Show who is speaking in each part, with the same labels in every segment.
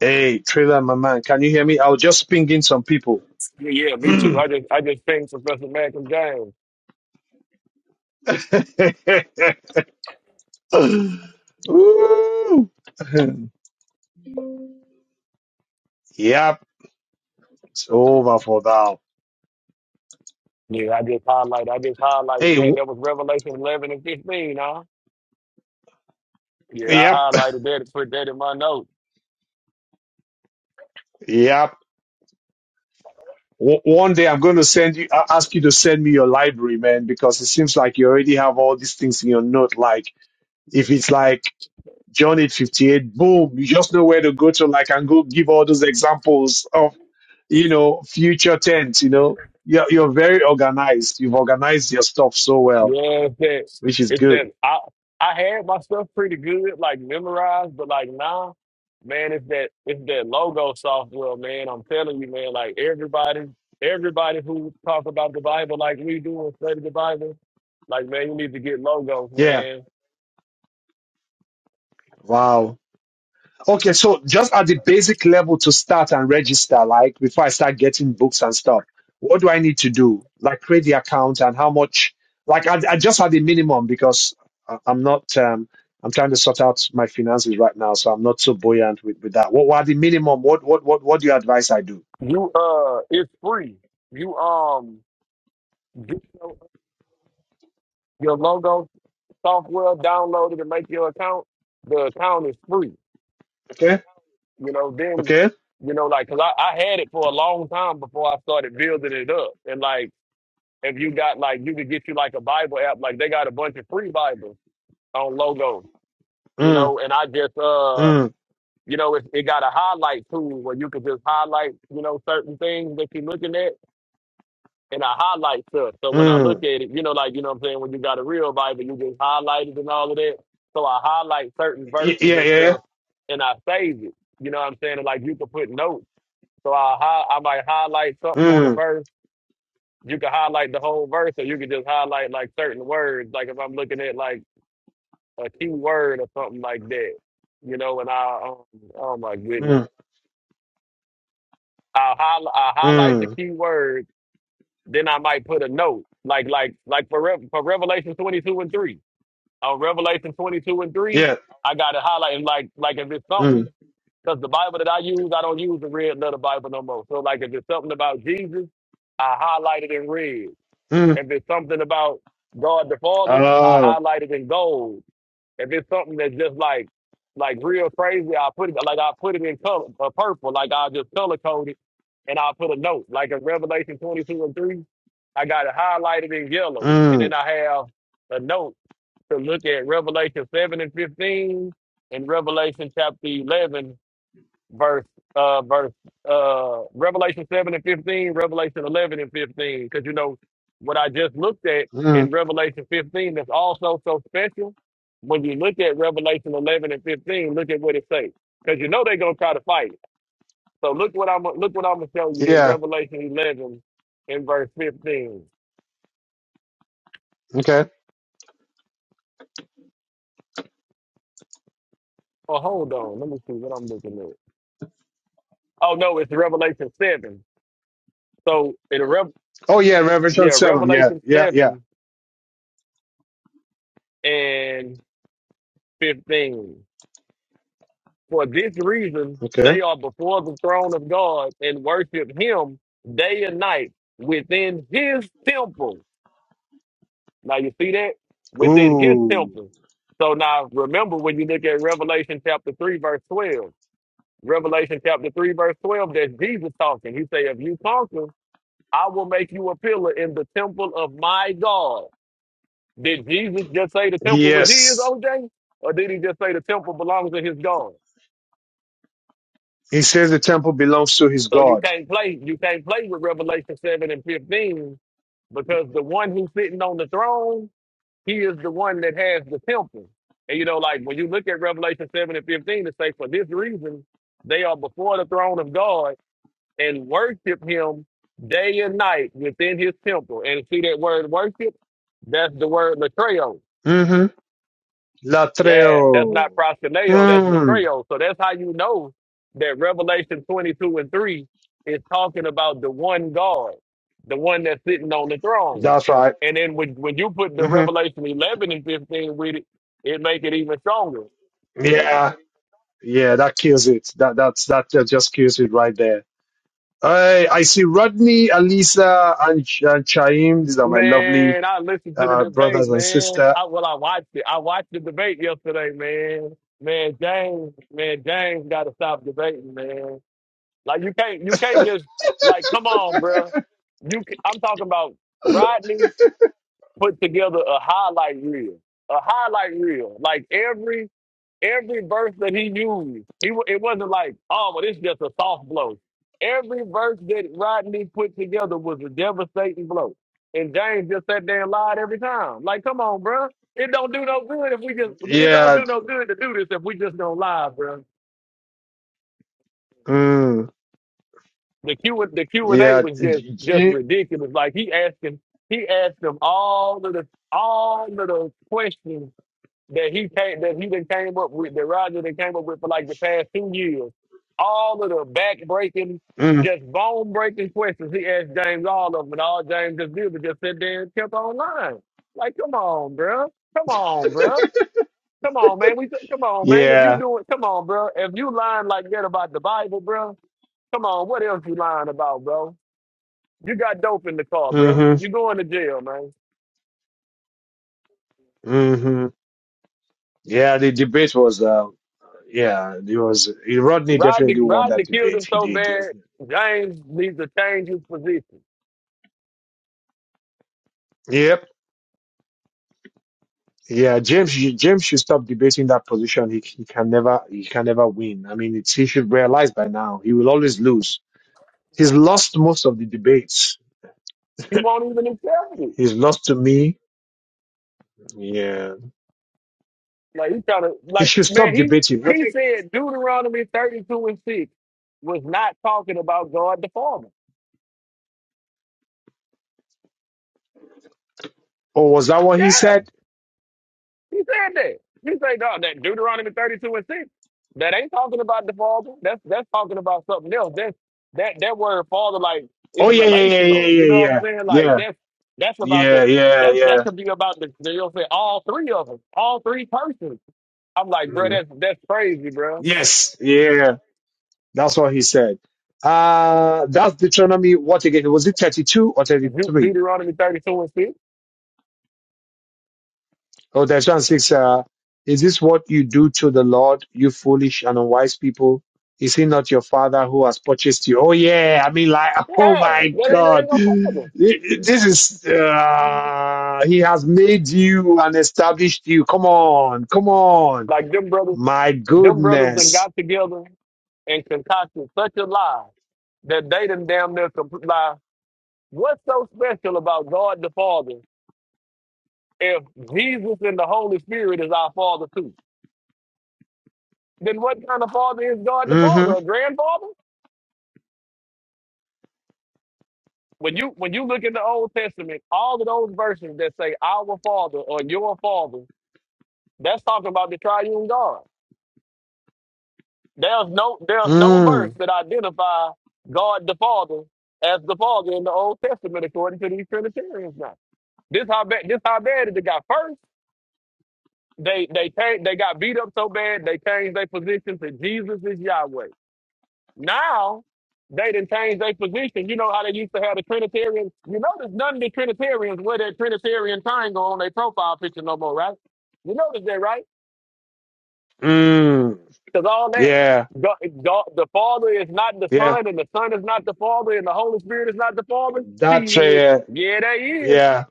Speaker 1: Hey, trailer, my man, can you hear me? I'll just ping in some people.
Speaker 2: Yeah, me too.
Speaker 1: Ooh.
Speaker 2: I just I just pinged Professor Malcolm James.
Speaker 1: Yep, it's over for now.
Speaker 2: Yeah, I just highlighted I just highlighted
Speaker 1: Hey,
Speaker 2: that.
Speaker 1: w-
Speaker 2: That was Revelation eleven and fifteen, huh? Yeah, I
Speaker 1: yep,
Speaker 2: highlighted that and put that in my notes.
Speaker 1: yep. W- one day I'm going to send you, I- ask you to send me your library, man, because it seems like you already have all these things in your note. Like, if it's like John 858, boom, you just know where to go to. Like, and go give all those examples you know, future tense, you know, you're, you're very organized. You've organized your stuff so well,
Speaker 2: Yeah, it's
Speaker 1: which is
Speaker 2: that it's
Speaker 1: good.
Speaker 2: that I I had my stuff pretty good, like memorized, but like now, man, it's that it's that logo software, man. I'm telling you, man, like everybody everybody who talk about the Bible like we do and study the Bible, like man, you need to get logos,
Speaker 1: Yeah.
Speaker 2: man
Speaker 1: Wow. Okay. So just at the basic level to start and register, like before I start getting books and stuff, what do I need to do? Like create the account and how much, like I, I just had the minimum because I- I'm not, um, I'm trying to sort out my finances right now. So I'm not so buoyant with, with that. What, what are the minimum? What, what, what, what do you advise I do?
Speaker 2: You uh, it's free. You um, get your your logo software downloaded and make your account. The account is free.
Speaker 1: Okay.
Speaker 2: You know, then
Speaker 1: Okay.
Speaker 2: you know, like, cause I, I had it for a long time before I started building it up. And like, if you got like, you could get you like a Bible app. Like, they got a bunch of free Bibles on logo. You
Speaker 1: Mm,
Speaker 2: know, and I just uh,
Speaker 1: mm,
Speaker 2: you know, it, it got a highlight tool where you could just highlight, you know, certain things that you're looking at and I highlight stuff. So when I
Speaker 1: mm.
Speaker 2: look at it, you know, like, you know what I'm saying? When you got a real Bible, you just highlight it and all of that. So I highlight certain
Speaker 1: Y-
Speaker 2: verses
Speaker 1: yeah,
Speaker 2: and
Speaker 1: yeah.
Speaker 2: stuff and I save it. You know what I'm saying? And, like you can put notes. So I hi- I might highlight something on the
Speaker 1: Mm,
Speaker 2: verse. You can highlight the whole verse or you can just highlight like certain words. Like if I'm looking at like a key word or something like that, you know, and I, um, oh my goodness.
Speaker 1: mm,
Speaker 2: I, will I highlight the
Speaker 1: mm.
Speaker 2: key word Then I might put a note, like like like for Rev for Revelation twenty two and three. On Revelation twenty two and three,
Speaker 1: Yeah.
Speaker 2: I got it highlighted. like like if it's
Speaker 1: Mm,
Speaker 2: something because the Bible that I use, I don't use the red letter Bible no more. So like if it's something about Jesus, I highlight it in red.
Speaker 1: mm.
Speaker 2: If it's something about God the Father, I
Speaker 1: Uh,
Speaker 2: highlight it in gold. If it's something that's just like like real crazy, I'll put it like I'll put it in color uh, purple, like I'll just color code it and I'll put a note. Like in Revelation twenty two and three, I got it highlighted in yellow. And
Speaker 1: mm,
Speaker 2: then I have a note to look at Revelation seven and fifteen and Revelation chapter eleven verse uh verse uh Revelation seven and fifteen, Revelation eleven and fifteen. Because you know what I just looked at in
Speaker 1: mm.
Speaker 2: Revelation fifteen that's also so special. When you look at Revelation eleven and fifteen, look at what it says. Because you know they're gonna try to fight. So look what I'm look what I'm gonna show you in
Speaker 1: Yeah.
Speaker 2: Revelation eleven in verse fifteen.
Speaker 1: Okay.
Speaker 2: Oh hold on, let me see what I'm looking at. Oh no, it's Revelation seven. So in Rev
Speaker 1: Oh, yeah, Revelation
Speaker 2: yeah,
Speaker 1: 7. Yeah,
Speaker 2: Revelation
Speaker 1: yeah, yeah.
Speaker 2: seven and fifteen. For this reason,
Speaker 1: Okay.
Speaker 2: they are before the throne of God and worship Him day and night within His temple. Now, you see that? Within His
Speaker 1: Ooh.
Speaker 2: temple. So now, remember when you look at Revelation chapter 3, verse 12. Revelation chapter 3, verse 12, that's Jesus talking. He say, If you conquer, I will make you a pillar in the temple of my God. Did Jesus just say the temple was his,
Speaker 1: Yes.
Speaker 2: OJ? Or did he just say the temple belongs to his God?
Speaker 1: He says the temple belongs to his
Speaker 2: So you
Speaker 1: God.
Speaker 2: can't play. You can't play with Revelation seven and fifteen because the one who's sitting on the throne, he is the one that has the temple. And you know, like when you look at Revelation seven and fifteen, it say for this reason they are before the throne of God and worship Him day and night within His temple. And see that word worship? That's the word latreo.
Speaker 1: Mm-hmm.
Speaker 2: Yeah, that's not
Speaker 1: Latreo.
Speaker 2: proskuneo, that's
Speaker 1: Hmm.
Speaker 2: latreo. So that's how you know that Revelation 22 and 3 is talking about the one God, the one that's sitting on the throne.
Speaker 1: That's right.
Speaker 2: And then when, when you put the
Speaker 1: Mm-hmm.
Speaker 2: Revelation 11 and 15 with it, it make it even stronger.
Speaker 1: Yeah. Yeah, that kills it. That that's that ju- just kills it right there. I, I see Rodney, Alisa, and, Ch- and Chaim. These are my lovely
Speaker 2: Man, I listened to the
Speaker 1: uh,
Speaker 2: debate,
Speaker 1: brothers and
Speaker 2: man.
Speaker 1: sister.
Speaker 2: I, well, I watched it. I watched the debate yesterday, man. Man, James, man, James got to stop debating, man. Like you can't you can't just like come on, bro. You ca- I'm talking about Rodney put together a highlight reel, a highlight reel. Like every every verse that he used, he wa- it wasn't like oh, well, this is just a soft blow. Every verse that Rodney put together was a devastating blow, and James just sat there and lied every time. Like come on, bro. It don't do no good if we just. It don't
Speaker 1: Yeah,
Speaker 2: do no good to do this if we just don't lie, bro.
Speaker 1: mm,
Speaker 2: the Q the Q and A
Speaker 1: yeah,
Speaker 2: was just
Speaker 1: J-
Speaker 2: just
Speaker 1: J-
Speaker 2: ridiculous. Like he asking he asked them all of the all of the questions that he came that he done came up with that Roger done came up with for like the past two years. All of the back breaking,
Speaker 1: mm,
Speaker 2: just bone breaking questions he asked James all of them, and all James just did was just sit there and kept on lying. Like, come on, bro. Come on, bro. Come on, man. We come on, man. If you
Speaker 1: yeah,
Speaker 2: do it, come on, bro. If you lying like that about the Bible, bro. come on. What else you lying about, bro? You got dope in the car, bro.
Speaker 1: mm-hmm,
Speaker 2: You going to jail, man.
Speaker 1: mm-hmm. Yeah, the debate was, uh, yeah, it was. Rodney
Speaker 2: Rodney,
Speaker 1: definitely won that
Speaker 2: Rodney killed
Speaker 1: debate.
Speaker 2: him
Speaker 1: He
Speaker 2: so
Speaker 1: did.
Speaker 2: bad. James needs to change his position.
Speaker 1: Yep. Yeah, James, James should stop debating that position. He, he can never, he can never win. I mean, it's, he should realize by now he will always lose. He's lost most of the debates
Speaker 2: He won't even accept it.
Speaker 1: He's lost to me. Yeah.
Speaker 2: Like he trying to,
Speaker 1: He
Speaker 2: like
Speaker 1: should
Speaker 2: man,
Speaker 1: stop
Speaker 2: he
Speaker 1: debating. I
Speaker 2: he
Speaker 1: think,
Speaker 2: said Deuteronomy thirty two and six was not talking about God the Father.
Speaker 1: or was that what he
Speaker 2: Yeah,
Speaker 1: said?
Speaker 2: He said that. He said, dog, that Deuteronomy 32 and 6, that ain't talking about the father. That's that's talking about something else. That's that that word father like is
Speaker 1: Oh, yeah, yeah, yeah,
Speaker 2: relational. You
Speaker 1: yeah,
Speaker 2: know what I'm
Speaker 1: yeah,
Speaker 2: saying? Like
Speaker 1: yeah.
Speaker 2: that's that's about
Speaker 1: Yeah, yeah,
Speaker 2: the
Speaker 1: yeah,
Speaker 2: that that
Speaker 1: yeah.
Speaker 2: could be about the you know what I'm saying, all three of them, all three persons. I'm like, bro,
Speaker 1: Mm.
Speaker 2: that's that's crazy, bro.
Speaker 1: Yes, yeah. That's what he said. Uh, that's Deuteronomy, what again? Was it 32 or
Speaker 2: Deut-
Speaker 1: 33?
Speaker 2: Deuteronomy 32 and 6.
Speaker 1: Oh, there's one six. Uh, is this what you do to the Lord, you foolish and unwise people? Is he not your father who has purchased you? Oh yeah, I mean like,
Speaker 2: Yeah,
Speaker 1: oh
Speaker 2: that ain't,
Speaker 1: my
Speaker 2: that ain't
Speaker 1: God,
Speaker 2: no father.
Speaker 1: this is. Uh, he has made you and established you. Come on, come on,
Speaker 2: Like them brothers
Speaker 1: my
Speaker 2: Them brothers done
Speaker 1: goodness.
Speaker 2: got together and concocted such a lie that they done damn near compl- lie. What's so special about God the Father if Jesus and the Holy Spirit is our Father too? Then what kind of Father is God the Father?
Speaker 1: Mm-hmm.
Speaker 2: A grandfather? When you when you look in the Old Testament, all of those verses that say our Father or your Father, that's talking about the Triune God. There's no there's no verse
Speaker 1: Mm.
Speaker 2: that identify God the Father as the Father in the Old Testament according to these Trinitarians now. This how bad this how bad it got first. They they changed, they got beat up so bad they changed their position to Jesus is Yahweh. Now they didn't change their position. You know how they used to have the Trinitarians. You notice none of the Trinitarians wear that Trinitarian triangle on their profile picture no more, right? You notice that, right?
Speaker 1: Mm.
Speaker 2: Because all that,
Speaker 1: Yeah.
Speaker 2: God, God, the Father is not the
Speaker 1: Yeah.
Speaker 2: Son, and the Son is not the Father, and the Holy Spirit is not the Father.
Speaker 1: That.
Speaker 2: Shit.
Speaker 1: Uh,
Speaker 2: Yeah, they is.
Speaker 1: yeah.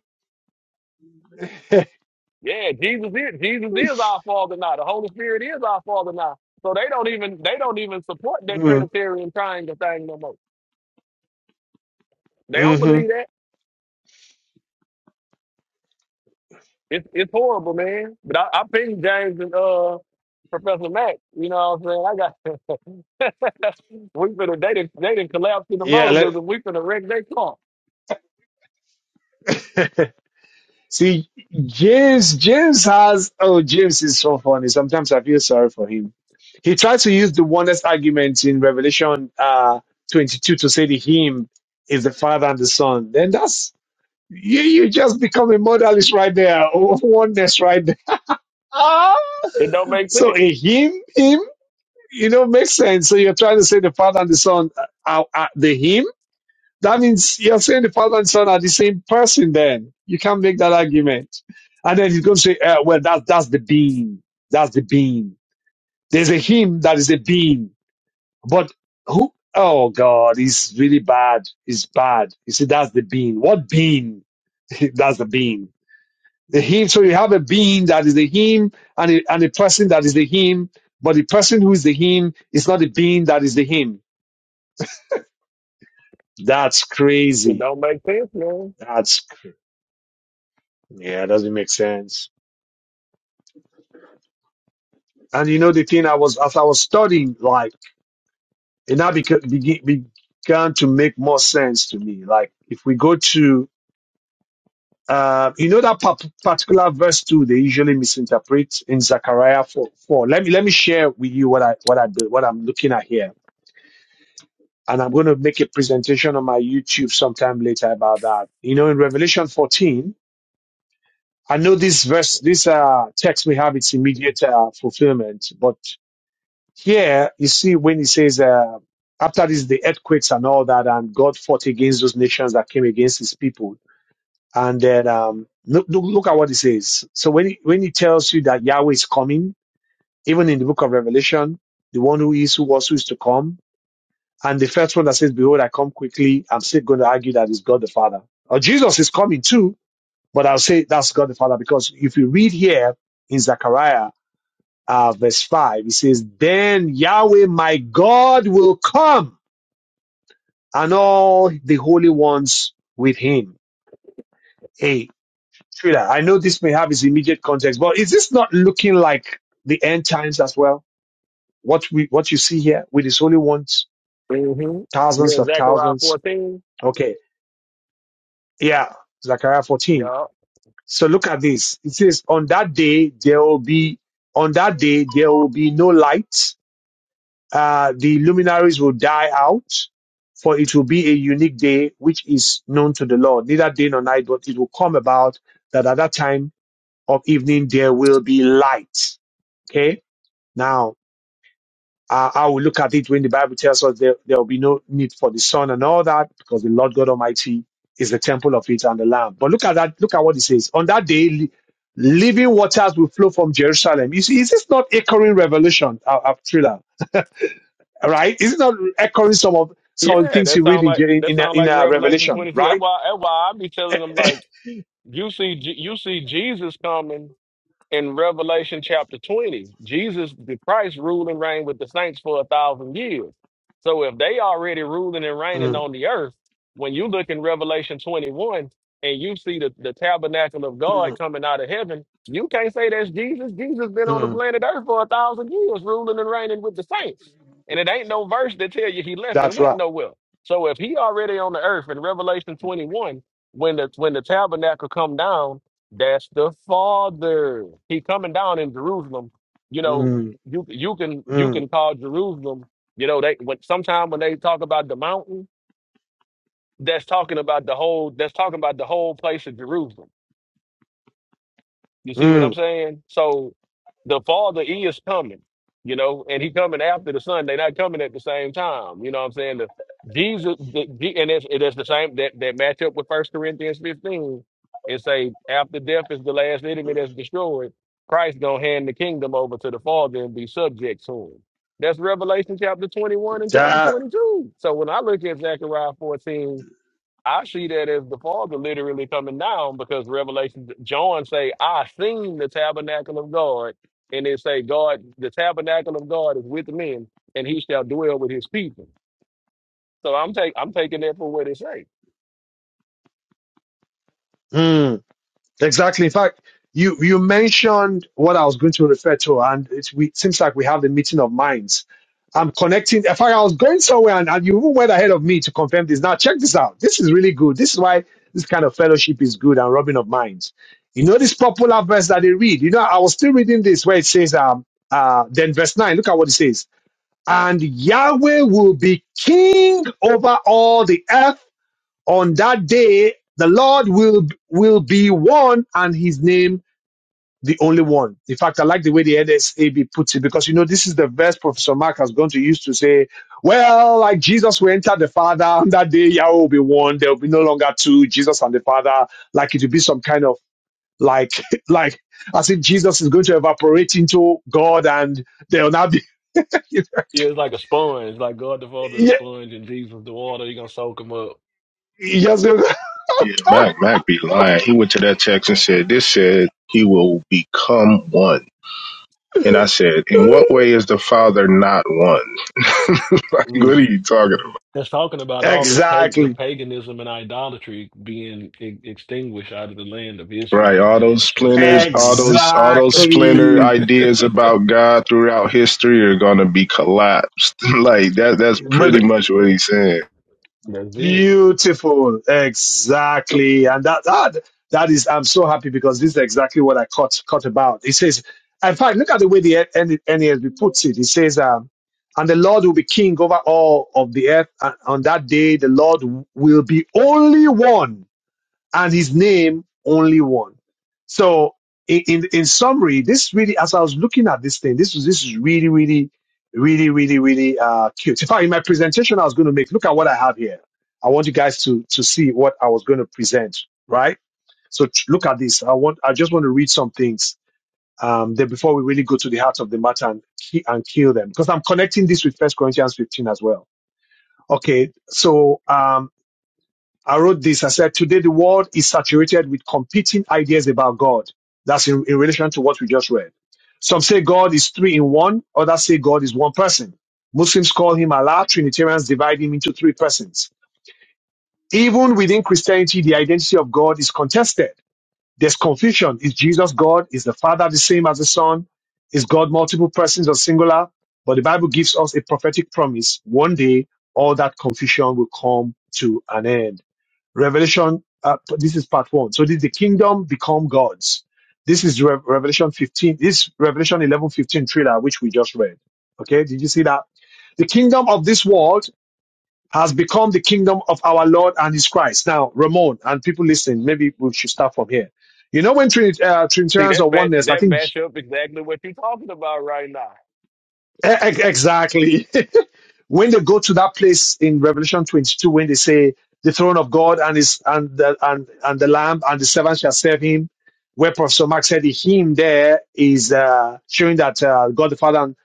Speaker 2: Yeah, Jesus is. Jesus is our Father now. The Holy Spirit is our Father now. So they don't even they don't even support that
Speaker 1: Mm,
Speaker 2: Trinitarian triangle thing no more. They don't
Speaker 1: hmm
Speaker 2: believe that. It's it's horrible, man. But I, I pinged James and uh Professor Mac. You know what I'm saying? I got we finna they didn't they didn't collapse in the
Speaker 1: Yeah.
Speaker 2: modalism. We finna wreck their car.
Speaker 1: Let. See, James, James has, oh, James is so funny. Sometimes I feel sorry for him. He tries to use the oneness argument in Revelation uh, 22 to say the him is the Father and the Son. Then that's, you, you just become a modalist right there, or oneness right there. Ah!
Speaker 2: It don't make
Speaker 1: So
Speaker 2: sense.
Speaker 1: a him, him, you know, makes sense. So you're trying to say the Father and the Son are, are the him that means you're saying the father and son are the same person then. You can't make that argument. And then he's going to say, uh, well, that, that's the being. That's the being. There's a him that is a being. But who? Oh God, he's really bad. He's bad. You see, that's the being. What being? that's the being. The him. So you have a being that is the him and a, and a person that is the him. But the person who is the him is not the being that is the him. That's
Speaker 2: It
Speaker 1: crazy.
Speaker 2: don't make sense, man.
Speaker 1: That's, cr- yeah, doesn't make sense. And you know the thing I was as I was studying, like it now beca- begi- began to make more sense to me. Like if we go to uh, you know that par- particular verse two, they usually misinterpret in Zechariah four, four. Let me let me share with you what I what I do- what I'm looking at here, and I'm going to make a presentation on my YouTube sometime later about that. You know, in Revelation fourteen, I know this verse, this uh, text we have its immediate uh, fulfillment, but Here, you see when he says, uh, after this, the earthquakes and all that, and God fought against those nations that came against his people. And then, um, look, look, look at what he says. So when he, when he tells you that Yahweh is coming, even in the book of Revelation, the one who is, who was, who is to come, and the first one that says, behold, I come quickly, I'm still going to argue that it's God the Father. Or Jesus is coming too, but I'll say that's God the Father because if you read here in Zechariah, uh, verse 5. It says, Then Yahweh my God will come and all the holy ones with him. Hey, Trina, I know this may have its immediate context, but is this not looking like the end times as well? What we, what you see here with his holy ones,
Speaker 2: hmm You're
Speaker 1: thousands
Speaker 2: in
Speaker 1: of
Speaker 2: Zechariah
Speaker 1: thousands.
Speaker 2: 14.
Speaker 1: Okay. Yeah. Zechariah 14.
Speaker 2: Yeah.
Speaker 1: So look at this. It says, on that day, there will be, on that day, there will be no light uh, the luminaries will die out, for it will be a unique day which is known to the Lord, neither day nor night, but it will come about that at that time of evening there will be light. Okay. Now, uh, I will look at it when the Bible tells us there, there will be no need for the sun and all that because the Lord God Almighty is the temple of it and the Lamb. But look at that. Look at what it says. On that day, li- living waters will flow from Jerusalem. Is, is this not echoing revelation, uh, right? Is it not echoing some of some of the
Speaker 2: Yeah,
Speaker 1: things
Speaker 2: that
Speaker 1: you read
Speaker 2: sound
Speaker 1: in
Speaker 2: like
Speaker 1: in
Speaker 2: that
Speaker 1: in, uh,
Speaker 2: sound
Speaker 1: in
Speaker 2: like
Speaker 1: uh,
Speaker 2: Revelation
Speaker 1: Revelation,
Speaker 2: 22. That's
Speaker 1: right?
Speaker 2: why that's why I be telling them like you see Je- you see Jesus coming in Revelation chapter 20, Jesus, the Christ, ruled and reigned with the saints for a thousand years. So if they already ruling and reigning
Speaker 1: Mm,
Speaker 2: on the earth, when you look in Revelation 21 and you see the, the tabernacle of God
Speaker 1: mm,
Speaker 2: coming out of heaven, you can't say that's Jesus. Jesus been on the
Speaker 1: mm.
Speaker 2: planet earth for a thousand years, ruling and reigning with the saints. And it ain't no verse that tell you he left and
Speaker 1: That's
Speaker 2: went
Speaker 1: right.
Speaker 2: nowhere. So if he already on the earth in Revelation 21, when the when the tabernacle come down, that's the Father. He coming down in Jerusalem. You know,
Speaker 1: Mm,
Speaker 2: you you can you
Speaker 1: mm,
Speaker 2: can call Jerusalem. You know, they when sometime when they talk about the mountain, that's talking about the whole. That's talking about the whole place of Jerusalem. You see what I'm
Speaker 1: mm.
Speaker 2: saying? So the Father is coming, you know, and he coming after the Son. They're not coming at the same time. You know what I'm saying? The Jesus the, Je- and it's it is the same that, that match up with First Corinthians 15 and say after death is the last enemy that's destroyed, Christ gonna hand the kingdom over to the Father and be subject to him. That's Revelation chapter 21 and chapter
Speaker 1: That.
Speaker 2: 22. So when I look at Zechariah 14 I see that as the Father literally coming down because Revelation John say, I seen the tabernacle of God, and they say, God, the tabernacle of God is with men, and he shall dwell with his people. So I'm take I'm taking that for what it say.
Speaker 1: mm. Exactly. In fact, you you mentioned what I was going to refer to, and it we, seems like we have the meeting of minds. I'm connecting. In fact, I was going somewhere, and, and you even went ahead of me to confirm this. Now, check this out. This is really good. This is why this kind of fellowship is good and rubbing of minds. You know this popular verse that they read. You know, I was still reading this where it says, um, uh, then verse nine. Look at what it says. And Yahweh will be king over all the earth on that day the lord will will be one and his name the only one in fact i like the way the nsab puts it because you know this is the verse professor mark has gone to use to say well like jesus will enter the father on that day yahweh will be one there will be no longer two jesus and the father like it will be some kind of like like as if jesus is going to evaporate into god and there will not be
Speaker 2: Yeah,
Speaker 1: yeah, he just-
Speaker 3: Yeah, Mac Mac be lying. He went to that text and said, This said he will become one. And I said, In what way is the father not one? like what are
Speaker 1: Mm.
Speaker 3: you talking about?
Speaker 2: that's talking about all the pag- the
Speaker 1: exactly
Speaker 2: paganism and idolatry being e- extinguished out of the land of
Speaker 3: Right.
Speaker 2: Israel,
Speaker 3: All
Speaker 2: man.
Speaker 3: those
Speaker 2: That's what it's
Speaker 3: splinters,
Speaker 2: talking
Speaker 3: all
Speaker 2: about.
Speaker 3: those all those splinter
Speaker 1: Exactly.
Speaker 3: ideas about God throughout history are gonna be collapsed. like that that's pretty much what he's saying.
Speaker 2: That's it.
Speaker 1: Beautiful. Exactly. And that, that that is I'm so happy because this is exactly what I caught caught about. It says, in fact, look at the way the N- NASB puts it. It says, um, and the Lord will be king over all of the earth. And on that day, the Lord will be only one. and his name only one. So in, in, in summary, this really, as I was looking at this thing, this was, this is really, really, really, really, really, uh, cute. In fact, in my presentation I was going to make, look at what I have here. I want you guys to, to see what I was going to present, right? So t- look at this. I want, I just want to read some things, um, then before we really go to the heart of the matter and, ki- and kill them, because I'm connecting this with First Corinthians 15 as well. Okay. So, um, I wrote this. I said, today the world is saturated with competing ideas about God. That's in, in relation to what we just read. Some say God is three in one. Others say God is one person. Muslims call him Allah. Trinitarians divide him into three persons. Even within Christianity, the identity of God is contested. There's confusion. Is Jesus God? Is the Father the same as the Son? Is God multiple persons or singular? But the Bible gives us a prophetic promise. One day, all that confusion will come to an end. Revelation, uh, this is part one. So this is the kingdom become gods. This is Re- Revelation 15, this Revelation 11 15 trailer, which we just read. Okay. Did you see that? The kingdom of this world has become the kingdom of our Lord and his Christ. Now, Ramon and people listening, maybe we should start from here. You know, when Trinit- uh,
Speaker 2: See
Speaker 1: Trinitarians
Speaker 2: that
Speaker 1: or
Speaker 2: match
Speaker 1: oneness, I
Speaker 2: that
Speaker 1: think
Speaker 2: match up exactly what you're talking about right now.
Speaker 1: e- e- exactly. when they go to that place in Revelation 22, when they say the throne of God and his and the and, and the Lamb and the servants shall serve him, where Professor Mark said the him there is uh, showing that uh, God the Father and,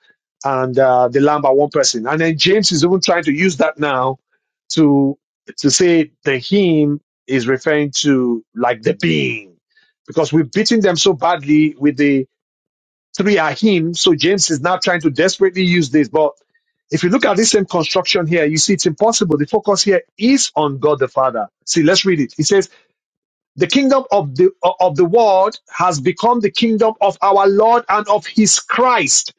Speaker 1: and uh, the Lamb are one person, and then James is even trying to use that now to to say the him is referring to like the being, because we've beaten them so badly with the three are him. So James is now trying to desperately use this. But if you look at this same construction here, you see it's impossible. The focus here is on God the Father. See, let's read it. It says, "The kingdom of the of the world has become the kingdom of our Lord and of His Christ,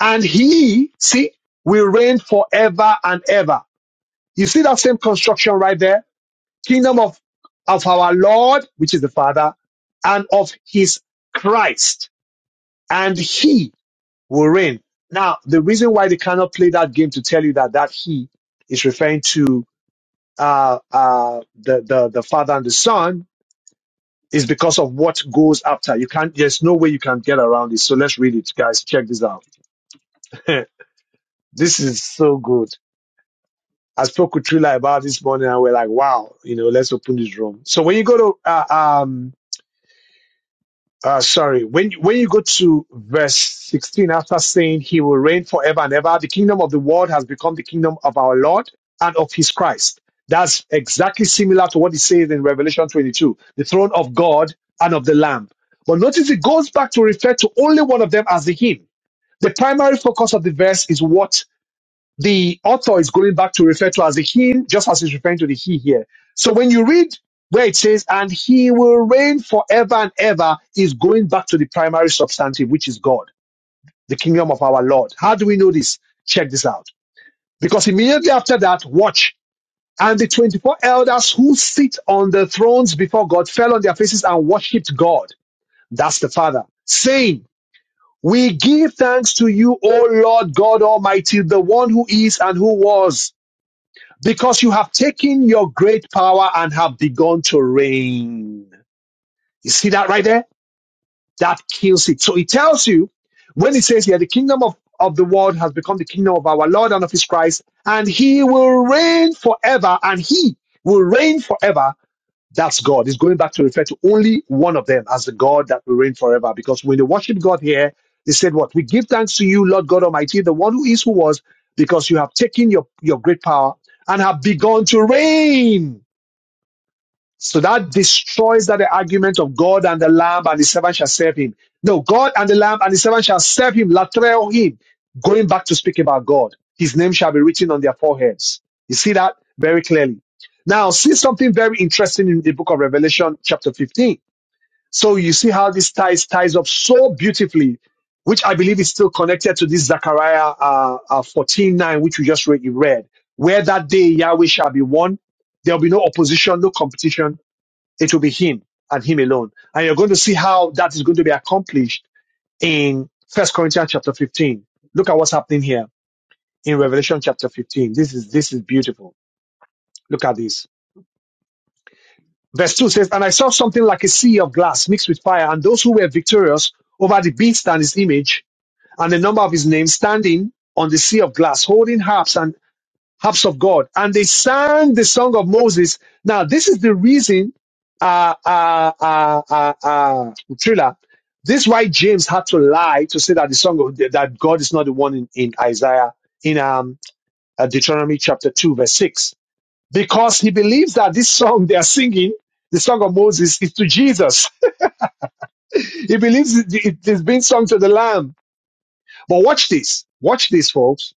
Speaker 1: and He, see, will reign forever and ever." You see that same construction right there? Kingdom of of our Lord, which is the Father, and of His Christ, and He will reign. Now, the reason why they cannot play that game to tell you that that he is referring to uh, uh, the, the the father and the son is because of what goes after. You can't. There's no way you can get around it. So let's read it, guys. Check this out. this is so good. I spoke with Trilla about this morning, and we're like, "Wow, you know, let's open this room." So when you go to uh, um, uh, sorry, when when you go to verse sixteen, after saying he will reign forever and ever, the kingdom of the world has become the kingdom of our Lord and of His Christ. That's exactly similar to what it says in Revelation twenty-two, the throne of God and of the Lamb. But notice it goes back to refer to only one of them as the Him. The primary focus of the verse is what the author is going back to refer to as the him, just as he's referring to the he here. So when you read where it says, and he will reign forever and ever, is going back to the primary substantive, which is God, the kingdom of our Lord. How do we know this? Check this out. Because immediately after that, watch. And the 24 elders who sit on the thrones before God fell on their faces and worshipped God. That's the Father, saying, We give thanks to you, O Lord God Almighty, the one who is and who was because you have taken your great power and have begun to reign. You see that right there? That kills it. So it tells you when it says here, the kingdom of, of the world has become the kingdom of our Lord and of his Christ, and he will reign forever, and he will reign forever that's God. It's going back to refer to only one of them as the God that will reign forever. Because when they worship God here, they said, What? We give thanks to you, Lord God Almighty, the one who is, who was, because you have taken your, your great power and have begun to reign. So that destroys that the argument of God and the Lamb and the servant shall serve him. No, God and the Lamb and the servant shall serve him, latreo him. Going back to speak about God, his name shall be written on their foreheads. You see that very clearly. Now, see something very interesting in the book of Revelation, chapter 15. So you see how this ties ties up so beautifully, which I believe is still connected to this Zechariah uh, uh, 14 nine, which we just read, you read, where that day Yahweh shall be one. There will be no opposition, no competition it will be him and him alone. And you're going to see how that is going to be accomplished in First Corinthians chapter 15. Look at what's happening here in Revelation chapter 15. This is this is beautiful. Look at this. Verse 2 says, And I saw something like a sea of glass mixed with fire, and those who were victorious over the beast and his image, and the number of his name standing on the sea of glass, holding harps and harps of God. And they sang the song of Moses. Now, this is the reason, uh, uh, uh, uh, uh, Trilla, this is why James had to lie to say that the song of, that God is not the one in, in Isaiah, in, um, uh, Deuteronomy chapter 2, verse 6. Because he believes that this song they are singing, the song of Moses, is to Jesus. he believes it, it, it's been sung to the Lamb. But watch this. Watch this, folks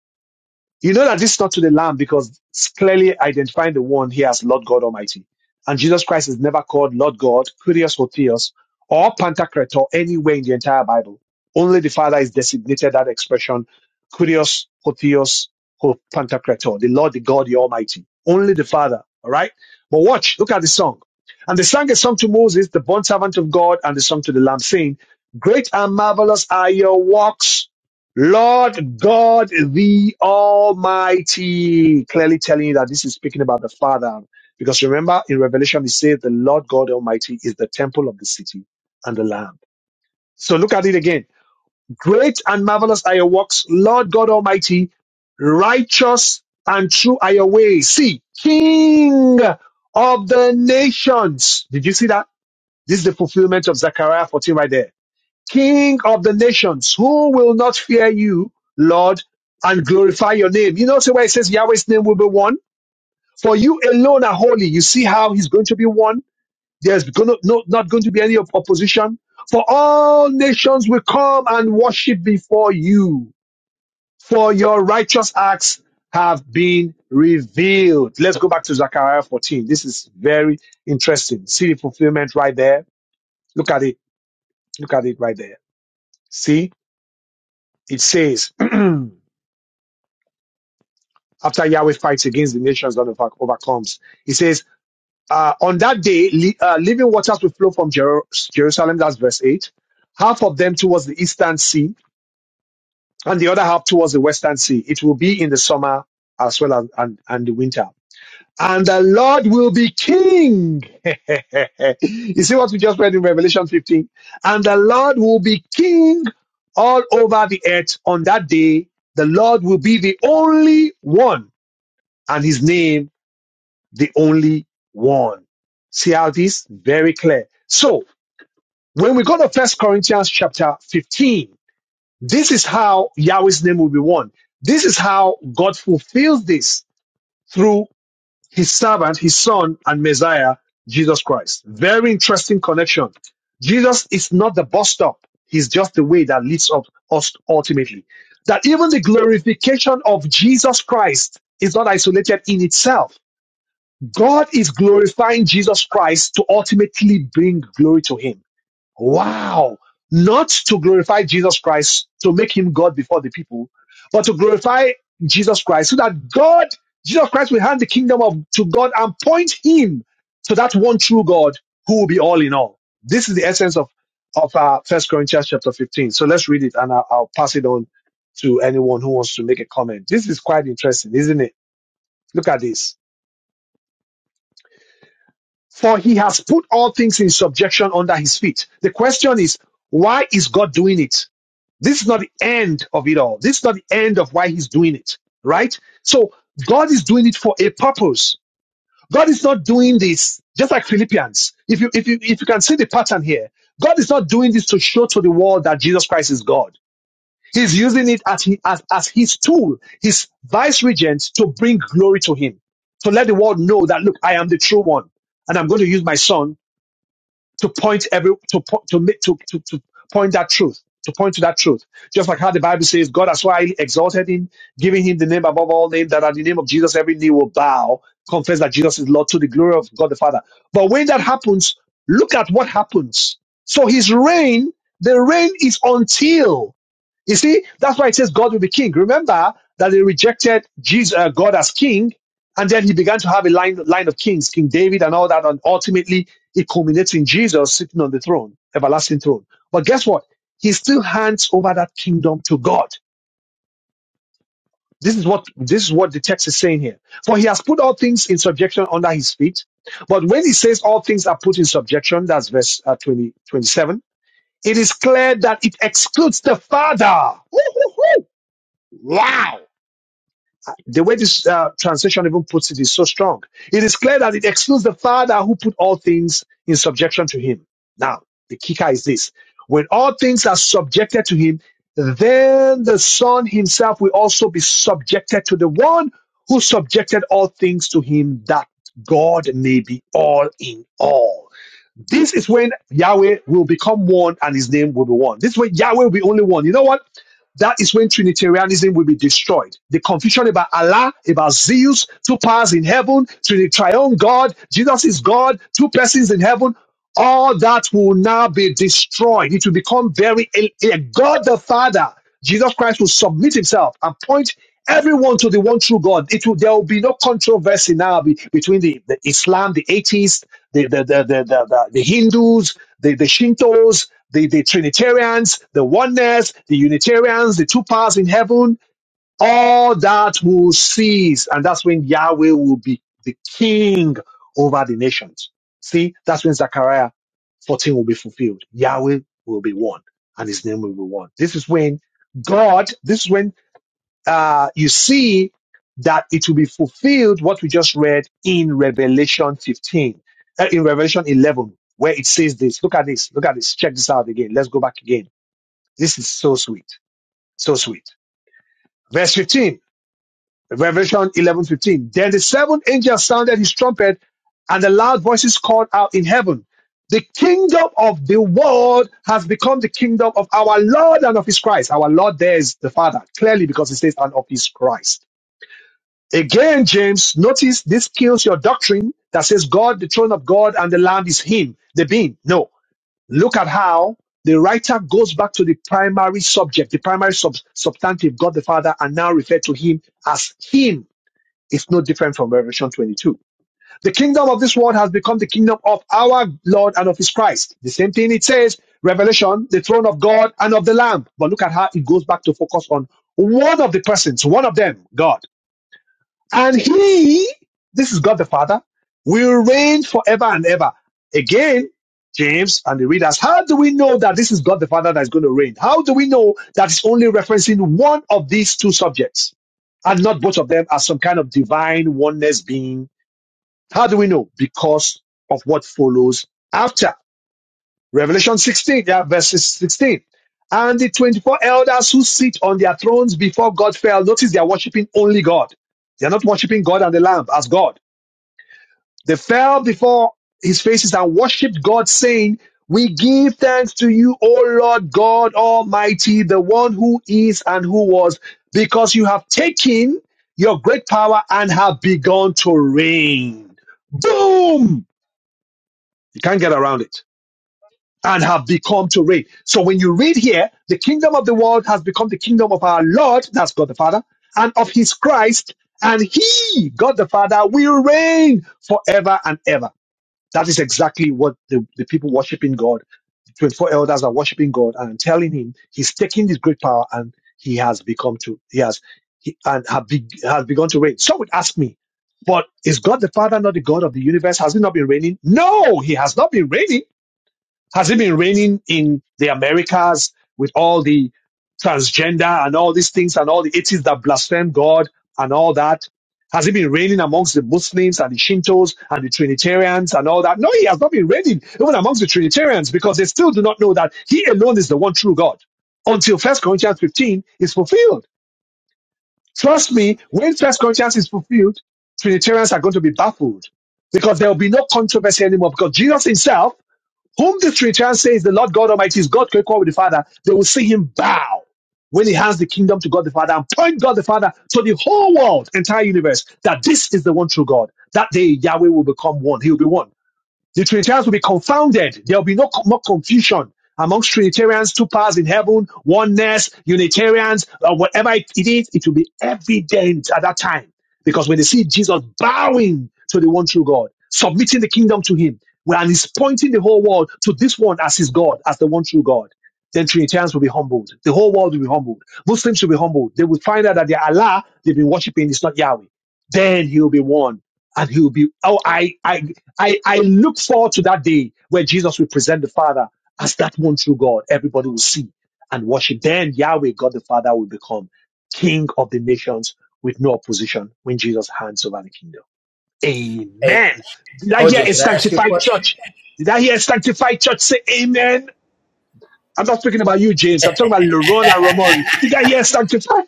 Speaker 1: You know that this is not to the Lamb because it's clearly identifying the one here as Lord God Almighty. And Jesus Christ is never called Lord God, Kyrios or Theos, or Pantocrator anywhere in the entire Bible. Only the Father is designated that expression, Kyrios, Hotheos, or Pantocrator, the Lord, the God, the Almighty. Only the Father, all right? But watch, look at the song. And they sang a song to Moses, the bond servant of God, and the song to the Lamb, saying, Great and marvelous are your works, Lord God the Almighty. Clearly telling you that this is speaking about the Father. Because remember in Revelation, it says the Lord God Almighty is the temple of the city and the Lamb. So look at it again. Great and marvelous are your works, Lord God Almighty. Righteous and true are your ways. See, King of the nations. Did you see that? This is the fulfillment of Zechariah 14 right there King of the nations, who will not fear you, Lord, and glorify your name? You know, so where it says Yahweh's name will be one, for you alone are holy. You see how he's going to be one. There's gonna, no, not going to be any op- opposition. For all nations will come and worship before you, for your righteous acts have been revealed. Let's go back to Zechariah 14. This is very interesting. See the fulfillment right there. Look at it. Look at it right there. See, it says. after Yahweh fights against the nations and over- overcomes. He says, uh, on that day, li- uh, living waters will flow from Jer- Jerusalem, that's verse 8, half of them towards the eastern sea and the other half towards the western sea. It will be in the summer as well as and, and the winter. And the Lord will be king. you see what we just read in Revelation 15? And the Lord will be king all over the earth on that day. The Lord will be the only one and his name the only one. See how this? Very clear. So when we go to First Corinthians chapter 15, this is how Yahweh's name will be one. This is how God fulfills this through his servant, his son, and Messiah, Jesus Christ. Very interesting connection. Jesus is not the bus stop. He's just the way that leads up us ultimately. That even the glorification of Jesus Christ is not isolated in itself God is glorifying Jesus Christ to ultimately bring glory to him. Wow. Not to glorify Jesus Christ to make him God before the people, but to glorify Jesus Christ so that God, Jesus Christ will hand the kingdom of, to God and point him to that one true God who will be all in all. This is the essence of, of uh, 1 Corinthians chapter 15. So let's read it and I'll, I'll pass it on to anyone who wants to make a comment. This is quite interesting, isn't it? Look at this. For he has put all things in subjection under his feet. The question is, why is God doing it? This is not the end of it all. This is not the end of why he's doing it, right? So God is doing it for a purpose. God is not doing this just like Philippians. If you, if you, if you can see the pattern here, God is not doing this to show to the world that Jesus Christ is God. He's using it as, he, as, as his tool, his vice regent to bring glory to him, to let the world know that, look, I am the true one and I'm going to use my son to point every to po- to make to, to to point that truth to point to that truth just like how the bible says god has so highly exalted him giving him the name above all names that at the name of jesus every knee will bow confess that jesus is lord to the glory of god the father but when that happens look at what happens so his reign the reign is until you see, that's why it says God will be king. Remember that they rejected Jesus, uh, God as king, and then he began to have a line, line of kings, King David and all that, and ultimately it culminates in Jesus sitting on the throne, everlasting throne. But guess what? He still hands over that kingdom to God. This is what this is what the text is saying here. For he has put all things in subjection under his feet. But when he says all things are put in subjection, that's verse uh, 20, twenty-seven, it is clear that it excludes the Father. Woo, woo, woo. Wow The way this uh, translation even puts it is so strong. It is clear that it excludes the Father who put all things in subjection to him. Now, the kicker is this. When all things are subjected to him, then the Son himself will also be subjected to the one who subjected all things to him that God may be all in all. This is when Yahweh will become one and his name will be one. This way, Yahweh will be only one. You know what? That is when Trinitarianism will be destroyed. The confusion about Allah, about Zeus, two powers in heaven, to the triune God, Jesus is God, two persons in heaven, all that will now be destroyed. It will become very a God the Father. Jesus Christ will submit himself and point everyone to the one true God. It will there will be no controversy now be- between the, the Islam, the atheists, the the the the, the, the, the Hindus, the, the Shintos, the, the Trinitarians, the oneness, the Unitarians, the two powers in heaven, all that will cease. And that's when Yahweh will be the king over the nations. See, that's when Zechariah 14 will be fulfilled. Yahweh will be one and his name will be one. This is when God, this is when uh, you see that it will be fulfilled what we just read in Revelation 15, uh, in Revelation 11, where it says this. Look at this. Look at this. Check this out again. Let's go back again. This is so sweet. So sweet. Verse 15, Revelation 11, 15. Then the seventh angel sounded his trumpet and the loud voices called out in heaven. The kingdom of the world has become the kingdom of our Lord and of his Christ. Our Lord there is the Father, clearly because it says, and of his Christ. Again, James, notice this kills your doctrine that says God, the throne of God, and the Lamb is Him, the being. No. Look at how the writer goes back to the primary subject, the primary sub- substantive, God the Father, and now refer to Him as Him. It's no different from Revelation 22. The kingdom of this world has become the kingdom of our Lord and of His Christ. The same thing it says, Revelation, the throne of God and of the Lamb. But look at how it goes back to focus on one of the persons, one of them, God. And he, this is God the Father, will reign forever and ever. Again, James and the readers, how do we know that this is God the Father that is going to reign? How do we know that it's only referencing one of these two subjects and not both of them as some kind of divine oneness being? How do we know? Because of what follows after. Revelation 16, yeah, verses 16. And the 24 elders who sit on their thrones before God fell. Notice they are worshiping only God. They are not worshiping God and the Lamb as God. They fell before his faces and worshiped God, saying, We give thanks to you, O Lord God Almighty, the one who is and who was, because you have taken your great power and have begun to reign. Boom! You can't get around it and have become to reign. So when you read here, the kingdom of the world has become the kingdom of our Lord, that's God the Father, and of his Christ, and he, God the Father, will reign forever and ever. That is exactly what the, the people worshiping God, the 24 elders are worshiping God and telling him he's taking this great power and he has become to, he has, he, and have be, has begun to reign. Some would ask me, but is God the Father not the God of the universe? Has he not been reigning? No, he has not been reigning has it been raining in the Americas with all the transgender and all these things and all the atheists that blaspheme God and all that? Has it been raining amongst the Muslims and the Shintos and the Trinitarians and all that? No, he has not been raining even amongst the Trinitarians because they still do not know that he alone is the one true God until First Corinthians 15 is fulfilled. Trust me, when First Corinthians is fulfilled, Trinitarians are going to be baffled because there will be no controversy anymore because Jesus himself whom the three chance says the Lord God Almighty is God co equal with the Father, they will see him bow when he hands the kingdom to God the Father and point God the Father to the whole world, entire universe, that this is the one true God. That day Yahweh will become one. He will be one. The Trinitarians will be confounded. There will be no more confusion amongst Trinitarians, two powers in heaven, oneness, Unitarians, uh, whatever it is, it will be evident at that time. Because when they see Jesus bowing to the one true God, submitting the kingdom to him, well, and he's pointing the whole world to this one as his God, as the one true God, then Trinitarians will be humbled. The whole world will be humbled. Muslims will be humbled. They will find out that their Allah they've been worshiping is not Yahweh. Then he'll be one and he'll be oh I I I, I look forward to that day where Jesus will present the Father as that one true God. Everybody will see and worship. Then Yahweh, God the Father, will become King of the nations with no opposition when Jesus hands over the kingdom.
Speaker 4: Hey,
Speaker 1: Amen. Did I hear
Speaker 4: OJ,
Speaker 1: a
Speaker 4: could I ask you a
Speaker 1: sanctified
Speaker 4: question?
Speaker 1: church? Did I hear a sanctified church say amen? I'm not speaking about you, James. I'm talking about Laron and Ramon. Did I hear sanctified?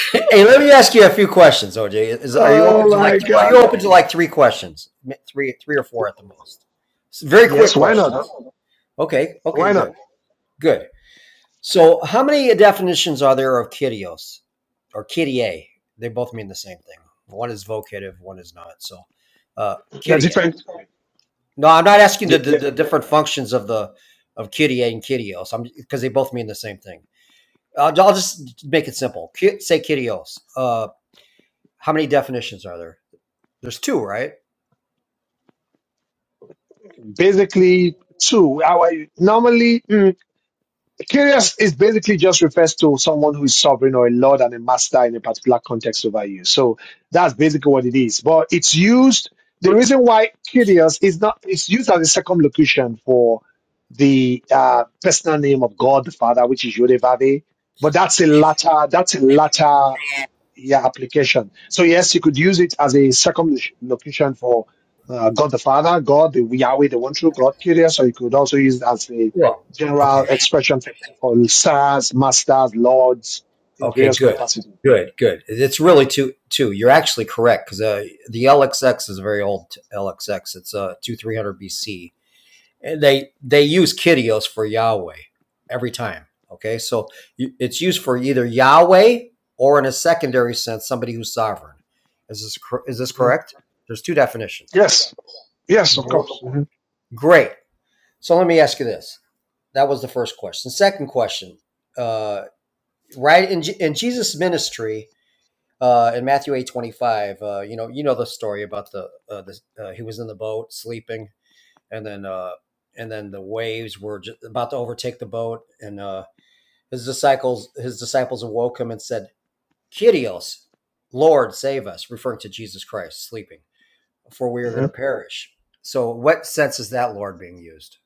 Speaker 4: hey, let me ask you a few questions, OJ. Is, are you open
Speaker 1: Oh
Speaker 4: to
Speaker 1: my
Speaker 4: like are you
Speaker 1: God.
Speaker 4: open to like three questions, three three or four at the most? Very quick
Speaker 1: Yes, why
Speaker 4: questions.
Speaker 1: not?
Speaker 4: Okay, okay,
Speaker 1: Why
Speaker 4: good,
Speaker 1: not?
Speaker 4: good. So, how many definitions are there of kitios or kitie? They both mean the same thing. One is vocative, one is not. So, uh,
Speaker 1: They're
Speaker 4: kitie.
Speaker 1: different.
Speaker 4: No, I'm not asking the, the, the different functions of the of kitie and kitios. I'm because they both mean the same thing. I'll, I'll just make it simple. Say "quirios." Uh, how many definitions are there? There's two, right?
Speaker 1: basically two. Our, normally, mm, curious is basically just refers to someone who is sovereign or a lord and a master in a particular context over you. So that's basically what it is. But it's used. The reason why curious is not it's used as a circumlocution for the uh, personal name of God the Father, which is Yodevade. But that's a latter. That's a latter yeah application. So yes, you could use it as a second location for uh, God the Father, God the Yahweh, the one true God, Curious. So you could also use it as a
Speaker 4: Well, Okay.
Speaker 1: general expression for, for stars, masters, lords in
Speaker 4: Okay.
Speaker 1: various
Speaker 4: Good.
Speaker 1: capacity.
Speaker 4: Good. Good. It's really two. Two. You're actually correct because uh, the LXX is a very old LXX. It's uh two thousand three hundred BC, and they they use "quirios" for Yahweh every time. Okay, so it's used for either Yahweh or, in a secondary sense, somebody who's sovereign. Is this is this
Speaker 1: Mhm.
Speaker 4: correct? There's two definitions.
Speaker 1: Yes, yes, of course. Mhm.
Speaker 4: Great. So let me ask you this. That was the first question. Second question. Uh, right in, in Jesus' ministry, uh, in Matthew eight twenty five, uh, you know, you know the story about the, uh, the uh, he was in the boat sleeping, and then uh, and then the waves were just about to overtake the boat, and uh, his disciples his disciples awoke him and said, "Kyrios, Lord, save us," referring to Jesus Christ sleeping, for we are
Speaker 1: Mhm.
Speaker 4: going to perish. So, what sense is that Lord being used?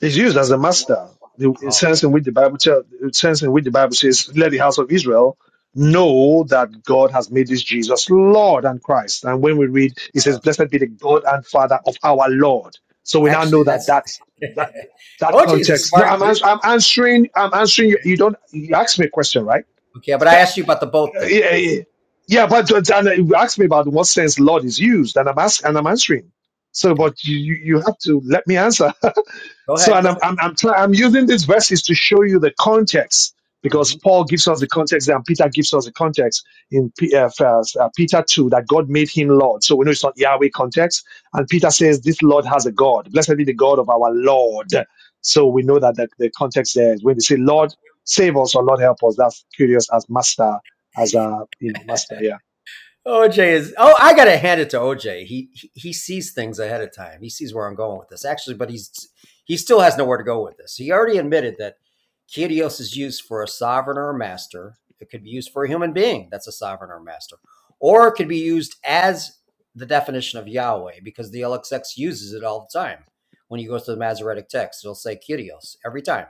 Speaker 1: It's used as a master. The in
Speaker 4: Oh,
Speaker 1: sense
Speaker 4: okay,
Speaker 1: in which the Bible tell, the sense in which the Bible says, "Let the house of Israel know that God has made this Jesus Lord and Christ." And when we read, it says, "Blessed be the God and Father of our Lord." So we now know
Speaker 4: actually,
Speaker 1: that
Speaker 4: that's
Speaker 1: that that that
Speaker 4: OJ is a
Speaker 1: context. No, I'm
Speaker 4: smart.
Speaker 1: ans- I'm answering. I'm answering. You, you don't. You asked me a question, right?
Speaker 4: Okay, but I asked you about the boat
Speaker 1: Uh,
Speaker 4: thing.
Speaker 1: yeah, yeah, yeah. But uh, and uh, you asked me about in what sense Lord is used, and I'm ask, and I'm answering. So,
Speaker 4: Okay,
Speaker 1: but you you you have to let me answer.
Speaker 4: Go
Speaker 1: So,
Speaker 4: ahead.
Speaker 1: and
Speaker 4: Go
Speaker 1: I'm
Speaker 4: ahead.
Speaker 1: I'm I'm, try, I'm using these verses to show you the context because
Speaker 4: Mhm.
Speaker 1: Paul gives us the context and Peter gives us the context in P, uh, first, uh, Peter two that God made him Lord. So we know it's not Yahweh context, and Peter says this Lord has a God. Blessed be the God of our Lord. So we know that the, the context there is when they say Lord save us or Lord help us. That's curious as master as a you know master. Yeah,
Speaker 4: OJ is. Oh, I gotta hand it to OJ. He, he he sees things ahead of time. He sees where I'm going with this. Actually, but he's he still has nowhere to go with this. He already admitted that Kyrios is used for a sovereign or a master. It could be used for a human being. That's a sovereign or a master, or it could be used as the definition of Yahweh because the LXX uses it all the time. When you go to the Masoretic text, it'll say Kyrios every time.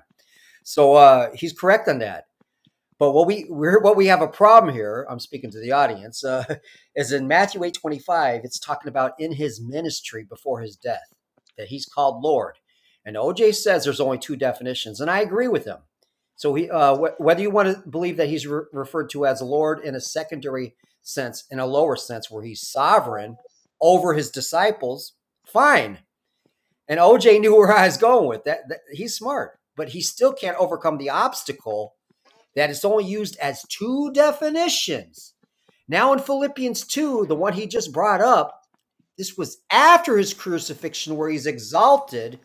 Speaker 4: So uh, he's correct on that. But what we we're, what we have a problem here, I'm speaking to the audience, uh, is in Matthew 8:25. It's talking about in his ministry before his death that he's called Lord. And OJ says there's only two definitions, and I agree with him. So he, uh, wh- whether you want to believe that he's re- referred to as Lord in a secondary sense, in a lower sense, where he's sovereign over his disciples, fine. And OJ knew where I was going with that. that he's smart, but he still can't overcome the obstacle that it's only used as two definitions. Now in Philippians 2, the one he just brought up, this was after his crucifixion where he's exalted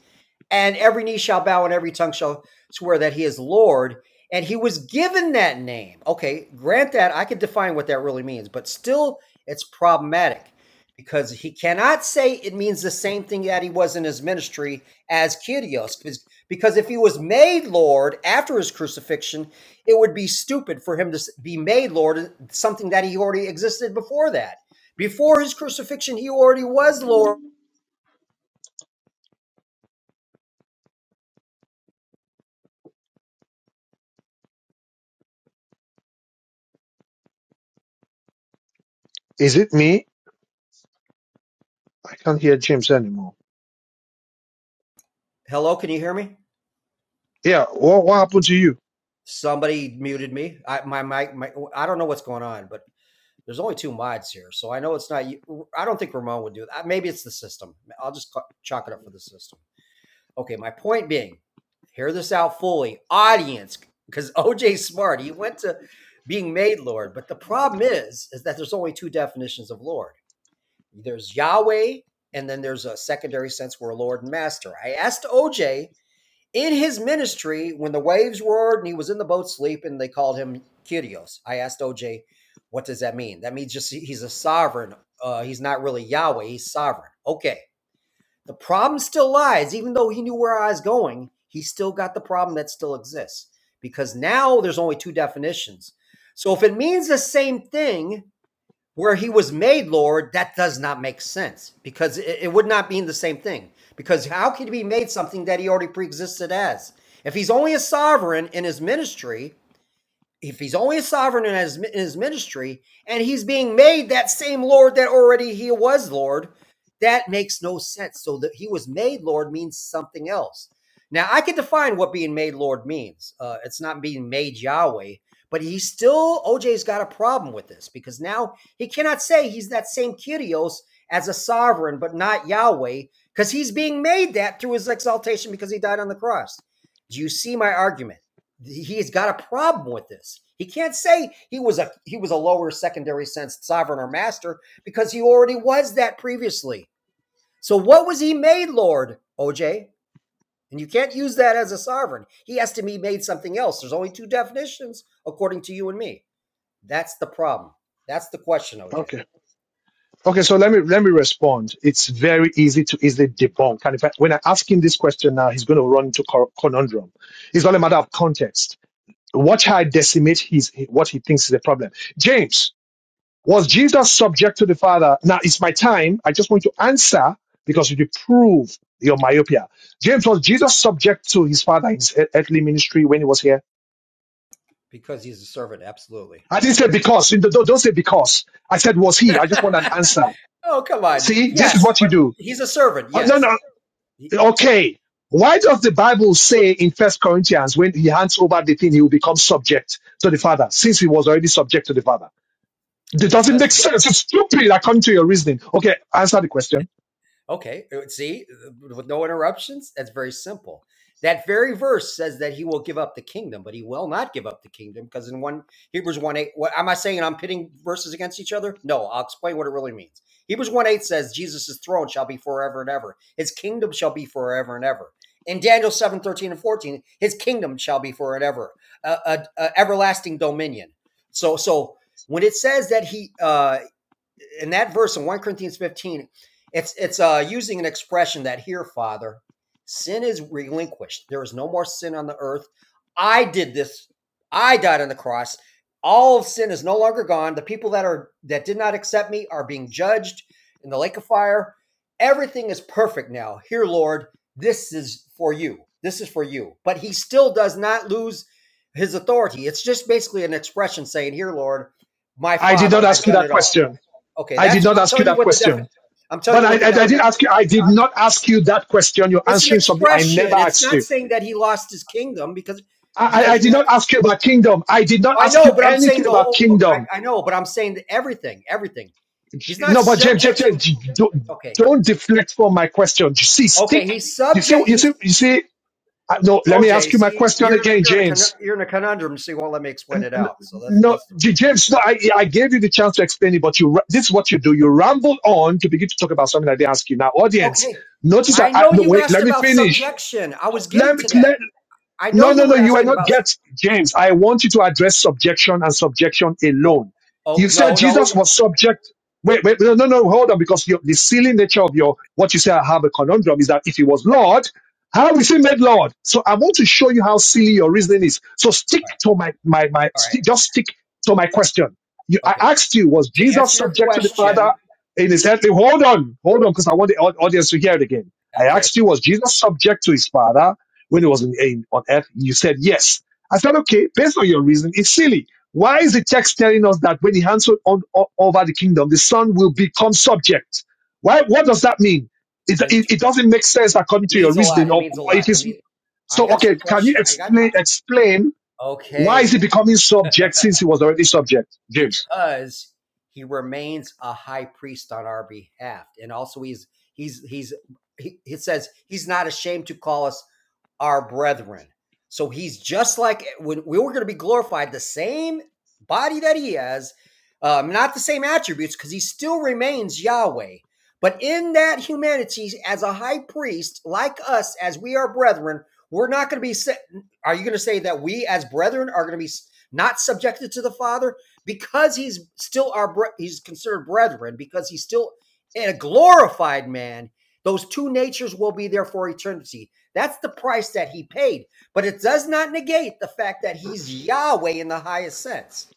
Speaker 4: and every knee shall bow and every tongue shall swear that he is Lord. And he was given that name. Okay, grant that I could define what that really means, but still it's problematic because he cannot say it means the same thing that he was in his ministry as Kyrios. Because if he was made Lord after his crucifixion, it would be stupid for him to be made Lord, uh, something that he already existed before that. Before his crucifixion, he already was Lord.
Speaker 1: is it me? I can't hear James anymore.
Speaker 4: Hello, can you hear me?
Speaker 1: Yeah, what what happened to you?
Speaker 4: Somebody muted me. I my mic. My, I don't know what's going on, but there's only two mods here, so I know it's not. I don't think Ramon would do that. Maybe it's the system. I'll just chalk it up for the system. Okay, my point being, hear this out fully, audience, because OJ Smart he went to being made Lord, but the problem is is that there's only two definitions of Lord. There's Yahweh, and then there's a secondary sense where Lord and Master. I asked OJ in his ministry, when the waves roared and he was in the boat sleeping, they called him Kyrios. I asked OJ, what does that mean? That means just he's a sovereign. Uh, he's not really Yahweh, he's sovereign. Okay. The problem still lies, even though he knew where I was going, he still got the problem that still exists because now there's only two definitions. So if it means the same thing, where he was made Lord, that does not make sense because it, it would not mean the same thing. Because how could he be made something that he already preexisted as? If he's only a sovereign in his ministry, if he's only a sovereign in his, in his ministry and he's being made that same Lord that already he was Lord, that makes no sense. So that he was made Lord means something else. Now I can define what being made Lord means. Uh, it's not being made Yahweh, but he still OJ's got a problem with this because now he cannot say he's that same Kyrios as a sovereign, but not Yahweh, because he's being made that through his exaltation because he died on the cross. Do you see my argument? he has got a problem with this. He can't say he was a he was a lower secondary sense sovereign or master because he already was that previously. So what was he made, Lord OJ? And you can't use that as a sovereign. He has to be made something else. There's only two definitions according to you and me. That's the problem. That's the question, OJ.
Speaker 1: Okay. Okay, so let me let me respond. It's very easy to easily debunk. And if I, when I ask him this question now, he's going to run into cor- conundrum. It's all a matter of context. Watch how I decimate his what he thinks is a problem. James, was Jesus subject to the Father? Now it's my time. I just want you to answer because you prove your myopia. James, was Jesus subject to his Father in his ear- earthly ministry when he was here?
Speaker 4: Because he's a servant, absolutely.
Speaker 1: I
Speaker 4: Yeah.
Speaker 1: didn't say because. You Don't don't say because. I said was he. I just want an answer.
Speaker 4: oh, come on.
Speaker 1: See, this is
Speaker 4: Yes,
Speaker 1: what you
Speaker 4: but
Speaker 1: do.
Speaker 4: he's a servant.
Speaker 1: Oh, no,
Speaker 4: Yes.
Speaker 1: no, Okay. Why does the Bible say in First Corinthians when he hands over the thing, he will become subject to the Father, since he was already subject to the Father? It doesn't
Speaker 4: Because
Speaker 1: make sense. It's stupid according to your reasoning. Okay, answer the question.
Speaker 4: Okay, uh, see, uh, with no interruptions, that's very simple. That very verse says that he will give up the kingdom, but he will not give up the kingdom because in one Hebrews one eight, what am I saying? I'm pitting verses against each other. No, I'll explain what it really means. Hebrews one eight says Jesus' throne shall be forever and ever. His kingdom shall be forever and ever. In Daniel seven thirteen and fourteen, his kingdom shall be forever and ever, uh, uh, uh, everlasting dominion. So, so when it says that he uh, in that verse in 1 Corinthians 15, it's it's uh, using an expression that here, Father, sin is relinquished. There is no more sin on the earth. I did this. I died on the cross. All of sin is no longer gone. The people that are that did not accept me are being judged in the lake of fire. Everything is perfect now. Here, Lord, this is for you. This is for you. But he still does not lose his authority. It's just basically an expression saying, "Here, Lord, my
Speaker 1: I did
Speaker 4: Father,
Speaker 1: not
Speaker 4: I've
Speaker 1: ask you
Speaker 4: done
Speaker 1: that
Speaker 4: it all."
Speaker 1: question.
Speaker 4: Okay,
Speaker 1: I did
Speaker 4: that's
Speaker 1: not
Speaker 4: I'm
Speaker 1: ask you
Speaker 4: telling you
Speaker 1: that
Speaker 4: what the defi-
Speaker 1: question.
Speaker 4: I'm telling
Speaker 1: But
Speaker 4: you
Speaker 1: I,
Speaker 4: what the
Speaker 1: I, I did
Speaker 4: definition.
Speaker 1: ask you. I did not ask you that question. You're
Speaker 4: It's an
Speaker 1: answering something I never
Speaker 4: expression. It's
Speaker 1: asked
Speaker 4: not
Speaker 1: you.
Speaker 4: saying that he lost his kingdom because
Speaker 1: I, I I
Speaker 4: because you
Speaker 1: did
Speaker 4: have
Speaker 1: not
Speaker 4: to.
Speaker 1: ask you about kingdom. I did not
Speaker 4: I
Speaker 1: ask
Speaker 4: know,
Speaker 1: you
Speaker 4: but I'm saying
Speaker 1: anything
Speaker 4: the
Speaker 1: about
Speaker 4: whole. Okay,
Speaker 1: kingdom.
Speaker 4: I, I know, but I'm saying that everything, everything. He's not
Speaker 1: No, but James, James,
Speaker 4: subjecting.
Speaker 1: James, don't,
Speaker 4: Okay,
Speaker 1: don't deflect from my question. You see,
Speaker 4: okay.
Speaker 1: stick.
Speaker 4: He's
Speaker 1: You see,
Speaker 4: subject.
Speaker 1: you
Speaker 4: He's
Speaker 1: see, you see. I- No, let me
Speaker 4: OJ.
Speaker 1: ask you my
Speaker 4: See,
Speaker 1: question
Speaker 4: you're in a,
Speaker 1: again,
Speaker 4: you're in a
Speaker 1: James.
Speaker 4: you're in a conundrum. So you won't let me explain
Speaker 1: N-
Speaker 4: it
Speaker 1: n-
Speaker 4: out. So that's
Speaker 1: No,
Speaker 4: that's the
Speaker 1: J-
Speaker 4: problem.
Speaker 1: James, no, I, I gave you the chance to explain it, but you, ra- this is what you do. You ramble on to begin to talk about something I didn't ask you. Now, audience,
Speaker 4: Okay,
Speaker 1: notice I,
Speaker 4: I
Speaker 1: I
Speaker 4: know
Speaker 1: no,
Speaker 4: you
Speaker 1: wait,
Speaker 4: asked
Speaker 1: let me
Speaker 4: about
Speaker 1: finish.
Speaker 4: subjection. I was getting
Speaker 1: Let me,
Speaker 4: to that.
Speaker 1: let,
Speaker 4: I know
Speaker 1: no, no,
Speaker 4: you
Speaker 1: no,
Speaker 4: were
Speaker 1: you are
Speaker 4: asking
Speaker 1: not
Speaker 4: about.
Speaker 1: get
Speaker 4: sub-
Speaker 1: James. I want you to address subjection and subjection
Speaker 4: Oh,
Speaker 1: alone.
Speaker 4: oh
Speaker 1: You said
Speaker 4: no, no. All
Speaker 1: Jesus was subject. Wait, wait, no, no, no, hold on, because your, the silly nature of your what you say I have a conundrum is that if he was Lord, how is he made Lord? So I want to show you how silly your reasoning is. So stick
Speaker 4: right,
Speaker 1: to my my my
Speaker 4: all right.
Speaker 1: stick just stick to my question. You, I
Speaker 4: Okay.
Speaker 1: asked you, was
Speaker 4: To
Speaker 1: Jesus
Speaker 4: answer your
Speaker 1: subject to the Father
Speaker 4: question,
Speaker 1: in his earthly? Hold on, hold on, because I want the au- audience to hear it again. I
Speaker 4: okay,
Speaker 1: asked you, was Jesus subject to his Father when it was in, in- on earth, you said yes. I said, okay, based on your reason, it's silly. Why is the text telling us that when he hands o- on, over the kingdom, the son will become subject? Why? What does that mean? It,
Speaker 4: and
Speaker 1: it, it doesn't make sense according
Speaker 4: it
Speaker 1: to your
Speaker 4: means a lot.
Speaker 1: reasoning.
Speaker 4: It
Speaker 1: Of
Speaker 4: means a
Speaker 1: it
Speaker 4: lot. It
Speaker 1: is
Speaker 4: means I
Speaker 1: so.
Speaker 4: got
Speaker 1: Okay,
Speaker 4: your
Speaker 1: can you
Speaker 4: question. I got
Speaker 1: explain explain
Speaker 4: uh,
Speaker 1: why is he
Speaker 4: okay.
Speaker 1: becoming subject since he was already subject, James?
Speaker 4: because he remains a high priest on our behalf and also he's he's he's he, he says he's not ashamed to call us our brethren so he's just like when we were going to be glorified the same body that he has um, not the same attributes because he still remains yahweh but in that humanity as a high priest like us as we are brethren we're not going to be are you going to say that we as brethren are going to be not subjected to the father because he's still our bre- he's considered brethren because he's still a glorified man. Those two natures will be there for eternity. That's the price that he paid. But it does not negate the fact that he's Yahweh in the highest sense.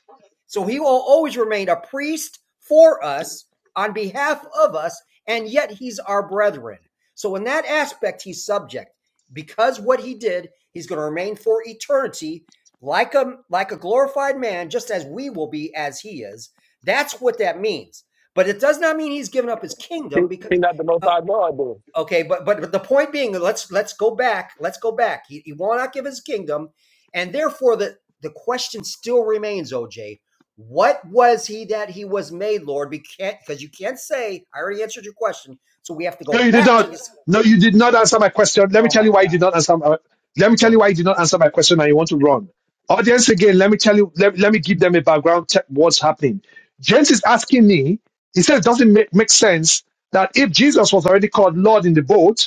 Speaker 4: So he will always remain a priest for us on behalf of us, and yet he's our brethren. So in that aspect, he's subject because what he did, he's going to remain for eternity like a like a glorified man, just as we will be as he is. That's what that means. But it does not mean he's given up his
Speaker 2: He,
Speaker 4: kingdom because
Speaker 2: he not the most
Speaker 4: uh,
Speaker 2: high God
Speaker 4: okay, but, but but the point being, let's let's go back. Let's go back. He, he will not give his kingdom, and therefore the the question still remains, OJ. What was he that he was made, Lord? We can't because you can't say. I already answered your question, so we have to
Speaker 1: No,
Speaker 4: go
Speaker 1: you did
Speaker 4: back to
Speaker 1: not.
Speaker 4: this.
Speaker 1: No, you did not answer my question. Let me
Speaker 4: Oh
Speaker 1: tell
Speaker 4: my
Speaker 1: you why you
Speaker 4: God,
Speaker 1: did not answer. My, let me
Speaker 4: go.
Speaker 1: tell you
Speaker 4: ahead.
Speaker 1: why you did not answer my question, and you want to run. Audience again. Let me tell you. Let, let me give them a background. Check what's happening. James is asking me. He says, "Does it make, make sense that if Jesus was already called Lord in the boat,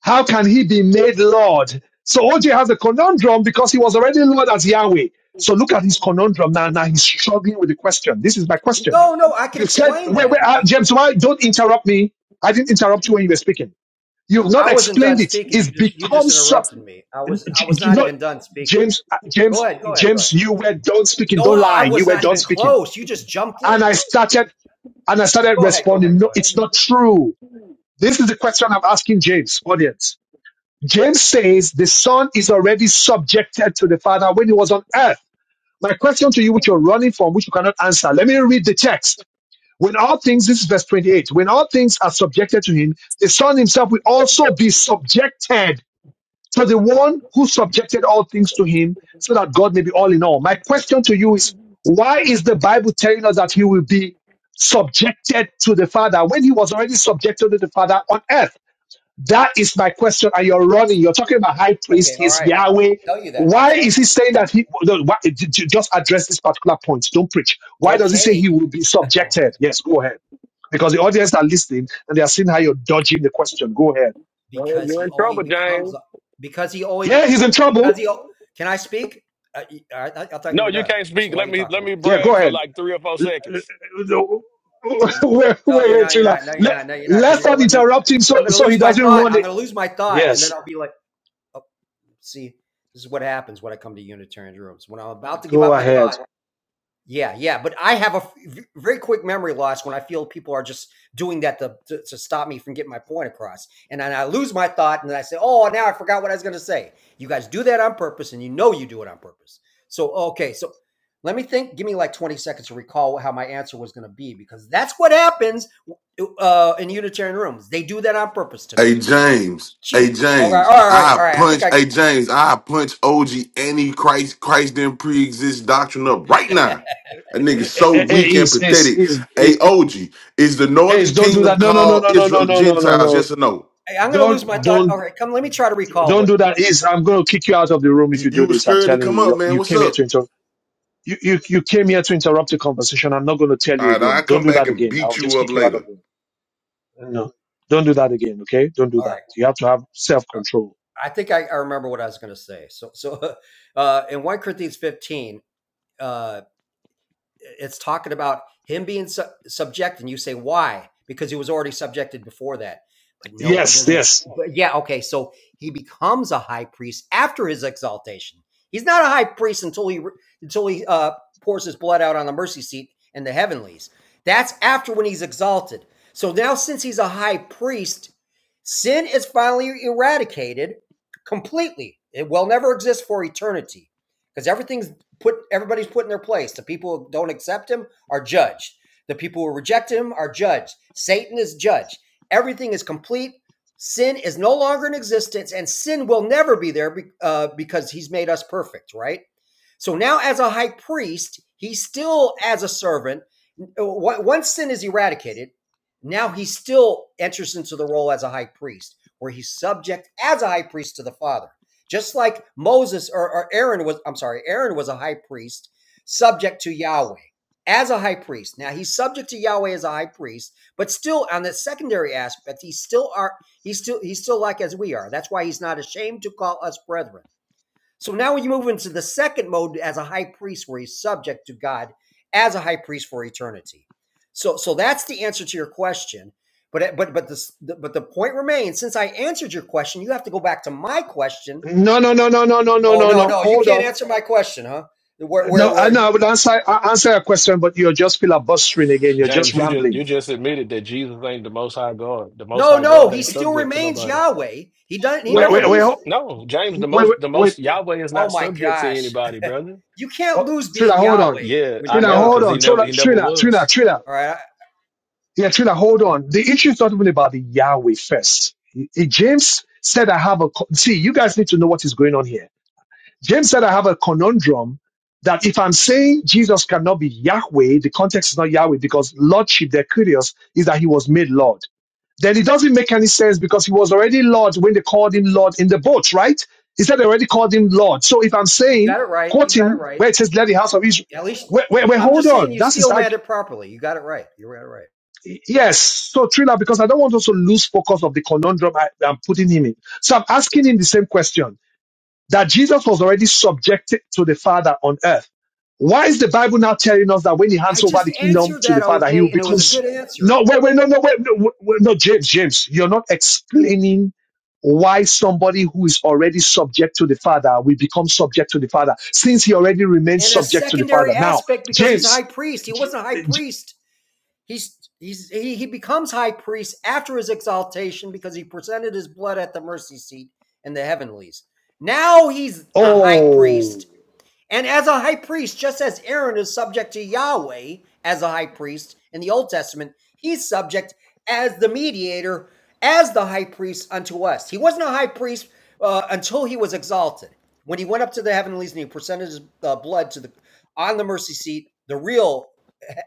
Speaker 1: how can he be made Lord? So OJ has a conundrum because he was already Lord as Yahweh. So look at his conundrum now. Now he's struggling with the question. This is my question.
Speaker 4: No, no, I can
Speaker 1: You said,
Speaker 4: explain
Speaker 1: wait, wait,
Speaker 4: that.
Speaker 1: uh, James, why don't interrupt me? I didn't interrupt you when you were speaking. You've
Speaker 4: I
Speaker 1: not
Speaker 4: wasn't done
Speaker 1: explained it.
Speaker 4: speaking.
Speaker 1: It's
Speaker 4: You just you
Speaker 1: become
Speaker 4: just
Speaker 1: so.
Speaker 4: interrupted me. I was I
Speaker 1: J-
Speaker 4: was
Speaker 1: j-
Speaker 4: not
Speaker 1: No,
Speaker 4: even done speaking.
Speaker 1: James, uh,
Speaker 4: Go
Speaker 1: James,
Speaker 4: ahead, go ahead, go ahead.
Speaker 1: James, you were done speaking.
Speaker 4: No,
Speaker 1: Don't
Speaker 4: I
Speaker 1: lie. You
Speaker 4: was
Speaker 1: were
Speaker 4: not
Speaker 1: done
Speaker 4: even
Speaker 1: speaking.
Speaker 4: close. You just jumped
Speaker 1: And
Speaker 4: in.
Speaker 1: I started,
Speaker 4: You-
Speaker 1: and I started
Speaker 4: go ahead, go ahead,
Speaker 1: responding.
Speaker 4: go
Speaker 1: No,
Speaker 4: ahead.
Speaker 1: it's not true. This is the question I'm asking James, audience. James says the son is already subjected to the father when he was on earth. My question to you, which you're running from, which you cannot answer, let me read the text. When all things, this is verse 28, when all things are subjected to him, the son himself will also be subjected to the one who subjected all things to him, so that God may be all in all. My question to you is, why is the Bible telling us that he will be subjected to the father when he was already subjected to the father on earth? That is my question. And you're running. You're talking about high
Speaker 4: Okay,
Speaker 1: priest.
Speaker 4: all
Speaker 1: He's
Speaker 4: right. I-
Speaker 1: Yahweh.
Speaker 4: I'll tell you that. I'll
Speaker 1: Why
Speaker 4: tell
Speaker 1: is he
Speaker 4: you.
Speaker 1: saying that he no, why, j- j- just address this particular point? Don't preach. Why does he say he
Speaker 4: Okay,
Speaker 1: will be
Speaker 4: Oh my-
Speaker 1: subjected? Yes, go ahead. Because the audience are listening and they are seeing how you're dodging the question. Go ahead.
Speaker 2: Well,
Speaker 4: because
Speaker 2: you're
Speaker 4: he
Speaker 2: in
Speaker 4: only
Speaker 2: trouble,
Speaker 4: becomes
Speaker 2: James.
Speaker 4: because he only
Speaker 1: Yeah,
Speaker 4: be,
Speaker 1: he's in trouble.
Speaker 4: because he. Can I speak? I y- I, I, I thought you
Speaker 2: No,
Speaker 4: were
Speaker 2: you
Speaker 4: done.
Speaker 2: can't
Speaker 4: So
Speaker 2: speak.
Speaker 4: why are
Speaker 2: Let
Speaker 4: you
Speaker 2: me let
Speaker 4: talking?
Speaker 2: me
Speaker 1: Yeah, go
Speaker 2: brag for
Speaker 1: ahead.
Speaker 2: like three or four
Speaker 1: L- l-
Speaker 2: seconds.
Speaker 1: l- wait, wait,
Speaker 4: No, you're
Speaker 1: wait,
Speaker 4: not. You're
Speaker 1: Trilla.
Speaker 4: not. No, you're not.
Speaker 1: Let,
Speaker 4: No, you're not. Because
Speaker 1: let's
Speaker 4: you're gonna
Speaker 1: not
Speaker 4: let me.
Speaker 1: interrupt him so
Speaker 4: I'm gonna
Speaker 1: so he
Speaker 4: lose my
Speaker 1: doesn't
Speaker 4: thought.
Speaker 1: run
Speaker 4: I'm
Speaker 1: it.
Speaker 4: gonna lose my thought, and then
Speaker 1: Yes,
Speaker 4: I'll be like. See, this is what happens when I come to Unitarian rooms. When I'm about to give
Speaker 1: go
Speaker 4: out my
Speaker 1: ahead.
Speaker 4: thought, yeah, yeah. But I have a f- v- very quick memory loss when I feel people are just doing that to, to, to stop me from getting my point across. And then I lose my thought and then I say, oh, now I forgot what I was going to say. You guys do that on purpose and you know you do it on purpose. So, okay, so let me think. Give me like 20 seconds to recall how my answer was going to be because that's what happens uh, in Unitarian rooms. They do that on purpose to me.
Speaker 5: Hey James, hey
Speaker 4: Jeez. Okay. All right.
Speaker 5: James,
Speaker 4: All right.
Speaker 5: I
Speaker 4: All right. I think
Speaker 5: punch,
Speaker 4: I
Speaker 5: hey James, I punch OG any Christ, Christ didn't pre-exist doctrine up right now. That nigga
Speaker 1: Eh, eh,
Speaker 5: so
Speaker 1: eh, eh,
Speaker 5: weak and
Speaker 1: Is is
Speaker 5: pathetic. Hey
Speaker 1: is.
Speaker 5: OG, is the
Speaker 1: Ace,
Speaker 5: Northern
Speaker 1: don't do
Speaker 5: Kingdom
Speaker 1: that. No, no, no,
Speaker 5: called
Speaker 1: no, no, no,
Speaker 5: Israel
Speaker 1: no, no, no,
Speaker 5: Gentiles?
Speaker 1: no.
Speaker 5: Yes or no?
Speaker 4: Hey, I'm going to lose
Speaker 1: Don't,
Speaker 4: my thought. All
Speaker 1: don't,
Speaker 4: right, come. Let me try to recall
Speaker 1: don't
Speaker 4: what.
Speaker 1: do
Speaker 4: what-
Speaker 1: that. Ace, I'm going to kick you out of the room if
Speaker 5: You,
Speaker 1: you
Speaker 5: you
Speaker 1: do
Speaker 5: was
Speaker 1: this. I'm
Speaker 5: scared to
Speaker 1: telling
Speaker 5: come
Speaker 1: you,
Speaker 5: up,
Speaker 1: you,
Speaker 5: man.
Speaker 1: you
Speaker 5: What's
Speaker 1: came here
Speaker 5: up?
Speaker 1: to interrupt. You, you, you came here to interrupt the conversation. I'm not going to tell
Speaker 5: All
Speaker 1: you
Speaker 5: right, I'll
Speaker 1: again. Don't
Speaker 5: come
Speaker 1: do that
Speaker 5: back and
Speaker 1: again. I'll
Speaker 5: beat you
Speaker 1: just
Speaker 5: up
Speaker 1: kick you out of
Speaker 5: later.
Speaker 1: the room. No, don't do that again. Okay, don't do
Speaker 4: All
Speaker 1: that.
Speaker 4: right,
Speaker 1: You have to have self control.
Speaker 4: I think I, I remember what I was going to say. So, so uh, in one Corinthians 15, uh, it's talking about him being su- subject, and you say why? Because he was already subjected before that. But no, he
Speaker 1: Yes,
Speaker 4: doesn't.
Speaker 1: yes.
Speaker 4: But yeah, okay. So he becomes a high priest after his exaltation. He's not a high priest until he until he uh, pours his blood out on the mercy seat and the heavenlies. That's after when he's exalted. So now, since he's a high priest, sin is finally eradicated completely. It will never exist for eternity because everything's put everybody's put in their place. The people who don't accept him are judged. The people who reject him are judged. Satan is judged. Everything is complete. Sin is no longer in existence, and sin will never be there uh, because he's made us perfect, right? So now, as a high priest, he's still as a servant. Uh, Once sin is eradicated, now he still enters into the role as a high priest, where he's subject as a high priest to the Father. Just like Moses or, or Aaron was, I'm sorry, Aaron was a high priest subject to Yahweh as a high priest. Now he's subject to Yahweh as a high priest, but still on the secondary aspect, he's still are he's still he's still like as we are. That's why he's not ashamed to call us brethren. So now when you move into the second mode as a high priest, where he's subject to God as a high priest for eternity. So so that's the answer to your question. But but but this but the point remains. Since I answered your question, you have to go back to my question
Speaker 1: No, no, no, no, no, no, no,
Speaker 4: Oh
Speaker 1: no,
Speaker 4: no,
Speaker 1: no.
Speaker 4: no, you
Speaker 1: Hold
Speaker 4: can't
Speaker 1: on.
Speaker 4: answer my question, huh? Where, where,
Speaker 1: No, I
Speaker 4: where?
Speaker 1: know I would answer I answer your question, but you're just filibustering again. You're just
Speaker 2: James, you just
Speaker 1: rambling.
Speaker 2: you just admitted that Jesus ain't the most high God. The most
Speaker 4: No,
Speaker 2: high
Speaker 4: no,
Speaker 2: God
Speaker 4: he
Speaker 2: ain't
Speaker 1: Wait,
Speaker 4: still
Speaker 2: subject to
Speaker 4: remains
Speaker 2: nobody.
Speaker 4: Yahweh. He doesn't. He never
Speaker 1: wait,
Speaker 2: No,
Speaker 1: wait,
Speaker 4: loses.
Speaker 1: ho-
Speaker 2: no. James, the
Speaker 1: wait,
Speaker 2: most
Speaker 1: wait.
Speaker 2: the
Speaker 1: wait.
Speaker 2: most Yahweh is
Speaker 4: Oh
Speaker 2: not
Speaker 4: my
Speaker 2: subject to
Speaker 4: gosh,
Speaker 2: anybody, brother.
Speaker 4: you can't
Speaker 1: Oh,
Speaker 4: lose
Speaker 1: Trina,
Speaker 4: being
Speaker 1: hold on.
Speaker 4: Yahweh
Speaker 2: Yeah,
Speaker 4: when
Speaker 2: I
Speaker 4: you're
Speaker 1: Trina,
Speaker 2: know,
Speaker 4: Yahweh.
Speaker 1: hold
Speaker 2: because he
Speaker 1: on.
Speaker 2: never
Speaker 1: Trina,
Speaker 2: he never
Speaker 1: Trina, Trina,
Speaker 2: was.
Speaker 1: Trina.
Speaker 4: All right, I
Speaker 1: Yeah, Trina, hold on. The issue is not even about the Yahweh first. Y- y- James said, I have a, co- see, you guys need to know what is going on here. James said, I have a conundrum that if I'm saying Jesus cannot be Yahweh, the context is not Yahweh because Lordship, the curious, is that he was made Lord then it doesn't make any sense because he was already Lord when they called him Lord in the boat, right? He said they already called him Lord. So if I'm saying,
Speaker 4: got it right. You got it
Speaker 1: quoting
Speaker 4: right.
Speaker 1: where it says, let the house of Israel,
Speaker 4: At least
Speaker 1: wait, wait,
Speaker 4: you,
Speaker 1: wait
Speaker 4: I'm
Speaker 1: hold
Speaker 4: just saying
Speaker 1: on.
Speaker 4: you
Speaker 1: That is
Speaker 4: still manned
Speaker 1: like,
Speaker 4: it properly. You got it right. You got it right.
Speaker 1: yes. So Trina, because I don't want us to lose focus of the conundrum I, I'm putting him in. So I'm asking him the same question that Jesus was already subjected to the Father on earth. Why is the Bible now telling us that when he
Speaker 4: I
Speaker 1: hands over
Speaker 4: just
Speaker 1: the kingdom
Speaker 4: answered
Speaker 1: to
Speaker 4: that
Speaker 1: the Father, he will
Speaker 4: OJ, and it
Speaker 1: become?
Speaker 4: was a good answer.
Speaker 1: No, wait, wait, no, no, wait, no, wait, no, James, James, you're not explaining why somebody who is already subject to the Father will become subject to the Father since he already remains
Speaker 4: And a
Speaker 1: subject to the Father.
Speaker 4: secondary
Speaker 1: Now,
Speaker 4: aspect because he's a
Speaker 1: James,
Speaker 4: high priest. He
Speaker 1: J-
Speaker 4: wasn't a high
Speaker 1: J-
Speaker 4: priest He's, he's he, he becomes high priest after his exaltation because he presented his blood at the mercy seat in the heavenlies. Now he's a high
Speaker 1: oh,
Speaker 4: priest and as a high priest, just as Aaron is subject to Yahweh as a high priest in the Old Testament, he's subject as the mediator, as the high priest unto us. He wasn't a high priest uh, until he was exalted. When he went up to the heavenlies and he presented his uh, blood to the on the mercy seat, the real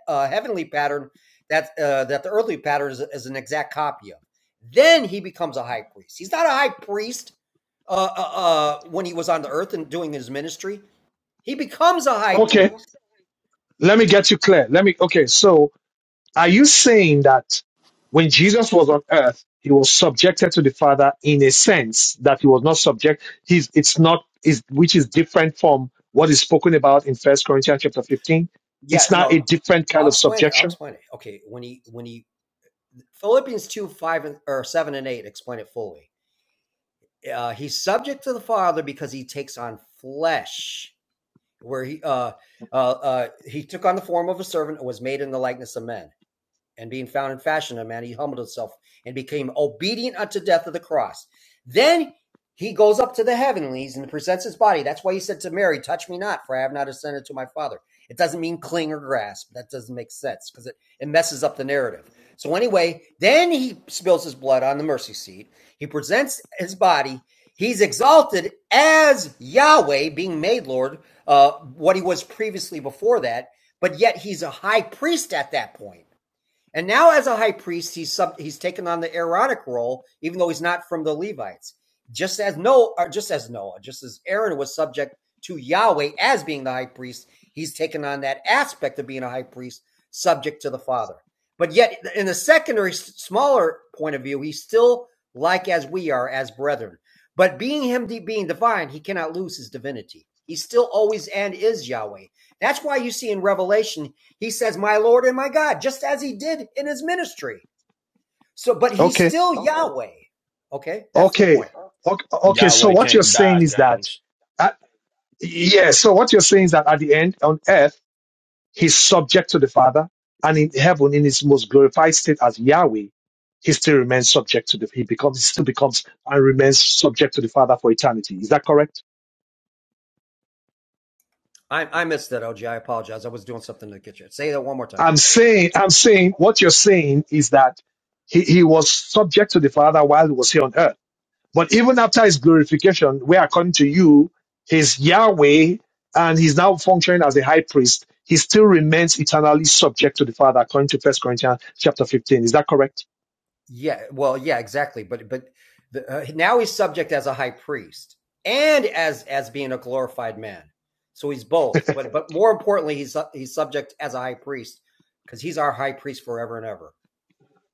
Speaker 4: uh, heavenly pattern that uh, that the earthly pattern is, is an exact copy of. Then he becomes a high priest. He's not a high priest uh, uh, uh, when he was on the earth and doing his ministry. He becomes a high
Speaker 1: okay,
Speaker 4: priest.
Speaker 1: let me get you clear. Let me, okay, so Are you saying that when Jesus was on earth, he was subjected to the Father in a sense that he was not subject? He's it's not is which is different from what is spoken about in First Corinthians chapter fifteen.
Speaker 4: Yeah,
Speaker 1: It's not a
Speaker 4: no,
Speaker 1: different kind
Speaker 4: I'll
Speaker 1: of
Speaker 4: explain it. I'll
Speaker 1: subjection.
Speaker 4: explain it. Okay, when he when he Philippians two five and or seven and eight explain it fully. Uh, he's subject to the Father because he takes on flesh, where he uh, uh, uh, he took on the form of a servant and was made in the likeness of men. and being found in fashion of man, he humbled himself and became obedient unto death of the cross. Then he goes up to the heavenlies and presents his body. That's why he said to Mary, Touch me not, for I have not ascended to my Father. It doesn't mean cling or grasp. That doesn't make sense because it, it messes up the narrative. So, anyway, then he spills his blood on the mercy seat. He presents his body. He's exalted as Yahweh, being made Lord, uh, what he was previously before that, but yet he's a high priest at that point. And now, as a high priest, he's sub, he's taken on the Aaronic role, even though he's not from the Levites. Just as Noah, or just as Noah, just as Aaron was subject to Yahweh as being the high priest, he's taken on that aspect of being a high priest, subject to the Father. But yet, in the secondary, smaller point of view, he's still like as we are, as brethren. But being him being divine, he cannot lose his divinity. He's still always and is Yahweh. That's why you see in Revelation he says, My Lord and my God, just as he did in his ministry. So, but he's
Speaker 1: Okay,
Speaker 4: still Yahweh. Okay, that's the
Speaker 1: okay,
Speaker 4: point.
Speaker 1: okay. okay. So
Speaker 2: Yahweh
Speaker 1: what you're
Speaker 2: can't die,
Speaker 1: saying is that,
Speaker 2: James.
Speaker 1: uh, yeah. So what you're saying is that at the end on earth. He's subject to the Father, and in heaven, in his most glorified state as Yahweh, he still remains subject to the. He becomes, he still becomes, and remains subject to the Father for eternity. Is that correct?
Speaker 4: I, I missed that, OG. I apologize. I was doing something in the kitchen. Say that one more time.
Speaker 1: I'm saying, I'm saying, what you're saying is that he, he was subject to the Father while he was here on earth. But even after his glorification, where according to you, he's Yahweh and he's now functioning as a high priest, he still remains eternally subject to the Father, according to First Corinthians chapter 15. Is that correct?
Speaker 4: Yeah, well, yeah, exactly. But but the, uh, now he's subject as a high priest and as as being a glorified man. So he's both. But but more importantly, he's he's subject as a high priest because he's our high priest forever and ever.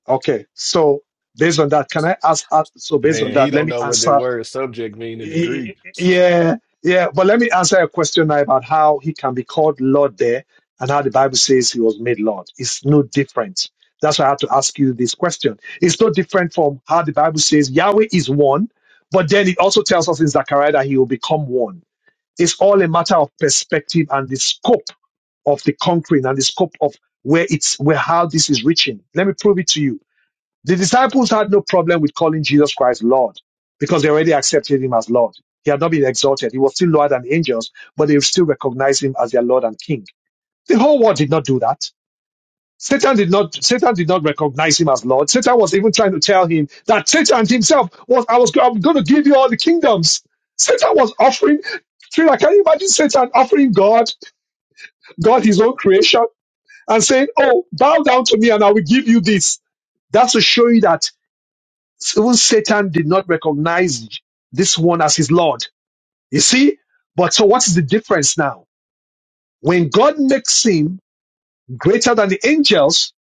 Speaker 1: Okay, so based on that, can I ask? uh, So based on
Speaker 2: Man, he
Speaker 1: that, let
Speaker 2: don't
Speaker 1: me
Speaker 2: know what that
Speaker 1: answer.
Speaker 2: word subject mean in the Greek.
Speaker 1: Y- Yeah, yeah, but let me answer a question now about how he can be called Lord there and how the Bible says he was made Lord. It's no different. That's why I had to ask you this question. It's no different from how the Bible says Yahweh is one, but then it also tells us in Zechariah that he will become one. It's all a matter of perspective and the scope of the conquering and the scope of where it's where how this is reaching. Let me prove it to you the disciples had no problem with calling Jesus Christ Lord because they already accepted him as Lord. He had not been exalted. He was still lower than angels, but they still recognized him as their Lord and King. The whole world did not do that. Satan did not, Satan did not recognize him as Lord. Satan was even trying to tell him that Satan himself was, I was, I'm going to give you all the kingdoms. Satan was offering, Trina, can you imagine Satan offering God, God his own creation and saying, Oh, bow down to me and I will give you this. That's to show you that even Satan did not recognize this one as his Lord. You see? But so what is the difference now? When God makes him greater than the angels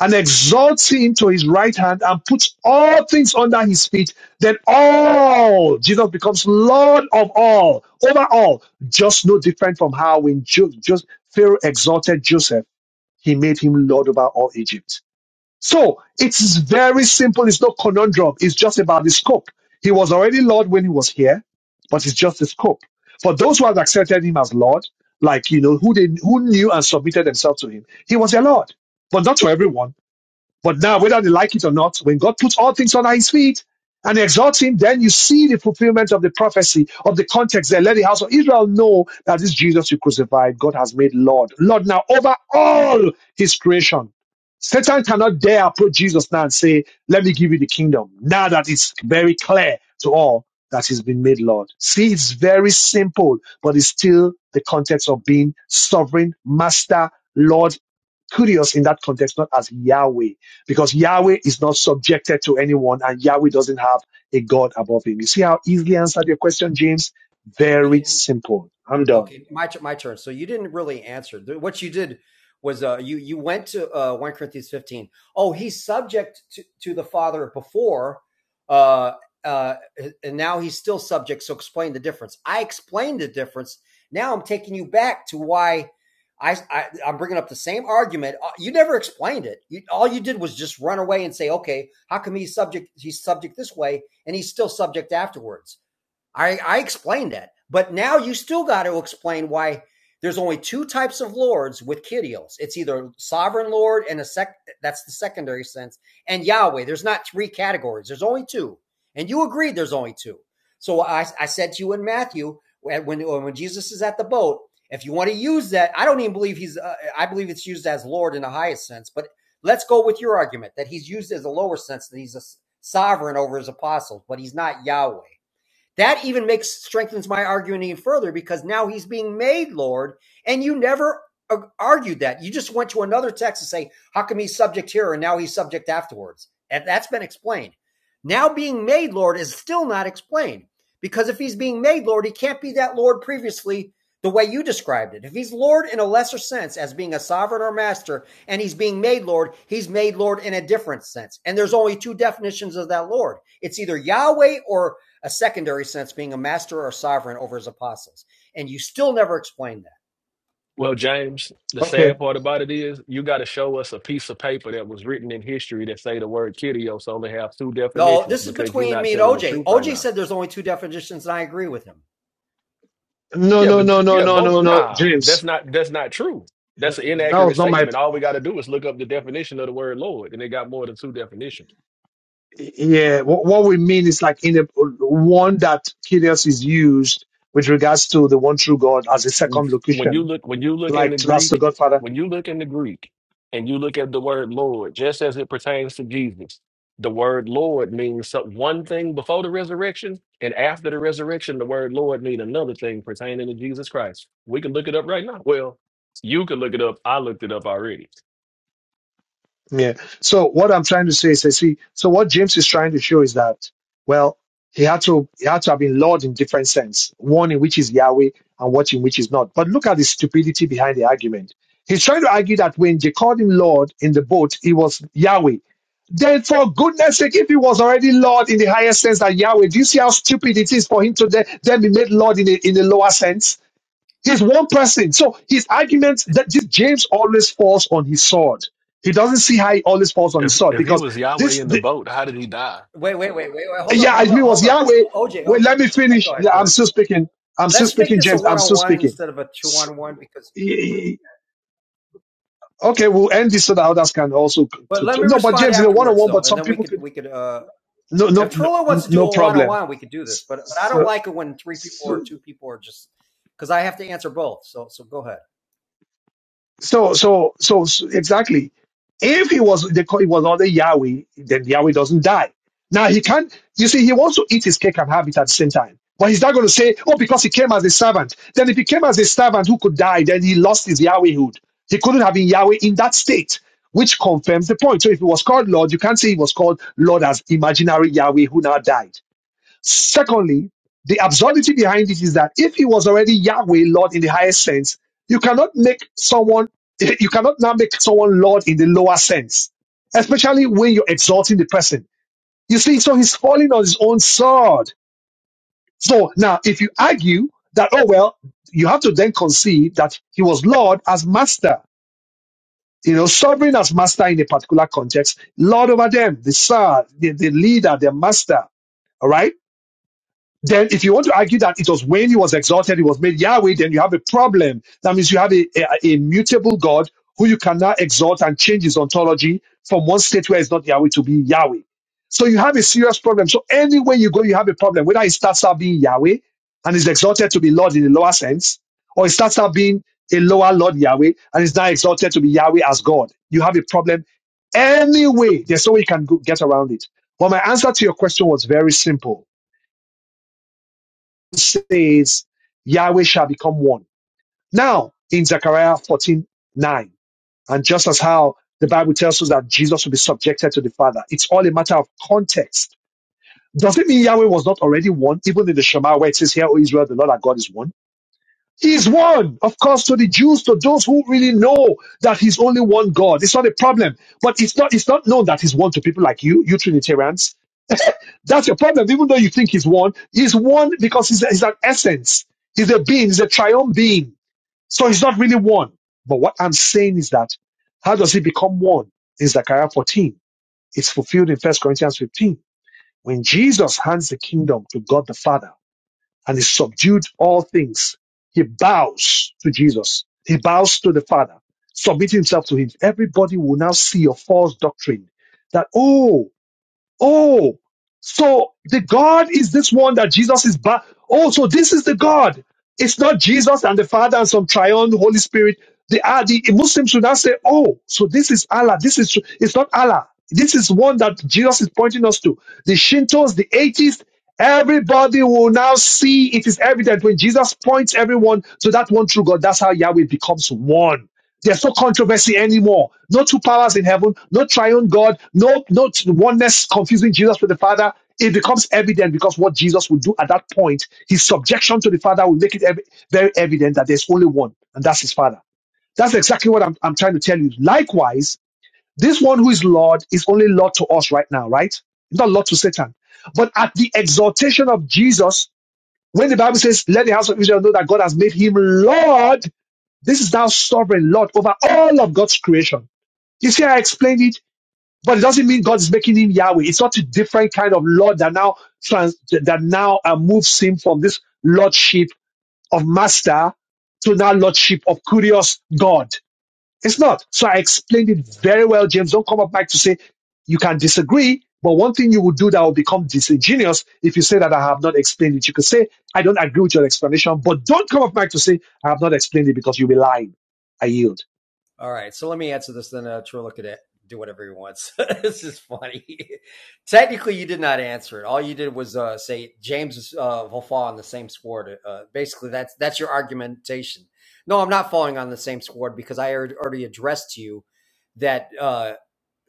Speaker 1: and exalts him to his right hand and puts all things under his feet, then all, Jesus becomes Lord of all, over all. Just no different from how when jo- just Pharaoh exalted Joseph, he made him Lord over all Egypt. So it's very simple. It's no conundrum. It's just about the scope. He was already Lord when he was here, but it's just the scope. For those who have accepted him as Lord, like you know, who they who knew and submitted themselves to him, he was their Lord. But not for everyone. But now, whether they like it or not, when God puts all things under his feet and exalts him, then you see the fulfillment of the prophecy of the context there. Let the house of Israel know that this Jesus you crucified, God has made Lord. Lord now over all his creation. Satan cannot dare approach Jesus now and say, Let me give you the kingdom. Now that it's very clear to all that he's been made Lord. See, it's very simple, but it's still the context of being sovereign, master, Lord Kurios in that context, not as Yahweh, because Yahweh is not subjected to anyone and Yahweh doesn't have a God above him. You see how easily I answered your question, James?
Speaker 4: You
Speaker 1: Very simple. I'm done.
Speaker 4: Okay, my my turn. So you didn't really answer. What you did was uh, you you went to uh, one Corinthians fifteen. Oh, he's subject to, to the Father before, uh, uh, and now he's still subject. So explain the difference. I explained the difference. Now I'm taking you back to why I, I I'm bringing up the same argument. Uh, You never explained it. You, all you did was just run away and say, okay, how come he's subject? He's subject this way, and he's still subject afterwards. I, I explained that. But now you still got to explain why there's only two types of lords with Kyrios. It's either sovereign lord and a sec that's the secondary sense, and Yahweh. There's not three categories. There's only two. And you agreed there's only two. So I, I said to you in Matthew when when Jesus is at the boat, if you want to use that, I don't even believe he's. Uh, I believe it's used as Lord in the highest sense. But let's go with your argument that he's used as a lower sense that he's a sovereign over his apostles, but he's not Yahweh. That even makes strengthens my argument even further because now he's being made Lord, and you never argued that. You just went to another text to say, "How come he's subject here and now he's subject afterwards?" And that's been explained. Now being made Lord is still not explained because if he's being made Lord, he can't be that Lord previously the way you described it. If he's Lord in a lesser sense as being a sovereign or master, and he's being made Lord, he's made Lord in a different sense. And there's only two definitions of that Lord. It's either Yahweh or a secondary sense being a master or sovereign over his apostles. And you still never explain that.
Speaker 2: Well, James, the
Speaker 1: Okay.
Speaker 2: sad part about it is you got to show us a piece of paper that was written in history that say the word Kyrios only have two
Speaker 4: No,
Speaker 2: definitions
Speaker 4: this is
Speaker 2: because you're
Speaker 4: between
Speaker 2: not
Speaker 4: me and
Speaker 2: telling the
Speaker 4: OJ.
Speaker 2: truth right
Speaker 4: OJ
Speaker 2: now.
Speaker 4: said there's only two definitions, and I agree with him.
Speaker 1: No,
Speaker 2: Yeah,
Speaker 1: no,
Speaker 2: but
Speaker 1: no, no,
Speaker 2: yeah,
Speaker 1: no,
Speaker 2: both
Speaker 1: no, no,
Speaker 2: nah, that's
Speaker 1: James.
Speaker 2: not that's not true. That's an
Speaker 1: That
Speaker 2: inaccurate
Speaker 1: was not my.
Speaker 2: statement. All we got to do is look up the definition of the word Lord, and it got more than two definitions.
Speaker 1: Yeah. What, what we mean is like in a one that Kyrios is used with regards to the one true God as a second
Speaker 2: when you
Speaker 1: location,
Speaker 2: look when you look in
Speaker 1: like
Speaker 2: the
Speaker 1: that's the
Speaker 2: Greek,
Speaker 1: Godfather.
Speaker 2: when you look in the Greek and you look at the word Lord, just as it pertains to Jesus, the word Lord means so- one thing before the resurrection, and after the resurrection, the word Lord means another thing pertaining to Jesus Christ. We can look it up right now. Well, you can look it up. I looked it up already.
Speaker 1: Yeah. So what I'm trying to say is, I see. So what James is trying to show is that, well, he had to he had to have been Lord in different sense. One in which is Yahweh, and what in which is not. But look at the stupidity behind the argument. He's trying to argue that when they called him Lord in the boat, he was Yahweh. Then, for goodness sake, if he was already Lord in the higher sense that Yahweh, do you see how stupid it is for him to then, then be made Lord in the, in the lower sense? He's one person. So his arguments that this James always falls on his sword. He doesn't see how he always falls on his
Speaker 2: If
Speaker 1: sword
Speaker 2: if he
Speaker 1: because
Speaker 2: was Yahweh
Speaker 1: this,
Speaker 2: in the
Speaker 1: the,
Speaker 2: boat, how did he die?
Speaker 4: Wait, wait, wait, wait, wait. Hold up,
Speaker 1: yeah, I
Speaker 4: hold up,
Speaker 1: mean, was
Speaker 4: hold up.
Speaker 1: Yahweh.
Speaker 4: OJ,
Speaker 1: Wait,
Speaker 4: OJ.
Speaker 1: let me
Speaker 4: Oh, Go
Speaker 1: finish.
Speaker 4: ahead,
Speaker 1: Yeah,
Speaker 4: go
Speaker 1: I'm
Speaker 4: ahead.
Speaker 1: still speaking. I'm still
Speaker 4: Let's make
Speaker 1: speaking,
Speaker 4: this a
Speaker 1: James. I'm still
Speaker 4: one-on-one
Speaker 1: speaking.
Speaker 4: instead of a
Speaker 1: S-
Speaker 4: two-on-one because.
Speaker 1: e- e- Okay, we'll end this so that others can also.
Speaker 4: But
Speaker 1: To,
Speaker 4: let
Speaker 1: to-
Speaker 4: me
Speaker 1: no, but
Speaker 4: respond
Speaker 1: James is a one on
Speaker 4: afterwards,
Speaker 1: one,
Speaker 4: though,
Speaker 1: but
Speaker 4: and
Speaker 1: some
Speaker 4: then we
Speaker 1: people
Speaker 4: could
Speaker 1: could.
Speaker 4: we could. uh
Speaker 1: No, no,
Speaker 4: If
Speaker 1: no,
Speaker 4: Trullo wants to do
Speaker 1: no
Speaker 4: a
Speaker 1: problem.
Speaker 4: one-on-one, we could do this. But, but I don't
Speaker 1: So,
Speaker 4: like it when three people
Speaker 1: so,
Speaker 4: or two people are just because I have to answer both. So so go ahead.
Speaker 1: So, so, so, so exactly. If he was the it was under Yahweh, then Yahweh doesn't die. Now he can't. You see, he wants to eat his cake and have it at the same time. But he's not going to say, "Oh, because he came as a servant." Then, if he came as a servant who could die, then he lost his Yahwehhood. He couldn't have been Yahweh in that state, which confirms the point. So, if he was called Lord, you can't say he was called Lord as imaginary Yahweh who now died. Secondly, the absurdity behind it is that if he was already Yahweh, Lord in the highest sense, you cannot make someone, you cannot now make someone Lord in the lower sense, especially when you're exalting the person. You see, so he's falling on his own sword. So now, if you argue that, oh, well, you have to then concede that he was Lord as master, you know, sovereign as master in a particular context, Lord over them, the sir, the, the leader, the master. All right. then if you want to argue that it was when he was exalted, he was made Yahweh, then you have a problem. That means you have a, a, a mutable God who you cannot exalt and change his ontology from one state where it's not Yahweh to be Yahweh. So you have a serious problem. So anywhere you go, you have a problem. Whether it starts out being Yahweh and is exalted to be Lord in a lower sense, or it starts out being a lower Lord Yahweh and is now exalted to be Yahweh as God. You have a problem anyway. There's no way you can go, get around it. But my answer to your question was very simple says, Yahweh shall become one. Now, in Zechariah 14 9, and just as how the Bible tells us that Jesus will be subjected to the Father, it's all a matter of context. Does it mean Yahweh was not already one, even in the Shema where it says, Here, O Israel, the Lord our God is one? He is one, of course, to the Jews, to those who really know that he's only one God. It's not a problem. But it's not, it's not known that he's one to people like you, you Trinitarians that's your problem. Even though you think he's one, he's one because he's, he's an essence. He's a being. He's a triumph being. So he's not really one. But what I'm saying is that how does he become one? In Zechariah 14, it's fulfilled in First Corinthians 15. When Jesus hands the kingdom to God the Father and he subdued all things, he bows to Jesus. He bows to the Father, submit himself to him. Everybody will now see your false doctrine that, oh, Oh, so the God is this one that Jesus is back. Oh, so this is the God. It's not Jesus and the Father and some triune Holy Spirit. They are the Muslims would now say, Oh, so this is Allah. This is it's not Allah. This is one that Jesus is pointing us to. The Shintos, the atheists, everybody will now see it is evident when Jesus points everyone to that one true God. That's how Yahweh becomes one. There's no controversy anymore. No two powers in heaven, no triune God, no, no t- oneness confusing Jesus with the Father. It becomes evident because what Jesus would do at that point, his subjection to the Father will make it ev- very evident that there's only one, and that's his Father. That's exactly what I'm, I'm trying to tell you. Likewise, this one who is Lord is only Lord to us right now, right? He's not Lord to Satan. But at the exaltation of Jesus, when the Bible says, let the house of Israel know that God has made him Lord, this is thou sovereign Lord over all of God's creation. You see, I explained it, but it doesn't mean God is making him Yahweh. It's not a different kind of Lord that now trans, that now uh, moves him from this Lordship of Master to now Lordship of Curious God. It's not. So I explained it very well, James. Don't come up back to say you can disagree. But one thing you will do that will become disingenuous if you say that I have not explained it. You could say, I don't agree with your explanation, but don't come up back to say I have not explained it because you'll be lying. I yield.
Speaker 4: All right, so let me answer this. Then uh, Trilla could uh, do whatever he wants. this is funny. Technically, you did not answer it. All you did was uh, say James uh, will fall on the same squad. Uh, basically, that's that's your argumentation. No, I'm not falling on the same squad because I already already addressed to you that uh,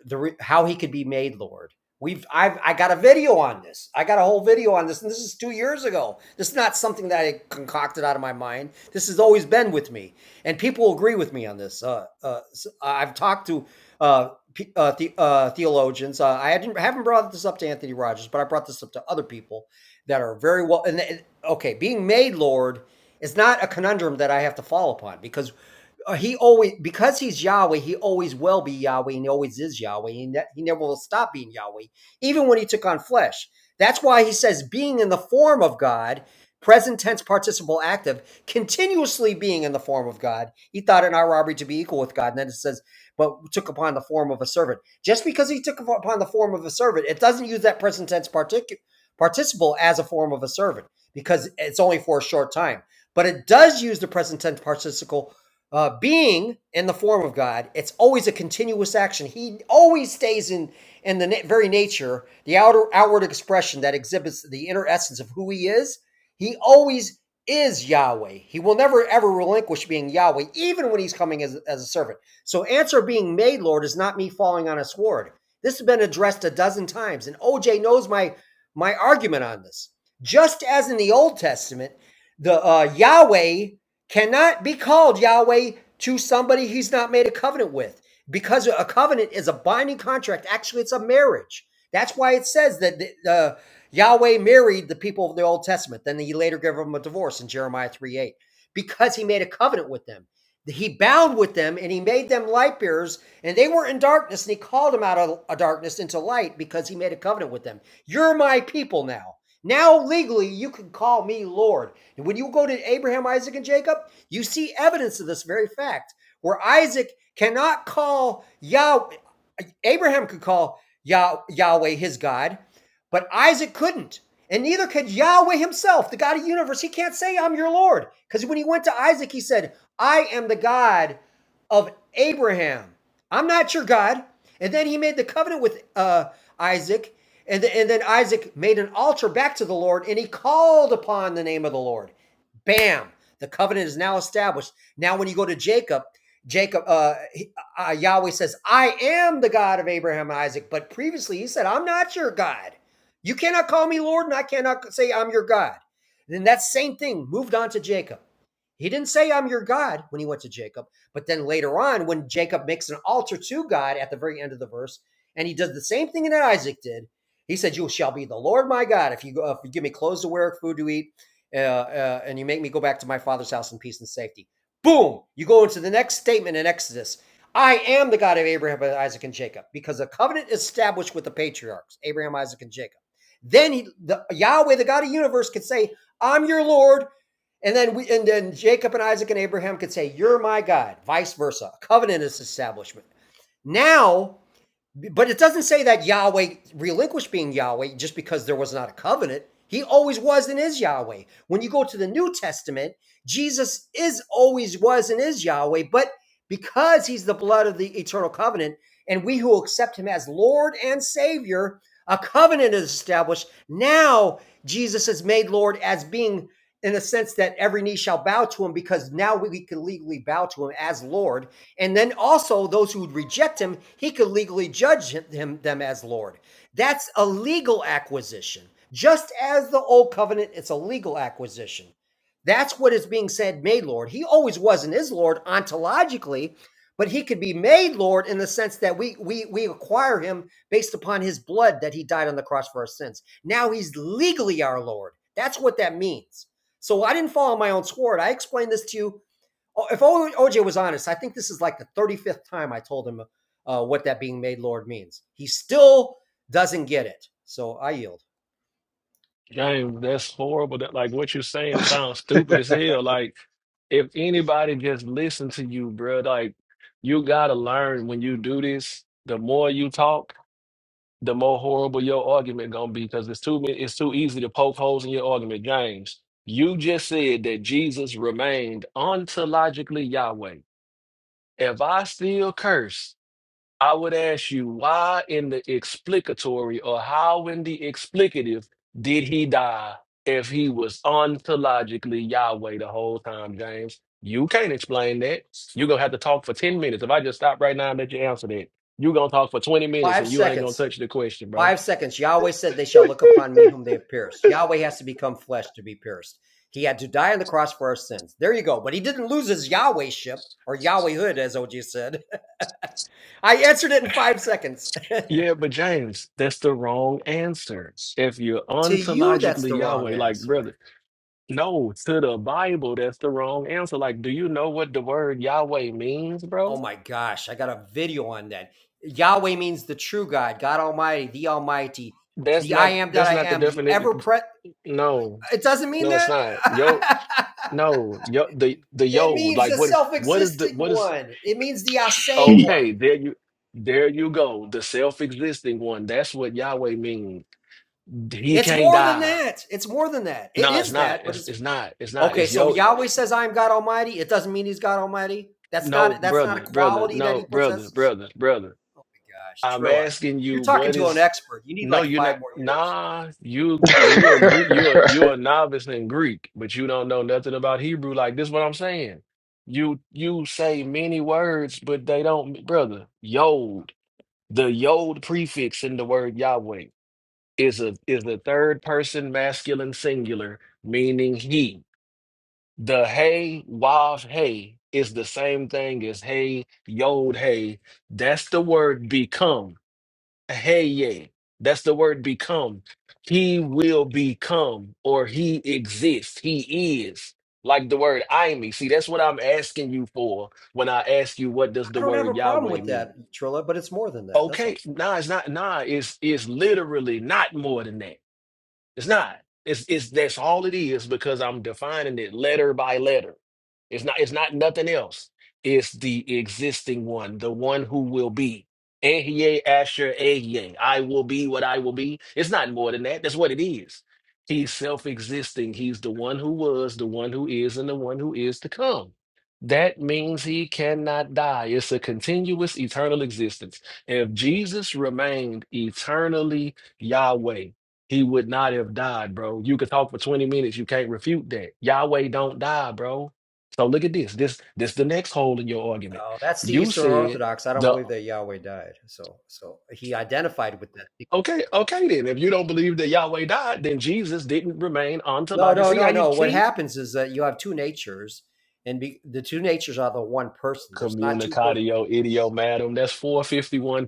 Speaker 4: the re- how he could be made Lord. We've I've I got a video on this. I got a whole video on this, and this is two years ago. This is not something that I concocted out of my mind. This has always been with me, and people agree with me on this. Uh, uh, s- I've talked to uh, uh, the, uh, theologians. Uh, I didn't, haven't brought this up to Anthony Rogers, but I brought this up to other people that are very well. And, and okay, being made Lord is not a conundrum that I have to fall upon because uh, he always because he's Yahweh, he always will be Yahweh, and he always is Yahweh. He, ne- he never will stop being Yahweh, even when he took on flesh. That's why he says being in the form of God, present tense, participle active, continuously being in the form of God. He thought it not robbery to be equal with God, and then it says, but took upon the form of a servant. Just because he took upon the form of a servant, it doesn't use that present tense particu- participle as a form of a servant because it's only for a short time. But it does use the present tense participle uh, being in the form of God, it's always a continuous action. He always stays in in the na- very nature, the outer outward expression that exhibits the inner essence of who He is. He always is Yahweh. He will never ever relinquish being Yahweh, even when He's coming as, as a servant. So, answer being made, Lord, is not me falling on a sword. This has been addressed a dozen times, and OJ knows my my argument on this. Just as in the Old Testament, the uh, Yahweh cannot be called Yahweh to somebody he's not made a covenant with because a covenant is a binding contract. Actually, it's a marriage. That's why it says that the, uh, Yahweh married the people of the Old Testament. Then he later gave them a divorce in Jeremiah 3 8 because he made a covenant with them. He bound with them and he made them light bearers, and they were in darkness, and he called them out of of darkness into light because he made a covenant with them. You're my people now. Now, legally, you can call me Lord. And when you go to Abraham, Isaac, and Jacob, you see evidence of this very fact where Isaac cannot call Yahweh, Abraham could call Yah- Yahweh his God, but Isaac couldn't. And neither could Yahweh himself, the God of the universe. He can't say, I'm your Lord. Because when he went to Isaac, he said, I am the God of Abraham. I'm not your God. And then he made the covenant with uh, Isaac and, th- and then Isaac made an altar back to the Lord and he called upon the name of the Lord. Bam! The covenant is now established. Now, when you go to Jacob, Jacob, uh, uh, Yahweh says, I am the God of Abraham and Isaac. But previously he said, I'm not your God. You cannot call me Lord and I cannot say I'm your God. And Then that same thing moved on to Jacob. He didn't say, I'm your God when he went to Jacob. But then later on, when Jacob makes an altar to God at the very end of the verse, and he does the same thing that Isaac did, he said, You shall be the Lord my God if you, go, if you give me clothes to wear, food to eat, uh, uh, and you make me go back to my father's house in peace and safety. Boom! You go into the next statement in Exodus I am the God of Abraham, Isaac, and Jacob, because the covenant is established with the patriarchs, Abraham, Isaac, and Jacob. Then he, the, Yahweh, the God of the universe, could say, I'm your Lord, and then we and then Jacob and Isaac and Abraham could say, You're my God, vice versa. A covenant is establishment. Now but it doesn't say that Yahweh relinquished being Yahweh just because there was not a covenant. He always was and is Yahweh. When you go to the New Testament, Jesus is always was and is Yahweh, but because he's the blood of the eternal covenant, and we who accept him as Lord and Savior, a covenant is established. Now Jesus is made Lord as being in a sense that every knee shall bow to him because now we can legally bow to him as Lord and then also those who would reject him, he could legally judge him, them as Lord. That's a legal acquisition. Just as the old covenant, it's a legal acquisition. That's what is being said, made Lord. He always was and is Lord ontologically, but he could be made Lord in the sense that we we we acquire him based upon his blood that he died on the cross for our sins. Now he's legally our Lord. That's what that means. So I didn't fall on my own sword. I explained this to you Oh, If OJ was honest, I think this is like the 35th time I told him uh, what that being made Lord means. He still doesn't get it. So I yield.
Speaker 2: Dang, that's horrible. That like what you're saying sounds stupid as hell. Like if anybody just listen to you, bro, like you gotta learn when you do this, the more you talk, the more horrible your argument gonna be because it's too many, it's too easy to poke holes in your argument, James. You just said that Jesus remained ontologically Yahweh. If I still curse, I would ask you, why in the explicatory or how in the explicative did he die if he was ontologically Yahweh the whole time, James? You can't explain that. You're going to have to talk for 10 minutes. If I just stop right now and let you answer that, you're going to talk for 20 minutes
Speaker 4: Five
Speaker 2: and you ain't going
Speaker 4: seconds.
Speaker 2: to touch the question, bro.
Speaker 4: Five seconds. Yahweh said, They shall look upon me whom they have pierced. Yahweh has to become flesh to be pierced. He had to die on the cross for our sins. There you go. But he didn't lose his Yahweh ship or Yahwehhood, as OJ said. I answered it in five seconds.
Speaker 2: Yeah, but James, that's the wrong answer. If you're
Speaker 4: to you, that's the
Speaker 2: ontologically
Speaker 4: wrong
Speaker 2: Yahweh, like,
Speaker 4: answer.
Speaker 2: brother, no, to the Bible, that's the wrong answer. Like, do you know what the word Yahweh means, bro?
Speaker 4: Oh my gosh, I got a video on that. Yahweh means the true God, God Almighty, the Almighty,
Speaker 2: That's
Speaker 4: the I
Speaker 2: not
Speaker 4: am that
Speaker 2: that's
Speaker 4: I
Speaker 2: not the
Speaker 4: am, the ever
Speaker 2: definite.
Speaker 4: present.
Speaker 2: No,
Speaker 4: It doesn't mean
Speaker 2: no, it's
Speaker 4: that.
Speaker 2: not. Yo, no, yo, the the
Speaker 4: It
Speaker 2: yo,
Speaker 4: means
Speaker 2: like
Speaker 4: the
Speaker 2: what is
Speaker 4: self
Speaker 2: what is the
Speaker 4: existing
Speaker 2: what is
Speaker 4: one. It means the I say
Speaker 3: He
Speaker 4: one.
Speaker 2: okay? There you there you go. The self-existing one. That's what Yahweh means. He
Speaker 4: It's
Speaker 2: can't
Speaker 4: more than
Speaker 2: die.
Speaker 4: that. It's more than that. It
Speaker 2: No, it's
Speaker 4: is
Speaker 2: not.
Speaker 4: that, but
Speaker 2: It's
Speaker 4: it's
Speaker 2: it's not. It's not.
Speaker 4: okay.
Speaker 2: It's
Speaker 4: So
Speaker 2: yo.
Speaker 4: Yahweh says, I am God Almighty. It doesn't mean he's God Almighty. That's
Speaker 2: No,
Speaker 4: not that's not a
Speaker 2: brother, brother.
Speaker 4: quality that
Speaker 2: No,
Speaker 4: he
Speaker 2: brother,
Speaker 4: possesses.
Speaker 2: brother, brother.
Speaker 4: Gosh,
Speaker 2: I'm
Speaker 4: Trilla.
Speaker 2: asking
Speaker 4: You're
Speaker 2: you,
Speaker 4: talking
Speaker 2: what
Speaker 4: to an
Speaker 2: is?
Speaker 4: expert. You need
Speaker 2: No,
Speaker 4: like
Speaker 2: you're not.
Speaker 4: five more years.
Speaker 2: Nah, you you a Greek. You're a- you're a novice in Greek, but you don't know nothing about Hebrew. Like this, what I'm saying. You you say many words, but they don't, brother. Yod, the yod prefix in the word Yahweh is a is the third person masculine singular, meaning he. The hey wav hey is the same thing as hey yod hey. That's the word become. Heye. That's the word become. He will become or he exists. He is. Like the word I me. See, that's what I'm asking you for when I ask you what does the
Speaker 4: I don't have a
Speaker 2: word
Speaker 4: problem
Speaker 2: Yahweh
Speaker 4: with
Speaker 2: mean?
Speaker 4: that, Trilla, but it's more than that. That's all.
Speaker 2: Okay, nah, it's not nah, it's it's literally not more than that. It's not. It's it's that's all it is because I'm defining it letter by letter. It's not it's not nothing else. It's the existing one, the one who will be. Ehye Asher Ehye. I will be what I will be. It's not more than that. That's what it is. He's self-existing. He's the one who was, the one who is, and the one who is to come. That means he cannot die. It's a continuous eternal existence. If Jesus remained eternally Yahweh. He would not have died, bro. You could talk for 20 minutes. You can't refute that. Yahweh don't die, bro. So look at this. This this the next hole in your argument.
Speaker 4: Oh, that's the
Speaker 2: You
Speaker 4: Eastern
Speaker 2: said
Speaker 4: Orthodox. I don't
Speaker 2: the
Speaker 4: believe that Yahweh died. So, so he identified with that.
Speaker 2: okay, okay then. If you don't believe that Yahweh died, then Jesus didn't remain
Speaker 4: No,
Speaker 2: ontological.
Speaker 4: no,
Speaker 2: See how
Speaker 4: no,
Speaker 2: you
Speaker 4: no. What
Speaker 2: see?
Speaker 4: happens is that you have two natures, and be, the two natures are the one person. There's not two persons.
Speaker 2: Communicatio idiomatum. That's 451,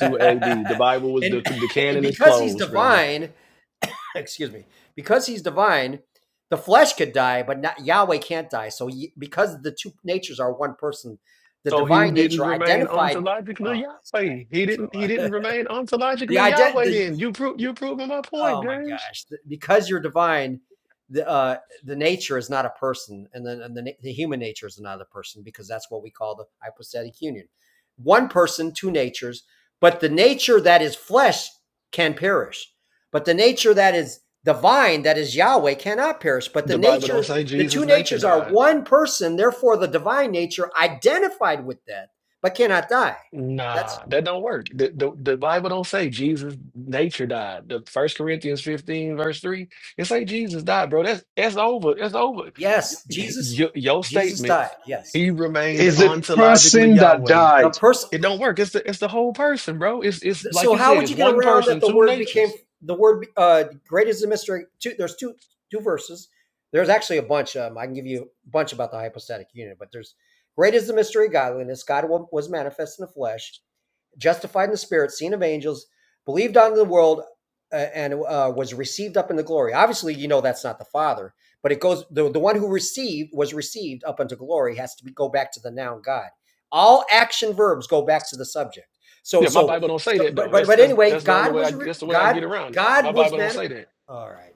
Speaker 2: AD. The Bible was the,
Speaker 4: and
Speaker 2: the
Speaker 4: and
Speaker 2: canon is
Speaker 4: because he's
Speaker 2: closed, brother.
Speaker 4: divine, excuse me, because he's divine, the flesh could die, but not, Yahweh can't die. So, ye- because the two natures are one person, the
Speaker 2: So he
Speaker 4: divine
Speaker 2: didn't
Speaker 4: nature
Speaker 2: remain
Speaker 4: identified.
Speaker 2: ontologically
Speaker 4: Oh, this
Speaker 2: Yahweh.
Speaker 4: guy
Speaker 2: He didn't he
Speaker 4: here,
Speaker 2: didn't
Speaker 4: Trilla.
Speaker 2: remain
Speaker 4: The
Speaker 2: ontologically
Speaker 4: ident
Speaker 2: Yahweh
Speaker 4: the
Speaker 2: then. You pro- you proving my point,
Speaker 4: oh my
Speaker 2: James.
Speaker 4: gosh, because you're divine, the uh, the nature is not a person, and then and the, the human nature is another person because that's what we call the hypostatic union. One person, two natures, but the nature that is flesh can perish, but the nature that is divine, that is Yahweh, cannot perish. But the
Speaker 2: The Bible don't
Speaker 4: nature,
Speaker 2: say
Speaker 4: the
Speaker 2: Jesus'
Speaker 4: two
Speaker 2: nature
Speaker 4: natures are
Speaker 2: died.
Speaker 4: one person, therefore the divine nature identified with that, but cannot die. That's
Speaker 2: Nah, that don't work. The, the, the Bible don't say Jesus' nature died. The First Corinthians 15, verse 3, it say Jesus died, bro. That's that's over. That's over.
Speaker 4: yes,
Speaker 2: Y-
Speaker 4: Jesus.
Speaker 2: y- your
Speaker 4: Jesus
Speaker 2: statement,
Speaker 4: died. Yes,
Speaker 2: he remained
Speaker 1: is the
Speaker 2: ontologically
Speaker 1: person that
Speaker 2: Yahweh.
Speaker 4: the
Speaker 1: died.
Speaker 4: person
Speaker 2: It don't work. It's the it's the whole person, bro. It's it's like
Speaker 4: So
Speaker 2: you
Speaker 4: how
Speaker 2: said,
Speaker 4: would
Speaker 2: it's
Speaker 4: you get
Speaker 2: one
Speaker 4: around that
Speaker 2: person,
Speaker 4: the
Speaker 2: two
Speaker 4: word became
Speaker 2: natures.
Speaker 4: the word uh, great is the mystery? Two, there's two two verses. There's actually a bunch. Um, I can give you a bunch about the hypostatic union, but there's great is the mystery of godliness. God was manifest in the flesh, justified in the spirit, seen of angels, believed on the world, uh, and uh, was received up into glory. Obviously, you know that's not the Father, but it goes the, the one who received was received up into glory has to be, go back to the noun God. All action verbs go back to the subject. So
Speaker 2: Yeah, my
Speaker 4: so
Speaker 2: Bible don't say
Speaker 4: so
Speaker 2: that
Speaker 4: but
Speaker 2: though.
Speaker 4: but
Speaker 2: That's
Speaker 4: but
Speaker 2: that's
Speaker 4: anyway,
Speaker 2: that's the only
Speaker 4: God
Speaker 2: way I
Speaker 4: was re-
Speaker 2: that's the way I get
Speaker 4: God
Speaker 2: around it. My
Speaker 4: God was
Speaker 2: Bible don't
Speaker 4: man.
Speaker 2: say that.
Speaker 4: All right.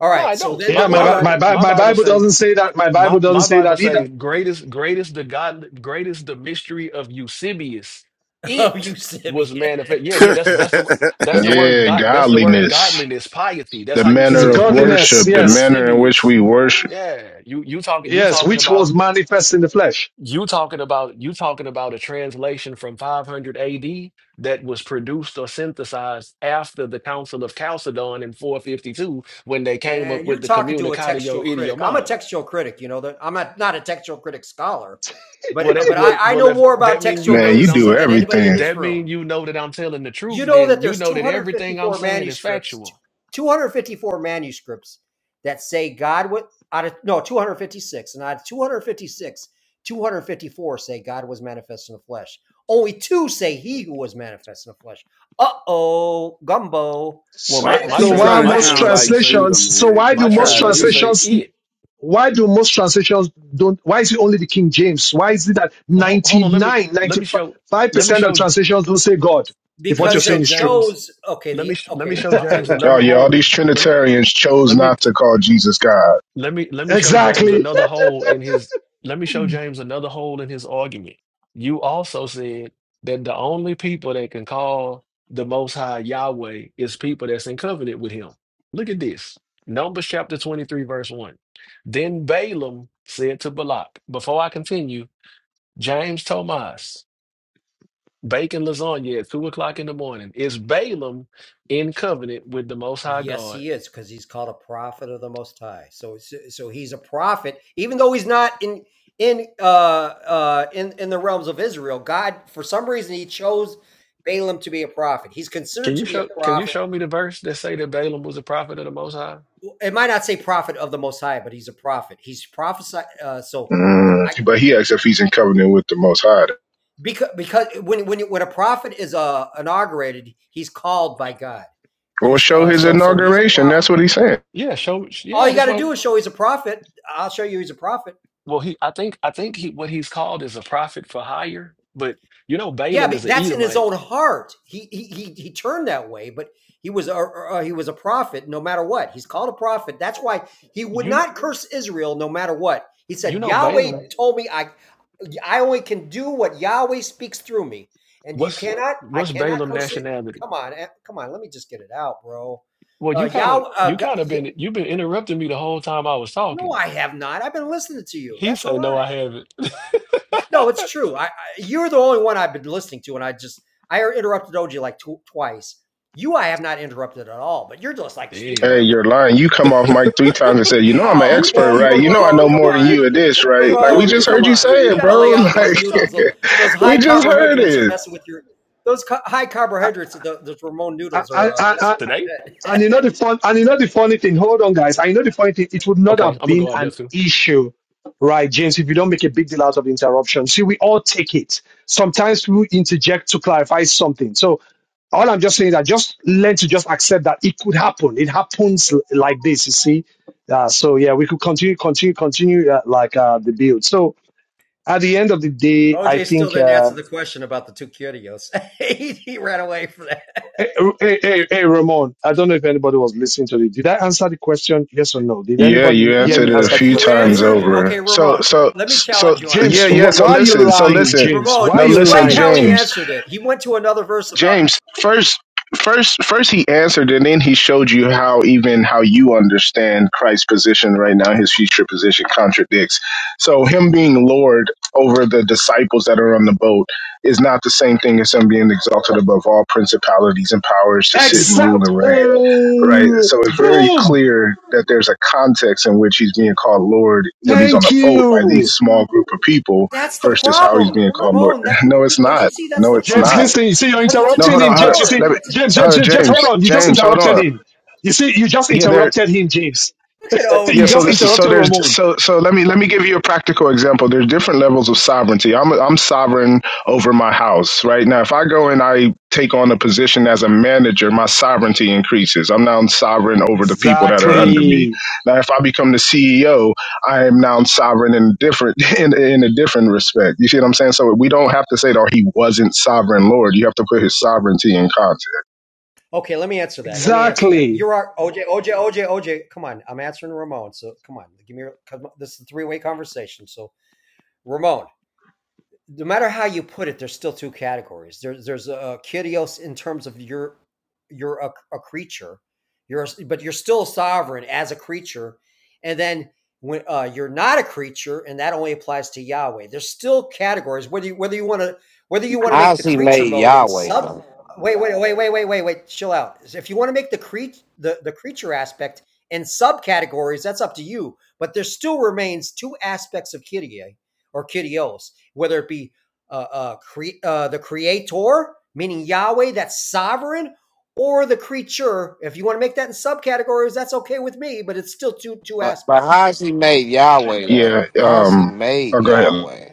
Speaker 4: All
Speaker 2: No,
Speaker 4: right.
Speaker 2: I
Speaker 4: So
Speaker 2: don't.
Speaker 4: then
Speaker 2: My
Speaker 4: the
Speaker 1: Yeah, my
Speaker 2: my
Speaker 1: Bi- my
Speaker 2: Bible
Speaker 4: word
Speaker 1: Bi-
Speaker 2: my
Speaker 1: my
Speaker 2: Bible
Speaker 1: Bible
Speaker 2: say
Speaker 1: doesn't say that. My
Speaker 2: my
Speaker 1: Bible doesn't
Speaker 2: my
Speaker 1: say
Speaker 2: Bible
Speaker 1: that
Speaker 2: say
Speaker 1: either.
Speaker 2: greatest greatest the God greatest the mystery of Eusebius.
Speaker 4: of
Speaker 2: It was
Speaker 4: Eusebius.
Speaker 2: manifest. Yeah, yeah, that's that's the that's the word
Speaker 3: Yeah,
Speaker 2: God that's the word
Speaker 3: godliness.
Speaker 2: godliness, piety. That's
Speaker 3: The
Speaker 2: how you
Speaker 1: It's
Speaker 2: say
Speaker 3: manner
Speaker 2: it
Speaker 3: of
Speaker 2: in Greek.
Speaker 1: godliness,
Speaker 3: worship, the
Speaker 1: yes,
Speaker 3: manner in which
Speaker 2: Eusebius.
Speaker 3: we worship.
Speaker 2: Yeah, you you talking you
Speaker 1: yes,
Speaker 2: talking
Speaker 1: which
Speaker 2: about
Speaker 1: was manifest in the flesh.
Speaker 2: You talking about you talking about a translation from 500 AD that was produced or synthesized after the Council of Chalcedon in 452 when they came up
Speaker 4: And you're
Speaker 2: with the
Speaker 4: talking to a
Speaker 2: Communicatio
Speaker 4: textual critic. I'm a
Speaker 2: Idiomatum.
Speaker 4: textual critic. You know that I'm not not a textual critic scholar, but
Speaker 2: Well, that
Speaker 4: but I,
Speaker 2: well,
Speaker 4: I
Speaker 2: well
Speaker 4: know
Speaker 2: if
Speaker 4: more about
Speaker 2: that mean
Speaker 4: textual
Speaker 2: you
Speaker 3: Man,
Speaker 2: know
Speaker 3: you
Speaker 2: that I'm
Speaker 3: do
Speaker 4: criticism than anybody in
Speaker 3: everything.
Speaker 4: this
Speaker 2: that mean
Speaker 4: room.
Speaker 2: you know that I'm telling the truth,
Speaker 4: You know that
Speaker 2: then you
Speaker 4: there's
Speaker 2: know that everything I'm
Speaker 4: 254
Speaker 2: saying is
Speaker 4: manuscripts,
Speaker 2: factual.
Speaker 4: 254 manuscripts that say God would out of no 256, and out of 256, 254 say God was manifest in the flesh. Only two say He who was manifest in the flesh. Uh oh, gumbo.
Speaker 2: Well,
Speaker 1: S-
Speaker 6: Why
Speaker 2: my
Speaker 4: That,
Speaker 6: you
Speaker 2: my
Speaker 4: that
Speaker 1: So
Speaker 6: keep
Speaker 4: these
Speaker 2: trans
Speaker 1: why
Speaker 6: trying
Speaker 4: are
Speaker 6: to
Speaker 2: my
Speaker 1: most
Speaker 4: facts.
Speaker 6: sound
Speaker 2: translation
Speaker 6: like
Speaker 2: say
Speaker 6: Judah,
Speaker 1: translations? So
Speaker 6: man?
Speaker 1: why do
Speaker 2: my
Speaker 1: most
Speaker 2: translation
Speaker 6: Golly.
Speaker 2: say
Speaker 1: translations?
Speaker 2: it.
Speaker 1: Why do most translations don't? Why is it only the King James? Why is it that
Speaker 2: Well, ho- hold on, let me
Speaker 1: 99,
Speaker 2: let me
Speaker 1: 95
Speaker 2: show let me
Speaker 1: percent of
Speaker 2: show
Speaker 1: translations don't say God? If
Speaker 2: let
Speaker 1: what
Speaker 2: me
Speaker 1: you're
Speaker 4: because they
Speaker 2: show
Speaker 1: saying is true,
Speaker 2: James.
Speaker 4: chose okay
Speaker 2: Let
Speaker 4: the
Speaker 2: me sh- let me
Speaker 4: okay
Speaker 2: show
Speaker 4: i'll tell
Speaker 2: James
Speaker 4: you why
Speaker 2: another
Speaker 3: Y'all, y'all, these
Speaker 2: hole. Let,
Speaker 3: Trinitarians chose
Speaker 2: let me
Speaker 3: not to call Jesus God.
Speaker 2: let me let me show James
Speaker 1: exactly.
Speaker 2: another hole in his. Let me show James another hole in his argument. You also said that the only people that can call the Most High Yahweh is people that's in covenant with Him. Look at this. Numbers chapter 23, verse 1. Then Balaam said to Balak, Before I continue, James Tomas. baking lasagna at two o'clock in the morning. Is Balaam in covenant with the Most High
Speaker 4: yes
Speaker 2: God?
Speaker 4: he is because he's called a prophet of the most high so so so he's a prophet even though he's not in in uh uh in in the realms of israel god for some reason he chose balaam to be a prophet he's considered
Speaker 2: Can you
Speaker 4: to be a
Speaker 2: show? Can you
Speaker 4: prophet
Speaker 2: show me the verse that say that Balaam was a prophet of the Most High?
Speaker 4: it might not say prophet of the most high but he's a prophet he's prophesied uh so i
Speaker 3: Mm. But he asks if he's in covenant with the Most High.
Speaker 4: because because when when when a prophet is uh inaugurated he's called by god you
Speaker 3: Well, show
Speaker 4: uh
Speaker 3: his
Speaker 4: so so he's a
Speaker 3: inauguration.
Speaker 4: prophet
Speaker 3: That's what he's saying.
Speaker 2: Yeah, show.
Speaker 4: All
Speaker 2: Yeah,
Speaker 4: you
Speaker 2: this
Speaker 4: got to
Speaker 2: one.
Speaker 4: do is show he's a prophet. I'll show you he's a prophet.
Speaker 2: Well, he. I think. I think he. What he's called is a prophet for hire. But you know,
Speaker 4: Yeah,
Speaker 2: Balaam is
Speaker 4: but
Speaker 2: an
Speaker 4: that's in his
Speaker 2: Edomite.
Speaker 4: own heart. He he he, he turned that way, but he was a uh, he was a prophet no matter what. He's called a prophet. That's why he would
Speaker 2: You.
Speaker 4: not curse Israel no matter what. He
Speaker 2: You
Speaker 4: said,
Speaker 2: know,
Speaker 4: "Yahweh
Speaker 2: Balaam.
Speaker 4: told me I I only can do what Yahweh speaks through me, and you
Speaker 2: What's
Speaker 4: cannot. I
Speaker 2: What's
Speaker 4: cannot
Speaker 2: Balaam
Speaker 4: curse it.
Speaker 2: nationality?
Speaker 4: Come on, eh, come on. Let me just get it out, bro.
Speaker 2: Well,
Speaker 4: Uh,
Speaker 2: you kind of.
Speaker 4: Yahweh.
Speaker 2: You
Speaker 4: Uh,
Speaker 2: kind of been. You've been interrupting me the whole time I was
Speaker 4: no,
Speaker 2: talking.
Speaker 4: I have not. I've been listening to you.
Speaker 2: He
Speaker 4: That's a
Speaker 2: said, "No,
Speaker 4: lie.
Speaker 2: I haven't."
Speaker 4: No, it's true. I, I you're the only one I've been listening to, and I just I interrupted OG like tw- twice. You, I have not interrupted at all, but you're just like speaking
Speaker 2: Damn.
Speaker 3: Hey,
Speaker 4: when I'm. like,
Speaker 3: you're lying. You come off mic three times and say, you know, I'm an
Speaker 4: Oh,
Speaker 2: you
Speaker 3: expert,
Speaker 4: Bolt,
Speaker 2: you
Speaker 3: right? You know, I
Speaker 4: Ramon,
Speaker 3: know
Speaker 4: come
Speaker 3: more than
Speaker 2: you
Speaker 4: on,
Speaker 3: you at this, right? Like,
Speaker 2: you've
Speaker 3: we
Speaker 2: been
Speaker 4: Ramon,
Speaker 3: just
Speaker 4: come
Speaker 3: heard you
Speaker 4: on.
Speaker 2: interrupting
Speaker 3: say
Speaker 2: me
Speaker 4: You
Speaker 3: it,
Speaker 2: the
Speaker 4: got to
Speaker 2: whole
Speaker 4: lay
Speaker 3: bro.
Speaker 4: off
Speaker 2: time I've
Speaker 4: those
Speaker 2: been
Speaker 3: Like,
Speaker 4: noodles.
Speaker 2: talking.
Speaker 4: Those, those
Speaker 3: we
Speaker 4: high
Speaker 3: just heard
Speaker 4: carbohydrates are
Speaker 3: it.
Speaker 4: messing with your. Those ca- high
Speaker 1: I
Speaker 4: carbohydrates, the, those Ramon
Speaker 1: I
Speaker 4: noodles are uh, messing
Speaker 1: I.
Speaker 4: with
Speaker 2: Today?
Speaker 4: your
Speaker 1: And you know
Speaker 4: head.
Speaker 1: the fun and you know the funny thing, hold on guys, and know the funny thing, it would not
Speaker 2: Okay,
Speaker 1: have
Speaker 2: I'm gonna
Speaker 1: been
Speaker 2: go out there
Speaker 1: an
Speaker 2: too.
Speaker 1: issue, right, James, if you don't make a big deal out of the interruption. See, we all take it. Sometimes we interject to clarify something. So all I'm just saying is that just learn to just accept that it could happen. It happens l- like this, you see. Uh, so yeah, we could continue, continue, continue uh, like uh, the build. So at the end of the day, I
Speaker 4: OJ still
Speaker 1: think.
Speaker 4: didn't
Speaker 1: Uh,
Speaker 4: answer the question about the two curios. he, he ran away from that.
Speaker 1: Hey, hey, hey, hey, Ramon, I don't know if anybody was listening to it. Did I answer the question? Yes or no? Did
Speaker 3: Yeah, you
Speaker 1: anybody hear
Speaker 3: answered
Speaker 1: me
Speaker 3: it a
Speaker 1: answer the
Speaker 2: Yeah,
Speaker 4: If
Speaker 3: few
Speaker 4: you
Speaker 1: question?
Speaker 3: times
Speaker 4: answered,
Speaker 2: yeah,
Speaker 3: over.
Speaker 4: okay,
Speaker 3: So,
Speaker 4: Ramon,
Speaker 3: so,
Speaker 4: let me
Speaker 3: so,
Speaker 4: challenge you on
Speaker 1: James,
Speaker 3: yeah,
Speaker 4: this.
Speaker 3: yeah.
Speaker 1: wh-
Speaker 3: So
Speaker 1: why are you
Speaker 3: listen, so
Speaker 1: lying,
Speaker 3: listen.
Speaker 1: James?
Speaker 4: Ramon,
Speaker 1: Why are
Speaker 3: No,
Speaker 1: you
Speaker 3: listen,
Speaker 4: explain
Speaker 1: lying,
Speaker 4: how he
Speaker 3: James.
Speaker 1: James?
Speaker 4: answered it. He went to another verse about
Speaker 3: James, first first first he answered and then he showed you how even how you understand Christ's position right now, his future position contradicts. So him being Lord over the disciples that are on the boat is not the same thing as him being exalted above all principalities and powers to sit and rule
Speaker 1: Exact.
Speaker 3: and reign. Right?
Speaker 1: Oh,
Speaker 3: So it's very
Speaker 1: boom.
Speaker 3: clear that there's a context in which he's being called Lord when he's on
Speaker 1: Thank
Speaker 3: the boat by these
Speaker 1: you.
Speaker 3: small group of people
Speaker 4: that's the
Speaker 3: versus how he's
Speaker 4: problem,
Speaker 3: being called Lord.
Speaker 4: Ramon. That
Speaker 3: No, it's
Speaker 4: don't you
Speaker 3: not.
Speaker 4: see? That's
Speaker 3: No,
Speaker 4: the
Speaker 3: it's
Speaker 1: James,
Speaker 3: not
Speaker 4: problem
Speaker 1: listen, you see, you're
Speaker 4: because it's a
Speaker 3: no,
Speaker 1: interrupting
Speaker 3: hold
Speaker 4: different
Speaker 1: him.
Speaker 3: on, hold on.
Speaker 1: James, you
Speaker 4: Lord.
Speaker 1: see,
Speaker 3: Let me,
Speaker 4: It's a
Speaker 1: James, James,
Speaker 3: hold on,
Speaker 1: James, James, hold
Speaker 3: James.
Speaker 1: on. You just
Speaker 3: James, hold
Speaker 1: interrupted
Speaker 3: on.
Speaker 1: him. You see, you just
Speaker 3: Yeah, there.
Speaker 1: interrupted him, James.
Speaker 4: look at
Speaker 3: Yeah,
Speaker 1: you
Speaker 4: OJ.
Speaker 3: so
Speaker 1: just
Speaker 3: this, so
Speaker 1: interrupted
Speaker 3: there's
Speaker 1: Ramon.
Speaker 3: so so let me let me give you a practical example. There's different levels of sovereignty. I'm I'm sovereign over my house right now. If I go and I take on a position as a manager, my sovereignty increases. I'm now sovereign over the people that are under me.
Speaker 1: Exactly.
Speaker 3: Now, if I become the CEO, I am now sovereign in different in in a different respect. You see what I'm saying? So we don't have to say that oh, he wasn't sovereign Lord. You have to put his sovereignty in context.
Speaker 4: okay, let me answer that. Let me answer that.
Speaker 1: Exactly.
Speaker 4: You're our OJ, OJ, OJ, OJ. Come on, I'm answering Ramon. So come on, give me. your- this is a three way conversation. So Ramon, no matter how you put it, there's still two categories. There's there's a kyrios in terms of you're you're a, a creature, you're a s but you're still a sovereign as a creature, and then when uh, you're not a creature, and that only applies to Yahweh. There's still categories whether you, whether you want to whether you want to make
Speaker 7: How's
Speaker 4: the
Speaker 7: he
Speaker 4: creature
Speaker 7: made
Speaker 4: mode and
Speaker 7: Yahweh
Speaker 4: sub.
Speaker 7: though?
Speaker 4: Wait, wait, wait, wait, wait, wait, wait. Chill out. If you want to make the cre the the creature aspect and subcategories, that's up to you. But there still remains two aspects of Kyrie or Kyrios whether it be uh, uh, cre- uh, the creator, meaning Yahweh, that's sovereign, or the creature. If you want to make that in subcategories, that's okay with me, but it's still two two
Speaker 7: But but
Speaker 4: aspects.
Speaker 7: how's he made Yahweh though?
Speaker 3: Yeah.
Speaker 7: How's he
Speaker 3: Um. Oh,
Speaker 7: made
Speaker 3: go ahead.
Speaker 7: Yahweh?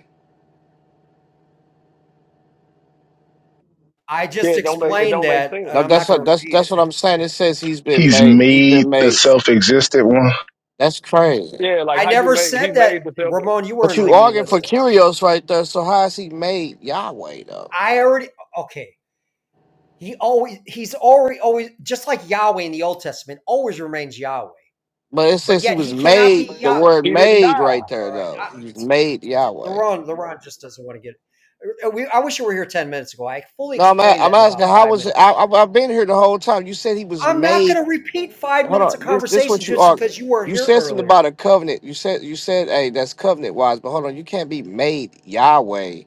Speaker 4: I
Speaker 2: yeah.
Speaker 4: just
Speaker 2: It don't make it
Speaker 4: explained
Speaker 2: don't make
Speaker 4: that,
Speaker 2: sense.
Speaker 4: and
Speaker 7: No,
Speaker 4: I'm
Speaker 7: that's
Speaker 4: not going
Speaker 7: what
Speaker 4: to
Speaker 7: that's
Speaker 4: repeat
Speaker 7: that's what
Speaker 4: it.
Speaker 7: I'm saying. It says he's been
Speaker 3: He's
Speaker 7: made. He's
Speaker 3: made
Speaker 7: been
Speaker 3: the
Speaker 7: made.
Speaker 3: self-existent one.
Speaker 7: That's crazy.
Speaker 2: Yeah, like
Speaker 4: I
Speaker 2: how you
Speaker 4: never
Speaker 2: made he
Speaker 4: said that,
Speaker 2: made the selfie.
Speaker 4: Ramon. You
Speaker 7: But
Speaker 4: weren't
Speaker 7: you
Speaker 4: even
Speaker 7: arguing for
Speaker 4: listening.
Speaker 7: Curios right there. So how is he made Yahweh though?
Speaker 4: I already okay. He always he's already always just like Yahweh in the Old Testament always remains Yahweh,
Speaker 7: But it
Speaker 4: but
Speaker 7: says he
Speaker 4: yet
Speaker 7: was
Speaker 4: he cannot be
Speaker 7: made. The
Speaker 4: Yahweh.
Speaker 7: word
Speaker 2: He didn't
Speaker 7: made
Speaker 2: die.
Speaker 7: right there
Speaker 4: All right,
Speaker 7: though. He was made Yahweh.
Speaker 4: LeBron, LeBron just doesn't want to get. uh, We, I wish you were here ten minutes ago. I fully
Speaker 7: No, I'm a-
Speaker 4: explained
Speaker 7: I'm
Speaker 4: that in about
Speaker 7: asking how
Speaker 4: five
Speaker 7: was it?
Speaker 4: minutes.
Speaker 7: I, I, I've been here the whole time. You said he was
Speaker 4: I'm not
Speaker 7: made
Speaker 4: going to repeat five
Speaker 7: hold
Speaker 4: minutes of
Speaker 7: on. This this
Speaker 4: conversation
Speaker 7: what you
Speaker 4: just
Speaker 7: are.
Speaker 4: because you weren't
Speaker 7: You
Speaker 4: here
Speaker 7: said something
Speaker 4: earlier.
Speaker 7: about a covenant. You said you said, hey, that's covenant wise, but hold on, you can't be made Yahweh.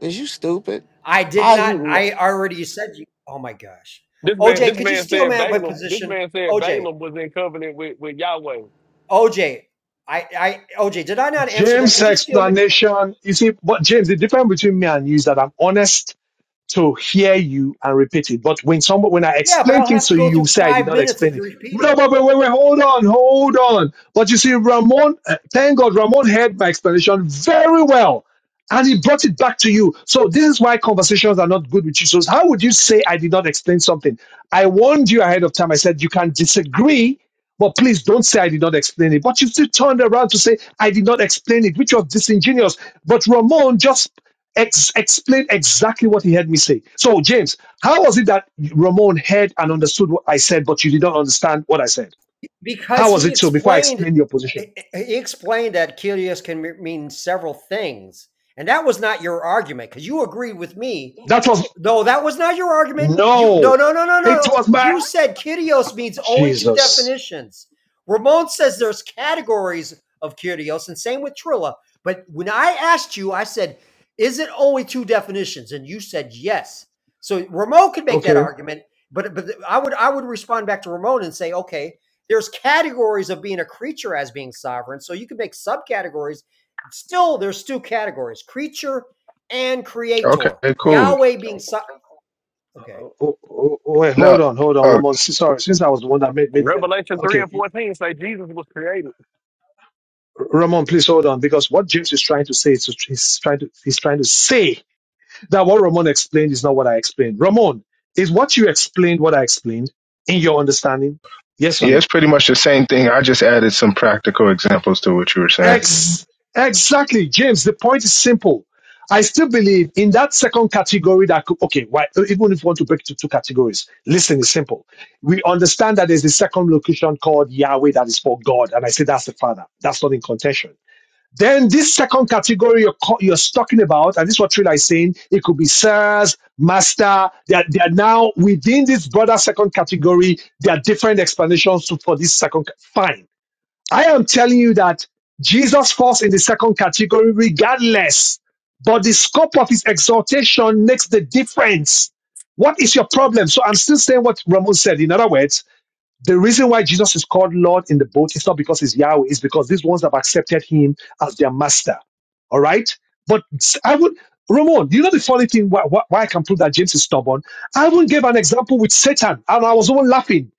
Speaker 7: Is you stupid?
Speaker 4: I did
Speaker 7: How have
Speaker 4: not.
Speaker 7: you ma-
Speaker 4: I already said you. Oh my gosh,
Speaker 2: This man,
Speaker 4: OJ,
Speaker 2: this
Speaker 4: could you
Speaker 2: man
Speaker 4: steal
Speaker 2: said
Speaker 4: man by
Speaker 2: Balaam. This
Speaker 4: position?
Speaker 2: man said
Speaker 4: OJ,
Speaker 2: Balaam was in covenant with, with Yahweh.
Speaker 4: OJ, I, I, OJ, did I not answer that?
Speaker 1: James'
Speaker 4: Could you steal me?
Speaker 1: explanation, you see, but James, the difference between me and you is that I'm honest to hear you and repeat it. But when someone when I
Speaker 4: Yeah, but
Speaker 1: explain
Speaker 4: I'll
Speaker 1: things
Speaker 4: have to
Speaker 1: to
Speaker 4: go
Speaker 1: you,
Speaker 4: through
Speaker 1: you say I did
Speaker 4: five
Speaker 1: not
Speaker 4: minutes of
Speaker 1: explain
Speaker 4: you
Speaker 1: it. No,
Speaker 4: repeating.
Speaker 1: but wait, wait, wait, hold on, hold on. But you see, Ramon, uh, thank God, Ramon heard my explanation very well, and he brought it back to you. So this is why conversations are not good with you. So how would you say I did not explain something? I warned you ahead of time. I said you can disagree. But please don't say I did not explain it. But you still turned around to say I did not explain it, which was disingenuous. But Ramon just ex- explained exactly what he heard me say. So, James, how was it that Ramon heard and understood what I said, but you did not understand what I said? How
Speaker 4: because
Speaker 1: was
Speaker 4: he
Speaker 1: it so before I
Speaker 4: explained
Speaker 1: explain your position?
Speaker 4: he explained that curious can mean several things and that was not your argument because you agreed with me
Speaker 1: That was
Speaker 4: no, that was not your argument. You
Speaker 1: no,
Speaker 4: no no no no no
Speaker 1: it
Speaker 4: no.
Speaker 1: was my
Speaker 4: You said kyrios means only two
Speaker 1: Jesus.
Speaker 4: definitions. Ramon says there's categories of kyrios, and same with Trilla. But when I asked you, I said, "Is it only two definitions?" And you said yes. So Ramon could make that
Speaker 1: Okay.
Speaker 4: argument, but but I would I would respond back to Ramon and say, "Okay, there's categories of being a creature as being sovereign. So you could make subcategories. Still, there's two categories: creature and
Speaker 3: Okay.
Speaker 4: creator.
Speaker 3: Cool.
Speaker 4: Yahweh being so- okay.
Speaker 1: Oh, oh, oh, wait,
Speaker 3: No.
Speaker 1: hold on, hold on,
Speaker 3: Oh,
Speaker 1: Ramon. S- Sorry, since I was the one that made made the
Speaker 2: Revelation three
Speaker 1: okay,
Speaker 2: and fourteen say Jesus was created.
Speaker 1: Ramon, please hold on because what James is trying to say is he's trying to he's trying to say That what Ramon explained is not what I explained. Ramon, is what you explained what I explained in your understanding? Yes or
Speaker 3: yeah. It's
Speaker 1: no?
Speaker 3: pretty much the same thing. I just added some practical examples to what you were saying.
Speaker 1: Ex- exactly, James. The point is simple. I still believe in that second category that could, okay, why, even if you want to break it to two categories, listen It's simple. We understand that there's the second location called Yahweh that is for God. And I say that's the Father. That's not in contention. Then this second category you're, you're talking about, and this is what Trilla is saying, it could be sirs, master. They are, they are now within this broader second category. There are different explanations to, for this second. Fine. I am telling you that Jesus falls in the second category regardless, but the scope of his exhortation makes the difference. What is your problem? So I'm still saying what Ramon said. In other words, the reason why Jesus is called Lord in the boat is not because he's Yahweh, it's because these ones have accepted him as their master. All right? But I would, Ramon, you know the funny thing why, why, why I can prove that James is stubborn? I even gave an example with Satan, and I was even laughing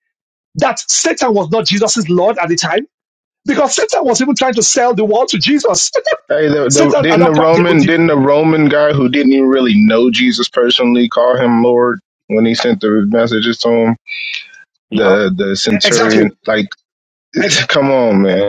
Speaker 1: that Satan was not Jesus' Lord at the time because Satan was even trying to sell the world to Jesus.
Speaker 3: Hey, the, the,
Speaker 1: Satan at
Speaker 3: didn't
Speaker 1: that
Speaker 3: the
Speaker 1: point, they-
Speaker 3: Roman didn't
Speaker 1: they-
Speaker 3: the Roman guy who didn't even really know Jesus personally call him Lord when he sent the messages to him?
Speaker 2: Yep.
Speaker 3: The the
Speaker 1: exactly.
Speaker 3: centurion, like, come on, man.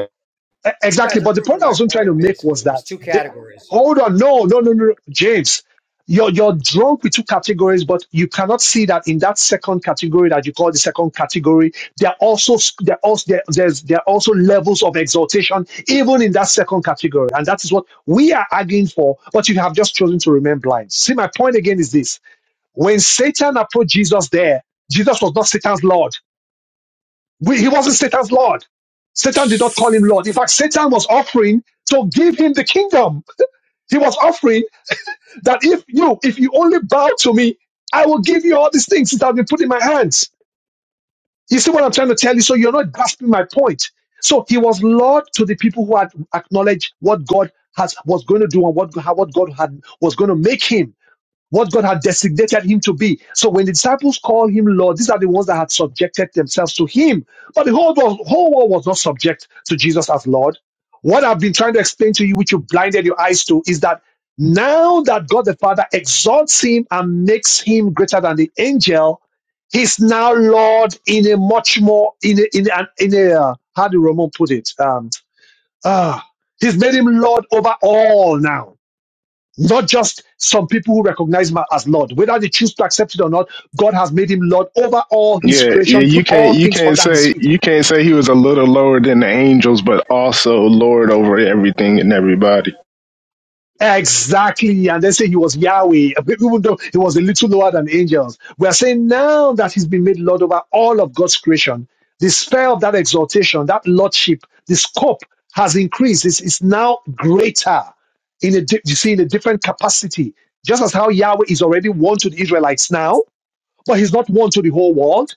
Speaker 1: E-
Speaker 4: You
Speaker 1: Exactly.
Speaker 4: guys are
Speaker 1: But the
Speaker 4: proving
Speaker 1: point I
Speaker 4: my
Speaker 1: was even trying to
Speaker 4: point.
Speaker 1: make
Speaker 4: Basically,
Speaker 1: was
Speaker 4: there's
Speaker 1: that
Speaker 4: two
Speaker 1: the,
Speaker 4: categories.
Speaker 1: hold on, no, no, no, no, James. You're, you're drunk with two categories, but you cannot see that in that second category that you call the second category, there are also s- there are also there, there's there are also levels of exaltation even in that second category, and that is what we are arguing for. But you have just chosen to remain blind. See, my point again is this: when Satan approached Jesus, there Jesus was not Satan's lord. We, he wasn't Satan's Lord. Satan did not call him Lord. In fact, Satan was offering to give him the kingdom. He was offering that if you, if you only bow to me, I will give you all these things that have been put in my hands. You see what I'm trying to tell you? So you're not grasping my point. So he was Lord to the people who had acknowledged what God has was going to do and what, how- what God had was going to make him what God had designated him to be. So when the disciples call him Lord, these are the ones that had subjected themselves to him. But the whole world, whole world was not subject to Jesus as Lord. What I've been trying to explain to you, which you blinded your eyes to, is that now that God the Father exalts him and makes him greater than the angel, he's now Lord in a much more in a in an in a uh, how do Roman put it? Um, ah, he's made him Lord over all now not just some people who recognize him as Lord. Whether they choose to accept it or not, God has made him Lord over all his
Speaker 3: Yeah, yeah,
Speaker 1: creation,
Speaker 3: you
Speaker 1: put
Speaker 3: can't
Speaker 1: all
Speaker 3: you
Speaker 1: things
Speaker 3: can't
Speaker 1: under his
Speaker 3: say
Speaker 1: feet.
Speaker 3: you can't say he was a little lower than the angels, but also Lord over everything and everybody.
Speaker 1: Exactly. And then say he was Yahweh, even though he was a little lower than angels. We are saying now that he's been made Lord over all of God's creation, the spell of that exaltation, that Lordship, the scope has increased. It's, it's now greater in a, di- you see, in a different capacity. Just as how Yahweh is already one to the Israelites now, but he's not one to the whole world.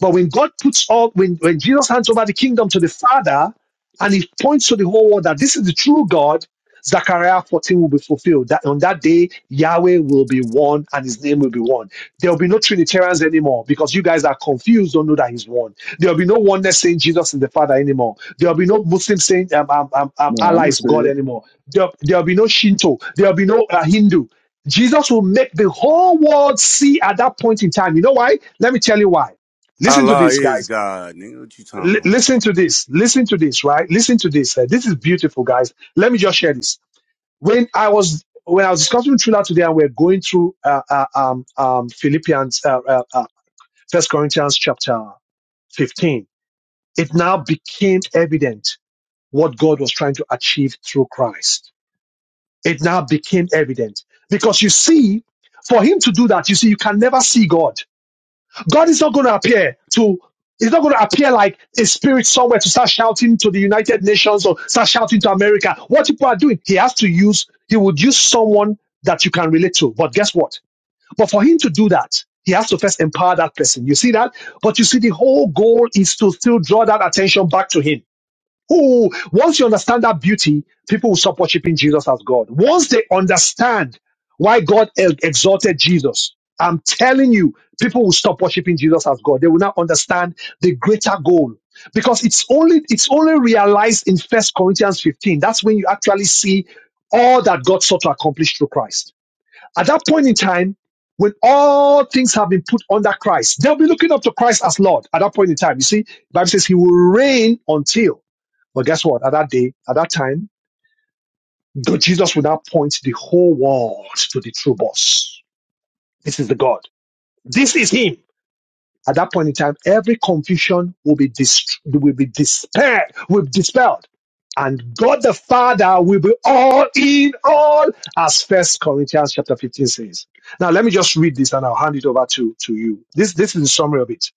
Speaker 1: But when God puts all, when, when Jesus hands over the kingdom to the Father and he points to the whole world that this is the true God, Zechariah 14 will be fulfilled. That on that day, Yahweh will be one and his name will be one. There will be no Trinitarians anymore because you guys are confused, don't know that he's one. There will be no oneness saying Jesus is the Father anymore. There will be no Muslim saying um, um, um, um,
Speaker 8: Yeah, I'm
Speaker 1: Allah
Speaker 8: gonna
Speaker 1: is
Speaker 8: say
Speaker 1: God
Speaker 8: it.
Speaker 1: anymore. There will be no Shinto. There will be no uh, Hindu. Jesus will make the whole world see at that point in time. You know why? Let me tell you why. Listen to
Speaker 6: Allah
Speaker 1: this,
Speaker 6: is
Speaker 1: guys.
Speaker 6: God, nigga. What you
Speaker 1: L-
Speaker 6: talking about?
Speaker 1: listen to this. Listen to this, right? Listen to this. Uh, this is beautiful, guys. Let me just share this when I was when I was discussing with Trila today, and we're going through uh, uh, um, um, Philippians, uh, uh, uh, First Corinthians chapter fifteen, it now became evident what God was trying to achieve through Christ. It now became evident because you see, for Him to do that, you see, you can never see God. God is not going to appear to, he's not going to appear like a spirit somewhere to start shouting to the United Nations or start shouting to America. What people are doing, he has to use, he would use someone that you can relate to. But guess what? But for him to do that, he has to first empower that person. You see that? But you see, the whole goal is to still draw that attention back to him who, once you understand that beauty, people will stop worshiping Jesus as God. Once they understand why God ex- exalted Jesus, I'm telling you, people will stop worshiping Jesus as God. They will now understand the greater goal because it's only it's only realized in First Corinthians 15. That's when you actually see all that God sought to accomplish through Christ. At that point in time, when all things have been put under Christ, they'll be looking up to Christ as Lord. At that point in time, you see, the Bible says He will reign until. But guess what? At that day, at that time, the Jesus would now point the whole world to the true boss. This is the God. This is Him. At that point in time, every confusion will be dis will be dispelled, will be dispelled, and God the Father will be all in all, as First Corinthians chapter fifteen says. Now, let me just read this, and I'll hand it over to to you. This this is the summary of it.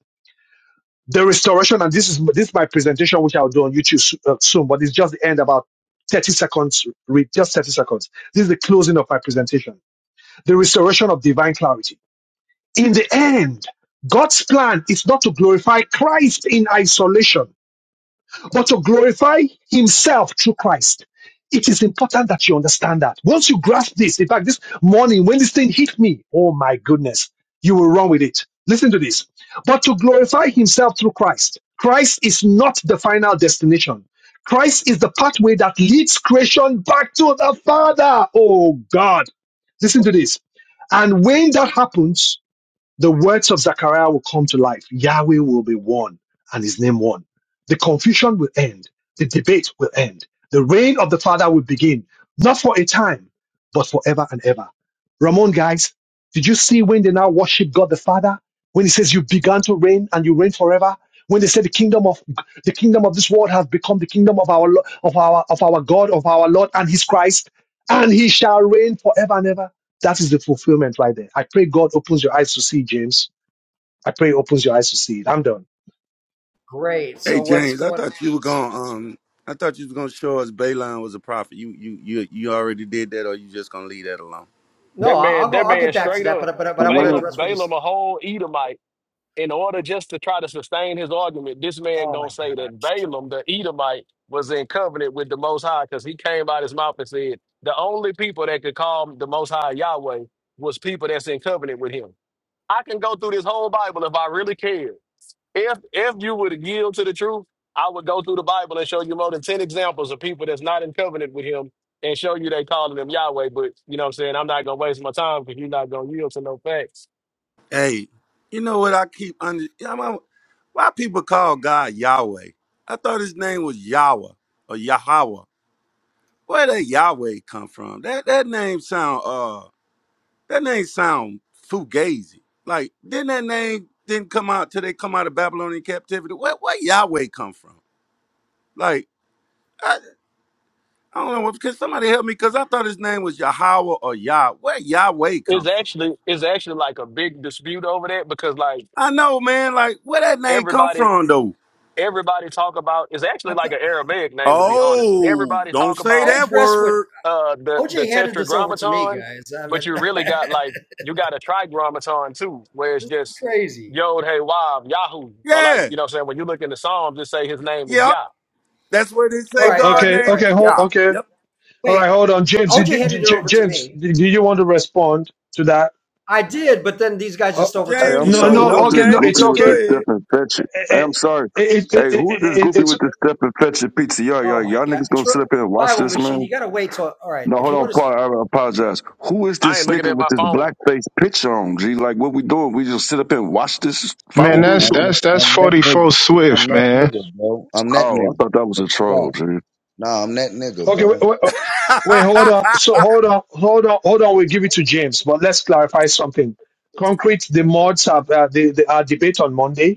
Speaker 1: the restoration, and this is this is my presentation, which I'll do on YouTube so- uh, soon, but it's just the end about 30 seconds, read just 30 seconds. This is the closing of my presentation. The restoration of divine clarity. In the end, God's plan is not to glorify Christ in isolation, but to glorify himself through Christ. It is important that you understand that. Once you grasp this, in fact, this morning when this thing hit me, oh my goodness, you will run with it. Listen to this. But to glorify himself through Christ. Christ is not the final destination. Christ is the pathway that leads creation back to the Father. Oh God. Listen to this. And when that happens, the words of Zechariah will come to life. Yahweh will be one and his name one. The confusion will end. The debate will end. The reign of the Father will begin, not for a time, but forever and ever. Ramon, guys, did you see when they now worship God the Father? When he says you began to reign and you reign forever? When they say the kingdom of the kingdom of this world has become the kingdom of our Lo- of our of our God, of our Lord and his Christ, and he shall reign forever and ever that is the fulfillment right there. I pray God opens your eyes to see, James. I pray he opens your eyes to see it. I'm done.
Speaker 4: Great.
Speaker 6: Hey
Speaker 4: So what's
Speaker 6: James, I
Speaker 4: going?
Speaker 6: thought you were gonna um I thought you was gonna show us Balaam was a prophet. You you you you already did that or you just gonna leave that alone.
Speaker 4: No,
Speaker 2: That
Speaker 4: I-
Speaker 2: man,
Speaker 4: will go.
Speaker 2: that
Speaker 4: I'll
Speaker 2: man
Speaker 4: get back to
Speaker 2: straight
Speaker 4: that.
Speaker 2: up
Speaker 4: But but
Speaker 8: I
Speaker 4: but I want to
Speaker 8: wanna.
Speaker 2: Balaam,
Speaker 4: address what he's.
Speaker 2: Balaam a whole Edomite. in order just to try to sustain his argument, this man
Speaker 4: Oh
Speaker 2: gonna
Speaker 4: my
Speaker 2: say that
Speaker 4: gosh!
Speaker 2: Balaam, the Edomite, was in covenant with the Most High because he came out his mouth and said the only people that could call the Most High Yahweh was people that's in covenant with him. I can go through this whole Bible if I really care. If if you would yield to the truth, I would go through the Bible and show you more than ten examples of people that's not in covenant with him and show you they calling him Yahweh. But you know what I'm saying? I'm not gonna waste my time because you're not gonna yield to no facts.
Speaker 6: Hey, you know what I keep under yeah, I'm- I'm- why people call God Yahweh? I thought his name was Yahweh or Yahweh. Where did Yahweh come from? That that name sound uh That name sound fugazi. Like, didn't that name didn't come out till they come out of Babylonian captivity? Where, where Yahweh come from? Like, I, I don't know. What, Can somebody help me? Because I thought his name was Yahweh or Yah. Where Yahweh
Speaker 2: It's
Speaker 6: come from?
Speaker 2: actually it's actually like a big dispute over that because like
Speaker 6: I know, man. Like, where that name come
Speaker 2: everybody
Speaker 6: from, though?
Speaker 2: everybody talk about it's actually
Speaker 4: I
Speaker 2: like
Speaker 4: thought
Speaker 2: an Aramaic name to be honest.
Speaker 6: Oh,
Speaker 2: Everybody
Speaker 6: don't
Speaker 2: talk
Speaker 6: say
Speaker 4: I
Speaker 2: about
Speaker 6: that
Speaker 4: addressed what
Speaker 6: word.
Speaker 2: uh the the
Speaker 4: OJ handed this over to me,
Speaker 2: tetragrammaton,
Speaker 4: guys. I
Speaker 2: but
Speaker 4: mean,
Speaker 2: you really got
Speaker 4: this
Speaker 2: like you got a trigrammaton too, where it's
Speaker 4: is
Speaker 2: just
Speaker 4: crazy.
Speaker 2: Yod Hey Wav Yahoo or like
Speaker 6: Yeah.
Speaker 2: you know what I'm saying when you look in the Psalms just say his name is
Speaker 6: Yep.
Speaker 2: Yah.
Speaker 6: That's where they
Speaker 4: All
Speaker 6: say
Speaker 1: Oh,
Speaker 4: right, all
Speaker 6: God
Speaker 4: right,
Speaker 1: okay,
Speaker 6: name.
Speaker 4: all right.
Speaker 1: okay, hold,
Speaker 4: Hey,
Speaker 6: Yeah.
Speaker 1: okay.
Speaker 6: Yep.
Speaker 1: All right,
Speaker 4: wait,
Speaker 1: hold on, James. Did
Speaker 4: OJ
Speaker 1: you,
Speaker 4: handed it
Speaker 1: did you-
Speaker 4: over to
Speaker 1: James,
Speaker 4: me.
Speaker 1: did you want to respond to that?
Speaker 4: I did, but then these guys
Speaker 1: Uh,
Speaker 4: just
Speaker 1: uh,
Speaker 8: Hey,
Speaker 4: overtook
Speaker 6: James,
Speaker 4: it.
Speaker 8: I'm
Speaker 6: you
Speaker 1: no,
Speaker 8: sorry.
Speaker 6: don't
Speaker 1: no,
Speaker 8: Who
Speaker 6: know
Speaker 8: is
Speaker 1: okay,
Speaker 8: this
Speaker 1: no,
Speaker 6: nothing,
Speaker 1: it's
Speaker 8: groupie
Speaker 6: but
Speaker 8: with this
Speaker 1: okay.
Speaker 6: go
Speaker 8: step and fetch it?
Speaker 1: Eh, eh,
Speaker 8: Hey,
Speaker 1: eh,
Speaker 8: I'm sorry.
Speaker 1: it-
Speaker 8: Hey,
Speaker 1: it- it-
Speaker 8: who is this
Speaker 1: it-
Speaker 8: groupie
Speaker 1: it's
Speaker 8: with this step and fetch it PTR? Y'all,
Speaker 4: Oh my
Speaker 8: y'all
Speaker 4: god,
Speaker 8: niggas gonna
Speaker 4: Tru-
Speaker 8: sit up here and watch
Speaker 4: Bible
Speaker 8: this,
Speaker 4: machine!
Speaker 8: man?
Speaker 4: You got to wait till. All right,
Speaker 8: No,
Speaker 4: if
Speaker 8: hold
Speaker 4: you
Speaker 8: on,
Speaker 4: want to.
Speaker 8: Paul. I apologize. Who is
Speaker 2: I
Speaker 8: this
Speaker 2: ain't looking
Speaker 8: nigga
Speaker 2: at
Speaker 8: with
Speaker 2: my
Speaker 8: this black
Speaker 2: phone.
Speaker 8: face picture on? G, like what we doing? We just sit up here and watch this folly?
Speaker 3: Man,
Speaker 9: I'm,
Speaker 8: What we
Speaker 3: that's
Speaker 9: I'm
Speaker 8: doing?
Speaker 9: that,
Speaker 3: that's that's
Speaker 9: I'm that
Speaker 3: forty four
Speaker 9: nigga.
Speaker 3: Swift,
Speaker 9: I'm that
Speaker 3: man.
Speaker 9: nigga, bro. I'm that
Speaker 8: Oh,
Speaker 9: nigga.
Speaker 8: I thought that was a
Speaker 9: But chill
Speaker 8: troll,
Speaker 9: out.
Speaker 8: G.
Speaker 9: Nah, I'm that nigga,
Speaker 1: okay. Wait,
Speaker 9: bro.
Speaker 1: wait, uh, wait, hold on.
Speaker 6: ahead.
Speaker 1: So hold on, hold on, hold on. We'll give it to James, but let's clarify something. Concrete. The mods have uh, the, the our debate on Monday.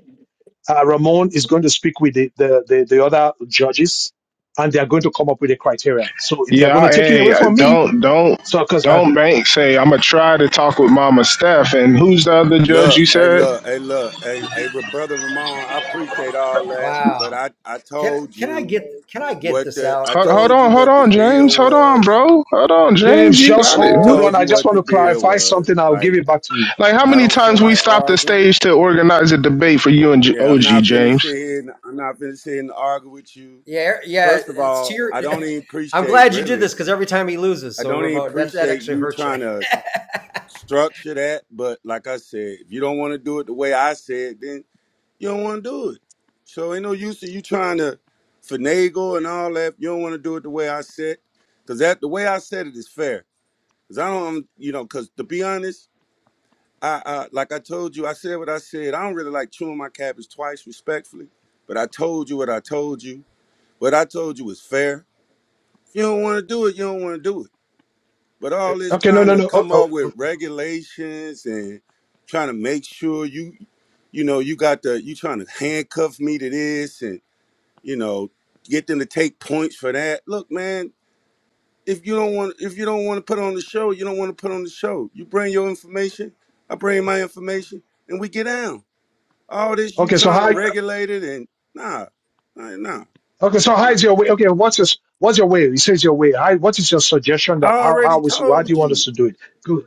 Speaker 1: Uh, Ramon is going to speak with the, the, the, the other judges and they are going to come up with a criteria. So they are
Speaker 3: Yeah,
Speaker 1: going
Speaker 3: I,
Speaker 1: to take it
Speaker 3: hey,
Speaker 1: away
Speaker 3: I-
Speaker 1: from me.
Speaker 3: don't don't
Speaker 1: So, because uh,
Speaker 3: don't bank say I'm gonna try to talk with Mama Steph and who's the other judge?
Speaker 6: Look,
Speaker 3: You
Speaker 6: hey,
Speaker 3: said
Speaker 6: look, hey, look, hey, hey, Re- brother Ramon, I appreciate all that, but
Speaker 4: Wow.
Speaker 6: I, I
Speaker 4: Can
Speaker 6: told
Speaker 4: can I
Speaker 6: you
Speaker 4: get can I get
Speaker 6: what
Speaker 4: this
Speaker 6: the,
Speaker 4: out?
Speaker 6: I
Speaker 3: hold
Speaker 4: Come on.
Speaker 3: hold
Speaker 6: told
Speaker 3: on
Speaker 6: you
Speaker 3: hold
Speaker 6: what the
Speaker 3: on
Speaker 6: deal
Speaker 3: James hold on
Speaker 6: was.
Speaker 3: bro hold on James
Speaker 1: James,
Speaker 3: you
Speaker 6: I
Speaker 1: just
Speaker 3: got it.
Speaker 6: already
Speaker 1: hold
Speaker 3: Man.
Speaker 1: on.
Speaker 6: told
Speaker 1: I
Speaker 6: you
Speaker 1: just
Speaker 6: what
Speaker 1: want
Speaker 6: the
Speaker 1: to
Speaker 6: deal
Speaker 1: clarify
Speaker 6: was.
Speaker 1: something. I'll give
Speaker 6: Like,
Speaker 1: it back to you.
Speaker 3: Like how
Speaker 6: I
Speaker 3: many
Speaker 6: don't feel
Speaker 3: times we
Speaker 6: like
Speaker 3: stopped the
Speaker 6: arguing.
Speaker 3: stage to organize a debate for you and J-
Speaker 6: Yeah, I'm
Speaker 3: OG
Speaker 6: not finna
Speaker 3: James?
Speaker 6: sit here. And, I'm not finna sit here and argue with you.
Speaker 4: Yeah, yeah.
Speaker 6: First of
Speaker 4: It's to
Speaker 6: all,
Speaker 4: your.
Speaker 6: I don't even
Speaker 4: I'm
Speaker 6: appreciate
Speaker 4: glad you did
Speaker 6: really.
Speaker 4: this because every time he loses,
Speaker 6: I
Speaker 4: so
Speaker 6: don't even
Speaker 4: remote that that
Speaker 6: appreciate
Speaker 4: actually
Speaker 6: you
Speaker 4: hurts you.
Speaker 6: trying to structure that. But like I said, if you don't want to do it the way I said, then You don't want to do it. So ain't no use to you trying to finagle and all that. You don't want to do it the way I said, because that the way I said it is fair. Because I don't, you know, because to be honest, I, I like I told you, I said what I said. I don't really like chewing my cabbage twice, respectfully. But I told you what I told you. What I told you was fair. If you don't want to do it, you don't want to do it. But
Speaker 1: Uh,
Speaker 6: all this
Speaker 1: Okay, no,
Speaker 6: trying
Speaker 1: no,
Speaker 6: to
Speaker 1: no. Oh,
Speaker 6: come
Speaker 1: oh,
Speaker 6: up
Speaker 1: oh.
Speaker 6: with regulations and trying to make sure you, you know, you got the you trying to handcuff me to this you know, get them to take points for that. Look, man, if you don't want if you don't want to put on the show, you don't want to put on the show. You bring your information, I bring my information, and we get down. All this you
Speaker 1: okay, so
Speaker 6: trying to
Speaker 1: how?
Speaker 6: regulate it and nah, nah, nah.
Speaker 1: Okay, so how is your way? Okay, what's your what's your way? He says your way. How, what is your suggestion
Speaker 6: I
Speaker 1: that how
Speaker 6: already
Speaker 1: how is how do
Speaker 6: told
Speaker 1: you want us
Speaker 6: you.
Speaker 1: to do it? Good.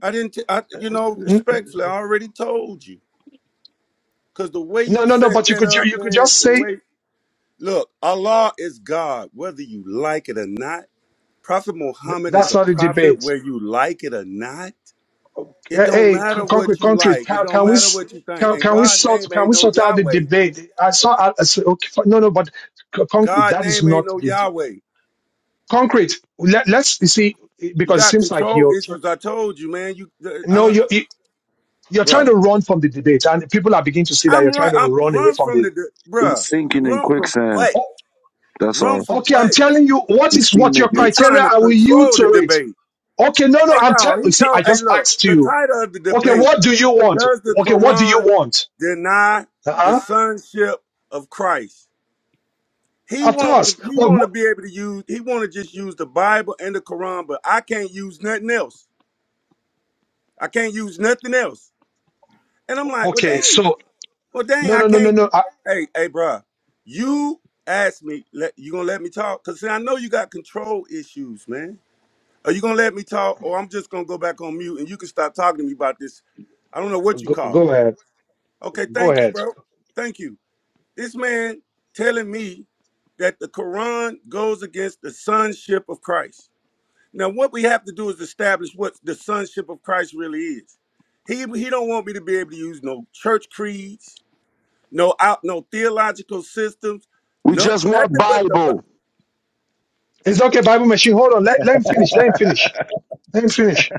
Speaker 6: I didn't. T- I, you know,
Speaker 1: N-
Speaker 6: respectfully, I already told you. Cause the way
Speaker 1: No,
Speaker 6: you
Speaker 1: no, no.
Speaker 6: set
Speaker 1: But you
Speaker 6: that
Speaker 1: could ju-
Speaker 6: up,
Speaker 1: you could
Speaker 6: man,
Speaker 1: just
Speaker 6: the
Speaker 1: say
Speaker 6: way look, Allah is God, whether you like it or not. Prophet
Speaker 1: th-
Speaker 6: Muhammad is
Speaker 1: that's
Speaker 6: a
Speaker 1: not a
Speaker 6: prophet,
Speaker 1: debate.
Speaker 6: whether you like it or not. It
Speaker 1: Hey,
Speaker 6: don't
Speaker 1: hey,
Speaker 6: matter what
Speaker 1: concrete
Speaker 6: you
Speaker 1: country,
Speaker 6: like. It
Speaker 1: can,
Speaker 6: don't
Speaker 1: can we
Speaker 6: matter
Speaker 1: s-
Speaker 6: what you think.
Speaker 1: can,
Speaker 6: And
Speaker 1: can we
Speaker 6: God
Speaker 1: sort
Speaker 6: name
Speaker 1: can
Speaker 6: ain't
Speaker 1: we
Speaker 6: no
Speaker 1: sort out the
Speaker 6: Yahweh.
Speaker 1: debate? I saw. I, I said, okay, fi- no, no, but c- concrete.
Speaker 6: God
Speaker 1: That is
Speaker 6: name ain't
Speaker 1: not
Speaker 6: no
Speaker 1: the de-
Speaker 6: Yahweh.
Speaker 1: concrete. Let, let's you see
Speaker 6: You
Speaker 1: because it
Speaker 6: got
Speaker 1: seems like
Speaker 6: control
Speaker 1: you're tr-
Speaker 6: issues. I told you, man. You, I
Speaker 1: no,
Speaker 6: don't,
Speaker 1: you're you- you're trying
Speaker 6: bro.
Speaker 1: to run from the debate, and people are beginning to see that
Speaker 6: I'm
Speaker 1: you're
Speaker 6: right.
Speaker 1: trying to
Speaker 6: I'm
Speaker 1: run away
Speaker 6: run
Speaker 1: from
Speaker 6: from
Speaker 1: the.
Speaker 6: the, de-
Speaker 8: We
Speaker 6: bruh.
Speaker 8: sinking in
Speaker 6: Run from
Speaker 8: quicksand.
Speaker 6: what?
Speaker 1: Oh,
Speaker 8: That's
Speaker 6: Run
Speaker 8: all.
Speaker 6: from
Speaker 1: okay, I'm
Speaker 6: what?
Speaker 1: telling you what
Speaker 8: We
Speaker 1: is what your
Speaker 8: cement
Speaker 6: You
Speaker 8: mix.
Speaker 1: criteria.
Speaker 6: trying to
Speaker 1: I will yield
Speaker 6: control
Speaker 1: to
Speaker 6: the
Speaker 1: it.
Speaker 6: debate?
Speaker 1: Okay, no, no,
Speaker 6: Hey
Speaker 1: I'm telling.
Speaker 6: y'all. He
Speaker 1: you. See,
Speaker 6: told.
Speaker 1: I
Speaker 6: Hey
Speaker 1: just
Speaker 6: look.
Speaker 1: asked
Speaker 6: The
Speaker 1: you.
Speaker 6: title of the
Speaker 1: Okay,
Speaker 6: debate:
Speaker 1: what do you want?
Speaker 6: Does the
Speaker 1: Okay, what do you
Speaker 6: Quran
Speaker 1: want?
Speaker 6: deny the
Speaker 1: Uh-huh.
Speaker 6: sonship of Christ? He
Speaker 1: Of
Speaker 6: want he
Speaker 1: course.
Speaker 6: want to be able to use he want to just use the Bible and the Quran, but I can't use nothing else. I can't use nothing else. And I'm like, well,
Speaker 1: Okay,
Speaker 6: dang,
Speaker 1: so
Speaker 6: well, dang,
Speaker 1: no,
Speaker 6: I
Speaker 1: no, no, no,
Speaker 6: can't.
Speaker 1: no. I,
Speaker 6: Hey, hey, bruh, you asked me, let, you gonna let me talk? Cause see, I know you got control issues, man. Are you gonna let me talk, or I'm just gonna go back on mute and you can stop talking to me about this? I don't know what you
Speaker 1: go,
Speaker 6: call
Speaker 1: go
Speaker 6: it.
Speaker 1: ahead,
Speaker 6: Okay,
Speaker 1: go
Speaker 6: thank you,
Speaker 1: ahead.
Speaker 6: bro. Thank you. This man telling me that the Quran goes against the sonship of Christ. Now, what we have to do is establish what the sonship of Christ really is. He he don't want me to be able to use no church creeds, no out, no theological systems,
Speaker 8: We
Speaker 6: no,
Speaker 8: just want
Speaker 6: nothing but the.
Speaker 8: Bible.
Speaker 6: Bi-
Speaker 1: It's okay, Bible machine. Hold on, let, let him finish. Let him finish. Let him finish.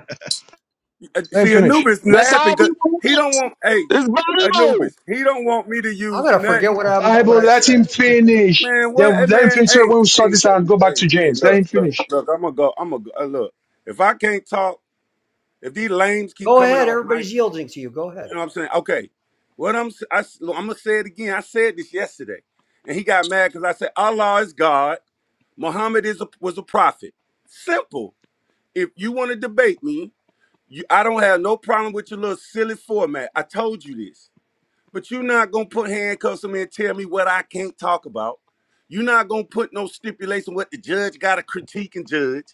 Speaker 6: uh,
Speaker 1: Let him
Speaker 6: See,
Speaker 1: finish.
Speaker 6: Anubis
Speaker 8: That's all
Speaker 6: laughing
Speaker 8: we
Speaker 6: because he don't
Speaker 8: want.
Speaker 6: want. Hey,
Speaker 8: It's Bible.
Speaker 6: Anubis, he don't want me to
Speaker 4: I'm
Speaker 6: use
Speaker 4: gonna forget
Speaker 6: nothing.
Speaker 4: what I'm what
Speaker 1: Bible,
Speaker 4: I
Speaker 1: let him
Speaker 4: said.
Speaker 1: finish.
Speaker 6: Man, what?
Speaker 1: Then
Speaker 6: Hey,
Speaker 1: let him
Speaker 6: man,
Speaker 1: finish. So
Speaker 6: hey,
Speaker 1: when we start
Speaker 6: hey,
Speaker 1: this, I'll
Speaker 6: hey,
Speaker 1: go back
Speaker 6: hey,
Speaker 1: to
Speaker 6: hey.
Speaker 1: James. Let
Speaker 6: Look,
Speaker 1: him
Speaker 6: look,
Speaker 1: finish.
Speaker 6: look. I'm gonna go. I'm gonna go. Uh, look. If I can't talk, if these lames keep
Speaker 4: Go
Speaker 6: coming
Speaker 4: ahead,
Speaker 6: off mic,
Speaker 4: everybody's yielding to you. Go ahead.
Speaker 6: You know what I'm saying? Okay. What I'm s- I, am gonna say it again. I said this yesterday, and he got mad because I said Allah is God. Muhammad is a, was a prophet. Simple. If you want to debate me, you, I don't have no problem with your little silly format. I told you this, but you're not gonna put handcuffs on me and tell me what I can't talk about. You're not gonna put no stipulation what the judge got to critique and judge.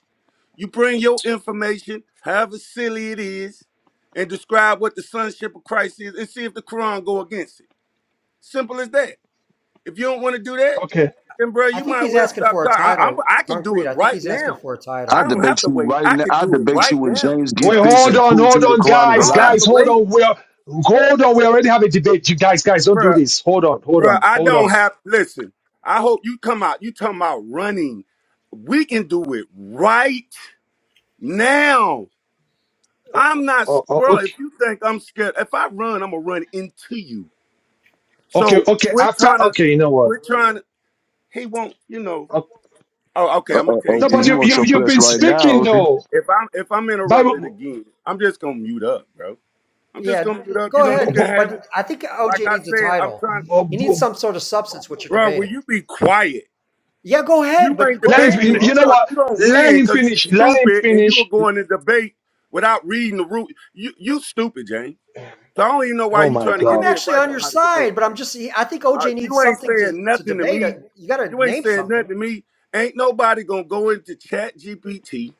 Speaker 6: You bring your information, however silly it is, and describe what the sonship of Christ is and see if the Quran go against it. Simple as that. If you don't want to do that,
Speaker 1: Okay.
Speaker 6: then bro,
Speaker 4: I
Speaker 6: you
Speaker 4: think
Speaker 6: might as
Speaker 4: he's
Speaker 6: well
Speaker 4: asking
Speaker 6: stop
Speaker 4: for a
Speaker 6: talking. I, I'm,
Speaker 4: title,
Speaker 6: I can do
Speaker 4: concrete.
Speaker 6: it
Speaker 4: I think
Speaker 6: right
Speaker 4: he's asking
Speaker 6: now.
Speaker 4: for a
Speaker 6: I
Speaker 8: I'll
Speaker 4: title.
Speaker 6: don't have
Speaker 8: debate
Speaker 6: to
Speaker 8: you
Speaker 6: wait.
Speaker 8: right
Speaker 6: I
Speaker 8: now.
Speaker 6: can
Speaker 8: I'll
Speaker 6: do it
Speaker 8: debate you
Speaker 6: right
Speaker 8: when
Speaker 6: now.
Speaker 8: James get
Speaker 1: Wait,
Speaker 8: finishes
Speaker 1: hold
Speaker 8: and
Speaker 1: on,
Speaker 8: prove to
Speaker 1: hold
Speaker 8: you the
Speaker 1: on,
Speaker 8: Quran is a
Speaker 6: I
Speaker 1: guys,
Speaker 6: don't
Speaker 8: lie.
Speaker 6: have
Speaker 1: guys,
Speaker 6: to
Speaker 1: hold
Speaker 6: wait,
Speaker 1: on. We're hold on. We already have a debate. You guys, guys, don't do
Speaker 6: bro.
Speaker 1: this. Hold on, hold
Speaker 6: Bro,
Speaker 1: on,
Speaker 6: I
Speaker 1: hold
Speaker 6: don't
Speaker 1: on.
Speaker 6: have. Listen, I hope you come out. You talking about running? We can do it right now. I'm not,
Speaker 1: Oh, oh,
Speaker 6: bro.
Speaker 1: okay,
Speaker 6: If you think I'm scared, if I run, I'm gonna run into you. So
Speaker 1: okay, okay.
Speaker 6: we're
Speaker 1: After,
Speaker 6: trying to,
Speaker 1: okay, you know what?
Speaker 6: we're trying to. He won't, you know.
Speaker 1: Oh,
Speaker 6: Oh, okay.
Speaker 8: Uh,
Speaker 6: I'm gonna
Speaker 8: uh,
Speaker 6: tell you
Speaker 8: OG,
Speaker 1: no,
Speaker 6: this.
Speaker 1: but
Speaker 8: he
Speaker 6: I,
Speaker 1: you,
Speaker 8: wants
Speaker 6: I'm
Speaker 1: you,
Speaker 8: your
Speaker 6: gonna
Speaker 1: you've
Speaker 8: flesh
Speaker 1: been
Speaker 8: right
Speaker 6: say it like
Speaker 8: now,
Speaker 1: speaking
Speaker 8: OG.
Speaker 6: this.
Speaker 1: though.
Speaker 6: If I'm if I'm interrupted
Speaker 1: Bible.
Speaker 6: again, I'm just gonna mute up, bro. I'm just
Speaker 4: Yeah,
Speaker 6: gonna mute up. You
Speaker 4: go
Speaker 6: know, you
Speaker 4: ahead.
Speaker 6: can have it.
Speaker 4: But I think
Speaker 6: Like
Speaker 4: OJ
Speaker 6: I
Speaker 4: needs a
Speaker 6: said, I'm
Speaker 4: title.
Speaker 6: trying,
Speaker 1: Oh,
Speaker 4: He needs
Speaker 1: boom.
Speaker 4: some sort of substance, which you're
Speaker 6: bro. Will
Speaker 4: debating.
Speaker 6: you be quiet?
Speaker 4: Yeah, go
Speaker 6: You
Speaker 4: ahead.
Speaker 6: ain't
Speaker 4: But go
Speaker 1: Let
Speaker 6: debate
Speaker 4: ahead,
Speaker 6: me.
Speaker 1: him,
Speaker 6: You
Speaker 1: you know
Speaker 4: bro.
Speaker 6: don't
Speaker 1: what?
Speaker 6: you don't
Speaker 1: Let
Speaker 6: win
Speaker 1: him
Speaker 6: because you
Speaker 1: finish. Let him
Speaker 6: stupid and you were
Speaker 1: finish.
Speaker 6: going to debate without reading the root. You you stupid, James. So I don't even know why
Speaker 1: Oh
Speaker 6: you
Speaker 1: my
Speaker 6: trying to give
Speaker 4: I'm
Speaker 6: me
Speaker 1: God.
Speaker 4: actually
Speaker 6: advice
Speaker 4: on your
Speaker 6: on how to debate.
Speaker 4: side, but I'm just I think
Speaker 6: Uh,
Speaker 4: OJ needs
Speaker 6: you ain't
Speaker 4: something to,
Speaker 6: saying
Speaker 4: to
Speaker 6: nothing to
Speaker 4: debate.
Speaker 6: me.
Speaker 4: You got to
Speaker 6: You ain't
Speaker 4: name
Speaker 6: saying nothing
Speaker 4: something.
Speaker 6: to me. Ain't nobody gonna go into Chat GPT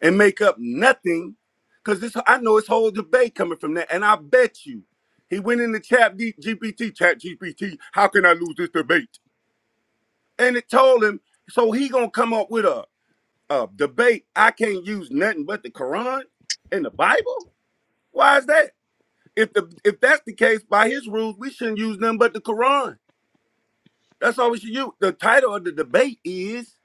Speaker 6: and make up nothing, cause this I know it's whole debate coming from that. And I bet you, he went into Chat D- GPT, Chat GPT. How can I lose this debate? And it told him, so he gonna come up with a, a debate. I can't use nothing but the Quran and the Bible. Why is that? If the if that's the case, by his rules, we shouldn't use nothing but the Quran. That's all we should use. The title of the debate is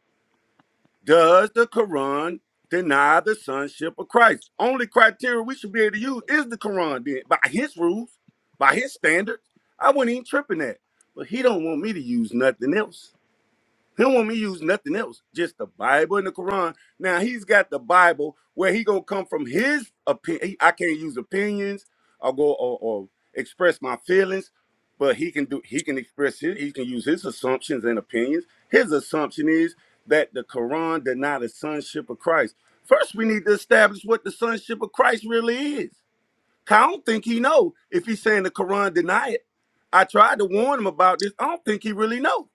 Speaker 6: Does the Quran deny the sonship of Christ? Only criteria we should be able to use is the Quran then. By his rules, by his standards. I wouldn't even tripping that. But he don't want me to use nothing else. He don't want me to use nothing else, just the Bible and the Quran. Now he's got the Bible where he gonna come from his opinion. I can't use opinions or go or, or express my feelings, but he can do. He can express his. He can use his assumptions and opinions. His assumption is that the Quran denied the sonship of Christ. First, we need to establish what the sonship of Christ really is. 'Cause I don't think he know if he's saying the Quran deny it. I tried to warn him about this. I don't think he really know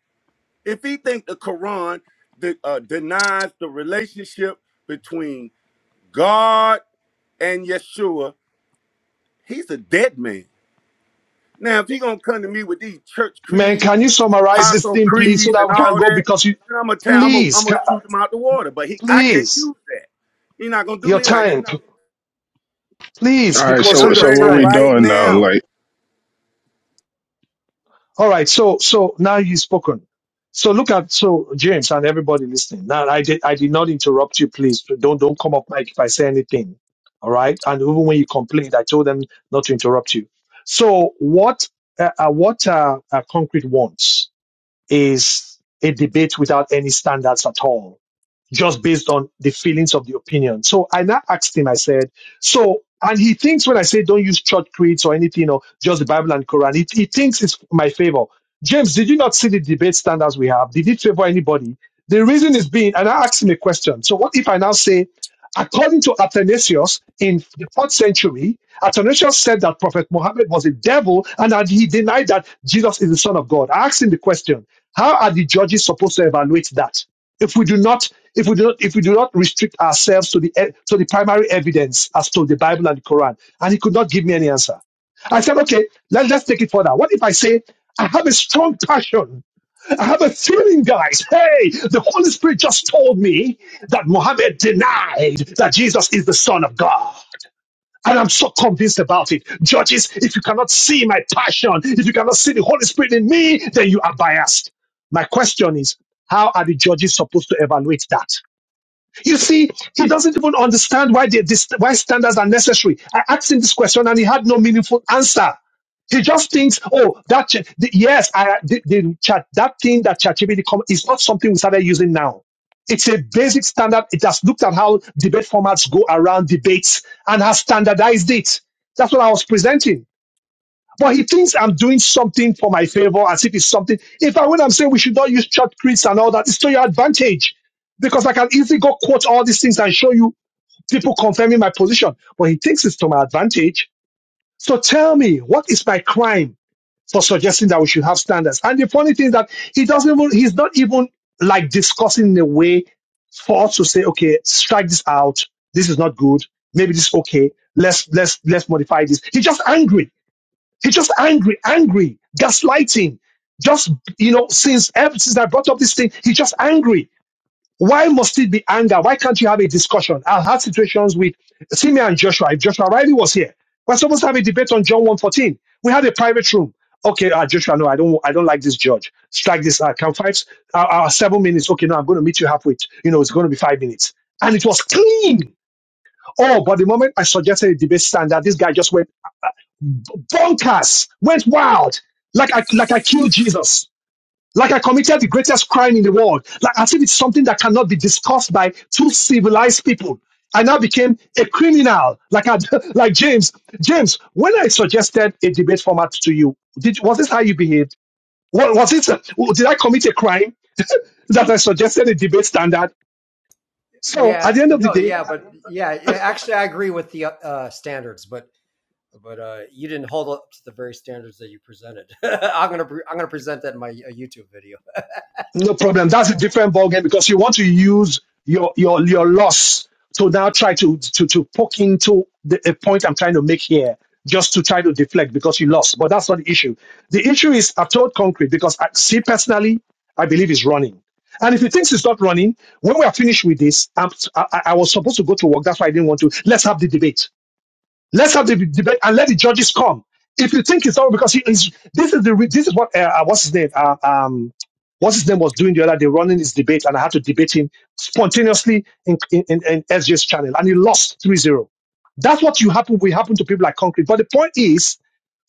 Speaker 6: if he think the Quran de- uh, denies the relationship between God and Yeshua, he's a dead man. Now, if he gonna come to me with these church
Speaker 1: Man,
Speaker 6: creeds,
Speaker 1: can you summarize this
Speaker 6: apostle
Speaker 1: thing, please, so
Speaker 6: creeds,
Speaker 1: that
Speaker 6: and
Speaker 1: we can
Speaker 6: all
Speaker 1: go?
Speaker 6: that,
Speaker 1: Because you,
Speaker 6: then I'm gonna tell, I'm gonna,
Speaker 1: please,
Speaker 6: I'm gonna
Speaker 1: ca-
Speaker 6: shoot him out the water. But he, I can't
Speaker 1: please,
Speaker 6: use that. He's not gonna do
Speaker 1: your
Speaker 6: me like that.
Speaker 1: time, p-
Speaker 3: All
Speaker 1: please, be
Speaker 3: right,
Speaker 6: And
Speaker 3: so
Speaker 1: considerate
Speaker 6: I'm
Speaker 3: so
Speaker 1: of
Speaker 3: what
Speaker 6: ready
Speaker 3: we
Speaker 1: time.
Speaker 6: right
Speaker 3: doing now?
Speaker 6: now.
Speaker 3: Like.
Speaker 1: All right. So so now you've spoken. So look at so James and everybody listening. Now I did I did not interrupt you. Please don't don't come up Mike if I say anything. All right. And even when you complained, I told them not to interrupt you. So what uh, uh, what uh, uh, concrete wants is a debate without any standards at all just based on the feelings of the opinion. So I now asked him, I said, so, and he thinks when I say don't use church creeds or anything or just the Bible and Quran, he, he thinks it's my favor. James, did you not see the debate standards we have? Did it favor anybody? The reason is being, and I asked him a question. So what if I now say, according to Athanasius in the fourth century, Athanasius said that Prophet Muhammad was a devil and that he denied that Jesus is the son of God. I asked him the question, how are the judges supposed to evaluate that? if we do not if we do not if we do not restrict ourselves to the e- to the primary evidence as to the bible and the quran and he could not give me any answer i said okay let, let's take it further what if i say i have a strong passion i have a feeling guys hey the holy spirit just told me that muhammad denied that jesus is the son of god and I'm so convinced about it. Judges, if you cannot see my passion, if you cannot see the Holy Spirit in me, then you are biased. My question is, how are the judges supposed to evaluate that? You see, he doesn't even understand why they, dis- why standards are necessary. I asked him this question and he had no meaningful answer. He just thinks, oh, that ch- the- yes, I the, the chat that thing that ChatGPT com- is not something we started using now. It's a basic standard. It has looked at how debate formats go around debates and has standardized it. That's what I was presenting. But he thinks I'm doing something for my favor as if it's something. In fact, when I'm saying we should not use church creeds and all that, it's to your advantage. Because I can easily go quote all these things and show you people confirming my position. But he thinks it's to my advantage. So tell me, what is my crime for suggesting that we should have standards? And the funny thing is that he doesn't even, he's not even like discussing in a way for us to say, okay, strike this out. This is not good. Maybe this is okay. Let's, let's, let's modify this. He's just angry He's just angry, angry, gaslighting. Just you know, since ever since I brought up this thing, he's just angry. Why must it be anger? Why can't you have a discussion? I've had situations with Simeon and Joshua. If Joshua Riley was here, we're supposed to have a debate on John 114. We had a private room. Okay, uh, Joshua, no, I don't, I don't like this judge. Strike this. Uh, can five, uh, uh, seven minutes? Okay, now I'm going to meet you halfway. You know, it's going to be five minutes, and it was clean. Oh, but the moment I suggested a debate standard, this guy just went Dorcas went wild, like I, like I killed Jesus, like I committed the greatest crime in the world, like as if it's something that cannot be discussed by two civilized people. I now became a criminal, like I, like James. James, when I suggested a debate format to you, did was this how you behaved? Wa- Was it? uh, Did I commit a crime that I suggested a debate standard? So at
Speaker 4: Yeah,
Speaker 1: the end of the
Speaker 4: no,
Speaker 1: day,
Speaker 4: yeah, but yeah, yeah, actually I agree with the uh, standards, but but uh, you didn't hold up to the very standards that you presented. I'm gonna I'm gonna present that in my uh, YouTube video.
Speaker 1: No problem. That's a different ballgame because you want to use your your your loss to now try to to to poke into the a point I'm trying to make here, just to try to deflect because you lost. But that's not the issue. The issue is I told concrete because I see personally, I believe he's running. And if he thinks he's not running, when we are finished with this, I'm, I, I I was supposed to go to work. That's why I didn't want to. Let's have the debate. Let's have the debate and let the judges come. If you think it's all because he is, this is the re- this is what uh, uh, what's his name uh, um what's his name was doing the other day running his debate and I had to debate him spontaneously in in, in, in SJ's channel and he lost three zero. That's what you happen will happen to people like Concrete. But the point is,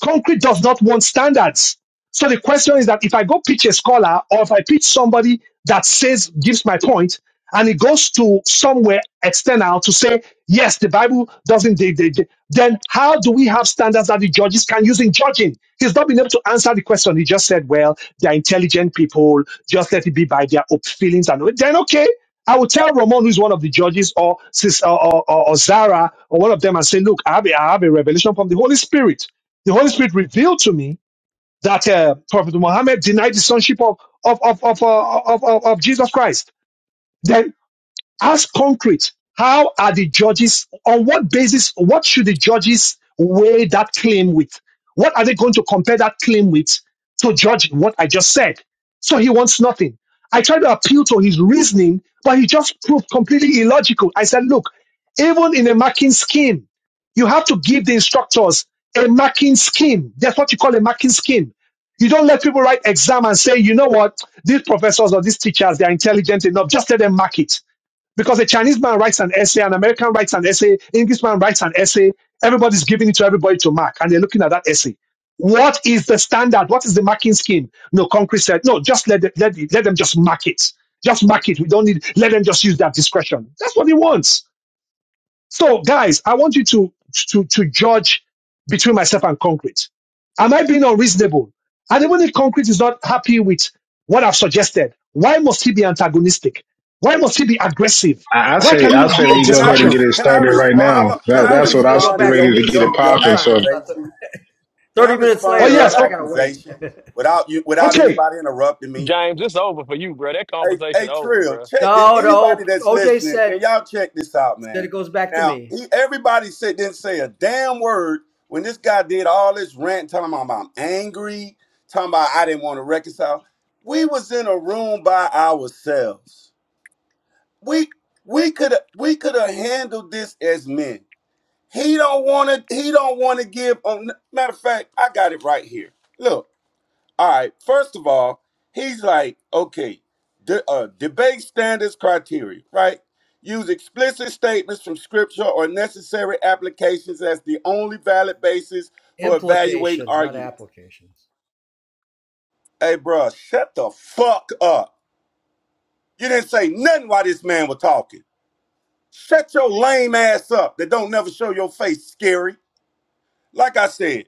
Speaker 1: Concrete does not want standards. So the question is that if I go pitch a scholar or if I pitch somebody that says gives my point and it goes to somewhere external to say yes, the Bible doesn't. They, they, they- then how do we have standards that the judges can use in judging? He's not been able to answer the question. He just said, well, they're intelligent people, just let it be by their op- feelings. And then, okay, I will tell Ramon, who's one of the judges, or, sis, or, or, or, or Zara, or one of them, and say, look, I have, a, I have a revelation from the Holy Spirit. The Holy Spirit revealed to me that uh, Prophet Muhammad denied the sonship of, of, of, of, uh, of, of, of Jesus Christ Then as concrete, how are the judges, on what basis, what should the judges weigh that claim with? What are they going to compare that claim with to judge what I just said? So he wants nothing. I tried to appeal to his reasoning, but he just proved completely illogical. I said, look, even in a marking scheme, you have to give the instructors a marking scheme. That's what you call a marking scheme. You don't let people write exam and say, you know what, these professors or these teachers, they're intelligent enough. Just let them mark it because a Chinese man writes an essay, an American writes an essay, Englishman writes an essay, everybody's giving it to everybody to mark, and they're looking at that essay. What is the standard? What is the marking scheme? No, Concrete said, no, just let them, let, the- let them just mark it. Just mark it. We don't need, let them just use their discretion. That's what he wants. So, guys, I want you to to to judge between myself and concrete. Am I being unreasonable? And even if concrete is not happy with what I've suggested, why must he be antagonistic? Why must he be aggressive?
Speaker 3: I, I
Speaker 1: Why
Speaker 3: say
Speaker 1: can it
Speaker 3: I
Speaker 1: not
Speaker 3: say
Speaker 1: be
Speaker 6: Hey,
Speaker 1: a
Speaker 3: we
Speaker 6: can
Speaker 3: go
Speaker 6: I
Speaker 3: ahead and get
Speaker 1: discussion?
Speaker 6: res-
Speaker 3: it
Speaker 6: can I
Speaker 3: started right
Speaker 6: respond? How
Speaker 3: now.
Speaker 6: lo- Can
Speaker 4: I
Speaker 3: That,
Speaker 4: thought
Speaker 6: I
Speaker 4: this
Speaker 3: that's
Speaker 4: was
Speaker 3: what I
Speaker 4: gonna
Speaker 3: was
Speaker 4: go
Speaker 6: respond to
Speaker 4: back to
Speaker 3: ready
Speaker 6: your
Speaker 3: to
Speaker 4: me
Speaker 3: get it
Speaker 6: your
Speaker 4: some
Speaker 6: your
Speaker 3: popping.
Speaker 4: sometime.
Speaker 3: So
Speaker 4: I thought that
Speaker 6: accusation? Can I
Speaker 4: 30 minutes
Speaker 1: Oh
Speaker 6: respond to
Speaker 4: later
Speaker 6: your
Speaker 1: yes,
Speaker 4: I, I
Speaker 1: oh,
Speaker 4: gotta wait.
Speaker 6: accusation without you without
Speaker 1: okay.
Speaker 6: anybody interrupting me?
Speaker 2: James, it's over for you, bro. That
Speaker 6: Hey,
Speaker 2: conversation
Speaker 6: hey,
Speaker 2: over,
Speaker 6: Trill,
Speaker 2: bro.
Speaker 6: check it.
Speaker 4: no,
Speaker 6: Anybody
Speaker 4: no,
Speaker 6: that's
Speaker 4: OJ
Speaker 6: listening, can
Speaker 4: said
Speaker 6: y'all check this out,
Speaker 4: that
Speaker 6: man?
Speaker 4: it goes back to
Speaker 6: Now,
Speaker 4: me.
Speaker 6: he, everybody said didn't say a damn word when this guy did all this rant, telling him I'm angry, talking about I didn't want to reconcile. We was in a room by ourselves. We we could we could have handled this as men. He don't want to. He don't want to give. On, matter of fact, I got it right here. Look. All right. First of all, he's like, okay, de- uh, debate standards criteria, right? Use explicit statements from scripture or necessary applications as the only valid basis for evaluating
Speaker 4: Implications, not
Speaker 6: arguments.
Speaker 4: applications.
Speaker 6: Hey, bruh, shut the fuck up. You didn't say nothing while this man was talking. Shut your lame ass up that don't never show your face, scary. Like I said,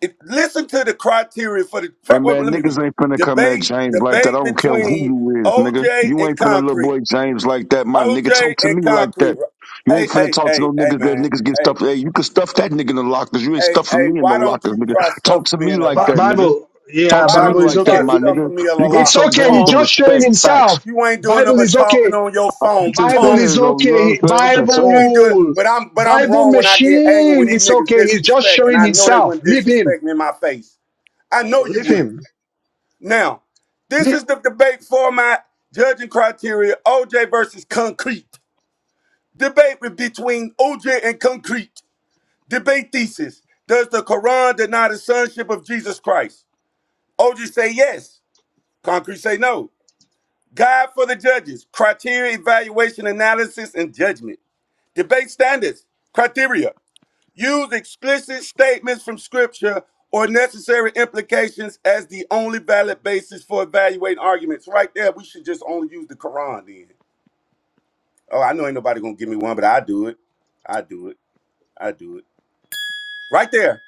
Speaker 6: If- listen to the criteria for the.
Speaker 8: Hey
Speaker 6: fuck, Wait,
Speaker 8: man,
Speaker 6: let me read.
Speaker 8: niggas ain't finna come at
Speaker 6: Debate,
Speaker 8: James like that. I
Speaker 6: debate
Speaker 8: don't care who
Speaker 6: between
Speaker 8: you is, nigga.
Speaker 6: OJ
Speaker 8: You
Speaker 6: and
Speaker 8: ain't finna little
Speaker 6: Concrete.
Speaker 8: boy James like that, my nigga.
Speaker 6: OJ
Speaker 8: Talk to
Speaker 6: and
Speaker 8: me like
Speaker 6: Concrete.
Speaker 8: that. You ain't
Speaker 6: Hey,
Speaker 8: finna
Speaker 6: hey,
Speaker 8: talk to
Speaker 6: hey,
Speaker 8: no
Speaker 6: hey,
Speaker 8: niggas that
Speaker 6: man.
Speaker 8: niggas get
Speaker 6: Hey,
Speaker 8: stuffed. Hey, you can stuff that nigga in the lockers. You ain't
Speaker 6: hey, hey.
Speaker 8: stuffing me in no
Speaker 6: Why don't
Speaker 8: lockers,
Speaker 6: you
Speaker 8: nigga.
Speaker 6: try
Speaker 8: Talk
Speaker 6: stuffing
Speaker 8: to
Speaker 6: me
Speaker 8: me
Speaker 6: in a
Speaker 8: like
Speaker 1: Bi-
Speaker 8: that,
Speaker 6: locker?
Speaker 8: nigga.
Speaker 1: Bible,
Speaker 8: Talk
Speaker 1: yeah,
Speaker 6: Why
Speaker 8: to me
Speaker 1: Bible
Speaker 6: don't you
Speaker 1: is
Speaker 8: like that,
Speaker 1: okay.
Speaker 6: try
Speaker 8: my
Speaker 1: I- I-
Speaker 8: nigga.
Speaker 6: stuffing me in a
Speaker 8: You gonna
Speaker 1: It's
Speaker 6: locker,
Speaker 8: show
Speaker 1: okay.
Speaker 8: James
Speaker 1: He's
Speaker 6: punk?
Speaker 8: some
Speaker 1: just showing
Speaker 8: respect. Facts.
Speaker 1: himself.
Speaker 6: You ain't doing nothing
Speaker 1: Bible
Speaker 6: but
Speaker 1: is
Speaker 6: talking
Speaker 1: okay.
Speaker 6: on your phone,
Speaker 8: That's what
Speaker 1: Bible
Speaker 8: it
Speaker 6: punk.
Speaker 8: says,
Speaker 1: is
Speaker 8: though. You know what I'm
Speaker 1: okay.
Speaker 8: saying? That's what it
Speaker 6: You
Speaker 8: says.
Speaker 6: ain't doing.
Speaker 1: Bible,
Speaker 6: But I'm, but I'm
Speaker 1: Bible
Speaker 6: wrong when I get angry
Speaker 1: machine.
Speaker 6: when these
Speaker 1: It's
Speaker 6: niggas
Speaker 1: okay. He's just
Speaker 6: disrespect, and
Speaker 1: showing
Speaker 6: I know they
Speaker 1: himself.
Speaker 6: wouldn't
Speaker 1: Leave him.
Speaker 6: disrespect me in my face. I know you
Speaker 1: Leave
Speaker 6: would.
Speaker 1: him.
Speaker 6: Now, this
Speaker 1: Leave.
Speaker 6: is the debate format, judging criteria, OJ versus concrete. Debate between OJ and concrete. Debate thesis. Does the Quran deny the sonship of Jesus Christ? OJ say yes. Concrete say no. Guide for the judges. Criteria, evaluation, analysis, and judgment. Debate standards. Criteria. Use explicit statements from scripture or necessary implications as the only valid basis for evaluating arguments. Right there, we should just only use the Quran then. Oh, I know ain't nobody gonna give me one, but I do it. I do it. I do it. Right there.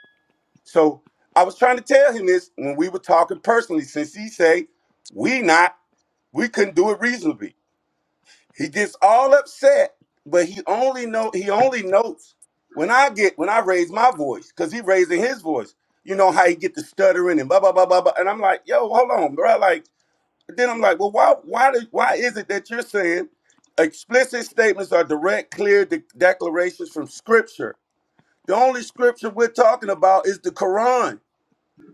Speaker 6: So I was trying to tell him this when we were talking personally, since he say we not, we couldn't do it reasonably. He gets all upset, but he only know he only notes when I get when I raise my voice because he raising his voice. You know how he get the stuttering and blah blah blah blah blah. And I'm like, yo, hold on, bro. Like then I'm like, well, why why do, why is it that you're saying explicit statements are direct, clear de- declarations from Scripture? The only Scripture we're talking about is the Quran.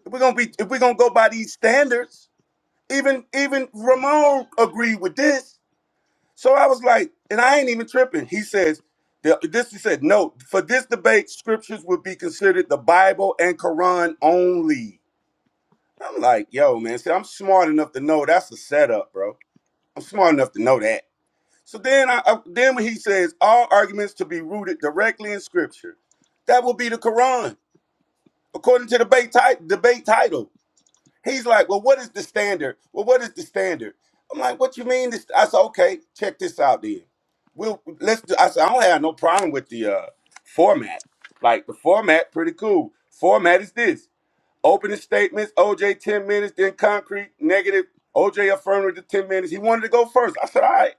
Speaker 6: If we're gonna be if we're gonna go by these standards, even even Ramon agreed with this so I was like, and I ain't even tripping. He says, the- this he said, no, for this debate, scriptures would be considered the Bible and Quran only. I'm like, yo, man, see, I'm smart enough to know that's a setup, bro. I'm smart enough to know that. So then I, I then when he says all arguments to be rooted directly in scripture, that will be the Quran, according to the debate, ti- debate title. He's like, well, what is the standard? Well, what is the standard? I'm like, what you mean? This? I said, okay, check this out then. We'll let's. Do, I said, I don't have no problem with the uh, format. Like the format, pretty cool. Format is this: opening statements, OJ ten minutes, then concrete negative, OJ affirmative ten minutes. He wanted to go first. I said, all right.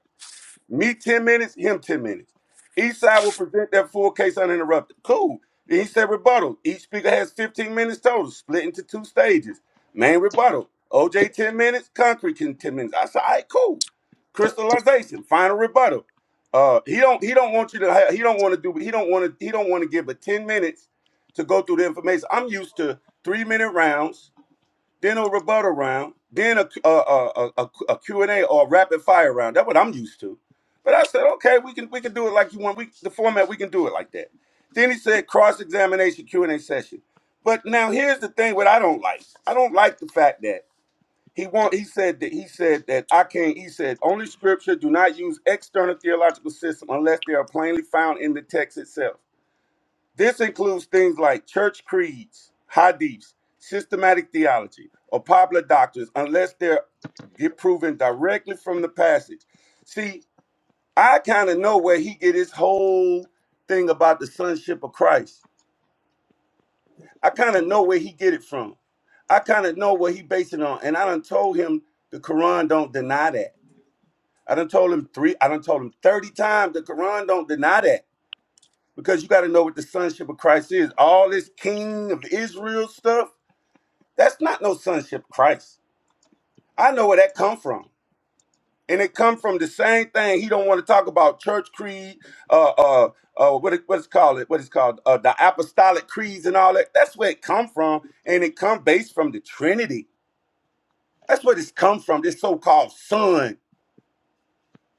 Speaker 6: Me 10 minutes, him 10 minutes. Each side will present their full case uninterrupted. Cool. Each said rebuttal. Each speaker has 15 minutes total, split into two stages. Main rebuttal. OJ 10 minutes, concrete can 10 minutes. I said, all right, cool. Crystallization, final rebuttal. Uh, he don't he don't want you to have, he don't want to do he don't want to he don't want to give but 10 minutes to go through the information. I'm used to three minute rounds then a rebuttal round, then a a, a, a, a Q and a or a rapid fire round. That's what I'm used to. But I said, okay, we can we can do it like you want. We the format we can do it like that. Then he said cross examination Q&A session. But now here's the thing: what I don't like, I don't like the fact that he want. He said that he said that I can't. He said only scripture do not use external theological system unless they are plainly found in the text itself. This includes things like church creeds, hadiths, systematic theology, or popular doctrines, unless they're get proven directly from the passage. See, I kind of know where he get his whole thing about the sonship of Christ. I kind of know where he get it from. I kind of know what he based it on, and I done told him the Quran don't deny that. I done told him three. I done told him thirty times the Quran don't deny that. because you got to know what the sonship of Christ is. All this king of Israel stuff, that's not no sonship of Christ. I know where that come from. And it come from the same thing. He don't want to talk about church creed, uh, uh, uh, what it, what's called it, what it's called, uh, the apostolic creeds and all that. That's where it come from, and it come based from the Trinity. That's where it's come from. This so-called son.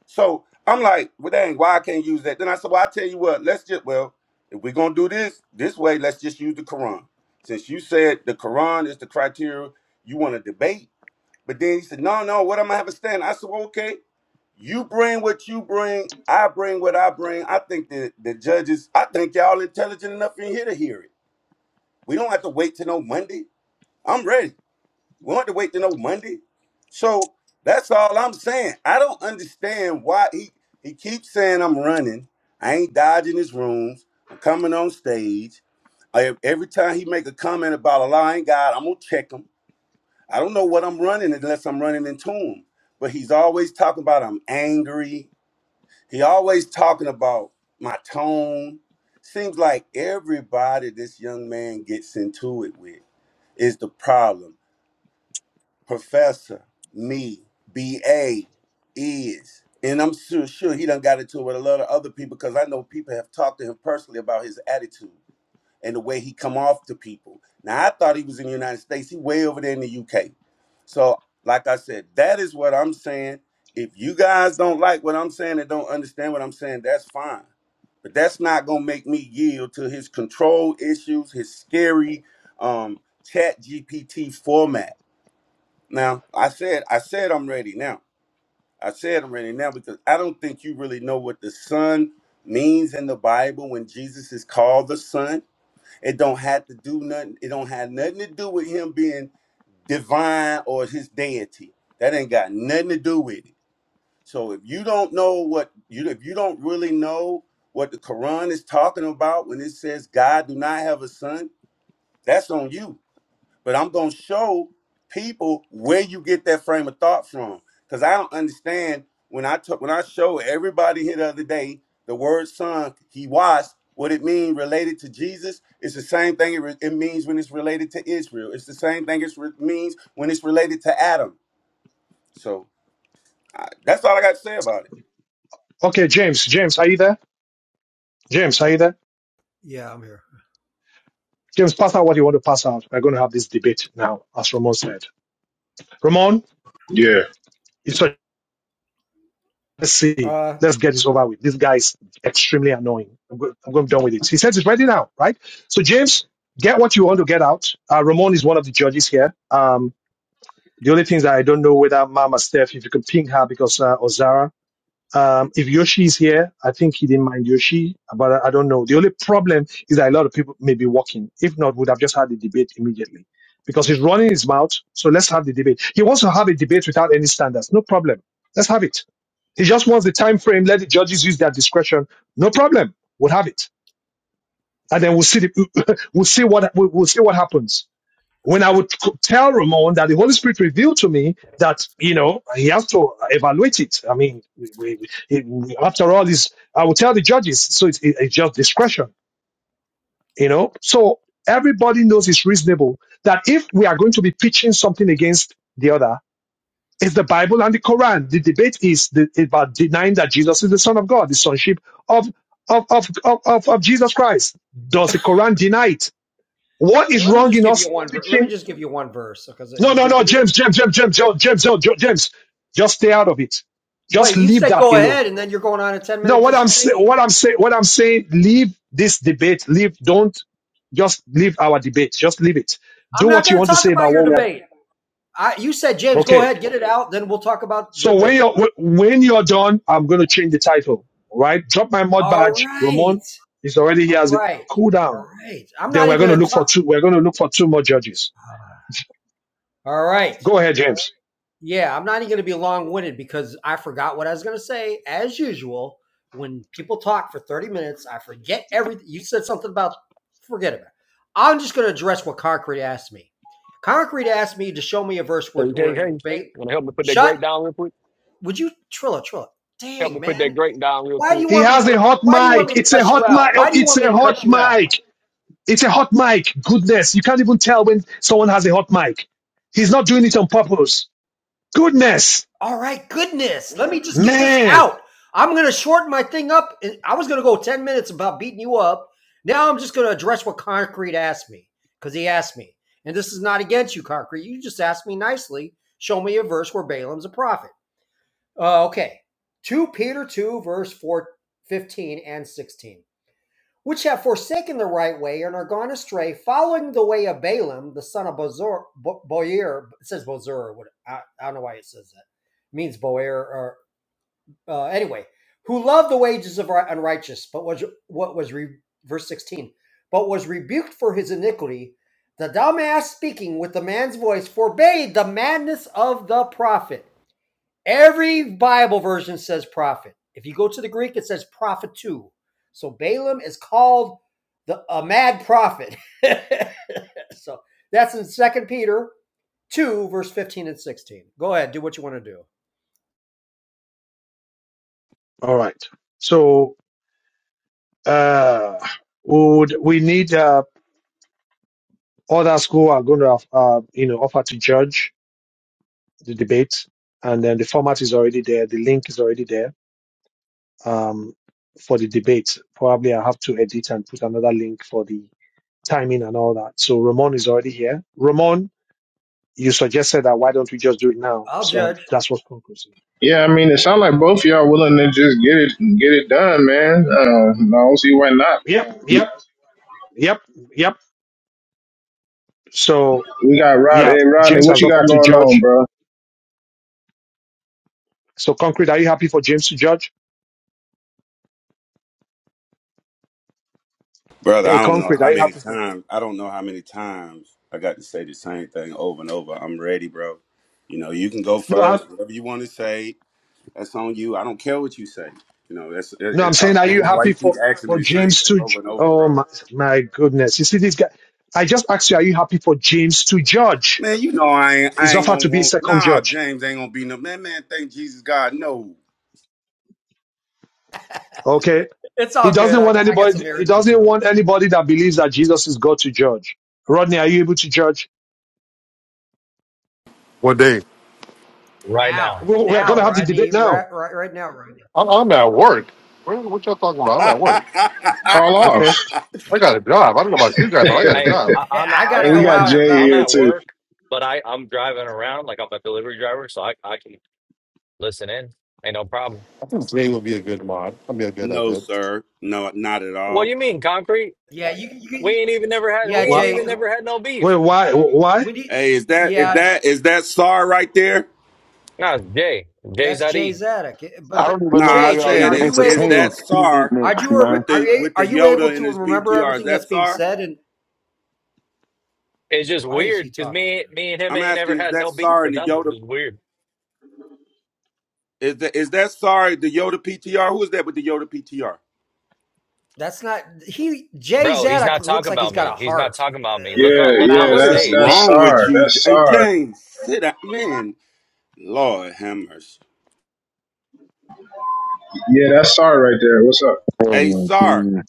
Speaker 6: So I'm like, well, dang, why I can't use that? Then I said, well, I tell you what, let's just, well, if we're gonna do this this way, let's just use the Quran. Since you said the Quran is the criteria you want to debate, but then he said, no, no, what am I gonna have a stand? I said, well, okay, you bring what you bring, I bring what I bring. I think that the judges, I think y'all intelligent enough in here to hear it. We don't have to wait till no Monday. I'm ready. We want to wait to know Monday. So that's all I'm saying. I don't understand why he he keeps saying I'm running. I ain't dodging his rooms. I'm coming on stage. I- every time he make a comment about a lying God, I'm gonna check him. I don't know what I'm running unless I'm running into him. But he's always talking about I'm angry. He always talking about my tone. Seems like everybody this young man gets into it with is the problem professor, me, BA, is. And I'm sure, sure he done got into it with a lot of other people because I know people have talked to him personally about his attitude and the way he come off to people. Now I thought he was in the United States. He way over there in the UK. So, like I said, that is what I'm saying. If you guys don't like what I'm saying and don't understand what I'm saying, that's fine. But that's not gonna make me yield to his control issues, his scary um chat GPT format now, I said, I said I'm ready now. I said I'm ready now because I don't think you really know what the Son means in the Bible when Jesus is called the Son. It don't have to do nothing. It don't have nothing to do with him being divine or his deity. That ain't got nothing to do with it. So if you don't know what you if you don't really know what the Quran is talking about when it says God do not have a son, that's on you but I'm gonna show people where you get that frame of thought from. Cause I don't understand when I took when I showed everybody here the other day the word "son," he was what it mean related to Jesus. It's the same thing it, re- it means when it's related to Israel. It's the same thing it re- means when it's related to Adam. So I, that's all I got to say about it,
Speaker 1: Okay, James. James, are you there? James, are you there?
Speaker 4: Yeah, I'm here.
Speaker 1: James, pass out what you want to pass out. We're going to have this debate now, as Ramon said. Ramon,
Speaker 3: yeah,
Speaker 1: it's a let's see.
Speaker 4: Uh,
Speaker 1: Let's get this over with. This guy is extremely annoying. I'm, go- I'm going done with it. He says it's ready now, right? So, James, get what you want to get out. Uh, Ramon is one of the judges here. Um, the only things that I don't know whether Mama Steph, if you could ping her because uh, Ozara Um, if Yoshi's here, I think he didn't mind Yoshi, but I, I don't know. The only problem is that a lot of people may be walking. If not, would have just had the debate immediately because he's running his mouth. So let's have the debate. He wants to have a debate without any standards. No problem. Let's have it. He just wants the time frame. Let the judges use their discretion. No problem. We'll have it, and then we'll see the, we'll see what we'll, we'll see what happens when I would c- tell Ramon that the Holy Spirit revealed to me that, you know, he has to evaluate it. I mean, we, we, we- we- after all, is I would tell the judges, so it's, it- it's just discretion, you know. So everybody knows it's reasonable that if we are going to be pitching something against the other, it's the Bible and the Quran. The debate is the, about denying that Jesus is the Son of God, the sonship of of, of, of, of of Jesus Christ. Does the Quran deny it? What
Speaker 4: Hey,
Speaker 1: is
Speaker 4: let me
Speaker 1: wrong
Speaker 4: just
Speaker 1: in
Speaker 4: give you
Speaker 1: us
Speaker 4: one. Let
Speaker 1: pitching?
Speaker 4: me just give you one verse because
Speaker 1: No,
Speaker 4: you,
Speaker 1: no,
Speaker 4: you,
Speaker 1: no,
Speaker 4: you-
Speaker 1: James, James, James, James, James, James, no, Jo- James. Just stay out of it. Just
Speaker 4: wait. You
Speaker 1: leave
Speaker 4: said
Speaker 1: that
Speaker 4: go
Speaker 1: alone.
Speaker 4: ahead, and then you're going on a ten
Speaker 1: No,
Speaker 4: minute
Speaker 1: what I'm saying,
Speaker 4: dissertation.
Speaker 1: what I'm saying, what I'm saying, leave this debate. Leave, don't just leave our debate. Just leave it.
Speaker 4: I'm
Speaker 1: Do
Speaker 4: not
Speaker 1: what you
Speaker 4: going to
Speaker 1: want to
Speaker 4: talk
Speaker 1: say
Speaker 4: about
Speaker 1: about
Speaker 4: your
Speaker 1: what we are.
Speaker 4: debate. I, you said James, go
Speaker 1: Okay.
Speaker 4: ahead, get it out. Then we'll talk about the
Speaker 1: So when
Speaker 4: debate.
Speaker 1: you're wh- when you're done, I'm going to change the title. All right. Drop my mud
Speaker 4: All
Speaker 1: badge.
Speaker 4: right,
Speaker 1: Ramon is already
Speaker 4: all
Speaker 1: here as a
Speaker 4: right,
Speaker 1: cool
Speaker 4: all
Speaker 1: down.
Speaker 4: right. I'm
Speaker 1: Then
Speaker 4: not
Speaker 1: we're
Speaker 4: even
Speaker 1: going to
Speaker 4: going to
Speaker 1: look for
Speaker 4: talk.
Speaker 1: two. We're going to look for two more judges.
Speaker 4: All right.
Speaker 1: Go ahead, James.
Speaker 4: Yeah, I'm not even going to be long winded because I forgot what I was going to say. As usual, when people talk for 30 minutes, I forget everything. You said something about, forget about it. I'm just going to address what Concrete asked me. Concrete asked me to show me a verse
Speaker 2: So
Speaker 4: where,
Speaker 2: you can't,
Speaker 4: where
Speaker 2: can't
Speaker 4: ba-
Speaker 2: want to help me put that
Speaker 4: shut,
Speaker 2: great down real quick?
Speaker 4: would you, Trilla, Trilla,
Speaker 2: Help me
Speaker 4: dang,
Speaker 2: put that
Speaker 4: man.
Speaker 2: grate down real
Speaker 4: Why do
Speaker 2: quick.
Speaker 4: you
Speaker 1: He
Speaker 4: want me
Speaker 1: has
Speaker 4: to,
Speaker 1: a hot
Speaker 4: why do you want me
Speaker 1: mic.
Speaker 4: to
Speaker 1: It's a
Speaker 4: cuss you
Speaker 1: hot mic.
Speaker 4: out?
Speaker 1: Oh,
Speaker 4: Why do you
Speaker 1: It's
Speaker 4: want me
Speaker 1: a
Speaker 4: to
Speaker 1: hot
Speaker 4: cuss you out?
Speaker 1: mic. It's a hot mic. Goodness. You can't even tell when someone has a hot mic. He's not doing it on purpose. Goodness.
Speaker 4: all right, goodness, let me just get this
Speaker 1: Man.
Speaker 4: out. I'm going to shorten my thing up. I was going to go 10 minutes about beating you up. Now I'm just going to address what Concrete asked me because he asked me. And this is not against you, Concrete. You just asked me nicely. Show me a verse where Balaam's a prophet. Uh, okay. 2 Peter 2, verse 4, 15 and 16 which have forsaken the right way and are gone astray, following the way of Balaam, the son of Bozor, Bo- Boyer. It says Bozor. I, I don't know why it says that. It means Boyer. Or uh, anyway, who loved the wages of unrighteous, but was what was re, verse sixteen, but was rebuked for his iniquity. The dumb ass speaking with the man's voice forbade the madness of the prophet. Every Bible version says prophet. If you go to the Greek, it says prophet too. So Balaam is called the a mad prophet. so that's in Second Peter two, verse fifteen and sixteen. Go ahead, do what you want to do.
Speaker 1: All right. So, uh, would we need, uh, others who are going to, uh, you know, offer to judge the debate. And then the format is already there. The link is already there. Um, for the debate, probably I have to edit and put another link for the timing and all that. So Ramon is already here. Ramon, you suggested that why don't we just do it now?
Speaker 4: I'll
Speaker 1: So um,
Speaker 4: judge.
Speaker 1: that's what's conclusive.
Speaker 3: yeah. I mean, it sounds like both of y'all willing to just get it get it done, man. Uh, I don't see why not.
Speaker 1: Yep,
Speaker 3: We,
Speaker 1: yep, yep, yep. So
Speaker 3: we got Rod.
Speaker 1: yeah,
Speaker 3: Hey, Rodney,
Speaker 1: James
Speaker 3: what
Speaker 1: has
Speaker 3: you got
Speaker 1: offered to
Speaker 3: going on,
Speaker 1: judge.
Speaker 3: bro?
Speaker 1: So concrete, are you happy for James to judge?
Speaker 6: brother.
Speaker 1: Hey,
Speaker 6: I don't know
Speaker 1: concrete,
Speaker 6: how
Speaker 1: are you
Speaker 6: many
Speaker 1: happy for?
Speaker 6: times I don't know how many times I got to say the same thing over and over. I'm ready, bro. You know, you can go
Speaker 1: No, I'm
Speaker 6: first, whatever you want to say That's on you. I don't care what you say. You know, that's it,
Speaker 1: no, I'm
Speaker 6: it, I,
Speaker 1: saying,
Speaker 6: I
Speaker 1: are
Speaker 6: don't
Speaker 1: you
Speaker 6: know why you
Speaker 1: happy
Speaker 6: keep
Speaker 1: for
Speaker 6: asking me
Speaker 1: for
Speaker 6: the same
Speaker 1: James
Speaker 6: thing
Speaker 1: to?
Speaker 6: over
Speaker 1: ju-
Speaker 6: and over,
Speaker 1: Oh
Speaker 6: bro.
Speaker 1: my, my goodness! You see this guy. I just asked you, are you happy for James to judge?
Speaker 6: Man, you know I ain't I
Speaker 1: He's
Speaker 6: ain't
Speaker 1: offered
Speaker 6: gonna
Speaker 1: to be
Speaker 6: want
Speaker 1: second
Speaker 6: nah
Speaker 1: judge.
Speaker 6: James ain't gonna be no man man thank Jesus God no.
Speaker 1: Okay
Speaker 4: It's all
Speaker 1: He
Speaker 4: good.
Speaker 1: doesn't
Speaker 4: I
Speaker 1: want
Speaker 4: got, I got some
Speaker 1: anybody. He
Speaker 4: errands to
Speaker 1: doesn't
Speaker 4: do.
Speaker 1: want anybody that believes that Jesus is God to judge. Rodney, are you able to judge?
Speaker 10: What day?
Speaker 11: right
Speaker 4: Now,
Speaker 11: now.
Speaker 1: We we are going
Speaker 4: now,
Speaker 1: to have the
Speaker 4: Rodney,
Speaker 1: debate
Speaker 4: right,
Speaker 1: now.
Speaker 4: right, right now, Rodney.
Speaker 10: I'm, I'm at work. What, what y'all talking about? I'm at work.
Speaker 3: Call off.
Speaker 1: Okay.
Speaker 10: I got a job. I don't know about you guys, but I
Speaker 11: Hey,
Speaker 10: got a
Speaker 11: hey,
Speaker 10: job.
Speaker 11: I, I'm
Speaker 4: I got
Speaker 11: I'm
Speaker 4: to
Speaker 3: And
Speaker 11: at
Speaker 3: we
Speaker 4: go
Speaker 11: I'm
Speaker 3: got
Speaker 4: out in
Speaker 11: at
Speaker 3: Jay
Speaker 4: about a
Speaker 11: I'm
Speaker 3: here
Speaker 4: little
Speaker 11: at
Speaker 4: bit.
Speaker 3: too.
Speaker 11: work, but I I'm driving around like I'm a delivery driver, so I I can listen in. Ain't no problem.
Speaker 10: I think Jay would be a good mod. I'd be a good at
Speaker 6: no,
Speaker 10: that.
Speaker 6: sir. No, not at
Speaker 11: What do
Speaker 6: all.
Speaker 11: you mean, concrete?
Speaker 4: Yeah, you, you,
Speaker 11: We
Speaker 4: can-
Speaker 11: ain't even never had
Speaker 4: yeah,
Speaker 11: we ain't
Speaker 1: Why?
Speaker 11: even
Speaker 4: Jay.
Speaker 11: never had no beef.
Speaker 1: Wait, why? Why?
Speaker 4: When you,
Speaker 6: Hey, is that is
Speaker 4: yeah,
Speaker 6: that is that SAR right there?
Speaker 11: Nah, it's Jay Jay
Speaker 4: that's Jay
Speaker 11: Zadig.
Speaker 4: Zadok.
Speaker 8: I
Speaker 4: But, but
Speaker 8: don't even know
Speaker 6: Nah,
Speaker 8: why
Speaker 6: I
Speaker 4: Jay,
Speaker 8: y'all
Speaker 4: Jay,
Speaker 6: said
Speaker 8: even
Speaker 4: are
Speaker 6: is
Speaker 4: you
Speaker 6: is
Speaker 4: able
Speaker 8: entertaining
Speaker 4: to?
Speaker 6: that
Speaker 8: female
Speaker 6: SAR
Speaker 8: mix,
Speaker 4: Are you
Speaker 8: man.
Speaker 6: with
Speaker 4: are
Speaker 6: the
Speaker 4: you
Speaker 6: with
Speaker 4: are
Speaker 6: the
Speaker 4: you able
Speaker 6: Yoda in
Speaker 4: to
Speaker 6: his
Speaker 4: remember
Speaker 6: PTR? Is
Speaker 4: everything
Speaker 6: that
Speaker 4: that's being
Speaker 6: SAR?
Speaker 4: said? And
Speaker 11: It's just
Speaker 4: why is he
Speaker 11: weird because
Speaker 4: talking,
Speaker 11: me
Speaker 4: man?
Speaker 11: me and him
Speaker 6: I'm
Speaker 11: ain't never
Speaker 6: asking, is
Speaker 11: had
Speaker 6: that
Speaker 11: no beef
Speaker 6: SAR
Speaker 11: or
Speaker 6: and the
Speaker 11: nothing.
Speaker 6: Yoda
Speaker 11: It's weird,
Speaker 6: Is that is that sorry the Yoda PTR? Who is that with the Yoda PTR?
Speaker 4: That's not he. Jay
Speaker 11: bro. He's
Speaker 4: Zadok
Speaker 11: not
Speaker 4: looks
Speaker 11: talking
Speaker 4: like he's
Speaker 11: about
Speaker 4: got
Speaker 11: me.
Speaker 4: a
Speaker 11: He's not
Speaker 4: heart,
Speaker 11: talking about me.
Speaker 4: uh,
Speaker 11: Look on
Speaker 4: like
Speaker 3: Yeah,
Speaker 11: look on
Speaker 3: yeah.
Speaker 11: the
Speaker 6: What
Speaker 4: valves.
Speaker 6: is
Speaker 3: That's
Speaker 11: stage.
Speaker 3: that's
Speaker 6: wrong with
Speaker 3: Sar.
Speaker 6: you, J-
Speaker 3: That's
Speaker 6: hey,
Speaker 3: Sar.
Speaker 6: James? Sit up, man. Lord have mercy.
Speaker 3: Yeah, that's Sar right there. What's up?
Speaker 8: Oh
Speaker 6: Hey,
Speaker 8: my
Speaker 6: Sar,
Speaker 8: goodness.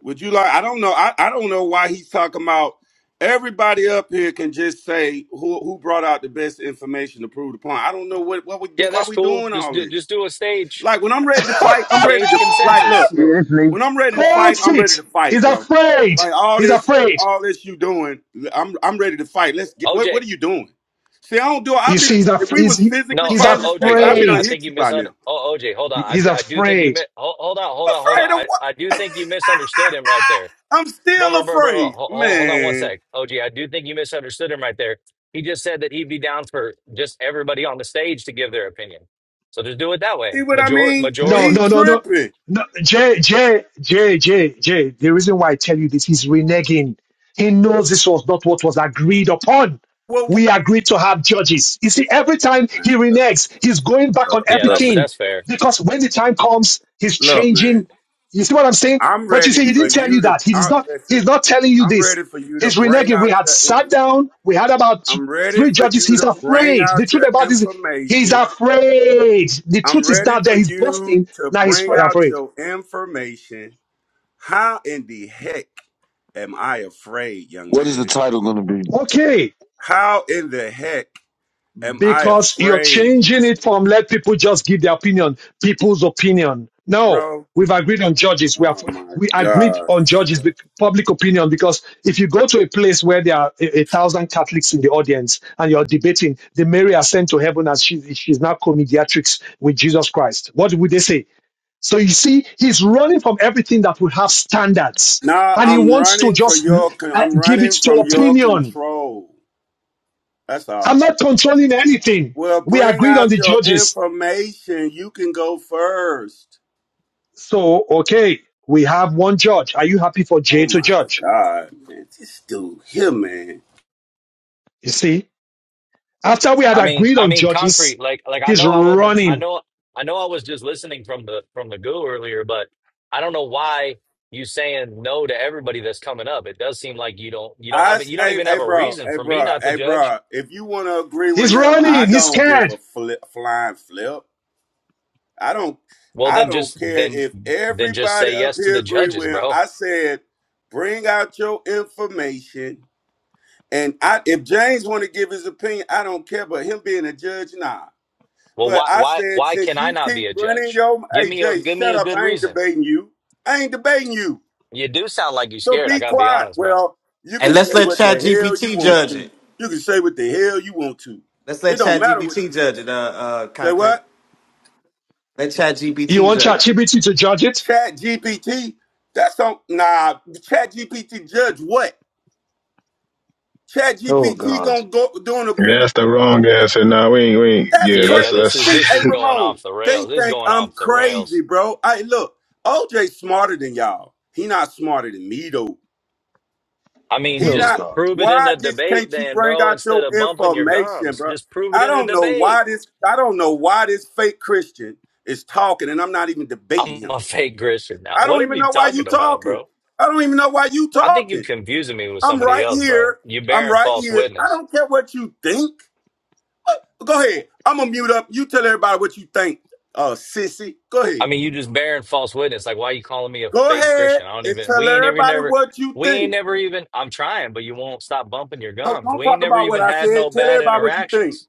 Speaker 6: would you like? I don't know. I, I don't know why he's talking about. Everybody up here can just say who who brought out the best information to prove the point. I don't know what what we do.
Speaker 11: Yeah,
Speaker 6: Why
Speaker 11: that's
Speaker 6: we
Speaker 11: cool.
Speaker 6: doing
Speaker 11: Just
Speaker 6: all
Speaker 11: do,
Speaker 6: this?
Speaker 11: just do a stage
Speaker 6: Like when I'm ready to fight, I'm ready
Speaker 11: stage
Speaker 6: to like look,
Speaker 11: consensus.
Speaker 6: look.
Speaker 12: Yeah, it's me.
Speaker 6: When I'm ready to
Speaker 1: Cold
Speaker 6: fight, I'm ready to
Speaker 1: feet.
Speaker 6: fight,
Speaker 1: He's
Speaker 6: bro.
Speaker 1: afraid.
Speaker 6: Like all
Speaker 1: He's
Speaker 6: this,
Speaker 1: afraid.
Speaker 6: all this you doing, I'm I'm ready to fight. Let's get what
Speaker 11: OJ.
Speaker 6: what are you doing? See, I don't do it.
Speaker 1: You
Speaker 6: I've
Speaker 1: see,
Speaker 6: been
Speaker 1: he's
Speaker 6: if
Speaker 1: af-
Speaker 6: we was
Speaker 1: he's,
Speaker 6: physically
Speaker 11: No,
Speaker 1: he's
Speaker 11: o-
Speaker 6: fighting
Speaker 11: OG,
Speaker 6: respectfully, I'd be
Speaker 11: OG.
Speaker 6: done
Speaker 11: I
Speaker 1: afraid.
Speaker 11: think
Speaker 6: hit
Speaker 11: you
Speaker 6: you by
Speaker 11: misunderstood.
Speaker 6: now.
Speaker 11: Oh, OJ, hold on. I,
Speaker 1: He's
Speaker 11: I do think you
Speaker 1: afraid.
Speaker 11: mi- hold, hold on, hold on, hold on.
Speaker 6: Afraid of
Speaker 11: I,
Speaker 6: what?
Speaker 11: I do think you misunderstood him right there,
Speaker 6: I'm
Speaker 11: bro,
Speaker 6: still
Speaker 11: bro, bro, bro.
Speaker 6: afraid.
Speaker 11: Hold, hold on one
Speaker 6: Man.
Speaker 11: sec, OG. I do think you misunderstood him right there. He just said that he'd be down for just everybody on the stage to give their opinion. So just do it that
Speaker 6: See
Speaker 11: way.
Speaker 6: what I
Speaker 11: Major
Speaker 6: mean?
Speaker 11: majority.
Speaker 1: No,
Speaker 6: He
Speaker 1: no, no, no.
Speaker 6: tripping.
Speaker 1: No, Jay, Jay, Jay, Jay, Jay. The reason why I tell you this, he's reneging. He knows this was not what was agreed upon.
Speaker 6: Well, wha-
Speaker 1: We agreed to have judges. You see, every time he
Speaker 6: man, look,
Speaker 1: reneges, he's going back on
Speaker 6: look,
Speaker 11: Yeah,
Speaker 6: look,
Speaker 11: that's
Speaker 6: man.
Speaker 1: everything
Speaker 11: that's fair.
Speaker 1: because when the time comes, he's
Speaker 6: Look, man.
Speaker 1: changing. You see what I'm saying?
Speaker 6: I'm
Speaker 1: But you
Speaker 6: ready
Speaker 1: see, he
Speaker 6: for
Speaker 1: didn't tell
Speaker 6: you
Speaker 1: you
Speaker 6: to
Speaker 1: that. He is
Speaker 6: I,
Speaker 1: not.
Speaker 6: listen.
Speaker 1: He's not telling you
Speaker 6: I'm
Speaker 1: this.
Speaker 6: ready for you to
Speaker 1: He's
Speaker 6: bring
Speaker 1: reneging. We
Speaker 6: out
Speaker 1: had
Speaker 6: your
Speaker 1: sat down. We had about th-
Speaker 6: I'm ready
Speaker 1: three
Speaker 6: for
Speaker 1: judges.
Speaker 6: you
Speaker 1: He's
Speaker 6: to bring
Speaker 1: afraid. The
Speaker 6: out
Speaker 1: truth
Speaker 6: your
Speaker 1: about this, he's
Speaker 6: information.
Speaker 1: afraid. The
Speaker 6: I'm
Speaker 1: truth is
Speaker 6: ready
Speaker 1: not
Speaker 6: for
Speaker 1: there. He's
Speaker 6: you
Speaker 1: boasting.
Speaker 6: to
Speaker 1: Now he's
Speaker 6: bring out
Speaker 1: afraid.
Speaker 6: your information. How in the heck am I afraid, young
Speaker 8: What is the
Speaker 6: man?
Speaker 8: title gonna be?
Speaker 1: Okay.
Speaker 6: How in the heck am I
Speaker 1: because you're
Speaker 6: afraid,
Speaker 1: changing it from let people just give their opinion, people's opinion. No,
Speaker 6: bro?
Speaker 1: we've agreed on judges. We have
Speaker 6: Oh my
Speaker 1: we agreed
Speaker 6: God.
Speaker 1: on judges, bec- public opinion. Because if you go to a place where there are a, a thousand Catholics in the audience and you're debating, the Mary ascend to heaven and she, she's now co-mediatrix with Jesus Christ. What would they say? So you see, he's running from everything that would have standards,
Speaker 6: Nah,
Speaker 1: and he
Speaker 6: I'm
Speaker 1: wants to
Speaker 6: running for
Speaker 1: just
Speaker 6: your con-
Speaker 1: uh,
Speaker 6: I'm
Speaker 1: give it
Speaker 6: running
Speaker 1: to
Speaker 6: from your
Speaker 1: opinion
Speaker 6: control. That's
Speaker 1: I'm
Speaker 6: all.
Speaker 1: not controlling anything.
Speaker 6: Well,
Speaker 1: We
Speaker 6: bring
Speaker 1: agreed on
Speaker 6: out
Speaker 1: the
Speaker 6: your
Speaker 1: judges.
Speaker 6: information. You can go first.
Speaker 1: So, okay, we have one judge. Are you happy for Jay
Speaker 6: Oh
Speaker 1: to
Speaker 6: my
Speaker 1: judge?
Speaker 6: God, man, this dude here, man.
Speaker 1: You see, after we had
Speaker 11: I mean,
Speaker 1: agreed
Speaker 11: I
Speaker 1: on
Speaker 11: mean,
Speaker 1: judges,
Speaker 11: concrete. Like, like I
Speaker 1: he's
Speaker 11: know I wasn't. I
Speaker 1: running.
Speaker 11: know, I know, I was just listening from the from the goo earlier, but I don't know why you saying no to everybody that's coming up. It does seem like you don't, you don't
Speaker 6: I,
Speaker 11: have it.
Speaker 6: s-
Speaker 11: You don't
Speaker 6: hey,
Speaker 11: even
Speaker 6: hey,
Speaker 11: have a
Speaker 6: bro,
Speaker 11: reason
Speaker 6: hey,
Speaker 11: for me
Speaker 6: bro,
Speaker 11: not to
Speaker 6: hey,
Speaker 11: judge.
Speaker 6: bro. If you want to agree with
Speaker 1: He's
Speaker 6: him,
Speaker 1: running.
Speaker 6: I
Speaker 1: He's
Speaker 6: don't give
Speaker 1: scared.
Speaker 6: a flip, flying flip. I don't,
Speaker 11: Well,
Speaker 6: I
Speaker 11: then just
Speaker 6: don't care
Speaker 11: then
Speaker 6: if
Speaker 11: then just say
Speaker 6: everybody up
Speaker 11: yes to
Speaker 6: here
Speaker 11: the
Speaker 6: agree
Speaker 11: judges,
Speaker 6: with him.
Speaker 11: bro.
Speaker 6: I said, bring out your information, and I, if James want to give his opinion, I don't care. But him being a judge, nah.
Speaker 11: Well,
Speaker 6: But
Speaker 11: why
Speaker 6: I
Speaker 11: why
Speaker 6: said,
Speaker 11: why
Speaker 6: since
Speaker 11: can I
Speaker 6: you
Speaker 11: not
Speaker 6: keep
Speaker 11: be a
Speaker 6: running
Speaker 11: judge?
Speaker 6: your,
Speaker 11: Give
Speaker 6: hey,
Speaker 11: me a
Speaker 6: Jay,
Speaker 11: give me
Speaker 6: shut
Speaker 11: a
Speaker 6: up.
Speaker 11: good
Speaker 6: I ain't
Speaker 11: reason.
Speaker 6: debating you. I ain't debating you.
Speaker 11: You do sound like you're
Speaker 6: So
Speaker 11: scared. I
Speaker 6: be
Speaker 11: gotta be
Speaker 6: quiet.
Speaker 11: honest, bro.
Speaker 6: Well, you
Speaker 7: And
Speaker 6: can
Speaker 7: let's
Speaker 6: say
Speaker 7: let
Speaker 6: what the
Speaker 7: Chat
Speaker 6: hell you
Speaker 7: GPT
Speaker 6: want
Speaker 7: judge
Speaker 6: to.
Speaker 7: it.
Speaker 6: You can say what the hell you want to.
Speaker 7: Let's let
Speaker 6: It don't
Speaker 7: Chat
Speaker 6: matter what
Speaker 7: GPT
Speaker 6: you say.
Speaker 7: judge it, uh, uh,
Speaker 6: Say
Speaker 7: concrete.
Speaker 6: what?
Speaker 7: Let Chat
Speaker 1: You
Speaker 7: GPT
Speaker 1: want
Speaker 7: judge it.
Speaker 1: ChatGPT to judge it?
Speaker 6: Chat GPT. That's on nah. Chat GPT judge what? Chat
Speaker 1: Oh
Speaker 6: GPT
Speaker 1: God.
Speaker 6: gonna go doing not agree
Speaker 3: Yeah,
Speaker 6: with
Speaker 3: that's the wrong answer. Nah, we ain't. We ain't.
Speaker 6: that's
Speaker 3: Yeah, let's.
Speaker 6: crazy.
Speaker 11: Yeah, this is
Speaker 6: See,
Speaker 11: this
Speaker 3: let's
Speaker 6: hey
Speaker 11: is going
Speaker 6: Ramon,
Speaker 11: off the
Speaker 6: they
Speaker 11: rails. This is
Speaker 6: think
Speaker 11: going
Speaker 6: I'm
Speaker 11: off the rails.
Speaker 6: crazy, bro. I look, OJ smarter than y'all. He not smarter than me though.
Speaker 11: I mean,
Speaker 6: He
Speaker 1: Oh
Speaker 11: just
Speaker 6: not.
Speaker 1: God.
Speaker 11: prove it in
Speaker 6: Why
Speaker 11: a
Speaker 6: just
Speaker 11: debate,
Speaker 6: can't you
Speaker 11: then,
Speaker 6: bring
Speaker 11: bro.
Speaker 6: out
Speaker 11: Instead
Speaker 6: your
Speaker 11: of bumping your
Speaker 6: information,
Speaker 11: gums,
Speaker 6: bro?
Speaker 11: just prove it
Speaker 6: I
Speaker 11: in a
Speaker 6: don't know why
Speaker 11: debate.
Speaker 6: this. I don't know why this fake Christian is talking, and I'm not even debating
Speaker 11: I'm
Speaker 6: him.
Speaker 11: a fake Christian now.
Speaker 6: I
Speaker 11: What
Speaker 6: don't
Speaker 11: are
Speaker 6: even
Speaker 11: you
Speaker 6: know why
Speaker 11: talking
Speaker 6: you
Speaker 11: about,
Speaker 6: talking.
Speaker 11: bro?
Speaker 6: I don't even know why you
Speaker 11: I think you are
Speaker 6: talking.
Speaker 11: confusing me with
Speaker 6: I'm
Speaker 11: somebody
Speaker 6: right
Speaker 11: else, bro.
Speaker 6: here.
Speaker 11: You
Speaker 6: I'm
Speaker 11: bearing
Speaker 6: right
Speaker 11: false
Speaker 6: here. I
Speaker 11: witness.
Speaker 6: don't care what you think. Go ahead. I'm gonna mute up. You tell everybody what you think, uh, sissy. Go
Speaker 11: I
Speaker 6: ahead.
Speaker 11: mean, you just bearing false witness. Like, why you calling me a
Speaker 6: Go
Speaker 11: fake
Speaker 6: ahead
Speaker 11: Christian? I don't
Speaker 6: and
Speaker 11: even. We
Speaker 6: tell
Speaker 11: ain't ever
Speaker 6: everybody
Speaker 11: never.
Speaker 6: what you
Speaker 11: We ain't
Speaker 6: think.
Speaker 11: never even. I'm trying, but you won't stop bumping your
Speaker 6: Oh,
Speaker 11: gums.
Speaker 6: Don't
Speaker 11: We ain't
Speaker 6: talk
Speaker 11: never
Speaker 6: about what
Speaker 11: even
Speaker 6: I
Speaker 11: had no
Speaker 6: said. Tell
Speaker 11: bad
Speaker 6: everybody what you think.
Speaker 11: interactions.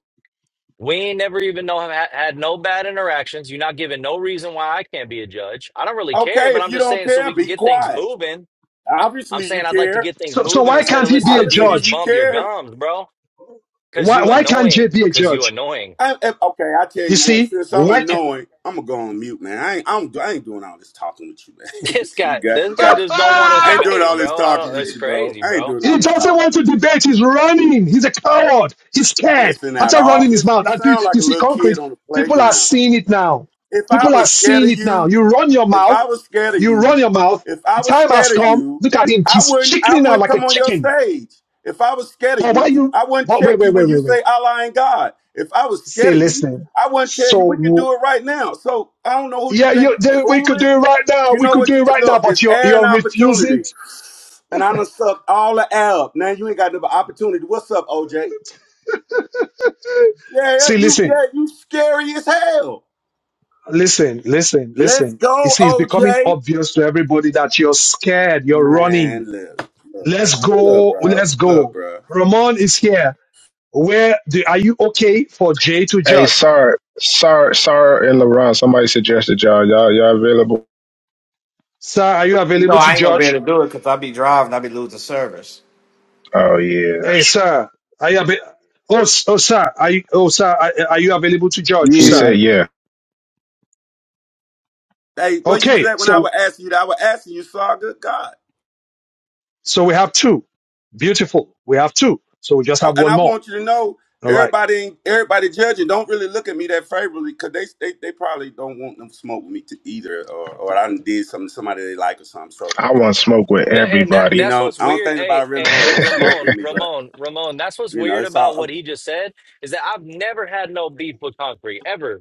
Speaker 11: We ain't never even know had, had no bad interactions. You're not giving no reason why I can't be a judge. I don't really care,
Speaker 6: Okay,
Speaker 11: but
Speaker 6: if
Speaker 11: I'm
Speaker 6: you
Speaker 11: just
Speaker 6: don't
Speaker 11: saying so
Speaker 6: care,
Speaker 11: we can
Speaker 6: be
Speaker 11: get things
Speaker 6: quiet.
Speaker 11: moving. I'm
Speaker 6: Obviously you
Speaker 11: saying I'd like to
Speaker 6: care.
Speaker 11: get things
Speaker 1: So, so
Speaker 11: moving
Speaker 1: why
Speaker 11: instead
Speaker 1: can't
Speaker 11: of
Speaker 1: he be a
Speaker 11: listening to you
Speaker 6: Obviously
Speaker 11: just
Speaker 6: you
Speaker 1: judge?
Speaker 11: bump your
Speaker 6: care.
Speaker 11: gums, bro. Cause
Speaker 1: Why,
Speaker 11: you
Speaker 1: why can't Jay
Speaker 11: annoying.
Speaker 1: be a
Speaker 11: Cause you
Speaker 1: judge?
Speaker 11: annoying.
Speaker 6: I, if- okay, I tell
Speaker 1: You
Speaker 6: you what.
Speaker 1: see,
Speaker 6: Since I'm
Speaker 1: why? Can...
Speaker 6: annoying, I'm gonna go on mute, man. I ain't, I'm, I ain't doing all this talking with you, man.
Speaker 11: This
Speaker 6: you
Speaker 11: guy,
Speaker 6: got,
Speaker 11: this
Speaker 6: you
Speaker 11: guy
Speaker 6: got.
Speaker 11: just don't want to
Speaker 6: I ain't doing
Speaker 11: debate,
Speaker 6: all this
Speaker 11: bro. I
Speaker 6: talking
Speaker 11: don't.
Speaker 6: with
Speaker 11: It's
Speaker 6: you, bro.
Speaker 11: crazy,
Speaker 6: I ain't
Speaker 11: bro.
Speaker 6: doing all
Speaker 1: He
Speaker 6: this
Speaker 1: doesn't want
Speaker 6: talking.
Speaker 1: to debate. He's running. He's a coward. He's scared.
Speaker 6: Listen at
Speaker 1: After
Speaker 6: all.
Speaker 1: running his
Speaker 6: Listen,
Speaker 1: mouth,
Speaker 6: you
Speaker 1: and pe-
Speaker 6: sound like
Speaker 1: you
Speaker 6: a
Speaker 1: see
Speaker 6: little kid
Speaker 1: concrete.
Speaker 6: on the
Speaker 1: People are
Speaker 6: playground.
Speaker 1: seeing it now.
Speaker 6: If I
Speaker 1: People are
Speaker 6: was scared
Speaker 1: seeing
Speaker 6: of
Speaker 1: it now.
Speaker 6: you,
Speaker 1: You run your
Speaker 6: If
Speaker 1: mouth.
Speaker 6: I was scared of
Speaker 1: You run
Speaker 6: you,
Speaker 1: your mouth.
Speaker 6: if I
Speaker 1: The
Speaker 6: was
Speaker 1: time
Speaker 6: scared
Speaker 1: has
Speaker 6: of
Speaker 1: come.
Speaker 6: you,
Speaker 1: Look at him.
Speaker 6: I
Speaker 1: He's
Speaker 6: wouldn't I
Speaker 1: chickening now,
Speaker 6: wouldn't
Speaker 1: like a
Speaker 6: come on your
Speaker 1: chicken.
Speaker 6: stage. If I was scared of
Speaker 1: But why
Speaker 6: you,
Speaker 1: you?
Speaker 6: I wouldn't
Speaker 1: But wait,
Speaker 6: check you
Speaker 1: wait, wait,
Speaker 6: when you
Speaker 1: wait, wait.
Speaker 6: say Allah ain't God. If I was
Speaker 1: Say,
Speaker 6: scared of you,
Speaker 1: listen.
Speaker 6: I wouldn't tell you
Speaker 1: So
Speaker 6: we can
Speaker 1: w-
Speaker 6: do it right now. So I don't know who you
Speaker 1: yeah,
Speaker 6: think
Speaker 1: you,
Speaker 6: you're
Speaker 1: they, we could do
Speaker 6: fooling.
Speaker 1: it right now.
Speaker 6: You
Speaker 1: We
Speaker 6: know
Speaker 1: could
Speaker 6: what
Speaker 1: do it
Speaker 6: you would
Speaker 1: right now.
Speaker 6: look,
Speaker 1: But
Speaker 6: it's
Speaker 1: you're
Speaker 6: air and
Speaker 1: you're refusing.
Speaker 6: opportunity. And I done sucked all the air up. Now you ain't got no opportunity. What's up, OJ? Yeah, yeah,
Speaker 1: See,
Speaker 6: you
Speaker 1: listen.
Speaker 6: yeah, you scary as hell.
Speaker 1: Listen, listen,
Speaker 6: Let's
Speaker 1: listen. You
Speaker 6: go,
Speaker 1: see, it's becoming
Speaker 6: OJ.
Speaker 1: obvious to everybody that you're scared, you're
Speaker 6: Man,
Speaker 1: running.
Speaker 6: look, look,
Speaker 1: Let's
Speaker 6: bro, look,
Speaker 1: go,
Speaker 6: bro,
Speaker 1: let's
Speaker 6: look,
Speaker 1: go.
Speaker 6: bro.
Speaker 1: Ramon is here. Where do, are you okay for Jay to
Speaker 3: Hey,
Speaker 1: judge?
Speaker 3: Sar, Sar, Sar, and LeBron. Somebody suggested y'all. Y'all, y'all available?
Speaker 1: Sir, are you
Speaker 7: You know,
Speaker 1: available to
Speaker 7: I ain't gonna be
Speaker 1: judge?
Speaker 7: able to do it because i be driving, i be losing service.
Speaker 3: Oh yeah.
Speaker 1: Hey, sir, are you available? Oh, s- oh, sir, are you, oh, sir, are, are you available to judge,
Speaker 3: He
Speaker 1: sir?
Speaker 3: said,
Speaker 12: Yeah.
Speaker 3: yeah.
Speaker 6: Hey, where you was
Speaker 1: Okay,
Speaker 6: at when I
Speaker 1: so,
Speaker 6: was asking you that? I was asking you, saw good God.
Speaker 1: so we have two. Beautiful. We have two. So we just
Speaker 6: Oh,
Speaker 1: have
Speaker 6: and
Speaker 1: one
Speaker 6: I
Speaker 1: more.
Speaker 6: want you to know,
Speaker 1: All right.
Speaker 6: everybody, ain't- everybody judging don't really look at me that favorably because they, they, they probably don't want them smoke with me to either, or, or I done did something to somebody they like or something. So,
Speaker 3: I want smoke with
Speaker 11: But, and that
Speaker 6: you
Speaker 3: everybody.
Speaker 11: that's
Speaker 6: know,
Speaker 11: what's
Speaker 6: I don't
Speaker 11: weird.
Speaker 6: think
Speaker 11: Hey,
Speaker 6: nobody really
Speaker 11: hey, hey,
Speaker 6: want no smoke
Speaker 11: Ramon,
Speaker 6: with me, but
Speaker 11: Ramon, Ramon. That's what's
Speaker 6: you know,
Speaker 11: weird
Speaker 6: it's
Speaker 11: about what
Speaker 6: all.
Speaker 11: he just said is that I've never had no beef with Concrete ever.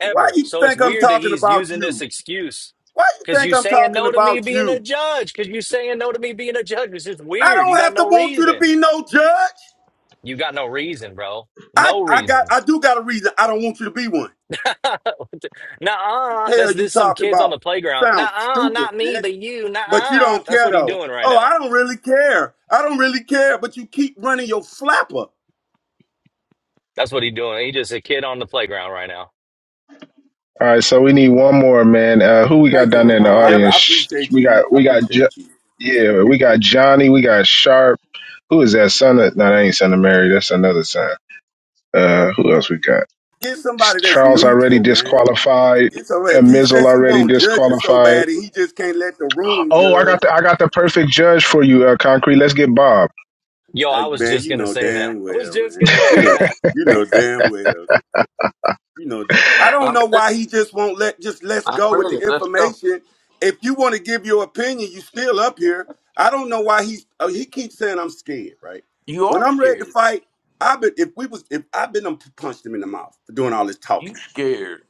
Speaker 6: why you
Speaker 11: So it's
Speaker 6: think I'm
Speaker 11: weird that
Speaker 6: talking
Speaker 11: he's
Speaker 6: about
Speaker 11: using this
Speaker 6: you?
Speaker 11: excuse
Speaker 6: Why you
Speaker 11: because
Speaker 6: think
Speaker 11: you
Speaker 6: I'm
Speaker 11: saying
Speaker 6: talking
Speaker 11: no to me
Speaker 6: about
Speaker 11: being a
Speaker 6: you?
Speaker 11: judge, because you saying no to me being a judge. It's just
Speaker 6: I
Speaker 11: weird. You
Speaker 6: don't
Speaker 11: got
Speaker 6: have to
Speaker 11: no
Speaker 6: want you to
Speaker 11: reason.
Speaker 6: be no judge.
Speaker 11: You got no reason, bro.
Speaker 6: I,
Speaker 11: No
Speaker 6: I got
Speaker 11: reason.
Speaker 6: I do got a reason I don't want you to be one.
Speaker 11: Nah,
Speaker 6: Hell
Speaker 11: that's
Speaker 6: you
Speaker 11: this some
Speaker 6: talking
Speaker 11: kids on
Speaker 6: about.
Speaker 11: the playground.
Speaker 6: Sounds
Speaker 11: Nah,
Speaker 6: stupid,
Speaker 11: not me,
Speaker 6: man.
Speaker 11: but you.
Speaker 6: But you
Speaker 11: Nah,
Speaker 6: don't
Speaker 11: that's
Speaker 6: care
Speaker 11: what he
Speaker 6: though.
Speaker 11: doing right
Speaker 6: Oh,
Speaker 11: now.
Speaker 6: I don't really care. I don't really care, but you keep running your flapper.
Speaker 11: That's what he doing. He just a kid on the playground right now.
Speaker 3: All right, so we need one more man. Uh, who we got
Speaker 6: Thank you,
Speaker 3: down there in the
Speaker 6: Ramon. I,
Speaker 1: Yep.
Speaker 6: pre-
Speaker 3: audience?
Speaker 6: I
Speaker 3: Sh-
Speaker 6: appreciate
Speaker 3: We
Speaker 6: you.
Speaker 3: got,
Speaker 6: I
Speaker 3: we got, jo-
Speaker 6: appreciate you.
Speaker 3: yeah, we got Johnny. We got Sharp. Who is that son of? No, that ain't son of Mary. That's another son. Uh, who else we got?
Speaker 6: Get somebody that's
Speaker 3: Charles already
Speaker 6: neutral, man.
Speaker 3: disqualified.
Speaker 6: Get somebody.
Speaker 3: Uh,
Speaker 6: If he
Speaker 3: Mizzle
Speaker 6: since he
Speaker 3: already
Speaker 6: won't judge it so
Speaker 3: disqualified.
Speaker 6: bad, and he just can't let the room
Speaker 3: Oh, I
Speaker 6: judge.
Speaker 3: got the I got the perfect judge for you, uh, Concrete. Let's get Bob.
Speaker 11: Yo,
Speaker 6: Uh,
Speaker 11: I was
Speaker 6: man,
Speaker 11: just
Speaker 6: you
Speaker 11: gonna
Speaker 6: know
Speaker 11: say that.
Speaker 6: damn
Speaker 11: I was
Speaker 6: well,
Speaker 11: just
Speaker 6: man.
Speaker 11: gonna
Speaker 6: You
Speaker 11: say
Speaker 6: know,
Speaker 11: that.
Speaker 6: you know damn well. you know that i don't
Speaker 13: I'm
Speaker 6: know
Speaker 13: ready.
Speaker 6: why he just won't let just let's
Speaker 13: I'm
Speaker 6: go with the
Speaker 13: ready. Let's go.
Speaker 6: information if you want to give your opinion you still up here i don't know why he's oh, he keeps saying i'm scared right
Speaker 13: You
Speaker 6: when
Speaker 13: are
Speaker 6: i'm ready to
Speaker 13: scared.
Speaker 6: fight i've been if we was if i've been done punched him in the mouth for doing all this
Speaker 13: You
Speaker 6: talking
Speaker 13: scared.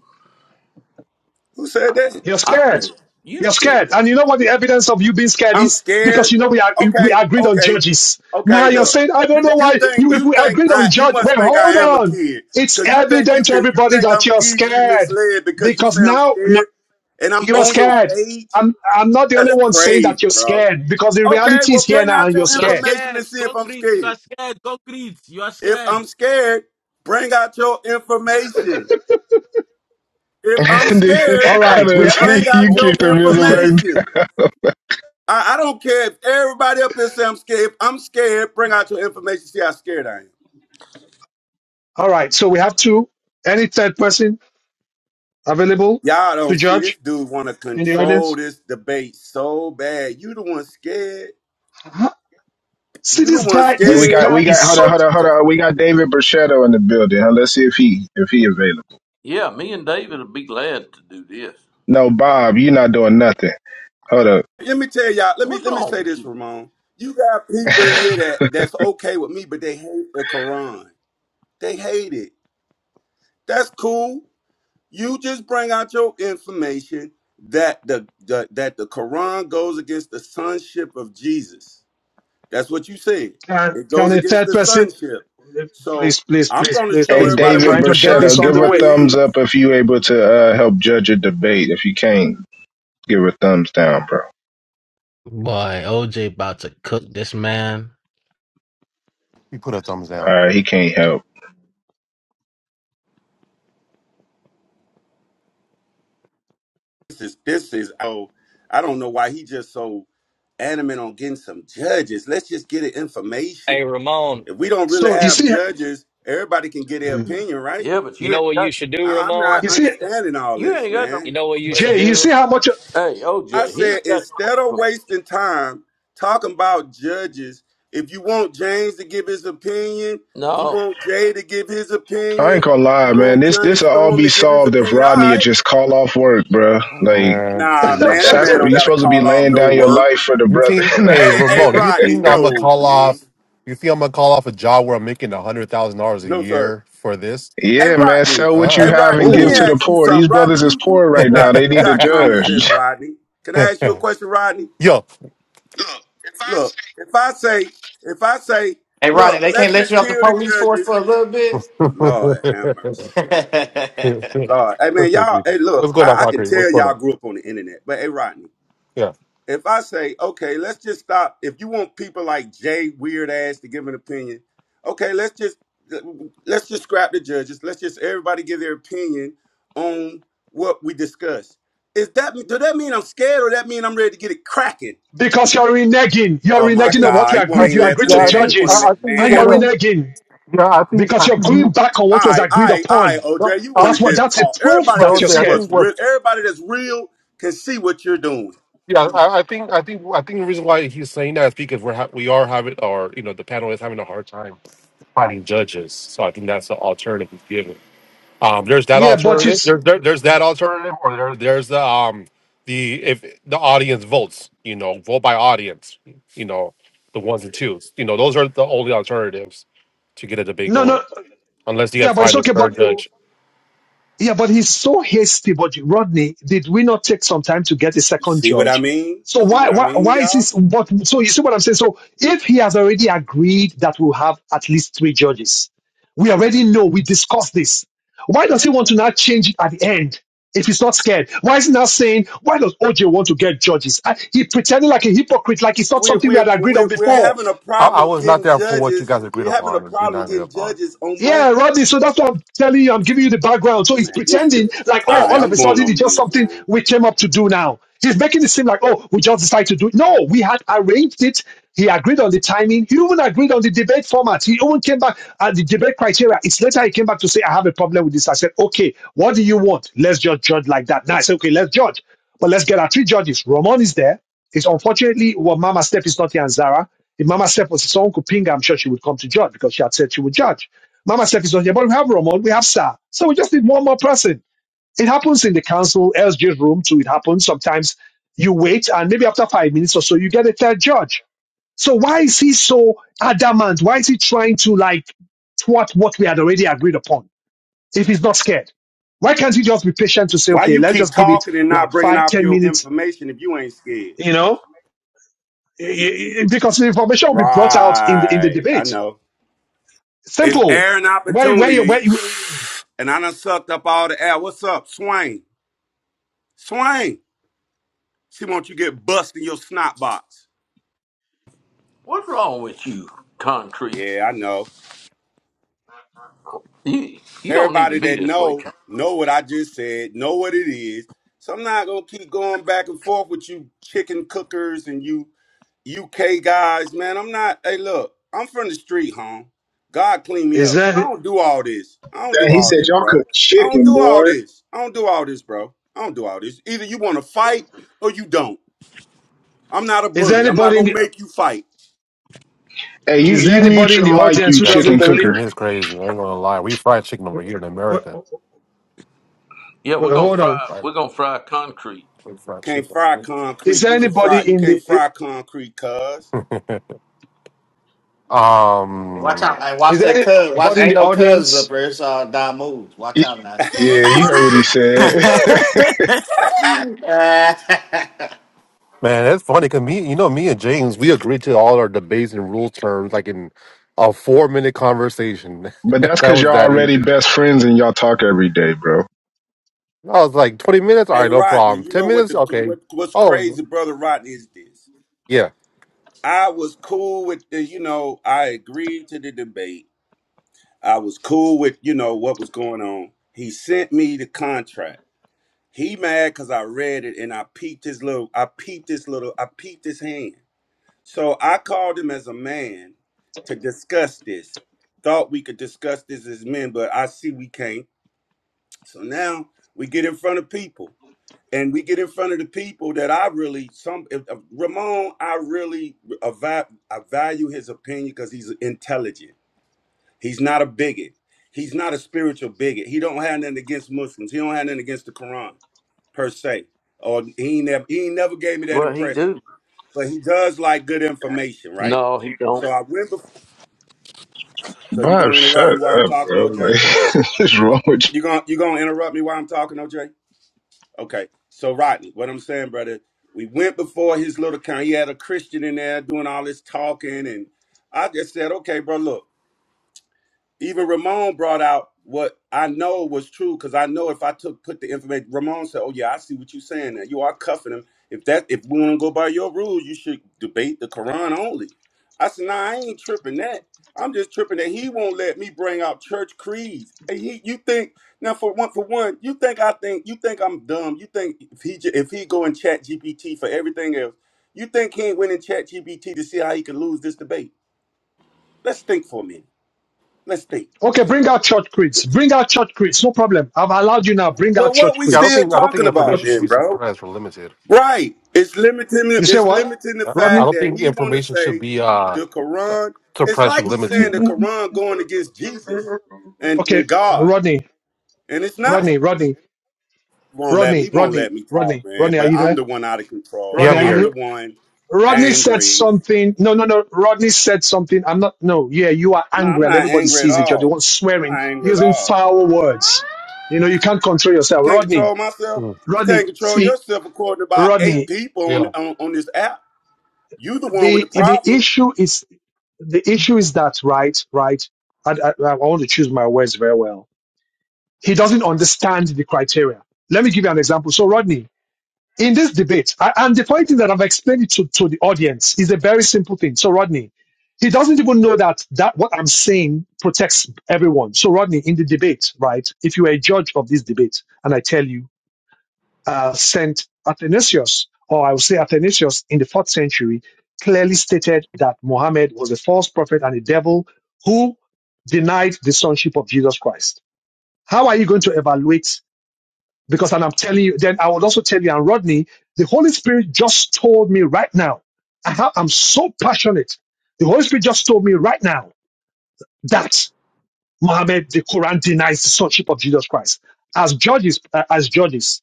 Speaker 6: who said that
Speaker 1: You're
Speaker 13: I did.
Speaker 1: scared.
Speaker 13: You
Speaker 1: You're scared.
Speaker 13: scared.
Speaker 1: And you know what the evidence of you being scared
Speaker 6: i'm
Speaker 1: is? Because
Speaker 6: scared
Speaker 1: you know we are we
Speaker 6: okay
Speaker 1: agreed on
Speaker 6: okay
Speaker 1: judges. Now
Speaker 6: okay
Speaker 1: you're
Speaker 6: look
Speaker 1: saying, I
Speaker 6: you,
Speaker 1: don't know
Speaker 6: you
Speaker 1: why
Speaker 6: think
Speaker 1: you if
Speaker 6: you
Speaker 1: we
Speaker 6: think
Speaker 1: agreed on
Speaker 6: i you
Speaker 1: judge.
Speaker 6: must
Speaker 1: Well,
Speaker 6: think i
Speaker 1: hold
Speaker 6: am a
Speaker 1: on.
Speaker 6: kid
Speaker 1: It's
Speaker 6: because you think you
Speaker 1: evident to
Speaker 6: can you
Speaker 1: everybody
Speaker 6: think
Speaker 1: that
Speaker 6: i'm
Speaker 1: you're
Speaker 6: easily
Speaker 1: scared.
Speaker 6: misled because you
Speaker 1: Because
Speaker 6: say i'm
Speaker 1: now no,
Speaker 6: scared and i'm
Speaker 1: you're
Speaker 6: on your
Speaker 1: scared.
Speaker 6: stage
Speaker 1: I'm I'm not the only
Speaker 6: That's
Speaker 1: one saying
Speaker 6: crazy,
Speaker 1: that you're
Speaker 6: bro.
Speaker 1: scared because the
Speaker 6: Okay,
Speaker 1: reality
Speaker 6: well,
Speaker 1: is here
Speaker 6: bring
Speaker 1: now
Speaker 6: out
Speaker 1: and you're
Speaker 6: your
Speaker 14: You're
Speaker 1: scared.
Speaker 6: information
Speaker 14: scared.
Speaker 6: and see if I'm
Speaker 14: Concrete. You
Speaker 6: scared.
Speaker 14: are scared. Concrete. You are
Speaker 6: If
Speaker 14: scared.
Speaker 6: I'm scared, bring out your information. If I'm
Speaker 3: And then
Speaker 6: scared,
Speaker 1: All
Speaker 3: hold
Speaker 1: right.
Speaker 3: on,
Speaker 1: We
Speaker 6: bring out
Speaker 3: you
Speaker 6: your
Speaker 3: kicked the missile back.
Speaker 6: information. I, I don't care if everybody up here say I'm scared. If I'm scared, bring out your information. See how scared I am.
Speaker 1: all right. So we have two. Any third person available
Speaker 6: Y'all don't
Speaker 1: to
Speaker 6: see this
Speaker 1: judge
Speaker 6: dude want to
Speaker 1: in the
Speaker 6: control
Speaker 1: audience?
Speaker 6: this debate so bad. You the one scared.
Speaker 1: See,
Speaker 6: You the
Speaker 1: this
Speaker 6: one
Speaker 1: guy,
Speaker 3: Hey, we
Speaker 1: this
Speaker 6: scared.
Speaker 3: got
Speaker 1: guy
Speaker 3: we got
Speaker 1: is
Speaker 3: hold on,
Speaker 1: so.
Speaker 3: hold on, hold on. We got David Brachetto in the building. Huh? Let's see if he if he available.
Speaker 13: Yeah, me and David would be glad to do this.
Speaker 3: No, Bob, you're not doing nothing. Hold up.
Speaker 6: Let me tell y'all. Let me
Speaker 13: What's
Speaker 6: let me
Speaker 13: wrong
Speaker 6: say
Speaker 13: with
Speaker 6: this,
Speaker 13: you?
Speaker 6: Ramon. You got people in here that that's okay with me, but they hate the Quran. They hate it. That's cool. You just bring out your information that the, the that the Quran goes against the sonship of Jesus. That's what you said.
Speaker 1: Can,
Speaker 6: It
Speaker 1: can
Speaker 6: goes
Speaker 1: a
Speaker 6: against
Speaker 1: third
Speaker 6: the
Speaker 1: person?
Speaker 6: sonship. So
Speaker 1: Please, please,
Speaker 6: I'm
Speaker 1: please,
Speaker 6: going to
Speaker 1: please,
Speaker 6: show
Speaker 3: Hey,
Speaker 1: please. We are
Speaker 6: everybody
Speaker 3: David
Speaker 6: what
Speaker 1: trying
Speaker 6: the
Speaker 1: to get this
Speaker 3: Brachetto,
Speaker 1: on
Speaker 6: sonship
Speaker 3: give
Speaker 1: the
Speaker 3: a
Speaker 6: really
Speaker 1: way.
Speaker 3: thumbs up
Speaker 6: is.
Speaker 3: if you able to uh, help judge a debate. If you can't, give a thumbs down, bro.
Speaker 14: Boy, OJ about to cook this man.
Speaker 10: You put a thumbs
Speaker 3: All
Speaker 10: down.
Speaker 3: right, he can't help.
Speaker 6: This is this is oh, I don't know why he just so adamant on getting some judges. Let's just get it information.
Speaker 11: Hey, Ramon,
Speaker 6: If we don't really
Speaker 1: So you
Speaker 6: have
Speaker 1: see,
Speaker 6: judges, everybody can get their
Speaker 1: you
Speaker 6: opinion, right?
Speaker 13: Yeah, but
Speaker 11: you
Speaker 13: you
Speaker 11: know
Speaker 13: ain't
Speaker 11: what
Speaker 13: got
Speaker 11: you should do,
Speaker 6: I- I'm
Speaker 13: wait,
Speaker 11: Ramon?
Speaker 6: not
Speaker 1: see,
Speaker 6: understanding all
Speaker 13: you
Speaker 6: this,
Speaker 13: ain't got no
Speaker 11: You
Speaker 6: man.
Speaker 11: know what you should
Speaker 13: information.
Speaker 1: Jay, you
Speaker 11: do?
Speaker 1: see how much.
Speaker 13: Hey,
Speaker 6: I
Speaker 13: OJ, he
Speaker 6: said
Speaker 13: ain't got no
Speaker 6: instead of
Speaker 13: information.
Speaker 6: wasting time talking about judges, if you want James to give his opinion, if you
Speaker 13: No.
Speaker 6: want Jay to give his
Speaker 3: I ain't
Speaker 6: opinion,
Speaker 3: gonna
Speaker 6: if you
Speaker 3: lie, man.
Speaker 6: want
Speaker 3: This
Speaker 6: Johnny
Speaker 3: this'll all
Speaker 6: Storm
Speaker 3: be
Speaker 6: to give his
Speaker 3: solved if
Speaker 6: opinion, all
Speaker 3: Rodney would
Speaker 6: right.
Speaker 3: just call off work, bro.
Speaker 10: Oh,
Speaker 3: Like,
Speaker 10: Man,
Speaker 6: Nah,
Speaker 10: dude.
Speaker 6: man, that man
Speaker 3: sacri-
Speaker 6: don't
Speaker 3: you
Speaker 6: gotta
Speaker 3: supposed to be
Speaker 6: call off
Speaker 3: laying
Speaker 6: no
Speaker 3: down your
Speaker 6: work.
Speaker 3: life for the
Speaker 10: you
Speaker 3: brother.
Speaker 10: think? Hey,
Speaker 6: Hey, hey,
Speaker 10: Ramon, you
Speaker 6: Rodney,
Speaker 10: think I'm gonna
Speaker 6: no,
Speaker 10: call
Speaker 6: man.
Speaker 10: off? You think I'm gonna call off a job where I'm making a hundred thousand dollars a
Speaker 6: No, sir.
Speaker 10: year for this?
Speaker 6: Hey
Speaker 3: Yeah, man,
Speaker 6: Rodney,
Speaker 3: sell what you
Speaker 6: hey
Speaker 10: Uh.
Speaker 3: have
Speaker 6: Rodney,
Speaker 3: and
Speaker 6: let
Speaker 3: give
Speaker 6: me
Speaker 3: to
Speaker 1: Ooh.
Speaker 3: the
Speaker 6: ask you
Speaker 3: poor. These
Speaker 6: something. Rodney,
Speaker 3: brothers is
Speaker 6: you you
Speaker 3: poor
Speaker 6: you
Speaker 3: right
Speaker 10: uh
Speaker 3: now.
Speaker 6: got
Speaker 3: They
Speaker 6: you
Speaker 3: need a
Speaker 6: got common
Speaker 3: judge.
Speaker 6: sense,
Speaker 3: Dang,
Speaker 6: Rodney. Can I ask you a question, Rodney?
Speaker 10: Yo.
Speaker 6: Look, if I say if I say,
Speaker 7: Hey, Rodney,
Speaker 6: look,
Speaker 7: they can't
Speaker 6: let's
Speaker 7: let you
Speaker 6: just
Speaker 7: off the
Speaker 6: kill the
Speaker 7: police force for
Speaker 6: judges.
Speaker 7: a little bit.
Speaker 6: Lord have mercy. Lord, hey man,
Speaker 10: What's
Speaker 6: y'all, hey look,
Speaker 10: going on,
Speaker 6: I, I can
Speaker 10: Concrete? What's
Speaker 6: tell
Speaker 10: going
Speaker 6: y'all
Speaker 10: on?
Speaker 6: grew up on the internet, but hey Rodney,
Speaker 10: Yeah.
Speaker 6: if I say, okay, let's just stop. If you want people like Jay Weird Ass to give an opinion, okay, let's just let's just scrap the judges. Let's just everybody give their opinion on what we discuss. Is that do that mean I'm scared or that mean I'm ready to get it cracking?
Speaker 1: Because you're reneging. You're
Speaker 6: Oh
Speaker 10: I
Speaker 6: my
Speaker 1: reneging on
Speaker 10: think,
Speaker 1: what we
Speaker 6: God, he
Speaker 10: I
Speaker 6: won't
Speaker 1: agreed.
Speaker 6: even
Speaker 1: You
Speaker 10: think,
Speaker 6: let
Speaker 1: agreed
Speaker 6: the
Speaker 10: yeah,
Speaker 1: to
Speaker 10: I
Speaker 6: man. He
Speaker 10: think, I,
Speaker 6: won't even
Speaker 1: judges,
Speaker 10: I
Speaker 6: let the
Speaker 10: think you
Speaker 1: and
Speaker 6: man
Speaker 1: you're
Speaker 10: wanna,
Speaker 6: answer.
Speaker 1: reneging
Speaker 10: yeah, I think, I
Speaker 1: because
Speaker 10: think,
Speaker 1: you're going
Speaker 10: you-
Speaker 1: back on
Speaker 6: All
Speaker 1: what was
Speaker 6: right, all
Speaker 1: agreed
Speaker 6: right, all right,
Speaker 1: upon.
Speaker 10: uh,
Speaker 6: OJ. You
Speaker 10: uh,
Speaker 6: want to
Speaker 1: That's what.
Speaker 6: just
Speaker 1: That's a
Speaker 6: talk?
Speaker 1: proof
Speaker 6: Everybody
Speaker 10: but
Speaker 6: can
Speaker 1: that you're
Speaker 10: OJ,
Speaker 6: see
Speaker 10: I
Speaker 6: what's
Speaker 1: scared.
Speaker 10: think what,
Speaker 6: real. Everybody that's real can see what you're doing.
Speaker 10: yeah, I, I think, I think, I think the reason why he's saying that is because we're ha- we are having, or you know, the panel is having a hard time finding judges, so I think that's the alternative he's given. Um, there's that
Speaker 1: Yeah, but
Speaker 10: alternative.
Speaker 1: it's
Speaker 10: There's there, there's that alternative, or there, there's the um the if the audience votes, you know, vote by audience, you know, the ones and twos, you know, those are the only alternatives to get a debate
Speaker 1: no,
Speaker 10: going.
Speaker 1: no.
Speaker 10: unless you guys
Speaker 1: Yeah, but it's
Speaker 10: find a
Speaker 1: okay.
Speaker 10: per
Speaker 1: But
Speaker 10: judge.
Speaker 1: Yeah, but he's so hasty. But Rodney, did we not take some time to get a second
Speaker 6: See what I
Speaker 1: judge?
Speaker 6: mean?
Speaker 1: So
Speaker 6: See
Speaker 1: why
Speaker 6: what I
Speaker 1: why
Speaker 6: mean,
Speaker 1: why is
Speaker 6: y'all?
Speaker 1: this? But so you see what I'm saying. So if he has already agreed that we'll have at least three judges, we already know we discussed this. Why does he want to now change it at the end? If he's not scared, why is he now saying why does OJ want to get judges? I, he pretending like a hypocrite, like it's not
Speaker 6: we're
Speaker 1: something we
Speaker 6: we're
Speaker 1: had agreed on
Speaker 6: we're, we're
Speaker 1: before.
Speaker 6: having a
Speaker 10: I, I
Speaker 6: problem
Speaker 10: was not
Speaker 6: getting
Speaker 10: there for what you
Speaker 6: judges.
Speaker 10: guys agreed
Speaker 6: We're having a
Speaker 10: upon or did
Speaker 6: problem
Speaker 10: not agree
Speaker 6: getting
Speaker 10: upon.
Speaker 6: judges on
Speaker 1: Yeah,
Speaker 6: Monday.
Speaker 1: Rodney. So that's what I'm telling you. I'm giving you the background. So he's
Speaker 6: Man, this good.
Speaker 1: pretending like, oh,
Speaker 6: All right,
Speaker 1: all of
Speaker 6: I'm
Speaker 1: a
Speaker 6: going
Speaker 1: sudden
Speaker 6: on
Speaker 1: it's just
Speaker 6: mute,
Speaker 1: something
Speaker 6: man.
Speaker 1: we came up to do now. He's making it seem like, oh, we just decided to do it. No, we had arranged it. He agreed on the timing. He even agreed on the debate format. He even came back at the debate criteria. It's later he came back to say, I have a problem with this. I said, okay, what do you want? Let's just judge like that. Now I said, okay, let's judge. But let's get our three judges. Ramon is there. It's unfortunately what Mama Steph is not here and Zara. If Mama Steph was someone could ping her, I'm sure she would come to judge because she had said she would judge. Mama Steph is not here, but we have Ramon, we have Star. So we just need one more person. It happens in the council, LG room too. It happens. Sometimes you wait and maybe after five minutes or so, you get a third judge. So why is he so adamant? Why is he trying to like thwart what we had already agreed upon if he's not scared? Why can't he just be patient to say,
Speaker 6: Why
Speaker 1: okay,
Speaker 6: you
Speaker 1: let's
Speaker 6: keep
Speaker 1: just give it
Speaker 6: talking and not
Speaker 1: like
Speaker 6: bringing
Speaker 1: five,
Speaker 6: out
Speaker 1: ten
Speaker 6: your
Speaker 1: minutes,
Speaker 6: information if you ain't scared?
Speaker 1: you know? because the information will be brought out in the in the
Speaker 6: Right, I
Speaker 1: debate.
Speaker 6: know. It's
Speaker 1: Simple.
Speaker 6: air and
Speaker 1: Where where you,
Speaker 6: opportunity,
Speaker 1: where you,
Speaker 6: and I done sucked up all the air. What's up, Swain? Swain, she want you get bust in your snot box.
Speaker 13: What's wrong with you, concrete?
Speaker 6: Yeah, I know.
Speaker 13: You you don't need to
Speaker 6: Everybody
Speaker 13: be
Speaker 6: that
Speaker 13: this way,
Speaker 6: know
Speaker 13: Con-
Speaker 6: know what I just said, know what it is. So I'm not gonna keep going back and forth with you chicken cookers and you UK guys, man. I'm not. Hey, look, I'm from the street, home. God clean me
Speaker 1: is
Speaker 6: up. I
Speaker 1: there
Speaker 6: don't do all this. I don't do
Speaker 3: he
Speaker 6: all
Speaker 3: said
Speaker 6: this,
Speaker 3: y'all
Speaker 6: bro.
Speaker 3: cook
Speaker 6: I don't
Speaker 3: chicken,
Speaker 6: do
Speaker 3: boy.
Speaker 6: all this. I don't do all this, bro. I don't do all this. Either you want to fight or you don't. I'm not a
Speaker 1: is there
Speaker 6: bully. I'm not
Speaker 1: anybody in
Speaker 6: gonna
Speaker 1: the
Speaker 6: make you fight.
Speaker 3: Hey, you,
Speaker 1: is there
Speaker 3: you mute
Speaker 1: anybody in
Speaker 3: your
Speaker 1: the
Speaker 3: mic,
Speaker 1: audience
Speaker 3: you
Speaker 1: who
Speaker 10: Yeah,
Speaker 1: doesn't
Speaker 3: chicken
Speaker 10: cooked
Speaker 1: believe?
Speaker 10: chicken
Speaker 3: cooker.
Speaker 10: is crazy. I ain't gonna lie. We fried chicken over here in
Speaker 1: Wait,
Speaker 10: America,
Speaker 1: wait,
Speaker 13: Yeah, we're gonna
Speaker 1: hold on.
Speaker 13: fry
Speaker 10: right?
Speaker 13: we're gonna fry concrete.
Speaker 10: We fried
Speaker 6: Can't
Speaker 10: chicken.
Speaker 6: fry
Speaker 1: Is
Speaker 6: concrete.
Speaker 1: there
Speaker 6: You can fry.
Speaker 1: anybody
Speaker 6: You
Speaker 1: in
Speaker 6: can't
Speaker 1: the
Speaker 6: fry concrete, cuz.
Speaker 7: watch
Speaker 10: Um,
Speaker 7: out. Hey,
Speaker 1: is
Speaker 7: watch that
Speaker 1: there
Speaker 7: cuz. Watch,
Speaker 1: anybody in
Speaker 7: ain't
Speaker 1: the
Speaker 7: no cuz up
Speaker 1: audience?
Speaker 7: there. It's all uh, die moves. Watch
Speaker 3: Y-
Speaker 7: out now.
Speaker 3: Yeah, you heard what he said.
Speaker 7: I
Speaker 10: man, that's funny because me, you know, me and James, we agreed to all our debates and rule terms like in a four minute conversation.
Speaker 3: but that's
Speaker 10: that
Speaker 3: because
Speaker 10: was
Speaker 3: y'all
Speaker 10: that
Speaker 3: already
Speaker 10: easy.
Speaker 3: best friends and y'all talk every day, bro.
Speaker 10: I was like twenty minutes. All
Speaker 6: Hey
Speaker 10: right, no
Speaker 6: Rodney,
Speaker 10: problem.
Speaker 6: you
Speaker 10: Ten
Speaker 6: know what
Speaker 10: minutes.
Speaker 6: the
Speaker 10: Okay.
Speaker 6: what, what's
Speaker 10: Oh,
Speaker 6: crazy, brother Rodney, is this.
Speaker 10: yeah.
Speaker 6: I was cool with the, you know, I agreed to the debate. I was cool with, you know, what was going on. He sent me the contract. He mad because I read it and I peeped his little, I peeped his little, I peeped his hand. So I called him as a man to discuss this. Thought we could discuss this as men, but I see we can't. So now we get in front of people. and we get in front of the people that I really some if, if Ramon, I really ava- I value his opinion because he's intelligent. He's not a bigot. He's not a spiritual bigot. He don't have nothing against Muslims. He don't have nothing against the Quran per se. Or he never he ain't never gave me that
Speaker 13: Well he
Speaker 6: impression.
Speaker 13: do.
Speaker 6: But he does like good information, right?
Speaker 13: No, he don't.
Speaker 6: So I went before. So you
Speaker 3: Bob,
Speaker 6: gonna interrupt me
Speaker 3: shut
Speaker 6: while I'm
Speaker 3: up,
Speaker 6: talking,
Speaker 3: bro.
Speaker 6: OJ?
Speaker 3: Like, what's wrong with you?
Speaker 6: You gonna you gonna interrupt me while I'm talking, OJ? Okay. So Rodney, what I'm saying, brother, we went before his little con. He had a Christian in there doing all this talking, and I just said, okay, bro, look even Ramon brought out what I know was true because I know if I took put the information, Ramon said, "Oh yeah, I see what you're saying. Now you are cuffing him. If that if we want to go by your rules, you should debate the Quran only." I said, "Nah, I ain't tripping that. I'm just tripping that he won't let me bring out church creeds. And he, you think now for one for one, you think I think you think I'm dumb. You think if he ju- if he go and chat GPT for everything else, you think he ain't went in chat GPT to see how he could lose this debate? Let's think for a minute. Let's think."
Speaker 1: Okay, bring out church creeds. Bring out church creeds. No problem. I've allowed you now. Bring
Speaker 6: Well,
Speaker 1: out
Speaker 6: what
Speaker 1: church
Speaker 6: we
Speaker 10: Yeah, I don't
Speaker 1: creeds.
Speaker 6: still
Speaker 10: think I don't think
Speaker 6: talking
Speaker 1: No
Speaker 6: about
Speaker 10: information should
Speaker 1: problem.
Speaker 6: then,
Speaker 10: be
Speaker 6: bro?
Speaker 10: suppressed or limited.
Speaker 6: Right. It's limiting.
Speaker 1: You say
Speaker 6: It's
Speaker 1: what,
Speaker 6: limiting the
Speaker 10: I, I I
Speaker 1: Rodney?
Speaker 6: fact
Speaker 10: don't
Speaker 6: that
Speaker 10: think the
Speaker 6: he want to
Speaker 10: information should
Speaker 6: say
Speaker 10: be uh,
Speaker 6: the
Speaker 10: su-
Speaker 6: Quran. It's
Speaker 10: suppressed or
Speaker 6: like he's
Speaker 1: N-
Speaker 6: saying
Speaker 10: limited.
Speaker 6: the
Speaker 1: n-
Speaker 6: Quran going against Jesus
Speaker 1: n-
Speaker 6: and
Speaker 1: Okay,
Speaker 6: and God,
Speaker 1: Rodney,
Speaker 6: and it's not. He
Speaker 1: Rodney, Rodney,
Speaker 6: won't let me.
Speaker 1: Rodney,
Speaker 6: He won't
Speaker 1: Rodney,
Speaker 6: let me talk,
Speaker 1: Rodney,
Speaker 6: man.
Speaker 1: Rodney. Are
Speaker 6: But
Speaker 1: you
Speaker 6: I'm
Speaker 1: there?
Speaker 6: the one out of
Speaker 10: Yeah,
Speaker 1: Rodney,
Speaker 10: I'm
Speaker 6: control.
Speaker 1: are
Speaker 6: I'm
Speaker 10: here.
Speaker 6: the
Speaker 1: you,
Speaker 6: one
Speaker 1: Rodney said
Speaker 6: angry.
Speaker 1: something. No, no, no. Rodney said something. I'm not. No, yeah, you are
Speaker 6: No, I'm
Speaker 1: angry, and
Speaker 6: not
Speaker 1: everybody
Speaker 6: angry at
Speaker 1: sees it. You're the
Speaker 6: all.
Speaker 1: one
Speaker 6: I'm
Speaker 1: swearing,
Speaker 6: not angry at
Speaker 1: using
Speaker 6: all.
Speaker 1: foul words. You know, you can't control
Speaker 6: I
Speaker 1: yourself,
Speaker 6: can't
Speaker 1: Rodney.
Speaker 6: control myself.
Speaker 10: Mm,
Speaker 6: You can't
Speaker 1: Rodney,
Speaker 6: control
Speaker 1: see,
Speaker 6: yourself according to about eight
Speaker 1: Rodney.
Speaker 6: people on
Speaker 10: Yeah,
Speaker 6: on, on this app. You the one with
Speaker 1: The
Speaker 6: the
Speaker 1: the
Speaker 6: problem.
Speaker 1: issue is the issue is that right, right. I, I, I want to choose my words very well. He doesn't understand the criteria. Let me give you an example. So, Rodney, in this debate, a- and the point is that I've explained it to, to the audience, is a very simple thing. So, Rodney, he doesn't even know that, that what I'm saying protects everyone. So, Rodney, in the debate, right, if you are a judge of this debate, and I tell you, uh, St. Athanasius, or I will say Athanasius in the fourth century, clearly stated that Mohammed was a false prophet and a devil who denied the sonship of Jesus Christ. How are you going to evaluate because, and I'm telling you, then I would also tell you, and Rodney, the Holy Spirit just told me right now, I have, I'm so passionate. The Holy Spirit just told me right now that Mohammed, the Quran denies the sonship of Jesus Christ. As judges, uh, as judges,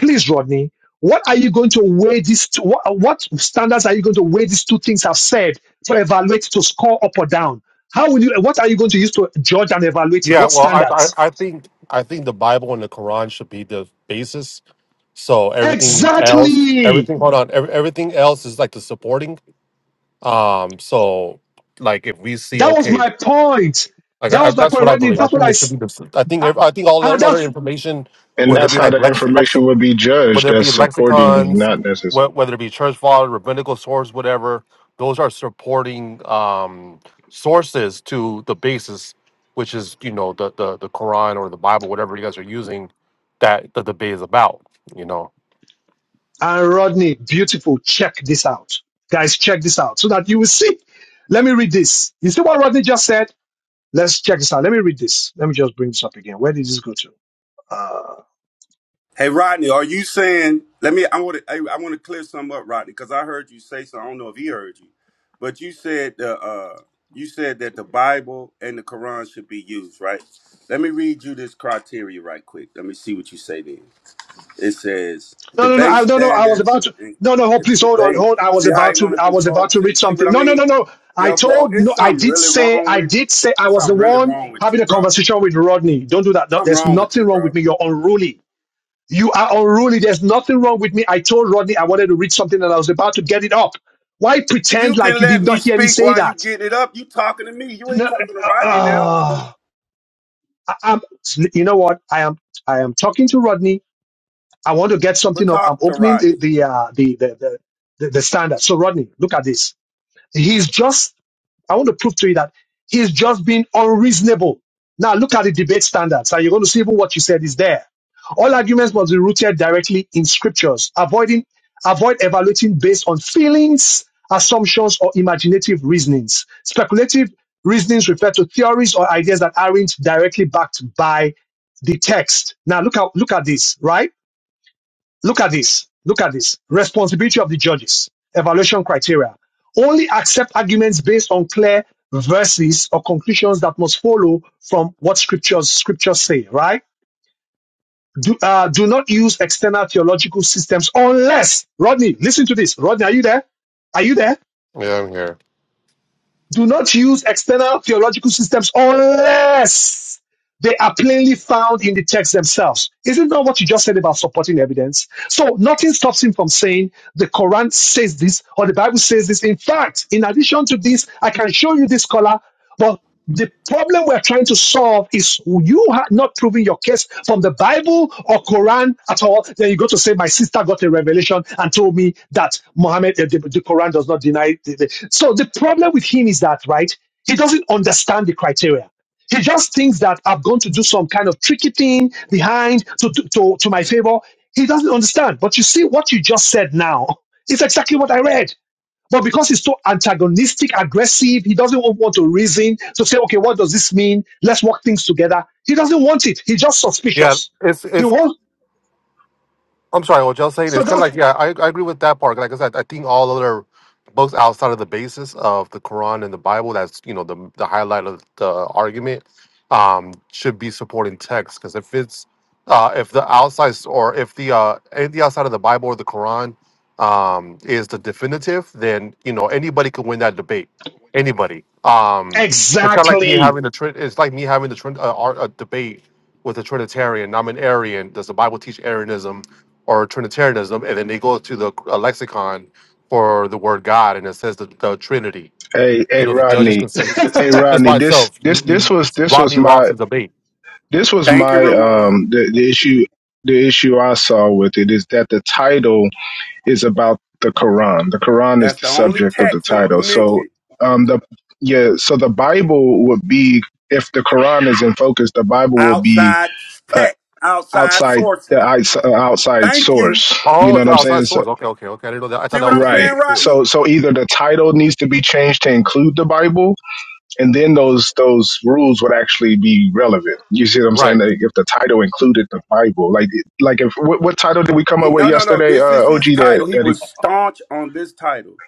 Speaker 1: please, Rodney, what are you going to weigh these two, what, what standards are you going to weigh these two things I've said to evaluate, to score up or down? How will you, what are you going to use to judge and evaluate it?
Speaker 10: yeah.
Speaker 1: What
Speaker 10: Well, I, I,
Speaker 1: standards?
Speaker 10: I think I think the Bible and the Quran should be the basis. So everything else,
Speaker 1: Exactly.
Speaker 10: everything. Hold on, every, everything else is like the supporting. Um, so like if we see
Speaker 1: That was
Speaker 10: okay,
Speaker 1: my point.
Speaker 10: like
Speaker 1: That
Speaker 10: I, I,
Speaker 1: was my
Speaker 10: that's
Speaker 1: point,
Speaker 10: what I
Speaker 1: Rodney.
Speaker 10: believe. I
Speaker 1: That's what
Speaker 10: think
Speaker 1: I.
Speaker 10: it should
Speaker 1: s-
Speaker 10: be the. I think
Speaker 1: Ah,
Speaker 10: ev- I think all the
Speaker 1: ah,
Speaker 10: other
Speaker 1: that's
Speaker 10: information,
Speaker 3: And
Speaker 10: whether it
Speaker 3: that's
Speaker 10: be
Speaker 3: how
Speaker 10: like
Speaker 3: the
Speaker 10: lex, lex
Speaker 3: information would be
Speaker 10: whether
Speaker 3: judged
Speaker 10: it
Speaker 3: as
Speaker 10: be
Speaker 3: supporting,
Speaker 10: lexicons,
Speaker 3: not necessarily.
Speaker 10: wh- whether it be church father, rabbinical source, whatever, those are supporting um, sources to the basis, which is you know the, the the Quran or the Bible, whatever you guys are using, that the debate is about. You know.
Speaker 1: and Rodney, beautiful. Check this out, guys. Check this out, so that you will see. Let me read this. You see what Rodney just said? Let's check this out. Let me read this. Let me just bring this up again. Where did this go to?
Speaker 6: Hey Rodney, are you saying? Let me. I want to. I, I want to clear something up, Rodney, because I heard you say so. I don't know if he heard you, but you said the. Uh, you said that the Bible and the Quran should be used, right? Let me read you this criteria right quick. Let me see what you say then. It says
Speaker 1: No, no, no.
Speaker 6: debate
Speaker 1: I no, no. I was
Speaker 6: standards
Speaker 1: about to.
Speaker 6: and
Speaker 1: No, no. Hold,
Speaker 6: if
Speaker 1: please hold on.
Speaker 6: debate.
Speaker 1: Hold. I was
Speaker 6: See how
Speaker 1: about
Speaker 6: you
Speaker 1: to.
Speaker 6: want to
Speaker 1: I was
Speaker 6: control.
Speaker 1: about to
Speaker 6: See,
Speaker 1: read
Speaker 6: see what
Speaker 1: something.
Speaker 6: I
Speaker 1: No, no, no,
Speaker 6: mean?
Speaker 1: no. I
Speaker 6: Yo, bro,
Speaker 1: told. No,
Speaker 6: it's
Speaker 1: I
Speaker 6: something
Speaker 1: did
Speaker 6: really
Speaker 1: say.
Speaker 6: wrong
Speaker 1: I
Speaker 6: with you.
Speaker 1: did say. I
Speaker 6: It's
Speaker 1: was
Speaker 6: something
Speaker 1: the
Speaker 6: really
Speaker 1: one
Speaker 6: wrong with you,
Speaker 1: having a
Speaker 6: bro.
Speaker 1: conversation with Rodney. Don't do that. No,
Speaker 6: Something
Speaker 1: there's
Speaker 6: wrong with
Speaker 1: nothing
Speaker 6: you,
Speaker 1: wrong
Speaker 6: bro.
Speaker 1: with me. You're unruly. You are unruly. There's nothing wrong with me. I told Rodney I wanted to read something and I was about to get it up. Why
Speaker 6: You
Speaker 1: pretend like
Speaker 6: can
Speaker 1: you did
Speaker 6: let me
Speaker 1: not hear me
Speaker 6: speak
Speaker 1: say
Speaker 6: while you
Speaker 1: that?
Speaker 6: getting it up. You talking to me. You
Speaker 1: No,
Speaker 6: ain't talking to
Speaker 1: uh,
Speaker 6: Rodney now.
Speaker 1: uh, I, am you know what? I am. I am talking to Rodney. I want to get
Speaker 6: But
Speaker 1: something up. I'm
Speaker 6: talk to
Speaker 1: opening the
Speaker 6: Rodney.
Speaker 1: the uh, the, the the the the standard. So Rodney, look at this. He's just I want to prove to you that he's just being unreasonable. Now look at the debate standards, and you're going to see even what you said is there. All arguments must be rooted directly in scriptures, avoiding avoid evaluating based on feelings, assumptions, or imaginative reasonings. Speculative reasonings refer to theories or ideas that aren't directly backed by the text. Now look at look at this, right? Look at this. Look at this. Responsibility of the judges. Evaluation criteria. Only accept arguments based on clear verses or conclusions that must follow from what scriptures scriptures say, right? Do, uh, do not use external theological systems unless, Rodney, listen to this. Rodney, are you there? Are you there?
Speaker 10: Yeah, I'm here.
Speaker 1: Do not use external theological systems unless They are plainly found in the text themselves. Isn't that what you just said about supporting evidence? So nothing stops him from saying the Quran says this or the Bible says this. In fact, in addition to this, I can show you this color, but the problem we're trying to solve is you are not proving your case from the Bible or Quran at all. Then you go to say, My sister got a revelation and told me that Muhammad, uh, the, the Quran does not deny. The, the. So the problem with him is that, right? He doesn't understand the criteria. She just thinks that i am going to do some kind of tricky thing behind to, to, to, to my favor. He doesn't understand. But you see, what you just said now is exactly what I read. But because he's so antagonistic, aggressive, he doesn't want to reason to say, okay, what does this mean? Let's work things together. He doesn't want it. He's just
Speaker 10: Yeah,
Speaker 1: suspicious.
Speaker 10: it's
Speaker 1: He
Speaker 10: it's
Speaker 1: wants,
Speaker 10: I'm sorry, What y'all saying
Speaker 1: so
Speaker 10: is kind of
Speaker 1: that's
Speaker 10: like yeah, I, I agree with that part. Like I said, I think all other books outside of the basis of the Quran and the Bible, that's you know the the highlight of the argument, um, should be supporting text because if it's uh, if the outside or if the uh, anything outside of the Bible or the Quran um, is the definitive, then you know anybody can win that debate. Anybody. Um, it's kind of like me
Speaker 1: exactly.
Speaker 10: having the trin- it's like me having the trin- uh, ar- a debate with a Trinitarian. I'm an Arian. Does the Bible teach Arianism? or Trinitarianism, and then they go to the uh, lexicon for the word God, and it says the, the Trinity.
Speaker 3: Hey,
Speaker 10: You
Speaker 3: hey,
Speaker 10: know, the judges
Speaker 3: Rodney.
Speaker 10: can say
Speaker 3: Hey,
Speaker 10: just
Speaker 3: Rodney.
Speaker 10: by
Speaker 3: This,
Speaker 10: itself.
Speaker 3: this,
Speaker 10: You,
Speaker 3: this
Speaker 10: you
Speaker 3: was, this was
Speaker 10: Rodney
Speaker 3: my
Speaker 10: lost his debate.
Speaker 3: This was
Speaker 6: Thank you,
Speaker 3: my um
Speaker 6: Ramon.
Speaker 3: the, the issue the issue I saw with it is that the title is about the Quran. The Quran is
Speaker 6: That's
Speaker 3: the
Speaker 6: the only
Speaker 3: subject of the
Speaker 6: text in-
Speaker 3: title. So
Speaker 6: mentioned
Speaker 3: um the yeah, so the Bible would be if the Quran is in focus, the Bible will be
Speaker 6: outside
Speaker 3: uh,
Speaker 6: text, outside
Speaker 3: outside
Speaker 6: sources.
Speaker 3: the outs- uh, outside
Speaker 6: Thank you.
Speaker 3: source. You
Speaker 10: Oh,
Speaker 3: know
Speaker 10: it's
Speaker 3: what I'm saying?
Speaker 10: outside
Speaker 3: So,
Speaker 10: source. Okay, okay, okay. I didn't know that. I thought
Speaker 6: See
Speaker 10: that
Speaker 6: what
Speaker 10: was
Speaker 6: I'm
Speaker 10: the
Speaker 3: right.
Speaker 6: saying,
Speaker 10: basis too.
Speaker 3: So
Speaker 6: Rodney?
Speaker 3: so either the title needs to be changed to include the Bible and then those those rules would actually be relevant. You see what I'm saying?
Speaker 10: Right,
Speaker 3: Like if the title included the Bible, like like if what, what title did we come
Speaker 6: He-
Speaker 3: up with
Speaker 6: no, no, no.
Speaker 3: yesterday? Uh,
Speaker 6: This is
Speaker 3: OG
Speaker 6: his
Speaker 3: that
Speaker 6: title. He
Speaker 3: that it,
Speaker 6: was staunch on this title.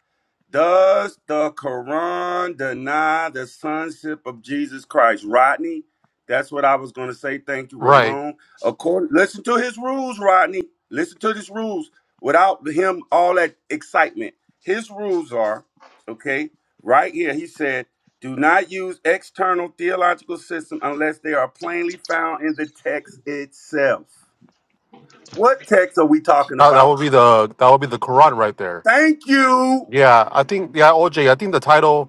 Speaker 6: Does the Quran deny the sonship of Jesus Christ? Rodney, that's what I was going to say. Thank you,
Speaker 10: right.
Speaker 6: Ramon. According, listen to his rules, Rodney. Listen to his rules without him, all that excitement. His rules are, okay, right here, he said, do not use external theological system unless they are plainly found in the text itself. What text are we talking
Speaker 10: That, that
Speaker 6: about?
Speaker 10: would be the that would be the Quran right there.
Speaker 6: Thank you.
Speaker 10: Yeah, I think yeah, OJ. I think the title.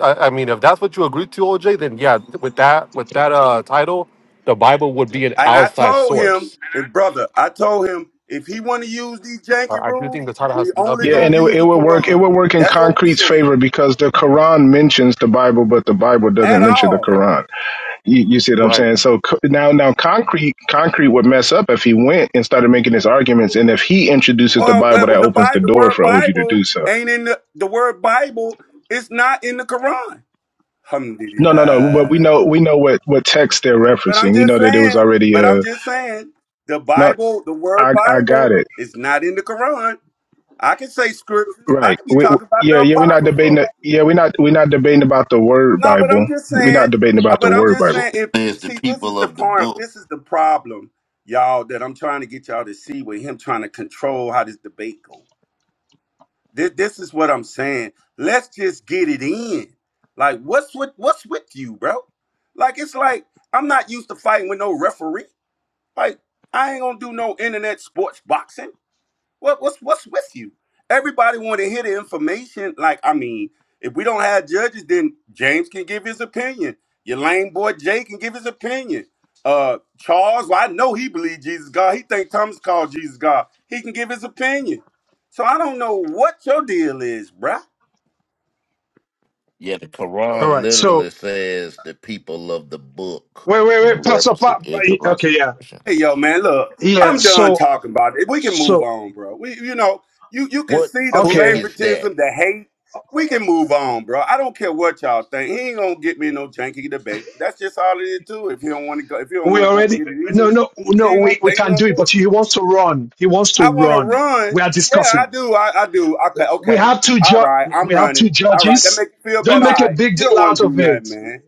Speaker 10: I, I mean, if that's what you agreed to, OJ, then yeah, with that with that uh title, the Bible would be an
Speaker 6: And I
Speaker 10: outside
Speaker 6: told him,
Speaker 10: source.
Speaker 6: and brother, I told him if he want to use these janky
Speaker 10: I I do
Speaker 6: rules,
Speaker 10: think the title has
Speaker 6: we
Speaker 10: to be
Speaker 6: only
Speaker 3: yeah,
Speaker 10: updated.
Speaker 6: gonna
Speaker 3: and it would-
Speaker 6: use
Speaker 3: it
Speaker 6: the
Speaker 3: would work. It
Speaker 6: Quran.
Speaker 3: would
Speaker 6: Then
Speaker 3: work in
Speaker 6: that's what we
Speaker 3: concrete's
Speaker 6: said.
Speaker 3: favor because the Quran mentions the Bible, but the Bible
Speaker 6: At
Speaker 3: doesn't mention the
Speaker 6: all.
Speaker 3: Quran. You, you see what I'm
Speaker 10: Right.
Speaker 3: saying? So co- now now concrete concrete would mess up if he went and started making his arguments, and if he introduces the
Speaker 6: Well,
Speaker 3: Bible,
Speaker 6: well,
Speaker 3: that
Speaker 6: the
Speaker 3: opens the
Speaker 6: Bible, the
Speaker 3: door
Speaker 6: word
Speaker 3: for OG to do
Speaker 6: Bible
Speaker 3: so.
Speaker 6: ain't in the the word Bible. It's not in the Quran.
Speaker 3: No, no, no. But we know
Speaker 6: Alhamdulillah.
Speaker 3: we know what what text they're
Speaker 6: But I'm
Speaker 3: referencing. We
Speaker 6: just
Speaker 3: know that it was
Speaker 6: saying.
Speaker 3: already
Speaker 6: But I'm
Speaker 3: uh
Speaker 6: just saying. The
Speaker 3: no.
Speaker 6: Bible, the word
Speaker 3: I I got
Speaker 6: Bible,
Speaker 3: it
Speaker 6: is not in the Quran. I can say scriptures. I
Speaker 3: right.
Speaker 6: could be
Speaker 3: We, we-
Speaker 6: talking about the
Speaker 3: yeah, yeah. We're not debating.
Speaker 6: Apocrypha.
Speaker 3: The, yeah, we're not we're not debating about the word
Speaker 6: No, but I'm
Speaker 3: Bible.
Speaker 6: just
Speaker 3: We're not
Speaker 6: saying.
Speaker 3: debating
Speaker 6: uh,
Speaker 3: about the
Speaker 6: But I'm
Speaker 3: word
Speaker 6: just
Speaker 3: Bible.
Speaker 6: saying. If
Speaker 15: says the
Speaker 6: see, this is
Speaker 15: people
Speaker 6: the
Speaker 15: of the
Speaker 6: part.
Speaker 15: book.
Speaker 6: This is the problem, y'all. That I'm trying to get y'all to see with him trying to control how this debate goes. This, this is what I'm saying. Let's just get it in. Like, what's with what's with you, bro? Like, it's like I'm not used to fighting with no referee. Like, I ain't gonna do no internet sports boxing. What what's what's with you? Everybody want to hear the information. Like, I mean, if we don't have judges, then James can give his opinion. Your lame boy Jay can give his opinion. Uh Charles, well, I know he believes Jesus God. He think Thomas called Jesus God. He can give his opinion. So I don't know what your deal is, bruh.
Speaker 15: Yeah, the
Speaker 1: All
Speaker 15: Quran
Speaker 1: right.
Speaker 15: literally
Speaker 1: So
Speaker 15: says the people of the book.
Speaker 1: wait, wait,
Speaker 15: In
Speaker 1: wait. Pastor,
Speaker 15: reference to
Speaker 1: pa-
Speaker 15: the Israelites.
Speaker 1: okay, yeah,
Speaker 6: Hey, yo, man, look,
Speaker 1: yeah.
Speaker 6: I'm done
Speaker 1: So,
Speaker 6: talking about it. We can move
Speaker 1: so
Speaker 6: on, bro. We, you know, you you can
Speaker 15: What
Speaker 6: see the
Speaker 15: book
Speaker 1: okay.
Speaker 15: is that?
Speaker 6: favoritism, the hate. We can move on, bro. I don't care what y'all think. He ain't gonna get me in no janky debate. That's just all it is, too. If he don't want to go, if he don't
Speaker 1: We
Speaker 6: want to go
Speaker 1: already
Speaker 6: get it in,
Speaker 1: no no
Speaker 6: he
Speaker 1: no
Speaker 6: ain't gonna,
Speaker 1: we,
Speaker 6: he
Speaker 1: we
Speaker 6: ain't
Speaker 1: can
Speaker 6: gonna
Speaker 1: do it,
Speaker 6: do
Speaker 1: but
Speaker 6: it.
Speaker 1: he wants to run. He wants to
Speaker 6: I want to
Speaker 1: run.
Speaker 6: run.
Speaker 1: We are
Speaker 6: Yeah, I
Speaker 1: discussing.
Speaker 6: do. I, I do. Okay,
Speaker 1: We
Speaker 6: okay.
Speaker 1: have two
Speaker 6: All
Speaker 1: ju-
Speaker 6: right, I'm
Speaker 1: we have two
Speaker 6: running. All right, that
Speaker 1: judges.
Speaker 6: make you feel
Speaker 1: Don't
Speaker 6: better. All
Speaker 1: make a
Speaker 6: right,
Speaker 1: big
Speaker 6: you don't
Speaker 1: deal
Speaker 6: want
Speaker 1: out
Speaker 6: to do
Speaker 1: of
Speaker 6: nothing,
Speaker 1: it.
Speaker 6: man.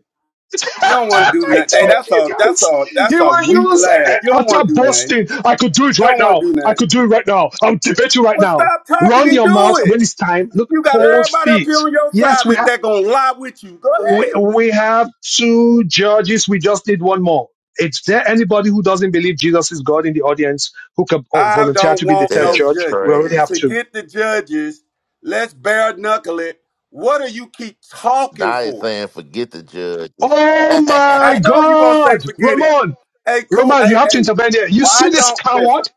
Speaker 6: You don't want to do
Speaker 1: I
Speaker 6: nothing. Hey,
Speaker 1: told
Speaker 6: that's
Speaker 1: you
Speaker 6: a that's
Speaker 1: guys.
Speaker 6: a
Speaker 1: He
Speaker 6: that's a
Speaker 1: will
Speaker 6: weak
Speaker 1: use
Speaker 6: laugh.
Speaker 1: it
Speaker 6: You don't
Speaker 1: utter
Speaker 6: want to do nothing.
Speaker 1: boasting. I could do it
Speaker 6: You
Speaker 1: right
Speaker 6: don't want
Speaker 1: now.
Speaker 6: to do
Speaker 1: I
Speaker 6: nothing.
Speaker 1: could do it right now. I'll debate you right
Speaker 6: Well,
Speaker 1: now.
Speaker 6: stop talking
Speaker 1: Run
Speaker 6: and
Speaker 1: your
Speaker 6: do
Speaker 1: mouth
Speaker 6: it.
Speaker 1: when it's time. Look
Speaker 6: You got
Speaker 1: cold
Speaker 6: everybody up here
Speaker 1: feet.
Speaker 6: on your
Speaker 1: Yes,
Speaker 6: side
Speaker 1: we
Speaker 6: that
Speaker 1: have
Speaker 6: they are gonna lie with you. Go
Speaker 1: we,
Speaker 6: ahead.
Speaker 1: we have two judges. We just need one more. Is there anybody who doesn't believe Jesus is God in the audience who can oh,
Speaker 6: I
Speaker 1: volunteer
Speaker 6: don't
Speaker 1: to be the
Speaker 6: want
Speaker 1: third
Speaker 6: no
Speaker 15: That's
Speaker 1: judge? We
Speaker 6: judges.
Speaker 1: already have
Speaker 15: crazy.
Speaker 1: two.
Speaker 6: Forget the judges. Let's bare knuckle it. What do you keep talking
Speaker 15: Now he's
Speaker 6: for?
Speaker 15: saying forget the judges.
Speaker 1: Oh
Speaker 6: I
Speaker 1: my
Speaker 6: know you are gonna say
Speaker 1: God,
Speaker 6: forget it.
Speaker 1: Ramon,
Speaker 6: Hey, cool.
Speaker 1: Ramon, you
Speaker 6: Hey,
Speaker 1: have to
Speaker 6: hey.
Speaker 1: intervene here. You
Speaker 6: Why
Speaker 1: see this
Speaker 6: don't listen?
Speaker 1: coward?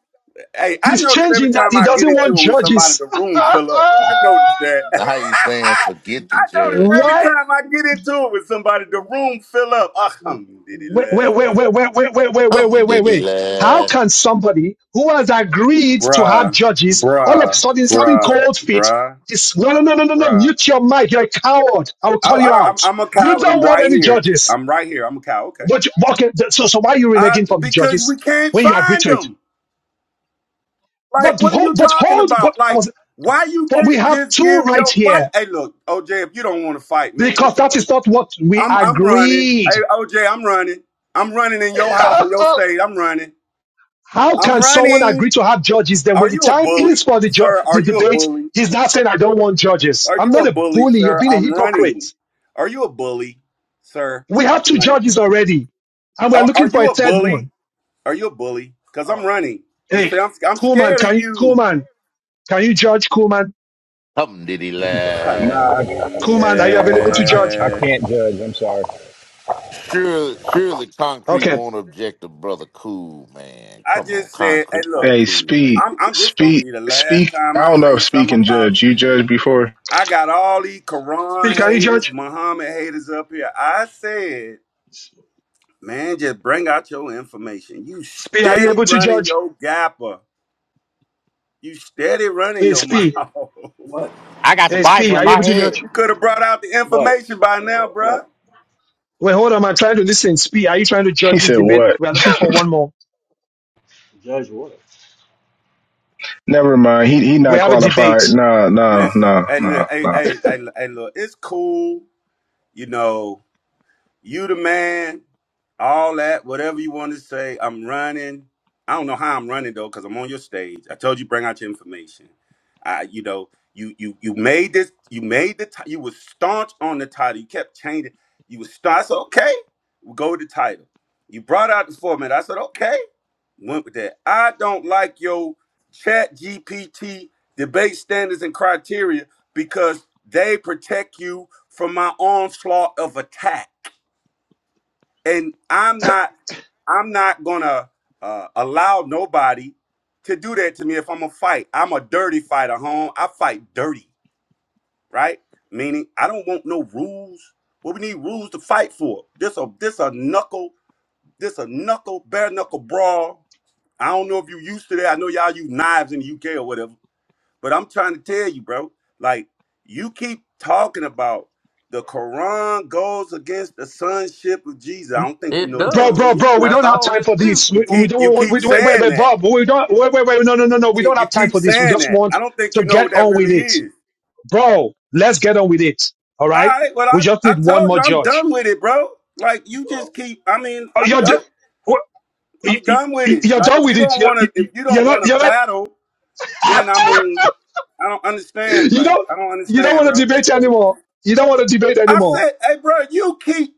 Speaker 6: Hey, I
Speaker 1: He's
Speaker 6: notice every
Speaker 1: changing that.
Speaker 6: time
Speaker 1: He
Speaker 6: I get
Speaker 1: doesn't want
Speaker 6: into it with somebody,
Speaker 1: judges.
Speaker 6: the room fill up. I notice that.
Speaker 15: now he's saying forget the
Speaker 6: I notice every
Speaker 1: Why?
Speaker 15: judges.
Speaker 6: time I get into it with somebody, the room fill up.
Speaker 1: wait, wait, wait, wait,
Speaker 6: Alhamdulillah.
Speaker 1: wait, wait, wait, wait, wait, wait,
Speaker 15: Hum
Speaker 1: wait,
Speaker 15: did he
Speaker 1: wait. How
Speaker 15: lie?
Speaker 1: can somebody who has agreed to have
Speaker 6: Bruh,
Speaker 1: judges all of a
Speaker 6: bruh,
Speaker 1: sudden is having
Speaker 6: bruh,
Speaker 1: cold feet?
Speaker 6: bruh,
Speaker 1: Is no, no, no, no, no, no.
Speaker 6: bruh.
Speaker 1: Mute your mic. You're a coward. I will
Speaker 6: I,
Speaker 1: call you
Speaker 6: I, I'm,
Speaker 1: out.
Speaker 6: I'm a
Speaker 1: You
Speaker 6: coward. I'm
Speaker 1: don't want
Speaker 6: right
Speaker 1: any
Speaker 6: here.
Speaker 1: judges.
Speaker 6: I'm right here. I'm a cow. Okay.
Speaker 1: But you, okay, th- so so why are you
Speaker 6: I,
Speaker 1: reneging from the
Speaker 6: because we
Speaker 1: judges
Speaker 6: can't
Speaker 1: when you agree
Speaker 6: find
Speaker 1: to it?
Speaker 6: them. Like,
Speaker 1: But
Speaker 6: what are
Speaker 1: hold,
Speaker 6: you
Speaker 1: but
Speaker 6: talking
Speaker 1: hold, but
Speaker 6: about?
Speaker 1: I
Speaker 6: Like,
Speaker 1: was,
Speaker 6: why you
Speaker 1: but we
Speaker 6: can't
Speaker 1: have
Speaker 6: just
Speaker 1: two
Speaker 6: give
Speaker 1: right
Speaker 6: your why?
Speaker 1: here
Speaker 6: Hey, look, OJ, if you don't want to fight, man,
Speaker 1: because
Speaker 6: it's
Speaker 1: that
Speaker 6: cool.
Speaker 1: is not what we
Speaker 6: I'm I'm running. Hey,
Speaker 1: agreed.
Speaker 6: OJ, I'm running. I'm running in your house in your state. I'm running.
Speaker 1: How
Speaker 6: I'm
Speaker 1: can someone
Speaker 6: running.
Speaker 1: agree to have judges then
Speaker 6: Are
Speaker 1: when the
Speaker 6: you a
Speaker 1: time is
Speaker 6: bully,
Speaker 1: for the, ju-
Speaker 6: sir? Are
Speaker 1: the
Speaker 6: you a
Speaker 1: debate,
Speaker 6: bully?
Speaker 1: he's not saying, I don't want judges.
Speaker 6: Are
Speaker 1: I'm
Speaker 6: you a
Speaker 1: not a
Speaker 6: bully,
Speaker 1: bully. You're
Speaker 6: sir?
Speaker 1: being a
Speaker 6: I'm
Speaker 1: hypocrite.
Speaker 6: running. Are you a bully, sir?
Speaker 1: We have
Speaker 6: I'm
Speaker 1: two
Speaker 6: running.
Speaker 1: judges already, and we're
Speaker 6: Are, are
Speaker 1: looking for
Speaker 6: you
Speaker 1: a
Speaker 6: a
Speaker 1: third
Speaker 6: bully?
Speaker 1: one.
Speaker 6: Are you a bully? Cause I'm running. You
Speaker 1: Hey,
Speaker 6: say I'm I'm
Speaker 1: cool
Speaker 6: scared of
Speaker 1: can you, cool
Speaker 6: you.
Speaker 1: can you judge? Cool man,
Speaker 15: Hum did he lie?
Speaker 16: Nah, I,
Speaker 1: cool are you available to
Speaker 16: I,
Speaker 1: judge?
Speaker 16: I
Speaker 6: Alhamdulillah.
Speaker 16: can't judge. I'm sorry.
Speaker 15: Surely, surely concrete
Speaker 1: Okay.
Speaker 15: won't object to brother cool man.
Speaker 6: I
Speaker 15: Come on,
Speaker 6: just said, hey,
Speaker 15: concrete
Speaker 6: look,
Speaker 15: like
Speaker 3: Hey,
Speaker 15: cool
Speaker 3: speak,
Speaker 15: man.
Speaker 6: I'm I'm just gonna
Speaker 3: speak,
Speaker 6: be the last
Speaker 3: speak. I
Speaker 6: time I
Speaker 3: don't know
Speaker 6: say
Speaker 3: if speak
Speaker 6: something
Speaker 3: and
Speaker 6: about
Speaker 3: judge.
Speaker 6: it,
Speaker 3: You judged
Speaker 6: man.
Speaker 3: before.
Speaker 6: I got all these
Speaker 1: Speak,
Speaker 6: Quran
Speaker 1: can you
Speaker 6: haters,
Speaker 1: judge?
Speaker 6: Muhammad haters up here. I said. Man, just bring out your information. You
Speaker 1: Speak, are you
Speaker 6: steady
Speaker 1: able to
Speaker 6: running
Speaker 1: judge?
Speaker 6: your gapper. You steady running
Speaker 1: Hey,
Speaker 6: your mouth.
Speaker 1: Speak.
Speaker 17: What?
Speaker 7: got the
Speaker 1: Hey,
Speaker 7: Bible
Speaker 1: Speak,
Speaker 7: in
Speaker 1: are you
Speaker 7: my
Speaker 1: able to
Speaker 7: head.
Speaker 1: judge?
Speaker 6: you could have brought out the
Speaker 17: What?
Speaker 6: information by now, bruh.
Speaker 17: What?
Speaker 1: Wait, hold on. I'm trying to listen. Speak, are you trying to
Speaker 3: He
Speaker 1: judge this
Speaker 3: said
Speaker 1: debate?
Speaker 3: what?
Speaker 1: We're looking for one more.
Speaker 17: Judge what?
Speaker 3: Never mind. He he
Speaker 1: We
Speaker 3: not
Speaker 1: have a
Speaker 3: qualified.
Speaker 1: debate.
Speaker 3: No, no,
Speaker 6: Listen,
Speaker 3: no,
Speaker 6: hey,
Speaker 3: no,
Speaker 6: look, hey,
Speaker 3: no.
Speaker 6: hey, hey, hey, look, it's cool, you know. You the man, all that, whatever you want to say. I'm running. I don't know how I'm running though, because I'm on your stage. I told you bring out your information. I, you know, you you you made this. You made the. ti- You was staunch on the title. You kept changing. You was staunch. I said, okay, we'll go with the title. You brought out the format. I said, okay, went with that. I don't like your Chat GPT debate standards and criteria because they protect you from my onslaught of attack and I'm not I'm not gonna uh, allow nobody to do that to me if I'm a fight. I'm a dirty fighter, home. I fight dirty, right? Meaning I don't want no rules. What we need rules to fight for. This a this a knuckle, this a knuckle, bare knuckle brawl. I don't know if you used to that. I know y'all use knives in the UK or whatever, but I'm trying to tell you, bro. Like you keep talking about the Quran goes against the sonship of Jesus. I don't think you
Speaker 13: It
Speaker 6: know what that
Speaker 1: Bro,
Speaker 6: really
Speaker 13: does.
Speaker 1: bro, bro,
Speaker 6: is.
Speaker 1: we
Speaker 13: That's
Speaker 1: don't have
Speaker 13: all
Speaker 1: time
Speaker 13: it
Speaker 1: for
Speaker 13: do.
Speaker 1: this.
Speaker 6: You
Speaker 1: We, we
Speaker 6: keep
Speaker 1: don't
Speaker 6: you
Speaker 1: want,
Speaker 6: keep
Speaker 1: we, wait, wait,
Speaker 6: saying
Speaker 1: wait,
Speaker 6: that.
Speaker 1: Bob, we don't, wait, wait, wait, no, no, no, no,
Speaker 6: You
Speaker 1: we don't
Speaker 6: keep you
Speaker 1: have time
Speaker 6: keep
Speaker 1: for this. We
Speaker 6: saying
Speaker 1: just
Speaker 6: that. I
Speaker 1: want
Speaker 6: don't think
Speaker 1: to
Speaker 6: you know what
Speaker 1: get
Speaker 6: that
Speaker 1: on
Speaker 6: really
Speaker 1: with it.
Speaker 6: is.
Speaker 1: Bro, let's get on with it. All
Speaker 6: All
Speaker 1: right?
Speaker 6: right, well I
Speaker 1: We just
Speaker 6: I
Speaker 1: need one
Speaker 6: told you
Speaker 1: more
Speaker 6: I'm
Speaker 1: judge.
Speaker 6: done with it, bro. Like you just keep. I mean,
Speaker 1: Oh,
Speaker 6: I'm
Speaker 1: you're, d-
Speaker 6: done.
Speaker 1: what- you-
Speaker 6: I'm
Speaker 1: you-
Speaker 6: done with
Speaker 1: you-
Speaker 6: it.
Speaker 1: you're
Speaker 6: Like if
Speaker 1: done with
Speaker 6: you
Speaker 1: it.
Speaker 6: don't
Speaker 1: You're,
Speaker 6: want to, if
Speaker 1: you-
Speaker 6: you don't
Speaker 1: you're not,
Speaker 6: want to
Speaker 1: you're not,
Speaker 6: battle,
Speaker 1: ah,
Speaker 6: then I mean, I don't understand.
Speaker 1: you
Speaker 6: Like
Speaker 1: don't,
Speaker 6: I don't
Speaker 1: you don't
Speaker 6: understand,
Speaker 1: want to
Speaker 6: bro.
Speaker 1: debate
Speaker 6: Like
Speaker 1: anymore. You don't want to debate
Speaker 6: I
Speaker 1: anymore.
Speaker 6: said, hey, bro, you keep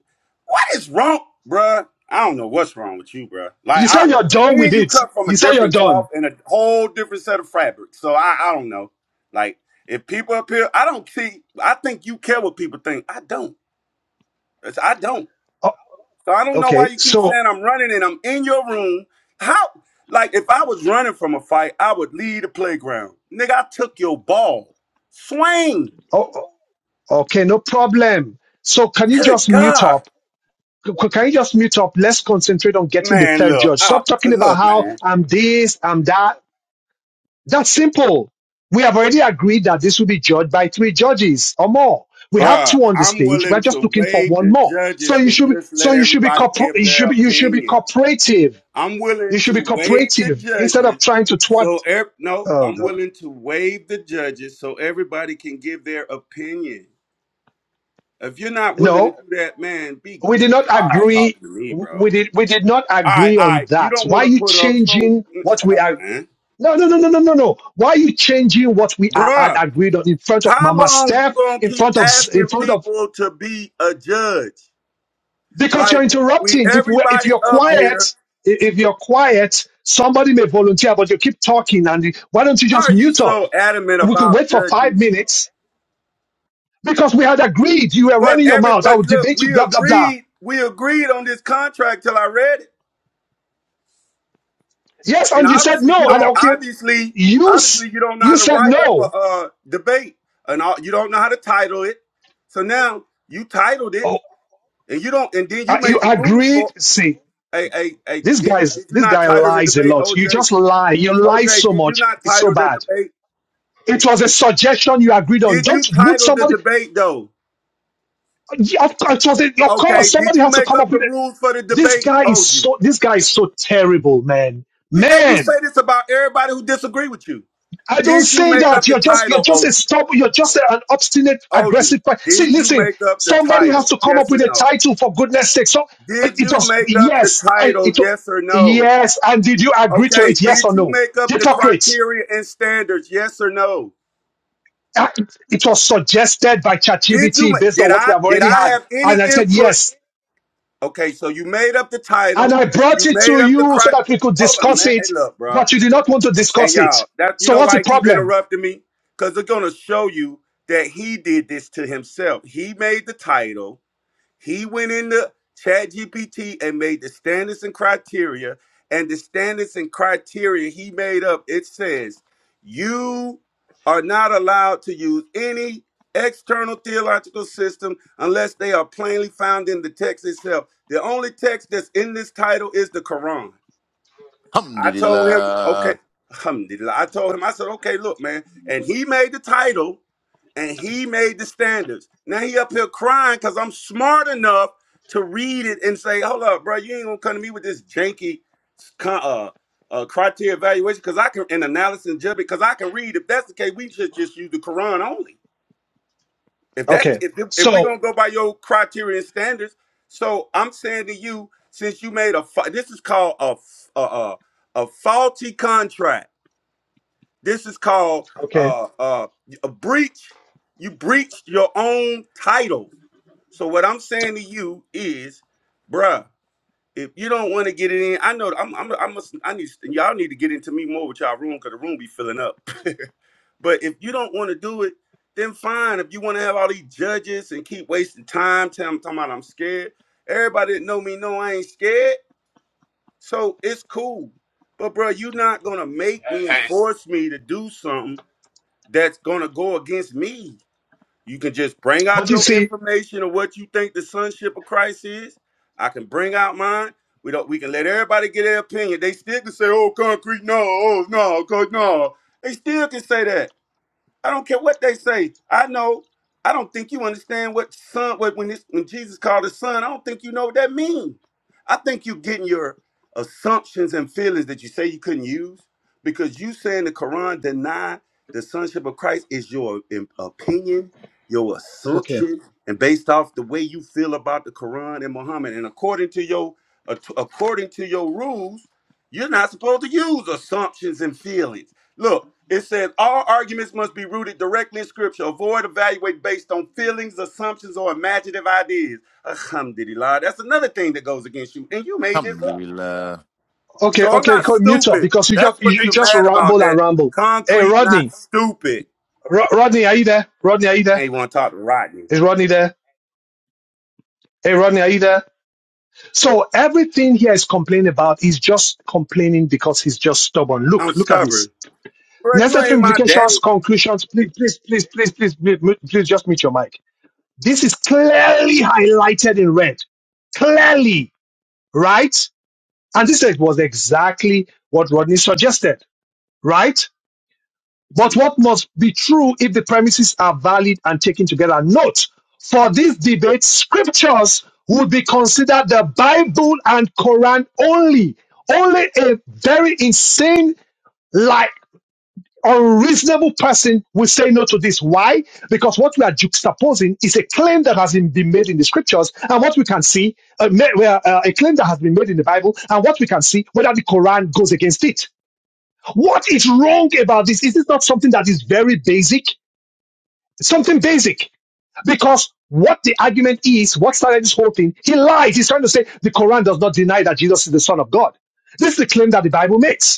Speaker 6: What is wrong, bruh? I don't know what's wrong with you, bruh. Like
Speaker 1: You
Speaker 6: I,
Speaker 1: say you're done
Speaker 6: me
Speaker 1: with
Speaker 6: and you
Speaker 1: it.
Speaker 6: cut from
Speaker 1: You
Speaker 6: a
Speaker 1: say you're
Speaker 6: different cloth
Speaker 1: done.
Speaker 6: and a whole different set of fabrics. So I, I don't know. Like if people up here, I don't see. I think you care what people think. I don't. It's- I don't.
Speaker 1: Oh,
Speaker 6: So I don't know why
Speaker 1: okay.
Speaker 6: you keep
Speaker 1: So,
Speaker 6: saying I'm running and I'm in your room. How? Like if I was running from a fight, I would leave the playground. Nigga, I took your ball. Swing.
Speaker 1: oh, oh, okay, no problem. So can you
Speaker 6: Good
Speaker 1: just mute up?
Speaker 6: God,
Speaker 1: Can you just mute up? Let's concentrate on getting the
Speaker 6: man.
Speaker 1: third
Speaker 6: Look,
Speaker 1: judge.
Speaker 6: I,
Speaker 1: Stop talking about
Speaker 6: look,
Speaker 1: how
Speaker 6: man.
Speaker 1: I'm this, I'm that. That's simple. We have already agreed that this will be judged by three judges or more. We have
Speaker 6: Bruh,
Speaker 1: two on the
Speaker 6: I'm
Speaker 1: stage. We're
Speaker 6: willing to
Speaker 1: just looking for
Speaker 6: waive
Speaker 1: one
Speaker 6: the
Speaker 1: more. So
Speaker 6: judges
Speaker 1: you
Speaker 6: and
Speaker 1: should be,
Speaker 6: just
Speaker 1: so
Speaker 6: let
Speaker 1: you should be,
Speaker 6: everybody
Speaker 1: corpor-
Speaker 6: give
Speaker 1: you
Speaker 6: their
Speaker 1: should be, you should be
Speaker 6: opinion.
Speaker 1: cooperative.
Speaker 6: I'm
Speaker 1: You
Speaker 6: willing
Speaker 1: should
Speaker 6: to
Speaker 1: be
Speaker 6: waive the
Speaker 1: cooperative instead
Speaker 6: judges.
Speaker 1: of trying to thwart.
Speaker 6: So ev- no,
Speaker 1: Oh
Speaker 6: I'm
Speaker 1: God.
Speaker 6: willing to waive the judges so everybody can give their opinion. If you're not willing to
Speaker 1: No,
Speaker 6: do that, man, be
Speaker 1: we did
Speaker 6: be
Speaker 1: not
Speaker 6: quiet
Speaker 1: agree.
Speaker 6: talking to me, bro.
Speaker 1: We
Speaker 6: All
Speaker 1: did, we did not
Speaker 6: right,
Speaker 1: agree
Speaker 6: all
Speaker 1: on
Speaker 6: right. You
Speaker 1: that.
Speaker 6: don't
Speaker 1: Why
Speaker 6: want
Speaker 1: are
Speaker 6: to
Speaker 1: you
Speaker 6: put up, so
Speaker 1: changing
Speaker 6: mm,
Speaker 1: what
Speaker 6: shut
Speaker 1: we
Speaker 6: up,
Speaker 1: are?
Speaker 6: man.
Speaker 1: No, no, no, no, no, no, no. Why are you changing what we are, had
Speaker 6: Bruh,
Speaker 1: agreed on in front of
Speaker 6: how
Speaker 1: Mama
Speaker 6: long you
Speaker 1: Steph,
Speaker 6: gonna
Speaker 1: in
Speaker 6: keep
Speaker 1: front of, in
Speaker 6: asking
Speaker 1: front of,
Speaker 6: people to be a judge?
Speaker 1: because you're
Speaker 6: Like we
Speaker 1: interrupting. If we, if
Speaker 6: everybody
Speaker 1: you're
Speaker 6: up here.
Speaker 1: quiet, i- if you're quiet, somebody may volunteer, but you keep talking. And you- why don't you
Speaker 6: Why
Speaker 1: just
Speaker 6: are you
Speaker 1: mute up?
Speaker 6: so adamant
Speaker 1: We could
Speaker 6: about
Speaker 1: wait for five
Speaker 6: judges?
Speaker 1: minutes because we had agreed. You were
Speaker 6: But
Speaker 1: running your
Speaker 6: every
Speaker 1: mouth. I
Speaker 6: but
Speaker 1: would
Speaker 6: look,
Speaker 1: debate you,
Speaker 6: we
Speaker 1: blah, blah, blah.
Speaker 6: agreed we agreed on this contract till I read it,
Speaker 1: Yes.
Speaker 6: and
Speaker 1: And you said
Speaker 6: obviously you
Speaker 1: no. And
Speaker 6: don't
Speaker 1: okay,
Speaker 6: obviously
Speaker 1: you, s-
Speaker 6: obviously you don't know
Speaker 1: you
Speaker 6: how to
Speaker 1: said
Speaker 6: write up
Speaker 1: no.
Speaker 6: a, uh debate, and all, you don't know how to title it. So now you titled it,
Speaker 1: Oh,
Speaker 6: and you don't, and then
Speaker 1: uh,
Speaker 6: you
Speaker 1: you
Speaker 6: made the rules
Speaker 1: agreed.
Speaker 6: for
Speaker 1: See,
Speaker 6: a a a.
Speaker 1: This
Speaker 6: Did you did
Speaker 1: guy's
Speaker 6: you
Speaker 1: this
Speaker 6: not
Speaker 1: guy
Speaker 6: title the
Speaker 1: lies a
Speaker 6: debate,
Speaker 1: lot. You
Speaker 6: OJ?
Speaker 1: just lie. You lie
Speaker 6: OJ,
Speaker 1: so
Speaker 6: did you
Speaker 1: much.
Speaker 6: not
Speaker 1: It's so
Speaker 6: title the
Speaker 1: bad.
Speaker 6: debate?
Speaker 1: It was a suggestion you agreed on.
Speaker 6: Did you
Speaker 1: Don't would
Speaker 6: title the
Speaker 1: somebody?
Speaker 6: debate though?
Speaker 1: Yeah, Of course, it was a, of course
Speaker 6: Okay, did
Speaker 1: somebody
Speaker 6: you
Speaker 1: has to
Speaker 6: make
Speaker 1: come up
Speaker 6: up the
Speaker 1: with it.
Speaker 6: rules for the
Speaker 1: This
Speaker 6: debate,
Speaker 1: guy is
Speaker 6: OG?
Speaker 1: so. This guy is so terrible, man.
Speaker 6: Yeah, And you say
Speaker 1: Man,
Speaker 6: this about everybody who disagree with you.
Speaker 1: I don't
Speaker 6: Did you
Speaker 1: say
Speaker 6: make up
Speaker 1: that.
Speaker 6: the
Speaker 1: You're just you're
Speaker 6: title,
Speaker 1: just
Speaker 6: OG?
Speaker 1: a stubborn. You're just a- an obstinate, aggressive. per- See,
Speaker 6: did you
Speaker 1: listen.
Speaker 6: make up the
Speaker 1: Somebody has
Speaker 6: title?
Speaker 1: to come up
Speaker 6: Yes
Speaker 1: with
Speaker 6: or
Speaker 1: a
Speaker 6: no?
Speaker 1: title for goodness sake. So
Speaker 6: Did
Speaker 1: it
Speaker 6: you
Speaker 1: was
Speaker 6: make up the
Speaker 1: yes. I,
Speaker 6: title?
Speaker 1: it was,
Speaker 6: Yes or no?
Speaker 1: yes. And did you agree to
Speaker 6: Okay,
Speaker 1: it? Yes or
Speaker 6: did you
Speaker 1: no?
Speaker 6: make up the
Speaker 1: Hypocrite.
Speaker 6: criteria and standards? Yes or no?
Speaker 1: Uh, it it was suggested by
Speaker 6: Did you
Speaker 1: ChatGPT
Speaker 6: ma-
Speaker 1: based on
Speaker 6: did
Speaker 1: what we
Speaker 6: I
Speaker 1: have
Speaker 6: did
Speaker 1: already
Speaker 6: I
Speaker 1: had.
Speaker 6: have any
Speaker 1: And I said,
Speaker 6: input?
Speaker 1: yes.
Speaker 6: Okay, so you made up the
Speaker 1: And
Speaker 6: title,
Speaker 1: I brought
Speaker 6: you
Speaker 1: it
Speaker 6: made
Speaker 1: to
Speaker 6: up the
Speaker 1: you so
Speaker 6: cri
Speaker 1: that we could
Speaker 6: Hold on,
Speaker 1: discuss
Speaker 6: man. Hey,
Speaker 1: it,
Speaker 6: look, bro.
Speaker 1: but you did not want to
Speaker 6: Hey
Speaker 1: discuss it.
Speaker 6: y'all, that you
Speaker 1: So
Speaker 6: know
Speaker 1: what's
Speaker 6: why
Speaker 1: the
Speaker 6: he keep
Speaker 1: problem?
Speaker 6: interrupting me? Cause they're gonna show you that he did this to himself. He made the title. He went into ChatGPT and made the standards and criteria. And the standards and criteria he made up, it says you are not allowed to use any external theological system unless they are plainly found in the text itself. The only text that's in this title is the Quran.
Speaker 15: Hum
Speaker 6: I
Speaker 15: did he
Speaker 6: told him,
Speaker 15: lie?
Speaker 6: okay, alhamdulillah, I told him, I said, okay, look, man. And he made the title and he made the standards. Now he up here crying because I'm smart enough to read it and say, hold up, bro, you ain't gonna come to me with this janky con- uh, uh, criteria evaluation because I can and analysis and judgment because I can read. If that's the case, we should just use the Quran only. If that's
Speaker 1: Okay.
Speaker 6: if if we're
Speaker 1: So,
Speaker 6: gonna go by your criteria and standards, so I'm saying to you, since you made a fa- this is called a f- a, a, a faulty contract. This is called
Speaker 1: okay.
Speaker 6: uh, uh, a breach. You breached your own title. So what I'm saying to you is, bruh if you don't want to get it in, I know I'm I'm I'm a, i am i am i must I need y'all need to get into me more with y'all room because the room be filling up. but if you don't want to do it, then fine. If you want to have all these judges and keep wasting time, tell them talking about I'm scared. Everybody that know me know I ain't scared, so it's cool. But bro, you're not gonna make me and
Speaker 18: Hey,
Speaker 6: force me to do something that's gonna go against me. You can just bring out
Speaker 1: But you
Speaker 6: your
Speaker 1: see,
Speaker 6: information of what you think the sonship of Christ is. I can bring out mine. We don't. We can let everybody get their opinion. They still can say, "Oh, concrete, no, oh, no, co- no." They still can say that. I don't care what they say. I know. I don't think you understand what son. What when this when Jesus called his son, I don't think you know what that means. I think you're getting your assumptions and feelings that you say you couldn't use because you saying the Quran deny the sonship of Christ is your im- opinion, your
Speaker 1: okay.
Speaker 6: assumption, and based off the way you feel about the Quran and Muhammad, and according to your ac- according to your rules, you're not supposed to use assumptions and feelings. Look, it says all arguments must be rooted directly in scripture. Avoid evaluate based on feelings, assumptions, or imaginative ideas. Alhamdulillah. That's another thing that goes against you. And you made this
Speaker 15: I'm
Speaker 6: up.
Speaker 15: leave love,
Speaker 1: Okay,
Speaker 6: So I'm
Speaker 1: okay,
Speaker 6: not
Speaker 1: co- mute up
Speaker 6: stupid.
Speaker 1: because you
Speaker 6: That's
Speaker 1: just
Speaker 6: what
Speaker 1: you you
Speaker 6: you're
Speaker 1: just
Speaker 6: mad about.
Speaker 1: ramble and
Speaker 6: That
Speaker 1: ramble. Hey,
Speaker 6: concrete, not
Speaker 1: Rodney,
Speaker 6: stupid.
Speaker 1: Ro- Rodney, are you there? Rodney, are you
Speaker 6: I
Speaker 1: there?
Speaker 6: ain't want to talk to Rodney.
Speaker 1: Is Rodney there? Hey, Rodney, are you there? So everything here is complaining about. He's just complaining because he's just stubborn.
Speaker 6: I'm
Speaker 1: Look, look at this.
Speaker 6: stubborn. Bro, you ain't
Speaker 1: Necessary
Speaker 6: my
Speaker 1: implications,
Speaker 6: daddy.
Speaker 1: conclusions. Please, please, please, please, please, please, mute- please just mute your mic. This is clearly highlighted in red. Clearly, right? And this was exactly what Rodney suggested, right? But what must be true if the premises are valid and taken together? Note, for this debate, scriptures would be considered the Bible and Quran only. Only a very insane lie A reasonable person will say no to this. Why? Because what we are juxtaposing is a claim that has been made in the scriptures, and what we can see, uh, ma- well, uh, a claim that has been made in the Bible, and what we can see, whether the Quran goes against it. What is wrong about this? Is this not something that is very basic? Something basic. Because what the argument is, what started this whole thing, he lies. He's trying to say the Quran does not deny that Jesus is the Son of God. This is the claim that the Bible makes.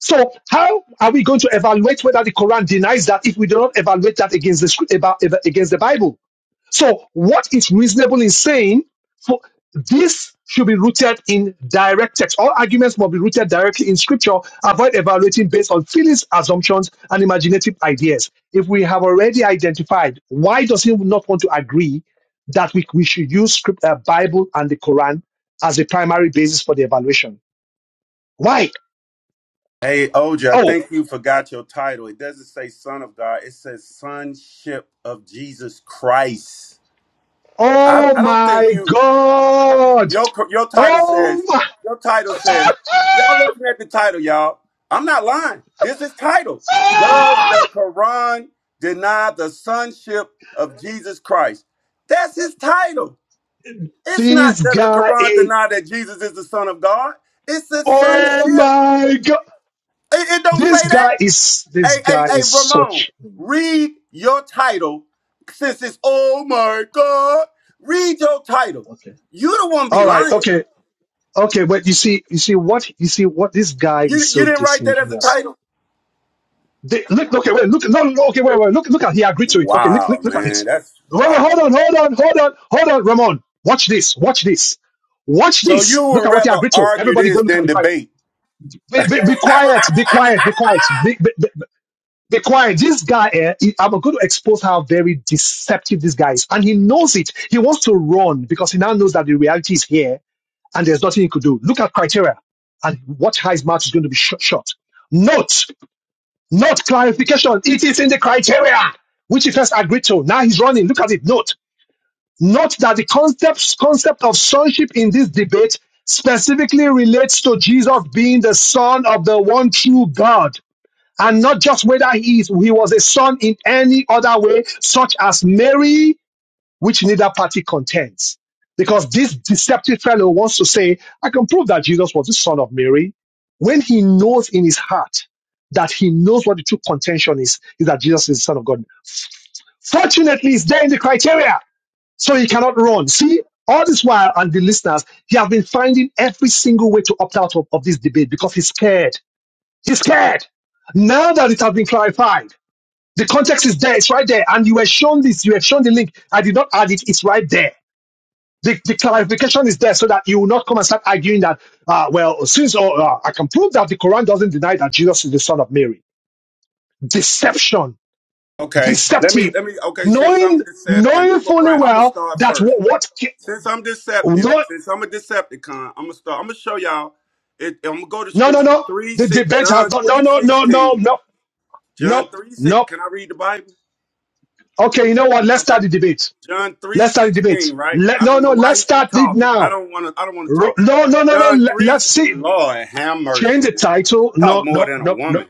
Speaker 1: So how are we going to evaluate whether the Quran denies that if we do not evaluate that against the script about against the Bible? So what is reasonable in saying for this should be rooted in direct text. All arguments must be rooted directly in scripture. Avoid evaluating based on feelings, assumptions, and imaginative ideas. If we have already identified, why does he not want to agree that we, we should use script, uh, Bible and the Quran as a primary basis for the evaluation? Why?
Speaker 6: Hey, OJ, I
Speaker 1: Oh.
Speaker 6: think you forgot your title. It doesn't say son of God. It says sonship of Jesus Christ. I,
Speaker 1: Oh
Speaker 6: I don't think
Speaker 1: my
Speaker 6: you.
Speaker 1: God!
Speaker 6: Your your title
Speaker 1: Oh
Speaker 6: says
Speaker 1: my!
Speaker 6: your title says y'all listen at the title, y'all. I'm not lying. This is title. Does the Quran deny the sonship of Jesus Christ? That's his title. It's not
Speaker 1: this
Speaker 6: does the
Speaker 1: guy
Speaker 6: Quran
Speaker 1: is.
Speaker 6: deny that Jesus is the Son of God? It's the
Speaker 1: Oh
Speaker 6: sonship.
Speaker 1: my God!
Speaker 6: It, it don't
Speaker 1: This
Speaker 6: say that.
Speaker 1: guy is. This
Speaker 6: Hey, hey,
Speaker 1: guy
Speaker 6: hey,
Speaker 1: is
Speaker 6: Ramon,
Speaker 1: such.
Speaker 6: read your title since it's oh my God. Read your title.
Speaker 1: Okay.
Speaker 6: You don't want to be
Speaker 1: All right.
Speaker 6: lying.
Speaker 1: Okay. Okay. But you see, you see what you see what this guy is
Speaker 6: You you
Speaker 1: so
Speaker 6: didn't write that as a
Speaker 1: disingenuous.
Speaker 6: title?
Speaker 1: They, look, okay, wait, look, no, no, okay, wait, wait, look, look at, he agreed to it. Okay, look,
Speaker 6: Wow,
Speaker 1: look, look at it.
Speaker 6: man, that's
Speaker 1: Wait, wait, hold
Speaker 6: wow.
Speaker 1: on, hold on, hold on, hold on, Ramon. Watch this, watch this, watch
Speaker 6: So you
Speaker 1: this. Look
Speaker 6: would
Speaker 1: at what he
Speaker 6: rather
Speaker 1: agreed to.
Speaker 6: argue
Speaker 1: Everybody go
Speaker 6: this
Speaker 1: look at
Speaker 6: than
Speaker 1: the quiet.
Speaker 6: debate?
Speaker 1: Be, be, be quiet, be quiet, be quiet, be, be, be, be quiet. This guy, eh, he- I'm going to expose how very deceptive this guy is. And he knows it. He wants to run because he now knows that the reality is here and there's nothing he could do. Look at criteria and watch how his mouth is going to be shut shut. Note. Not clarification. It is in the criteria which he first agreed to. Now he's running. Look at it. Note. Note that the concept concept of sonship in this debate specifically relates to Jesus being the son of the one true God. And not just whether he, is, he was a son in any other way, such as Mary which neither party contends. Because this deceptive fellow wants to say, I can prove that Jesus was the son of Mary, when he knows in his heart that he knows what the true contention is, is that Jesus is the son of God. Fortunately, it's there in the criteria, so he cannot run. See, all this while, and the listeners, he has been finding every single way to opt out of, of this debate because he's scared. He's scared. Now that it has been clarified, the context is there, it's right there, and you were shown this, you were shown the link. I did not add it, it's right there the, the clarification is there so that you will not come and start arguing that, uh, well, since uh, uh, I can prove that the Quran doesn't deny that Jesus is the son of Mary. Deception,
Speaker 6: Okay, let me
Speaker 1: deceptive,
Speaker 6: let me. Okay, since I'm
Speaker 1: knowing,
Speaker 6: deceptive,
Speaker 1: knowing
Speaker 6: I'm a
Speaker 1: fully
Speaker 6: brand. I'm gonna
Speaker 1: well
Speaker 6: start
Speaker 1: that
Speaker 6: first.
Speaker 1: what,
Speaker 6: Since I'm deceptive,
Speaker 1: what
Speaker 6: since I'm a Decepticon, I'm gonna start. I'm gonna show y'all. It, I'm gonna go to
Speaker 1: no, no, no,
Speaker 6: Scripture
Speaker 1: no,
Speaker 6: three
Speaker 1: the
Speaker 6: six
Speaker 1: debate has
Speaker 6: John
Speaker 1: not, no,
Speaker 6: three
Speaker 1: no, no, no,
Speaker 6: sixteen
Speaker 1: no, no,
Speaker 6: John three six.
Speaker 1: no.
Speaker 6: Can I read the Bible?
Speaker 1: Okay, you know what? Let's
Speaker 6: Okay.
Speaker 1: start the debate.
Speaker 6: John three
Speaker 1: Let's start the
Speaker 6: sixteen,
Speaker 1: debate.
Speaker 6: right?
Speaker 1: Let,
Speaker 6: I
Speaker 1: no,
Speaker 6: don't know
Speaker 1: no,
Speaker 6: why
Speaker 1: let's
Speaker 6: he keep
Speaker 1: start it
Speaker 6: talking. I
Speaker 1: now.
Speaker 6: don't want to. I don't want to
Speaker 1: Ro-
Speaker 6: talk.
Speaker 1: No, no, no, no.
Speaker 6: John
Speaker 1: Let,
Speaker 6: three.
Speaker 1: let's see.
Speaker 6: Lord have
Speaker 1: Change
Speaker 6: mercy,
Speaker 1: the
Speaker 6: man.
Speaker 1: title.
Speaker 6: Talk
Speaker 1: No,
Speaker 6: more
Speaker 1: no,
Speaker 6: than a
Speaker 1: no, no.
Speaker 6: woman.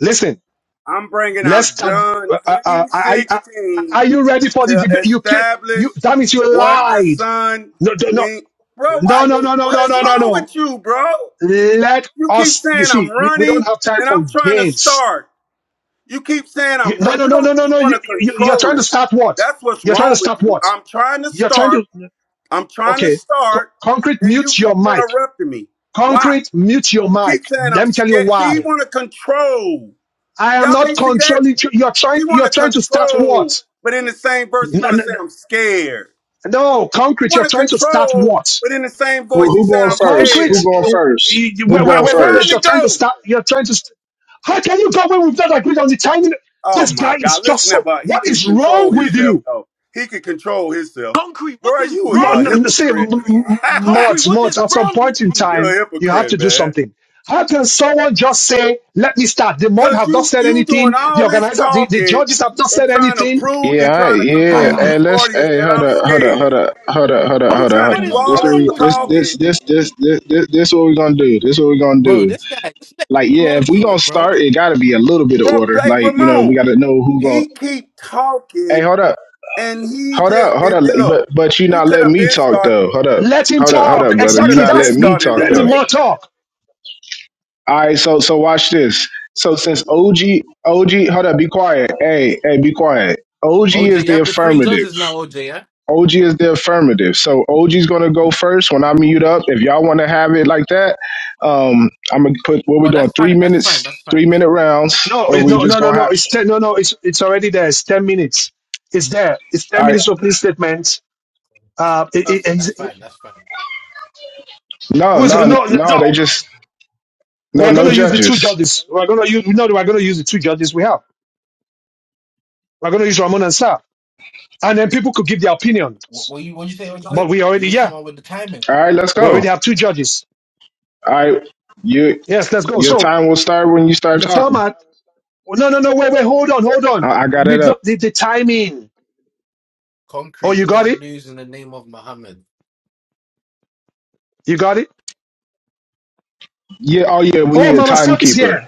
Speaker 1: Listen.
Speaker 6: I'm bringing
Speaker 1: Let's
Speaker 6: out
Speaker 1: start.
Speaker 6: John
Speaker 1: Uh, uh, uh,
Speaker 6: three
Speaker 1: I, I,
Speaker 6: sixteen
Speaker 1: are you ready for the
Speaker 6: to
Speaker 1: debate? You can't.
Speaker 6: establish
Speaker 1: You damn it! You
Speaker 6: what the
Speaker 1: lied.
Speaker 6: son
Speaker 1: No, no, no,
Speaker 6: mean, bro. Why
Speaker 1: no,
Speaker 6: you?
Speaker 1: no, no,
Speaker 6: What
Speaker 1: no, no,
Speaker 6: is
Speaker 1: no. no.
Speaker 6: wrong
Speaker 1: no.
Speaker 6: with you, bro?
Speaker 1: Let
Speaker 6: You keep
Speaker 1: us. You
Speaker 6: saying I'm
Speaker 1: see, we, we
Speaker 6: running
Speaker 1: don't have time
Speaker 6: and
Speaker 1: for
Speaker 6: I'm trying to
Speaker 1: games.
Speaker 6: start. You keep saying
Speaker 1: You,
Speaker 6: I'm.
Speaker 1: no,
Speaker 6: Run-
Speaker 1: no,
Speaker 6: you
Speaker 1: no,
Speaker 6: don't.
Speaker 1: no, no,
Speaker 6: You
Speaker 1: no.
Speaker 6: want to
Speaker 1: You, you you're
Speaker 6: control
Speaker 1: trying to
Speaker 6: it.
Speaker 1: start what?
Speaker 6: That's what's
Speaker 1: You're trying to
Speaker 6: wrong with
Speaker 1: start
Speaker 6: you.
Speaker 1: what?
Speaker 6: I'm trying to
Speaker 1: You're trying
Speaker 6: start.
Speaker 1: to.
Speaker 6: I'm trying to
Speaker 1: Okay, Co-
Speaker 6: start,
Speaker 1: concrete,
Speaker 6: and you
Speaker 1: mute your
Speaker 6: keep
Speaker 1: mic.
Speaker 6: interrupting me. Why?
Speaker 1: Concrete, mute your
Speaker 6: You
Speaker 1: mic.
Speaker 6: keep saying I'm
Speaker 1: Let me tell you
Speaker 6: scared. See, he
Speaker 1: why.
Speaker 6: want to control.
Speaker 1: I am
Speaker 6: Y'all
Speaker 1: not
Speaker 6: can't see that.
Speaker 1: controlling you. You're
Speaker 6: He
Speaker 1: trying.
Speaker 6: want
Speaker 1: You're
Speaker 6: to
Speaker 1: trying to start
Speaker 6: control,
Speaker 1: what?
Speaker 6: but in the same verse, he
Speaker 1: No,
Speaker 6: want to
Speaker 1: no,
Speaker 6: say
Speaker 1: no,
Speaker 6: I'm scared.
Speaker 1: No,
Speaker 6: He
Speaker 1: concrete.
Speaker 6: want
Speaker 1: You're
Speaker 6: to
Speaker 1: trying to start
Speaker 6: control,
Speaker 1: what?
Speaker 6: but in the same
Speaker 3: Who,
Speaker 6: voice, he
Speaker 3: who
Speaker 6: saying
Speaker 3: going
Speaker 6: I'm
Speaker 3: first? Who
Speaker 6: scared.
Speaker 1: Concrete,
Speaker 3: going
Speaker 1: you-
Speaker 3: first?
Speaker 1: you-
Speaker 3: Who
Speaker 1: wait, wait,
Speaker 3: going
Speaker 6: I'm
Speaker 1: wait, wait,
Speaker 6: trying
Speaker 1: wait.
Speaker 3: first?
Speaker 6: to
Speaker 1: You're trying to
Speaker 6: go.
Speaker 1: start, you're trying to, st- how can you go away with that agreed on the timing?
Speaker 6: Oh
Speaker 1: This guy
Speaker 6: my
Speaker 1: is
Speaker 6: God!
Speaker 1: just
Speaker 6: Listen, that
Speaker 1: so,
Speaker 6: but he
Speaker 1: what
Speaker 6: can
Speaker 1: is
Speaker 6: control
Speaker 1: wrong with
Speaker 6: himself
Speaker 1: you?
Speaker 6: though. He can control himself.
Speaker 14: Concrete. What
Speaker 6: Bro,
Speaker 14: is
Speaker 6: you was
Speaker 1: Mo-
Speaker 6: a
Speaker 14: wrong with you,
Speaker 1: Say, m-
Speaker 6: hypocrite.
Speaker 14: Concrete?
Speaker 1: m-
Speaker 14: Concrete.
Speaker 1: mods,
Speaker 14: What is
Speaker 1: mods, at some
Speaker 14: wrong with
Speaker 1: point in
Speaker 14: you?
Speaker 6: You're a
Speaker 1: time, you have to
Speaker 6: hypocrite,
Speaker 1: do
Speaker 6: man.
Speaker 1: something. How can someone just say, let me start? The mod
Speaker 6: Cause
Speaker 1: has not
Speaker 6: you
Speaker 1: said
Speaker 6: you doing
Speaker 1: anything. The
Speaker 6: all this
Speaker 1: organizer, the, the
Speaker 6: talking
Speaker 1: judges have not
Speaker 6: and
Speaker 1: said
Speaker 6: trying to
Speaker 1: anything.
Speaker 6: prove
Speaker 3: Yeah,
Speaker 6: and
Speaker 3: I,
Speaker 6: trying to
Speaker 3: yeah.
Speaker 6: convince
Speaker 1: Ah,
Speaker 3: Hey,
Speaker 6: this
Speaker 3: let's.
Speaker 6: audience
Speaker 3: Hey,
Speaker 6: that
Speaker 3: hold
Speaker 6: I'm
Speaker 3: up, hold up, hold
Speaker 6: scared.
Speaker 3: up, hold up, hold up,
Speaker 6: You
Speaker 3: hold up,
Speaker 14: Concrete.
Speaker 6: trying to
Speaker 3: hold
Speaker 14: What
Speaker 3: up.
Speaker 6: do
Speaker 14: is
Speaker 3: Like, This
Speaker 6: all
Speaker 3: what
Speaker 6: this
Speaker 14: wrong
Speaker 3: we,
Speaker 14: with
Speaker 3: this,
Speaker 14: you?
Speaker 3: this,
Speaker 6: talking,
Speaker 3: this, this, this, this, this what we gonna do. This what we gonna
Speaker 14: Bro,
Speaker 3: do.
Speaker 14: this guy. Just let
Speaker 3: Like, yeah,
Speaker 14: Ramon
Speaker 3: if we
Speaker 14: talk,
Speaker 3: gonna
Speaker 14: bro.
Speaker 3: start, it gotta be a little bit of
Speaker 6: bro?
Speaker 3: order.
Speaker 6: Hey,
Speaker 3: Like, you know, we
Speaker 6: Ramon,
Speaker 3: gotta know who gonna.
Speaker 6: he keep
Speaker 3: Hey,
Speaker 6: talking
Speaker 3: hold up,
Speaker 6: and he
Speaker 3: hold
Speaker 6: just
Speaker 3: up, hold
Speaker 6: if
Speaker 3: up.
Speaker 6: if-
Speaker 3: Like,
Speaker 6: look,
Speaker 3: But, but you
Speaker 6: we
Speaker 3: not
Speaker 6: could
Speaker 3: letting
Speaker 6: have
Speaker 3: me
Speaker 6: been
Speaker 3: talk
Speaker 6: started
Speaker 3: though. Hold up,
Speaker 1: let him
Speaker 3: hold up, hold
Speaker 1: talk.
Speaker 3: up, brother. You
Speaker 6: could
Speaker 1: Exactly.
Speaker 6: have
Speaker 3: not
Speaker 6: been
Speaker 1: That's,
Speaker 3: letting
Speaker 1: the-
Speaker 3: me
Speaker 6: started the
Speaker 3: talk
Speaker 1: let the
Speaker 3: though.
Speaker 6: debate.
Speaker 1: mod talk.
Speaker 3: All right, so, so watch this. So since OG, OG, hold up, be quiet. Hey, hey, be quiet. OG
Speaker 14: OJ,
Speaker 3: is
Speaker 14: you
Speaker 3: the
Speaker 14: have the three
Speaker 3: affirmative.
Speaker 14: judges now, OJ. Yeah.
Speaker 3: OG is the affirmative. So OG's gonna go first when I mute up. If y'all want to have it like that, um, I'm gonna put what we
Speaker 14: Oh,
Speaker 3: doing
Speaker 14: that's
Speaker 3: three
Speaker 14: fine. That's fine.
Speaker 3: minutes,
Speaker 14: That's
Speaker 3: three
Speaker 14: fine.
Speaker 3: minute rounds,
Speaker 1: No,
Speaker 3: or
Speaker 1: it,
Speaker 3: we
Speaker 1: no,
Speaker 3: just
Speaker 1: no, no,
Speaker 3: gonna
Speaker 1: no.
Speaker 3: have.
Speaker 1: It's ten, no, no. It's it's already there. It's ten minutes. It's there. It's
Speaker 3: All
Speaker 1: ten
Speaker 3: right,
Speaker 1: minutes opening statement.
Speaker 14: That's
Speaker 1: Uh, it, it,
Speaker 14: perfect.
Speaker 1: it's-
Speaker 14: That's
Speaker 1: it-
Speaker 14: fine. That's fine.
Speaker 3: no,
Speaker 1: who is no,
Speaker 3: no,
Speaker 1: no.
Speaker 3: no. They
Speaker 1: no,
Speaker 3: just no,
Speaker 1: We're going
Speaker 3: no
Speaker 1: to use the two
Speaker 3: judges.
Speaker 1: judges. We're going to use no. We're going to use the two judges we have. We're going to use Ramon and Sar, and then people could give their
Speaker 14: What,
Speaker 1: opinions.
Speaker 14: what you? What you say,
Speaker 1: But
Speaker 14: OJ?
Speaker 1: we
Speaker 14: You
Speaker 1: already,
Speaker 14: need
Speaker 1: yeah,
Speaker 14: someone with the timing.
Speaker 3: All right, let's
Speaker 1: we
Speaker 3: go.
Speaker 1: already have two judges.
Speaker 3: All right, your
Speaker 1: Yes, let's go.
Speaker 3: your
Speaker 1: So
Speaker 3: time will start when you start
Speaker 1: the
Speaker 3: talking.
Speaker 1: format. No, no, no. Wait, wait. Hold on, hold on.
Speaker 3: I, I got it
Speaker 1: We've
Speaker 3: up.
Speaker 1: not the, the timing.
Speaker 14: Concrete.
Speaker 1: Oh, you
Speaker 14: You're
Speaker 1: got
Speaker 14: gonna
Speaker 1: it.
Speaker 14: lose in the name of Muhammad.
Speaker 1: You got it.
Speaker 3: Yeah. Oh yeah, we
Speaker 1: Oh,
Speaker 3: need a
Speaker 1: Mama Steph is
Speaker 3: timekeeper.
Speaker 1: here.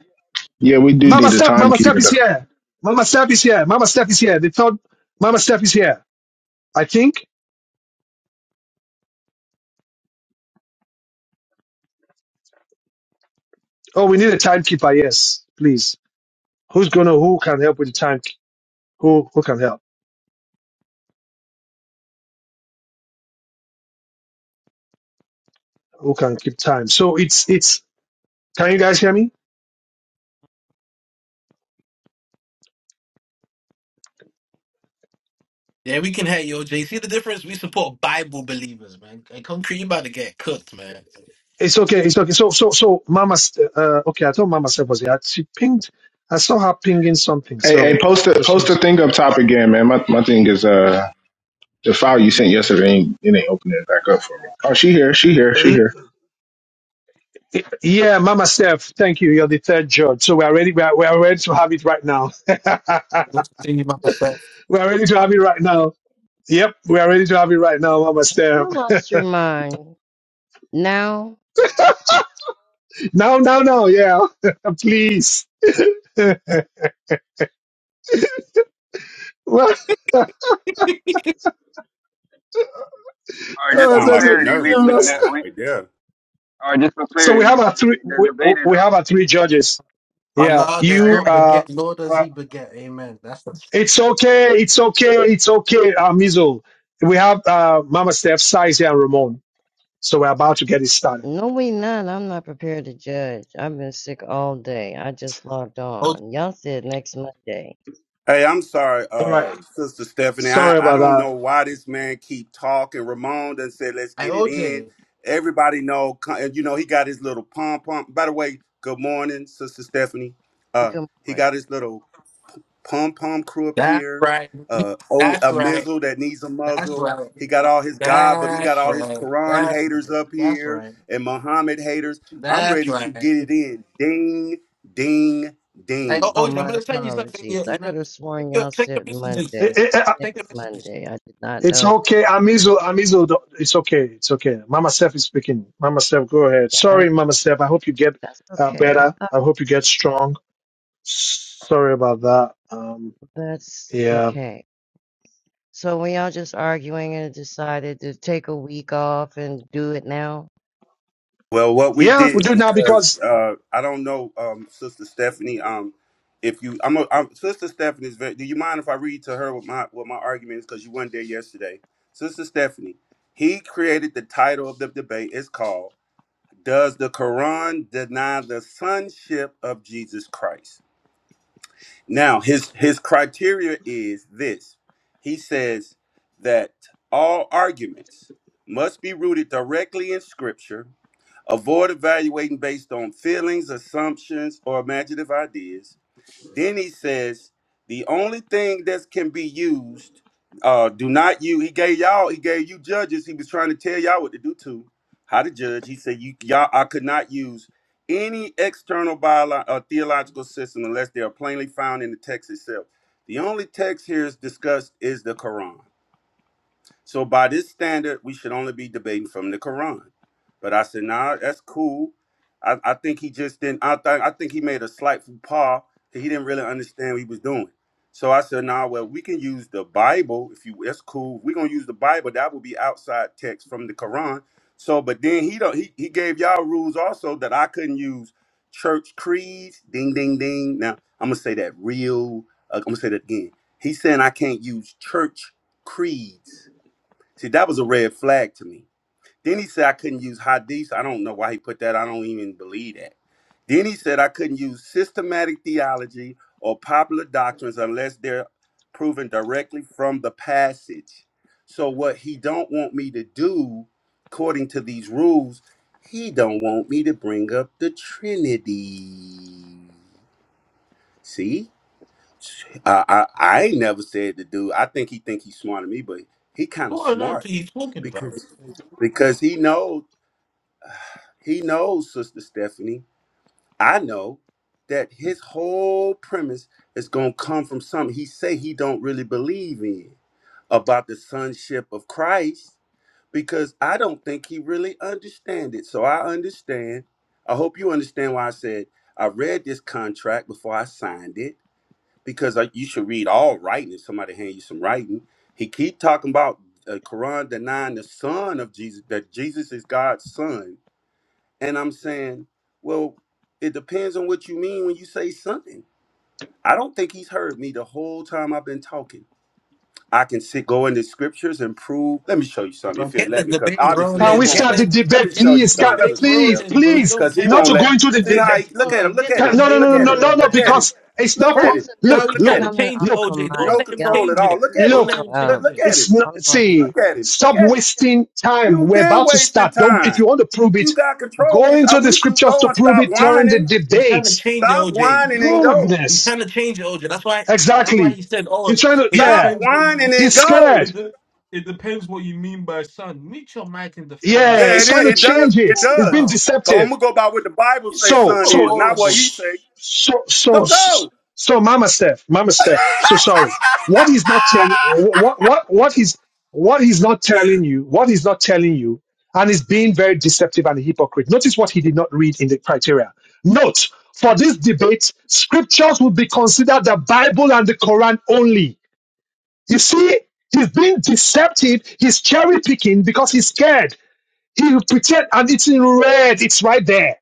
Speaker 3: Yeah, we do
Speaker 1: Mama
Speaker 3: need a
Speaker 1: Steph, Mama Steph
Speaker 3: timekeeper
Speaker 1: is
Speaker 3: though.
Speaker 1: here. Mama Steph is here. Mama Steph is here. The third Mama Steph is here. I think. Oh, we need a timekeeper. Yes, please. Who's gonna? Who can help with the time? Who who can help? Who can keep time? So it's it's. Can you guys hear me?
Speaker 14: Yeah, we can hate you, Jay. See the difference? We support Bible believers, man. And concrete, you about to get cooked, man.
Speaker 1: It's okay. It's okay. So so so Mama. St- Uh, okay, I thought Mama Steph was here. She pinged. I saw her pinging something.
Speaker 3: Hey, hey,
Speaker 1: So uh,
Speaker 3: post the
Speaker 1: because
Speaker 3: post the
Speaker 1: she's.
Speaker 3: thing up top again, man. My my thing is uh The file you sent yesterday ain't it ain't opening it back up for me. Oh, she here, she here, she here.
Speaker 1: Yeah, Mama Steph, thank you. You're the third judge. So we are ready. We are, we are ready to have it right now.
Speaker 14: Let's See about to say,
Speaker 1: we are ready to have it right now. Yep, we are ready to have it right now, Mama Steph.
Speaker 19: You lost your mind. Now,
Speaker 1: No, no, no, yeah, please. well,
Speaker 12: All right,
Speaker 6: That
Speaker 12: just
Speaker 1: I
Speaker 12: for
Speaker 6: sound
Speaker 1: said,
Speaker 6: like a
Speaker 12: clarity,
Speaker 1: I'm
Speaker 12: we,
Speaker 6: nervous
Speaker 12: we, that
Speaker 1: lost.
Speaker 6: laugh
Speaker 12: we
Speaker 6: right there.
Speaker 12: all right, just for
Speaker 1: So
Speaker 12: clarity,
Speaker 1: we
Speaker 12: we,
Speaker 1: have our three.
Speaker 12: we the
Speaker 1: We,
Speaker 12: debate is on.
Speaker 1: we have our three judges. Yeah,
Speaker 14: Allah
Speaker 12: Can
Speaker 14: does
Speaker 12: y'all
Speaker 1: you.
Speaker 12: hear
Speaker 14: not
Speaker 12: me?
Speaker 1: Uh,
Speaker 14: beget, nor does
Speaker 1: uh,
Speaker 14: he beget. Amen. That's the
Speaker 1: it's okay. It's okay. It's okay. Uh, Mizzle. We have uh, Mama Steph, Size, and Ramon. So we're about to get it started.
Speaker 19: no, we not. I'm not prepared to judge. I've been sick all day. I just logged
Speaker 14: OJ.
Speaker 19: on. Y'all said next Monday.
Speaker 6: Hey, I'm sorry,
Speaker 1: All
Speaker 6: uh,
Speaker 1: right.
Speaker 6: Sister Stephanie. I,
Speaker 1: Sorry
Speaker 6: I don't
Speaker 1: about
Speaker 6: know why this man keep talking. Ramon done said, let's
Speaker 14: Hey,
Speaker 6: get it in.
Speaker 14: OJ.
Speaker 6: Everybody know, co- and you know, he got his little pom pom. By the way, good morning, Sister Stephanie. Uh,
Speaker 19: Good
Speaker 6: he
Speaker 19: morning.
Speaker 6: got his little pom pom crew up
Speaker 14: That's
Speaker 6: here.
Speaker 14: right.
Speaker 6: Uh, oh,
Speaker 14: That's
Speaker 6: a
Speaker 14: right.
Speaker 6: mizzle that needs a
Speaker 14: That's
Speaker 6: muzzle.
Speaker 14: right.
Speaker 6: He got all his God, but he got
Speaker 14: That's
Speaker 6: all his
Speaker 14: right.
Speaker 6: Quran
Speaker 14: That's right.
Speaker 6: haters up
Speaker 14: That's
Speaker 6: here
Speaker 14: right.
Speaker 6: and Muhammad haters. I'm
Speaker 14: That's
Speaker 6: ready to
Speaker 14: right.
Speaker 6: get it in. Ding, ding,
Speaker 14: Hey, oh,
Speaker 6: ding.
Speaker 19: Oh,
Speaker 14: OJ, I'm
Speaker 19: my
Speaker 14: gonna tell you something.
Speaker 19: apologies.
Speaker 14: You,
Speaker 19: I
Speaker 14: you know,
Speaker 19: could have
Speaker 14: check
Speaker 19: sworn
Speaker 14: your
Speaker 19: y'all
Speaker 14: check your
Speaker 19: said
Speaker 14: messages.
Speaker 19: Monday.
Speaker 1: that.
Speaker 14: Check your
Speaker 19: Next
Speaker 14: messages.
Speaker 19: Monday. I did not
Speaker 1: It's
Speaker 19: know.
Speaker 1: okay. Amizo, Amizo, don't- it's okay. It's okay. Mama Steph is speaking. Mama Steph, go ahead.
Speaker 19: Yeah, I,
Speaker 1: Sorry, Mama Steph. I hope you get
Speaker 19: that's
Speaker 1: uh,
Speaker 19: okay. I,
Speaker 1: better. I hope you get strong. Sorry about that. Um,
Speaker 19: that's
Speaker 1: yeah.
Speaker 19: okay. So when y'all just arguing and decided to take a week off and do it now,
Speaker 6: Well, what we
Speaker 1: Yeah, we
Speaker 6: did
Speaker 1: do now
Speaker 6: because
Speaker 1: because
Speaker 6: uh, I don't know, um, Sister Stephanie. Um, if you, I'm, a, I'm Sister Stephanie's. Very, do you mind if I read to her what my what my argument is? Because you weren't there yesterday, Sister Stephanie. He created the title of the debate. It's called "Does the Quran Deny the Sonship of Jesus Christ?" Now, his his criteria is this. He says that all arguments must be rooted directly in Scripture Avoid evaluating based on feelings, assumptions, or imaginative ideas. Then he says the only thing that can be used, uh, do not you. He gave y'all, he gave you judges. He was trying to tell y'all what to do too, how to judge. He said you y'all, I could not use any external biolo- uh, theological system unless they are plainly found in the text itself. The only text here is discussed is the Quran. So by this standard, we should only be debating from the Quran. But I said, nah, that's cool. I, I think he just didn't. I think I think he made a slight faux pas. He didn't really understand what he was doing. So I said, nah, well, we can use the Bible if you. That's cool. We're gonna use the Bible. That would be outside text from the Quran. So, but then he don't. He, he gave y'all rules also that I couldn't use church creeds. Ding, ding, ding. Now I'm gonna say that real. Uh, I'm gonna say that again. He's saying I can't use church creeds See, that was a red flag to me. Then he said I couldn't use hadith. I don't know why he put that. I don't even believe that. Then he said I couldn't use systematic theology or popular doctrines unless they're proven directly from the passage. So what he don't want me to do, according to these rules, he don't want me to bring up the Trinity. See? I, I I ain't never said the dude. I think he think he's smarter than me, but he kind of
Speaker 14: What on earth are
Speaker 6: smart
Speaker 14: you talking about?
Speaker 6: because because he knows he knows Sister Stephanie. I know that his whole premise is gonna come from something he say he don't really believe in about the sonship of Christ because I don't think he really understand it. So I understand. I hope you understand why I said I read this contract before I signed it because uh, you should read all writing. If somebody hand you some writing, he keep talking about uh, Quran denying the son of Jesus that Jesus is God's son, and I'm saying, well, it depends on what you mean when you say something. I don't think he's heard me the whole time I've been talking. I can sit go into scriptures and prove. Let me show you something
Speaker 14: Bro,
Speaker 6: if you'll
Speaker 14: Get the
Speaker 6: let me, because
Speaker 14: debate
Speaker 6: obviously
Speaker 1: can
Speaker 6: he
Speaker 14: rolling.
Speaker 1: we
Speaker 6: won't
Speaker 14: Get
Speaker 1: start
Speaker 6: go.
Speaker 1: the
Speaker 14: the
Speaker 6: Let me
Speaker 1: debate,
Speaker 14: get
Speaker 6: show you
Speaker 14: the
Speaker 1: please? Can,
Speaker 6: something,
Speaker 1: uh,
Speaker 14: debate
Speaker 6: Sister
Speaker 1: please,
Speaker 6: Steph,
Speaker 14: rolling, bro. We
Speaker 1: please.
Speaker 14: don't
Speaker 6: because he
Speaker 14: care
Speaker 1: Not
Speaker 6: won't
Speaker 1: to
Speaker 14: about
Speaker 1: go
Speaker 6: let.
Speaker 14: you.
Speaker 1: into the,
Speaker 6: See
Speaker 1: the,
Speaker 6: how he look
Speaker 1: the
Speaker 14: Come
Speaker 6: at him?
Speaker 14: on,
Speaker 6: Look
Speaker 14: get
Speaker 6: at
Speaker 14: the
Speaker 1: can,
Speaker 6: him!
Speaker 1: no, no,
Speaker 14: debate
Speaker 6: Look
Speaker 1: no, no,
Speaker 6: at
Speaker 1: no,
Speaker 6: him!
Speaker 1: no,
Speaker 14: rolling,
Speaker 1: no,
Speaker 6: Look at him!
Speaker 14: man.
Speaker 1: because it's
Speaker 6: Look
Speaker 1: not
Speaker 19: why
Speaker 6: at
Speaker 1: for.
Speaker 19: does
Speaker 6: him!
Speaker 19: the
Speaker 14: Now
Speaker 19: business
Speaker 1: Look,
Speaker 14: he's
Speaker 6: Look
Speaker 19: be
Speaker 14: trying
Speaker 6: at
Speaker 14: to
Speaker 1: look,
Speaker 6: him!
Speaker 19: coming
Speaker 14: change it,
Speaker 19: off
Speaker 1: look.
Speaker 19: of
Speaker 14: OJ. Don't
Speaker 6: No
Speaker 19: Mike?
Speaker 14: let him
Speaker 19: Y'all,
Speaker 6: control at
Speaker 19: this
Speaker 14: change
Speaker 6: all.
Speaker 14: it.
Speaker 6: Look
Speaker 19: is
Speaker 6: at it.
Speaker 14: Don't
Speaker 1: Look,
Speaker 14: let
Speaker 19: so
Speaker 14: him
Speaker 19: out
Speaker 6: Look,
Speaker 19: of
Speaker 14: change
Speaker 6: look
Speaker 14: it.
Speaker 19: order.
Speaker 6: at
Speaker 1: it's
Speaker 6: him.
Speaker 1: not,
Speaker 19: I'm going to
Speaker 6: Just
Speaker 19: the
Speaker 1: see,
Speaker 6: look at him. Look
Speaker 1: stop
Speaker 6: at him.
Speaker 1: wasting time.
Speaker 6: You've
Speaker 1: We're
Speaker 6: been
Speaker 1: about to
Speaker 6: wasting
Speaker 1: start. Don't, if
Speaker 6: time.
Speaker 1: you want to prove
Speaker 6: You
Speaker 1: it,
Speaker 6: got control.
Speaker 1: go
Speaker 6: It's, I
Speaker 1: into the
Speaker 6: wish you
Speaker 1: scriptures
Speaker 6: go
Speaker 1: to
Speaker 6: and
Speaker 1: prove
Speaker 6: stop
Speaker 1: it during the
Speaker 6: whining.
Speaker 14: He's trying to
Speaker 1: debate.
Speaker 14: change it,
Speaker 6: Stop
Speaker 14: OJ.
Speaker 6: whining and go.
Speaker 14: He's
Speaker 1: Goodness.
Speaker 14: trying to change it, OJ. That's why. That's why
Speaker 1: Exactly.
Speaker 14: he said, "Oh,
Speaker 1: He's trying to,
Speaker 14: it
Speaker 6: Stop
Speaker 1: yeah,
Speaker 14: depends what you mean.
Speaker 6: whining and
Speaker 1: he's
Speaker 6: go.
Speaker 1: scared.
Speaker 14: It, de- it depends what you mean by son." Meet your mic and defend him.
Speaker 1: Yeah,
Speaker 6: Yeah,
Speaker 1: he's
Speaker 6: it is.
Speaker 1: trying to
Speaker 6: It
Speaker 14: What you
Speaker 6: does.
Speaker 1: change
Speaker 6: It
Speaker 1: it.
Speaker 14: talking
Speaker 1: He's being
Speaker 6: does.
Speaker 14: about?
Speaker 6: So I'm
Speaker 1: deceptive.
Speaker 6: gonna go by what the Bible say,
Speaker 1: So,
Speaker 6: son
Speaker 14: You're
Speaker 6: is,
Speaker 1: so,
Speaker 6: not what
Speaker 14: horrible.
Speaker 6: he say.
Speaker 1: so, so,
Speaker 6: So go.
Speaker 1: so, Mama Steph, Mama Steph, so sorry. What he's not telling, what, what, what he's, what he's not telling you, what he's not telling you, and is being very deceptive and a hypocrite. Notice what he did not read in the criteria. Note, for this debate, scriptures would be considered the Bible and the Quran only. You see, he's being deceptive, he's cherry picking because he's scared. He will pretend and it's in red, it's right there.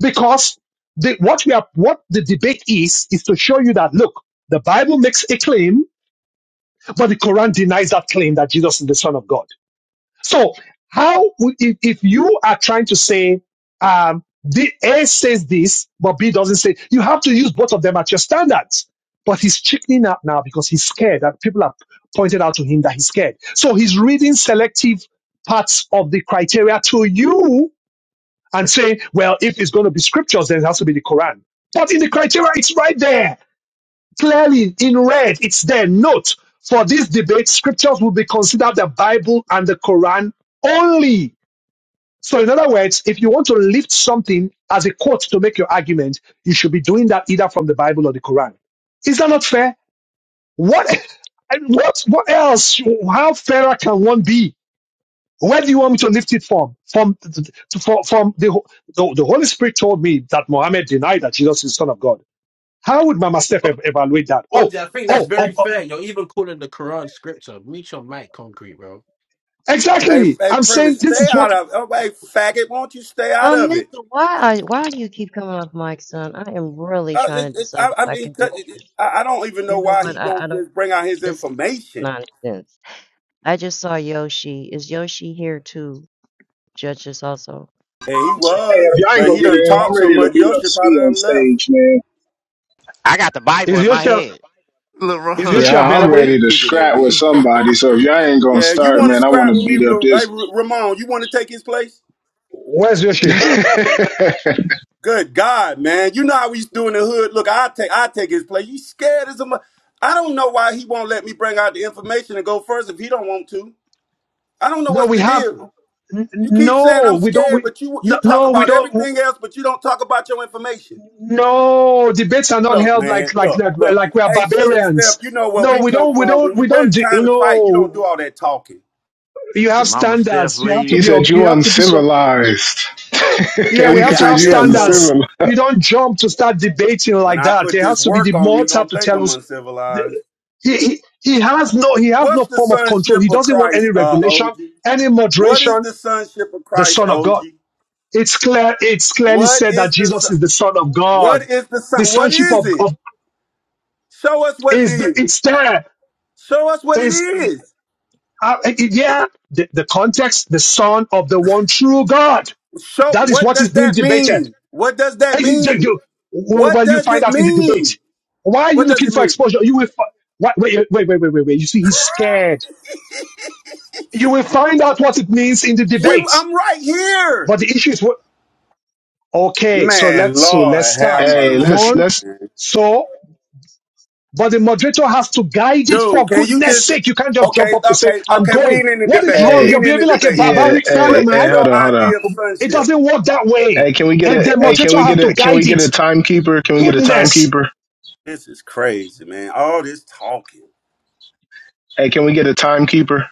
Speaker 1: Because the, what we are, what the debate is, is to show you that look, the Bible makes a claim, but the Quran denies that claim that Jesus is the Son of God. So how would if, if you are trying to say um, the A says this, but B doesn't say, you have to use both of them at your standards. But he's chickening out now because he's scared that people have pointed out to him that he's scared. So he's reading selective parts of the criteria to you and saying, well, if it's going to be scriptures, then it has to be the Quran. But in the criteria, it's right there, clearly in red. It's there. Note for this debate, scriptures will be considered the Bible and the Quran only. So, in other words, if you want to lift something as a quote to make your argument, you should be doing that either from the Bible or the Quran. Is that not fair? What, and what, what else? How fairer can one be? Where do you want me to lift it from? From from, from the, the the Holy Spirit told me that Mohammed denied that Jesus is the Son of God. How would Mama Steph ev- evaluate that?
Speaker 14: Oh,
Speaker 1: Oh,
Speaker 14: yeah, I think that's
Speaker 1: oh, oh,
Speaker 14: very
Speaker 1: oh.
Speaker 14: fair. You're even calling the Quran scripture. Meet your mic, concrete, bro.
Speaker 6: Hey,
Speaker 1: exactly.
Speaker 6: hey,
Speaker 1: I'm saying
Speaker 6: premise,
Speaker 1: this
Speaker 6: stay
Speaker 1: is
Speaker 6: out
Speaker 1: what
Speaker 6: of. Oh, hey, faggot, won't you stay out
Speaker 19: Um,
Speaker 6: of it?
Speaker 19: Mister, why are why do you keep coming off mic, son? I am really
Speaker 6: Uh, it,
Speaker 19: trying to
Speaker 6: it
Speaker 19: decide
Speaker 6: I,
Speaker 19: if
Speaker 6: I
Speaker 19: I
Speaker 6: mean,
Speaker 19: can do
Speaker 6: cut- it, it,
Speaker 19: this.
Speaker 6: I, I don't even
Speaker 19: You
Speaker 6: know
Speaker 19: know
Speaker 6: why
Speaker 19: what?
Speaker 6: he
Speaker 19: I, I
Speaker 6: won't
Speaker 19: don't.
Speaker 6: just bring out his
Speaker 19: This is
Speaker 6: information.
Speaker 19: nonsense. I just saw Yoshi. Is Yoshi here to judge us also?
Speaker 6: Yeah, he
Speaker 3: Hey, if
Speaker 6: was,
Speaker 3: y'all ain't
Speaker 6: but
Speaker 3: gonna
Speaker 6: he
Speaker 3: get it
Speaker 6: done
Speaker 3: in, I'm
Speaker 6: talked so
Speaker 3: ready to
Speaker 6: much.
Speaker 3: beat up
Speaker 6: Yoshi probably
Speaker 3: Speed on
Speaker 6: done left.
Speaker 3: stage, man.
Speaker 1: is Yoshi is
Speaker 3: Yeah,
Speaker 15: LeBron
Speaker 1: Yoshi
Speaker 3: I'm
Speaker 1: available?
Speaker 15: always
Speaker 3: ready to
Speaker 15: picking at
Speaker 3: scrap with
Speaker 15: me.
Speaker 3: somebody. So if y'all ain't gonna
Speaker 6: Yeah, you
Speaker 3: start,
Speaker 6: want to
Speaker 3: man, I want
Speaker 6: scrap
Speaker 3: to
Speaker 6: with me,
Speaker 3: beat up
Speaker 6: Ra- hey
Speaker 3: this.
Speaker 6: Ra- Ramon? You want to take his place?
Speaker 1: Where's Yoshi?
Speaker 6: Good God, man! You know how we used to do in the hood. Look, I take, I take his place. You scared as a mu- I don't know why he won't let me bring out the information and go first if he don't want to. I don't know
Speaker 1: No,
Speaker 6: what's
Speaker 1: we
Speaker 6: the
Speaker 1: have
Speaker 6: deal.
Speaker 1: n- n-
Speaker 6: You keep saying I'm
Speaker 1: no, we don't.
Speaker 6: scared,
Speaker 1: We
Speaker 6: but you you
Speaker 1: no,
Speaker 6: talk
Speaker 1: no, we
Speaker 6: about
Speaker 1: don't.
Speaker 6: everything else, but you don't talk about your information.
Speaker 1: No, debates are not
Speaker 6: Look,
Speaker 1: held
Speaker 6: man,
Speaker 1: like like
Speaker 6: look,
Speaker 1: like we're
Speaker 6: look.
Speaker 1: like we are
Speaker 6: Hey, sister Steph,
Speaker 1: barbarians.
Speaker 6: you know where
Speaker 1: No,
Speaker 6: we
Speaker 1: we
Speaker 6: come
Speaker 1: don't. We
Speaker 6: from. When
Speaker 1: don't.
Speaker 6: you
Speaker 1: We
Speaker 6: ready
Speaker 1: don't. do-
Speaker 6: time to fight, you don't do
Speaker 1: No.
Speaker 6: all that talking.
Speaker 1: you
Speaker 15: the
Speaker 1: have
Speaker 15: mama Steph
Speaker 1: standards. You have to
Speaker 3: he
Speaker 1: be,
Speaker 15: Lee,
Speaker 3: said you
Speaker 1: you have to be so,
Speaker 3: uncivilized.
Speaker 1: yeah,
Speaker 6: I
Speaker 1: we
Speaker 3: he
Speaker 1: have
Speaker 6: guess,
Speaker 1: to
Speaker 6: I
Speaker 3: said
Speaker 1: have
Speaker 3: you
Speaker 6: guess so.
Speaker 1: standards.
Speaker 3: uncivilized.
Speaker 1: You don't jump to start debating
Speaker 6: When
Speaker 1: like
Speaker 6: I
Speaker 1: that.
Speaker 6: put
Speaker 1: There
Speaker 6: this
Speaker 1: has to be the
Speaker 6: work on him, he
Speaker 1: mortar
Speaker 6: gonna
Speaker 1: to
Speaker 6: think
Speaker 1: tell
Speaker 6: I'm
Speaker 1: us.
Speaker 6: uncivilized.
Speaker 1: the- He, he, he has no, he has
Speaker 6: What's
Speaker 1: no
Speaker 6: the
Speaker 1: form of control.
Speaker 6: sonship
Speaker 1: He
Speaker 6: of
Speaker 1: doesn't want any
Speaker 6: Christ, uh,
Speaker 1: regulation,
Speaker 6: OG?
Speaker 1: any
Speaker 6: What is
Speaker 1: moderation.
Speaker 6: the sonship of
Speaker 1: The
Speaker 6: Christ,
Speaker 1: son of
Speaker 6: OG?
Speaker 1: God. It's clear, it's clearly
Speaker 6: What
Speaker 1: said that
Speaker 6: is the
Speaker 1: Jesus
Speaker 6: son-
Speaker 1: is the son of God.
Speaker 6: what is the son?
Speaker 1: The
Speaker 6: What
Speaker 1: sonship
Speaker 6: is
Speaker 1: of,
Speaker 6: it?
Speaker 1: of
Speaker 6: Show us what it
Speaker 1: is,
Speaker 6: is.
Speaker 1: it's there.
Speaker 6: Show us what it
Speaker 1: Is,
Speaker 6: is.
Speaker 1: uh, yeah, the, the context, the son of the one true God.
Speaker 6: Show
Speaker 1: That is
Speaker 6: what
Speaker 1: what is
Speaker 6: does
Speaker 1: being
Speaker 6: that
Speaker 1: debated.
Speaker 6: mean? What does that mean?
Speaker 1: Well,
Speaker 6: What
Speaker 1: well, you
Speaker 6: does
Speaker 1: find
Speaker 6: it
Speaker 1: out in the
Speaker 6: mean?
Speaker 1: debate. Why are you
Speaker 6: What does
Speaker 1: looking
Speaker 6: it
Speaker 1: for
Speaker 6: mean?
Speaker 1: exposure? You will. fi- Why- Wait, wait, wait, wait, wait, wait. You see, he's scared. You will find out what it means in the
Speaker 6: We,
Speaker 1: debate.
Speaker 6: I'm right here,
Speaker 1: But the issue is what? Okay, so
Speaker 6: man.
Speaker 1: let's so let's
Speaker 6: Lord have
Speaker 1: start,
Speaker 3: Hey,
Speaker 6: mercy,
Speaker 3: let's
Speaker 1: Ramon.
Speaker 3: let's.
Speaker 6: man.
Speaker 1: So, but the moderator has to guide it
Speaker 6: Dude,
Speaker 1: for
Speaker 6: can you
Speaker 1: goodness
Speaker 6: just
Speaker 1: sake. You can't just jump
Speaker 6: okay,
Speaker 1: up to say,
Speaker 6: okay,
Speaker 1: "I'm
Speaker 6: okay, we
Speaker 1: going."
Speaker 6: ain't in the
Speaker 1: What is
Speaker 6: debate.
Speaker 1: wrong?
Speaker 6: We
Speaker 3: Hey,
Speaker 1: You're
Speaker 6: ain't in
Speaker 1: behaving
Speaker 6: the
Speaker 1: like a
Speaker 6: debate.
Speaker 3: yeah.
Speaker 1: barbaric fellow,
Speaker 6: What
Speaker 3: Hey, hey,
Speaker 6: is
Speaker 1: man.
Speaker 3: hold
Speaker 6: your
Speaker 3: on, hold on.
Speaker 6: idea of
Speaker 1: It
Speaker 6: sonship?
Speaker 1: doesn't work that way.
Speaker 3: Hey, can we get
Speaker 1: And
Speaker 3: a?
Speaker 1: the
Speaker 3: Hey, can
Speaker 1: moderator
Speaker 3: we
Speaker 1: has
Speaker 3: get
Speaker 1: to
Speaker 3: a? Can we
Speaker 1: guide
Speaker 3: get a
Speaker 1: it.
Speaker 3: timekeeper? Can we get a
Speaker 1: Goodness.
Speaker 3: timekeeper?
Speaker 6: This is crazy, man. All this talking.
Speaker 3: Hey, can we get a timekeeper?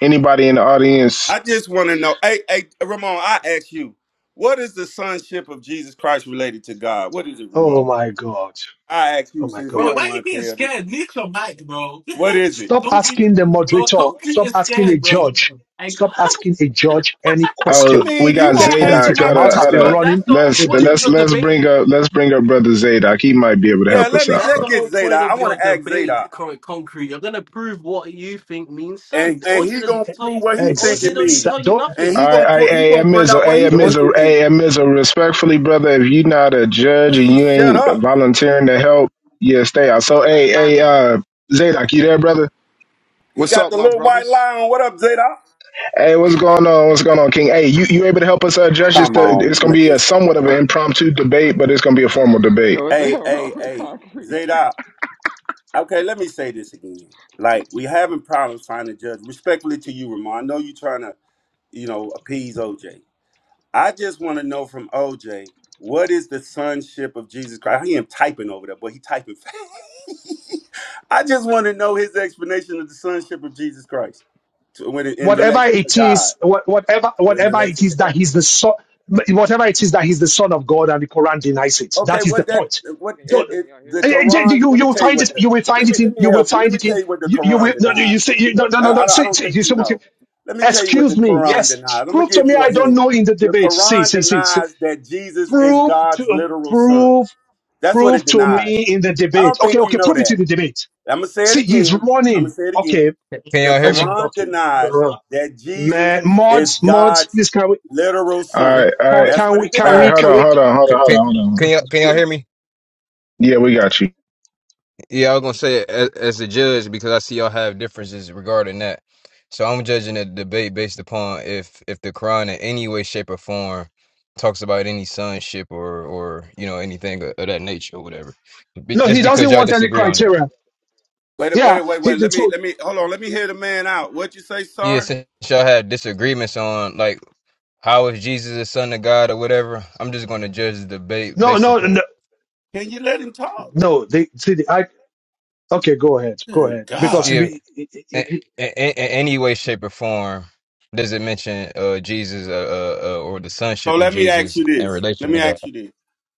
Speaker 3: Anybody in the audience?
Speaker 6: I just want to know. Hey, hey, Ramon, I ask you, what is the sonship of Jesus Christ related to God? What is it,
Speaker 1: Oh
Speaker 6: Ramon?
Speaker 1: my God.
Speaker 6: I ask you
Speaker 1: Oh my
Speaker 6: since you
Speaker 14: Bro,
Speaker 1: God.
Speaker 14: why
Speaker 6: don't
Speaker 14: are you
Speaker 6: want to
Speaker 14: being
Speaker 6: tell me.
Speaker 14: scared? Meet your mic, bro.
Speaker 6: What is it?
Speaker 1: Stop
Speaker 14: concrete,
Speaker 1: asking the
Speaker 14: bro,
Speaker 1: moderator.
Speaker 14: concrete
Speaker 1: Stop
Speaker 14: is
Speaker 1: asking the
Speaker 14: scared, bro.
Speaker 1: judge.
Speaker 14: I
Speaker 1: Stop
Speaker 14: can't-
Speaker 1: asking a judge any
Speaker 6: I
Speaker 3: Oh,
Speaker 1: question.
Speaker 3: we
Speaker 6: mean, you
Speaker 3: got
Speaker 1: Get
Speaker 6: won't
Speaker 1: on with
Speaker 6: answer
Speaker 3: Zadok.
Speaker 1: it. Your
Speaker 6: my
Speaker 3: Hold
Speaker 1: mouth
Speaker 3: up,
Speaker 1: has
Speaker 3: hold
Speaker 6: question.
Speaker 1: been
Speaker 14: bro,
Speaker 3: up.
Speaker 14: that's
Speaker 1: running.
Speaker 14: the whole
Speaker 3: Let's
Speaker 14: point
Speaker 1: The,
Speaker 14: of
Speaker 3: let's
Speaker 14: your
Speaker 3: let's
Speaker 14: debate.
Speaker 3: bring up let's bring up brother Zadok. He might be able to
Speaker 6: Yeah,
Speaker 3: help us
Speaker 6: let me
Speaker 3: out.
Speaker 14: That's
Speaker 6: let
Speaker 14: the
Speaker 3: Hold on.
Speaker 6: get
Speaker 14: whole point
Speaker 6: Zadok. I
Speaker 14: of your
Speaker 6: want to ask
Speaker 14: debate,
Speaker 6: Zadok.
Speaker 14: Con- concrete. You're gonna prove what you think means sun.
Speaker 6: and and
Speaker 14: OJ
Speaker 6: he
Speaker 14: doesn't
Speaker 1: the,
Speaker 14: need
Speaker 6: gonna
Speaker 14: to tell you.
Speaker 6: prove what he think
Speaker 1: ex,
Speaker 14: OJ
Speaker 6: it
Speaker 14: don't need to
Speaker 1: ex-
Speaker 6: mean,
Speaker 14: tell you
Speaker 1: don't
Speaker 6: and
Speaker 14: nothing.
Speaker 3: All
Speaker 6: he
Speaker 12: I,
Speaker 6: gonna
Speaker 3: right, hey,
Speaker 6: prove he
Speaker 3: hey,
Speaker 12: I,
Speaker 3: hey,
Speaker 6: gonna
Speaker 12: as a
Speaker 6: bring
Speaker 3: Mizzle,
Speaker 6: out
Speaker 12: judge,
Speaker 3: hey,
Speaker 6: what he
Speaker 3: hey,
Speaker 6: think
Speaker 1: don't
Speaker 3: Mizzle,
Speaker 6: it mean.
Speaker 3: hey, hey, Mizzle. Respectfully, brother, if you not a judge
Speaker 6: When
Speaker 3: and
Speaker 6: she
Speaker 3: you
Speaker 6: shut
Speaker 3: ain't
Speaker 6: up,
Speaker 3: volunteering to help, yeah, stay out.
Speaker 14: Yeah,
Speaker 3: So, hey,
Speaker 14: like, my
Speaker 3: hey,
Speaker 14: bad.
Speaker 3: uh, Zadok, you there, brother?
Speaker 6: he
Speaker 20: What's
Speaker 6: got
Speaker 20: up,
Speaker 6: the
Speaker 20: my
Speaker 6: little white
Speaker 20: brothers?
Speaker 6: lie on. What up, Zayda?
Speaker 3: Hey, what's going on? What's going on, King? Hey, you, you able to help us uh, judge this?
Speaker 6: Come
Speaker 3: The, it's
Speaker 6: on,
Speaker 3: going to
Speaker 6: man.
Speaker 3: be a somewhat of an impromptu debate, but it's going to be a formal debate.
Speaker 20: Yo, what the
Speaker 6: hey,
Speaker 20: hell wrong
Speaker 6: hey,
Speaker 20: with
Speaker 6: hey,
Speaker 20: concrete?
Speaker 6: Zayda. Okay, let me say this again. Like we having problems finding judge. Respectfully to you, Ramon. I know you trying to you know appease OJ. I just want to know from OJ what is the sonship of Jesus Christ. He ain't typing over there, but he typing fast. I just want to know his explanation of the sonship of Jesus Christ to, when it, in
Speaker 1: whatever
Speaker 6: relation to
Speaker 1: it
Speaker 6: God,
Speaker 1: is, what, whatever
Speaker 6: or in
Speaker 1: whatever it
Speaker 6: relation to
Speaker 1: is that
Speaker 6: God.
Speaker 1: he's the son, whatever it is that he's the son of God, and the Quran denies it.
Speaker 6: Okay,
Speaker 1: That is the
Speaker 6: what that
Speaker 1: point.
Speaker 6: what
Speaker 12: can y'all
Speaker 6: it,
Speaker 1: Don't.
Speaker 12: can
Speaker 6: it
Speaker 12: y'all hear
Speaker 6: the
Speaker 12: me?
Speaker 1: eh, eh, eh,
Speaker 6: Quran?
Speaker 1: You
Speaker 6: Let me
Speaker 1: you will
Speaker 6: tell you
Speaker 1: find
Speaker 6: what
Speaker 1: it.
Speaker 6: the
Speaker 1: You will
Speaker 6: let
Speaker 1: find
Speaker 6: me
Speaker 1: it
Speaker 6: let
Speaker 1: in.
Speaker 6: me
Speaker 1: You will
Speaker 6: help you. Let
Speaker 1: find
Speaker 6: me
Speaker 1: it
Speaker 6: tell
Speaker 1: in.
Speaker 6: you what the
Speaker 1: You, you
Speaker 6: Quran
Speaker 1: will no. no,
Speaker 6: denies.
Speaker 1: You say you, no no
Speaker 6: I,
Speaker 1: no
Speaker 6: I,
Speaker 1: no.
Speaker 6: don't- I
Speaker 1: Say,
Speaker 6: don't
Speaker 1: say,
Speaker 6: think
Speaker 1: you
Speaker 6: you
Speaker 1: say,
Speaker 6: know. Let me tell you what the
Speaker 1: Excuse me.
Speaker 6: Quran
Speaker 1: Yes.
Speaker 6: denies. I'm gonna
Speaker 1: Prove to
Speaker 6: give
Speaker 1: me
Speaker 6: you
Speaker 1: I
Speaker 6: a
Speaker 1: don't
Speaker 6: hint.
Speaker 1: know in the
Speaker 6: The
Speaker 1: debate. See,
Speaker 6: Quran
Speaker 1: see, see. see.
Speaker 6: denies that Jesus is
Speaker 1: Prove
Speaker 6: God's
Speaker 1: to
Speaker 6: literal son.
Speaker 1: prove
Speaker 6: That's what
Speaker 1: prove
Speaker 6: it
Speaker 1: to me
Speaker 6: denies.
Speaker 1: in the
Speaker 6: I
Speaker 1: debate.
Speaker 6: don't
Speaker 1: Okay,
Speaker 6: think you
Speaker 1: okay.
Speaker 6: know
Speaker 1: Prove it
Speaker 6: that.
Speaker 1: in the debate.
Speaker 6: I'm gonna say it
Speaker 1: See, he's
Speaker 6: again. I'm
Speaker 1: running.
Speaker 6: gonna say it again.
Speaker 1: Okay,
Speaker 12: Can can
Speaker 6: The
Speaker 12: y'all
Speaker 1: I
Speaker 12: hear
Speaker 1: should,
Speaker 12: me?
Speaker 6: Quran
Speaker 1: okay.
Speaker 6: denies
Speaker 1: Uh,
Speaker 6: that Jesus
Speaker 1: Man,
Speaker 6: is
Speaker 1: mods, mods.
Speaker 6: God's
Speaker 1: Please, can we
Speaker 6: literal
Speaker 3: All
Speaker 6: son.
Speaker 3: right, all
Speaker 1: can,
Speaker 3: right,
Speaker 6: That's
Speaker 1: can
Speaker 6: what
Speaker 1: we
Speaker 6: it
Speaker 3: all
Speaker 1: can
Speaker 3: right.
Speaker 6: denies.
Speaker 1: we
Speaker 3: Hold
Speaker 1: can
Speaker 3: on,
Speaker 1: we?
Speaker 3: hold on, hold on,
Speaker 12: Can,
Speaker 3: hold
Speaker 12: can,
Speaker 3: on, hold on.
Speaker 12: can y'all can y'all hear me?
Speaker 3: Yeah, we got you.
Speaker 12: Yeah, I was gonna say as, as a judge because I see y'all have differences regarding that. So I'm judging the debate based upon if if the Quran in any way, shape, or form talks about any sonship or or you know anything of, of that nature or whatever. Be-
Speaker 1: No, he
Speaker 12: Just because
Speaker 1: doesn't
Speaker 12: y'all
Speaker 1: want any
Speaker 12: disagree on that.
Speaker 1: criteria.
Speaker 6: Wait, a- wait,
Speaker 1: Yeah.
Speaker 6: a- wait,
Speaker 1: He,
Speaker 6: wait.
Speaker 1: the,
Speaker 6: Let me,
Speaker 1: so,
Speaker 6: let me. Hold on. Let me hear the man out. What you say,
Speaker 12: Yeah,
Speaker 6: sir?
Speaker 12: since y'all had disagreements on like how is Jesus the son of God or whatever, I'm just going to judge the debate
Speaker 1: no,
Speaker 12: based
Speaker 1: no,
Speaker 12: upon
Speaker 1: no,
Speaker 6: Can you let him talk?
Speaker 1: no. They see the I. Okay, go ahead, go
Speaker 6: Good
Speaker 1: ahead, because
Speaker 6: God.
Speaker 12: yeah, in,
Speaker 1: it,
Speaker 12: in, in any way, shape, or form. Does it mention uh Jesus uh, uh, uh or the
Speaker 6: So
Speaker 12: sonship of
Speaker 6: let me ask
Speaker 12: Jesus
Speaker 6: you
Speaker 12: in
Speaker 6: this. Let
Speaker 12: relation to
Speaker 6: me
Speaker 12: God?
Speaker 6: ask you this.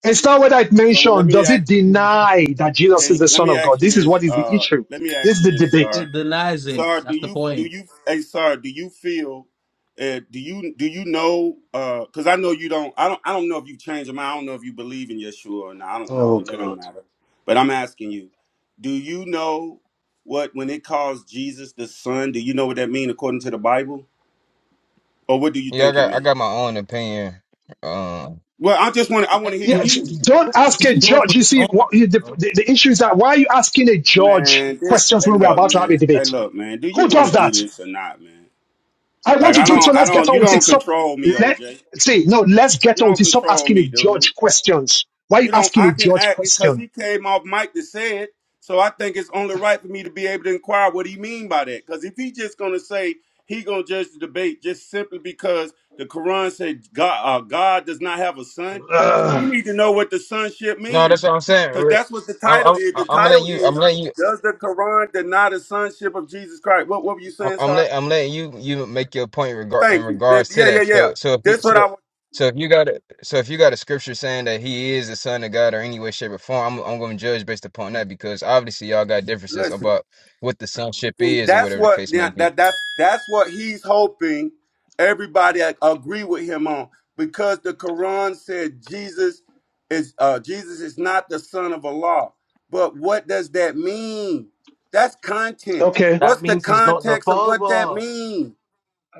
Speaker 1: It's not what I
Speaker 6: So let
Speaker 1: mentioned.
Speaker 6: me
Speaker 1: Does
Speaker 6: ask.
Speaker 1: it deny that Jesus is
Speaker 6: Can
Speaker 1: the
Speaker 6: let
Speaker 1: Son
Speaker 6: me
Speaker 1: of God?
Speaker 6: ask you
Speaker 1: This is
Speaker 6: this.
Speaker 1: what is the
Speaker 6: Uh,
Speaker 1: issue.
Speaker 6: let me
Speaker 1: This
Speaker 6: ask
Speaker 1: is
Speaker 6: you
Speaker 1: the
Speaker 6: this,
Speaker 1: debate.
Speaker 14: It
Speaker 6: sir.
Speaker 14: denies it.
Speaker 6: Sar, do
Speaker 14: That's the
Speaker 6: you do
Speaker 14: point.
Speaker 6: you hey Sar, do you feel uh, do you do you know uh because I know you don't I don't I don't know if you change your mind. I don't know if you believe in Yeshua or not. I don't know,
Speaker 1: Oh
Speaker 6: and that don't
Speaker 1: God.
Speaker 6: matter. But I'm asking you, do you know what when it calls Jesus the Son, do you know what that mean according to the Bible? Or what do you
Speaker 12: Yeah, I
Speaker 6: think it
Speaker 12: got I
Speaker 6: means?
Speaker 12: got my own opinion. Um,
Speaker 6: Well, I just want I
Speaker 14: Yeah,
Speaker 6: want to hear
Speaker 1: Yeah,
Speaker 6: your
Speaker 14: you.
Speaker 6: opinion.
Speaker 1: don't ask a judge. You
Speaker 14: Hold
Speaker 1: see,
Speaker 14: on,
Speaker 1: what the,
Speaker 14: bro.
Speaker 1: the, the issue is that why are you asking a judge
Speaker 6: Man, this
Speaker 1: questions
Speaker 6: hey
Speaker 1: when we're
Speaker 6: look,
Speaker 1: about to have a
Speaker 6: man. Hey
Speaker 1: debate?
Speaker 6: look, man. Do you
Speaker 1: Who
Speaker 6: want
Speaker 1: does
Speaker 6: to do
Speaker 1: that?
Speaker 6: this or not, man?
Speaker 1: I want
Speaker 6: Like
Speaker 1: to
Speaker 6: I
Speaker 1: do it, so
Speaker 6: don't I
Speaker 1: let's get
Speaker 6: don't
Speaker 1: on
Speaker 6: you
Speaker 1: with it.
Speaker 6: don't
Speaker 1: Stop.
Speaker 6: control me,
Speaker 1: Let
Speaker 6: OJ.
Speaker 1: see. No, let's get
Speaker 6: You
Speaker 1: on with
Speaker 6: don't
Speaker 1: it. Stop
Speaker 6: control
Speaker 1: asking a
Speaker 6: me, dude.
Speaker 1: judge questions. Why are you
Speaker 6: You know,
Speaker 1: asking a
Speaker 6: I can
Speaker 1: judge
Speaker 6: act because
Speaker 1: question?
Speaker 6: he came off mic to say it. So I think it's only right for me to be able to inquire what he mean by that. Because if he just gonna say he gonna judge the debate just simply because the Quran said God uh, God does not have a son, we
Speaker 1: Ugh.
Speaker 6: need to know what the sonship
Speaker 12: no,
Speaker 6: means.
Speaker 12: that's what I'm saying.
Speaker 6: Because
Speaker 12: We're-
Speaker 6: that's what the
Speaker 12: I'm
Speaker 6: title
Speaker 12: I'm,
Speaker 6: is. The
Speaker 12: I'm gonna let
Speaker 6: title
Speaker 12: you. I'm
Speaker 6: is
Speaker 12: letting you.
Speaker 6: Does the Quran deny the sonship of Jesus Christ? What what were you
Speaker 12: I'm,
Speaker 6: saying,
Speaker 12: I'm
Speaker 6: sir?
Speaker 12: letting I'm letting you you make your point regard in
Speaker 6: Thank you. That-
Speaker 12: regards to
Speaker 6: yeah, yeah,
Speaker 12: that.
Speaker 6: yeah.
Speaker 12: So so if you
Speaker 6: That's what I
Speaker 12: so
Speaker 6: want.
Speaker 12: so if you got a so if you got a scripture saying that he is the son of God or any way, shape, or form, I'm I'm going to judge based upon that because obviously y'all got differences
Speaker 6: Listen.
Speaker 12: about what the sonship
Speaker 6: See,
Speaker 12: is or
Speaker 6: that's
Speaker 12: whatever the
Speaker 6: what
Speaker 12: case may
Speaker 6: that
Speaker 12: be.
Speaker 6: that- that's that's what he's hoping everybody ag- agree with him on because the Quran said Jesus is uh, Jesus is not the son of Allah. But what does that mean? That's content.
Speaker 1: okay.
Speaker 14: That
Speaker 6: What's the
Speaker 14: means he's not the
Speaker 6: context of what that
Speaker 14: father.
Speaker 6: means?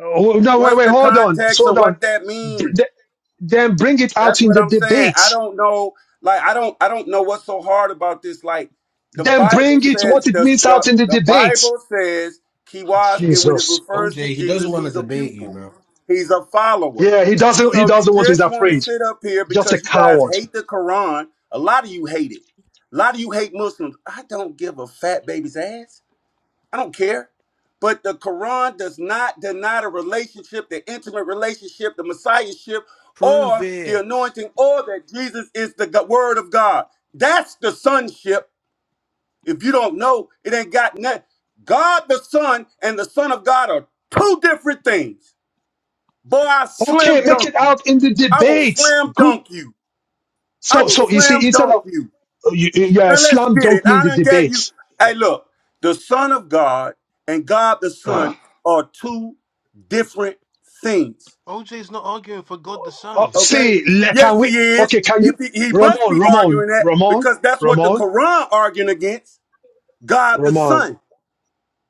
Speaker 1: Oh, no, wait,
Speaker 6: What's
Speaker 1: wait,
Speaker 6: the
Speaker 1: hold on,
Speaker 6: context of
Speaker 1: hold
Speaker 6: what
Speaker 1: on.
Speaker 6: that
Speaker 1: B-
Speaker 6: means?
Speaker 1: th- Then bring it out
Speaker 6: That's
Speaker 1: in
Speaker 6: what
Speaker 1: the
Speaker 6: I'm saying. I
Speaker 1: debate.
Speaker 6: don't know. Like I don't. I don't know what's so hard about this. Like the
Speaker 1: Then
Speaker 6: Bible
Speaker 1: bring it
Speaker 6: says.
Speaker 1: what it
Speaker 6: The
Speaker 1: means out
Speaker 6: the,
Speaker 1: in the
Speaker 6: the
Speaker 1: debate.
Speaker 6: Bible says kiwas, and when it
Speaker 1: Jesus, God.
Speaker 6: refers to
Speaker 14: OJ, he doesn't
Speaker 6: Jesus,
Speaker 14: want to
Speaker 6: he's a
Speaker 14: debate you,
Speaker 6: pupil.
Speaker 14: bro.
Speaker 6: He's a follower.
Speaker 1: Yeah, he doesn't. He
Speaker 6: So you
Speaker 1: doesn't want to. He's
Speaker 6: just want to
Speaker 1: afraid.
Speaker 6: sit up here
Speaker 1: Just a
Speaker 6: because you guys
Speaker 1: coward.
Speaker 6: hate the Quran. A lot of you hate it. A lot of you hate Muslims. I don't give a fat baby's ass. I don't care. But the Quran does not deny the relationship, the intimate relationship, the messiahship,
Speaker 14: Prove
Speaker 6: or the
Speaker 14: it.
Speaker 6: anointing, or that Jesus is the go- word of God. That's the sonship. If you don't know, it ain't got nothing. God the Son and the Son of God are two different things. Boy, I
Speaker 1: Okay,
Speaker 6: slam
Speaker 1: make
Speaker 6: dunk
Speaker 1: it
Speaker 6: you.
Speaker 1: out in the
Speaker 6: I will
Speaker 1: debate.
Speaker 6: slam
Speaker 1: Good.
Speaker 6: dunk you. I
Speaker 1: So,
Speaker 6: will
Speaker 1: so you see,
Speaker 6: slam
Speaker 1: instead
Speaker 6: dunk
Speaker 1: of
Speaker 6: you.
Speaker 1: uh, you, you you, uh,
Speaker 6: Now let's
Speaker 1: slam
Speaker 6: get it.
Speaker 1: dunk me in
Speaker 6: I
Speaker 1: the
Speaker 6: done gave you.
Speaker 1: debate.
Speaker 6: Hey, look, the Son of God and God the Son
Speaker 1: Ah.
Speaker 6: are two different things.
Speaker 14: OJ's not arguing for God the
Speaker 1: Oh,
Speaker 14: Son.
Speaker 6: Okay?
Speaker 1: see, le- can
Speaker 6: Yes,
Speaker 1: we?
Speaker 6: he is.
Speaker 1: Okay, can
Speaker 6: If
Speaker 1: you?
Speaker 6: he, he
Speaker 1: Ramon,
Speaker 6: must be
Speaker 1: Ramon,
Speaker 6: arguing that
Speaker 1: Ramon,
Speaker 6: because that's what the
Speaker 1: Ramon,
Speaker 6: Quran arguing against. God the
Speaker 1: Ramon.
Speaker 6: Son.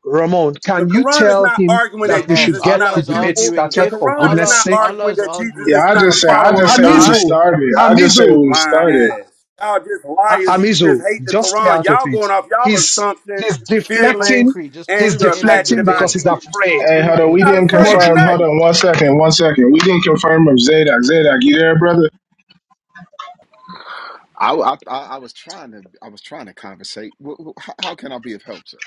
Speaker 1: Ramon,
Speaker 6: The
Speaker 1: can you
Speaker 6: Quran is
Speaker 1: tell
Speaker 6: not
Speaker 1: him
Speaker 6: arguing
Speaker 1: that
Speaker 6: that
Speaker 1: we
Speaker 14: Yes,
Speaker 1: should
Speaker 6: Jesus is
Speaker 1: get
Speaker 6: not
Speaker 14: Allah
Speaker 6: a
Speaker 1: the
Speaker 14: is
Speaker 1: debate
Speaker 6: pupil.
Speaker 14: arguing.
Speaker 6: The
Speaker 1: started
Speaker 14: If
Speaker 1: for
Speaker 6: Quran is
Speaker 1: goodness
Speaker 14: Allah,
Speaker 6: not
Speaker 1: sake?
Speaker 14: Allah
Speaker 6: arguing
Speaker 14: is
Speaker 6: that Jesus
Speaker 14: arguing
Speaker 3: Yeah,
Speaker 6: is
Speaker 3: I
Speaker 6: not a
Speaker 3: just say
Speaker 1: A-
Speaker 3: I
Speaker 6: follower
Speaker 3: just
Speaker 6: of
Speaker 3: say we
Speaker 6: God.
Speaker 1: Amizu,
Speaker 3: started. I just say
Speaker 1: Amizu,
Speaker 3: we
Speaker 6: Lying
Speaker 3: started.
Speaker 6: ass. Y'all just
Speaker 1: A-
Speaker 6: liars and you just
Speaker 1: Amizu,
Speaker 6: hate the
Speaker 1: just stay
Speaker 6: Quran.
Speaker 1: out of
Speaker 6: Y'all
Speaker 1: it.
Speaker 6: going off y'all
Speaker 1: He's
Speaker 6: assumptions,
Speaker 1: he's deflecting,
Speaker 6: feelings,
Speaker 14: concrete. Just
Speaker 6: and
Speaker 1: he's
Speaker 14: prove
Speaker 6: your
Speaker 14: it in the
Speaker 1: deflecting
Speaker 6: imaginative
Speaker 1: because
Speaker 14: debate.
Speaker 1: he's
Speaker 6: ideas.
Speaker 1: afraid.
Speaker 14: Just
Speaker 3: Hey,
Speaker 14: prove
Speaker 3: hold
Speaker 14: it
Speaker 3: on,
Speaker 14: in
Speaker 3: we
Speaker 14: the.
Speaker 6: Not
Speaker 14: What
Speaker 3: didn't
Speaker 6: afraid
Speaker 1: Mod-
Speaker 6: of
Speaker 3: confirm. Hold
Speaker 6: nothing.
Speaker 3: on, one second, one second. We didn't confirm of Zadok. Zadok, you there, brother?
Speaker 20: I, I I I was trying to I was trying to conversate. Wh- wh- How how can I be of help, sir?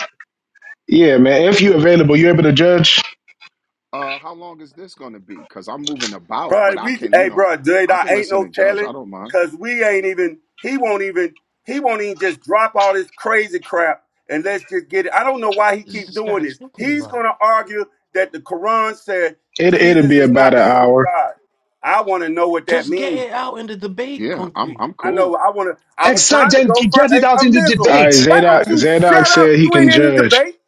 Speaker 3: Yeah, man. If you available, you able to judge?
Speaker 20: Uh, how long is this going to be? Because I'm moving about, but
Speaker 6: Bro,
Speaker 20: I
Speaker 6: we
Speaker 20: can you
Speaker 6: hey
Speaker 20: know
Speaker 6: bro, dude,
Speaker 20: I
Speaker 6: I
Speaker 20: can
Speaker 6: ain't
Speaker 20: listen
Speaker 6: no
Speaker 20: and judge. I
Speaker 6: telling.
Speaker 20: don't mind.
Speaker 6: Cause we ain't even he won't even he won't even just drop all this crazy crap and let's just get it. I don't know why he
Speaker 14: is
Speaker 6: keep
Speaker 14: this
Speaker 6: doing
Speaker 14: guy
Speaker 6: this.
Speaker 14: talking
Speaker 6: He's
Speaker 14: about?
Speaker 6: gonna argue that the Quran said
Speaker 3: It it'll
Speaker 6: Jesus
Speaker 3: be
Speaker 6: is
Speaker 3: about
Speaker 6: not
Speaker 3: an
Speaker 6: the son of
Speaker 3: hour.
Speaker 6: God. I wanna know what that
Speaker 14: Just get
Speaker 6: means.
Speaker 14: it out in the debate,
Speaker 20: Yeah, I'm
Speaker 14: concrete,
Speaker 20: I'm
Speaker 6: I know.
Speaker 20: cool.
Speaker 6: I want to. I was
Speaker 1: exact,
Speaker 6: trying to
Speaker 1: then
Speaker 6: go for
Speaker 1: get it
Speaker 6: a,
Speaker 1: out
Speaker 6: a
Speaker 1: in the
Speaker 3: All
Speaker 6: missile.
Speaker 3: right,
Speaker 1: debate.
Speaker 6: Why
Speaker 3: Zadok.
Speaker 6: don't you
Speaker 3: Zadok
Speaker 6: shut
Speaker 3: said
Speaker 6: up?
Speaker 3: he
Speaker 6: You
Speaker 3: can
Speaker 6: ain't in the
Speaker 3: judge.
Speaker 6: debate.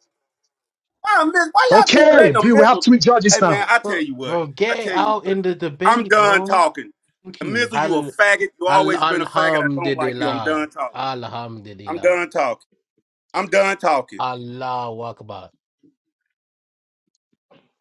Speaker 6: Why a missile? Why y'all keep letting
Speaker 1: Okay,
Speaker 6: a
Speaker 1: we we have
Speaker 6: missile?
Speaker 1: three judges
Speaker 6: Hey man,
Speaker 1: now.
Speaker 6: I tell
Speaker 14: bro.
Speaker 6: you what.
Speaker 14: Bro,
Speaker 6: I
Speaker 14: get it
Speaker 6: tell you
Speaker 14: out
Speaker 6: what.
Speaker 14: in the
Speaker 6: I'm
Speaker 14: debate,
Speaker 6: done
Speaker 14: bro.
Speaker 6: talking.
Speaker 14: Thank
Speaker 6: A
Speaker 14: you.
Speaker 6: missile, you a
Speaker 14: Hallelujah.
Speaker 6: faggot. You always been a faggot. I don't like you. I'm
Speaker 14: Alhamdulillah.
Speaker 6: done talking. I'm
Speaker 14: Alhamdulillah.
Speaker 6: done talking. I'm done talking.
Speaker 14: Allah Akbar.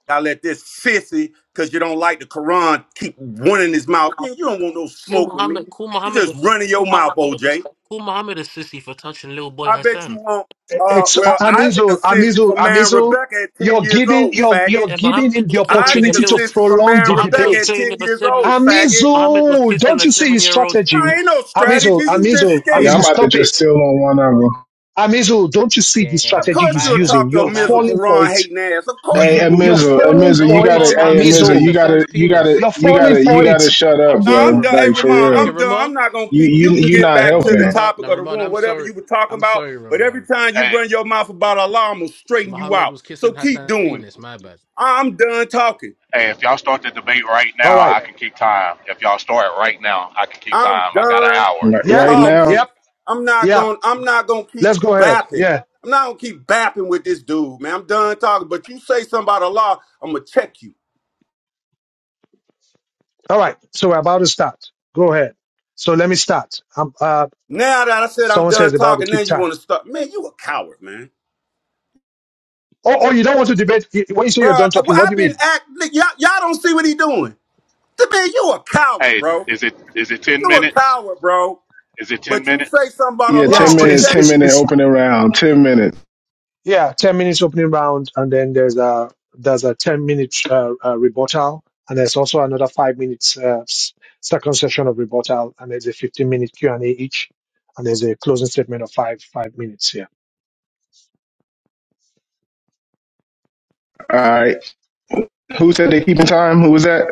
Speaker 6: I let this sissy, cause you don't like the Quran, keep running his mouth. Yeah, you don't want no
Speaker 14: Cool
Speaker 6: smoke with
Speaker 14: Muhammad,
Speaker 6: me.
Speaker 14: cool
Speaker 6: You
Speaker 14: Muhammad,
Speaker 6: just
Speaker 14: was-
Speaker 6: running your
Speaker 14: cool
Speaker 6: mouth,
Speaker 14: Muhammad
Speaker 6: OJ.
Speaker 14: cool Muhammad is sissy for touching little boy
Speaker 6: I bet you
Speaker 14: Hassan.
Speaker 6: won't. Uh,
Speaker 1: It's A-
Speaker 6: well, Isaac
Speaker 1: Amizu,
Speaker 6: assisted
Speaker 1: Amizu,
Speaker 6: for marrying
Speaker 1: Amizu.
Speaker 6: Rebecca at 10
Speaker 1: You're
Speaker 6: years
Speaker 1: giving
Speaker 6: old,
Speaker 1: you're
Speaker 6: faggot.
Speaker 1: you're
Speaker 14: Yeah,
Speaker 1: giving
Speaker 14: Muhammad
Speaker 1: him the
Speaker 14: was playing with a
Speaker 6: Isaac
Speaker 1: opportunity
Speaker 14: little.
Speaker 1: to
Speaker 6: assisted
Speaker 14: s-
Speaker 6: for
Speaker 1: prolong
Speaker 6: marrying
Speaker 1: the
Speaker 14: Muhammad was
Speaker 6: Rebecca
Speaker 1: debate.
Speaker 6: at
Speaker 14: playing
Speaker 6: 10
Speaker 14: with a
Speaker 6: years
Speaker 14: seven.
Speaker 6: old, faggot.
Speaker 14: Muhammad was
Speaker 1: Amizul,
Speaker 14: kissing
Speaker 1: don't
Speaker 14: a
Speaker 1: you see his
Speaker 14: seven-year-old's
Speaker 6: I
Speaker 1: strategy?
Speaker 6: ain't
Speaker 14: penis.
Speaker 6: no strategy.
Speaker 1: Amizul,
Speaker 6: You just
Speaker 1: Amizul,
Speaker 3: Yeah, I'm
Speaker 1: Amizul,
Speaker 6: scared.
Speaker 3: about to
Speaker 1: stop
Speaker 3: just
Speaker 1: it.
Speaker 3: steal on one of them.
Speaker 1: Amizul, don't you see the
Speaker 14: Yeah, yeah,
Speaker 6: Of
Speaker 14: yeah.
Speaker 1: strategy
Speaker 6: course
Speaker 1: he's
Speaker 14: My
Speaker 6: you'll
Speaker 14: bad,
Speaker 1: using?
Speaker 6: talk to a
Speaker 1: You're
Speaker 14: my
Speaker 6: Mizra
Speaker 14: bad.
Speaker 1: falling for
Speaker 6: Quran
Speaker 1: it.
Speaker 6: hating ass. Of course
Speaker 3: Hey,
Speaker 6: you
Speaker 1: You- You're
Speaker 6: would.
Speaker 3: Amizel,
Speaker 1: falling
Speaker 3: Amizel,
Speaker 14: No
Speaker 3: you
Speaker 14: one
Speaker 1: for it,
Speaker 3: gotta.
Speaker 14: told
Speaker 3: Hey,
Speaker 14: Muhammad to
Speaker 3: Amizel,
Speaker 14: kiss
Speaker 1: Amizul.
Speaker 3: you
Speaker 14: Hassan's
Speaker 3: gotta, you gotta,
Speaker 14: penis.
Speaker 1: You're
Speaker 3: you
Speaker 1: falling
Speaker 3: gotta, you
Speaker 1: for
Speaker 3: gotta
Speaker 1: it.
Speaker 14: I,
Speaker 3: shut up,
Speaker 14: I'm
Speaker 6: Now
Speaker 14: sorry,
Speaker 6: I'm
Speaker 3: bro.
Speaker 6: done. Hey,
Speaker 14: Ramon.
Speaker 3: Like
Speaker 14: I,
Speaker 3: for
Speaker 6: Ramon,
Speaker 14: I can
Speaker 3: real.
Speaker 6: I'm done. I'm
Speaker 14: Ramon,
Speaker 6: not gonna
Speaker 3: You
Speaker 6: keep.
Speaker 3: you
Speaker 6: You can
Speaker 3: you
Speaker 6: get
Speaker 3: not
Speaker 6: back
Speaker 14: Ram,
Speaker 6: to
Speaker 3: helping
Speaker 6: the
Speaker 14: Ramon.
Speaker 6: topic
Speaker 14: Now,
Speaker 6: of the
Speaker 14: Ramon,
Speaker 6: room,
Speaker 14: I'm
Speaker 6: whatever you
Speaker 14: sorry.
Speaker 6: were talking
Speaker 14: I'm
Speaker 6: about.
Speaker 14: sorry,
Speaker 6: But every
Speaker 14: Ramon.
Speaker 6: time you
Speaker 18: hey,
Speaker 6: run your mouth about Allah, I'm gonna
Speaker 14: So
Speaker 6: straighten you
Speaker 14: Muhammad
Speaker 6: out.
Speaker 14: was
Speaker 6: So
Speaker 14: kissing
Speaker 6: keep
Speaker 14: Hassan's
Speaker 6: doing it.
Speaker 14: penis. My bad.
Speaker 6: I'm done talking.
Speaker 18: hey, if y'all start the debate right
Speaker 1: All
Speaker 18: now,
Speaker 1: right.
Speaker 18: I can keep time. If y'all start right now, I can keep
Speaker 6: I'm
Speaker 18: time. I got an
Speaker 6: done
Speaker 18: hour.
Speaker 3: like,
Speaker 1: Yeah?
Speaker 3: right now.
Speaker 6: talking.
Speaker 1: Yep.
Speaker 6: I'm not
Speaker 1: Yeah.
Speaker 6: going I'm not going to keep
Speaker 1: Let's go ahead.
Speaker 6: bapping.
Speaker 1: Yeah.
Speaker 6: I'm not going to keep bapping with this dude, man. I'm done talking, but you say something about Allah, I'm going to check you.
Speaker 1: All right. So we're about to start. Go ahead. So let me start. Um, uh,
Speaker 6: Now that I said I'm
Speaker 1: someone says
Speaker 6: done
Speaker 1: about to
Speaker 6: talking, now
Speaker 1: keep
Speaker 6: you
Speaker 1: time.
Speaker 6: want to start. Man, you a coward, man.
Speaker 1: Oh, oh, you don't want to debate. When you say you're
Speaker 6: Bruh,
Speaker 1: done
Speaker 6: uh, well,
Speaker 1: talking, what do
Speaker 6: I've
Speaker 1: you
Speaker 6: been
Speaker 1: mean?
Speaker 6: act y'all, y'all don't see what he doing. To me, you a coward,
Speaker 18: Hey,
Speaker 6: bro.
Speaker 18: is it is it ten
Speaker 6: You a
Speaker 18: minutes?
Speaker 6: coward, bro.
Speaker 18: Is it ten
Speaker 6: But you say
Speaker 18: minutes?
Speaker 6: something about
Speaker 3: Yeah,
Speaker 1: Yeah,
Speaker 6: Allah,
Speaker 3: ten
Speaker 6: I'm
Speaker 1: it's,
Speaker 6: going to
Speaker 3: minute,
Speaker 1: it's,
Speaker 3: ten
Speaker 6: check
Speaker 1: it's,
Speaker 6: you.
Speaker 3: minute
Speaker 1: it's,
Speaker 3: opening round, ten minutes.
Speaker 1: Yeah, ten minutes opening round, and then there's a there's a ten minute uh, uh, rebuttal, and there's also another five minutes uh, s- second session of rebuttal, and there's a fifteen minute Q and A each, and there's a closing statement of five five minutes. Yeah,
Speaker 3: All right. Who said they keeping time? Who was that?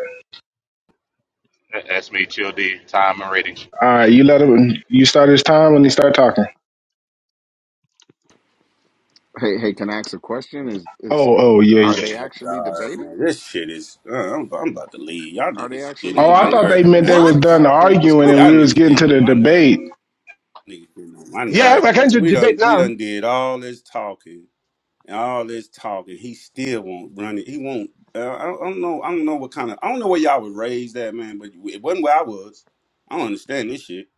Speaker 18: Uh, That's me, Chill D. Time and rating.
Speaker 3: All right, you let him. You start his time when he start talking.
Speaker 20: Hey hey, can I ask a question? Is is
Speaker 3: Oh, oh, yeah,
Speaker 20: are
Speaker 6: Oh
Speaker 3: yeah.
Speaker 20: they
Speaker 6: my
Speaker 20: actually
Speaker 6: god,
Speaker 20: debating?
Speaker 6: man, this shit is. Uh, I'm, I'm about to leave. Y'all
Speaker 20: Are they
Speaker 6: niggas getting
Speaker 20: actually
Speaker 3: Oh,
Speaker 6: on my
Speaker 3: I thought
Speaker 20: debating?
Speaker 3: they
Speaker 20: It
Speaker 6: nerves
Speaker 20: doesn't
Speaker 3: meant
Speaker 6: now,
Speaker 3: they
Speaker 20: sound
Speaker 6: man.
Speaker 3: was
Speaker 14: What?
Speaker 20: like
Speaker 3: done
Speaker 20: concrete was
Speaker 3: arguing and
Speaker 6: Y'all
Speaker 3: we was
Speaker 20: confirmed.
Speaker 6: niggas
Speaker 3: getting
Speaker 6: getting
Speaker 3: to
Speaker 6: on
Speaker 3: the
Speaker 6: my nerve.
Speaker 3: debate.
Speaker 6: Niggas getting on my
Speaker 1: yeah,
Speaker 6: nerve,
Speaker 1: we're going
Speaker 6: man.
Speaker 1: to
Speaker 6: We done
Speaker 1: debate
Speaker 6: we
Speaker 1: now.
Speaker 6: done did all this talking and all this talking. He still won't run it. He won't. Uh, I, don't, I don't know. I don't know what kind of. I don't know where y'all was raised at, man. But it wasn't where I was. I don't understand this shit,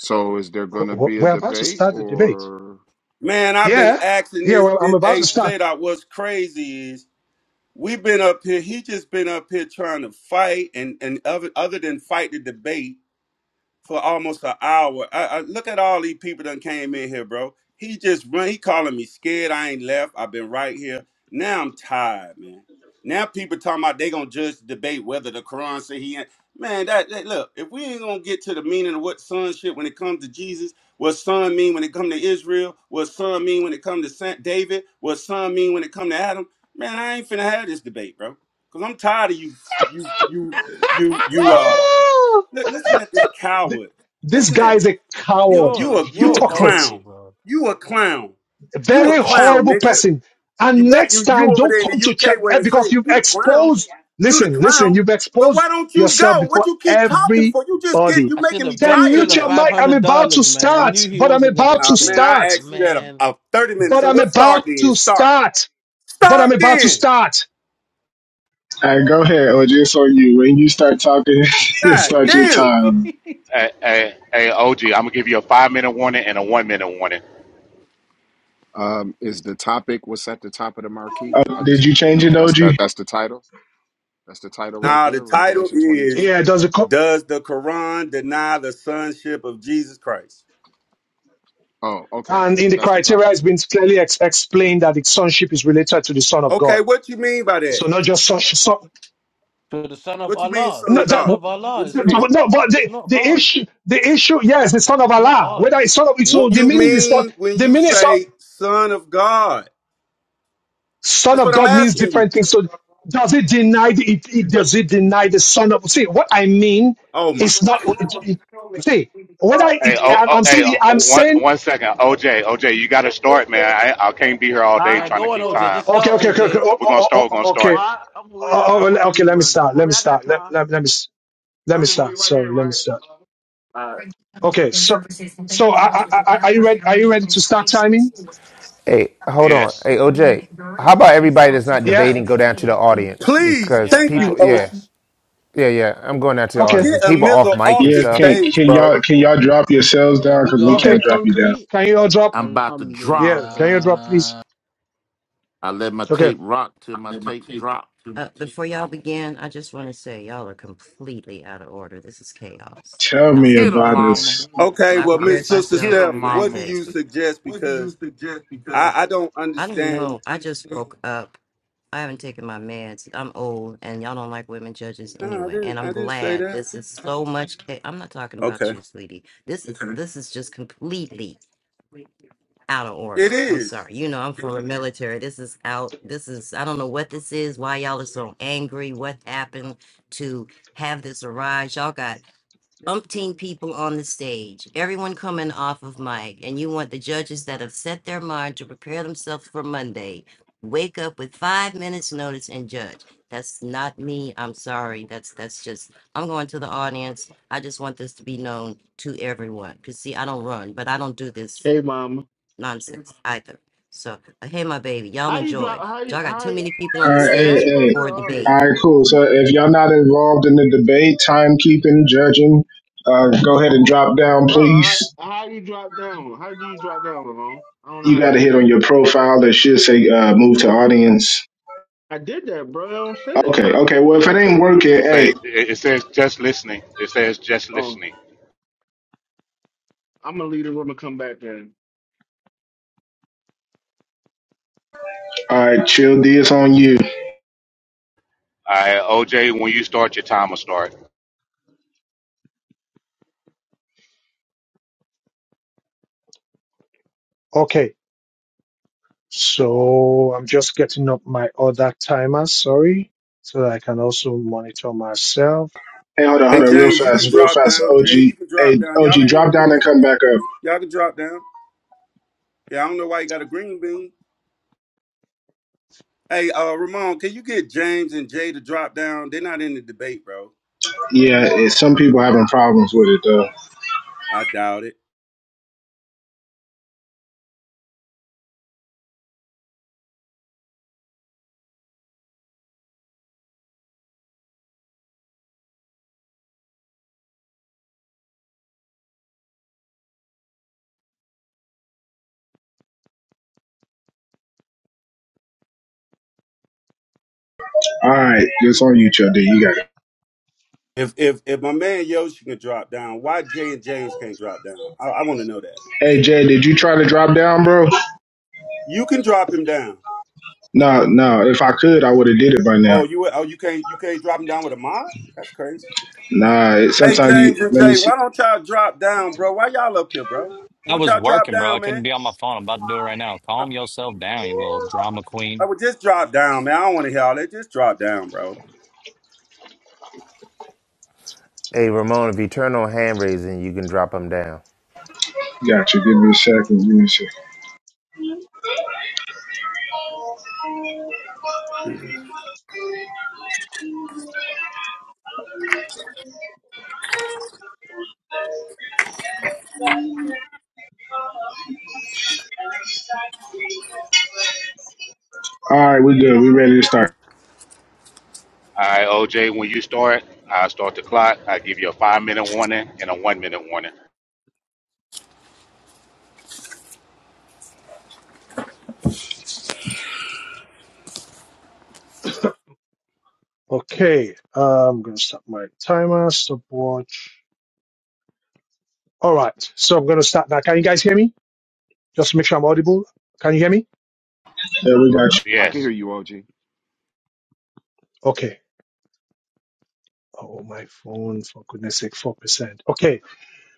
Speaker 20: So is there going
Speaker 1: W-
Speaker 20: to
Speaker 1: w-
Speaker 20: be a
Speaker 1: We're about to
Speaker 20: debate
Speaker 1: start the debate.
Speaker 20: or?
Speaker 6: man. I've been
Speaker 1: Yeah,
Speaker 6: asking
Speaker 1: yeah,
Speaker 6: this.
Speaker 1: well, I'm
Speaker 6: this
Speaker 1: about to
Speaker 6: hey
Speaker 1: start.
Speaker 6: Zadok, what's crazy is we been up here. He just been up here trying to fight and and other other than fight the debate. for almost an hour. I, I look at all these people that came in here, bro. He just run. He calling me scared. I ain't left. I've been right here. Now I'm tired, man. Now people talking about they gonna judge the debate whether the Quran say he ain't. Man, that, that look. If we ain't gonna get to the meaning of what son shit when it comes to Jesus, what son mean when it come to Israel, what son mean when it come to Saint David, what son mean when it come to Adam. Man, I ain't finna have this debate, bro. Cause I'm tired of you, you, you, you, you. uh,
Speaker 1: Ah!
Speaker 6: Li- listen at this
Speaker 1: Th-
Speaker 6: coward.
Speaker 1: This
Speaker 6: Listen
Speaker 1: guy
Speaker 6: at it.
Speaker 1: is a
Speaker 6: You
Speaker 1: coward,
Speaker 6: you
Speaker 14: You're
Speaker 6: a you a
Speaker 14: you're
Speaker 1: hypocrite.
Speaker 14: horrible,
Speaker 6: clown.
Speaker 14: bro.
Speaker 6: You a clown.
Speaker 1: A
Speaker 6: You a
Speaker 1: very
Speaker 6: clown,
Speaker 1: horrible
Speaker 6: nigga.
Speaker 1: person.
Speaker 6: You
Speaker 1: And
Speaker 6: better
Speaker 1: next
Speaker 6: you
Speaker 1: time,
Speaker 6: you over
Speaker 1: don't
Speaker 6: there in
Speaker 1: come
Speaker 6: the
Speaker 1: to church
Speaker 6: UK where
Speaker 1: eh,
Speaker 6: it's
Speaker 1: because
Speaker 6: safe.
Speaker 1: you've
Speaker 6: You the clown.
Speaker 1: exposed,
Speaker 6: You the
Speaker 1: listen, listen,
Speaker 6: clown.
Speaker 1: you've
Speaker 6: Well, why
Speaker 1: exposed
Speaker 6: don't you
Speaker 1: yourself
Speaker 6: go? What
Speaker 1: before
Speaker 6: you keep talking for? You just get
Speaker 1: everybody.
Speaker 6: you
Speaker 14: I should
Speaker 6: making me
Speaker 14: have bet
Speaker 1: Then
Speaker 6: tired
Speaker 1: mute
Speaker 14: Triller
Speaker 1: your
Speaker 6: now.
Speaker 14: five
Speaker 1: mic. I'm
Speaker 14: hundred
Speaker 1: about to
Speaker 14: dollars, man. I knew
Speaker 1: start,
Speaker 14: he
Speaker 1: but I'm
Speaker 14: wasn't gonna
Speaker 1: about to
Speaker 6: Uh, man,
Speaker 14: debate,
Speaker 6: I
Speaker 1: start,
Speaker 6: asked you that a,
Speaker 14: man.
Speaker 6: a 30 minutes.
Speaker 1: but
Speaker 6: So
Speaker 1: I'm
Speaker 6: what start
Speaker 1: about
Speaker 6: then?
Speaker 1: to
Speaker 6: Start.
Speaker 1: start, but
Speaker 6: Start
Speaker 1: I'm about to
Speaker 6: then.
Speaker 1: start.
Speaker 3: All right, go ahead, OG. It's on you. When you start talking, you
Speaker 6: God
Speaker 3: start your
Speaker 6: damn.
Speaker 3: time.
Speaker 18: Hey, hey, hey, OG, I'm gonna give you a five minute warning and a one minute warning.
Speaker 20: Um, is the topic what's at the top of the marquee? I just
Speaker 3: Did you
Speaker 20: need to
Speaker 3: change
Speaker 20: know.
Speaker 3: it,
Speaker 20: That's
Speaker 3: OG?
Speaker 20: that. That's the title. That's the title right
Speaker 6: Now the
Speaker 20: there.
Speaker 6: title
Speaker 20: Revelation twenty
Speaker 6: is
Speaker 20: two.
Speaker 1: Yeah, does it co-
Speaker 6: Does the Quran deny the sonship of Jesus Christ?
Speaker 20: Oh, okay.
Speaker 1: and in the
Speaker 20: That's the
Speaker 1: criteria,
Speaker 20: topic.
Speaker 1: it's been clearly ex- explained that the sonship is related to the Son of
Speaker 6: Okay,
Speaker 1: God.
Speaker 6: what you mean by that?
Speaker 1: So not just sonship.
Speaker 14: To the son of
Speaker 6: What you mean,
Speaker 14: Allah,
Speaker 6: son
Speaker 14: the
Speaker 1: No,
Speaker 6: of
Speaker 1: that,
Speaker 14: son
Speaker 6: God?
Speaker 1: no,
Speaker 14: of Allah.
Speaker 6: What you
Speaker 14: It's not.
Speaker 6: mean?
Speaker 1: no, but
Speaker 14: It's
Speaker 1: the,
Speaker 14: not
Speaker 1: the
Speaker 14: hard.
Speaker 1: issue, the issue, yes, the son of
Speaker 14: It's not
Speaker 1: Allah.
Speaker 14: hard.
Speaker 1: Whether it's son of, so
Speaker 6: What
Speaker 1: the
Speaker 6: you
Speaker 1: meaning is
Speaker 6: mean
Speaker 1: not,
Speaker 6: when
Speaker 1: the
Speaker 6: you
Speaker 1: meaning of
Speaker 6: say son of God?
Speaker 1: son
Speaker 6: That's what
Speaker 1: of
Speaker 6: I'm
Speaker 1: God means
Speaker 6: asking you.
Speaker 1: different things. So does it deny the, it, it- does it deny the son of, see, what I mean
Speaker 6: Oh my.
Speaker 1: is not, it, it- see, whether
Speaker 18: Hey,
Speaker 1: it,
Speaker 18: oh,
Speaker 1: I'm,
Speaker 18: oh
Speaker 1: I'm
Speaker 18: hey,
Speaker 1: saying, I'm
Speaker 18: oh, one
Speaker 1: saying,
Speaker 18: one second, OJ, OJ, you gotta start, man. I, I can't be here all day
Speaker 14: Yeah,
Speaker 21: Huh?
Speaker 18: trying to
Speaker 14: go on,
Speaker 18: keep
Speaker 14: OJ.
Speaker 18: time.
Speaker 14: Just
Speaker 1: okay,
Speaker 14: start,
Speaker 1: okay, okay, okay,
Speaker 14: OJ.
Speaker 1: oh,
Speaker 18: If we're
Speaker 1: oh,
Speaker 18: gonna start,
Speaker 1: oh,
Speaker 18: we're gonna
Speaker 1: oh, okay,
Speaker 18: start.
Speaker 21: Well, I, I'm gonna wait.
Speaker 1: oh,
Speaker 21: I
Speaker 1: oh,
Speaker 21: gotta wait
Speaker 1: le- okay, let me
Speaker 21: anyway.
Speaker 1: start,
Speaker 21: I
Speaker 1: let
Speaker 21: mean,
Speaker 1: me
Speaker 21: I got
Speaker 1: start, let,
Speaker 21: time,
Speaker 1: let, let me, s-
Speaker 21: but
Speaker 1: let
Speaker 21: I
Speaker 1: me
Speaker 21: just
Speaker 1: start,
Speaker 21: wait right here,
Speaker 1: sorry, let me
Speaker 21: right?
Speaker 1: start.
Speaker 21: Uh,
Speaker 1: Okay, so, so I, I, I, are you ready, are you ready to start timing?
Speaker 22: Hey, hold on.
Speaker 18: Yes.
Speaker 22: Hey, OJ, how about everybody that's not
Speaker 1: Yeah?
Speaker 22: debating go down to the audience
Speaker 6: Please,
Speaker 22: because
Speaker 14: Yeah,
Speaker 6: thank you,
Speaker 22: people,
Speaker 14: facts,
Speaker 22: yeah,
Speaker 6: Oshi.
Speaker 14: facts.
Speaker 22: yeah, yeah. I'm going down to the
Speaker 1: Okay.
Speaker 22: audience because
Speaker 6: Get a
Speaker 22: people off
Speaker 6: missile
Speaker 22: mic
Speaker 6: off
Speaker 22: and
Speaker 6: the
Speaker 3: Yeah.
Speaker 22: stuff.
Speaker 3: Can
Speaker 6: stage,
Speaker 3: can
Speaker 6: bro.
Speaker 3: y'all can y'all drop yourselves
Speaker 14: Yeah,
Speaker 3: down?
Speaker 14: we
Speaker 3: Cause
Speaker 14: go
Speaker 3: we
Speaker 14: on by
Speaker 3: can't
Speaker 1: Okay.
Speaker 3: drop you down.
Speaker 14: concrete.
Speaker 1: Can you all drop?
Speaker 15: I'm about to
Speaker 1: Yeah.
Speaker 15: drop.
Speaker 1: Can you drop, please?
Speaker 14: Alhamdulillah.
Speaker 15: I let my
Speaker 1: Okay.
Speaker 15: tape rock till my tape drop.
Speaker 19: Uh, before y'all begin, I just want to say y'all are completely out of order. This is chaos.
Speaker 3: Tell
Speaker 19: Y'all
Speaker 3: me
Speaker 19: said
Speaker 15: Get 'em,
Speaker 3: about
Speaker 19: Monday.
Speaker 15: mama.
Speaker 3: us.
Speaker 6: Okay,
Speaker 19: I
Speaker 6: well,
Speaker 19: prepared
Speaker 6: Miss Sister
Speaker 19: myself
Speaker 15: Get 'em,
Speaker 19: for
Speaker 6: Steph, what do
Speaker 15: mama.
Speaker 19: Monday.
Speaker 6: you suggest? Because I, I don't
Speaker 19: I don't
Speaker 6: understand.
Speaker 19: know. I just broke up. I haven't taken my meds. I'm old, and y'all don't like women judges
Speaker 6: No, I
Speaker 19: anyway. And
Speaker 6: didn't I
Speaker 19: I'm
Speaker 6: didn't say
Speaker 19: glad
Speaker 6: that.
Speaker 19: this is so much. ca- I'm not talking about
Speaker 6: Okay.
Speaker 19: you, sweetie. This is this is just completely out of
Speaker 6: It
Speaker 19: order. I'm
Speaker 6: is.
Speaker 19: sorry. You know, I'm from the military. This is out. This is. I don't know what this is. Why y'all are so angry? What happened to have this arise? Y'all got umpteen people on the stage, everyone coming off of mic, and you want the judges that have set their mind to prepare themselves for Monday, wake up with five minutes notice and judge. That's not me. I'm sorry. That's that's just I'm going to the audience. I just want this to be known to everyone. Cause see, I don't run, but I don't do this
Speaker 21: hey, mama,
Speaker 19: nonsense either. So uh, hey my baby, y'all
Speaker 21: how you
Speaker 19: enjoy.
Speaker 21: drop? How you
Speaker 19: Y'all got
Speaker 21: how?
Speaker 19: too
Speaker 21: you-
Speaker 19: many people on
Speaker 3: All
Speaker 19: the
Speaker 3: right,
Speaker 21: Yeah, how
Speaker 19: stage
Speaker 21: you go
Speaker 3: hey,
Speaker 21: to
Speaker 19: for
Speaker 21: the
Speaker 19: a debate.
Speaker 3: All
Speaker 21: audience,
Speaker 3: right, cool. So if y'all not involved in the debate, timekeeping, judging, uh, go ahead and drop down,
Speaker 21: bro?
Speaker 3: please.
Speaker 21: How, how you drop down? How do you drop down, Ramon? I don't know
Speaker 3: You
Speaker 21: how
Speaker 3: got
Speaker 21: you
Speaker 3: to
Speaker 21: do
Speaker 3: hit on
Speaker 21: that.
Speaker 3: your profile that should say uh, "Move to Audience."
Speaker 21: I did that, bro. I don't say that.
Speaker 3: Okay, okay.
Speaker 21: I
Speaker 3: Well, if it
Speaker 21: don't
Speaker 3: ain't
Speaker 21: say.
Speaker 3: working,
Speaker 18: It says
Speaker 3: hey,
Speaker 18: it it says just listening. It says just
Speaker 21: Oh,
Speaker 18: listening.
Speaker 21: I'm gonna leave the room and come back then.
Speaker 3: all right, chill. D, it's on you.
Speaker 18: All right, OJ, when you start, your timer start.
Speaker 1: Okay. So I'm just getting up my other timer. Sorry. So that I can also monitor myself.
Speaker 3: Hey, hold on,
Speaker 6: Hey
Speaker 3: hold on, real
Speaker 6: James, you can
Speaker 3: fast,
Speaker 1: Bring-
Speaker 3: real
Speaker 6: drop
Speaker 3: fast.
Speaker 6: down.
Speaker 3: OG,
Speaker 6: Jay, you can drop
Speaker 3: hey,
Speaker 6: down.
Speaker 3: OG,
Speaker 6: Y'all ain't in
Speaker 3: drop
Speaker 6: the
Speaker 3: down and
Speaker 6: debate.
Speaker 3: come back up.
Speaker 6: Y'all can drop down. Yeah, I don't know why you got a green bean. Hey, uh, Ramon, can you get James and Jay to drop down? They're not in the debate, bro.
Speaker 3: Yeah, it, some people having problems with it though.
Speaker 6: I doubt it.
Speaker 3: All right, it's on you, Chill D. You got it.
Speaker 6: If if if my man Yoshi can drop down, why Jay and James can't drop down? I, I want to know that.
Speaker 3: Hey, Jay, did you try to drop down, bro?
Speaker 6: You can drop him down.
Speaker 3: No, no. If I could, I would have did it by now.
Speaker 6: Oh, you oh you can't you can't drop him down with a mod? That's crazy.
Speaker 3: Nah, it-
Speaker 6: Hey,
Speaker 3: sometimes you
Speaker 6: James and
Speaker 3: let me
Speaker 6: Jay,
Speaker 3: see.
Speaker 6: why don't y'all drop down, bro? Why y'all up here, bro? Why
Speaker 11: I
Speaker 6: don't
Speaker 11: was
Speaker 6: y'all drop
Speaker 11: working, bro. I
Speaker 6: down,
Speaker 11: couldn't
Speaker 6: man?
Speaker 11: be on my phone. I'm about to do it right now.
Speaker 6: I,
Speaker 11: Calm yourself down, you little drama queen.
Speaker 6: I would just drop down, man. I don't want to hear all that. Just drop down, bro.
Speaker 22: Hey, Ramon, if you turn on hand raising, you can drop them down.
Speaker 3: Got you. Give me a second. Give me a second. All right, we good. We ready to start.
Speaker 18: All right, OJ, when you start, I start the clock. I give you a five minute warning and a one minute warning.
Speaker 1: Okay. Uh, I'm going to start my timer, stopwatch. All right. So I'm going to start now. Can you guys hear me? Just make sure I'm audible. Can you hear me?
Speaker 3: Yeah, we got you.
Speaker 20: I can
Speaker 18: Yes,
Speaker 20: hear you, OG.
Speaker 1: Okay. Oh, my phone, for goodness sake, 4%. Okay.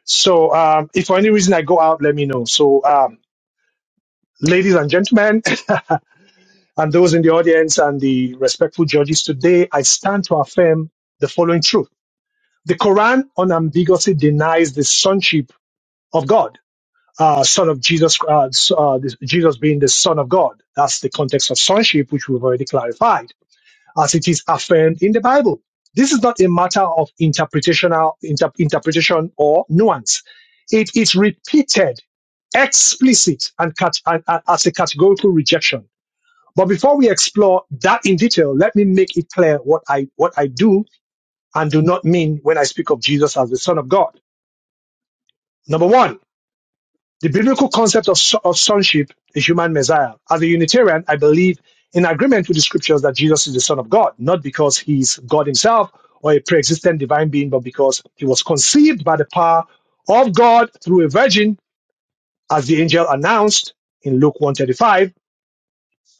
Speaker 1: So, um, if for any reason I go out, let me know. So, um, ladies and gentlemen, And those in the audience and the respectful judges today, I stand to affirm the following truth. The Quran unambiguously denies the sonship of God, uh, son of Jesus, uh, s- uh, this- Jesus being the son of God. That's the context of sonship, which we've already clarified, as it is affirmed in the Bible. This is not a matter of interpretational inter- interpretation or nuance. It is repeated, explicit, and, cat- and and as a categorical rejection but before we explore that in detail, let me make it clear what I, what I do and do not mean when I speak of Jesus as the Son of God. Number one, the biblical concept of, so- of sonship is human messiah. As a Unitarian, I believe in agreement with the scriptures that Jesus is the Son of God, not because he's God himself or a pre-existent divine being, but because he was conceived by the power of God through a virgin, as the angel announced in Luke one thirty five.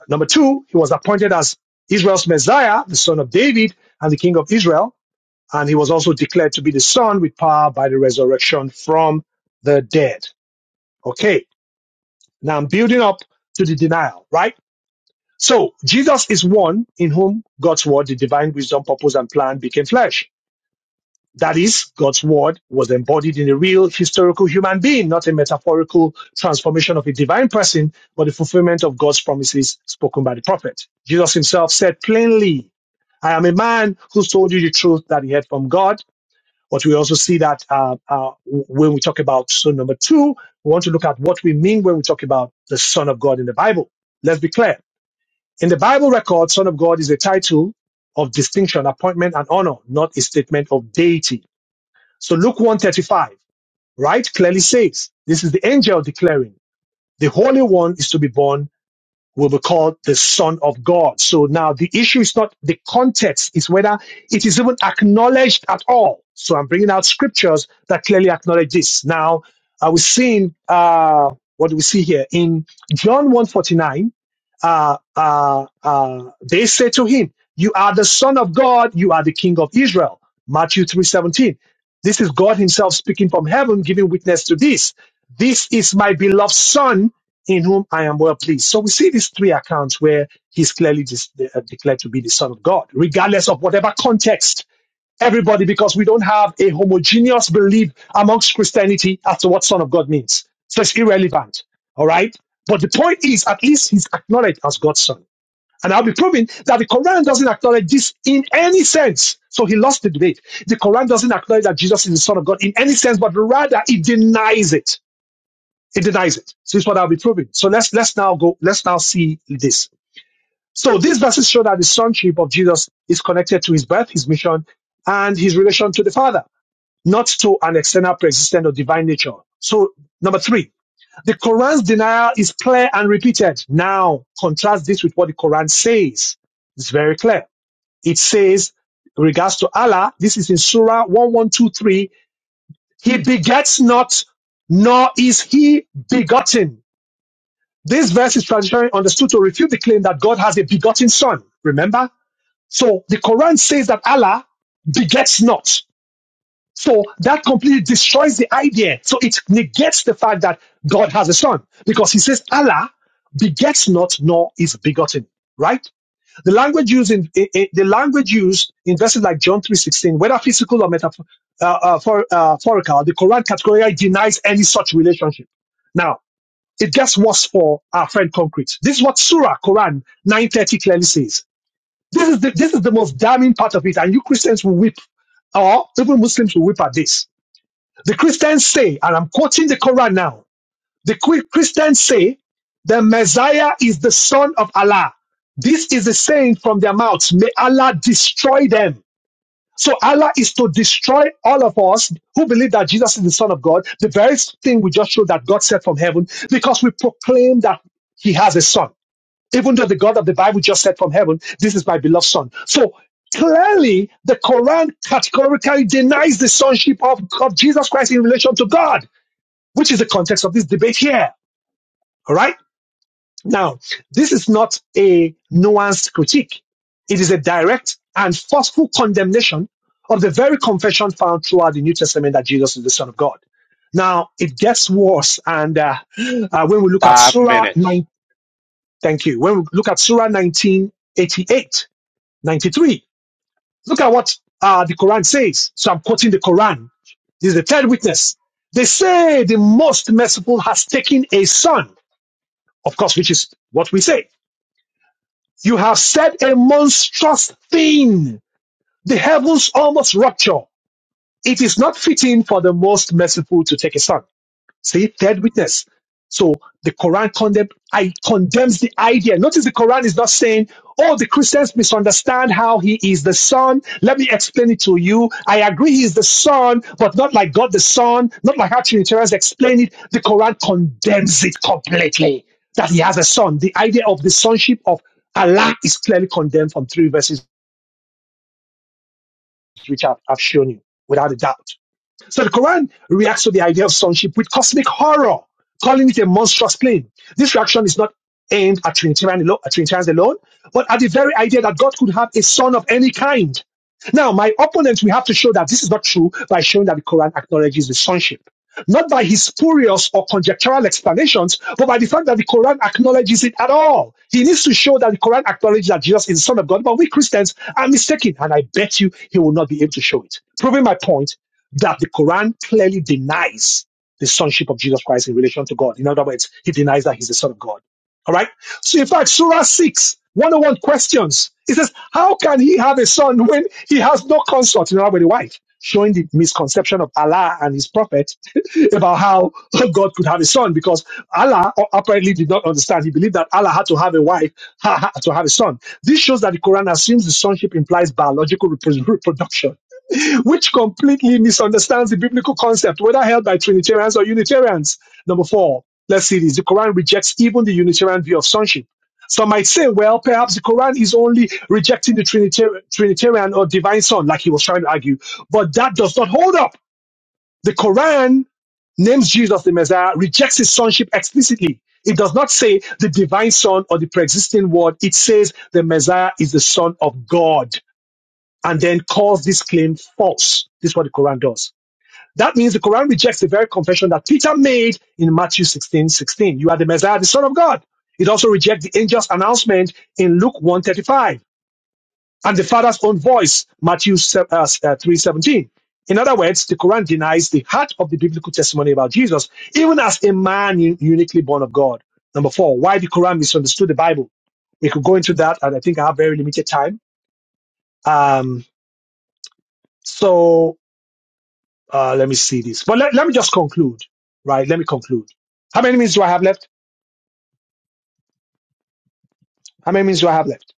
Speaker 1: Number two, he was appointed as Israel's Messiah, the son of David and the king of Israel. And he was also declared to be the son with power by the resurrection from the dead. Okay. Now I'm building up to the denial, right? So Jesus is one in whom God's word, the divine wisdom, purpose, and plan became flesh. That is, God's word was embodied in a real historical human being, not a metaphorical transformation of a divine person, but the fulfillment of God's promises spoken by the prophet. Jesus himself said plainly, I am a man who's told you the truth that he heard from God. But we also see that uh, uh, when we talk about son number two, we want to look at what we mean when we talk about the Son of God in the Bible. Let's be clear. In the Bible record, Son of God is a title of distinction, appointment, and honor, not a statement of deity. So Luke 135, right, clearly says, this is the angel declaring, the Holy One is to be born, will be called the Son of God. So now the issue is not the context, it's whether it is even acknowledged at all. So I'm bringing out scriptures that clearly acknowledge this. Now, I was seeing, uh, what do we see here? In John 149, uh, uh, uh, they say to him, you are the son of God, you are the king of Israel. Matthew 3:17. This is God Himself speaking from heaven, giving witness to this. This is my beloved Son in whom I am well pleased. So we see these three accounts where He's clearly dis- de- uh, declared to be the Son of God, regardless of whatever context. Everybody, because we don't have a homogeneous belief amongst Christianity as to what Son of God means. So it's irrelevant. All right. But the point is, at least He's acknowledged as God's Son. And I'll be proving that the Quran doesn't acknowledge this in any sense. So he lost the debate. The Quran doesn't acknowledge that Jesus is the Son of God in any sense, but rather it denies it. It denies it. So this is what I'll be proving. So let's let's now go, let's now see this. So these verses show that the sonship of Jesus is connected to his birth, his mission, and his relation to the Father, not to an external pre-existent or divine nature. So number three, the Quran's denial is clear and repeated. Now contrast this with what the Quran says. It's very clear it says, in regards to Allah, this is in Surah 1123, He begets not, nor is He begotten. This verse is traditionally understood to refute the claim that God has a begotten son. Remember? So the Quran says that Allah begets not. So that completely destroys the idea. So it negates the fact that God has a son because he says Allah begets not nor is begotten, right? The language used in i- i- the language used in verses like John three sixteen, whether physical or metaphor, uh, uh, uh, metaphorical, the Quran categorically denies any such relationship. Now it gets worse for our friend concrete. This is what Surah Quran nine thirty clearly says. This is the, this is the most damning part of it, and you Christians will weep, or even Muslims will weep at this. The Christians say, and I'm quoting the Quran now. The Chri- Christians say the Messiah is the son of Allah. This is the saying from their mouths. May Allah destroy them. So Allah is to destroy all of us who believe that Jesus is the son of God. The very thing we just showed that God said from heaven because we proclaim that he has a son. Even though the God of the Bible just said from heaven, this is my beloved son. So clearly the Quran categorically denies the sonship of, of Jesus Christ in relation to God, which is the context of this debate here. All right. Now, this is not a nuanced critique. It is a direct and forceful condemnation of the very confession found throughout the New Testament that Jesus is the Son of God. Now, it gets worse. And uh, uh, when we look at
Speaker 18: five
Speaker 1: Surah
Speaker 18: minutes.
Speaker 1: 9, thank you. When we look at Surah 1988, 93, look at what uh, the Quran says. So I'm quoting the Quran. This is the third witness. They say the most merciful has taken a son, of course, which is what we say You have said a monstrous thing. The heavens almost rupture. It is not fitting for the most merciful to take a son. See, third witness. So the Quran condemn, I condemns the idea. Notice the Quran is not saying, oh, the Christians misunderstand how he is the son. Let me explain it to you. I agree he is the son, but not like God the son, not like how Trinitarians explain it. The Quran condemns it completely that he has a son. The idea of the sonship of Allah is clearly condemned from three verses which I've, I've shown you without a doubt. So the Quran reacts to the idea of sonship with cosmic horror, calling it a monstrous claim. This reaction is not aimed at Trinitarian alo- at Trinitarians alone, but at the very idea that God could have a son of any kind. Now, my opponent will have to show that this is not true by showing that the Quran acknowledges the sonship. Not by his spurious or conjectural explanations, but by the fact that the Quran acknowledges it at all. He needs to show that the Quran acknowledges that Jesus is the Son of God, but we Christians are mistaken, and I bet you he will not be able to show it. Proving my point, that the Quran clearly denies the sonship of Jesus Christ in relation to God. In other words, he denies that he's the son of God. All right. So in fact, Surah 6, 101 questions. It says, how can he have a son when he has no consort, in other words, a wife? Showing the misconception of Allah and his prophet about how God could have a son because Allah apparently did not understand. He believed that Allah had to have a wife to have a son. This shows that the Quran assumes the sonship implies biological repro- reproduction which completely misunderstands the biblical concept, whether held by Trinitarians or Unitarians. Number four, let's see this. The Quran rejects even the Unitarian view of sonship. Some might say, well, perhaps the Quran is only rejecting the Trinitar- Trinitarian or divine son, like he was trying to argue. But that does not hold up. The Quran names Jesus the Messiah, rejects his sonship explicitly. It does not say the divine son or the pre-existing word. It says the Messiah is the son of God and then calls this claim false. This is what the Quran does. That means the Quran rejects the very confession that Peter made in Matthew 16 16. You are the Messiah, the Son of God. It also rejects the angel's announcement in Luke 135 and the Father's own voice, Matthew 3 seventeen. In other words, the Quran denies the heart of the biblical testimony about Jesus, even as a man uniquely born of God. Number four, why the Quran misunderstood the Bible. We could go into that, and I think I have very limited time. Um, so Uh, let me see this. But let, let me just conclude, right? Let me conclude. How many minutes do I have left? How many minutes do I have left?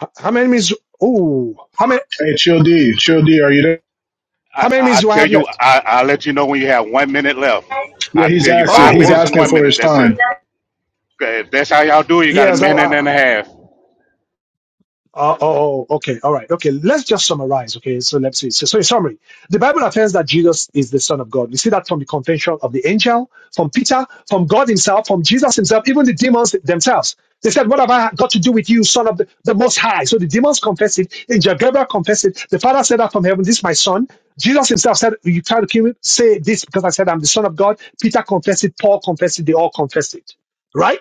Speaker 1: H- How many minutes? Oh, how many?
Speaker 3: Hey, Chill D, Chill D, are you there?
Speaker 18: I,
Speaker 1: How many
Speaker 18: I
Speaker 1: minutes do I
Speaker 18: tell
Speaker 1: have
Speaker 18: you,
Speaker 1: left?
Speaker 18: I, I'll let you know when you have one minute left.
Speaker 3: Yeah,
Speaker 18: I
Speaker 3: he's
Speaker 18: tell you,
Speaker 3: asking.
Speaker 18: five
Speaker 1: Oh,
Speaker 3: He's
Speaker 1: oh
Speaker 18: minutes and
Speaker 3: asking
Speaker 18: one
Speaker 3: for
Speaker 18: minute.
Speaker 3: his
Speaker 18: That's
Speaker 3: time.
Speaker 18: it. 'Kay, If that's how y'all do it, you got a
Speaker 1: yes.
Speaker 18: minute and a half.
Speaker 1: Uh, oh, oh, okay. All right. Okay. Let's just summarize. Okay. So let's see. So, so in summary, the Bible affirms that Jesus is the Son of God. We see that from the confession of the angel, from Peter, from God himself, from Jesus himself, even the demons themselves. They said, What have I got to do with you, Son of the, the Most High? So the demons confessed it. Angel Gabriel confessed it. The Father said that from heaven, This is my Son. Jesus himself said, You try to kill me, say this because I said I'm the Son of God. Peter confessed it. Paul confessed it. They all confessed it. Right?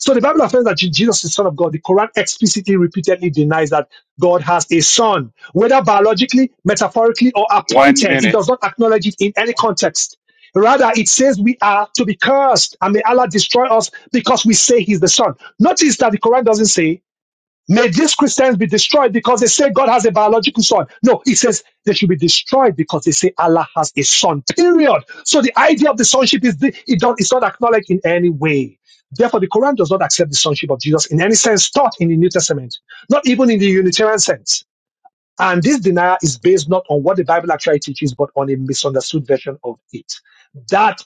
Speaker 1: So the Bible affirms that Jesus is Son of God. The Quran explicitly, repeatedly denies that God has a son, whether biologically, metaphorically, or
Speaker 18: One
Speaker 1: appointed. It
Speaker 18: minute.
Speaker 1: does not acknowledge it in any context. Rather, it says we are to be cursed, and may Allah destroy us because we say He's the Son. Notice that the Quran doesn't say May these Christians be destroyed because they say God has a biological son. No, it says they should be destroyed because they say Allah has a son. Period. So the idea of the sonship is the, it don't, it's not acknowledged in any way. Therefore, the Quran does not accept the sonship of Jesus in any sense taught in the New Testament, not even in the Unitarian sense. And this denial is based not on what the Bible actually teaches, but on a misunderstood version of it. That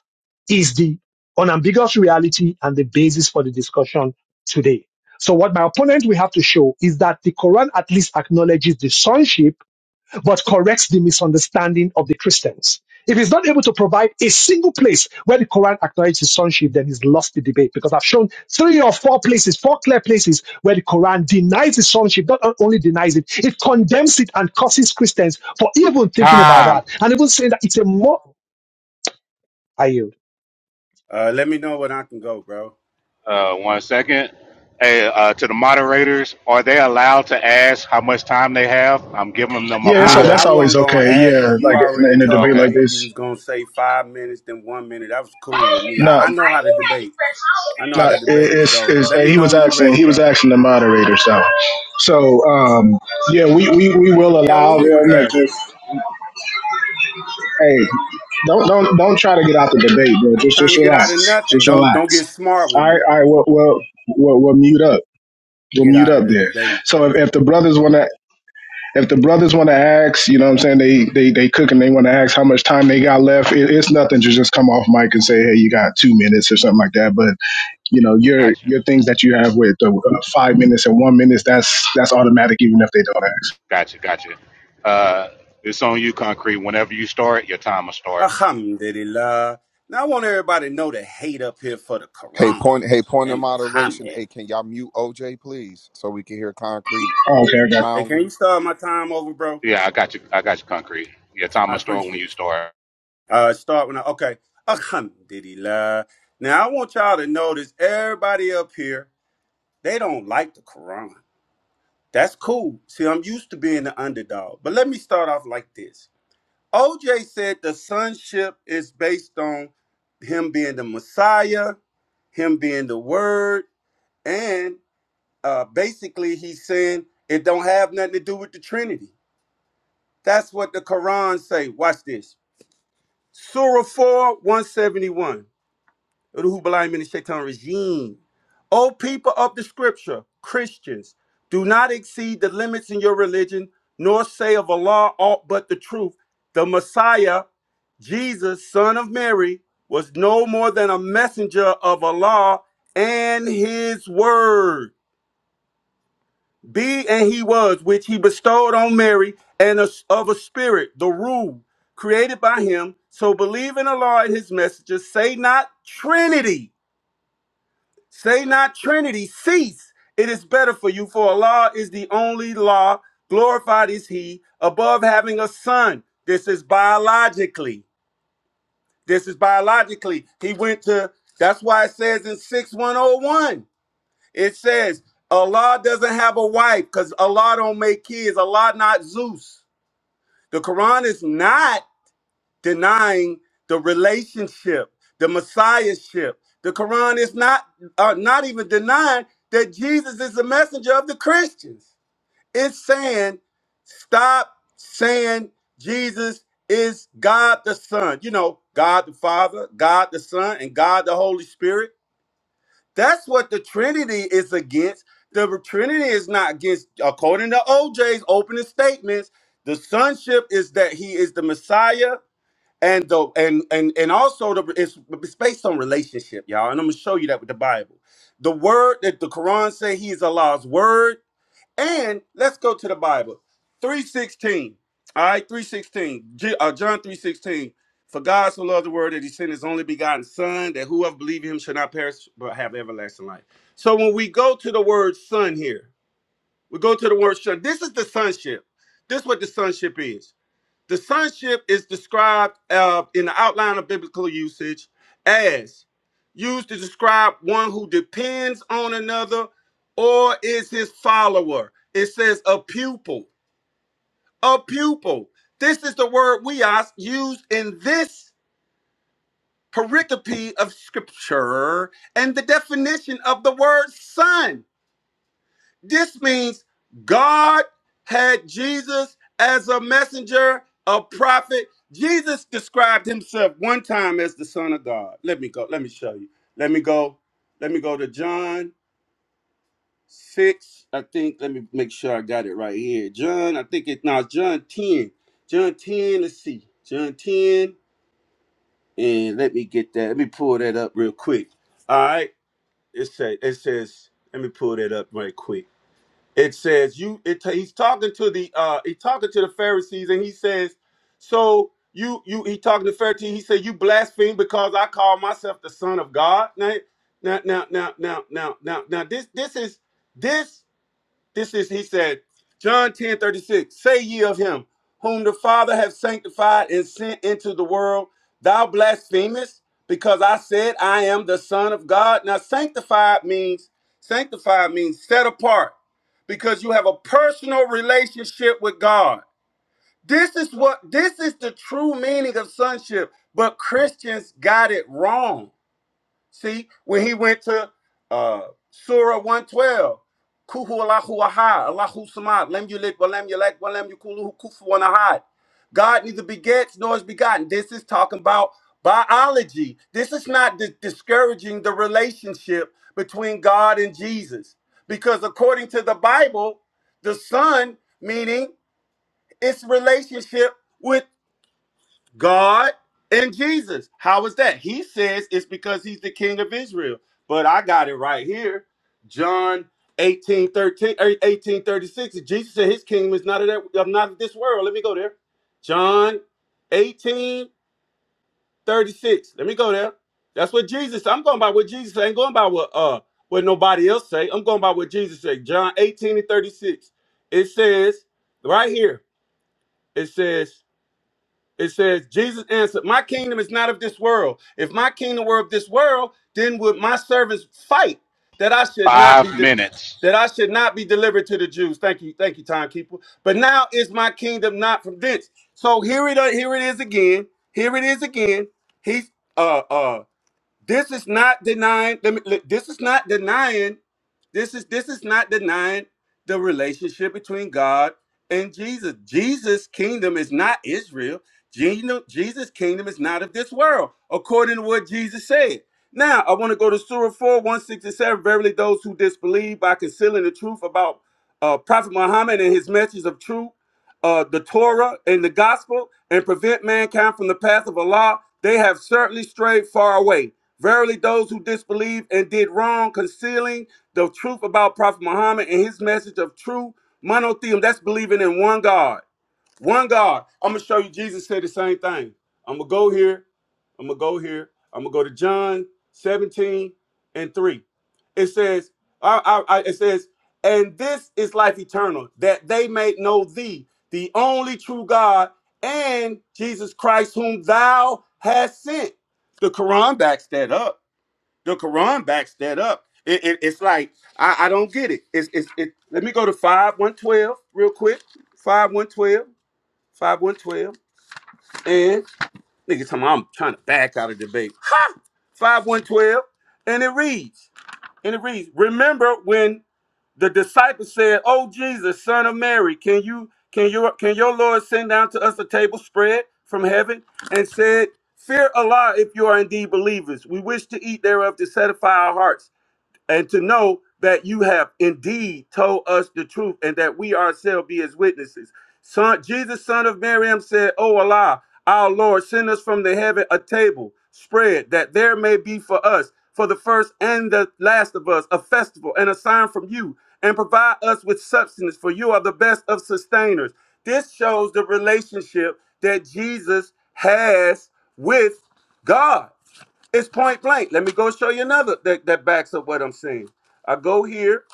Speaker 1: is the unambiguous reality and the basis for the discussion today. So what my opponent will have to show is that the Quran at least acknowledges the sonship but corrects the misunderstanding of the Christians. If he's not able to provide a single place where the Quran acknowledges his sonship, then he's lost the debate because I've shown three or four places, four clear places where the Quran denies his sonship, not only denies it, it condemns it and curses Christians for even thinking about
Speaker 18: Time.
Speaker 1: that and even saying that it's a more. I yield.
Speaker 6: Uh, let me know when I can go, bro.
Speaker 18: Uh, one second. Hey, uh, to the moderators, are they allowed to ask how much time they have? I'm giving them a
Speaker 3: Yeah, so
Speaker 18: five.
Speaker 6: I,
Speaker 3: that's
Speaker 6: I
Speaker 3: always
Speaker 6: wasn't gonna
Speaker 3: okay.
Speaker 6: ask
Speaker 3: Yeah,
Speaker 6: you. You
Speaker 3: like in, a-
Speaker 6: already
Speaker 3: in a debate
Speaker 6: told
Speaker 18: Okay,
Speaker 3: like
Speaker 6: me you
Speaker 3: this.
Speaker 6: was gonna say five minutes, then one minute. That was cool with me.
Speaker 3: No,
Speaker 6: I, I know how to debate. I know how
Speaker 3: no,
Speaker 6: to
Speaker 3: it,
Speaker 6: debate.
Speaker 3: it's,
Speaker 6: So
Speaker 3: it's
Speaker 6: let
Speaker 3: hey,
Speaker 6: me
Speaker 3: he
Speaker 6: know
Speaker 3: was
Speaker 6: when you're
Speaker 3: asking.
Speaker 6: ready,
Speaker 3: He was
Speaker 6: bro.
Speaker 3: asking the moderator. So, so um, yeah, we, we, we will
Speaker 6: Okay, what
Speaker 3: allow
Speaker 6: we
Speaker 3: them.
Speaker 6: was
Speaker 3: If, if,
Speaker 6: asking.
Speaker 3: hey, don't don't don't try to get out the debate, bro.
Speaker 6: I ain't
Speaker 3: Just
Speaker 6: trying
Speaker 3: just
Speaker 6: to get
Speaker 3: relax.
Speaker 6: out of nothing.
Speaker 3: Just
Speaker 6: Don't don't
Speaker 3: relax.
Speaker 6: get smart
Speaker 3: All
Speaker 6: with
Speaker 3: right,
Speaker 6: me.
Speaker 3: all right. Well, well, we'll, we'll mute up. We'll
Speaker 6: Get
Speaker 3: mute
Speaker 6: out of
Speaker 3: up
Speaker 6: the
Speaker 3: there.
Speaker 6: debate.
Speaker 3: So if, if the brothers want to, if the brothers want to ask, you know what I'm saying, they they they cook and they want to ask how much time they got left. It, it's nothing to just come off mic and say, hey, you got two minutes or something like that. But you know, your
Speaker 18: gotcha.
Speaker 3: your things that you have with the uh, five minutes and one minute, that's that's automatic, even if they don't ask.
Speaker 18: Gotcha, gotcha. Uh, it's on you, Concrete. Whenever you start, your time will start.
Speaker 6: Alhamdulillah. Now I want everybody to know the hate up here for the
Speaker 20: Hey,
Speaker 6: Quran
Speaker 20: point. Hey, point of
Speaker 6: and
Speaker 20: moderation.
Speaker 6: Muhammad.
Speaker 20: Hey, can y'all mute OJ, please, so we can hear concrete
Speaker 3: Oh, okay, I got.
Speaker 6: Hey, can
Speaker 20: soundly?
Speaker 6: you start my time over, bro?
Speaker 18: Yeah, I got you. I got you, Concrete. Your time
Speaker 6: I
Speaker 18: will start when
Speaker 6: appreciate it.
Speaker 18: you start.
Speaker 6: Uh, start when I okay. Alhamdulillah. Now I want y'all to notice everybody up here, they don't like the Quran. That's cool. See, I'm used to being the underdog. But let me start off like this. OJ said the sonship is based on him being the Messiah, him being the word, and uh basically he's saying it don't have nothing to do with the Trinity. That's what the Quran say. Watch this. Surah 4, 171. of the Hubbalim and the Shaitan regime. O people of the scripture, Christians, do not exceed the limits in your religion, nor say of Allah aught but the truth. The Messiah, Jesus, son of Mary, was no more than a messenger of Allah and his word. Be and he was, which he bestowed on Mary, and as- of a spirit, the rule created by him. So believe in Allah and his messengers. Say not Trinity Say not Trinity, cease. It is better for you, for Allah is the only law. Glorified is He above having a son. This is biologically. This is biologically. He went to, that's why it says in 6101, it says, Allah doesn't have a wife because Allah don't make kids. Allah not Zeus. The Quran is not denying the relationship, the messiahship. The Quran is not uh, not even denying that Jesus is the messenger of the Christians. It's saying, stop saying Jesus is God the Son. You know, God the Father, God the Son, and God the Holy Spirit. That's what the Trinity is against. The Trinity is not against, according to OJ's opening statements, the sonship is that he is the Messiah, and the and and and also the it's, it's based on relationship, y'all. And I'm gonna show you that with the Bible. The word that the Quran say he is Allah's word, and let's go to the Bible. 316. All right, 316. J- uh, John 316. For God so loved the world that he sent his only begotten son, that whoever believes in him shall not perish but have everlasting life. So when we go to the word son here, we go to the word son. This is the sonship. This is what the sonship is. The sonship is described uh, in the outline of biblical usage as used to describe one who depends on another or is his follower. It says a pupil. A pupil. This is the word we are used in this pericope of scripture and the definition of the word son. This means God had Jesus as a messenger, a prophet. Jesus described himself one time as the Son of God. Let me go. Let me show you. Let me go. Let me go to John 6. I think, let me make sure I got it right here. John, I think it now John 10. John 10, let's see. John 10. And let me get that. Let me pull that up real quick. All right. It says, it says, let me pull that up right quick it says you it ta- he's talking to the uh he talking to the pharisees and he says so you you he talking to pharisees he said you blaspheme because i call myself the son of god now now now now now now now, now this this is this this is, he said, John 10 36. say ye of him, whom the Father hath sanctified and sent into the world, thou blasphemest, because I said, I am the Son of God. Now, sanctified means, sanctified means set apart, because you have a personal relationship with God. This is what, this is the true meaning of sonship, but Christians got it wrong. See, when he went to uh, Surah 112, Kuhu Allahu Ahad, Allahu Samad, Lem Yulit, Walem Yalek, Walem Yukuluhu Kufuwan Ahad. God neither begets nor is begotten. This is talking about biology. This is not dis- discouraging the relationship between God and Jesus. Because according to the Bible, the Son, meaning its relationship with. God and Jesus. How is that? He says it's because he's the king of Israel. But I got it right here. John eighteen thirteen 13, er, 18, thirty-six. Jesus said his kingdom is not of that, of not of this world. Let me go there. John 18 36. Let me go there. That's what Jesus. I'm going by what Jesus say. I ain't going by what uh what nobody else say. I'm going by what Jesus say. John 18 and 36. It says, right here, it says, it says, Jesus answered, My kingdom is not of this world. If my kingdom were of this world, then would my servants fight that I should not be
Speaker 18: Five
Speaker 6: de-
Speaker 18: minutes.
Speaker 6: that I should not be delivered to the Jews. Thank you, thank you, timekeeper. But now is my kingdom not from thence. So here it here it is again. Here it is again. He's uh uh this is not denying. let me- let- This is not denying. This is this is not denying the relationship between God and Jesus. Jesus' kingdom is not Israel. Geno- Jesus' kingdom is not of this world, according to what Jesus said. Now I want to go to Surah 4, 167. Verily, those who disbelieve by concealing the truth about uh, Prophet Muhammad and his message of truth, uh, the Torah and the gospel, and prevent mankind from the path of Allah, they have certainly strayed far away. Verily, those who disbelieved and did wrong, concealing the truth about Prophet Muhammad and his message of true monotheism, that's believing in one God. One God. I'm gonna show you. Jesus said the same thing. I'm gonna go here. I'm gonna go here. I'm gonna go to John 17 and 3. It says, I, I, I- it says, and this is life eternal, that they may know thee, the only true God, and Jesus Christ, whom thou hast sent. The Quran backs that up. The Quran backs that up. It, it- it's like I, I don't get it. It's, it's it. Let me go to five one twelve real quick. Five one twelve. Five one twelve, And nigga talking about I'm trying to back out of debate. Ha! five one twelve, And it reads, and it reads, remember when the disciples said, Oh Jesus, son of Mary, can you can your can your Lord send down to us a table spread from heaven? And said, Fear Allah if you are indeed believers. We wish to eat thereof to satisfy our hearts and to know that you have indeed told us the truth and that we ourselves be as witnesses. Son, Jesus, son of Miriam, said, O Allah, our Lord, send us from the heaven a table spread that there may be for us, for the first and the last of us, a festival and a sign from you, and provide us with substance, for you are the best of sustainers. This shows the relationship that Jesus has with God. It's point blank. Let me go show you another that, that backs up what I'm saying. I go here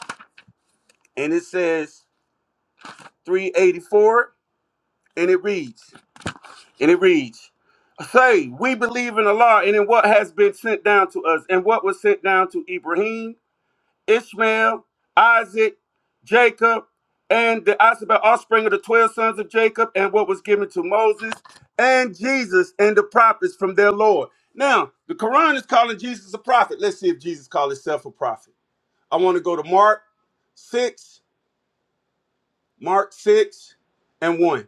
Speaker 6: and it says 384 and it reads, and it reads, say, we believe in Allah and in what has been sent down to us and what was sent down to Ibrahim, Ishmael, Isaac, Jacob, and the Asabel offspring of the 12 sons of Jacob and what was given to Moses and Jesus and the prophets from their Lord. Now, the Quran is calling Jesus a prophet. Let's see if Jesus called himself a prophet. I want to go to Mark 6, Mark 6 and 1.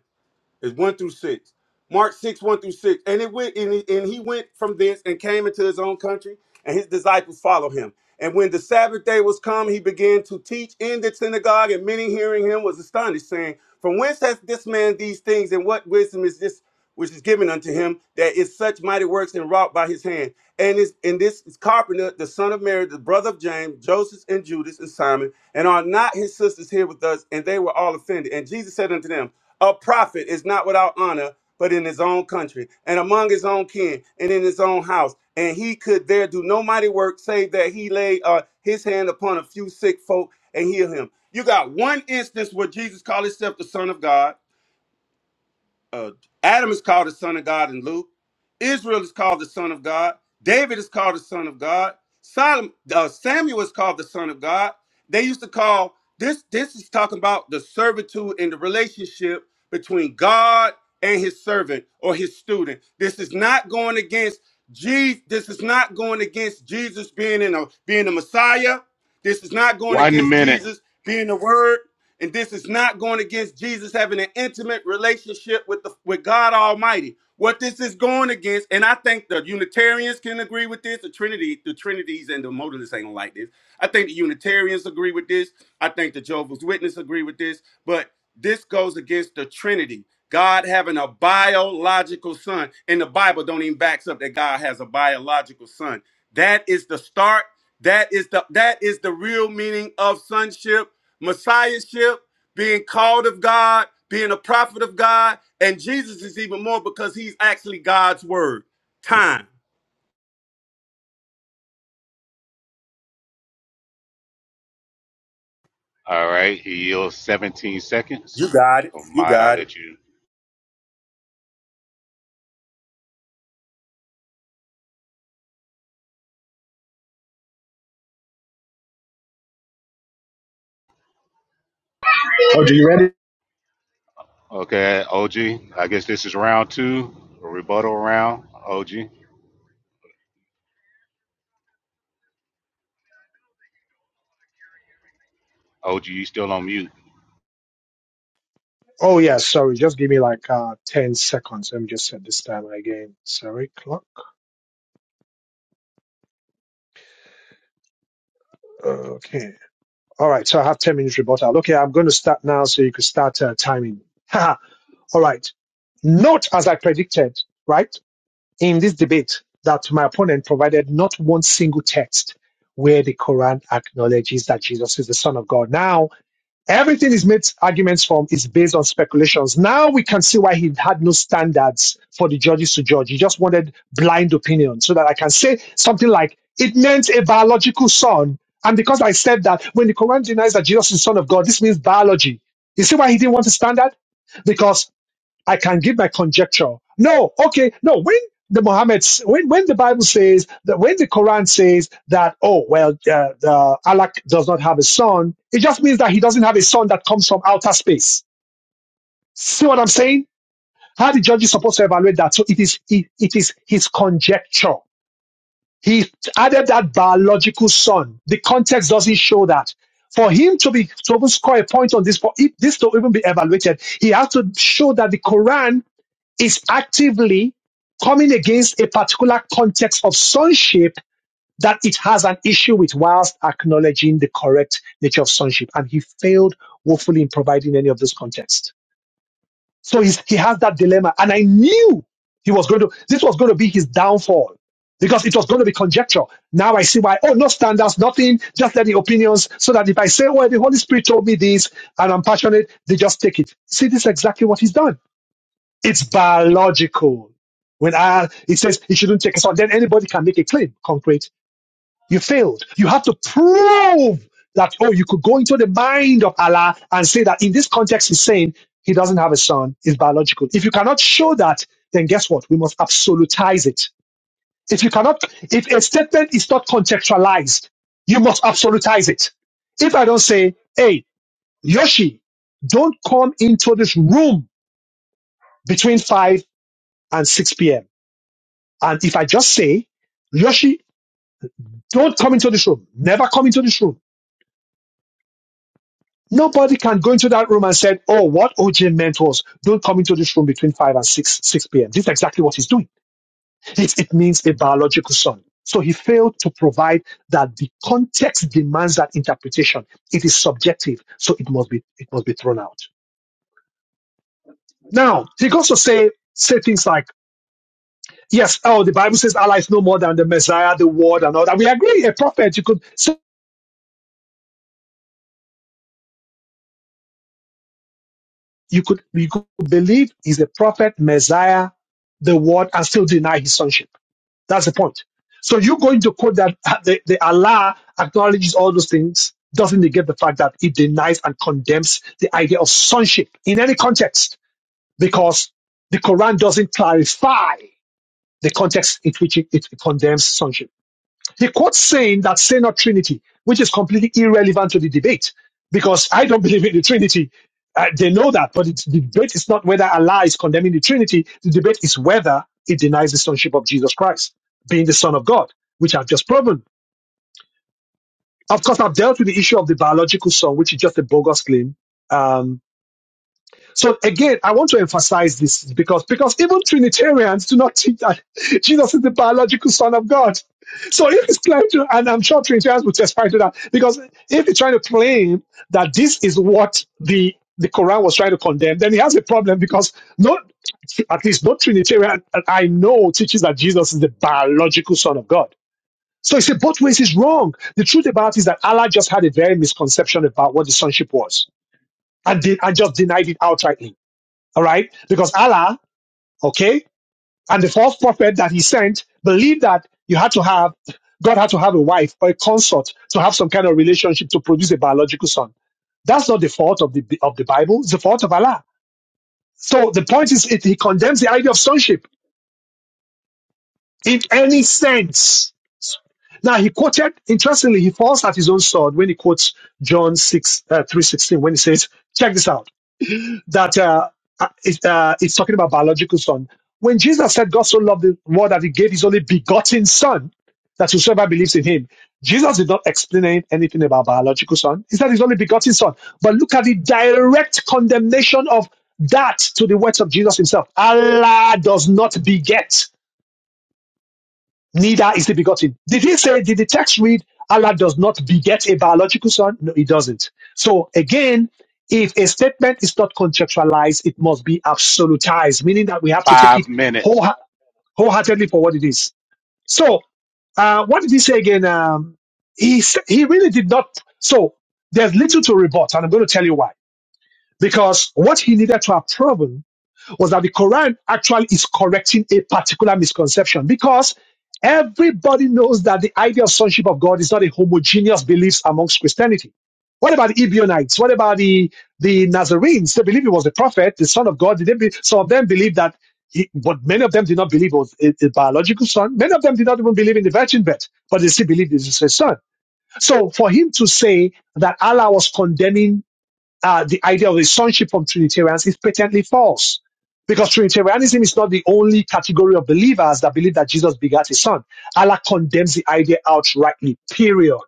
Speaker 6: It's one through six. Mark six one through six, and it went and he, and he went from thence and came into his own country, and his disciples followed him. And when the Sabbath day was come, he began to teach in the synagogue, and many hearing him was astonished, saying, "From whence hath this man these things, and what wisdom is this which is given unto him that is such mighty works and wrought by his hand?" And is and this is carpenter, the son of Mary, the brother of James, Joseph, and Judas, and Simon, and are not his sisters here with us? And they were all offended. And Jesus said unto them. A prophet is not without honor, but in his own country, and among his own kin, and in his own house. And he could there do no mighty work, save that he laid uh, his hand upon a few sick folk and heal him. You got one instance where Jesus called himself the Son of God uh, Adam is called the son of God in Luke. Israel is called the son of God. David is called the son of God. Solomon, uh, Samuel is called the son of God. They used to call this. This is talking about the servitude and the relationship between God and His servant or His student. This is not going against Jesus. This is not going against Jesus being in a being the Messiah. This is not going
Speaker 18: One
Speaker 6: against
Speaker 18: minute.
Speaker 6: Jesus being the Word. And this is not going against Jesus having an intimate relationship with the with God Almighty. What this is going against, and I think the Unitarians can agree with this, the Trinity, the Trinities and the modalists ain't gonna like this. I think the Unitarians agree with this. I think the Jehovah's Witnesses agree with this, but this goes against the Trinity. God having a biological son. And the Bible don't even backs up that God has a biological son. That is the start. That is the that is the real meaning of sonship messiahship, being called of God, being a prophet of God, and Jesus is even more because he's actually God's word. Time.
Speaker 18: All right. He yields 17
Speaker 6: You
Speaker 18: seconds.
Speaker 6: got it.
Speaker 18: Oh,
Speaker 6: You
Speaker 18: might I
Speaker 6: got it.
Speaker 18: let you?
Speaker 3: You. Oh, are you ready?
Speaker 18: Okay, OG. I guess this is round two, a rebuttal round. OG. OG, you still on mute.
Speaker 1: Oh, yeah, sorry. Just give me like uh, 10 seconds. Let me just set this timer again. Sorry, clock. Okay. All right. So I have 10 minutes rebuttal. Okay, I'm going to start now so you can start uh, timing. All right. Not as I predicted, right? In this debate, that my opponent provided not one single text where the Quran acknowledges that Jesus is the Son of God. Now, everything he's made arguments from is based on speculations. Now we can see why he had no standards for the judges to judge. He just wanted blind opinion so that I can say something like, it meant a biological son. And because I said that, when the Quran denies that Jesus is the Son of God, this means biology. You see why he didn't want a standard? because. I can give my conjecture. No, okay, no. When the Muhammad, when when the Bible says that, when the Quran says that, oh well, uh, uh, Allah does not have a son, it just means that he doesn't have a son that comes from outer space. See what I'm saying? How the judge is supposed to evaluate that? So it is it, it is his conjecture. He added that biological son. The context doesn't show that. For him to be to even score a point on this, for it, this to even be evaluated, he has to show that the Quran is actively coming against a particular context of sonship that it has an issue with whilst acknowledging the correct nature of sonship. And he failed woefully in providing any of this context. So he's, he has that dilemma. And I knew he was going to, this was going to be his downfall because it was going to be conjecture. Now I see why, oh, no standards, nothing, just let the opinions so that if I say, well, the Holy Spirit told me this and I'm passionate, they just take it. See, this is exactly what he's done. It's biological. When I, it says it shouldn't take a sword, then anybody can make a claim, concrete. You failed. You have to prove that, oh, you could go into the mind of Allah and say that in this context, he's saying he doesn't have a son. It's biological. If you cannot show that, then guess what? We must absolutize it. If you cannot, if a statement is not contextualized, you must absolutize it. If I don't say, hey, Yoshi, don't come into this room between 5 and 6 p.m And if I just say, Yoshi, don't come into this room, never come into this room. Nobody can go into that room and say, Oh, what OJ meant was don't come into this room between 5 and 6, 6 p.m. This is exactly what he's doing. It, it means a biological son. So he failed to provide that the context demands that interpretation. It is subjective, so it must be it must be thrown out. Now, he goes to say say things like, Yes, oh, the Bible says Allah is no more than the Messiah, the word, and all that. We agree, a prophet, you could say You could you could believe he's a prophet, Messiah, the word, and still deny his sonship. That's the point. So you're going to quote that uh, the, the Allah acknowledges all those things, doesn't negate the fact that he denies and condemns the idea of sonship in any context, because the Quran doesn't clarify the context in which it, it condemns sonship. He quotes saying that say not Trinity, which is completely irrelevant to the debate because I don't believe in the Trinity. Uh, they know that, but it's, the debate is not whether Allah is condemning the Trinity. The debate is whether it denies the sonship of Jesus Christ, being the Son of God, which I've just proven. Of course, I've dealt with the issue of the biological son, which is just a bogus claim. Um, so again, I want to emphasize this because because even Trinitarians do not teach that Jesus is the biological Son of God. So if it's claimed to, and I'm sure Trinitarians will testify to that, because if he's trying to claim that this is what the the Quran was trying to condemn, then he has a problem because no, at least no Trinitarian that I know teaches that Jesus is the biological Son of God. So he said both ways is wrong. The truth about it is that Allah just had a very misconception about what the sonship was, and, de- and just denied it outrightly. All right. Because Allah, okay, and the false prophet that he sent believed that you had to have, God had to have a wife or a consort to have some kind of relationship to produce a biological son. That's not the fault of the, of the Bible. It's the fault of Allah. So the point is, it, he condemns the idea of sonship in any sense. Now he quoted, interestingly, he falls at his own sword when he quotes John 6, uh, 3.16, when he says, check this out. that uh, uh, it, uh, it's talking about biological son. When Jesus said God so loved the world that he gave his only begotten son, that whosoever believes in him, Jesus did not explain anything about biological son. He said his only begotten son. But look at the direct condemnation of that to the words of Jesus himself. Allah does not beget neither is he begotten. Did he say, did the text read, Allah does not beget a biological son? No, it doesn't. So again, if a statement is not contextualized, it must be absolutized, meaning that we have to take
Speaker 18: Five
Speaker 1: it
Speaker 18: minutes.
Speaker 1: whole, wholeheartedly for what it is. So, uh, what did he say again? Um, he, s- he really did not. So, there's little to rebut, and I'm going to tell you why. Because what he needed to have proven was that the Quran actually is correcting a particular misconception because everybody knows that the idea of sonship of God is not a homogeneous belief amongst Christianity. What about the Ebionites? What about the, the Nazarenes? They believe he was the prophet, the son of God. They be, some of them believe that, he, but many of them did not believe it was a, a biological son. Many of them did not even believe in the virgin birth, but they still believed this is a son. So for him to say that Allah was condemning uh, the idea of the sonship from Trinitarians is patently false. Because Trinitarianism is not the only category of believers that believe that Jesus begat his son. Allah condemns the idea outrightly, period.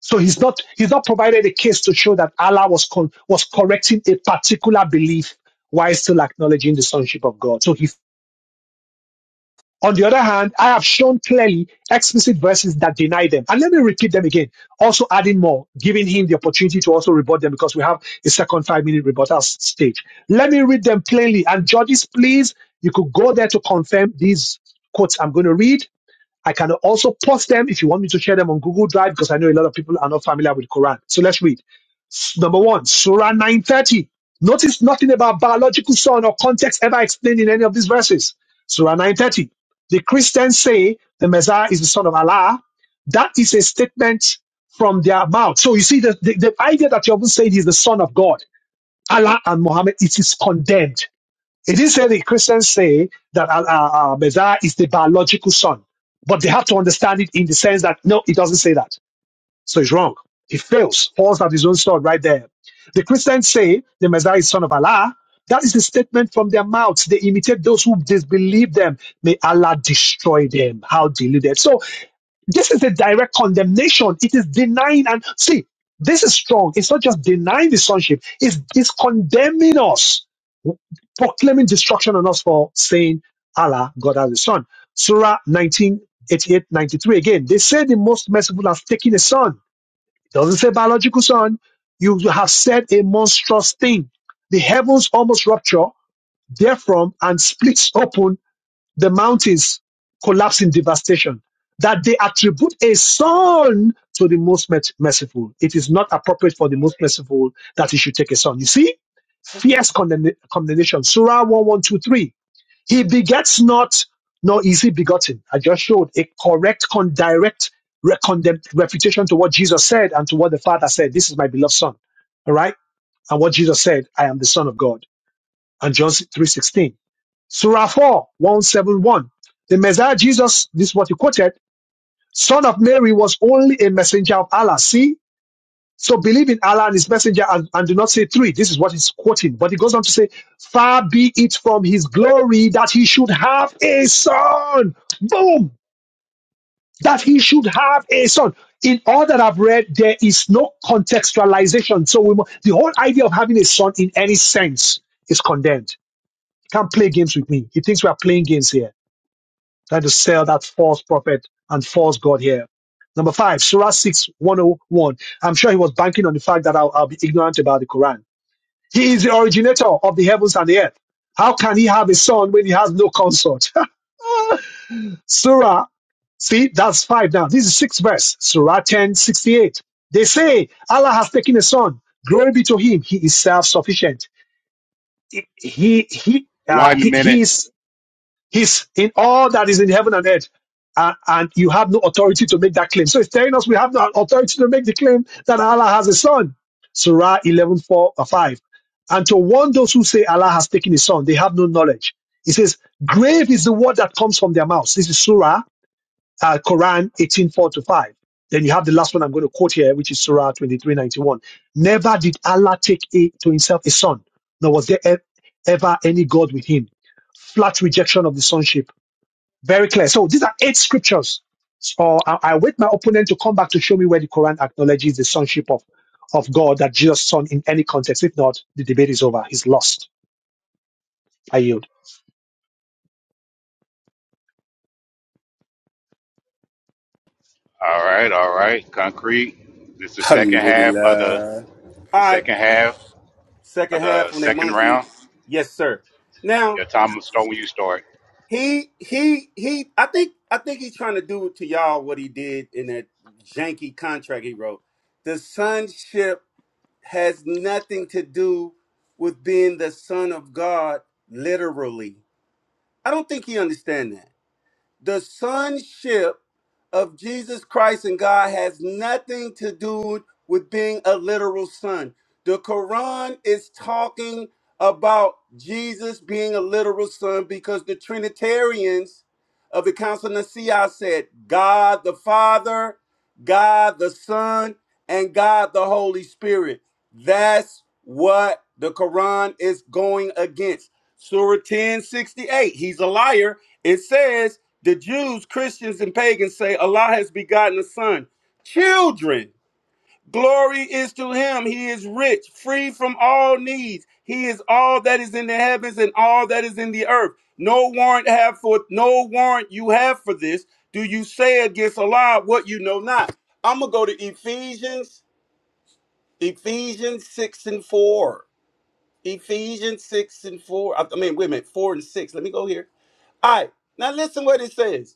Speaker 1: So he's not, he's not provided a case to show that Allah was, con- was correcting a particular belief while still acknowledging the sonship of God. So he on the other hand, I have shown clearly explicit verses that deny them. And let me repeat them again, also adding more, giving him the opportunity to also rebut them because we have a second five minute rebuttal s- stage. Let me read them plainly. And judges, please, you could go there to confirm these quotes I'm going to read I can also post them if you want me to share them on Google Drive because I know a lot of people are not familiar with Quran. So let's read. Number one, Surah 930. Notice nothing about biological son or context ever explained in any of these verses. Surah 930. The Christians say the Messiah is the son of Allah. That is a statement from their mouth. So you see the, the, the idea that you're saying he's the son of God, Allah and Muhammad, it is condemned. It is said that Christians say that uh, uh, uh, Messiah is the biological son, but they have to understand it in the sense that no, it doesn't say that. So it's wrong. He fails, falls at his own sword right there. The Christians say the Messiah is son of Allah. That is a statement from their mouths. They imitate those who disbelieve them. May Allah destroy them. How deluded. So this is a direct condemnation. It is denying and see, this is strong. It's not just denying the sonship, it's, it's condemning us, proclaiming destruction on us for saying Allah, God has a son. Surah nineteen eighty eight ninety three. Again, they say the most merciful has taken a son. Doesn't say biological son. You have said a monstrous thing. The heavens almost rupture therefrom and splits open the mountains, collapse in devastation. That they attribute a son to the most merciful. It is not appropriate for the most merciful that he should take a son. You see, fierce condemn- condemnation. Surah 1123 he begets not, nor is he begotten. I just showed a correct, con- direct re- condemn- refutation to what Jesus said and to what the Father said. This is my beloved Son. All right? And what Jesus said, I am the Son of God. And John 3.16. Surah 4, 171. The Messiah Jesus, this is what he quoted, Son of Mary was only a messenger of Allah. See, so believe in Allah and His Messenger and, and do not say three. This is what he's quoting. But he goes on to say, Far be it from His glory that He should have a son. Boom! That He should have a son. In all that I've read, there is no contextualization. So we, mu- the whole idea of having a son in any sense is condemned. You can't play games with me. He thinks we are playing games here. Trying to sell that false prophet and false God here. Number five, Surah 6, 101. I'm sure he was banking on the fact that I'll, I'll be ignorant about the Quran. He is the originator of the heavens and the earth. How can he have a son when he has no consort? Surah, see, that's five now. This is sixth verse, Surah 10 68. They say, Allah has taken a son. Glory be to him. He is self-sufficient. He, he, uh,
Speaker 18: One
Speaker 1: he, he
Speaker 18: minute.
Speaker 1: is He's in all that is in heaven and earth. And, and you have no authority to make that claim. So it's telling us we have no authority to make the claim that Allah has a son. Surah 11 4 or 5. And to warn those who say Allah has taken his son, they have no knowledge. He says, grave is the word that comes from their mouths. This is Surah, uh, Quran 18 4 to 5. Then you have the last one I'm going to quote here, which is Surah 23 91. Never did Allah take a, to himself a son, nor was there e- ever any God with him. Flat rejection of the sonship very clear. So these are eight scriptures. So I, I wait my opponent to come back to show me where the Quran acknowledges the sonship of, of God that Jesus' son in any context. If not, the debate is over. He's lost. I yield.
Speaker 18: All right, all right. Concrete. This is the second half of the,
Speaker 6: Alhamdulillah. All
Speaker 18: the
Speaker 6: right.
Speaker 18: second half of
Speaker 6: Second
Speaker 18: the
Speaker 6: half on a
Speaker 18: second
Speaker 6: monkey.
Speaker 18: round.
Speaker 6: Yes, sir. Now
Speaker 18: Your time will start when you start.
Speaker 6: he he he. I think I think he's trying to do to y'all what he did in that janky contract he wrote. The sonship has nothing to do with being the son of God literally. I don't think he understand that. The sonship of Jesus Christ and God has nothing to do with being a literal son. The Quran is talking about Jesus being a literal son because the Trinitarians of the Council of Nicaea said God the Father, God the Son, and God the Holy Spirit. That's what the Quran is going against. Surah 1068, he's a liar. It says the Jews, Christians, and pagans say Allah has begotten a son. Children, glory is to him. He is rich, free from all needs. He is all that is in the heavens and all that is in the earth. No warrant have for no warrant you have for this. Do you say against Allah what you know not? I'm gonna go to Ephesians, Ephesians six and four. Ephesians six and four. I I mean, wait a minute, four and six. Let me go here. All right, now listen what it says.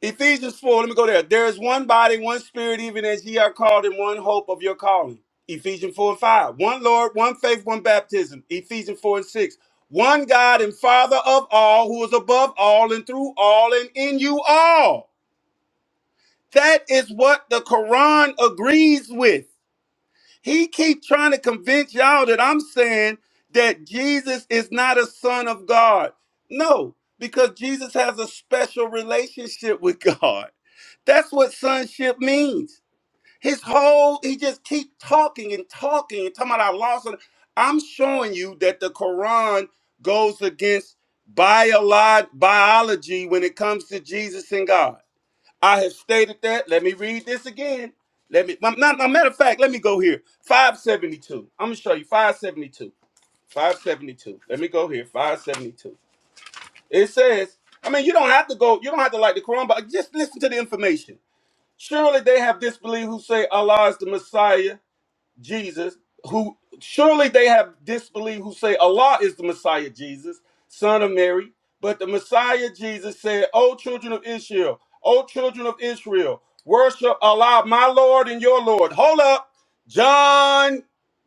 Speaker 6: Ephesians 4, let me go there. There is one body, one spirit, even as ye are called in one hope of your calling. Ephesians 4 and 5. One Lord, one faith, one baptism. Ephesians 4 and 6. One God and Father of all, who is above all and through all and in you all. That is what the Quran agrees with. He keep trying to convince y'all that I'm saying that Jesus is not a son of God. No, because Jesus has a special relationship with God. That's what sonship means. His whole he just keep talking and talking and talking about I lost it. I'm showing you that the Quran goes against biolo- biology when it comes to Jesus and God. I have stated that. Let me read this again. Let me. Not, not- matter of fact, let me go here. Five seventy two. I'm gonna show you five seventy two. Five seventy two. Let me go here. Five seventy two. It says. I mean, you don't have to go. You don't have to like the Quran, but just listen to the information. Surely they have disbelieved who say Allah is the Messiah. Jesus, who surely they have disbelieved, who say Allah is the Messiah Jesus, son of Mary. But the Messiah Jesus said, O children of Israel, O children of Israel, worship Allah, my Lord and your Lord. Hold up. John,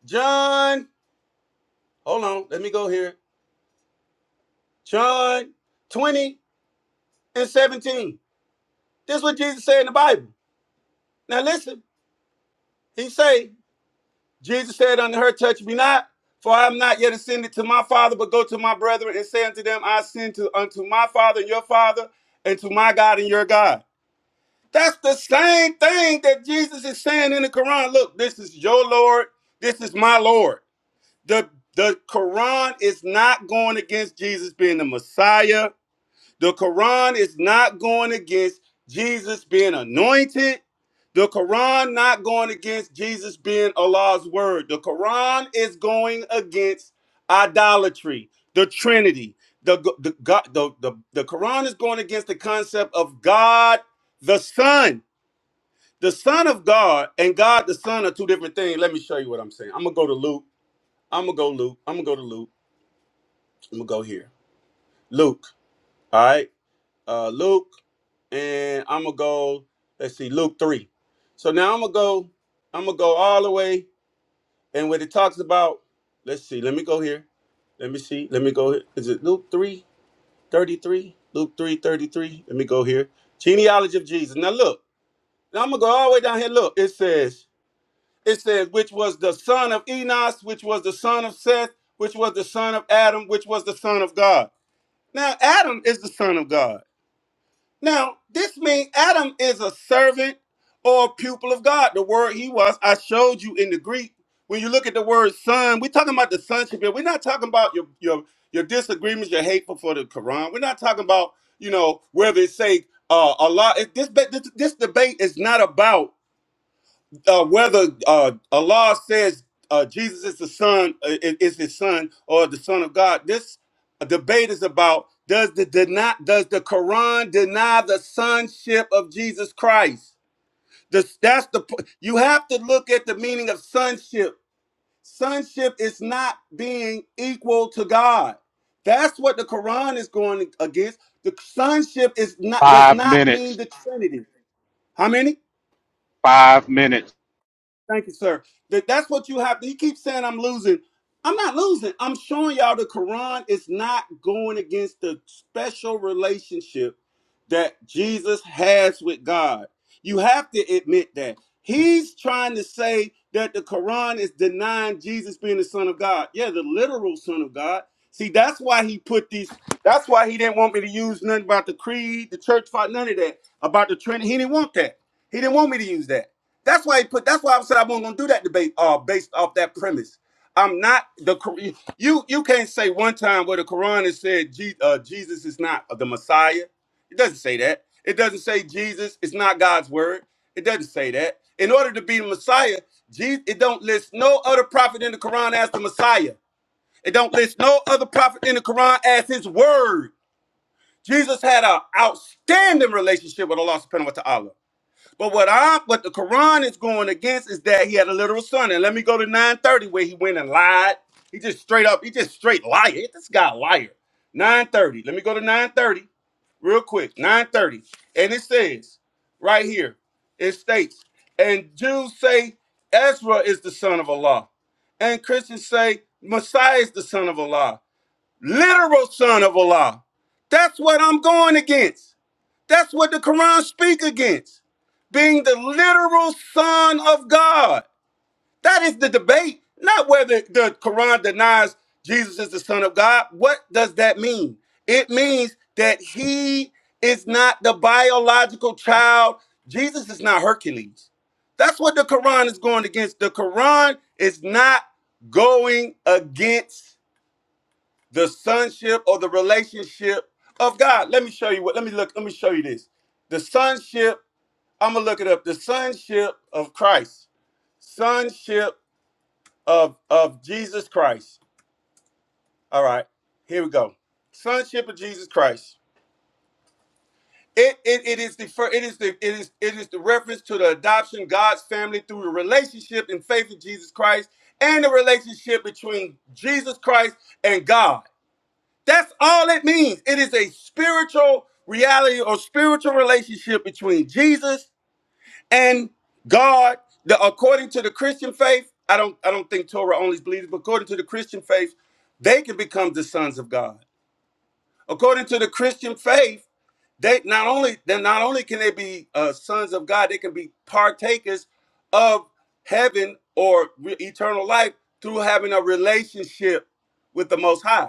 Speaker 6: John, hold on, let me go here. John 20 and 17. This is what Jesus said in the Bible. Now listen, he say, Jesus said unto her, Touch me not, for I am not yet ascended to my Father, but go to my brethren and say unto them, I ascend to, unto my Father and your Father, and to my God and your God. That's the same thing that Jesus is saying in the Quran. Look, this is your Lord, this is my Lord. The the Quran is not going against Jesus being the Messiah. The Quran is not going against Jesus being anointed. The Quran not going against Jesus being Allah's word. The Quran is going against idolatry, the Trinity. The, the, God, the, the, the Quran is going against the concept of God the Son. The Son of God and God the Son are two different things. Let me show you what I'm saying. I'm going to go to Luke. I'm going to go Luke. I'm going to go to Luke. I'm going to go here. Luke. All right. uh, Luke, and I'm gonna go. Let's see, Luke three. So now I'm gonna go. I'm gonna go all the way, and what it talks about. Let's see. Let me go here. Let me see. Let me go. Here. Is it Luke three thirty three? Luke three thirty three. Let me go here. Genealogy of Jesus. Now look. Now I'm gonna go all the way down here. Look. It says. It says which was the son of Enos, which was the son of Seth, which was the son of Adam, which was the son of God. Now Adam is the son of God. Now, this means Adam is a servant or a pupil of God. The word he was, I showed you in the Greek. When you look at the word son, we're talking about the sonship here. We're not talking about your your your disagreements, your hateful for the Quran. We're not talking about, you know, whether it's say uh, Allah. It, this, be- this this debate is not about uh, whether uh, Allah says uh, Jesus is the son, uh, i- is his son, or the son of God. This debate is about does the deny, does the Quran deny the sonship of Jesus Christ? This, that's the p- you have to look at the meaning of sonship. Sonship is not being equal to God. That's what the Quran is going against. The sonship is not does
Speaker 18: Five
Speaker 6: not mean
Speaker 18: minutes.
Speaker 6: the Trinity. How many?
Speaker 18: Five minutes.
Speaker 6: Thank you, sir. That that's what you have. He keeps saying I'm losing. I'm not losing. I'm showing y'all the Quran is not going against the special relationship that Jesus has with God. You have to admit that. He's trying to say that the Quran is denying Jesus being the Son of God. Yeah, the literal Son of God. See, that's why he put these, that's why he didn't want me to use nothing about the creed, the church, fight, none of that, about the Trinity. He didn't want that. He didn't want me to use that. That's why he put. That's why I said I wasn't gonna do that debate. Uh, based off that premise, I'm not the Cor- you. You can't say one time where the Quran has said Je- uh, Jesus is not the Messiah. It doesn't say that. It doesn't say Jesus is not God's word. It doesn't say that. In order to be the Messiah, Jesus, it don't list no other prophet in the Quran as the Messiah. It don't list no other prophet in the Quran as his word. Jesus had an outstanding relationship with Allah subhanahu wa ta'ala. But what I what the Quran is going against is that he had a literal son. And let me go to 930 where he went and lied. He just straight up, he just straight liar. This guy a liar. 930. Let me go to 930 real quick. 930. And it says right here, it states, and Jews say Ezra is the son of Allah. And Christians say Messiah is the son of Allah. Literal son of Allah. That's what I'm going against. That's what the Quran speak against. Being the literal son of God. That is the debate, not whether the Quran denies Jesus is the son of God. What does that mean? It means that he is not the biological child. Jesus is not Hercules. That's what the Quran is going against. The Quran is not going against the sonship or the relationship of God. Let me show you what. Let me look. Let me show you this. The sonship. I'm gonna look it up. The sonship of Christ. Sonship of of Jesus Christ. All right. Here we go. Sonship of Jesus Christ. It, it, it is the fir- it is the it is it is the reference to the adoption of God's family through the relationship and faith in Jesus Christ and the relationship between Jesus Christ and God. That's all it means. It is a spiritual reality or spiritual relationship between Jesus and God. The, according to the Christian faith, I don't I don't think Torah only believes, but according to the Christian faith, they can become the sons of God. According to the Christian faith, they not only then not only can they be uh, sons of God, they can be partakers of heaven or re- eternal life through having a relationship with the Most High.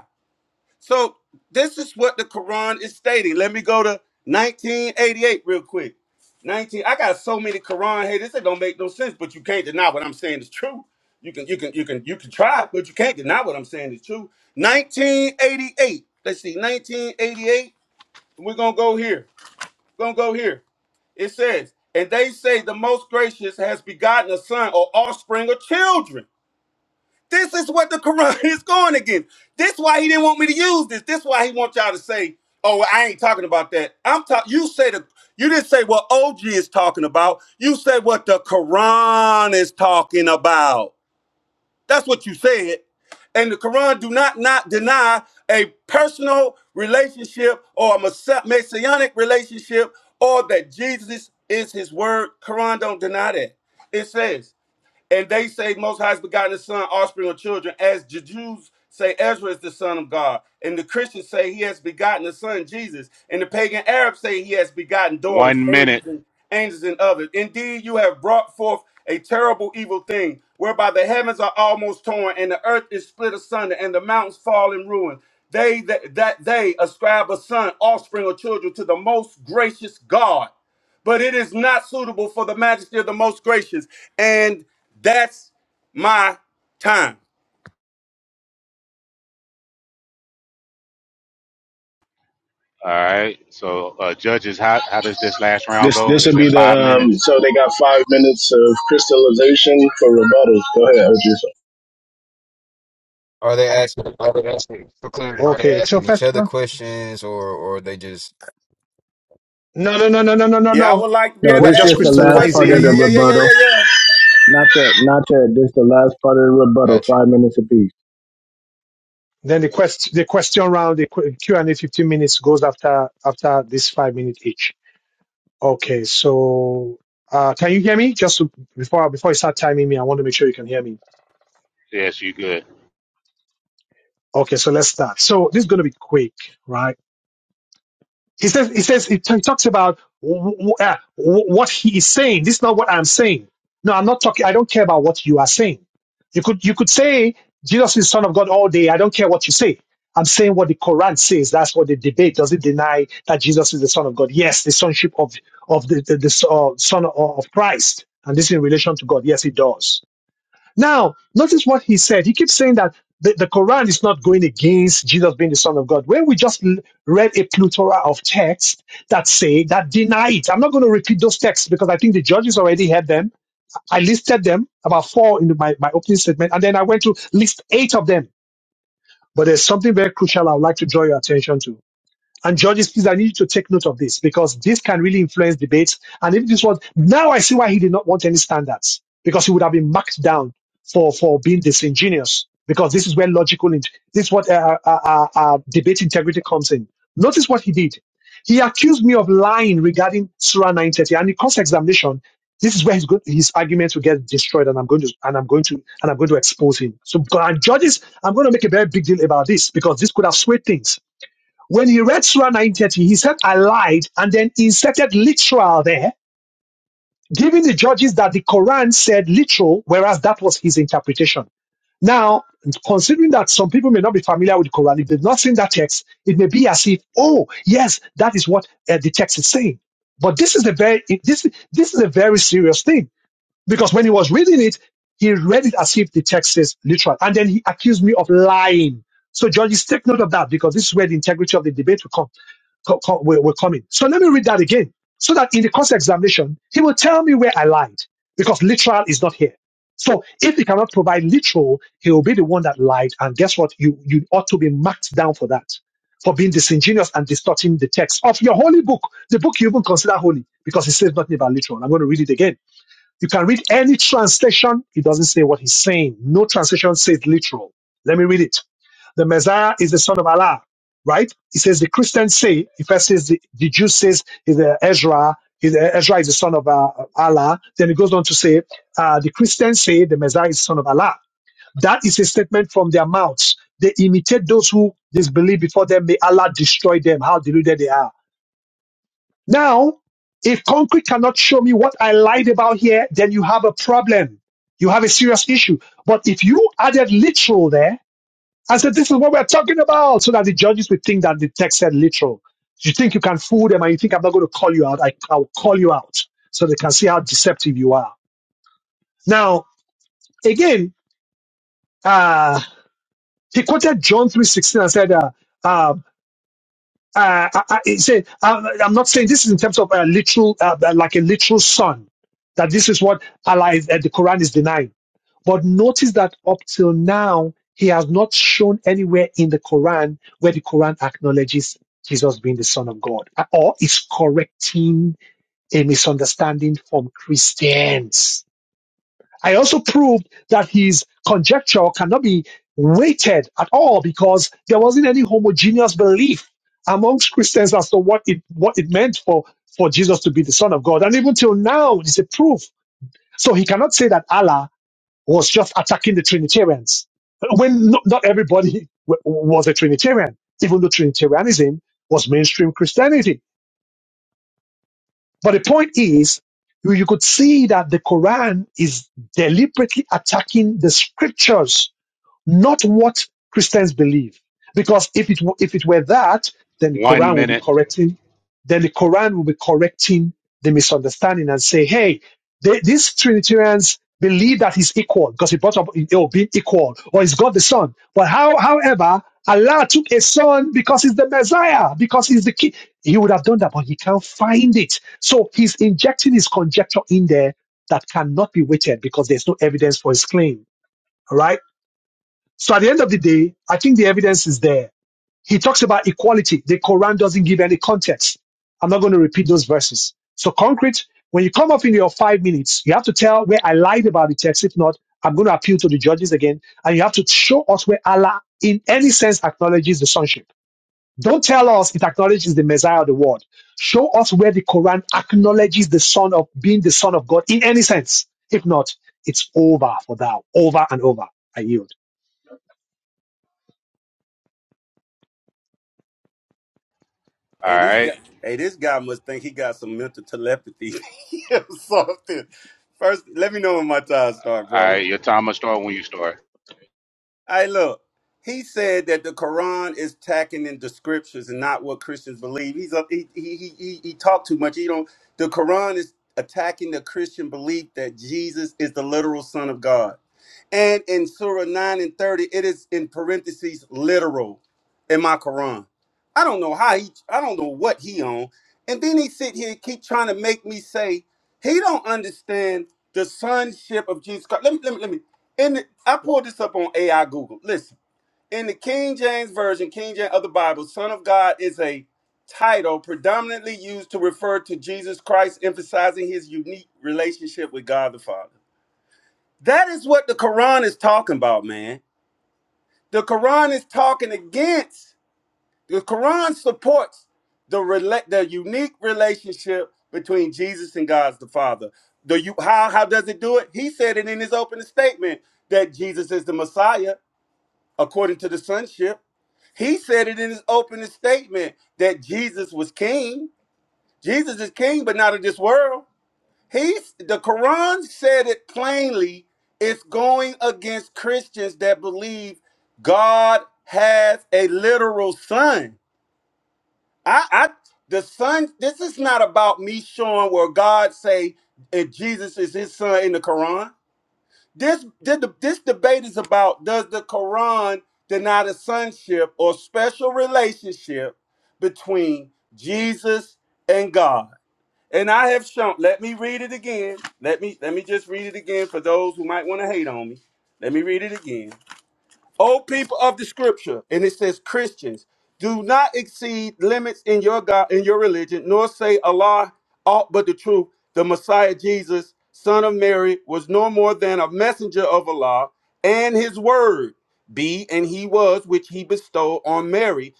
Speaker 6: So this is what the Quran is stating. Let me go to 1988 real quick. 19. I got so many Quran haters. It don't make no sense. But you can't deny what I'm saying is true. You can, you can, you can, you can try, but you can't deny what I'm saying is true. 1988. Let's see. 1988. We're gonna go here. We're gonna go here. It says, and they say the most gracious has begotten a son or offspring or children. This is what the Quran is going against. This why he didn't want me to use this. This why he wants y'all to say, "Oh, well, I ain't talking about that." I'm talking. You say the. You didn't say what OG is talking about. You said what the Quran is talking about. That's what you said. And the Quran do not not deny a personal relationship or a messa- messianic relationship or that Jesus is his word. Quran don't deny that. It says and they say most high's begotten his son, offspring of children, as the Jews say Ezra is the son of God. And the Christians say he has begotten the son Jesus. And the pagan Arabs say he has begotten daughters,
Speaker 18: One minute.
Speaker 6: angels, and angels and others. Indeed, you have brought forth a terrible evil thing, whereby the heavens are almost torn, and the earth is split asunder, and the mountains fall in ruin. They that, that they ascribe a son, offspring, or children to the most gracious God but it is not suitable for the majesty of the most gracious. And that's my time.
Speaker 18: All right. So, uh, judges, how, how does this last round
Speaker 3: This
Speaker 18: go?
Speaker 3: this
Speaker 18: Is
Speaker 3: would
Speaker 18: it
Speaker 3: be the
Speaker 18: five
Speaker 3: um.
Speaker 18: minutes?
Speaker 3: So they got five minutes of crystallization for rebuttal. Go ahead, OG.
Speaker 12: Are they asking? Are they asking for clarity? Are they
Speaker 1: Okay, so
Speaker 12: asking each
Speaker 1: first,
Speaker 12: other
Speaker 1: uh,
Speaker 12: questions or or they just
Speaker 1: no, no, no, no, no, no, no.
Speaker 6: Yeah, I
Speaker 1: no.
Speaker 6: would like to be
Speaker 3: No,
Speaker 6: able
Speaker 1: We're
Speaker 3: this
Speaker 6: to
Speaker 3: is
Speaker 1: just
Speaker 6: ask
Speaker 3: just
Speaker 6: you
Speaker 3: the
Speaker 6: some
Speaker 3: last
Speaker 6: questions.
Speaker 3: part
Speaker 6: Yeah,
Speaker 3: of the
Speaker 6: yeah,
Speaker 1: crystallizing.
Speaker 6: yeah, yeah, yeah,
Speaker 3: rebuttal.
Speaker 6: yeah, yeah.
Speaker 3: Not yet, not yet. This is the last part of the rebuttal,
Speaker 12: got you?
Speaker 3: five minutes apiece.
Speaker 1: Then the quest, the question round, the Q Q and A, fifteen minutes goes after after this five minute each. Okay, so uh, can you hear me? Just to, before before you start timing me, I want to make sure you can hear me.
Speaker 18: Yes, you good.
Speaker 1: Okay, so let's start. So this is going to be quick, right? He says, he says, he t- talks about w- w- uh, w- what he is saying. This is not what I'm saying. No, I'm not talking. I don't care about what you are saying. You could, you could say Jesus is Son of God all day. I don't care what you say. I'm saying what the Quran says. That's what the debate. Does it deny that Jesus is the Son of God? Yes, the sonship of of the the, the uh, Son of of Christ, and this in relation to God. Yes, it does. Now, notice what he said. He keeps saying that the, the Quran is not going against Jesus being the Son of God. When we just l- read a plethora of texts that say that deny it, I'm not going to repeat those texts because I think the judges already had them. I listed them about four in my, my opening statement, and then I went to list eight of them. But there's something very crucial I would like to draw your attention to. And judges, please, I need you to take note of this because this can really influence debates. And if this was now, I see why he did not want any standards because he would have been marked down for for being disingenuous. Because this is where logical, int- this is what uh, uh, uh, uh, uh, debate integrity comes in. Notice what he did. He accused me of lying regarding Surah 930, and in cross-examination, this is where his, go- his arguments will get destroyed, and I'm going to and I'm going to and I'm going to expose him. So, and judges, I'm going to make a very big deal about this because this could have swayed things when he read Surah 930, he said, I lied, and then inserted literal there, giving the judges that the Quran said literal, whereas that was his interpretation. Now, considering that some people may not be familiar with the Quran, if they've not seen that text, it may be as if, oh, yes, that is what uh, the text is saying. But this is a very this this is a very serious thing because when he was reading it, he read it as if the text is literal. And then he accused me of lying. So judges, take note of that because this is where the integrity of the debate will come, co- co- will, will come in. So let me read that again. So that in the cross examination, he will tell me where I lied because literal is not here. So if he cannot provide literal, he will be the one that lied. And guess what? You, you ought to be marked down for that, for being disingenuous and distorting the text of your holy book, the book you even consider holy because it says nothing about literal. I'm going to read it again. You can read any translation. It doesn't say what he's saying. No translation says literal. Let me read it. The Messiah is the son of Allah, right? He says the Christians say, If I says the, the Jews says is the Ezra, is the- Ezra is the son of uh, Allah. Then it goes on to say, uh, the Christians say the Messiah is the son of Allah. That is a statement from their mouths. They imitate those who disbelieve before them. May Allah destroy them. How deluded they are. Now, if concrete cannot show me what I lied about here, then you have a problem. You have a serious issue. But if you added literal there, I said, this is what we're talking about, so that the judges would think that the text said literal. You think you can fool them and you think I'm not going to call you out. I, I'll call you out so they can see how deceptive you are. Now, again, uh, he quoted John 3.16 and said, uh, uh, uh, I, I, it said, I'm, I'm not saying this is in terms of a literal, uh, uh, like a literal son, that this is what Allah is, uh, the Quran is denying. But notice that up till now, he has not shown anywhere in the Quran where the Quran acknowledges Jesus being the Son of God uh, or is correcting a misunderstanding from Christians. I also proved that his conjecture cannot be weighted at all because there wasn't any homogeneous belief amongst Christians as to what it what it meant for for Jesus to be the Son of God, and even till now, it's a proof. So he cannot say that Allah was just attacking the Trinitarians when no, not everybody w- was a Trinitarian, even though Trinitarianism was mainstream Christianity. But the point is, you you could see that the Quran is deliberately attacking the scriptures not what Christians believe. Because if it w- if it were that, then the
Speaker 18: One
Speaker 1: Quran will be
Speaker 18: minute.
Speaker 1: correcting, then the Quran will be correcting the misunderstanding and say, hey, they, these Trinitarians believe that he's equal because he brought up oh, being equal or he's God the Son. But how, however, Allah took a son because he's the Messiah, because he's the king. He would have done that, but he can't find it. So he's injecting his conjecture in there that cannot be weighted because there's no evidence for his claim. All Right? So at the end of the day, I think the evidence is there. He talks about equality. The Quran doesn't give any context. I'm not going to repeat those verses. So concrete, when you come up in your five minutes, you have to tell where I lied about the text. If not, I'm going to appeal to the judges again. And you have to show us where Allah, in any sense, acknowledges the sonship. Don't tell us it acknowledges the Messiah of the world. Show us where the Quran acknowledges the son of being the son of God in any sense. If not, it's over for thou, over and over. I yield.
Speaker 18: All
Speaker 6: Hey, this guy,
Speaker 18: right.
Speaker 6: hey, this guy must think he got some mental telepathy or something. First, let me know when my time start,
Speaker 18: All
Speaker 6: bro.
Speaker 18: right. Your time will start when you start.
Speaker 6: I look, he said that the Quran is attacking in the scriptures and not what Christians believe. He's up. He he he he, he talked too much. He don't. The Quran is attacking the Christian belief that Jesus is the literal Son of God. And in Surah 9 and 30, it is in parentheses literal in my Quran. I don't know how he I don't know what he on. And then he sit here and keep trying to make me say he don't understand the sonship of Jesus Christ. Let me let me let me in the, I pulled this up on AI Google. Listen, in the King James Version, King James of the Bible, Son of God is a title predominantly used to refer to Jesus Christ, emphasizing his unique relationship with God the Father. That is what the Quran is talking about, man. The Quran is talking against. The Quran supports the rela- the unique relationship between Jesus and God the Father. The you how how does it do it? He said it in his opening statement that Jesus is the Messiah according to the sonship. He said it in his opening statement that Jesus was king. Jesus is king, but not of this world. He's the Quran said it plainly. It's going against Christians that believe God has a literal son. I, I the son. This is not about me showing where God say and Jesus is his son in the Quran. This did the- this debate is about does the Quran deny the sonship or special relationship between Jesus and God? And I have shown. Let me read it again. Let me let me just read it again for those who might want to hate on me. Let me read it again. O people of the scripture, and it says Christians, do not exceed limits in your God in your religion, nor say Allah aught but the truth. The Messiah Jesus, son of Mary, was no more than a messenger of Allah and his word be and he was which he bestowed on Mary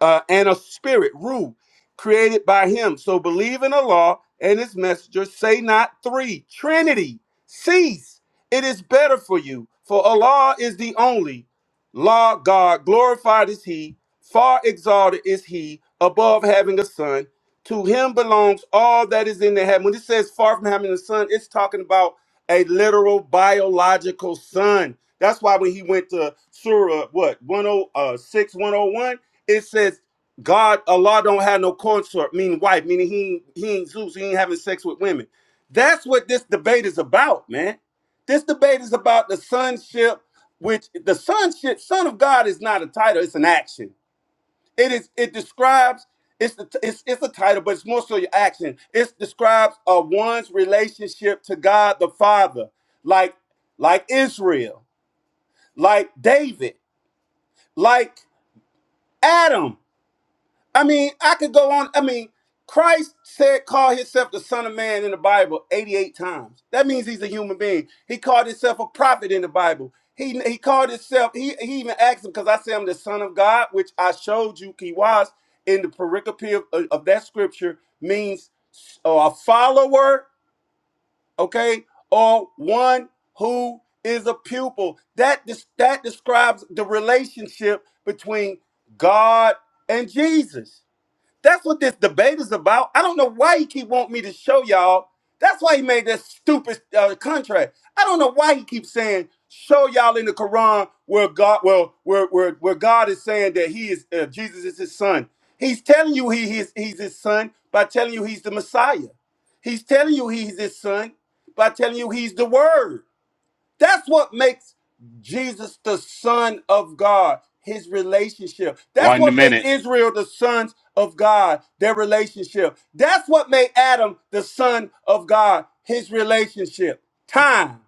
Speaker 6: uh, and a spirit, rule, created by him. So believe in the law and His messenger. Say not three. Trinity, cease. It is better for you. For Allah is the only law God. Glorified is he. Far exalted is he above having a son. To him belongs all that is in the heaven. When it says far from having a son, it's talking about a literal biological son. That's why when he went to Surah, what, one o six one o one it says God, Allah don't have no consort, meaning wife, meaning he ain't- he ain't Zeus, he ain't having sex with women. That's what this debate is about, man. This debate is about the sonship, which the sonship, son of God, is not a title; it's an action. It is. It describes. It's the. It's, it's a title, but it's more so your action. It describes a one's relationship to God the Father, like like Israel, like David, like Adam. I mean, I could go on. I mean, Christ said, call himself the Son of Man in the Bible 88 times. That means he's a human being. He called himself a prophet in the Bible. He, he called himself, he, he even asked him, because I say I'm the Son of God, which I showed you he was in the pericope of, of of that scripture, means uh, a follower, okay, or one who is a pupil. That, des- that describes the relationship between God and Jesus. That's what this debate is about. I don't know why he keep wanting me to show y'all. That's why he made that stupid uh, contract. I don't know why he keeps saying show y'all in the Quran where God, well, where where where God is saying that he is uh, Jesus is his son. He's telling you he he's, he's his son by telling you he's the Messiah. He's telling you he's his son by telling you he's the Word. That's what makes Jesus the Son of God, his relationship. That's
Speaker 18: One
Speaker 6: what made
Speaker 18: minute.
Speaker 6: Israel the sons of God, their relationship. That's what made Adam the son of God, his relationship. Time.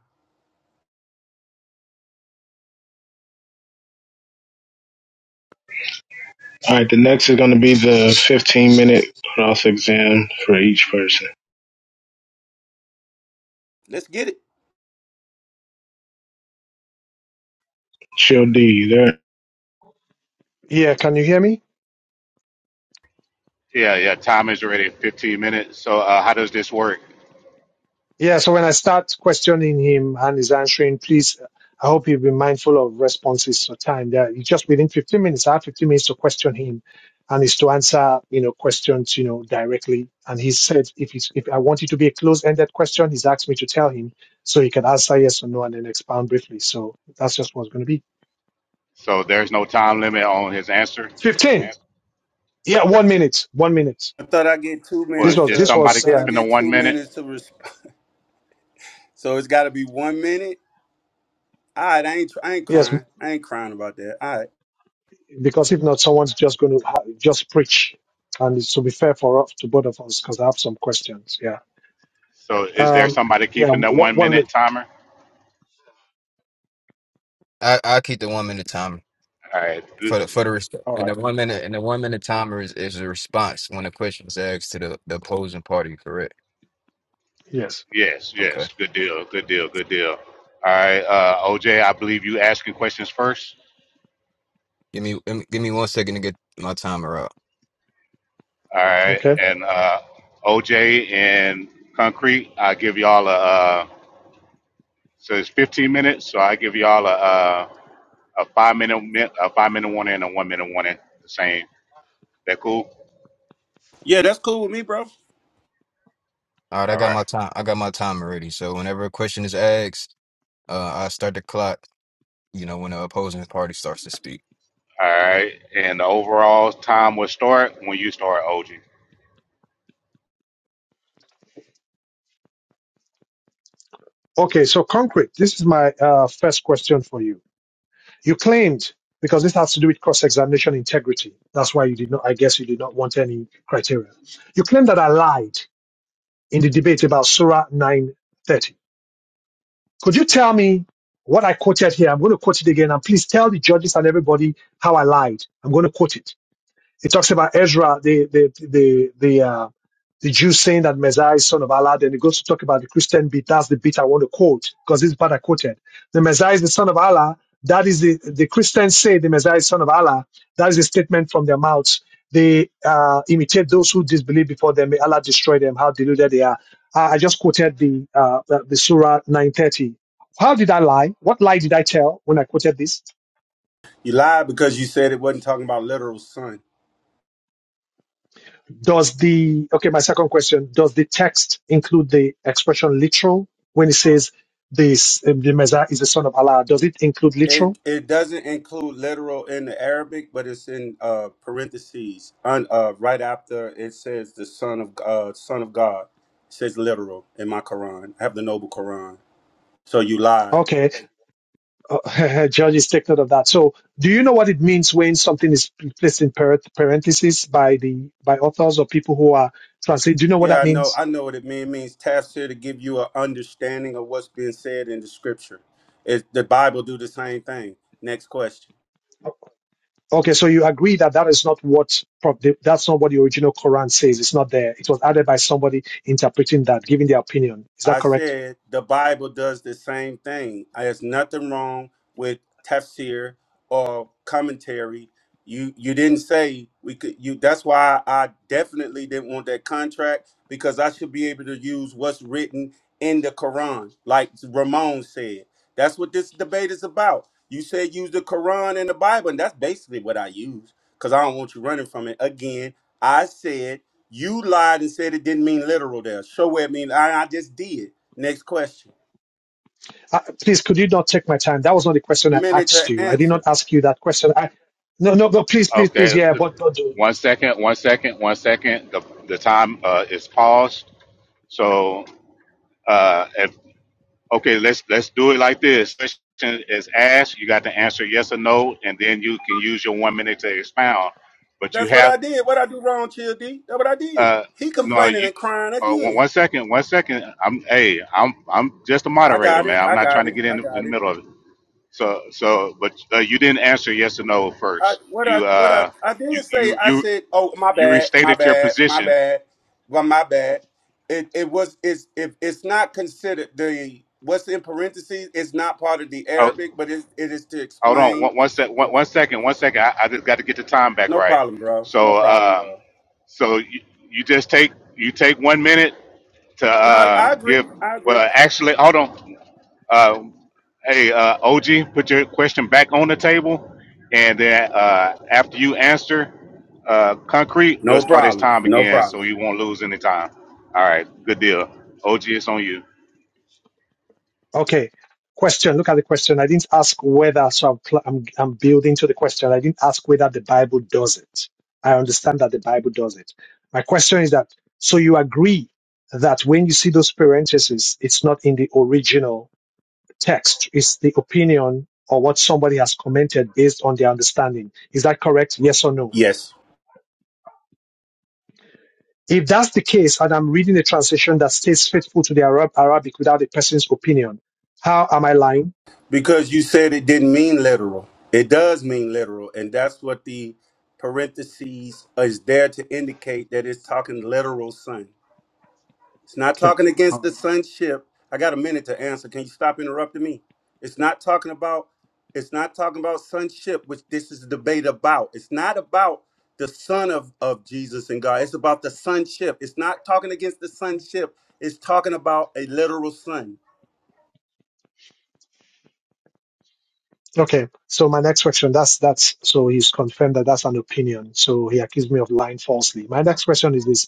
Speaker 3: All right, the next is going to be the 15 minute cross exam for each person.
Speaker 6: Let's get it.
Speaker 3: Chill D, you there?
Speaker 1: Yeah, can you hear me?
Speaker 18: Yeah, yeah. Time is already 15 minutes. So, uh, how does this work?
Speaker 1: Yeah, so when I start questioning him and he's answering, please, I hope you'll be mindful of responses to time. That you just within 15 minutes, I have 15 minutes to question him and is to answer, you know, questions, you know, directly. And he said, if he's, if I want it to be a closed-ended question, he's asked me to tell him so he can answer yes or no and then expound briefly. So that's just what's going to be.
Speaker 18: So, there's no time limit on his answer.
Speaker 1: 15. Yeah. Yeah, one minute, one minute.
Speaker 6: I thought I get two
Speaker 1: This
Speaker 18: Well,
Speaker 6: minutes
Speaker 1: was,
Speaker 18: is
Speaker 6: to.
Speaker 1: this
Speaker 6: I
Speaker 18: somebody
Speaker 1: was,
Speaker 6: thought I
Speaker 1: yeah,
Speaker 18: keeping the
Speaker 6: get
Speaker 18: one
Speaker 6: two
Speaker 18: minute?
Speaker 6: minutes to respond. So it's got to be one minute. All right, I ain't. I ain't
Speaker 1: yes,
Speaker 6: crying. I ain't crying about that. All right.
Speaker 1: because if not, someone's just going to ha- just preach, and it's to be fair for us to both of us because I have some questions. Yeah.
Speaker 18: So, is there
Speaker 1: Um.
Speaker 18: somebody
Speaker 1: Yeah.
Speaker 18: keeping the
Speaker 1: What,
Speaker 18: one
Speaker 1: one
Speaker 18: minute
Speaker 1: minute.
Speaker 18: timer?
Speaker 12: I I keep the one minute timer
Speaker 18: All right. Th-
Speaker 12: for the for the resp-
Speaker 1: All
Speaker 12: and the
Speaker 1: right.
Speaker 12: one minute and the one minute timer is is a response when a question is asked to the the opposing party. Correct.
Speaker 1: Yes.
Speaker 18: Yes,
Speaker 12: Okay.
Speaker 18: yes. Good deal. Good deal. Good deal. All right, uh, OJ. I believe you asking questions first.
Speaker 12: Give me, give me give me one second to get my timer up.
Speaker 18: All right,
Speaker 1: Okay.
Speaker 18: and uh, OJ and Concrete. I give y'all a. Uh, so it's 15 minutes. So I give y'all a uh, a five minute mi- a five minute warning and a one minute warning. The same. That cool?
Speaker 6: Yeah, that's cool with me, bro.
Speaker 12: All right, I
Speaker 18: All
Speaker 12: got
Speaker 18: right.
Speaker 12: my time. I got my timer ready. So whenever a question is asked, uh, I start the clock. You know, when the opposing party starts to speak.
Speaker 18: All right. And the overall time will start when you start, OJ.
Speaker 1: Okay. So concrete. This is my uh, first question for you. You claimed because this has to do with cross-examination integrity. That's why you did not. I guess you did not want any criteria. You claimed that I lied in the debate about Surah nine thirty. Could you tell me what I quoted here? I'm going to quote it again. And please tell the judges and everybody how I lied. I'm going to quote it. It talks about Ezra, the the the the uh, the Jews saying that Messiah is son of Allah. Then it goes to talk about the Christian bit. That's the bit I want to quote because this part I quoted. The Messiah is the son of Allah. That is the the Christians say the Messiah is son of Allah. That is a statement from their mouths. They uh, imitate those who disbelieve before them. May Allah destroy them. How deluded they are. I, I just quoted the uh, the, the Surah 930. How did I lie? What lie did I tell when I quoted this?
Speaker 6: You lied because you said it wasn't talking about literal son.
Speaker 1: Does the okay? My second question: Does the text include the expression "literal" when it says this um, the Messiah is the son of Allah? Does it include literal?
Speaker 6: It it doesn't include literal in the Arabic, but it's in uh, parentheses un, uh, right after it says the son of uh, son of God. It says literal in my Quran. I have the noble Quran. So you lied.
Speaker 1: Okay, uh, judges take note of that. So, do you know what it means when something is placed in par- parentheses by the by authors or people who are translating? Do you know what
Speaker 6: Yeah,
Speaker 1: that
Speaker 6: I know.
Speaker 1: means?
Speaker 6: I know what it means. It means tafsir to give you an understanding of what's being said in the scripture. It, the Bible do the same thing. Next question.
Speaker 1: Okay, so you agree that that is not what pro- the- that's not what the original Quran says. It's not there. It was added by somebody interpreting that, giving their opinion. Is that
Speaker 6: I
Speaker 1: correct?
Speaker 6: said the Bible does the same thing. Uh, There's nothing wrong with tafsir or commentary. You you didn't say we could you that's why I definitely didn't want that contract because I should be able to use what's written in the Quran, like Ramon said. That's what this debate is about. You said use the Quran and the Bible, and that's basically what I use because I don't want you running from it. Again, I said you lied and said it didn't mean literal there. Show where it means. I, I just did. Next question.
Speaker 1: Uh, please, could you not take my time? That was not the question I
Speaker 6: Minute
Speaker 1: asked
Speaker 6: to
Speaker 1: you. I did not
Speaker 6: answer.
Speaker 1: ask you that question. I, no, no, no, please, please, please.
Speaker 18: Okay.
Speaker 1: Yeah, but don't do.
Speaker 18: One second. One second. One second. The the time uh, is paused. So Uh, if okay, let's let's do it like this. Question is asked. You got to answer yes or no, and then you can use your one minute to expound. But you
Speaker 6: That's what
Speaker 18: have
Speaker 6: I did. What I do wrong, Chill D? That's what I did.
Speaker 18: uh,
Speaker 6: He
Speaker 18: no.
Speaker 6: complaining
Speaker 18: You,
Speaker 6: and crying
Speaker 18: uh, one
Speaker 6: again.
Speaker 18: one second, one second. I'm hey, I'm I'm just a
Speaker 6: I
Speaker 18: moderator,
Speaker 6: got it.
Speaker 18: man. I'm
Speaker 6: I
Speaker 18: not trying
Speaker 6: got
Speaker 18: to
Speaker 6: it.
Speaker 18: get in,
Speaker 6: I
Speaker 18: in the
Speaker 6: got it.
Speaker 18: middle of it. So so, but uh, you didn't answer yes or no
Speaker 6: I
Speaker 18: first.
Speaker 6: what I
Speaker 18: You
Speaker 6: what I
Speaker 18: uh,
Speaker 6: I
Speaker 18: you
Speaker 6: didn't say.
Speaker 18: you
Speaker 6: I
Speaker 18: you
Speaker 6: said, oh my
Speaker 18: you
Speaker 6: bad, my
Speaker 18: restated your
Speaker 6: bad, my
Speaker 18: position.
Speaker 6: bad, well my bad. It it was it's if it's not considered the what's in parentheses. It's not part of the
Speaker 18: Oh,
Speaker 6: Arabic, but it it is to
Speaker 18: Hold on,
Speaker 6: explain.
Speaker 18: one, one sec, one,
Speaker 6: What,
Speaker 18: one second, one second. I, I just got to get the time back
Speaker 6: no
Speaker 18: right.
Speaker 6: problem, bro. No
Speaker 18: So,
Speaker 6: problem,
Speaker 18: um,
Speaker 6: bro.
Speaker 18: so you, you just take you take one minute to
Speaker 6: No, I,
Speaker 18: uh,
Speaker 6: I
Speaker 18: give.
Speaker 6: agree. I agree.
Speaker 18: Well, actually, hold on. Uh, hey, uh, OG, put your question back on the table, and then uh, after you answer, uh, concrete, we'll
Speaker 6: No
Speaker 18: start his
Speaker 6: problem.
Speaker 18: time
Speaker 6: No
Speaker 18: again, so
Speaker 6: problem.
Speaker 18: you won't lose any time. All right, good deal. OG, it's on you.
Speaker 1: Okay. Question. Look at the question. I didn't ask whether, so I'm, cl- I'm, I'm building to the question. I didn't ask whether the Bible does it. I understand that the Bible does it. My question is that, so you agree that when you see those parentheses, it's not in the original text. It's the opinion or what somebody has commented based on their understanding. Is that correct? Yes or no?
Speaker 6: Yes.
Speaker 1: If that's the case, and I'm reading a translation that stays faithful to the Arab Arabic without a person's opinion, how am I lying?
Speaker 6: Because you said it didn't mean literal. It does mean literal. And that's what the parentheses is there to indicate that it's talking literal son. It's not
Speaker 1: Okay.
Speaker 6: talking
Speaker 1: All
Speaker 6: against the
Speaker 1: right.
Speaker 6: sonship. I got a minute to answer. Can you stop interrupting me? It's not talking about it's not talking about sonship, which this is a debate about. It's not about the son of, of Jesus and God. It's about the sonship. It's not talking against the sonship. It's talking about a literal son.
Speaker 1: Okay. So my next question, that's that's so he's confirmed that that's an opinion. So he accused me of lying falsely. My next question is this.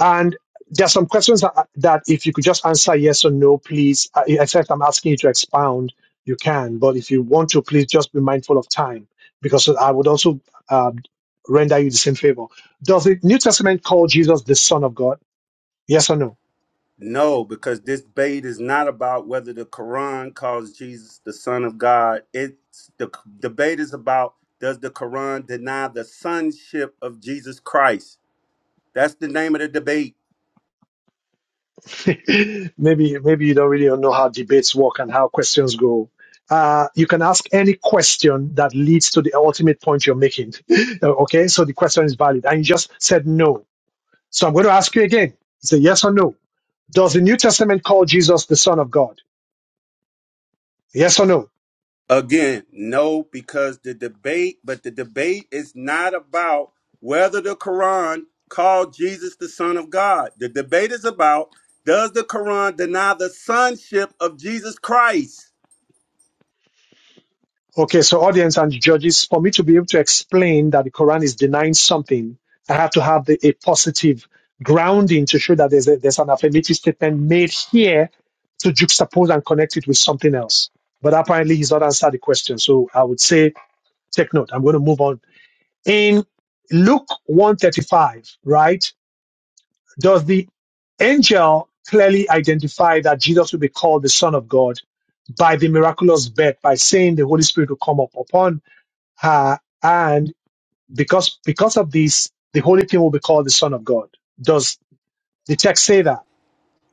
Speaker 1: And there are some questions that, that if you could just answer yes or no, please, uh, except I'm asking you to expound, you can. But if you want to, please just be mindful of time because I would also uh, render you the same favor. Does the New Testament call Jesus the Son of God? Yes or no?
Speaker 6: No, because this debate is not about whether the Quran calls Jesus the son of God. It's the debate is about does the Quran deny the sonship of Jesus Christ? That's the name of the debate.
Speaker 1: maybe maybe you don't really know how debates work and how questions go. Uh, you can ask any question that leads to the ultimate point you're making. Uh, okay, so the question is valid, and you just said no So I'm going to ask you again. It's a yes or no. Does the New Testament call Jesus the Son of God? Yes or no?
Speaker 6: Again, no, because the debate, but the debate is not about whether the Quran called Jesus the Son of God. The debate is about does the Quran deny the sonship of Jesus Christ?
Speaker 1: Okay, so audience and judges, for me to be able to explain that the Quran is denying something, I have to have the, a positive grounding to show that there's, a, there's an affirmative statement made here to juxtapose and connect it with something else. But apparently, he's not answered the question. So I would say, take note. I'm going to move on. In Luke 135, right? Does the angel clearly identify that Jesus will be called the Son of God by the miraculous birth by saying the Holy Spirit will come up upon her, and because because of this, the Holy Thing will be called the Son of God. Does the text say that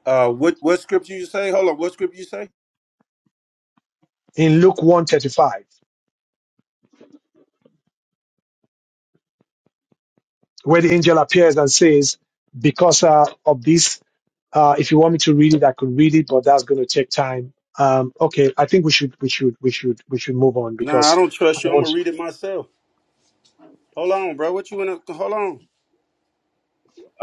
Speaker 6: Uh, what what scripture you say? Hold on, what scripture you say?
Speaker 1: in Luke one thirty five, where the angel appears and says, "Because uh, of this, uh, if you want me to read it, I could read it, but that's going to take time." Um, okay, I think we should we should we should we should move on
Speaker 6: Nah, I
Speaker 1: because
Speaker 6: don't
Speaker 1: I
Speaker 6: trust you.
Speaker 1: don't
Speaker 6: I'm
Speaker 1: want
Speaker 6: gonna
Speaker 1: to.
Speaker 6: read it myself. Hold on, bro. What you wanna? Hold on.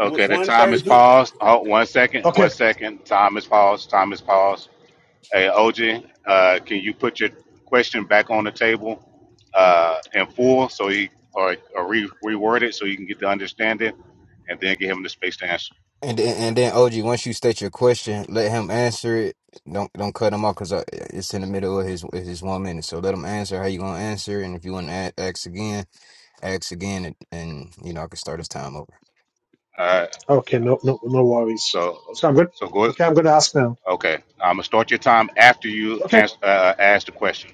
Speaker 18: Okay, the time
Speaker 6: thirty.
Speaker 18: is
Speaker 1: Do,
Speaker 18: paused. Hold one second, one
Speaker 1: okay,
Speaker 18: second. Time is paused. Time is paused. Hey, OJ, uh, can you put your question back on the table uh, in full so he or, or re- reword it so you can get to understand it and then give him the space to answer?
Speaker 12: And then, and then OG, once you state your question, let him answer it. Don't don't cut him off because it's in the middle of his his one minute. So let him answer how you gonna answer, and if you want to ask again, ask again, and, and you know I can start his time over.
Speaker 18: All right.
Speaker 1: Okay, no, no, no worries.
Speaker 18: So,
Speaker 1: So I'm good.
Speaker 18: so go.
Speaker 1: Okay, I'm going to ask now.
Speaker 18: Okay. I'm going to start your time after you
Speaker 1: Okay.
Speaker 18: ans- uh, ask the question.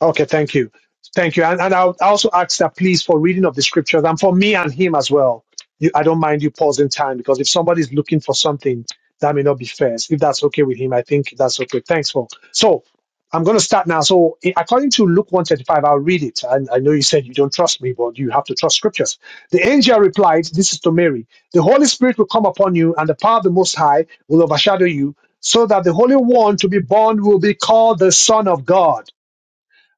Speaker 1: Okay, thank you. Thank you. And, and I would also ask that please for reading of the scriptures and for me and him as well. You, I don't mind you pausing time because if somebody's looking for something, that may not be fair. If that's okay with him, I think that's okay. Thanks for. So I'm going to start now. So i- according to Luke 135, I'll read it. And I know you said you don't trust me, but you have to trust scriptures. The angel replied, this is to Mary. The Holy Spirit will come upon you and the power of the Most High will overshadow you so that the Holy One to be born will be called the Son of God.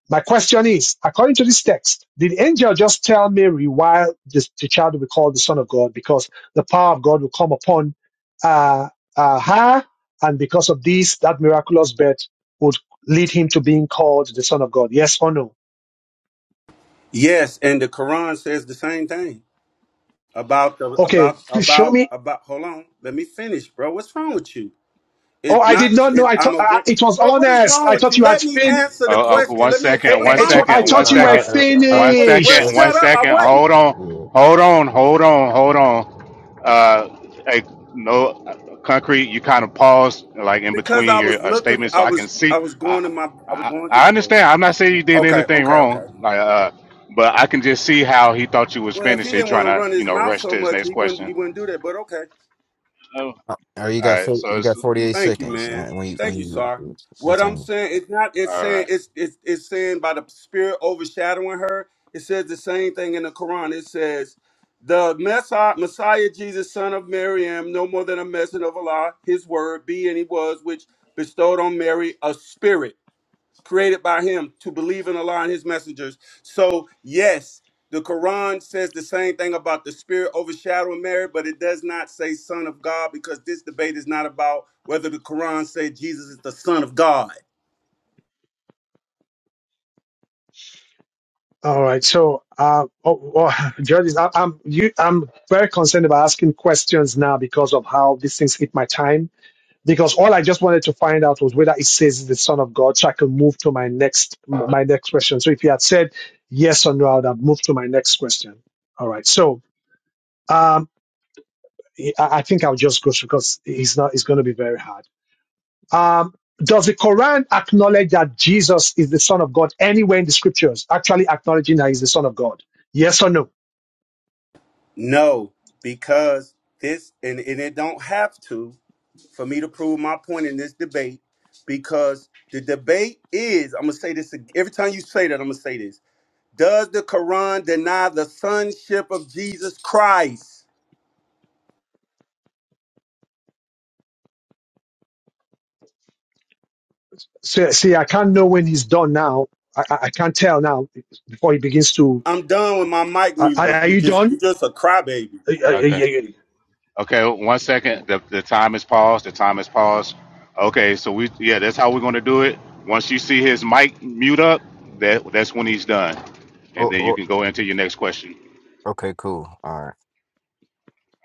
Speaker 1: My question is, according to this text, did the angel just tell Mary why this, the child will be called the Son of God? Because the power of God will come upon uh, uh, her, and because of this, that miraculous birth would lead him to being called the Son of God. Yes or no?
Speaker 6: Yes, and the Quran says the same thing. about the
Speaker 1: Okay,
Speaker 6: about
Speaker 1: please show
Speaker 6: about
Speaker 1: me.
Speaker 6: about hold on let me finish bro what's wrong with you
Speaker 1: Oh,
Speaker 6: it's
Speaker 1: I did
Speaker 6: not
Speaker 1: not know.
Speaker 6: it's
Speaker 1: I
Speaker 6: i'm
Speaker 1: thought
Speaker 6: a
Speaker 1: uh,
Speaker 6: great
Speaker 1: it was
Speaker 6: bro what is
Speaker 1: honest.
Speaker 6: wrong
Speaker 1: I
Speaker 6: with you
Speaker 1: thought you had
Speaker 6: let me
Speaker 1: fin.
Speaker 6: answer
Speaker 18: Oh,
Speaker 6: the
Speaker 18: oh, okay.
Speaker 6: question
Speaker 18: One
Speaker 6: let me
Speaker 1: I,
Speaker 18: second.
Speaker 6: what's
Speaker 18: One
Speaker 1: I,
Speaker 6: wrong with
Speaker 1: I
Speaker 18: second.
Speaker 6: you
Speaker 18: One
Speaker 1: thought
Speaker 12: Uh,
Speaker 1: you were
Speaker 12: uh,
Speaker 18: second.
Speaker 12: uh, uh,
Speaker 18: One
Speaker 6: what's well
Speaker 18: second.
Speaker 1: finished.
Speaker 12: let's.
Speaker 18: One
Speaker 6: shut up i
Speaker 18: second.
Speaker 6: wasn't
Speaker 18: Hold on. Hold on. Hold on. Hold on. Uh, hey, no, concrete. You kind of paused like in
Speaker 6: because
Speaker 18: between
Speaker 6: i was
Speaker 18: your uh,
Speaker 6: looking
Speaker 18: statements, so
Speaker 6: i
Speaker 18: I
Speaker 6: was
Speaker 18: can see.
Speaker 6: i was going to
Speaker 18: I,
Speaker 6: my i was
Speaker 18: I,
Speaker 6: going to
Speaker 18: I
Speaker 6: the book
Speaker 18: understand. I'm not saying you did
Speaker 6: okay
Speaker 18: anything
Speaker 6: okay okay
Speaker 18: wrong. Like, uh, but I can just see how he thought you was
Speaker 6: well if
Speaker 18: finished.
Speaker 6: he
Speaker 18: He's
Speaker 6: didn't want
Speaker 18: trying
Speaker 6: to
Speaker 18: to,
Speaker 6: run
Speaker 18: you
Speaker 6: his
Speaker 18: know,
Speaker 6: mouth
Speaker 18: rush
Speaker 6: so
Speaker 18: to his
Speaker 6: much
Speaker 18: next
Speaker 6: he wouldn't
Speaker 18: question.
Speaker 6: he wouldn't do that but okay
Speaker 18: Oh, All
Speaker 12: Uh, Or you got
Speaker 18: right.
Speaker 12: fo-
Speaker 18: So
Speaker 12: you
Speaker 18: it's
Speaker 12: got forty eight
Speaker 6: Thank you,
Speaker 12: seconds uh,
Speaker 6: man.
Speaker 12: when you when
Speaker 6: Thank you, Sar.
Speaker 12: you
Speaker 6: What
Speaker 12: get
Speaker 6: I'm
Speaker 12: in.
Speaker 6: saying, it's not. It's
Speaker 18: all
Speaker 6: saying
Speaker 18: right.
Speaker 6: it's it's it's saying by the Spirit overshadowing her. It says the same thing in the Quran. It says, "The Messiah, Messiah Jesus, son of Maryam, no more than a messenger of Allah, His word, be and He was, which bestowed on Mary a spirit." created by him to believe in Allah and his messengers. So, yes, the Quran says the same thing about the spirit overshadowing Mary, but it does not say son of God because this debate is not about whether the Quran said Jesus is the son of God.
Speaker 1: All right. So, uh, oh, oh, Judges, I, I'm you, I'm very concerned about asking questions now because of how these things hit my time. Because all I just wanted to find out was whether it says he's the Son of God, so I could move to my next my next question. So, if you had said yes or no, I would have moved to my next question. All right. So, um, I, I think I'll just go through because it's not it's going to be very hard. Um, does the Quran acknowledge that Jesus is the Son of God anywhere in the Scriptures? Actually, acknowledging that He's the Son of God. Yes or no?
Speaker 6: No, because this and, and it don't have to for me to prove my point in this debate because the debate is I'm going to say this ag- every time you say that I'm going to say this. Does the Quran deny the sonship of Jesus Christ?
Speaker 1: So, see, I can't know when he's done now. I, I I can't tell now before he begins to.
Speaker 6: I'm done with my mic
Speaker 1: Are, are
Speaker 6: muted.
Speaker 1: are
Speaker 6: You
Speaker 1: you
Speaker 6: just you
Speaker 1: done?
Speaker 6: just a crybaby.
Speaker 1: Uh, uh,
Speaker 18: Okay.
Speaker 1: yeah, yeah, yeah.
Speaker 18: Okay, one second. The, the time is paused. The time is paused. Okay, so we yeah, that's how we're gonna do it. Once you see his mic mute up, that that's when he's done, and
Speaker 12: Oh,
Speaker 18: then you
Speaker 12: oh,
Speaker 18: can go into your next question.
Speaker 12: okay, cool. All right.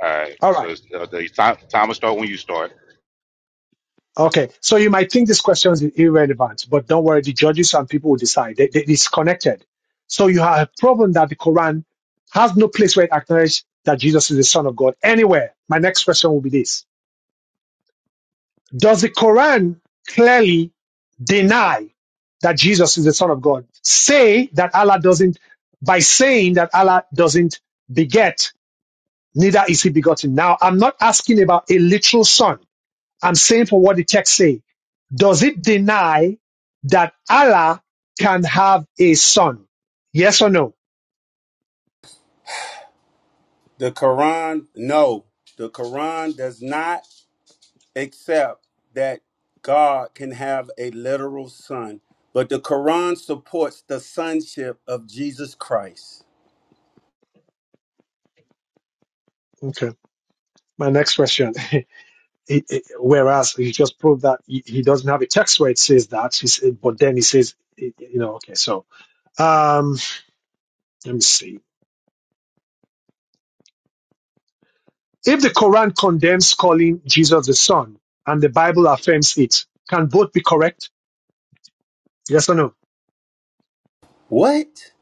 Speaker 18: All right.
Speaker 1: All
Speaker 18: So
Speaker 1: right.
Speaker 18: it's, uh, the time time will start when you start.
Speaker 1: Okay. So you might think this question is irrelevant, but don't worry. The judges and people will decide. They, they, it's connected. So you have a problem that the Quran has no place where it acknowledges that Jesus is the Son of God anywhere. My next question will be this. Does the Quran clearly deny that Jesus is the Son of God? Say that Allah doesn't, by saying that Allah doesn't beget, neither is he begotten. Now, I'm not asking about a literal son. I'm saying for what the text say. Does it deny that Allah can have a son? Yes or no?
Speaker 6: The Quran, no. The Quran does not accept that God can have a literal son, but the Quran supports the sonship of Jesus Christ.
Speaker 1: Okay. My next question. It- it- whereas he just proved that he, he doesn't have a text where it says that, he said, but then he says, it, you know, okay, so Um, let me see. If the Quran condemns calling Jesus the Son and the Bible affirms it, can both be correct? Yes or no?
Speaker 6: What?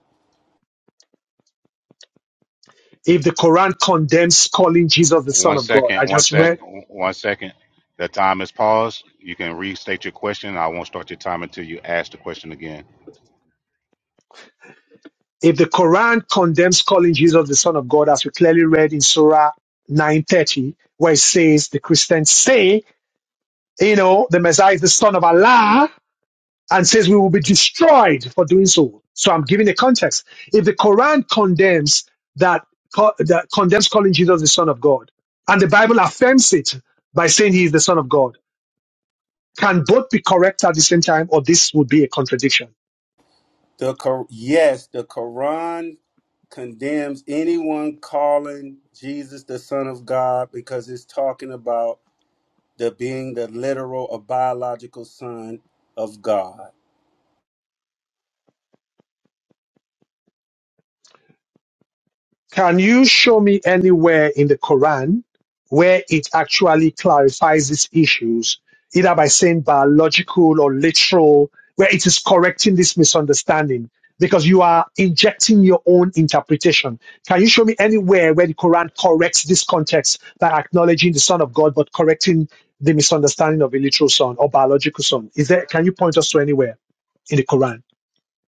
Speaker 1: If the Quran condemns calling Jesus the Son
Speaker 18: One
Speaker 1: of God, I
Speaker 18: second. One
Speaker 1: just
Speaker 18: second.
Speaker 1: read.
Speaker 18: One second. The time is paused. You can restate your question. I won't start your time until you ask the question again.
Speaker 1: If the Quran condemns calling Jesus the Son of God, as we clearly read in Surah 930, where it says the Christians say, you know, the Messiah is the Son of Allah, and says we will be destroyed for doing so. So I'm giving a context. If the Quran condemns that, co- that condemns calling Jesus the Son of God, and the Bible affirms it by saying he is the Son of God, can both be correct at the same time, or this would be a contradiction?
Speaker 6: The Qur- yes, the Quran condemns anyone calling Jesus the son of God because it's talking about the being the literal or biological son of God.
Speaker 1: Can you show me anywhere in the Quran where it actually clarifies these issues, either by saying biological or literal, where it is correcting this misunderstanding? Because you are injecting your own interpretation. Can you show me anywhere where the Quran corrects this context by acknowledging the Son of God but correcting the misunderstanding of a literal son or biological son? Is there? Can you point us to anywhere in the Quran?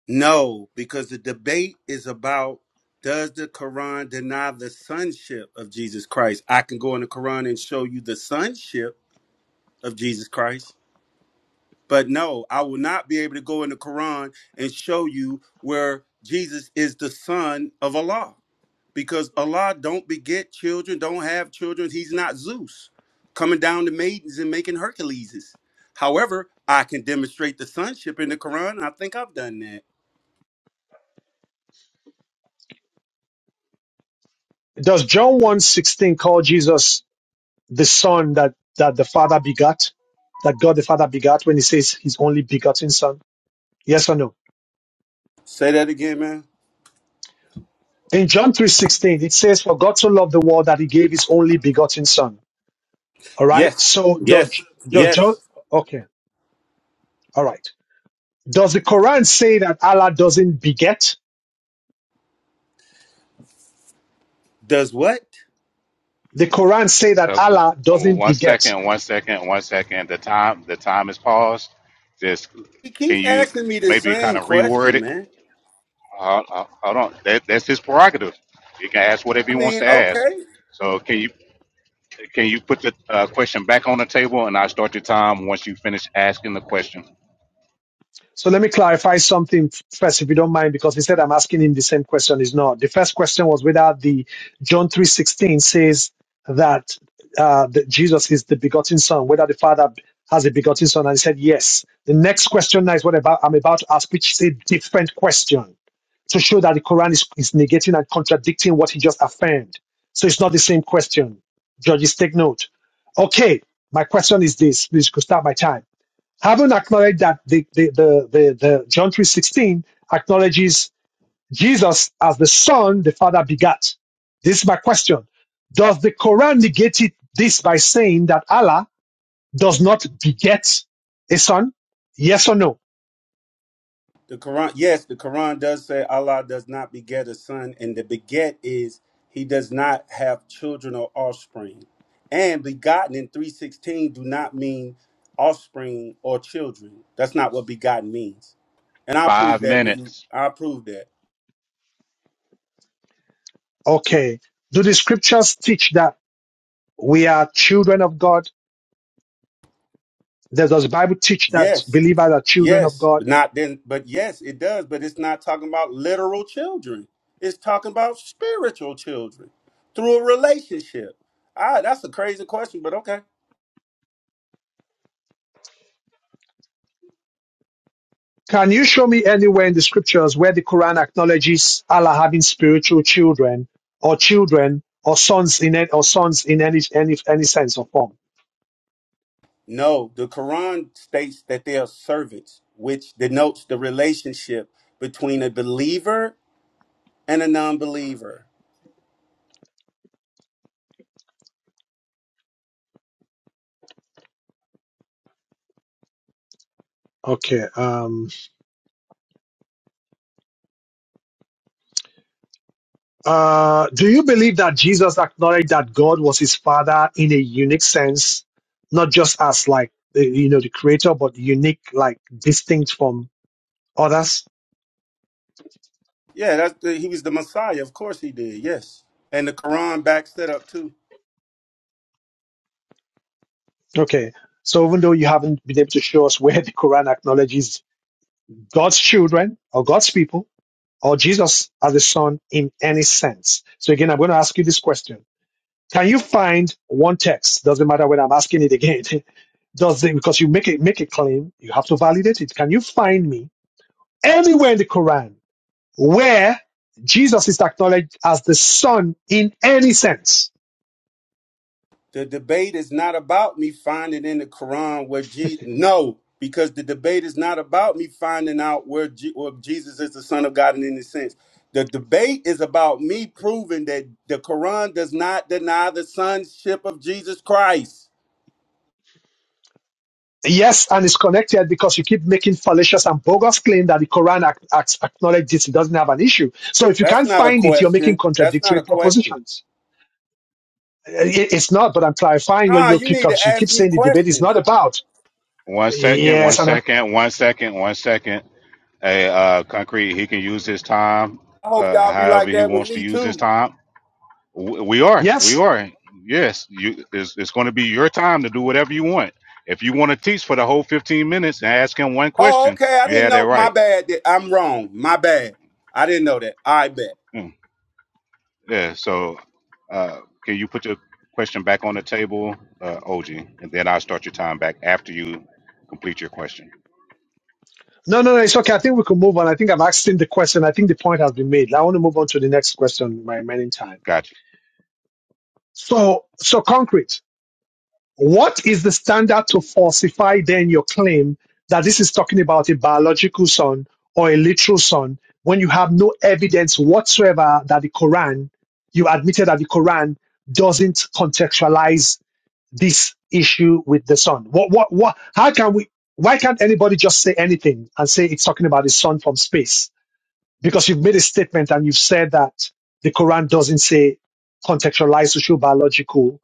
Speaker 6: No, because the debate is about does the Quran deny the sonship of Jesus Christ? I can go in the Quran and show you the sonship of Jesus Christ, but no, I will not be able to go in the Quran and show you where Jesus is the son of Allah because Allah don't beget children, don't have children. He's not Zeus coming down to maidens and making Herculeses. However, I can demonstrate the sonship in the Quran, and I think I've done that.
Speaker 1: Does John one sixteen call Jesus? the son that, that the father begat, that God the father begat when he says his only begotten son? Yes or no?
Speaker 6: Say that again, man.
Speaker 1: In John 3.16, it says, for God so loved the world that he gave his only begotten son. All right.
Speaker 6: Yes,
Speaker 1: So does,
Speaker 6: yes,
Speaker 1: does John,
Speaker 6: yes.
Speaker 1: okay. All right. Does the Quran say that Allah doesn't beget?
Speaker 6: Does what?
Speaker 1: The Quran say that
Speaker 18: Okay.
Speaker 1: Allah
Speaker 18: Oh,
Speaker 1: doesn't
Speaker 18: One
Speaker 1: beget.
Speaker 18: second, one second, one second. The time, the time is paused. Just
Speaker 6: He
Speaker 18: can
Speaker 6: keeps
Speaker 18: you
Speaker 6: asking me the
Speaker 18: maybe kind
Speaker 6: same
Speaker 18: of reword
Speaker 6: question,
Speaker 18: it?
Speaker 6: man.
Speaker 18: Uh, uh, hold on, that, that's his prerogative. He can ask whatever
Speaker 6: I
Speaker 18: he wants
Speaker 6: mean,
Speaker 18: to ask.
Speaker 6: okay.
Speaker 18: So can you can you put the uh, question back on the table and I will start your time once you finish asking the question.
Speaker 1: So let me clarify something first, if you don't mind, because he said I'm asking him the same question. Is not the first question was whether the John three sixteen says that uh, that Jesus is the begotten Son, whether the Father has a begotten Son, and he said yes. The next question now is what about I'm about to ask, which is a different question to show that the Quran is, is negating and contradicting what he just affirmed. So it's not the same question. Judges, take note. Okay, my question is this. Please, could start my time haven't acknowledged that the, the, the, the, the John 3.16 acknowledges Jesus as the son the father begat. This is my question. Does the Quran negate it, this by saying that Allah does not beget a son? Yes or no?
Speaker 6: The Quran, yes, the Quran does say Allah does not beget a son, and the beget is he does not have children or offspring. And begotten in 316 do not mean offspring or children. That's not what begotten means. And I'll
Speaker 18: Five
Speaker 6: prove that when you
Speaker 18: minutes.
Speaker 6: I'll prove that.
Speaker 1: Okay. Do the scriptures teach that we are children of God? Does the Bible teach that
Speaker 6: Yes.
Speaker 1: believers are children of
Speaker 6: Yes,
Speaker 1: God?
Speaker 6: but not then, but yes, it does, but it's not talking about literal children. It's talking about spiritual children through a relationship. Ah, that's a crazy question, but okay.
Speaker 1: Can you show me anywhere in the scriptures where the Quran acknowledges Allah having spiritual children or children or sons in any, or sons in any any any sense or form?
Speaker 6: No, the Quran states that they are servants, which denotes the relationship between a believer and a non-believer.
Speaker 1: Okay. Um, uh, do you believe that Jesus acknowledged that God was his father in a unique sense, not just as like the- you know the creator, but unique, like distinct from others?
Speaker 6: Yeah, that's the, he was the Messiah. Of course he did. Yes. And the Quran backs that up too.
Speaker 1: Okay. So even though you haven't been able to show us where the Quran acknowledges God's children or God's people, or Jesus as the Son in any sense? So again, I'm going to ask you this question. Can you find one text? Doesn't matter when I'm asking it again. Does it, because you make it, make a claim, you have to validate it. Can you find me anywhere in the Quran where Jesus is acknowledged as the Son in any sense?
Speaker 6: The debate is not about me finding in the Quran where Jesus. No, because the debate is not about me finding out where, Je- where Jesus is the Son of God in any sense. The debate is about me proving that the Quran does not deny the sonship of Jesus Christ.
Speaker 1: Yes, and it's connected because you keep making fallacious and bogus claim that the Quran ac- ac- acknowledges it doesn't have an issue. So if you
Speaker 6: That's
Speaker 1: can't
Speaker 6: not a
Speaker 1: find it, you're making
Speaker 6: question. That's not
Speaker 1: contradictory
Speaker 6: a question.
Speaker 1: propositions. Uh, It- It's not, but I'm clarifying your,
Speaker 6: Nah,
Speaker 1: your
Speaker 6: you need
Speaker 1: pickups.
Speaker 6: to
Speaker 1: you keep
Speaker 6: ask me
Speaker 1: saying the debate is not
Speaker 6: questions.
Speaker 1: about.
Speaker 18: One second, one
Speaker 1: Yes, and I'm,
Speaker 18: second, one second, one second. Hey, uh, concrete. He can use his time,
Speaker 6: I hope
Speaker 18: uh,
Speaker 6: y'all be
Speaker 18: however
Speaker 6: like
Speaker 18: he
Speaker 6: that with
Speaker 18: wants to
Speaker 6: me
Speaker 18: use his
Speaker 6: too.
Speaker 18: time. W- We are. We
Speaker 1: yes.
Speaker 18: are. Yes, you. It's, it's going to be your time to do whatever you want. If you want to teach for the whole 15 minutes and ask him one
Speaker 6: Oh,
Speaker 18: question,
Speaker 6: okay. I
Speaker 18: you
Speaker 6: didn't
Speaker 18: had that
Speaker 6: know. My
Speaker 18: right.
Speaker 6: bad. That I'm wrong. My bad. I didn't know that. I bet.
Speaker 18: Mm, Yeah. So, uh, can you put your question back on the table, uh, OG, and then I'll start your time back after you complete your question.
Speaker 1: No, no, no, it's okay. I think we can move on. I think I'm asking the question. I think the point has been made. I want to move on to the next question in my remaining time.
Speaker 18: Gotcha.
Speaker 1: So, so concrete. What is the standard to falsify then your claim that this is talking about a biological son or a literal son when you have no evidence whatsoever that the Quran, you admitted that the Quran doesn't contextualize this issue with the sun? What, what, what, how can we, why can't anybody just say anything and say it's talking about the sun from space? Because you've made a statement and you've said that the Quran doesn't say contextualized social biological,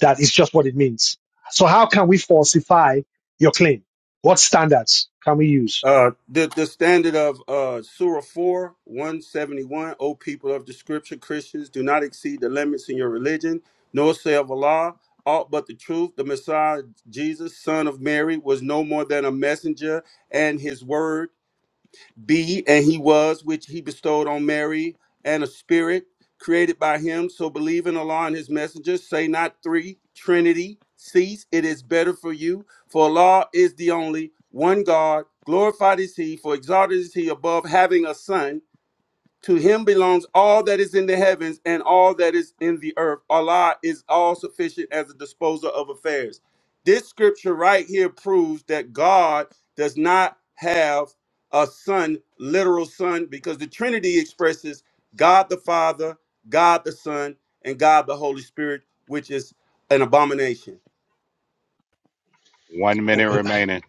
Speaker 1: that is just what it means. So how can we falsify your claim? What standards can we use?
Speaker 6: Uh, the, the standard of uh, Surah 4, 171, O people of the scripture, Christians, do not exceed the limits in your religion, nor say of Allah aught but the truth. The Messiah, Jesus, son of Mary, was no more than a messenger, and his word. Be and he was, which he bestowed on Mary, and a spirit created by him. So believe in Allah and his messengers. Say not three, Trinity, cease. It is better for you. For Allah is the only one God. Glorified is he, for exalted is he above having a son. To him belongs all that is in the heavens and all that is in the earth. Allah is all sufficient as a disposer of affairs. This scripture right here proves that God does not have a son, literal son, because the Trinity expresses God the Father, God the Son, and God the Holy Spirit, which is an abomination.
Speaker 18: One minute remaining.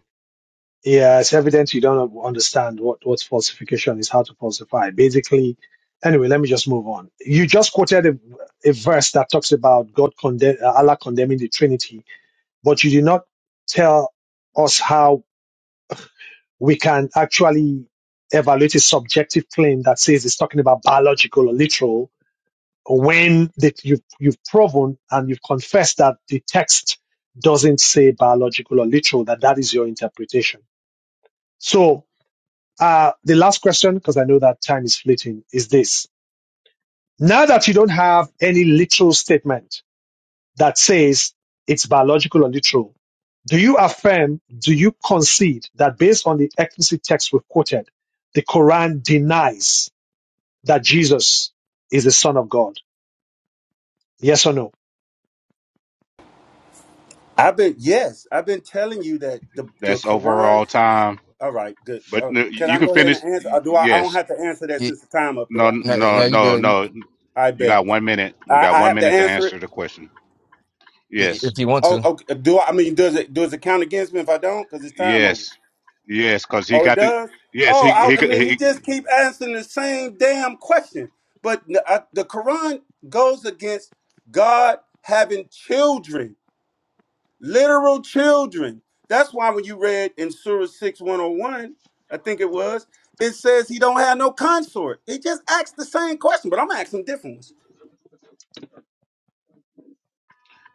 Speaker 1: Yeah, it's evident you don't understand what, what falsification is, how to falsify. Basically, anyway, let me just move on. You just quoted a, a verse that talks about God condemn, uh, Allah condemning the Trinity, but you did not tell us how we can actually evaluate a subjective claim that says it's talking about biological or literal when that you've, you've proven and you've confessed that the text doesn't say biological or literal, that that is your interpretation. So Uh, the last question, because I know that time is fleeting, is this. Now that you don't have any literal statement that says it's biological or literal, do you affirm, do you concede that based on the explicit text we've quoted, the Quran denies that Jesus is the Son of God? Yes or no?
Speaker 6: I've been, yes, I've been telling you that the, the
Speaker 18: That's
Speaker 6: Quran.
Speaker 18: overall time.
Speaker 6: All right, good.
Speaker 18: But
Speaker 6: Uh,
Speaker 18: n-
Speaker 6: can
Speaker 18: you
Speaker 6: I
Speaker 18: can
Speaker 6: go ahead
Speaker 18: finish.
Speaker 6: and answer?
Speaker 18: Y-
Speaker 6: Or do I, I don't
Speaker 18: Yes.
Speaker 6: have to answer that
Speaker 12: You,
Speaker 6: since the time up, do
Speaker 18: No.
Speaker 6: I?
Speaker 12: now,
Speaker 18: No.
Speaker 12: now you
Speaker 18: No.
Speaker 12: go you-
Speaker 18: No.
Speaker 6: I
Speaker 18: You
Speaker 6: bet.
Speaker 18: got one minute. You
Speaker 6: I,
Speaker 18: got
Speaker 6: I
Speaker 18: one
Speaker 6: have to
Speaker 18: minute to
Speaker 6: answer it.
Speaker 18: answer the question. Yes.
Speaker 12: if you want
Speaker 6: Oh,
Speaker 12: to.
Speaker 6: okay. Do I, I mean does it does it count against me if I don't? Because it's time over.
Speaker 18: Yes, yes, because he
Speaker 6: Oh, it
Speaker 18: got the
Speaker 6: does.
Speaker 18: yes
Speaker 6: Oh,
Speaker 18: he, he
Speaker 6: I, I mean he
Speaker 18: he.
Speaker 6: just keep answering the same damn question. But n- I- the Quran goes against God having children, literal children. That's why when you read in Surah six one hundred one, I think it was, it says he don't have no consort. He just asked the same question, but I'm asking different ones.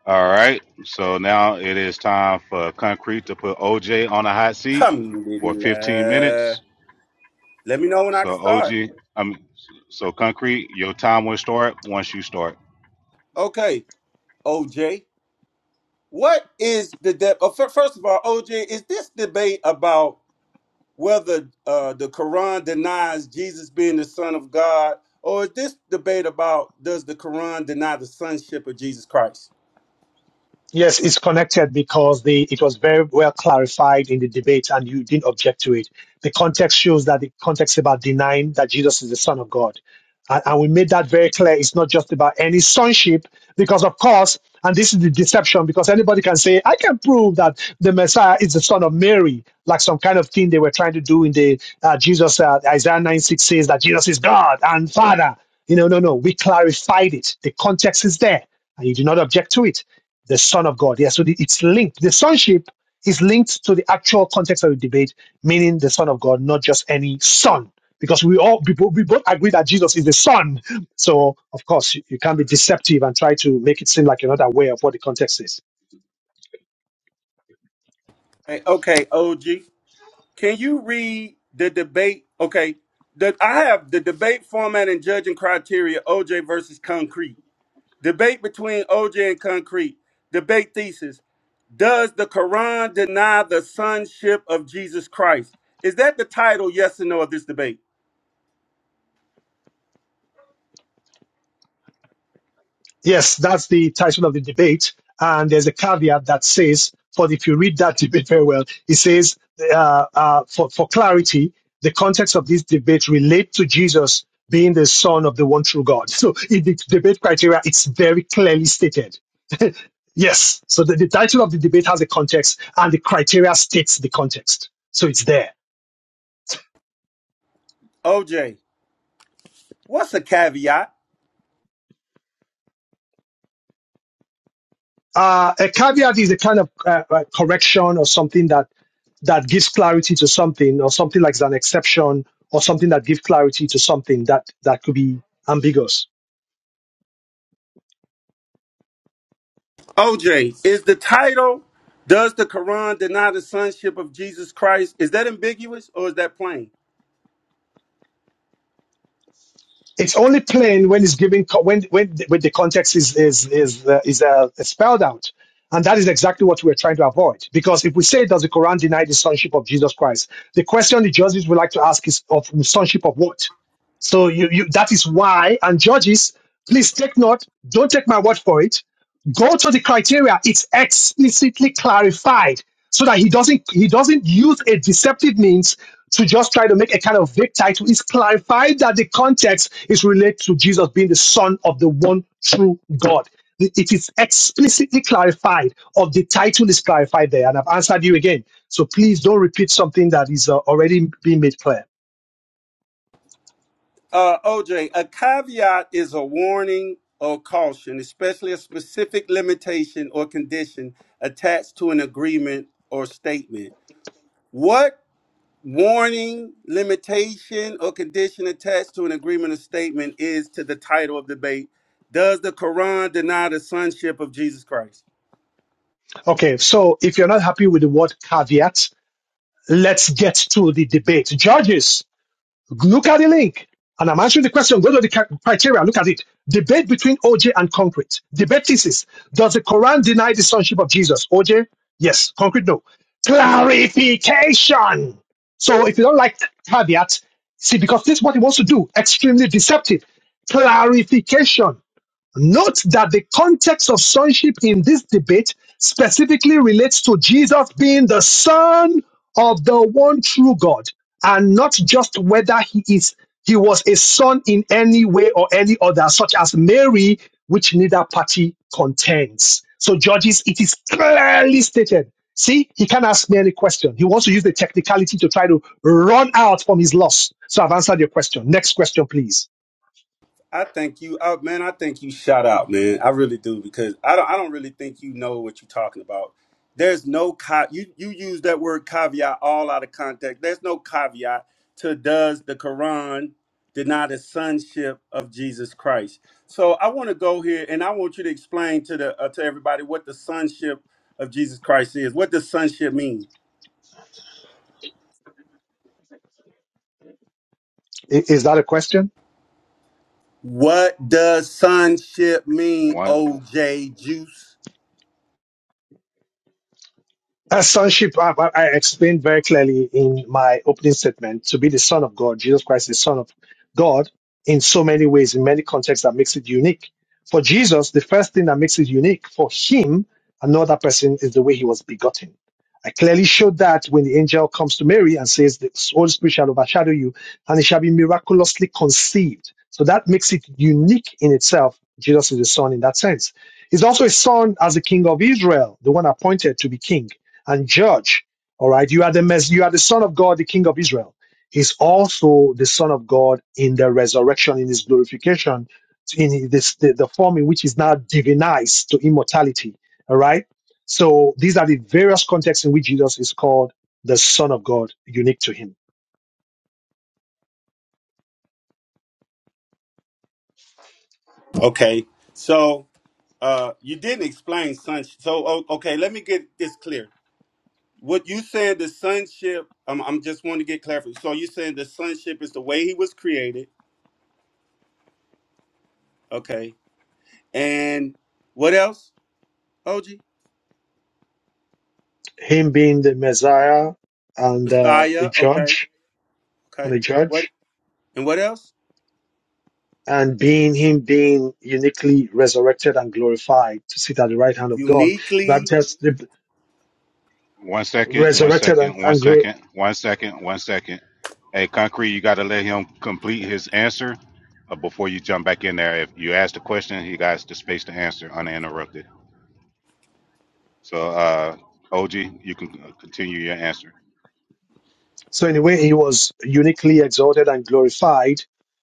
Speaker 18: All right, so now it is time for Concrete to put OJ on a hot seat for 15
Speaker 6: Alhamdulillah.
Speaker 18: minutes.
Speaker 6: Let me know when I
Speaker 18: So
Speaker 6: can
Speaker 18: OG,
Speaker 6: start.
Speaker 18: I mean, so Concrete, your time will start once you start.
Speaker 6: Okay, OJ, what is the depth? Uh, fir- first of all, OJ, is this debate about whether uh, the Quran denies Jesus being the Son of God, or is this debate about does the Quran deny the sonship of Jesus Christ?
Speaker 1: Yes, it's connected because the it was very well clarified in the debate and you didn't object to it. The context shows that the context is about denying that Jesus is the Son of God. And, and we made that very clear. It's not just about any sonship, because of course, and this is the deception, because anybody can say, I can prove that the Messiah is the son of Mary, like some kind of thing they were trying to do in the uh, Jesus, uh, Isaiah 9 6 says that Jesus is God and Father. You know, no, no, we clarified it. The context is there, and you do not object to it the Son of God. Yeah, so the, it's linked. The sonship is linked to the actual context of the debate, meaning the Son of God, not just any son. Because we all we, both agree that Jesus is the Son. So of course you, you can't be deceptive and try to make it seem like another way of what the context is.
Speaker 6: Hey, okay, OG, can you read the debate? Okay, the, I have the debate format and judging criteria: OJ versus Concrete. Debate between OJ and Concrete. Debate thesis. Does the Quran deny the sonship of Jesus Christ? Is that the title, yes or no, of this debate?
Speaker 1: Yes, that's the title of the debate. And there's a caveat that says, for if you read that debate very well, it says, uh, uh, for, for clarity, the context of this debate relate to Jesus being the son of the one true God. So in the debate criteria, it's very clearly stated. yes. So the, the title of the debate has a context and the criteria states the context. So it's there.
Speaker 6: OJ, what's a caveat?
Speaker 1: Uh, a caveat is a kind of uh, uh, correction or something that that gives clarity to something, or something like an exception, or something that gives clarity to something that that could be ambiguous.
Speaker 6: OJ, is the title, Does the Quran deny the sonship of Jesus Christ? Is that ambiguous or is that plain?
Speaker 1: It's only plain when it's given co- when when the, when the context is is is uh, is uh, spelled out, and that is exactly what we're trying to avoid. Because if we say, does the Quran deny the sonship of Jesus Christ? The question the judges would like to ask is of sonship of what? So you, you that is why. And judges, please take note. Don't take my word for it. Go to the criteria. It's explicitly clarified so that he doesn't he doesn't use a deceptive means to just try to make a kind of vague title. It's clarified that the context is related to Jesus being the Son of the one true God. it is explicitly clarified, or the title is clarified there, and I've answered you again. So please don't repeat something that is uh, already being made clear.
Speaker 6: Uh, OJ, a caveat is a warning or caution, especially a specific limitation or condition attached to an agreement or statement. What warning, limitation, or condition attached to an agreement or statement is to the title of debate. Does the Quran deny the sonship of Jesus Christ?
Speaker 1: Okay, so if you're not happy with the word caveat, let's get to the debate. Judges Look at the link. And I'm answering the question. Go to the criteria. Look at it. Debate between OJ and concrete. Debate thesis. Does the Quran deny the sonship of Jesus? OJ, yes. Concrete, no. Clarification. So if you don't like caveat, see, because this is what he wants to do. Extremely deceptive. Clarification. Note that the context of sonship in this debate specifically relates to Jesus being the son of the one true God and not just whether he is he was a son in any way or any other such as Mary which neither party contends. So judges it is clearly stated. See, he can't ask me any question. He wants to use the technicality to try to run out from his loss. So I've answered your question. Next question please.
Speaker 6: I think you, oh man, I think you shout out, man. I really do because I don't, I don't really think you know what you're talking about. There's no ca- you you use that word caveat all out of context. There's no caveat to does the Quran deny the sonship of Jesus Christ? So I want to go here and I want you to explain to the uh, to everybody what the sonship of Jesus Christ is. What does sonship mean?
Speaker 1: I- Is that a question?
Speaker 6: What does sonship mean,
Speaker 18: One
Speaker 6: OJ Juice?
Speaker 1: As sonship, I, I I explained very clearly in my opening statement to be the Son of God, Jesus Christ, is Son of God, in so many ways, in many contexts that makes it unique. For Jesus, the first thing that makes it unique for him, another person, is the way he was begotten. I clearly showed that when the angel comes to Mary and says, The Holy Spirit shall overshadow you, and it shall be miraculously conceived. So that makes it unique in itself. Jesus is the Son in that sense. He's also a son as the King of Israel, the one appointed to be king and judge. All right, you are the mess, you are the Son of God, the King of Israel. He's also the Son of God in the resurrection, in his glorification, in this the, the form in which he's now divinized to immortality. All right. So these are the various contexts in which Jesus is called the Son of God, unique to him.
Speaker 6: Okay, so. Uh, you didn't explain sonship. So, o- okay, let me get this clear. What you said the sonship, I'm, I'm just want to get clarified. So, you saying the sonship is the way he was created. Okay. And what else, OG?
Speaker 1: Him being the Messiah and uh, a
Speaker 6: Messiah. Okay.
Speaker 1: judge and
Speaker 6: Okay.
Speaker 1: a
Speaker 6: What?
Speaker 1: judge,
Speaker 6: And what else?
Speaker 1: and being him being uniquely resurrected and glorified to sit at the right hand of God. The Bible
Speaker 6: Uniquely.
Speaker 1: tells, the
Speaker 18: one second, one
Speaker 1: resurrected and,
Speaker 18: second, one
Speaker 1: and glor-
Speaker 18: second, one second, one second. Hey, Concrete, you got to let him complete his answer uh, before you jump back in there. If you ask the question, he got the space to answer uninterrupted. So, uh, OG, you can continue your answer.
Speaker 1: so in a way he was uniquely exalted and glorified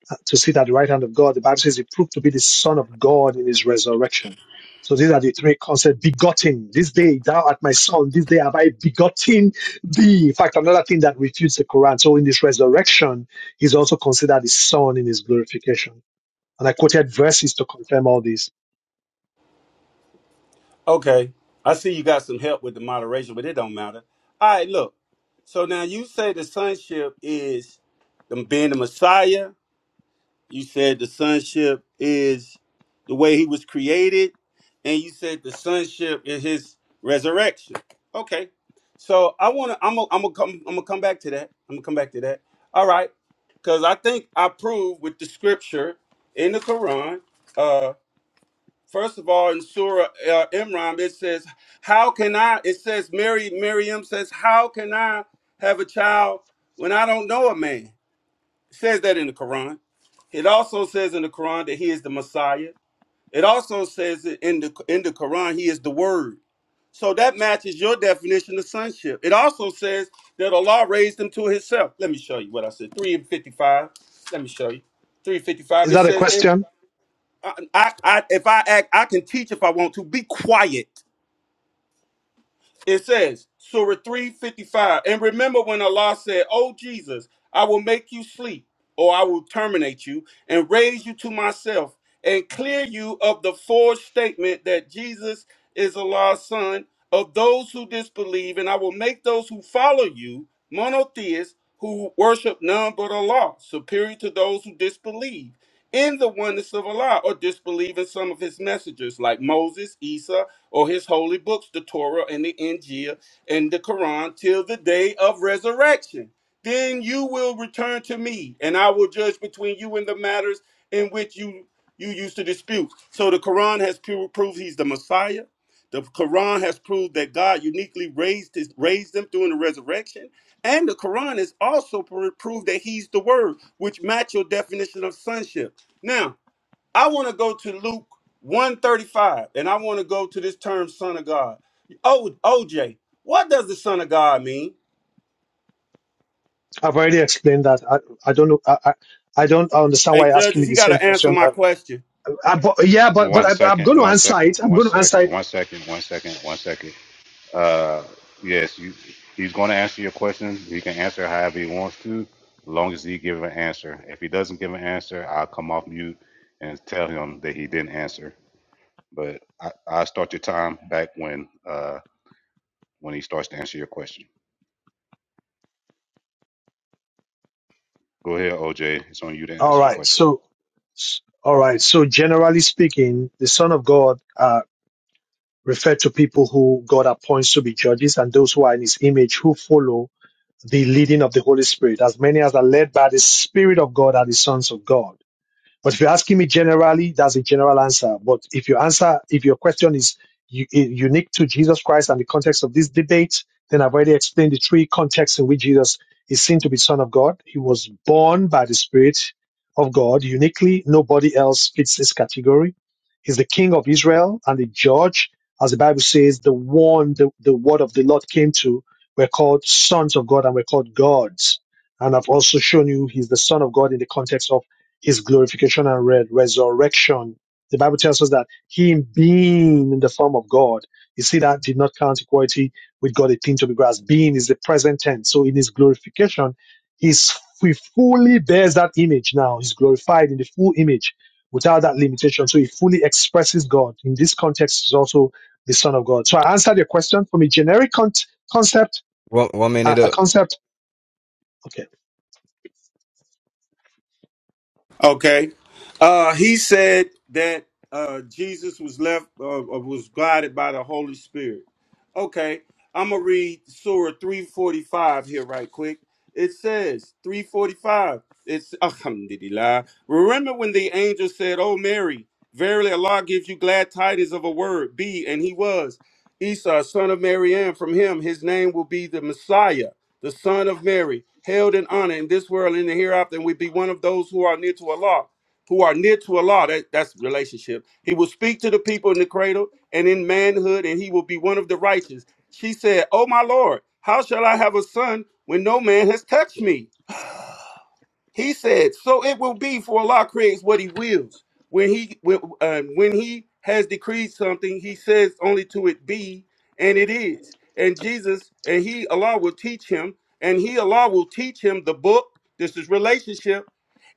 Speaker 1: uh, to sit at the right hand of God. The Bible says he proved to be the Son of God in his resurrection. So these are the three concepts: begotten. This day thou art my son. This day have I begotten thee. In fact, another thing that refutes the Quran. So in this resurrection, he's also considered his son in his glorification. And I quoted verses to confirm all this.
Speaker 6: Okay. I see you got some help with the moderation, but it don't matter. All right, look. So now you say the sonship is the, being the Messiah You said the sonship is the way he was created, and you said the sonship is his resurrection. Okay, so I want to. I'm gonna I'm gonna come. I'm gonna come back to that. I'm gonna come back to that. All right, because I think I prove with the scripture in the Quran. Uh, first of all, in Surah uh, Imran, it says, "How can I?" It says, "Mary, Miriam says, how can I have a child when I don't know a man?" It says that in the Quran. It also says in the Quran that he is the Messiah. It also says that in the in the Quran he is the Word. So that matches your definition of sonship. It also says that Allah raised him to Himself. Let me show you what I said. Three and fifty-five. Let me show you. Three fifty-five.
Speaker 1: Is
Speaker 6: It
Speaker 1: that a
Speaker 6: says, and
Speaker 1: question?
Speaker 6: I, I, I, if I act, I can teach if I want to. Be quiet. It says, Surah 355. And remember when Allah said, "O Jesus, I will make you sleep, or I will terminate you, and raise you to myself, and clear you of the forged statement that Jesus is Allah's son, of those who disbelieve, and I will make those who follow you monotheists who worship none but Allah, superior to those who disbelieve in the oneness of Allah or disbelieve in some of his messengers like Moses, Isa, or his holy books, the Torah and the Injil and the Quran, till the day of resurrection. Then you will return to me, and I will judge between you and the matters in which you you used to dispute. So the Quran has pu- proved he's the Messiah. The Quran has proved that God uniquely raised his, raised him during the resurrection, and the Quran has also pr- proved that he's the Word, which match your definition of sonship. Now, I want to go to Luke 135 and I want to go to this term son of God. Oh, OJ, what does the son of God mean?
Speaker 1: I've already explained that. I, I don't know. I, I, I don't understand
Speaker 6: Hey,
Speaker 1: why you're asking
Speaker 6: judges,
Speaker 1: me
Speaker 6: he
Speaker 1: the
Speaker 6: got
Speaker 1: same
Speaker 6: to answer
Speaker 1: question.
Speaker 6: my question.
Speaker 1: I, but, yeah, but but
Speaker 18: One
Speaker 1: I, I'm
Speaker 18: second,
Speaker 1: going to
Speaker 18: one
Speaker 1: answer
Speaker 18: second,
Speaker 1: it. I'm
Speaker 18: one
Speaker 1: going to answer
Speaker 18: second,
Speaker 1: it.
Speaker 18: one second, one second, one second. Uh, yes, you, he's going to answer your question. He can answer however he wants to, as long as he give an answer. If he doesn't give an answer, I'll come off mute and tell him that he didn't answer. But I, I'll start your time back when uh, when he starts to answer your question. Go ahead, OJ. It's on you to
Speaker 1: All
Speaker 18: answer the
Speaker 1: right.
Speaker 18: question.
Speaker 1: So, all right. So, generally speaking, the Son of God uh, referred to people who God appoints to be judges and those who are in His image who follow the leading of the Holy Spirit. As many as are led by the Spirit of God are the sons of God. But if you're asking me generally, that's a general answer. But if your answer, if your question is u- i- unique to Jesus Christ and the context of this debate, then I've already explained the three contexts in which Jesus is seen to be Son of God. He was born by the Spirit of God uniquely. Nobody else fits this category. He's the King of Israel and the Judge, as the Bible says, the one the, the word of the Lord came to. We're called sons of God and we're called gods. And I've also shown you he's the Son of God in the context of his glorification and re- resurrection. The Bible tells us that him being in the form of God, you see that did not count equality with God a thing to be grasped. Being is the present tense. So in his glorification, he's, he fully bears that image now. He's glorified in the full image without that limitation. So he fully expresses God. In this context, he's also the Son of God. So I answered your question from a generic con- concept,
Speaker 12: One, one
Speaker 1: uh,
Speaker 12: minute
Speaker 1: a
Speaker 12: up.
Speaker 1: concept. Okay.
Speaker 6: Okay. Uh, he said that uh, Jesus was left, uh, uh, was guided by the Holy Spirit. Okay. I'm going to read Surah 345 here, right quick. It says, 345. It's Alhamdulillah. Remember when the angel said, Oh, Mary, verily Allah gives you glad tidings of a word. Be, and he was. Esau, son of Mary, and from him, his name will be the Messiah the son of Mary, held in honor in this world and in the hereafter, and we be one of those who are near to Allah, who are near to Allah. That, that's relationship. He will speak to the people in the cradle and in manhood, and he will be one of the righteous. She said, Oh my Lord, how shall I have a son when no man has touched me? He said, "So it will be for Allah creates what He wills. When He when, um, when He has decreed something, He says only to it be, and it is. And Jesus and He Allah will teach him, and He Allah will teach him the book. This is relationship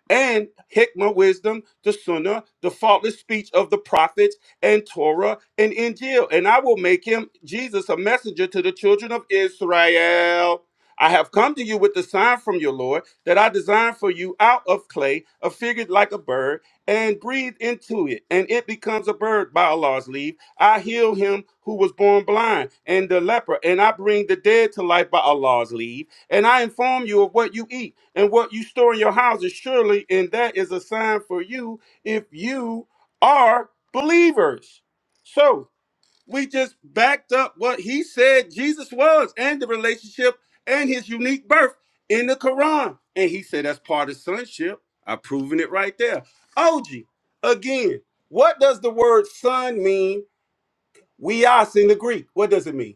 Speaker 6: and Hikmah wisdom, the Sunnah, the faultless speech of the prophets, and Torah and Injil. And I will make him, Jesus, a messenger to the children of Israel. I have come to you with the sign from your Lord that I designed for you out of clay, a figured like a bird, and breathe into it, and it becomes a bird by Allah's leave. I heal him who was born blind and the leper, and I bring the dead to life by Allah's leave. And I inform you of what you eat and what you store in your houses, surely, and that is a sign for you if you are believers. So we just backed up what he said Jesus was and the relationship and his unique birth in the Quran. And he said that's part of sonship. I've proven it right there. OG, again, what does the word son mean? We ask in the Greek. What does it mean?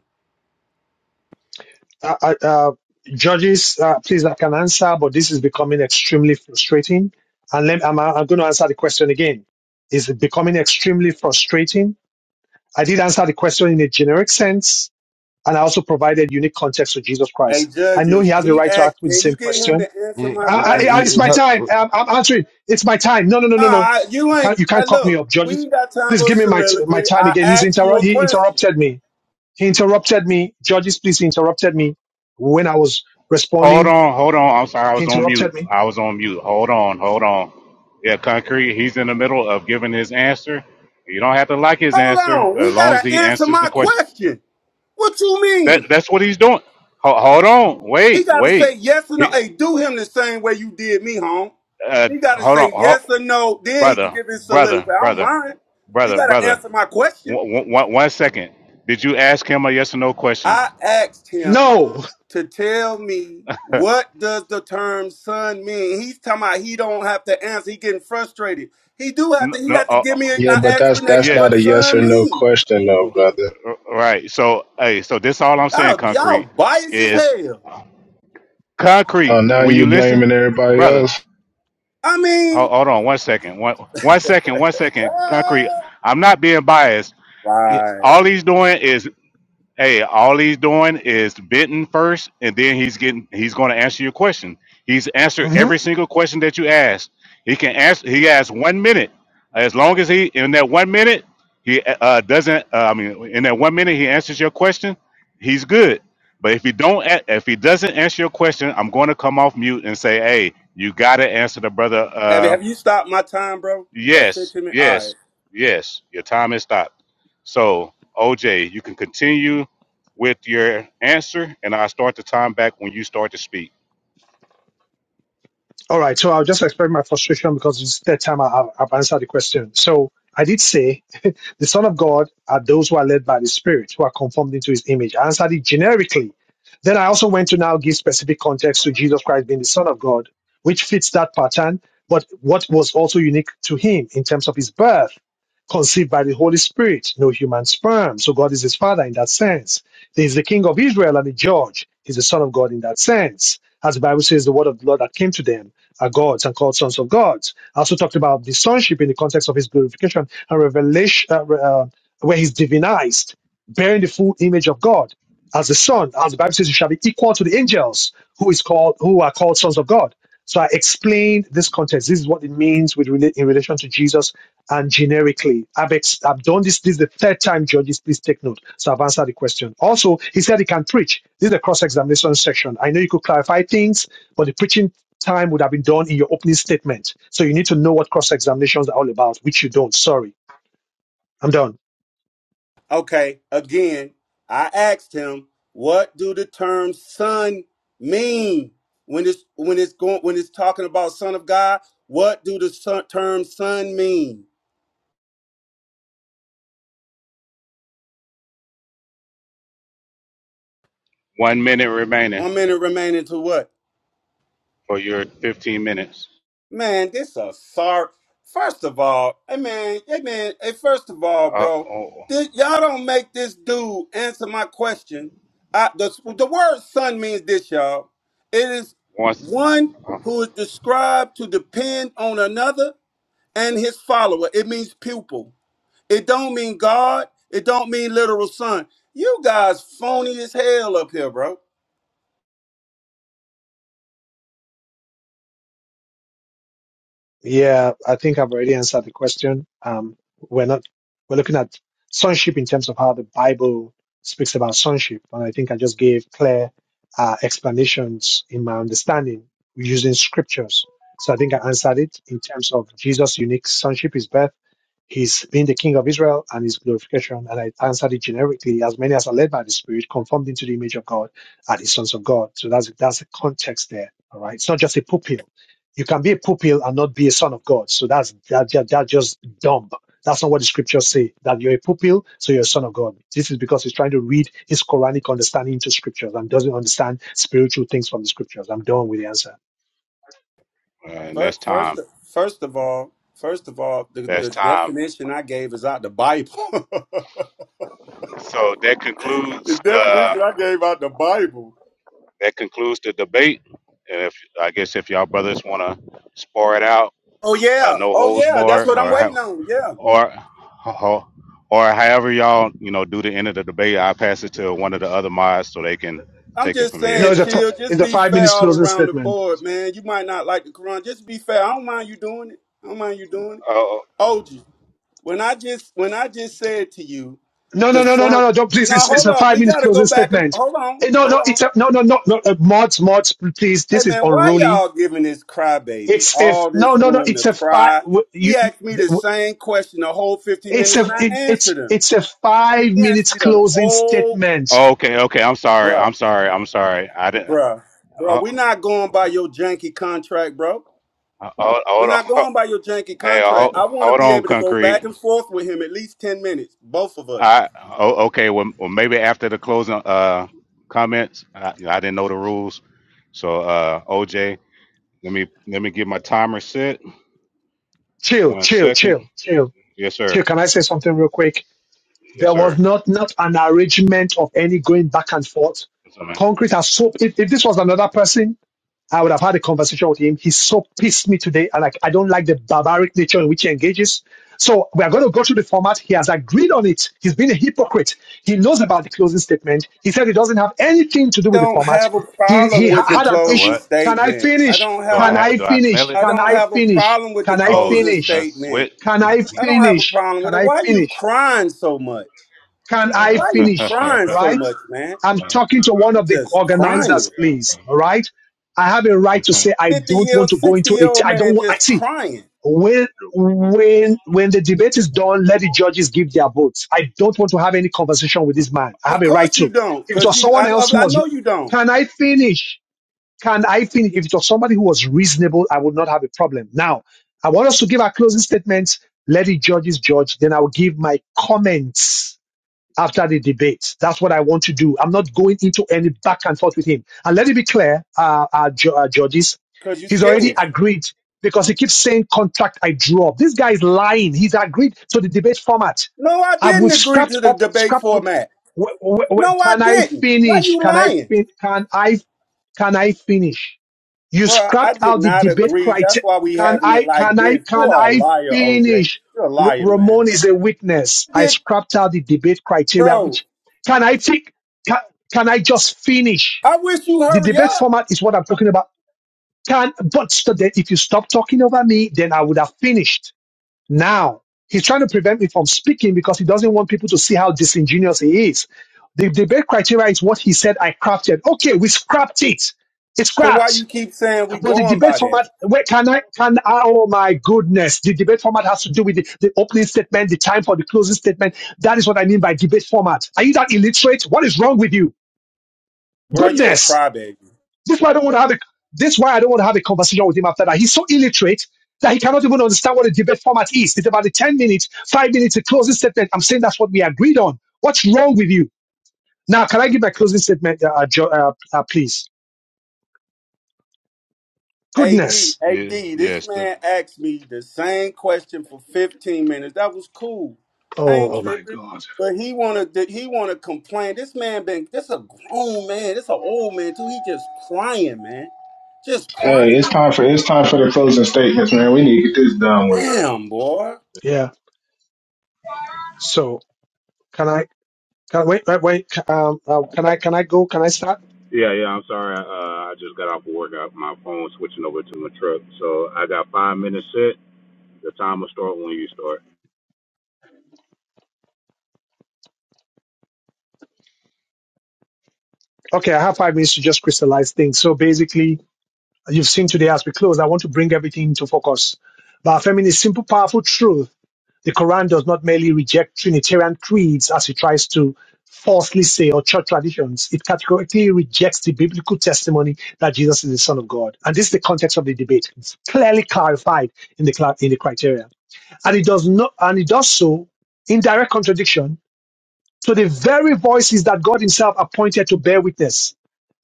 Speaker 1: uh, uh, uh, judges, uh, please, I can answer, but this is becoming extremely frustrating. And let, I'm, I'm going to answer the question again. Is it becoming extremely frustrating? I did answer the question in a generic sense, and I also provided unique context to Jesus
Speaker 6: Hey,
Speaker 1: Christ. I know he
Speaker 6: judges,
Speaker 1: has the
Speaker 6: he
Speaker 1: right to
Speaker 6: asked,
Speaker 1: ask me the
Speaker 6: can you
Speaker 1: same
Speaker 6: get him
Speaker 1: question.
Speaker 6: to answer
Speaker 12: You-
Speaker 6: my
Speaker 1: I,
Speaker 12: you-
Speaker 1: I,
Speaker 6: question?
Speaker 1: I,
Speaker 12: you-
Speaker 1: it's
Speaker 12: you
Speaker 1: my
Speaker 12: help-
Speaker 1: time. I'm, I'm answering. It's my time. No, no, no, no, no.
Speaker 6: Nah, you
Speaker 1: You can't,
Speaker 6: ain't.
Speaker 1: you
Speaker 6: Uh,
Speaker 1: can't cut me
Speaker 6: look,
Speaker 1: up,
Speaker 6: we
Speaker 1: judges.
Speaker 6: ain't got time
Speaker 1: Please
Speaker 6: for a
Speaker 1: give me my t- my
Speaker 6: soliloquy.
Speaker 1: time
Speaker 6: I
Speaker 1: again. He's
Speaker 6: asked you
Speaker 1: interru-
Speaker 6: a
Speaker 1: he
Speaker 6: question.
Speaker 1: interrupted me. He interrupted me. Judges, please, he interrupted me when I was
Speaker 18: Hold
Speaker 1: responding.
Speaker 18: on, hold on. I'm sorry, I
Speaker 1: He
Speaker 18: was on mute.
Speaker 1: interrupted me.
Speaker 18: I was on mute. Hold on, hold on. Yeah, concrete. He's in the middle of giving his answer. You don't have to like his
Speaker 6: Hold
Speaker 18: answer
Speaker 6: on,
Speaker 18: as
Speaker 6: he
Speaker 18: long as
Speaker 6: gotta
Speaker 18: he
Speaker 6: answer
Speaker 18: answers the
Speaker 6: my
Speaker 18: question.
Speaker 6: question. What you
Speaker 18: That
Speaker 6: mean?
Speaker 18: that's what he's doing. Ho- hold on,
Speaker 6: He
Speaker 18: wait,
Speaker 6: gotta say
Speaker 18: wait.
Speaker 6: yes or no.
Speaker 18: He,
Speaker 6: Hey, do him the same way you did me, home.
Speaker 18: uh,
Speaker 6: He gotta
Speaker 18: hold on,
Speaker 6: say
Speaker 18: ho-
Speaker 6: yes or no. Then he can
Speaker 18: brother,
Speaker 6: give his
Speaker 18: brother,
Speaker 6: soliloquy. I don't
Speaker 18: brother,
Speaker 6: mind. He
Speaker 18: brother,
Speaker 6: gotta
Speaker 18: brother.
Speaker 6: answer my question.
Speaker 18: One, one, one second. Did you ask him a yes or no question?
Speaker 6: I asked him
Speaker 1: No.
Speaker 6: to tell me what does the term son mean. He's talking about he don't have to answer. He getting frustrated. He do have
Speaker 18: no,
Speaker 6: to. He
Speaker 18: no
Speaker 6: have to
Speaker 18: uh, uh,
Speaker 6: give me an
Speaker 3: Yeah, but that's
Speaker 6: explanation
Speaker 3: that's
Speaker 18: yes.
Speaker 6: what
Speaker 3: not a yes
Speaker 6: son
Speaker 3: or no
Speaker 6: mean.
Speaker 3: question though,
Speaker 18: Oh,
Speaker 3: brother.
Speaker 18: uh, Right. So, hey, so this all I'm saying,
Speaker 6: Y'all, y'all
Speaker 18: concrete,
Speaker 6: biased as
Speaker 18: is
Speaker 6: hell.
Speaker 3: Oh,
Speaker 18: Concrete,
Speaker 3: now
Speaker 18: will
Speaker 3: you
Speaker 18: you listen,
Speaker 3: blaming everybody
Speaker 18: brother?
Speaker 3: else?
Speaker 6: I
Speaker 18: ho-
Speaker 6: mean,
Speaker 18: Hold on one second. One, one second. One second. Concrete. I'm not being biased.
Speaker 6: right.
Speaker 18: All he's doing is Hey, all he's doing is bidding first, and then he's getting he's going to answer your question. He's answered every single question that you asked. He can answer. He has one minute. As long as he in that one minute he uh, doesn't. Uh, I mean, in that one minute he answers your question, he's good. But if he don't, a- if he doesn't answer your question, I'm going to come off mute and say, "Hey, you got to answer the brother.
Speaker 6: Have
Speaker 18: uh,
Speaker 6: Have you stopped my time, bro? Uh,
Speaker 18: Yes,
Speaker 6: fifteen minutes. All right.
Speaker 18: yes, yes. Your time has stopped. So, OJ, you can continue with your answer, and I'll start the time back when you start to speak.
Speaker 1: All right, so I'll just explain my frustration because it's the third time I, I've I've answered the question. So I did say the Son of God are those who are led by the Spirit, who are conformed into His image. I answered it generically. Then I also went to now give specific context to Jesus Christ being the Son of God, which fits that pattern, but what was also unique to Him in terms of His birth, conceived by the Holy Spirit, no human sperm. So God is His Father in that sense. He's the King of Israel and the Judge. He's the Son of God in that sense. As the Bible says, the word of the Lord that came to them are gods and called sons of gods. I also talked about the sonship in the context of his glorification and revelation, uh, uh, where he's divinized, bearing the full image of God as the son. As the Bible says, you shall be equal to the angels who is called who are called sons of God. So I explained this context. This is what it means with rela- in relation to Jesus and generically. I've, ex- I've done this. This is the third time, judges. Please take note. So I've answered the question. Also, he said he can preach. This is the cross examination section. I know you could clarify things, but the preaching time would have been done in your opening statement. So you need to know what cross examinations are all about, which you don't. Sorry, I'm done.
Speaker 6: Okay, again, I asked him, what do the term son mean when it's when it's going when it's talking about son of God? What do the son, term son mean?
Speaker 18: One minute remaining
Speaker 6: One minute remaining to what?
Speaker 18: for your 15 minutes.
Speaker 6: Man, this a sorry. First of all, hey man, hey man, hey first of all,
Speaker 18: Uh,
Speaker 6: bro,
Speaker 18: oh,
Speaker 6: this, y'all don't make this dude answer my question. I, the the word son means this, y'all. It is
Speaker 18: once,
Speaker 6: one
Speaker 18: uh,
Speaker 6: who is described to depend on another and his follower. It means pupil. It don't mean God. It don't mean literal son. You guys phony as hell up here, bro.
Speaker 1: Yeah, I think I've already answered the question. Um, we're not we're looking at sonship in terms of how the Bible speaks about sonship, and I think I just gave clear uh, explanations in my understanding using scriptures. So I think I answered it in terms of Jesus' unique sonship, his birth He's been the King of Israel and his glorification. And I answered it generically, as many as are led by the Spirit, conformed into the image of God, are the sons of God. So that's that's the context there. All right. It's not just a poop pill. You can be a poop pill and not be a son of God. So that's that, that, that's just dumb. That's not what the scriptures say. That you're a poop pill, so you're a son of God. This is because he's trying to read his Quranic understanding into scriptures and doesn't understand spiritual things from the scriptures. I'm done with the answer.
Speaker 18: and that's
Speaker 6: First, first,
Speaker 18: time.
Speaker 6: first of all, first of all, the,
Speaker 18: That's
Speaker 6: the
Speaker 18: time.
Speaker 6: definition I gave is out the Bible.
Speaker 18: So that
Speaker 6: the
Speaker 18: concludes
Speaker 6: definition
Speaker 18: the
Speaker 6: I gave out the Bible.
Speaker 18: that concludes the debate. And if I guess if y'all brothers want to spar it out,
Speaker 6: Oh
Speaker 18: uh,
Speaker 6: yeah,
Speaker 18: no
Speaker 6: oh
Speaker 18: holds
Speaker 6: yeah, that's
Speaker 18: barred,
Speaker 6: what I'm
Speaker 18: or
Speaker 6: waiting
Speaker 18: how,
Speaker 6: on. Yeah,
Speaker 18: or or or however y'all you know do the end of the debate i pass it to one of the other mods so they can
Speaker 6: I'm
Speaker 18: take it
Speaker 6: just
Speaker 18: from
Speaker 1: No,
Speaker 18: here
Speaker 6: saying,
Speaker 1: it's a, fi-
Speaker 6: chill. Just
Speaker 1: it's a
Speaker 6: be
Speaker 1: five
Speaker 6: fair
Speaker 1: minutes
Speaker 6: all
Speaker 1: closing
Speaker 6: around the
Speaker 1: statement,
Speaker 6: board,
Speaker 1: please.
Speaker 6: man. You might not like the Quran. Just be fair. I don't mind you doing it. I don't mind you doing it.
Speaker 18: oh
Speaker 6: OG, when I just when I just said to you
Speaker 1: No, no,
Speaker 6: The
Speaker 1: no, no, no,
Speaker 6: son.
Speaker 1: no. Don't please.
Speaker 6: Now
Speaker 1: It's, it's
Speaker 6: hold
Speaker 1: a
Speaker 6: up.
Speaker 1: five
Speaker 6: We
Speaker 1: minutes
Speaker 6: gotta go
Speaker 1: closing
Speaker 6: back and
Speaker 1: statement.
Speaker 6: hold on.
Speaker 1: Eh, No,
Speaker 6: Hold
Speaker 1: no,
Speaker 6: on.
Speaker 1: it's a, no, no, no, no. Uh, mods, mods, please.
Speaker 6: Hey
Speaker 1: This is
Speaker 6: man, why
Speaker 1: unruly.
Speaker 6: y'all giving this crybaby
Speaker 1: It's if
Speaker 6: all
Speaker 1: no,
Speaker 6: this
Speaker 1: no, no.
Speaker 6: room to
Speaker 1: It's a five.
Speaker 6: cry? He
Speaker 1: You, you,
Speaker 6: asked me the
Speaker 1: w-
Speaker 6: same question the whole 15
Speaker 1: it's
Speaker 6: minutes
Speaker 1: a,
Speaker 6: and I
Speaker 1: it, it's,
Speaker 6: answered him.
Speaker 1: it's a five
Speaker 6: He asked
Speaker 1: minutes
Speaker 6: me the
Speaker 1: closing
Speaker 6: whole
Speaker 1: statement.
Speaker 18: oh, okay okay i'm sorry i'm
Speaker 6: bruh,
Speaker 18: sorry i'm sorry i didn't
Speaker 6: bruh, bruh. we
Speaker 18: oh,
Speaker 6: not going by your janky contract, bro.
Speaker 18: oh,
Speaker 6: We're
Speaker 18: hold
Speaker 6: not
Speaker 18: on
Speaker 6: going by your janky
Speaker 18: hey
Speaker 6: contract.
Speaker 18: hold,
Speaker 6: I want to
Speaker 18: hold
Speaker 6: be
Speaker 18: on
Speaker 6: able to go
Speaker 18: concrete
Speaker 6: back and forth with him at least 10 minutes, both of us.
Speaker 18: i oh, okay well, well maybe after the closing uh comments I, I didn't know the rules so uh oj let me let me get my timer set
Speaker 1: Chill,
Speaker 18: one
Speaker 1: chill,
Speaker 18: second
Speaker 1: chill, chill,
Speaker 18: yes sir
Speaker 1: chill. Can I say something real quick?
Speaker 18: yes
Speaker 1: There was
Speaker 18: sir
Speaker 1: not, not an arrangement of any going back and forth.
Speaker 18: what's up man
Speaker 1: Concrete has so. If, if this was another person, I would have had a conversation with him. He so pissed me today, and like I don't like the barbaric nature in which he engages. So we are going to go through the format. He has agreed on it. He's been a hypocrite. He knows about the closing statement. He said it doesn't have anything to do with the
Speaker 6: don't
Speaker 1: format.
Speaker 6: have a
Speaker 1: He
Speaker 6: problem
Speaker 1: he ha-
Speaker 6: with the
Speaker 1: had an
Speaker 18: a
Speaker 6: closing
Speaker 1: issue.
Speaker 18: what
Speaker 1: Can I
Speaker 6: statement. I
Speaker 1: finish?
Speaker 6: don't
Speaker 18: Do
Speaker 6: have a
Speaker 18: I
Speaker 1: Can
Speaker 18: ha-
Speaker 1: I
Speaker 18: do I smell
Speaker 1: finish?
Speaker 18: it?
Speaker 6: I
Speaker 1: Can
Speaker 6: don't
Speaker 1: I
Speaker 6: have a
Speaker 1: finish?
Speaker 6: problem with the
Speaker 1: Can I
Speaker 18: Oh,
Speaker 6: closing
Speaker 18: it's
Speaker 1: finish?
Speaker 18: that's sweat.
Speaker 6: statement.
Speaker 1: Can I
Speaker 6: I don't have a
Speaker 1: finish?
Speaker 6: problem
Speaker 1: Can
Speaker 6: with it.
Speaker 1: I
Speaker 6: Why you
Speaker 1: finish?
Speaker 6: crying so much?
Speaker 1: Can I
Speaker 18: Uh,
Speaker 6: Why you
Speaker 1: finish?
Speaker 6: crying so
Speaker 1: Right?
Speaker 6: much, man?
Speaker 1: I'm talking to one
Speaker 6: You
Speaker 1: of the
Speaker 6: just
Speaker 1: organizers,
Speaker 6: crying.
Speaker 1: please. All right? I have a right to say I
Speaker 6: 50
Speaker 1: don't
Speaker 6: year
Speaker 1: want
Speaker 6: old,
Speaker 1: to go
Speaker 6: 60
Speaker 1: into
Speaker 6: year
Speaker 1: it.
Speaker 6: old
Speaker 1: I don't
Speaker 6: man
Speaker 1: want, I
Speaker 6: just
Speaker 1: see.
Speaker 6: crying.
Speaker 1: When when when the debate is done, let the judges give their votes. I don't want to have any conversation with this man. I
Speaker 6: Of
Speaker 1: have a right
Speaker 6: course you
Speaker 1: to.
Speaker 6: don't,
Speaker 1: If it
Speaker 6: because
Speaker 1: was
Speaker 6: you
Speaker 1: someone
Speaker 6: I, I
Speaker 1: else who
Speaker 6: I
Speaker 1: was,
Speaker 6: know you don't,
Speaker 1: can I finish? Can I finish? If it was somebody who was reasonable, I would not have a problem. Now, I want us to give our closing statements. Let the judges judge. Then I will give my comments after the debate. That's what I want to do. I'm not going into any back and forth with him. And let it be clear, uh, uh, ju- uh, judges,
Speaker 6: because you
Speaker 1: he's already
Speaker 6: scared.
Speaker 1: agreed because he keeps saying contract I drew up. This guy is lying. He's agreed to the debate format.
Speaker 6: No, I
Speaker 1: And
Speaker 6: didn't
Speaker 1: we've
Speaker 6: agree
Speaker 1: scrapped
Speaker 6: to the
Speaker 1: up,
Speaker 6: debate
Speaker 1: scrapped up.
Speaker 6: format.
Speaker 1: Wh- wh- wh-
Speaker 6: No, I
Speaker 1: Can I
Speaker 6: didn't. Why
Speaker 1: finish?
Speaker 6: you
Speaker 1: Can I
Speaker 6: lying?
Speaker 1: fin- Can I? Can I finish? You
Speaker 6: bro? I
Speaker 1: scrapped
Speaker 6: did
Speaker 1: out the
Speaker 6: not
Speaker 1: debate
Speaker 6: agree. That's
Speaker 1: criteria.
Speaker 6: why we
Speaker 1: Can
Speaker 6: having it
Speaker 1: I,
Speaker 6: like
Speaker 1: can I,
Speaker 6: this. You
Speaker 1: can
Speaker 6: are a
Speaker 1: I
Speaker 6: liar, OJ.
Speaker 1: finish?
Speaker 6: You're a
Speaker 1: R-
Speaker 6: liar, man.
Speaker 1: Ramon is a witness. I
Speaker 6: Did
Speaker 1: scrapped out the debate criteria,
Speaker 6: bro?
Speaker 1: which can I take? Can, can I just finish?
Speaker 6: I wish you
Speaker 1: The
Speaker 6: hurry
Speaker 1: debate
Speaker 6: up.
Speaker 1: format is what I'm talking about. Can, but so that if you stop talking over me, then I would have finished. Now, he's trying to prevent me from speaking because he doesn't want people to see how disingenuous he is. The debate criteria is what he said I crafted. Okay, we scrapped it. It's
Speaker 6: So why
Speaker 1: scrapped.
Speaker 6: you keep saying we
Speaker 1: But the
Speaker 6: going
Speaker 1: debate
Speaker 6: by that?
Speaker 1: format, where can I, can I, oh my goodness, the debate format has to do with the, the opening statement, the time for the closing statement. That is what I mean by debate format. Are you that illiterate? What is wrong with you?
Speaker 6: Bro, you a
Speaker 1: Goodness.
Speaker 6: crybaby.
Speaker 1: This is why I don't want to have a, this is why I don't want to have a conversation with him after that. He's so illiterate that he cannot even understand what a debate format is. It's about the 10 minutes, five minutes, a closing statement. I'm saying that's what we agreed on. What's wrong with you? Now, can I give my closing statement, uh, uh, Jo- uh, uh, please?
Speaker 6: AD,
Speaker 1: Goodness.
Speaker 6: AD,
Speaker 18: yeah, yeah,
Speaker 6: this
Speaker 18: stu-
Speaker 6: man asked me the same question for 15 minutes. That was cool. I ain't
Speaker 1: Oh, oh my
Speaker 6: tripping.
Speaker 1: God.
Speaker 6: But he wanna he wanna complain. This man been this a grown man. This a old man too. He just crying, man. Just
Speaker 3: Hey,
Speaker 6: crying.
Speaker 3: it's time for it's time for the closing statements, man. We need to get this done with.
Speaker 6: Damn, boy.
Speaker 1: Yeah. So, can I? Can, wait, wait, wait. Um, uh, can I can I go? Can I start?
Speaker 18: Yeah, yeah. I'm sorry. Uh, I just got off of work. I, my phone switching over to my truck, so I got five minutes set. The time will start when you start.
Speaker 1: Okay, I have five minutes to just crystallize things. So basically, you've seen today as we close. I want to bring everything to focus. But Femi is simple, powerful truth. The Quran does not merely reject Trinitarian creeds as it tries to falsely say or church traditions. It categorically rejects the biblical testimony that Jesus is the Son of God. And this is the context of the debate. It's clearly clarified in the cla- in the criteria, and it does not and it does so in direct contradiction to the very voices that God Himself appointed to bear witness.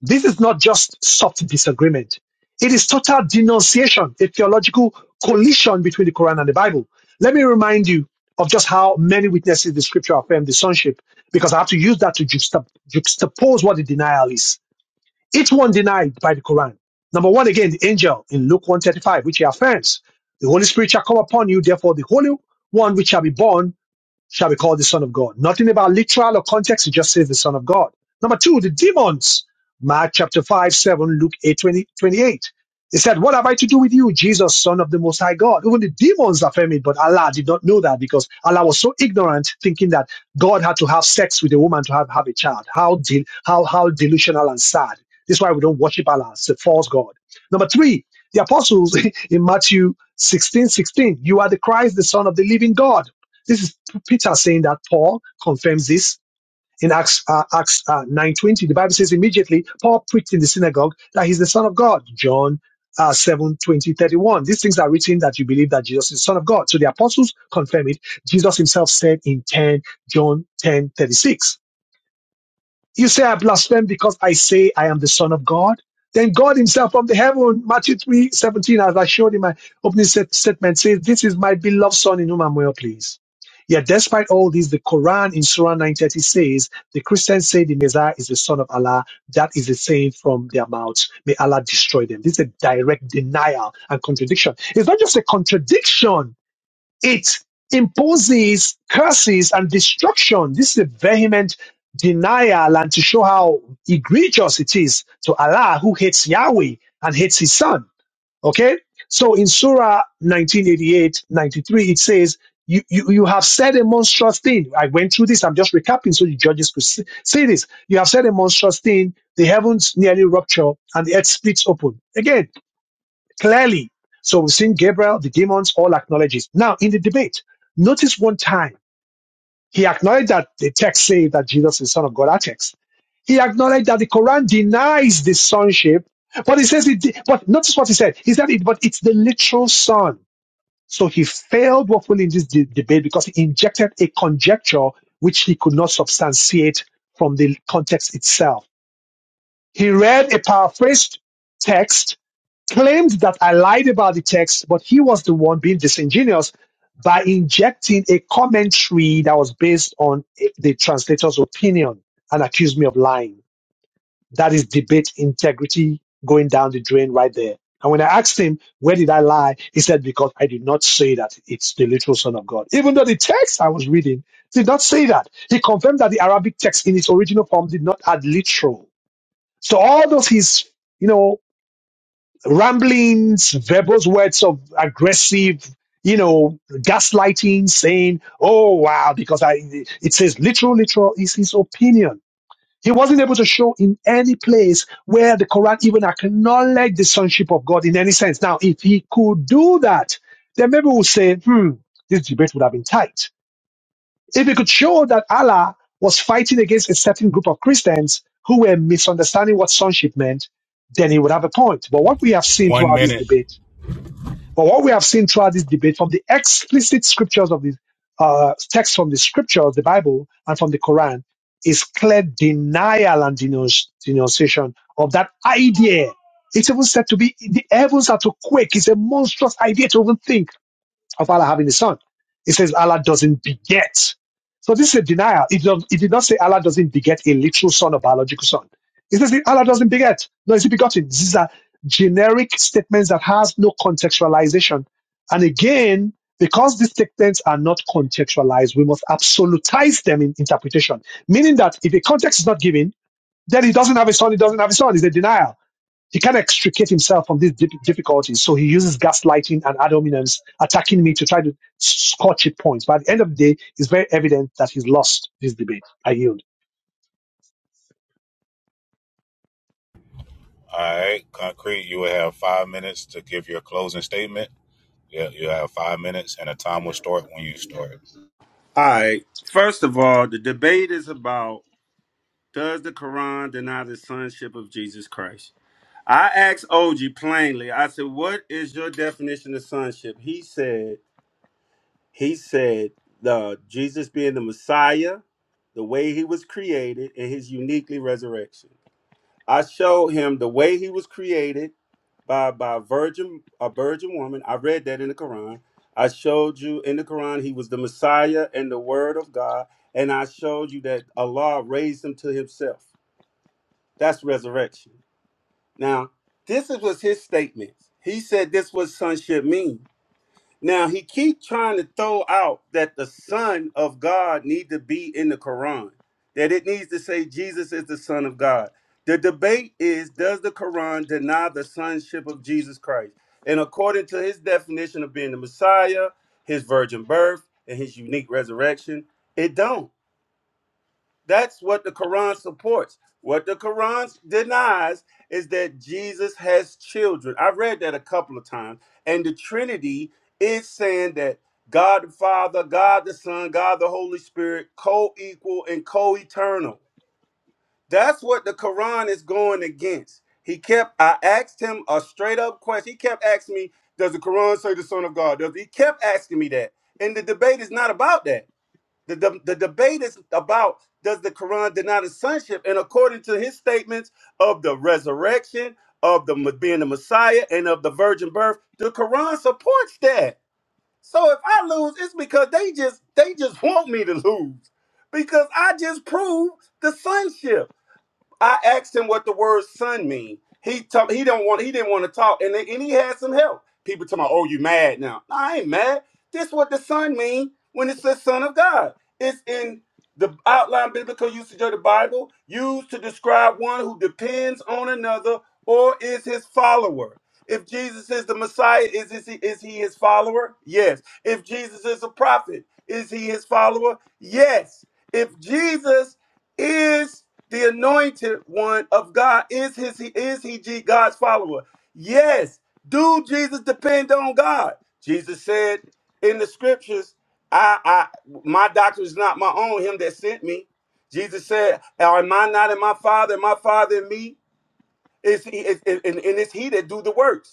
Speaker 1: This is not just soft disagreement. It is total denunciation, a theological collision between the Quran and the Bible. Let me remind you of just how many witnesses the scripture affirm the sonship, because I have to use that to juxta- juxtapose what the denial is. Each one denied by the Quran. Number one, again, the angel in Luke 135, which he affirms, the Holy Spirit shall come upon you, therefore the Holy One which shall be born shall be called the Son of God. Nothing about literal or context, it just says the Son of God. Number two, the demons. Mark chapter 5, 7, Luke 8 20 28. They said, What have I to do with you, Jesus, Son of the Most High God? Even the demons affirm it, but Allah did not know that because Allah was so ignorant, thinking that God had to have sex with a woman to have, have a child. How, de- how, how delusional and sad. This is why we don't worship Allah, it's a false God. Number three, the apostles in Matthew 16 16. you are the Christ, the Son of the living God. This is. Peter saying that Paul confirms this in Acts uh, Acts uh, nine twenty. The Bible says immediately Paul preached in the synagogue that he's the Son of God. John. Uh, 7 31 these things are written that you believe that jesus is the son of god so the apostles confirm it jesus himself said in 10 john ten thirty six. You say I blaspheme because I say I am the Son of God. Then God Himself from the heaven, Matthew three seventeen, as I showed in my opening set- statement, says, This is my beloved Son in whom I'm well pleased. Yet, despite all this, the Quran in Surah 930 says, The Christians say the Messiah is the Son of Allah. That is the saying from their mouths. May Allah destroy them. This is a direct denial and contradiction. It's not just a contradiction, it imposes curses and destruction. This is a vehement denial and to show how egregious it is to Allah who hates Yahweh and hates his son. Okay? So in Surah 1988 93, it says, you, you, you have said a monstrous thing. I went through this. I'm just recapping so the judges could see, see this. You have said a monstrous thing. The heavens nearly rupture and the earth splits open. Again, clearly. So we've seen Gabriel, the demons all acknowledge it. Now, in the debate, notice one time he acknowledged that the text says that Jesus is the Son of God. That text. He acknowledged that the Quran denies the sonship, but he says it. de- But notice what he said. He said it, but it's the literal son. So he failed woefully in this de- debate because he injected a conjecture which he could not substantiate from the context itself. He read a paraphrased text claimed that I lied about the text, but he was the one being disingenuous by injecting a commentary that was based on a- the translator's opinion and accused me of lying. That is debate integrity going down the drain right there. And when I asked him, where did I lie? He said, because I did not say that it's the literal son of God. Even though the text I was reading did not say that. He confirmed that the Arabic text in its original form did not add literal. So all those his, you know, ramblings, verbose words of aggressive, you know, gaslighting, saying, oh, wow, because I, it says literal, literal is his opinion. He wasn't able to show in any place where the Quran even acknowledged the sonship of God in any sense. Now, if he could do that, then maybe we'll say, hmm, this debate would have been tight if we could show that Allah was fighting against a certain group of Christians who were misunderstanding what sonship meant, then he would have a point. But what we have seen throughout this debate, but what we have seen throughout this debate from the explicit scriptures of the uh, text from the scriptures, the Bible, and from the Quran, is clear denial and denounce- denunciation of that idea. It's even said to be the heavens are to quake. It's a monstrous idea to even think of Allah having a son. It says Allah doesn't beget. So this is a denial. It, does, it did not say Allah doesn't beget a literal son or biological son. It says Allah doesn't beget. No, is he begotten? These are generic statements that has no contextualization. And again, because these statements are not contextualized, we must absolutize them in interpretation. Meaning that if a context is not given, then he doesn't have a son, he doesn't have a son. It's a denial. He can't extricate himself from these dif- difficulties, so he uses gaslighting and ad hominems, attacking me to try to scorch it points. But at the end of the day, it's very evident that he's lost this debate. I yield.
Speaker 18: All right, Concrete, you will have five minutes to give your closing statement. Yeah, you have five minutes, and the time will start when you start.
Speaker 6: Alright. First of all, the debate is about does the Quran deny the sonship of Jesus Christ? I asked OG plainly, I said, What is your definition of sonship? He said, He said, the Jesus being the Messiah, the way he was created, and his uniquely resurrection. I showed him the way he was created by by virgin a virgin woman. I read that in the Quran. I showed you in the Quran he was the Messiah and the Word of God, and I showed you that Allah raised him to Himself. That's resurrection. Now, this is- was his statement. He said this was sonship mean. Now he keep trying to throw out that the Son of God need to be in the Quran, that it needs to say Jesus is the Son of God. The debate is does the Quran deny the sonship of Jesus Christ? And according to his definition of being the Messiah, his virgin birth, and his unique resurrection, it don't. That's what the Quran supports. What the Quran denies is that Jesus has children. I've read that a couple of times. And the Trinity is saying that God the Father, God the Son, God the Holy Spirit, co equal and co eternal. That's what the Quran is going against. He kept, I asked him a straight up question. He kept asking me, Does the Quran say the Son of God? Does, he kept asking me that. And the debate is not about that. The, the, the debate is about does the Quran deny the sonship? And according to his statements of the resurrection, of the being the Messiah, and of the virgin birth, the Quran supports that. So if I lose, it's because they just they just want me to lose because I just proved the sonship. I asked him what the word "son" mean. He told he don't want he didn't want to talk, and then, and he had some help. People tell me, "Oh, you mad now?" No, I ain't mad. This what the son mean when it says "son of God." It's in the outline biblical usage of the Bible, used to describe one who depends on another or is his follower. If Jesus is the Messiah, is is he, is he his follower? Yes. If Jesus is a prophet, is he his follower? Yes. If Jesus is the anointed one of God is his is he G- God's follower. Yes, do Jesus depend on God? Jesus said in the scriptures, I I my doctrine is not my own, him that sent me. Jesus said, Am I not in my father, and my father in me? Is he is, and, and it's he that do the works.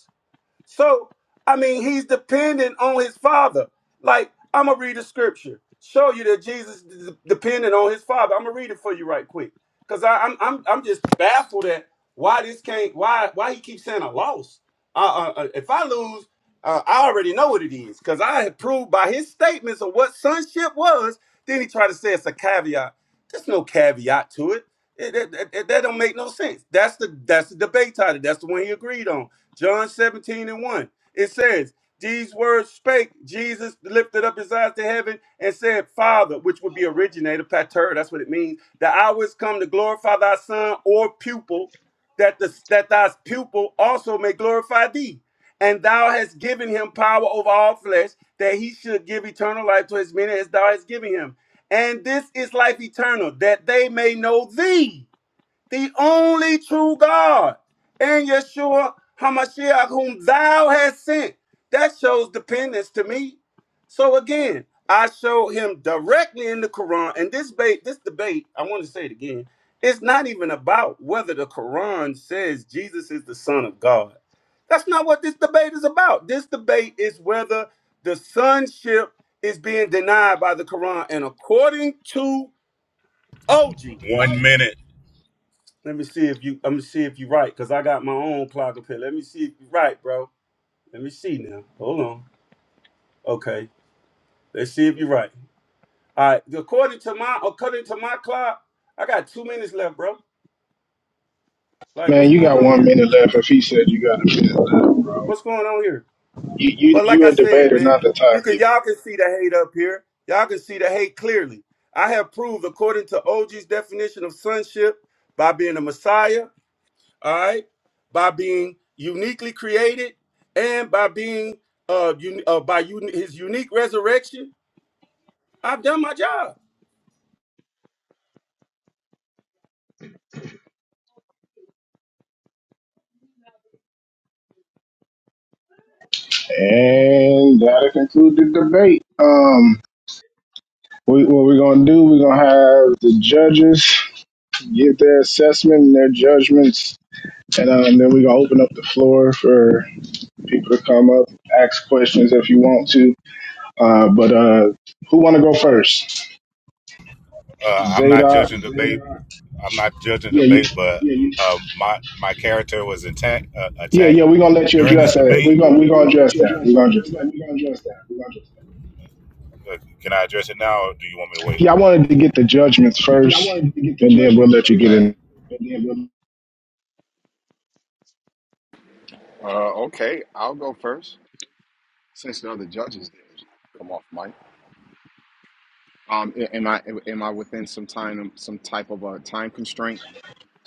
Speaker 6: So, I mean, he's dependent on his father. Like, I'm going to read the scripture, show you that Jesus is dependent on his father. I'm going to read it for you right quick. Because I'm, I'm, I'm just baffled at why this can't, why, why he keeps saying I lost. Uh, uh, uh, if I lose, uh, I already know what it is. Because I had proved by his statements of what sonship was. Then he tried to say it's a caveat. There's no caveat to it. It, it, it- it- that don't make no sense. That's the that's the debate title. That's the one he agreed on. John 17 and 1. It says, These words spake Jesus, lifted up his eyes to heaven, and said, Father, which would be originator, pater, that's what it means. The hour is come to glorify thy son or pupil, that, the, that thy pupil also may glorify thee. And thou hast given him power over all flesh, that he should give eternal life to as many as thou hast given him. And this is life eternal, that they may know thee the only true God, and Yeshua HaMashiach, whom thou hast sent. That shows dependence to me. So again, I showed him directly in the Quran, and this debate, this debate, I want to say it again, it's not even about whether the Quran says Jesus is the Son of God. That's not what this debate is about. This debate is whether the sonship is being denied by the Quran. And according to OG, let me see if you. I'm gonna see if you right, cause I got my own clock up here. Let me see if you right, bro. Let me see now. Hold on. Okay. Let's see if you're right. All right. According to my according to my clock, I got two minutes left, bro. Like,
Speaker 3: Man,
Speaker 6: what's
Speaker 3: you
Speaker 6: going
Speaker 3: got
Speaker 6: on
Speaker 3: one
Speaker 6: here?
Speaker 3: minute left. If he said you got a minute left,
Speaker 6: What's going on here?
Speaker 3: you you
Speaker 6: But like
Speaker 3: you
Speaker 6: I
Speaker 3: a
Speaker 6: said,
Speaker 3: debater,
Speaker 6: man,
Speaker 3: not the
Speaker 6: you can
Speaker 3: timekeeper.
Speaker 6: y'all can see the hate up here. Y'all can see the hate clearly. I have proved, according to OG's definition of sonship, by being a Messiah. all right, by being uniquely created and by being uh, un- uh by un- his unique resurrection, I've done my job.
Speaker 3: And that'll conclude the debate. Um. We, what we're gonna do? We're gonna have the judges give their assessment and their judgments, and, uh, and then we're gonna open up the floor for people to come up, ask questions if you want to. Uh, but uh, who want to go first?
Speaker 18: Uh, I'm not
Speaker 3: Zadok.
Speaker 18: judging the debate. I'm not judging the
Speaker 3: Yeah, you,
Speaker 18: debate, but Yeah, you, um, my my character was attacked uh,
Speaker 3: yeah,
Speaker 18: attacked
Speaker 3: yeah. We're gonna let you
Speaker 18: during this
Speaker 3: address that.
Speaker 18: debate.
Speaker 3: We're
Speaker 18: yeah,
Speaker 3: gonna we're
Speaker 18: yeah. We're
Speaker 3: gonna
Speaker 18: gonna let
Speaker 3: address
Speaker 18: you
Speaker 3: that.
Speaker 18: address
Speaker 3: We're
Speaker 18: that.
Speaker 3: gonna address
Speaker 18: We're
Speaker 3: that.
Speaker 18: gonna, we're gonna address that. We're gonna address that. Uh, Can I address it now, or do you want me to wait?
Speaker 3: Yeah, I wanted to get the judgments
Speaker 18: Yeah, I
Speaker 3: first,
Speaker 18: wanted to get the
Speaker 3: and then we'll
Speaker 18: judgments
Speaker 3: let you
Speaker 18: first,
Speaker 3: get
Speaker 18: right.
Speaker 3: in
Speaker 18: and then we'll
Speaker 20: Uh, okay, I'll go first since the other judges did. Come off, Mike. Um, a- am I am I within some time some type of a time constraint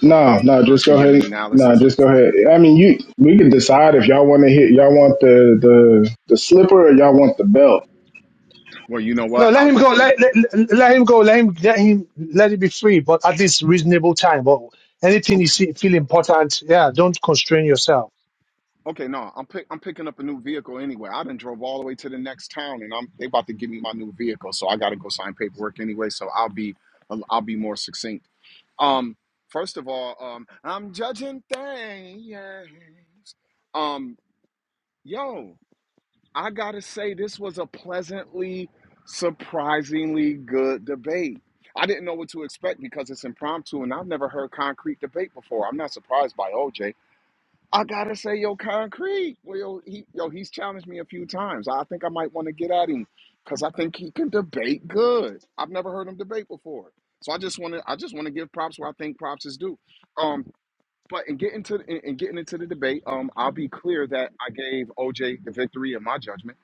Speaker 3: No, no,
Speaker 20: uh,
Speaker 3: just
Speaker 20: to
Speaker 3: go
Speaker 20: give an
Speaker 3: ahead. No,
Speaker 20: analysis?
Speaker 3: just go ahead. I mean, you we can decide if y'all want to hit, y'all want the the the slipper or y'all want the belt.
Speaker 20: Well, you know
Speaker 1: No,
Speaker 20: what?
Speaker 1: let
Speaker 20: I'll
Speaker 1: him go.
Speaker 20: just do
Speaker 1: Let,
Speaker 20: the.
Speaker 1: let, let let him go. Let him let him let it be free, but at least reasonable time. But anything you see feel important, yeah, don't constrain yourself.
Speaker 20: Okay, no, I'm pick, I'm picking up a new vehicle anyway. I done drove all the way to the next town, and I'm they about to give me my new vehicle, so I got to go sign paperwork anyway. So I'll be I'll I'll be more succinct. Um, first of all, um, I'm judging things. Um, yo, I gotta say this was a pleasantly, surprisingly good debate. I didn't know what to expect because it's impromptu, and I've never heard concrete debate before. I'm not surprised by OJ. I gotta say, yo, concrete. Well, yo, he, yo, he's challenged me a few times. I think I might want to get at him because I think he can debate good. I've never heard him debate before, so I just want to, I just want to give props where I think props is due. Um, but in getting to in, in getting into the debate, um, I'll be clear that I gave OJ the victory in my judgment.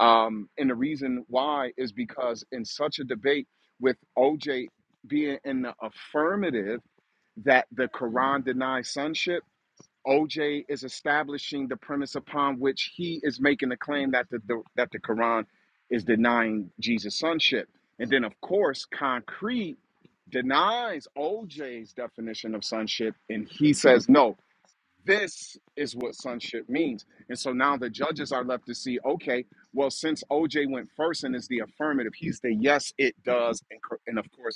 Speaker 20: Um, and the reason why is because in such a debate with OJ being in the affirmative that the Quran denies sonship OJ is establishing the premise upon which he is making the claim that the, the that the Quran is denying Jesus' sonship. And then of course, concrete denies OJ's definition of sonship and he says, "No, this is what sonship means." And so now the judges are left to see, okay, well since OJ went first and is the affirmative, he's the yes it does and, and of course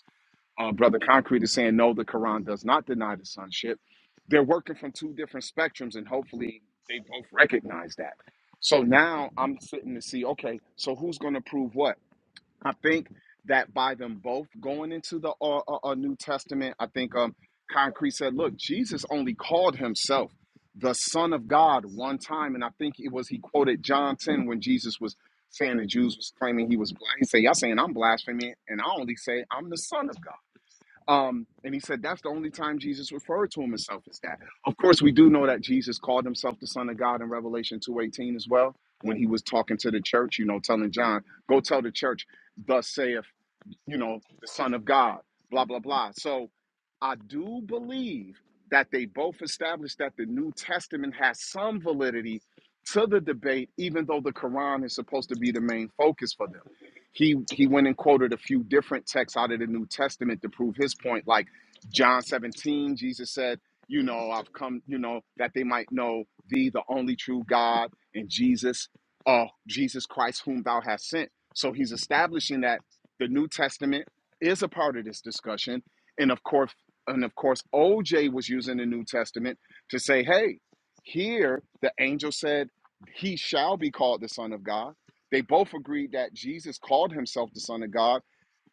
Speaker 20: uh, Brother Concrete is saying, no, the Quran does not deny the sonship. They're working from two different spectrums, and hopefully they both recognize that. So now I'm sitting to see, okay, so who's going to prove what? I think that by them both going into the uh, uh, uh, New Testament, I think um, Concrete said, look, Jesus only called himself the Son of God one time. And I think it was, he quoted John 10 when Jesus was saying the Jews was claiming he was black. He said, y'all saying I'm blaspheming, and I only say I'm the Son of God. Um, and he said that's the only time Jesus referred to himself as that. Of course, we do know that Jesus called himself the Son of God in Revelation 2:18 as well, when he was talking to the church, you know, telling John, go tell the church, thus saith you know, the Son of God, blah, blah, blah. So I do believe that they both established that the New Testament has some validity to the debate, even though the Quran is supposed to be the main focus for them. He he went and quoted a few different texts out of the New Testament to prove his point, like John 17, Jesus said, you know, I've come, you know, that they might know thee, the only true God, and Jesus, uh, Jesus Christ, whom thou hast sent. So he's establishing that the New Testament is a part of this discussion. And of course, and of course, OJ was using the New Testament to say, hey, here the angel said he shall be called the Son of God. They both agreed that Jesus called himself the Son of God.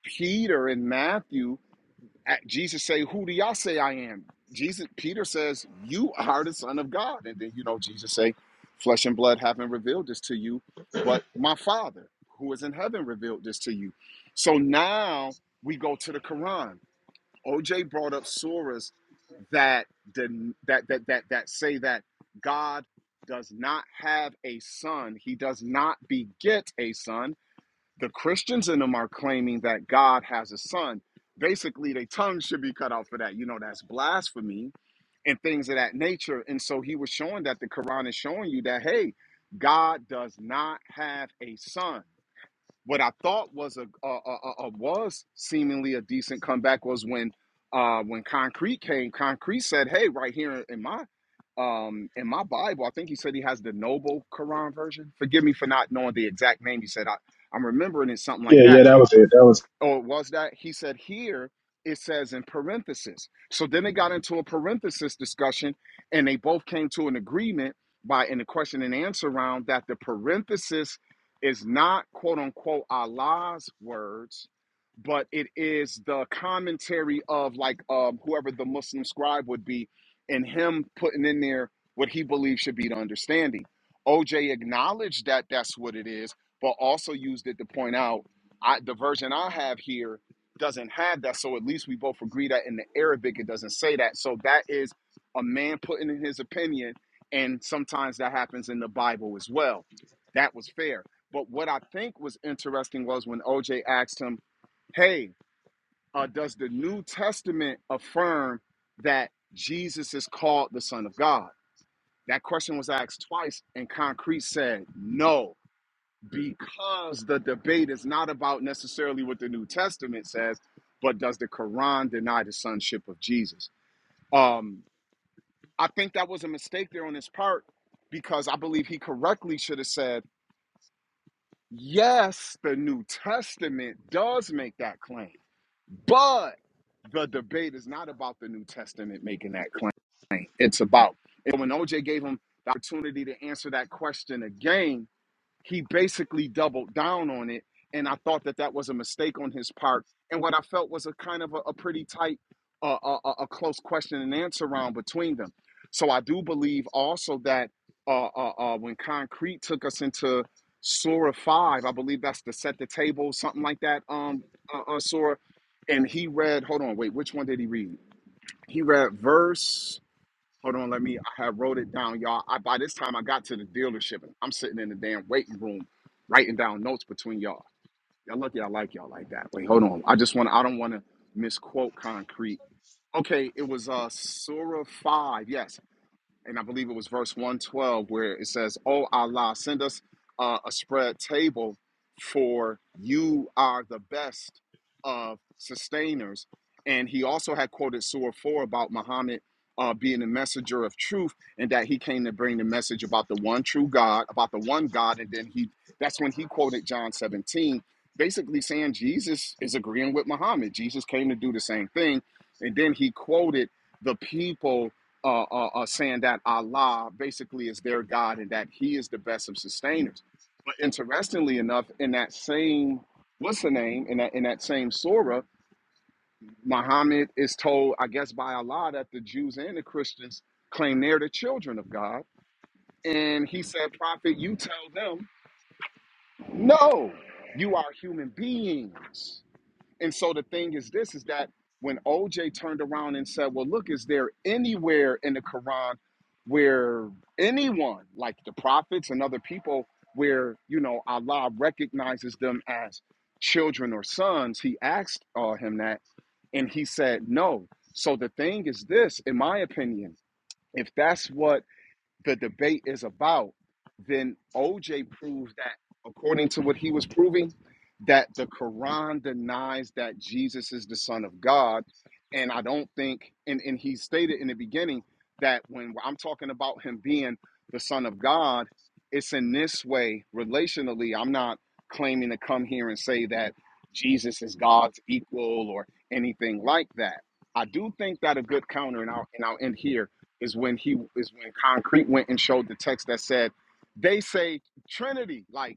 Speaker 20: Peter and Matthew Jesus say, "Who do y'all say I am?" Jesus, Peter says, "You are the Son of God." And then you know Jesus say, "Flesh and blood haven't revealed this to you, but my Father who is in heaven revealed this to you." So now we go to the Quran. OJ brought up surahs that that that that that say that God does not have a son. He does not beget a son the Christians in them are claiming that God has a son. Basically, their tongues should be cut off for that. You know, that's blasphemy and things of that nature. And so he was showing that the Quran is showing you that, hey, God does not have a son what I thought was a, a, a, a- was seemingly a decent comeback was when uh, when Concrete came. Concrete said, "Hey, right here in my um, in my Bible, I think he said he has the Noble Quran version. Forgive me for not knowing the exact name. He said I, I'm remembering it something like
Speaker 3: Yeah,
Speaker 20: that."
Speaker 3: yeah, that was it. That was.
Speaker 20: or was that he said here it says in parenthesis so then they got into a parenthesis discussion and they both came to an agreement by in the question and answer round that the parenthesis is not quote unquote allah's words but it is the commentary of like um, whoever the muslim scribe would be and him putting in there what he believes should be the understanding oj acknowledged that that's what it is but also used it to point out I, the version I have here doesn't have that. So at least we both agree that in the Arabic it doesn't say that. So that is a man putting in his opinion, and sometimes that happens in the Bible as well. That was fair. But what I think was interesting was when OJ asked him, "Hey, uh, does the New Testament affirm that Jesus is called the Son of God?" That question was asked twice, and Concrete said no because the debate is not about necessarily what the New Testament says, but does the Quran deny the sonship of Jesus? Um, I think that was a mistake there on his part because I believe he correctly should have said, yes, the New Testament does make that claim, but the debate is not about the New Testament making that claim. It's about and when OJ gave him the opportunity to answer that question again he basically doubled down on it and i thought that that was a mistake on his part and what i felt was a kind of a, a pretty tight uh, a, a close question and answer round between them so i do believe also that uh, uh, uh, when concrete took us into sora 5 i believe that's to set the table something like that um uh, uh, sora and he read hold on wait which one did he read he read verse Hold on, let me. I had wrote it down, y'all. I by this time I got to the dealership and I'm sitting in the damn waiting room, writing down notes between y'all. Y'all lucky I like y'all like that. Wait, hold on. I just want. I don't want to misquote concrete. Okay, it was uh Surah five. Yes, and I believe it was verse 112, where it says, Oh Allah, send us uh, a spread table, for you are the best of sustainers. And he also had quoted Surah 4 about Muhammad uh, being the messenger of truth and that he came to bring the message about the one true God, about the one God. And then he that's when he quoted John 17, basically saying Jesus is agreeing with Muhammad. Jesus came to do the same thing. And then he quoted the people uh, uh, uh, saying that Allah basically is their God and that He is the best of sustainers. But interestingly enough, in that same what's the name in that in that same surah, Muhammad is told, I guess, by Allah that the Jews and the Christians claim they're the children of God, and He said, Prophet, you tell them, no, you are human beings. And so the thing is this is that when OJ turned around and said, Well, look, is there anywhere in the Quran where anyone, like the prophets and other people, where you know Allah recognizes them as children or sons, he asked uh, him that, and he said no. So the thing is this, in my opinion, if that's what the debate is about, then OJ proved that, according to what he was proving, that the Quran denies that Jesus is the Son of God. And I don't think, and, and he stated in the beginning that when I'm talking about him being the Son of God, it's in this way relationally. I'm not claiming to come here and say that Jesus is God's equal or anything like that. I do think that a good counter, and I'll, and I'll end here is when he is when Concrete went and showed the text that said they say Trinity. Like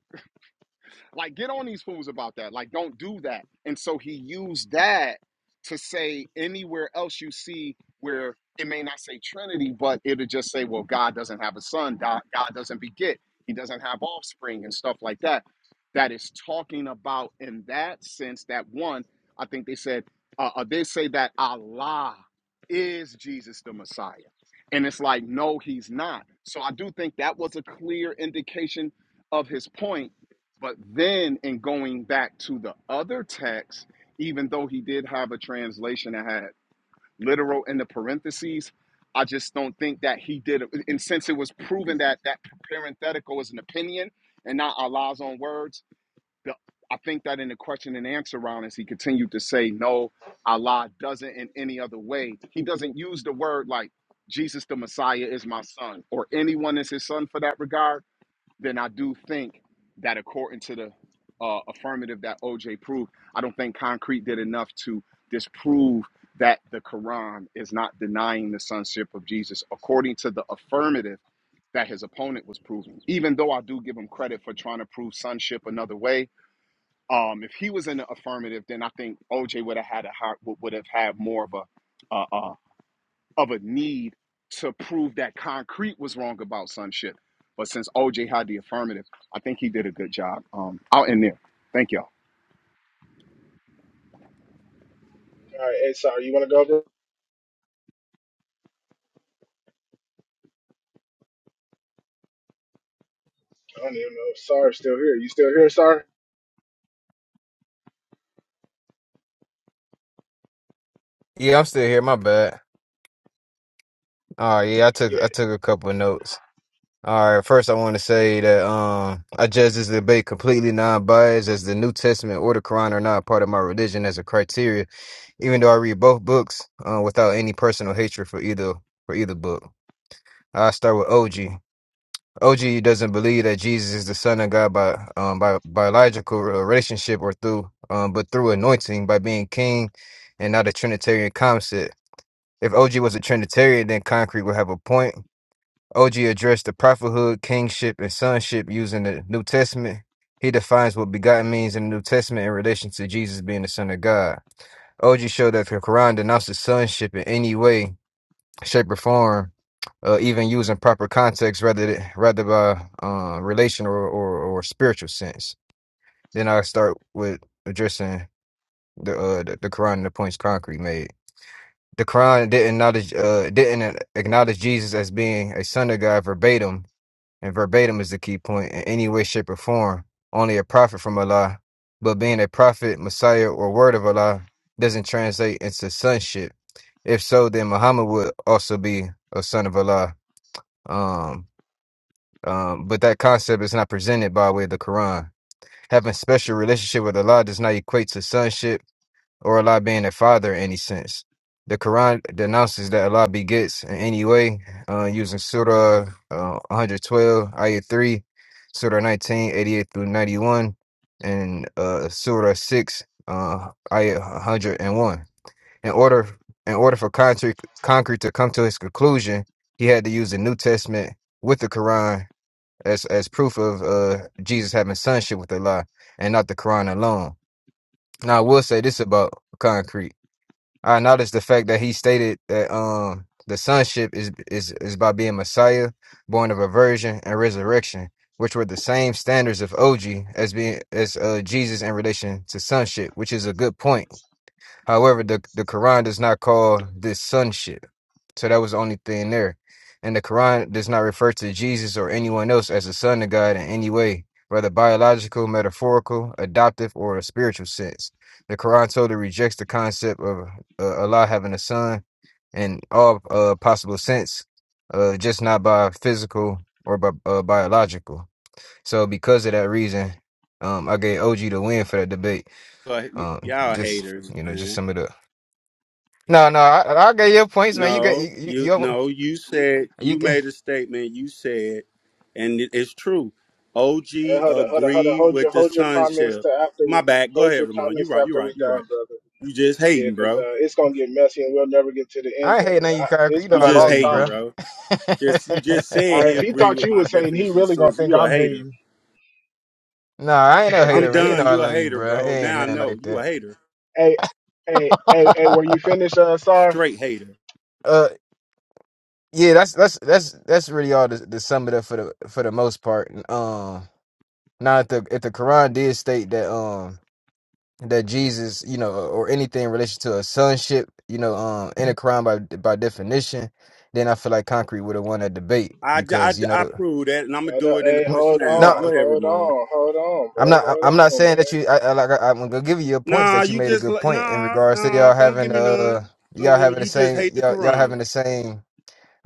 Speaker 20: like, get on these fools about that. Like, don't do that. And so he used that to say anywhere else you see where it may not say Trinity, but it'll just say, well, God doesn't have a son, God, God doesn't beget, he doesn't have offspring, and stuff like that. That is talking about in that sense that one, I think they said, uh, uh, they say that Allah is Jesus the Messiah. And it's like, no, he's not. So I do think that was a clear indication of his point but then, in going back to the other text, even though he did have a translation that had literal in the parentheses, I just don't think that he did. it. And since it was proven that that parenthetical is an opinion and not Allah's own words, the, I think that in the question and answer round, as he continued to say, no, Allah doesn't in any other way. He doesn't use the word like Jesus the Messiah is my son or anyone is his son for that regard then I do think that according to the uh, affirmative that OJ proved, I don't think Concrete did enough to disprove that the Quran is not denying the sonship of Jesus according to the affirmative that his opponent was proving. Even though I do give him credit for trying to prove sonship another way, um, if he was in the affirmative, then I think OJ would have had a high, would would have had more of a, uh, uh, of a need to prove that concrete was wrong about some shit, But since OJ had the affirmative, I think he did a good job. Um, out in there. Thank y'all.
Speaker 3: All right, hey, Sar, you want to go? Bro? I don't even know if Sar's still here. You still here, Sar?
Speaker 12: Yeah, I'm still here. My bad. All right. Yeah, I
Speaker 3: Yeah.
Speaker 12: took I took a couple of notes. All right. First, I want to say that um I judge this debate completely non-biased, as the New Testament or the Quran are not part of my religion as a criteria, even though I read both books uh, without any personal hatred for either for either book. I start with OG. OG doesn't believe that Jesus is the Son of God by um by biological relationship or through um but through anointing by being king and not a Trinitarian concept. If OG was a Trinitarian, then concrete would have a point. OG addressed the prophethood, kingship, and sonship using the New Testament. He defines what begotten means in the New Testament in relation to Jesus being the Son of God. OG showed that the Quran denounces sonship in any way shape, or form, uh, even using proper context rather th- rather by uh, relational or, or, or spiritual sense. Then I start with addressing the, uh, the the Quran and the points concrete made. The Quran didn't acknowledge uh, didn't acknowledge Jesus as being a son of God verbatim, and verbatim is the key point in any way, shape, or form. Only a prophet from Allah, but being a prophet, Messiah, or word of Allah doesn't translate into sonship. If so, then Muhammad would also be a son of Allah um, um, but that concept is not presented by way of the Quran. Having special relationship with Allah does not equate to sonship or Allah being a father in any sense. The Quran denounces that Allah begets in any way, uh, using Surah uh, 112, Ayah 3, Surah 19, 88 through 91, and uh, Surah 6, uh, Ayah 101. In order, in order for concrete, concrete to come to his conclusion, he had to use the New Testament with the Quran as as proof of uh Jesus having sonship with Allah and not the Quran alone. Now I will say this about concrete. I noticed the fact that he stated that um the sonship is is is by being Messiah, born of a virgin, and resurrection, which were the same standards of OG as being as uh Jesus in relation to sonship, which is a good point However, the, the Quran does not call this sonship. So that was the only thing there. And the Quran does not refer to Jesus or anyone else as a son of God in any way, whether biological, metaphorical, adoptive, or a spiritual sense. The Quran totally rejects the concept of uh, Allah having a son in all uh, possible sense, uh, just not by physical or by uh, biological. So because of that reason, um, I gave OG the win for that debate.
Speaker 6: But y-
Speaker 12: Um,
Speaker 6: y'all
Speaker 12: just
Speaker 6: haters,
Speaker 12: you know, just
Speaker 6: man.
Speaker 12: some of the no, no, I, I got your points, man. You got you,
Speaker 6: No,
Speaker 12: you,
Speaker 6: you
Speaker 12: you,
Speaker 6: no, you said
Speaker 12: you
Speaker 6: you
Speaker 12: get-
Speaker 6: made a statement. You said, and it- it's true.
Speaker 3: Hey,
Speaker 6: OG
Speaker 3: hold on, hold on, hold on.
Speaker 6: agreed
Speaker 3: Hold your
Speaker 6: with the
Speaker 3: hold your comments
Speaker 6: sonship.
Speaker 3: to after
Speaker 6: My
Speaker 3: we
Speaker 6: bad. Go
Speaker 3: hold
Speaker 6: ahead,
Speaker 3: your
Speaker 6: Ramon. You
Speaker 3: comments to
Speaker 6: right. You
Speaker 3: after we
Speaker 6: right. You
Speaker 3: done,
Speaker 6: right.
Speaker 3: brother.
Speaker 6: You just
Speaker 3: Yeah,
Speaker 6: hating,
Speaker 3: because
Speaker 6: bro.
Speaker 3: uh, it's gonna get messy and we'll never get to the end
Speaker 12: I ain't
Speaker 3: of
Speaker 12: hating on
Speaker 3: it.
Speaker 12: you,
Speaker 3: I,
Speaker 12: Kyrie.
Speaker 3: it's
Speaker 12: You know
Speaker 6: You
Speaker 3: been a
Speaker 12: I
Speaker 6: just
Speaker 12: love
Speaker 3: long
Speaker 12: you,
Speaker 6: hating,
Speaker 3: time.
Speaker 12: bro.
Speaker 6: bro. Just you just
Speaker 3: All
Speaker 6: said
Speaker 3: right,
Speaker 6: he
Speaker 3: if he
Speaker 6: agreed
Speaker 3: thought
Speaker 6: with
Speaker 3: you
Speaker 6: my
Speaker 3: was hating, he
Speaker 6: definition of
Speaker 3: really gonna
Speaker 6: sonship.
Speaker 3: think
Speaker 6: You a
Speaker 3: I'm
Speaker 6: hater.
Speaker 3: hating.
Speaker 12: no, I ain't no
Speaker 6: I'm
Speaker 12: hater, man. You know
Speaker 6: done.
Speaker 12: I
Speaker 6: You a
Speaker 12: love you,
Speaker 6: hater,
Speaker 12: bro. It
Speaker 6: bro.
Speaker 12: ain't
Speaker 6: Now I
Speaker 12: nothing
Speaker 6: know
Speaker 12: like
Speaker 6: you a
Speaker 12: that.
Speaker 6: hater,
Speaker 3: Hey, hey, hey, hey, were you finished, uh, Sar?
Speaker 6: straight hater.
Speaker 12: uh, yeah, that's that's that's that's really all to, to sum it up for the for the most part. Um, now if the if the Quran did state that, um, that Jesus, you know, or anything in relation to a sonship, you know, um, in a crime by by definition, then I feel like concrete would have won that debate
Speaker 6: I, I,
Speaker 12: because you
Speaker 6: I
Speaker 12: know,
Speaker 6: prove that, and I'm gonna
Speaker 3: Hold
Speaker 6: do
Speaker 3: up,
Speaker 6: it in the
Speaker 3: hey,
Speaker 12: n-
Speaker 6: question
Speaker 3: hold
Speaker 6: and
Speaker 3: on,
Speaker 6: answer.
Speaker 12: no,
Speaker 6: Go ahead,
Speaker 3: hold
Speaker 6: Ramon.
Speaker 3: on, hold on,
Speaker 12: I'm
Speaker 3: bro,
Speaker 12: not,
Speaker 3: hold
Speaker 12: I'm not
Speaker 3: on,
Speaker 12: saying that
Speaker 3: man.
Speaker 12: you, I, I like, I, I'm gonna give you your points
Speaker 6: Nah,
Speaker 12: that you
Speaker 6: you
Speaker 12: made a
Speaker 6: just
Speaker 12: good
Speaker 6: li-
Speaker 12: point in
Speaker 6: nah,
Speaker 12: regards to
Speaker 6: nah.
Speaker 12: y'all
Speaker 6: Don't give
Speaker 12: having
Speaker 6: me
Speaker 12: uh,
Speaker 6: none. Don't
Speaker 12: y'all
Speaker 6: give me.
Speaker 12: having the
Speaker 6: You just
Speaker 12: same,
Speaker 6: hate the
Speaker 12: y'all y'all having
Speaker 6: Quran.
Speaker 12: the same.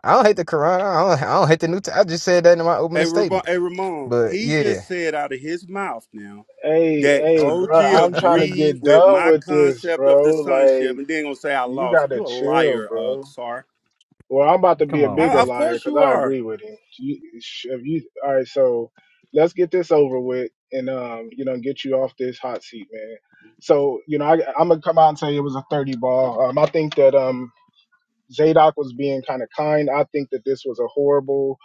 Speaker 12: I don't hate the Quran. I don't, I don't hate the New. T- I just said that in my opening
Speaker 6: Hey, Ramon.
Speaker 12: statement.
Speaker 6: Hey, Ramon.
Speaker 12: But
Speaker 6: He
Speaker 12: yeah,
Speaker 6: just said out of his mouth now
Speaker 3: Hey,
Speaker 6: that
Speaker 3: hey,
Speaker 6: OG
Speaker 3: bro, I'm trying to
Speaker 6: agreed
Speaker 3: get
Speaker 6: with
Speaker 3: done
Speaker 6: my
Speaker 3: with this,
Speaker 6: concept of
Speaker 3: bro.
Speaker 6: the sonship,
Speaker 3: Like,
Speaker 6: and then gonna say I
Speaker 3: you
Speaker 6: lost.
Speaker 3: gotta
Speaker 6: You a
Speaker 3: chill,
Speaker 6: liar, uh,
Speaker 3: bro.
Speaker 6: Sar.
Speaker 3: Well, I'm about to be
Speaker 12: come
Speaker 3: a
Speaker 12: on,
Speaker 3: bigger
Speaker 6: I,
Speaker 12: man.
Speaker 6: of
Speaker 3: liar
Speaker 6: course
Speaker 3: because
Speaker 6: you
Speaker 3: I
Speaker 6: are.
Speaker 3: agree with him. You, sh- if you, all right, so let's get this over with and um, you know, get you off this hot seat, man. So, you know, I, I'm gonna come out and say it was a 30 ball. Um, I think that um, Zadok was being kind of kind. I think that this was a horrible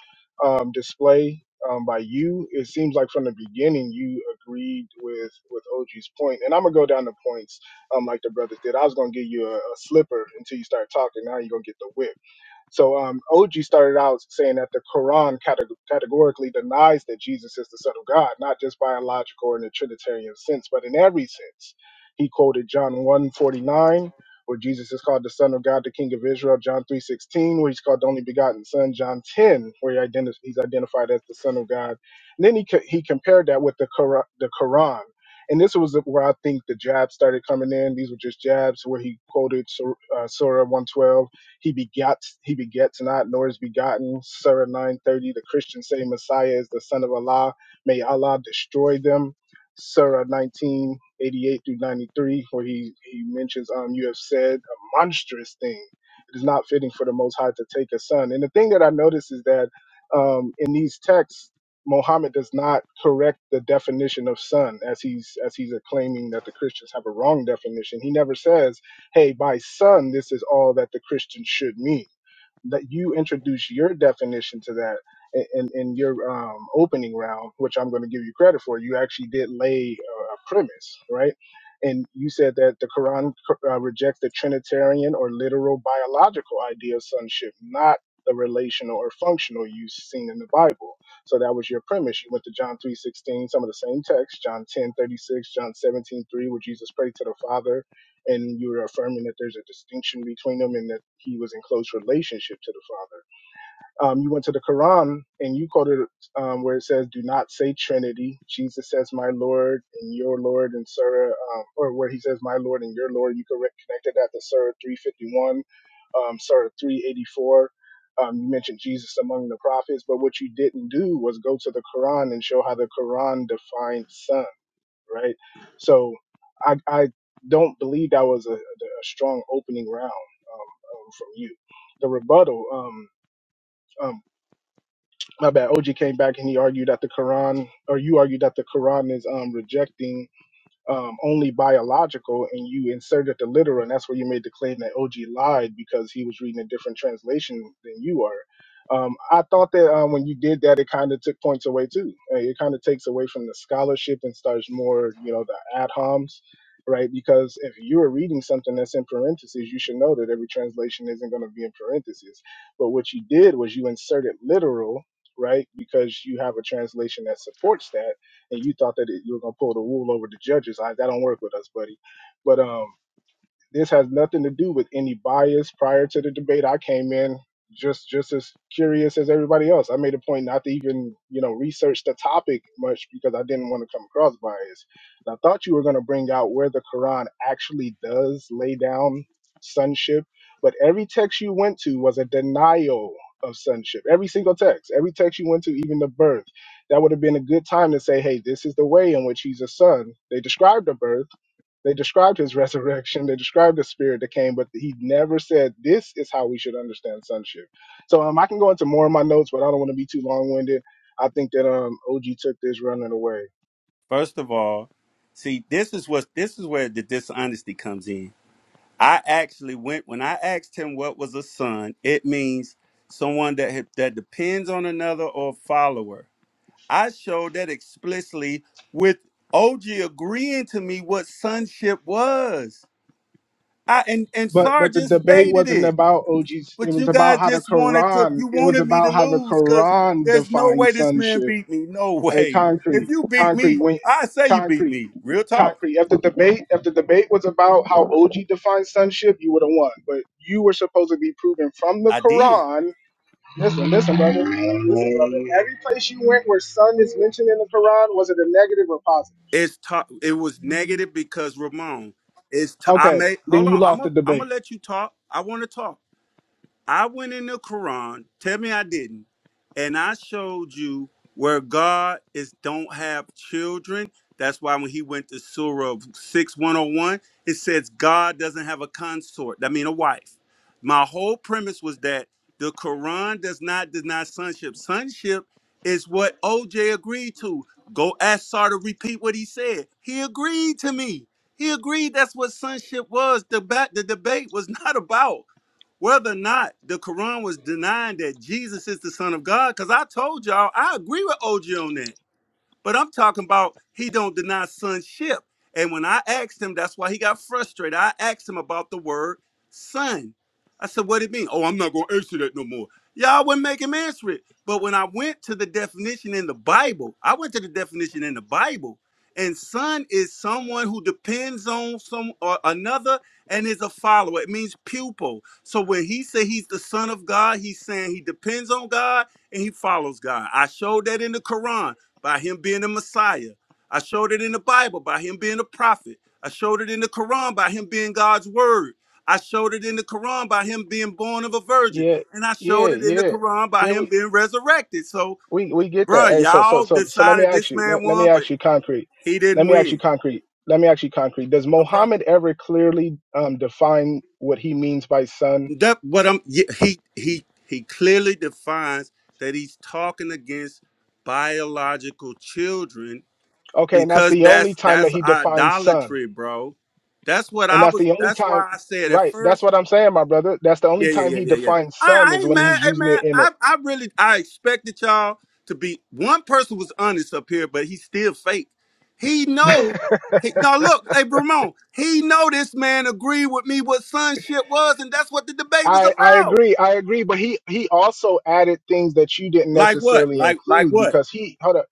Speaker 3: um, display um, by you. It seems like from the beginning you agreed with with OG's point, and I'm gonna go down the points um, like the brothers did. I was gonna give you a, a slipper until you start talking. Now you're gonna get the whip. So um, OG started out saying that the Quran cate- categorically denies that Jesus is the Son of God, not just biological or in the Trinitarian sense, but in every sense. He quoted John one forty nine, where Jesus is called the Son of God, the King of Israel, John 3.16, where he's called the only begotten Son, John 10, where he identi- he's identified as the Son of God. And then he, co- he compared that with the, Qur- the Quran. And this was where I think the jabs started coming in. These were just jabs where he quoted Sur- uh, Surah 112 he begets, he begets not, nor is begotten. Surah 930, the Christians say Messiah is the son of Allah. May Allah destroy them. Surah 1988 through 93, where he, he mentions, um, you have said a monstrous thing. It is not fitting for the Most High to take a son. And the thing that I notice is that um, in these texts, Mohammed does not correct the definition of son as he's as he's claiming that the Christians have a wrong definition. He never says hey, my son, this is all that the Christian should mean. That you introduce your definition to that in, in, your um, opening round, which I'm going to give you credit for. You actually did lay a, a premise, right? And you said that the Quran uh, rejects the Trinitarian or literal biological idea of sonship, not the relational or functional use seen in the Bible. So that was your premise. You went to John 3:16, some of the same text, John 10:36, John 17:3, where Jesus prayed to the Father and you were affirming that there's a distinction between them and that he was in close relationship to the Father. Um, you went to the Quran and you quoted um, where it says, "Do not say Trinity." Jesus says, "My Lord and your Lord," in Surah, um, or where he says, "My Lord and your Lord." You correct- connected that to Surah 351, um, Surah 384. Um, you mentioned Jesus among the prophets, but what you didn't do was go to the Quran and show how the Quran defines son right? So I, I don't believe that was a, a strong opening round um, um, from you. The rebuttal, um, um, my bad. OG came back and he argued that the Quran, or you argued that the Quran is um, rejecting um, only biological, and you inserted the literal, and that's where you made the claim that OG lied because he was reading a different translation than you are. Um, I thought that um, when you did that, it kind of took points away too. Uh, It kind of takes away from the scholarship and starts more, you know, the ad homs, right? Because if you are reading something that's in parentheses, you should know that every translation isn't going to be in parentheses. But what you did was you inserted literal, right? Because you have a translation that supports that and you thought that it, you were gonna pull the wool over the judges. I, that don't work with us, buddy. But um, this has nothing to do with any bias prior to the debate. I came in just just as curious as everybody else. I made a point not to even, you know, research the topic much because I didn't want to come across biased. And I thought you were going to bring out where the Quran actually does lay down sonship, but every text you went to was a denial of sonship. Every single text, every text you went to, even the birth, that would have been a good time to say, "Hey, this is the way in which he's a son." They described the birth they described his resurrection. They described the spirit that came, but he never said, This is how we should understand sonship. So um, I can go into more of my notes, but I don't want to be too long winded. I think that um, OG took this running away.
Speaker 6: First of all, see, this is what this is where the dishonesty comes in I actually went when I asked him what was a son, it means someone that had- that depends on another or follower. I showed that explicitly with OG agreeing to me what sonship was. I and and
Speaker 3: But but the
Speaker 6: Sergeant
Speaker 3: debate
Speaker 6: stated
Speaker 3: wasn't
Speaker 6: it,
Speaker 3: about OG's. It
Speaker 6: but
Speaker 3: was
Speaker 6: you
Speaker 3: about
Speaker 6: guys
Speaker 3: how the
Speaker 6: just wanted to
Speaker 3: Quran.
Speaker 6: you
Speaker 3: It was
Speaker 6: wanted me to
Speaker 3: about how the
Speaker 6: lose because
Speaker 3: Quran
Speaker 6: there's no way
Speaker 3: defines
Speaker 6: this man
Speaker 3: sonship.
Speaker 6: beat me. No
Speaker 3: Hey,
Speaker 6: way. If
Speaker 3: concrete,
Speaker 6: you beat
Speaker 3: concrete
Speaker 6: me,
Speaker 3: went
Speaker 6: I say you beat
Speaker 3: concrete,
Speaker 6: me. Real talk.
Speaker 3: concrete. If the debate, if the debate was about how OG defines sonship, you would have won. But you were supposed to be proving from the
Speaker 6: I did.
Speaker 3: Quran Listen, listen, brother. Listen, brother. Every place you went where sun is mentioned in the Quran, was it a negative or positive?
Speaker 6: It's to- it was negative because Ramon. It's to- I
Speaker 3: Okay,
Speaker 6: may
Speaker 3: then
Speaker 6: hold
Speaker 3: you
Speaker 6: on. I'm
Speaker 3: lost the
Speaker 6: gonna I'm
Speaker 3: debate.
Speaker 6: gonna let you talk. I want to talk. I went in the Quran, tell me I didn't, and I showed you where God is don't have children. That's why when he went to Surah 6101, it says God doesn't have a consort. I mean a wife. My whole premise was that the Quran does not deny sonship. Sonship is what OJ agreed to. Go ask Sar to repeat what he said. He agreed to me. He agreed that's what sonship was. The, ba- the debate was not about whether or not the Quran was denying that Jesus is the Son of God. Because I told y'all, I agree with OG on that. But I'm talking about he don't deny sonship. And when I asked him, that's why he got frustrated. I asked him about the word son. I said, what it mean? Oh, I'm not gonna answer that no more. Y'all wouldn't make him answer it. But when I went to the definition in the Bible, I went to the definition in the Bible, and son is someone who depends on some or another and is a follower. It means pupil. So when he said he's the son of God, he's saying he depends on God and he follows God. I showed that in the Quran by him being the Messiah. I showed it in the Bible by him being a prophet. I showed it in the Quran by him being God's word. I showed it in the Quran by him being born of a virgin.
Speaker 3: Yeah,
Speaker 6: And I
Speaker 3: yeah,
Speaker 6: showed it in the
Speaker 3: yeah,
Speaker 6: Quran by
Speaker 3: yeah.
Speaker 6: him
Speaker 3: We
Speaker 6: being resurrected. So,
Speaker 3: we we get that.
Speaker 6: bruh,
Speaker 3: Hey, so so
Speaker 6: y'all
Speaker 3: so so let me
Speaker 6: decided
Speaker 3: ask
Speaker 6: this
Speaker 3: you.
Speaker 6: man
Speaker 3: Let, let me
Speaker 6: won, but
Speaker 3: ask you concrete.
Speaker 6: he
Speaker 3: Let
Speaker 6: didn't
Speaker 3: me ask you
Speaker 6: win.
Speaker 3: concrete. Let me ask you concrete. Does
Speaker 6: No problem.
Speaker 3: Muhammad ever clearly um, define what he means by son?
Speaker 6: That what I'm yeah, he he he clearly defines that he's talking against biological children
Speaker 3: Okay, and that's
Speaker 6: because
Speaker 3: the only
Speaker 6: that's
Speaker 3: time that
Speaker 6: that's
Speaker 3: he defines son,
Speaker 6: idolatry, bro. That's what
Speaker 3: and
Speaker 6: I
Speaker 3: that's
Speaker 6: was.
Speaker 3: the only
Speaker 6: That's
Speaker 3: time.
Speaker 6: why I said at
Speaker 3: Right, that's
Speaker 6: first.
Speaker 3: what I'm saying, my brother. That's the only
Speaker 6: Yeah,
Speaker 3: time
Speaker 6: yeah, yeah,
Speaker 3: he
Speaker 6: yeah, yeah.
Speaker 3: defines
Speaker 6: I,
Speaker 3: son
Speaker 6: I
Speaker 3: is
Speaker 6: ain't
Speaker 3: when
Speaker 6: mad,
Speaker 3: he's
Speaker 6: hey,
Speaker 3: using
Speaker 6: man.
Speaker 3: it in a
Speaker 6: I, I really, I expected y'all to be. One person was honest up here, but he's still fake. He know. He, now look, hey, Bramon. He know this man agreed with me what sonship was, and that's what the debate was
Speaker 3: I, I
Speaker 6: about.
Speaker 3: agree. I agree. But he, he also added things that you didn't
Speaker 6: Like what?
Speaker 3: necessarily
Speaker 6: Like like
Speaker 3: include
Speaker 6: what?
Speaker 3: because he, hold up,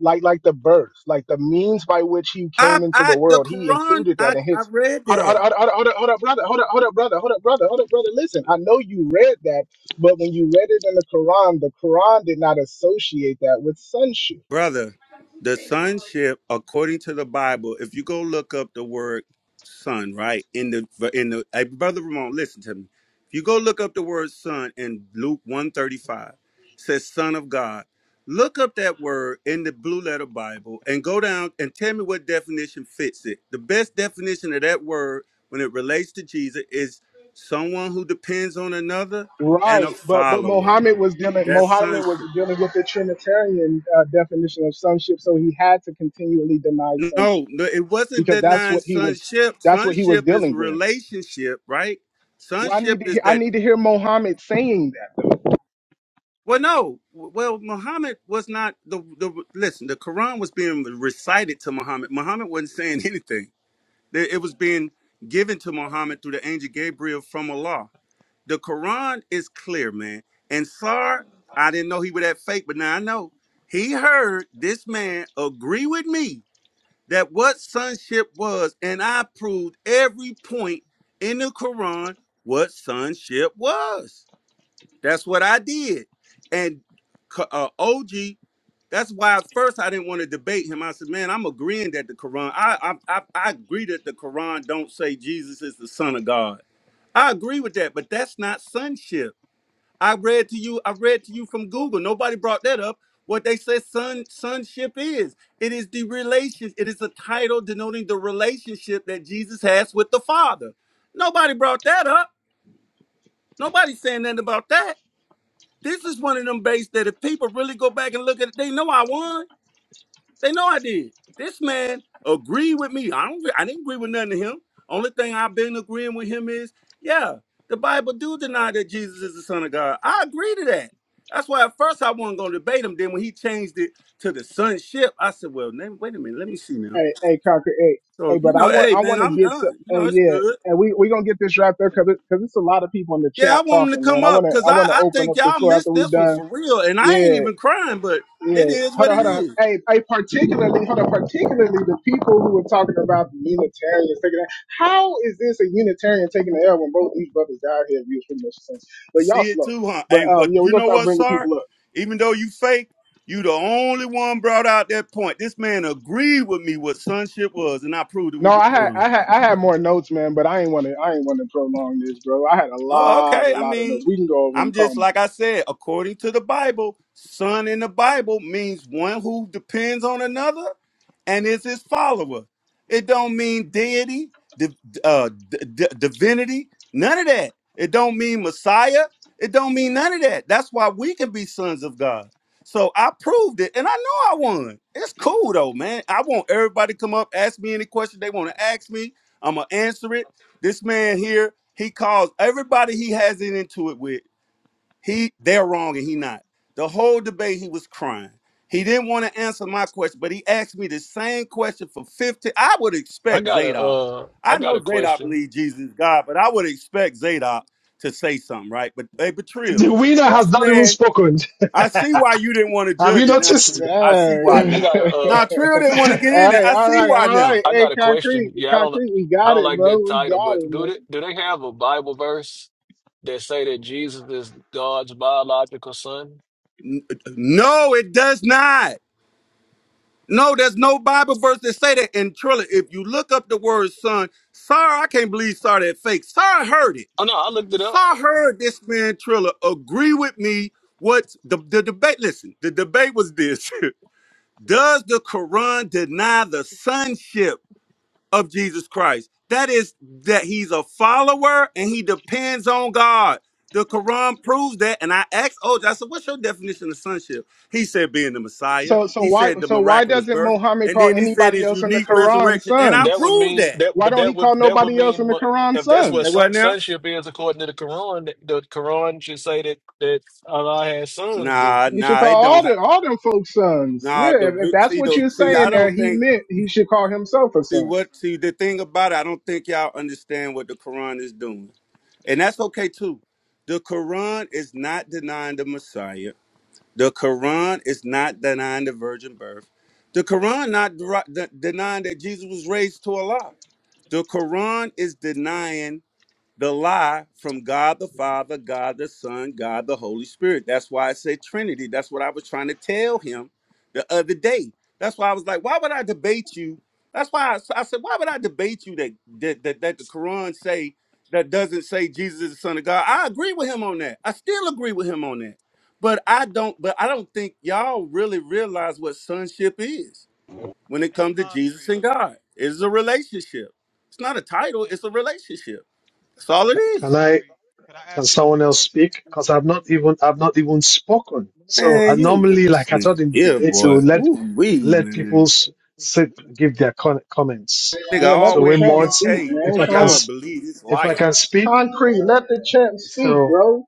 Speaker 3: like, like the birth, like the means by which he
Speaker 6: I
Speaker 3: came into the
Speaker 6: I the
Speaker 3: world, he
Speaker 6: Quran.
Speaker 3: included that
Speaker 6: I
Speaker 3: in
Speaker 6: I
Speaker 3: his,
Speaker 6: read
Speaker 3: hold up,
Speaker 6: that.
Speaker 3: hold up, hold up, hold up, hold up, brother, hold up, hold up, brother, hold up, brother, hold up, brother. Listen, I know you read that, but when you read it in the Quran, the Quran did not associate that with sonship.
Speaker 6: brother the sonship according to the bible if you go look up the word son right in the in the hey, brother ramon listen to me if you go look up the word son in luke 135 says son of god look up that word in the blue letter bible and go down and tell me what definition fits it the best definition of that word when it relates to jesus is someone who depends on another and a
Speaker 3: Right, but but
Speaker 6: follower
Speaker 3: Mohammed was dealing.
Speaker 6: that's
Speaker 3: Mohammed was
Speaker 6: sonship
Speaker 3: dealing with the Trinitarian uh, definition of sonship, so he had to continually deny
Speaker 6: No,
Speaker 3: sonship.
Speaker 6: no, it wasn't
Speaker 3: because that's
Speaker 6: denying
Speaker 3: what he was
Speaker 6: sonship.
Speaker 3: that's what he was
Speaker 6: Sonship is
Speaker 3: dealing with.
Speaker 6: relationship, right?
Speaker 3: Well, I need
Speaker 6: Sonship
Speaker 3: to
Speaker 6: is
Speaker 3: hear I
Speaker 6: that.
Speaker 3: need to hear Mohammed saying that.
Speaker 6: Well, no. Well, Muhammad was not the the. Listen, the Quran was being recited to Muhammad. Muhammad wasn't saying anything. There- It was being given to Muhammad through the angel Gabriel from Allah. The Quran is clear, man. And Sar, I didn't know he was that fake, but now I know. He heard this man agree with me that what sonship was, and I proved every point in the Quran what sonship was. That's what I did. And K- uh, OG, that's why at first I didn't want to debate him. I said, man, I'm agreeing that the Quran, I, I, I, I agree that the Quran don't say Jesus is the son of God. I agree with that, but that's not sonship. I read to you, I read to you from Google. Nobody brought that up. What they said son sonship is. It is the relation, it is a title denoting the relationship that Jesus has with the Father. Nobody brought that up. Nobody's saying nothing about that. This is one of them bases that if people really go back and look at it, they know I won. They know I did. This man agreed with me. I don't. I didn't agree with nothing to him. Only thing I've been agreeing with him is, yeah, the Bible do deny that Jesus is the Son of God. I agree to that. That's why at first I wasn't going to debate him. Then when he changed it to the sonship, I said, well, then, wait a minute, let me see now.
Speaker 3: Hey, hey, Conquer, hey,
Speaker 6: So
Speaker 3: hey,
Speaker 6: you
Speaker 3: but I
Speaker 6: know,
Speaker 3: want
Speaker 6: hey
Speaker 3: I
Speaker 6: man,
Speaker 3: want
Speaker 6: I'm
Speaker 3: to get to
Speaker 6: done. You
Speaker 3: uh,
Speaker 6: know, it's
Speaker 3: yeah,
Speaker 6: good.
Speaker 3: and we we gonna get this wrapped up because because it's a lot of people in the
Speaker 6: Yeah, I
Speaker 3: chat
Speaker 6: want him to
Speaker 3: talking, man.
Speaker 6: come
Speaker 3: I
Speaker 6: up
Speaker 3: wanna
Speaker 6: because
Speaker 3: I
Speaker 6: I,
Speaker 3: wanna
Speaker 6: I
Speaker 3: open
Speaker 6: think
Speaker 3: up the
Speaker 6: y'all
Speaker 3: floor after
Speaker 6: missed
Speaker 3: we
Speaker 6: this one
Speaker 3: done.
Speaker 6: for real, and I ain't
Speaker 3: Yeah,
Speaker 6: even crying, but it
Speaker 3: yeah.
Speaker 6: is
Speaker 3: Hold
Speaker 6: what
Speaker 3: on,
Speaker 6: it
Speaker 3: hold on.
Speaker 6: is.
Speaker 3: Hey, hey, particularly, hold on, particularly the people who were talking about the Unitarians taking that. How is this a Unitarian taking the L when both these brothers down here We was pretty much the same? But y'all
Speaker 6: see it
Speaker 3: slow.
Speaker 6: too, huh? Hey,
Speaker 3: But um,
Speaker 6: but
Speaker 3: yeah, we're
Speaker 6: you
Speaker 3: gonna
Speaker 6: know
Speaker 3: start
Speaker 6: what,
Speaker 3: bringing
Speaker 6: sir?
Speaker 3: people up.
Speaker 6: Even though you fake, you the only one brought out that point. This man agreed with me what sonship was, and I proved it
Speaker 3: No,
Speaker 6: with the
Speaker 3: I had
Speaker 6: Quran.
Speaker 3: I had I had more notes, man, but I ain't want to I ain't want to prolong this, bro. I had a
Speaker 6: Oh,
Speaker 3: lot
Speaker 6: okay.
Speaker 3: a
Speaker 6: I
Speaker 3: lot of notes.
Speaker 6: mean,
Speaker 3: We can go over
Speaker 6: I'm
Speaker 3: them. Call
Speaker 6: just
Speaker 3: me.
Speaker 6: like I said, according to the Bible, son in the Bible means one who depends on another and is his follower. It don't mean deity, di- uh, d- d- divinity, none of that. It don't mean Messiah. It don't mean none of that. That's why we can be sons of God. So I proved it, and I know I won. It's cool though, man. I want everybody to come up, ask me any question they want to ask me. I'm gonna answer it. This man here, he calls everybody he has it into it with. He they're wrong and he not. The whole debate he was crying. He didn't want to answer my question, but he asked me the same question for 50. I would
Speaker 2: I
Speaker 6: expect
Speaker 2: got a
Speaker 6: Zadok.
Speaker 2: uh I
Speaker 6: I
Speaker 2: got
Speaker 6: know
Speaker 2: a
Speaker 6: Zadok
Speaker 2: question.
Speaker 6: believes Jesus is God, but I would expect Zadok to say something, right? But hey, but Trill,
Speaker 1: The winner has
Speaker 6: this
Speaker 1: not even
Speaker 6: man,
Speaker 1: spoken.
Speaker 6: I see why you didn't want to
Speaker 1: Have you
Speaker 6: judge it now, Trill.
Speaker 1: noticed?
Speaker 6: I see why
Speaker 2: I
Speaker 3: Dang.
Speaker 6: now.
Speaker 2: got a
Speaker 6: Now
Speaker 2: uh
Speaker 6: Trill didn't want to get in
Speaker 3: all
Speaker 6: it.
Speaker 3: right,
Speaker 6: I
Speaker 3: all
Speaker 6: see
Speaker 3: right,
Speaker 6: why
Speaker 3: all right.
Speaker 6: now.
Speaker 2: I
Speaker 3: Hey,
Speaker 2: got a
Speaker 3: concrete,
Speaker 2: question. Yeah, I don't
Speaker 3: concrete. We
Speaker 2: I
Speaker 3: got
Speaker 2: don't
Speaker 3: it,
Speaker 2: like
Speaker 3: bro.
Speaker 2: that
Speaker 3: We
Speaker 2: title,
Speaker 3: got
Speaker 2: but
Speaker 3: it,
Speaker 2: do
Speaker 3: man.
Speaker 2: they do they have a Bible verse that say that Jesus is God's biological son?
Speaker 6: N- uh, No, it does not. No, there's no Bible verse that say that. And Trilla, if you look up the word son, sorry, I can't believe sorry that fake. Sorry heard it.
Speaker 2: Oh no, I looked it up.
Speaker 6: Sorry heard this man Trilla agree with me. What the, the debate, listen, the debate was this. Does the Quran deny the sonship? of Jesus Christ. That is that he's a follower and he depends on God. The Quran proves that. And I asked OJ, I said, what's your definition of sonship? He said, being the Messiah.
Speaker 3: So so
Speaker 6: He
Speaker 3: why
Speaker 6: said, the
Speaker 3: so why
Speaker 6: miraculous
Speaker 3: doesn't
Speaker 6: birth.
Speaker 3: Muhammad
Speaker 6: And
Speaker 3: call
Speaker 6: then he said,
Speaker 3: anybody
Speaker 6: his
Speaker 3: else in the
Speaker 6: unique
Speaker 3: Quran
Speaker 6: resurrection. And I
Speaker 2: That
Speaker 3: sons?
Speaker 2: would
Speaker 6: proved
Speaker 2: mean
Speaker 6: that.
Speaker 2: that
Speaker 3: Why
Speaker 2: but
Speaker 3: don't he
Speaker 2: that would
Speaker 3: call
Speaker 2: that would
Speaker 3: nobody else in
Speaker 2: mean
Speaker 3: the
Speaker 2: but
Speaker 3: Quran
Speaker 2: if that's what
Speaker 6: Say
Speaker 3: sons?
Speaker 6: what
Speaker 2: son,
Speaker 6: now?
Speaker 2: sonship is according to the Quran, that- the Quran should say that that Allah has sons then.
Speaker 6: Nah,
Speaker 3: You should
Speaker 6: nah,
Speaker 3: call
Speaker 6: it
Speaker 3: all
Speaker 6: don't. Ha-
Speaker 3: the all them folks sons.
Speaker 6: nah,
Speaker 3: Yeah,
Speaker 6: the
Speaker 3: if, if
Speaker 6: re-
Speaker 3: that's
Speaker 6: see
Speaker 3: what
Speaker 6: the
Speaker 3: you're
Speaker 6: see. I
Speaker 3: saying, that
Speaker 6: don't
Speaker 3: he
Speaker 6: think
Speaker 3: meant he should call himself a
Speaker 6: see
Speaker 3: son.
Speaker 6: what see the thing about it. I don't think y'all understand what the Quran is doing, and that's okay too. The Quran is not denying the Messiah. The Quran is not denying the virgin birth. The Quran not deri- de- denying that Jesus was raised to Allah. The Quran is denying the lie from God the Father, God the Son, God the Holy Spirit. That's why I say Trinity. That's what I was trying to tell him the other day. That's why I was like, why would I debate you? That's why I I said, why would I debate you that that, that that the Quran say that doesn't say Jesus is the Son of God? I agree with him on that. I still agree with him on that. But I don't. But I don't think y'all really realize what sonship is when it
Speaker 23: Hey,
Speaker 6: comes to Jesus
Speaker 23: concrete.
Speaker 6: and God. It's a relationship. It's not a title.
Speaker 23: Hey,
Speaker 6: It's a relationship that's all it
Speaker 23: hey,
Speaker 1: Can
Speaker 6: is.
Speaker 1: I?
Speaker 23: concrete. Could I
Speaker 1: Can
Speaker 23: ask you a
Speaker 1: someone
Speaker 23: quick
Speaker 1: else
Speaker 23: question?
Speaker 1: speak? Because I've not even I've not even spoken. So I
Speaker 6: Man, you
Speaker 1: normally,
Speaker 6: this
Speaker 1: like I
Speaker 6: nigga
Speaker 1: thought in
Speaker 6: yeah,
Speaker 1: debates, it
Speaker 6: boy.
Speaker 1: would let
Speaker 6: Ooh wee,
Speaker 1: let people
Speaker 6: man.
Speaker 1: s- sit, give their con- comments.
Speaker 6: Nigga
Speaker 3: Yeah, let
Speaker 6: all the
Speaker 1: So
Speaker 3: the
Speaker 6: way in
Speaker 1: when
Speaker 6: the
Speaker 3: champ
Speaker 1: mods,
Speaker 3: speak,
Speaker 6: UK
Speaker 3: man.
Speaker 1: if I
Speaker 3: What's
Speaker 6: and
Speaker 1: can
Speaker 3: wrong with
Speaker 6: y'all
Speaker 1: s-
Speaker 6: believe this
Speaker 1: if I can
Speaker 6: liar.
Speaker 1: speak,
Speaker 3: concrete? Let the champ speak,
Speaker 1: so
Speaker 3: bro.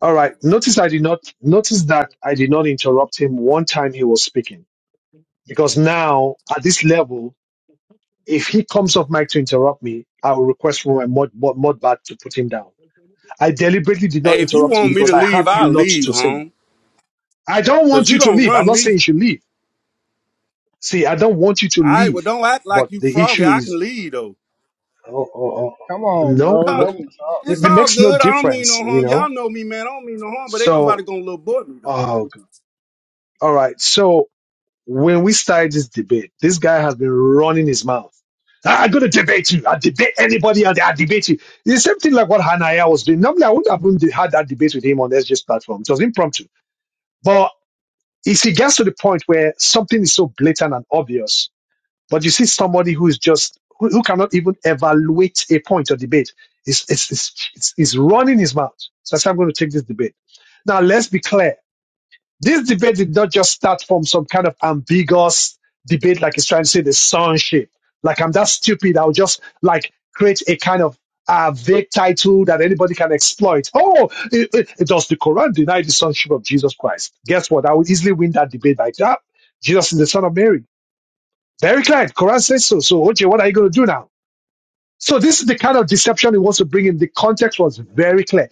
Speaker 1: all right. Notice I did not notice that I did not interrupt him one time he was speaking because now at this level, if he comes off mic to interrupt me, I will request from my mod mod, mod bat to put him down. I deliberately did
Speaker 6: Hey,
Speaker 1: not
Speaker 6: if you
Speaker 1: interrupt him
Speaker 6: want me to
Speaker 1: because I
Speaker 6: leave,
Speaker 1: have a
Speaker 6: I'll
Speaker 1: lot
Speaker 6: leave,
Speaker 1: to say
Speaker 6: home.
Speaker 1: I don't
Speaker 6: Cause
Speaker 1: want
Speaker 6: you
Speaker 1: you to
Speaker 6: don't
Speaker 1: leave. I'm
Speaker 6: run
Speaker 1: not saying
Speaker 6: me.
Speaker 1: you should leave. See, I don't want you to
Speaker 6: I well
Speaker 1: leave.
Speaker 6: don't act like
Speaker 1: But
Speaker 6: you
Speaker 1: the
Speaker 6: froggy.
Speaker 1: issue
Speaker 6: I can
Speaker 1: is,
Speaker 6: leave though.
Speaker 1: oh, oh,
Speaker 3: Come
Speaker 1: oh,
Speaker 3: on,
Speaker 1: no,
Speaker 3: bro.
Speaker 6: Talk-
Speaker 3: Let
Speaker 1: no.
Speaker 3: him talk.
Speaker 6: It's
Speaker 1: It, it
Speaker 6: all
Speaker 1: makes no
Speaker 6: good. I don't mean
Speaker 1: difference,
Speaker 6: no
Speaker 1: you
Speaker 6: harm. Y'all
Speaker 1: know?
Speaker 6: know me, man. I don't mean no harm, but ain't nobody
Speaker 1: So,
Speaker 6: gonna little boy me though.
Speaker 1: oh, God. all right. So when we started this debate, this guy has been running his mouth. "I- I'm going to debate you. I debate anybody out there. I debate you. The same thing like what Hanaya was doing. Normally, I would have even had that debate with him on SG's platform. It was impromptu. But if he gets to the point where something is so blatant and obvious, But you see somebody who is just who, who cannot even evaluate a point or debate. It's it's it's it's, it's running his mouth. So I said, I'm going to take this debate. Now let's be clear. This debate did not just start from some kind of ambiguous debate, like it's trying to say the sonship. Like I'm that stupid, I'll just like create a kind of uh, vague title that anybody can exploit. Oh, it, it, it does the Quran deny the sonship of Jesus Christ? Guess what? I will easily win that debate by that. Jesus is the son of Mary. Very clear. Quran says so. So, okay, what are you going to do now? So this is the kind of deception he wants to bring in. The context was very clear.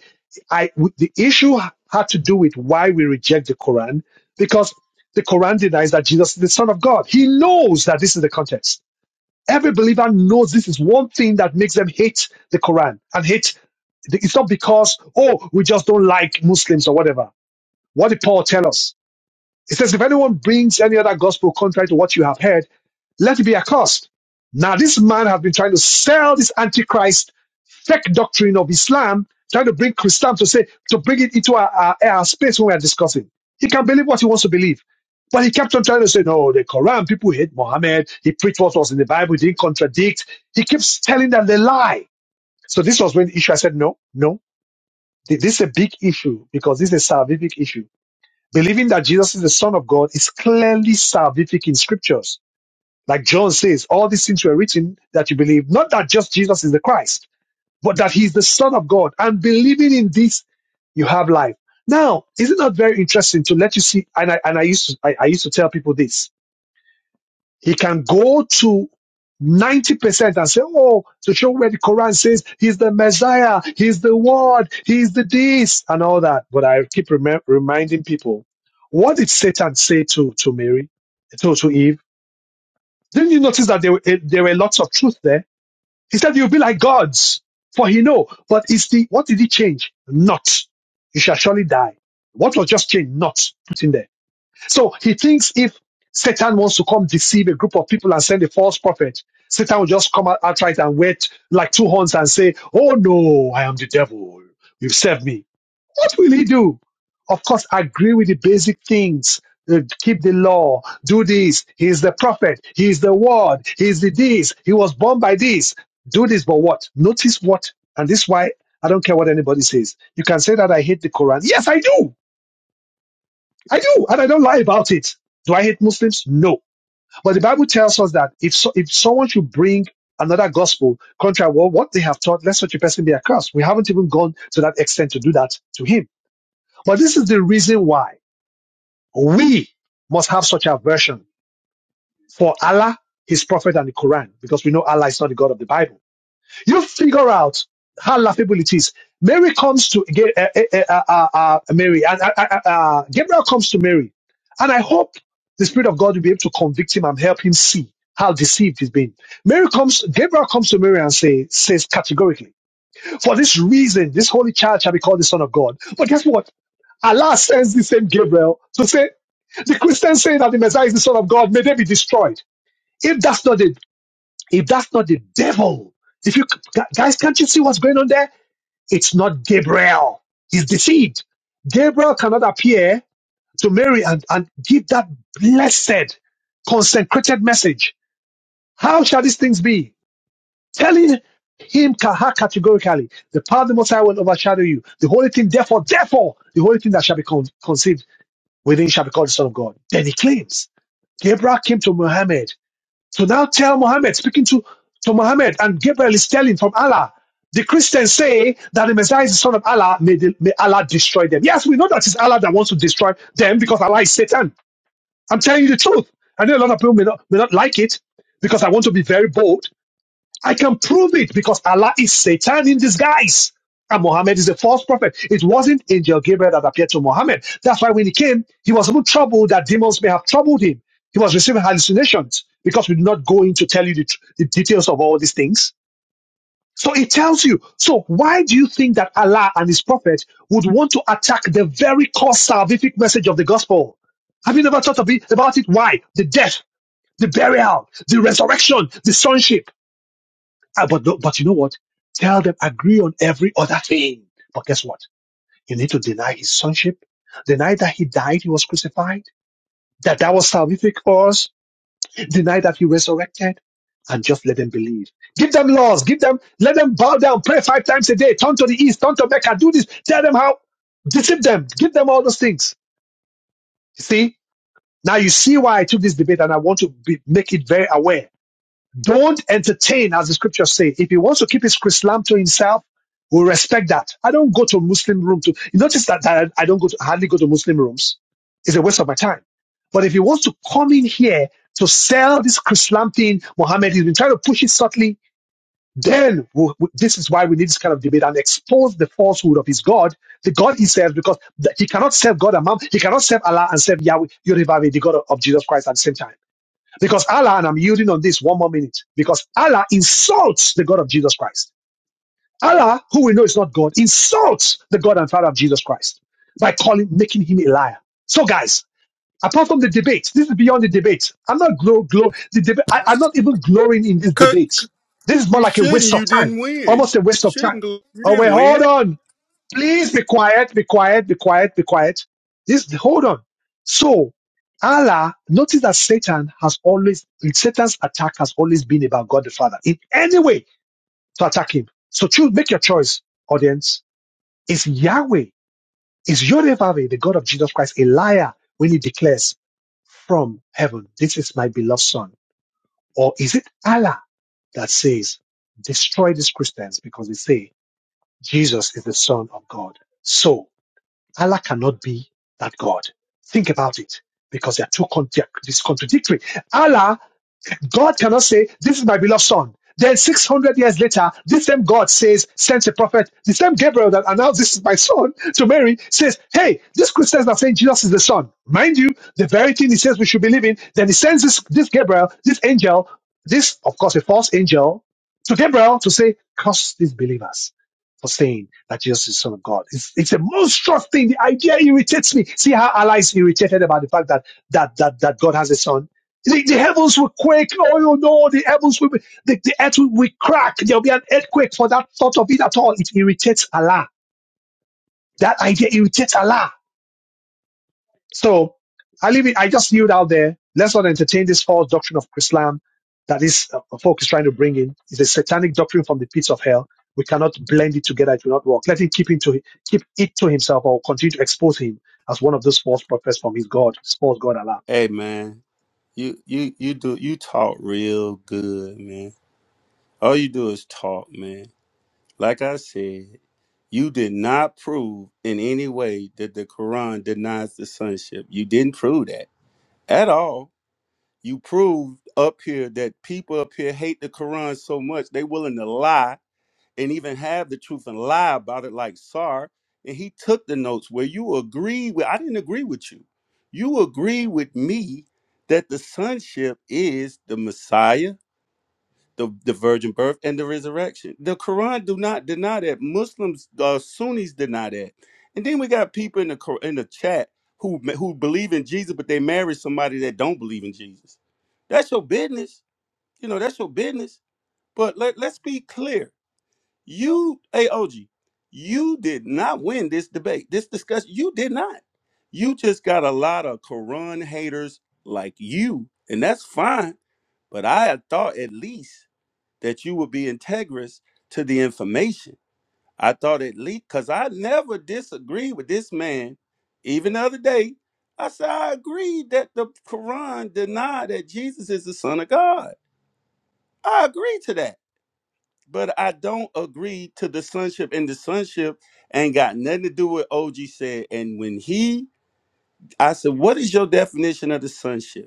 Speaker 1: I w- the issue had to do with why we reject the Quran because the Quran denies that Jesus is the Son of God. He knows that this is the context. Every believer knows this is one thing that makes them hate the Quran and hate. It's not because oh we just don't like Muslims or whatever. What did Paul tell us? It says, if anyone brings any other gospel contrary to what you have heard, let it be accursed. Now, this man has been trying to sell this antichrist fake doctrine of Islam, trying to bring Christian to say, to bring it into our, our, our space when we are discussing. He can believe what he wants to believe. But he kept on trying to say, no, the Quran, people hate Muhammad. He preached what was in the Bible. He didn't contradict. He keeps telling them they lie. So this was when the issue, I said, no, no, this is a big issue because this is a salvific issue Believing that Jesus is the Son of God is clearly salvific in scriptures. Like John says, all these things were written that you believe, not that just Jesus is the Christ, but that he is the Son of God. And believing in this, you have life. Now, is it not very interesting to let you see? And I, and I used to, I, I used to tell people this he can go to 90% and say, oh, to show where the Quran says he's the Messiah, he's the word, he's the this, and all that. But I keep remem- reminding people, what did Satan say to, to Mary, to, to Eve? Didn't you notice that there, were- eh, there were lots of truth there? He said, you'll be like gods, for he know. But it's the, what did he change? Not. You shall surely die. What was just changed? Not put in there. So he thinks if Satan wants to come deceive a group of people and send a false prophet, Satan will just come out outright and wait like two horns and say, Oh no, I am the devil. You've served me. What will he do? Of course, agree with the basic things. Uh, keep the law. Do this. He is the prophet. He is the word. He is the this. He was born by this. Do this, but what? Notice what? And this is why I don't care what anybody says. You can say that I hate the Quran. Yes, I do. I do, and I don't lie about it. Do I hate Muslims? No. But the Bible tells us that if so, if someone should bring another gospel contrary to what they have taught, let such a person be accursed. We haven't even gone to that extent to do that to him. But this is the reason why we must have such aversion for Allah, His Prophet, and the Quran, because we know Allah is not the God of the Bible. You figure out how laughable it is. Mary comes to Ga- uh, uh, uh, uh, uh, uh, Mary, and uh, uh, uh, uh, Gabriel comes to Mary, and I hope the Spirit of God will be able to convict him and help him see how deceived he's been. Mary comes, Gabriel comes to Mary and say, says categorically, for this reason, this holy child shall be called the Son of God. But guess what? Allah sends the same Gabriel to say, the Christians say that the Messiah is the Son of God, may they be destroyed. If that's not it, if that's not the devil, if you guys can't you see what's going on there? It's not Gabriel. He's deceived. Gabriel cannot appear to Mary and, and give that blessed, consecrated message. How shall these things be? Telling him ca- categorically, the power of the Most High will overshadow you. The holy thing, therefore, therefore, the holy thing that shall be con- conceived within shall be called the Son of God. Then he claims. Gabriel came to Muhammad so now tell Muhammad, speaking to, to Muhammad, and Gabriel is telling from Allah. The Christians say that the Messiah is the son of Allah. May, the, may Allah destroy them. Yes, we know that it's Allah that wants to destroy them because Allah is Satan. I'm telling you the truth. I know a lot of people may not, may not like it because I want to be very bold. I can prove it because Allah is Satan in disguise. And Muhammad is a false prophet. It wasn't Angel Gabriel that appeared to Muhammad. That's why when he came, he was even troubled that demons may have troubled him. He was receiving hallucinations because we did not go in to tell you the, tr- the details of all these things. So it tells you. So why do you think that Allah and his prophet would want to attack the very core salvific message of the gospel? Have you never thought of it, about it? Why? The death, the burial, the resurrection, the sonship. Ah, but, no- but you know what? Tell them agree on every other thing. But guess what? You need to deny his sonship, deny that he died, he was crucified, that that was salvific for us, deny that he resurrected, and just let them believe. Give them laws, give them, let them bow down, pray five times a day, turn to the east, turn to Mecca, do this, tell them how, deceive them, give them all those things. You see? Now you see why I took this debate and I want to be, make it very aware Don't entertain, as the scriptures say. If he wants to keep his Chrislam to himself, we we'll respect that. I don't go to a Muslim room to you notice that, that I don't go to hardly go to Muslim rooms. It's a waste of my time. But if he wants to come in here to sell this Chrislam thing, Mohammed, he's been trying to push it subtly, then we- we- this is why we need this kind of debate and expose the falsehood of his God, the God he serves, because th- he cannot serve God and man. He cannot serve Allah and serve Yahweh, Yorubave, the God of of Jesus Christ at the same time. Because Allah, and I'm yielding on this one more minute, because Allah insults the God of Jesus Christ. Allah, who we know is not God, insults the God and Father of Jesus Christ by calling, making him a liar. So, guys, apart from the debate, this is beyond the debate. I'm not glow, glow, the debate, I- I'm not even glorying in this
Speaker 6: Cause
Speaker 1: debate. This is more
Speaker 6: you
Speaker 1: like a
Speaker 6: shouldn't.
Speaker 1: waste of
Speaker 6: You
Speaker 1: time,
Speaker 6: didn't win.
Speaker 1: almost a
Speaker 6: You
Speaker 1: waste of time.
Speaker 6: shouldn't. go- You
Speaker 1: Oh, wait,
Speaker 6: didn't
Speaker 1: hold
Speaker 6: win.
Speaker 1: on. Please be quiet, be quiet, be quiet, be quiet. This hold on. So Allah, notice that Satan has always Satan's attack has always been about God the Father in any way to attack him. So choose make your choice, audience. Is Yahweh, is Yodevave, the God of Jesus Christ, a liar when he declares from heaven, this is my beloved son? Or is it Allah that says, destroy these Christians because they say Jesus is the son of God? So Allah cannot be that God. Think about it because they are too con- they are dis- contradictory. Allah God cannot say, This is my beloved son. Then 600 years later, this same God says, sends a prophet, the same Gabriel that announced this is my son to Mary says, Hey, these Christians are saying Jesus is the son. Mind you, the very thing he says we should believe in. Then he sends this, this Gabriel, this angel, this, of course, a false angel, to Gabriel to say, Curse these believers for saying that Jesus is the Son of God. It's, it's a monstrous thing. The idea irritates me. See how allies irritated about the fact that that that that God has a son the, the heavens will quake. Oh, you know, the heavens will, be, the, the earth will, will crack. There'll be an earthquake for that thought of it at all. It irritates Allah. That idea irritates Allah. So I leave it. I just knew it out there. Let's not entertain this false doctrine of Islam that is uh, folk is trying to bring in. It's a satanic doctrine from the pits of hell. We cannot blend it together. It will not work. Let him keep, him to, keep it to himself or continue to expose him as one of those false prophets from his God, his false God Allah.
Speaker 6: Hey, man. You you you do you talk real good, man. All you do is talk, man. Like I said, you did not prove in any way that the Quran denies the sonship. You didn't prove that at all. You proved up here that people up here hate the Quran so much they willing to lie and even have the truth and lie about it like Sar. And he took the notes where you agreed with I didn't agree with you. You agree with me that the sonship is the Messiah the, the virgin birth and the resurrection. The Quran do not deny that. Muslims, uh, Sunnis deny that. And then we got people in the Qur- in the chat who ma- who believe in Jesus, but they marry somebody that don't believe in Jesus. That's your business. You know, that's your business. But let, let's be clear. You, AOG, you did not win this debate, this discussion. You did not. You just got a lot of Quran haters like you, and that's fine. But I had thought at least that you would be integrous to the information. I thought at least because I never disagreed with this man. Even the other day, I said I agreed that the Quran denied that Jesus is the Son of God. I agree to that. But I don't agree to the sonship, and the sonship ain't got nothing to do with OG said. And when he, I said, What is your definition of the sonship?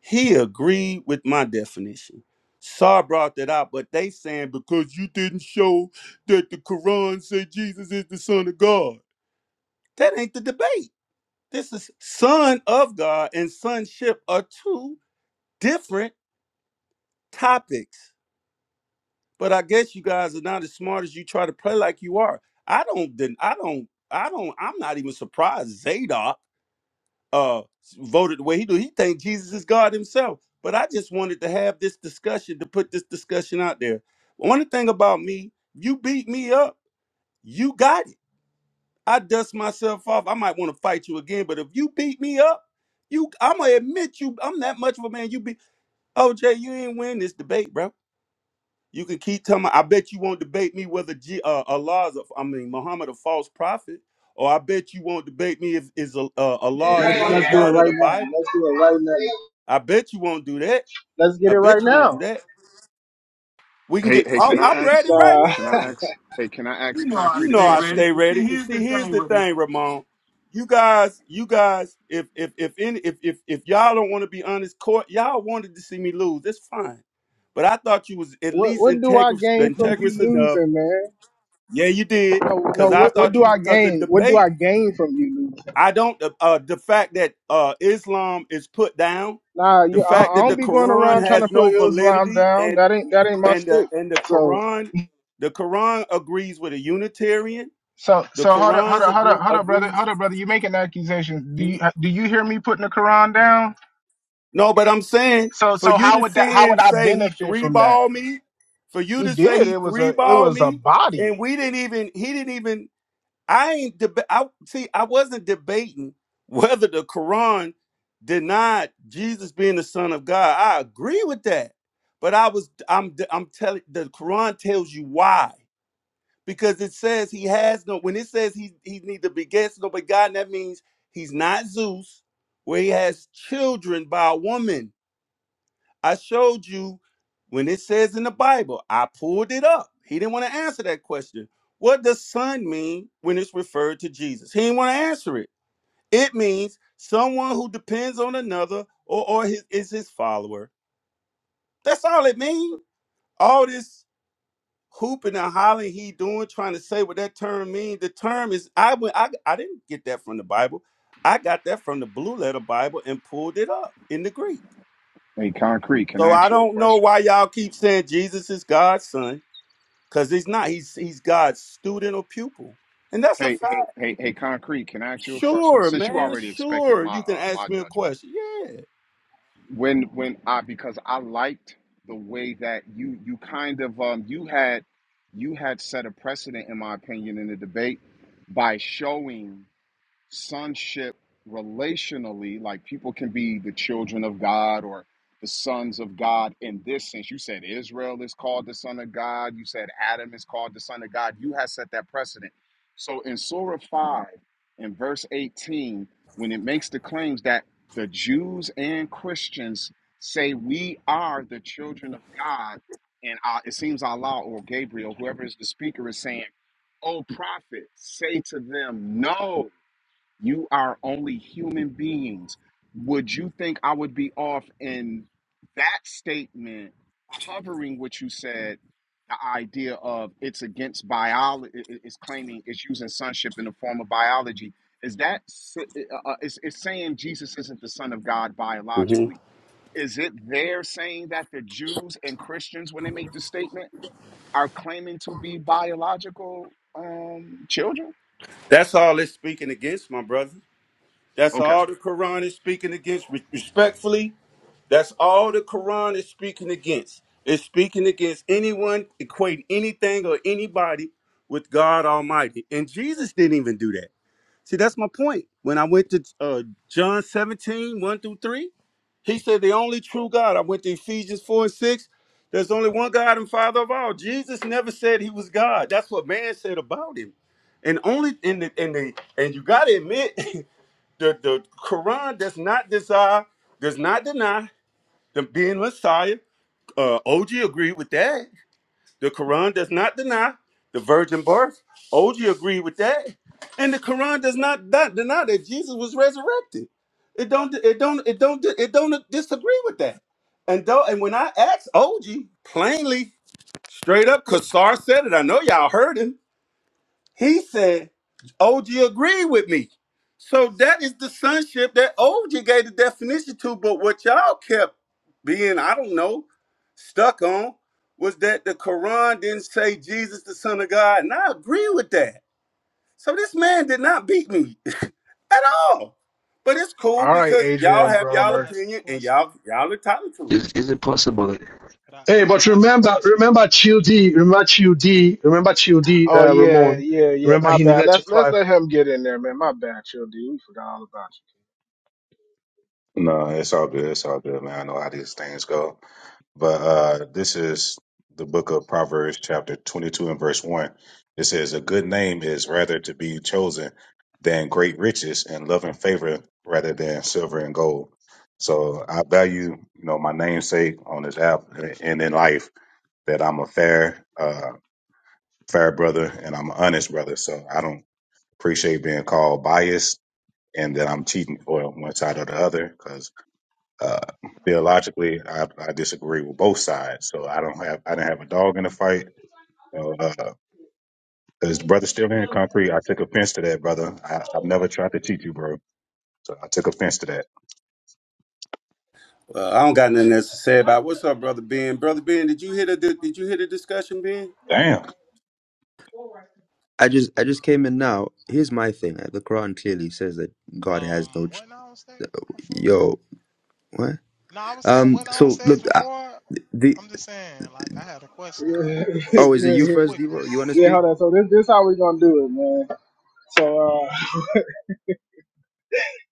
Speaker 6: He agreed with my definition. Saw brought that out, but they saying because you didn't show that the Quran said Jesus is the Son of God. That ain't the debate. This is Son of God and sonship are two different topics. But I guess you guys are not as smart as you try to play like you are. I don't. den- I don't. I don't. I'm not even surprised Zadok uh voted the way he do. He think Jesus is God himself. But I just wanted to have this discussion to put this discussion out there. One thing about me, you beat me up, you got it. I dust myself off. I might want to fight you again, but if you beat me up, you I'm gonna admit you I'm that much of a man. You be OJ, you ain't win this debate, bro. You can keep telling me. I bet you won't debate me whether G, uh, Allah is, a, I mean, Muhammad a false prophet, or I bet you won't debate me if is a, uh, Allah is
Speaker 3: Let's,
Speaker 6: not the
Speaker 3: let's do it
Speaker 6: God of
Speaker 3: right
Speaker 6: the
Speaker 3: now.
Speaker 6: Bible
Speaker 3: Let's do it right now.
Speaker 6: I bet you won't do that.
Speaker 3: Let's get
Speaker 6: I
Speaker 3: it right
Speaker 6: bet you won't do
Speaker 3: now.
Speaker 6: that. We can
Speaker 20: Hey,
Speaker 6: get.
Speaker 20: hey,
Speaker 6: Oh,
Speaker 20: can I
Speaker 6: I'm ready
Speaker 20: ask?
Speaker 6: right
Speaker 3: Uh,
Speaker 20: Can I
Speaker 6: now.
Speaker 20: ask? Hey, can I
Speaker 19: You
Speaker 20: ask
Speaker 19: know I
Speaker 6: You
Speaker 20: concrete a
Speaker 6: know
Speaker 19: stay
Speaker 6: I
Speaker 20: question?
Speaker 19: ready.
Speaker 6: stay
Speaker 19: But see,
Speaker 6: ready. But
Speaker 19: here's
Speaker 6: see,
Speaker 19: the
Speaker 6: here's
Speaker 19: thing,
Speaker 6: the thing,
Speaker 19: Ramon.
Speaker 6: Ramon. You guys, you guys, if if if any, if if if y'all don't want to be honest, court, y'all wanted to see me lose. That's fine. But I thought you was at
Speaker 3: what
Speaker 6: least
Speaker 3: what do I
Speaker 6: integrous,
Speaker 3: gain from
Speaker 6: integrous
Speaker 3: you
Speaker 6: enough.
Speaker 3: losing, man?
Speaker 6: Yeah, you did.
Speaker 3: No, no.
Speaker 6: Cause I
Speaker 3: What what
Speaker 6: thought
Speaker 3: do
Speaker 6: you
Speaker 3: I
Speaker 6: cause the
Speaker 3: gain? What do I
Speaker 6: debate.
Speaker 3: gain from you losing?
Speaker 6: I don't uh uh, the fact that uh Islam is put down,
Speaker 3: Nah,
Speaker 6: the
Speaker 3: you.
Speaker 6: fact
Speaker 3: I, I
Speaker 6: that the
Speaker 3: don't be going
Speaker 6: Quran
Speaker 3: around trying to
Speaker 6: has no
Speaker 3: put Islam
Speaker 6: validity,
Speaker 3: down.
Speaker 6: and.
Speaker 3: That ain't that ain't my
Speaker 6: and the
Speaker 3: stick.
Speaker 6: and the
Speaker 3: So.
Speaker 6: Quran, the Quran agrees with a Unitarian.
Speaker 3: So
Speaker 6: The
Speaker 3: so hold up hold
Speaker 6: Quran's
Speaker 3: up hold up
Speaker 6: agree
Speaker 3: hold up brother
Speaker 6: agrees.
Speaker 3: hold up brother you making accusations do you
Speaker 6: Mhm.
Speaker 3: do you hear me putting the Quran down
Speaker 6: No, but I'm saying
Speaker 3: So
Speaker 6: for
Speaker 3: so
Speaker 6: you
Speaker 3: how
Speaker 6: to
Speaker 3: would that
Speaker 6: sit
Speaker 3: how would
Speaker 6: and
Speaker 3: I
Speaker 6: say he
Speaker 3: benefit
Speaker 6: three
Speaker 3: from that?
Speaker 6: ball me, for you
Speaker 3: He
Speaker 6: to say
Speaker 3: did.
Speaker 6: he
Speaker 3: It was
Speaker 6: three
Speaker 3: a it
Speaker 6: ball
Speaker 3: was a
Speaker 6: me,
Speaker 3: body.
Speaker 6: and we didn't even he didn't even I ain't deba- I see I wasn't debating whether the Quran denied Jesus being the Son of God. I agree with that, but I was I'm I'm telling the Quran tells you why. because it says he has no when it says he he neither begets nor begotten that means he's not zeus where he has children by a woman i showed you when it says in the bible i pulled it up he didn't want to answer that question what does son mean when it's referred to jesus he didn't want to answer it it means someone who depends on another or, or his, is his follower that's all it means all this hooping and hollering he doing trying to say what that term means the term is i went I, I didn't get that from the bible i got that from the blue letter bible and pulled it up in the greek
Speaker 20: Hey, concrete, can
Speaker 6: so
Speaker 20: I
Speaker 6: i
Speaker 20: ask you a
Speaker 6: don't know
Speaker 20: question?
Speaker 6: why y'all keep saying jesus is god's son because he's not he's he's god's student or pupil and that's a
Speaker 20: Hey, hey,
Speaker 6: fact
Speaker 20: hey, hey, concrete, can I ask you a question?
Speaker 6: sure
Speaker 20: Since you
Speaker 6: man
Speaker 20: already expected
Speaker 6: sure
Speaker 20: my
Speaker 6: you can
Speaker 20: uh
Speaker 6: ask
Speaker 20: my
Speaker 6: me a
Speaker 20: judgment,
Speaker 6: question yeah
Speaker 20: when when I because I liked the way that you you kind of um you had you had set a precedent in my opinion in the debate by showing sonship relationally like people can be the children of god or the sons of god in this sense you said israel is called the son of god you said adam is called the son of god you have set that precedent so in surah 5 in verse 18 when it makes the claims that the jews and christians say we are the children of god and uh, it seems allah or gabriel whoever is the speaker is saying "O prophet say to them no you are only human beings. Would you think I would be off in that statement covering what you said? The idea of it's against biology, it's claiming it's using sonship in the form of biology. Is that s- uh, uh, it's, it's saying Jesus isn't the son of God
Speaker 6: hmm
Speaker 20: biologically? Is it there saying that the Jews and Christians, when they make the statement, are claiming to be biological um, children?
Speaker 6: that's all it's speaking against my brother that's
Speaker 20: Okay.
Speaker 6: all the quran is speaking against Re- respectfully That's all the Quran is speaking against. It's speaking against anyone equating anything or anybody with God Almighty. And Jesus didn't even do that. See, that's my point. When I went to uh, John seventeen one through 3, he said, The only true God. I went to Ephesians 4 and 6. There's only one God and Father of all. Jesus never said he was God. That's what man said about him. And only in the in the and you gotta admit the, the Quran does not desire, does not deny the being Messiah. Uh, OG agreed with that. The Quran does not deny the virgin birth. OG agreed with that, and the Quran does not de- deny that Jesus was resurrected. It don't. It don't. It don't. It don't disagree with that. And though, and when I asked OG plainly, straight up, because Sar said it. I know y'all heard him. He said OG agreed with me. So that is the sonship that OG gave the definition to. But what y'all kept being, I don't know, stuck on was that the Quran didn't say Jesus the Son of God, and I agree with that. So this man did not beat me at all. But it's cool
Speaker 3: All right,
Speaker 6: because y'all
Speaker 3: Adrian
Speaker 23: Hey,
Speaker 6: have
Speaker 23: could I
Speaker 6: y'all
Speaker 3: Broner.
Speaker 23: ask a
Speaker 6: opinion and
Speaker 23: question?
Speaker 6: y'all y'all entitled to it.
Speaker 24: Is is it possible?
Speaker 23: Could I
Speaker 1: Hey,
Speaker 23: could I
Speaker 1: but
Speaker 23: ask a
Speaker 1: remember,
Speaker 23: question?
Speaker 1: remember Childi, remember Childi, remember Childi,
Speaker 3: Oh
Speaker 1: uh,
Speaker 3: yeah,
Speaker 1: Ramon.
Speaker 3: yeah, yeah.
Speaker 1: Remember
Speaker 3: My
Speaker 1: he
Speaker 3: bad.
Speaker 1: needed to
Speaker 3: Let's let's
Speaker 1: climb.
Speaker 3: let him get in there, man. My bad, chill dude. We forgot all about you.
Speaker 18: No, it's all good. It's all good, man. I know how these things go. But uh, this is the book of Proverbs, chapter 22 and verse 1. It says, A good name is rather to be chosen than great riches and love and favor rather than silver and gold. So I value, you know, my namesake on this app eh, and in life that I'm a fair, uh, fair brother and I'm an honest brother. So I don't appreciate being called biased and that I'm cheating for one side or the other 'cause uh, theologically, I, I disagree with both sides. So I don't have I didn't have a dog in the fight. So, uh, is the brother still in concrete? I took offense to that, brother. I, I've never tried to cheat you, bro. So I took offense to that.
Speaker 6: Well, I don't got nothing else to say about it. what's up, brother Ben. Brother Ben, did you hear the did you hear the discussion, Ben?
Speaker 18: Damn.
Speaker 24: I just I just came in now. Here's my thing. Like, the Quran clearly says that God
Speaker 23: Um,
Speaker 24: has no. Ch-
Speaker 23: wasn't I on stage before?
Speaker 24: Yo, what?
Speaker 23: No, I was saying
Speaker 24: Um.
Speaker 23: wasn't I on
Speaker 24: So
Speaker 23: stage
Speaker 24: look, uh,
Speaker 23: before?
Speaker 24: the
Speaker 23: I'm just saying, like I had a question.
Speaker 3: Yeah,
Speaker 23: It's
Speaker 24: oh, is it
Speaker 23: and
Speaker 3: yeah,
Speaker 24: you
Speaker 23: it's a
Speaker 3: yeah.
Speaker 24: first,
Speaker 23: quick one.
Speaker 24: Devo? You want to
Speaker 3: Yeah,
Speaker 24: speak?
Speaker 3: hold on. So this this how we gonna do it, man. So uh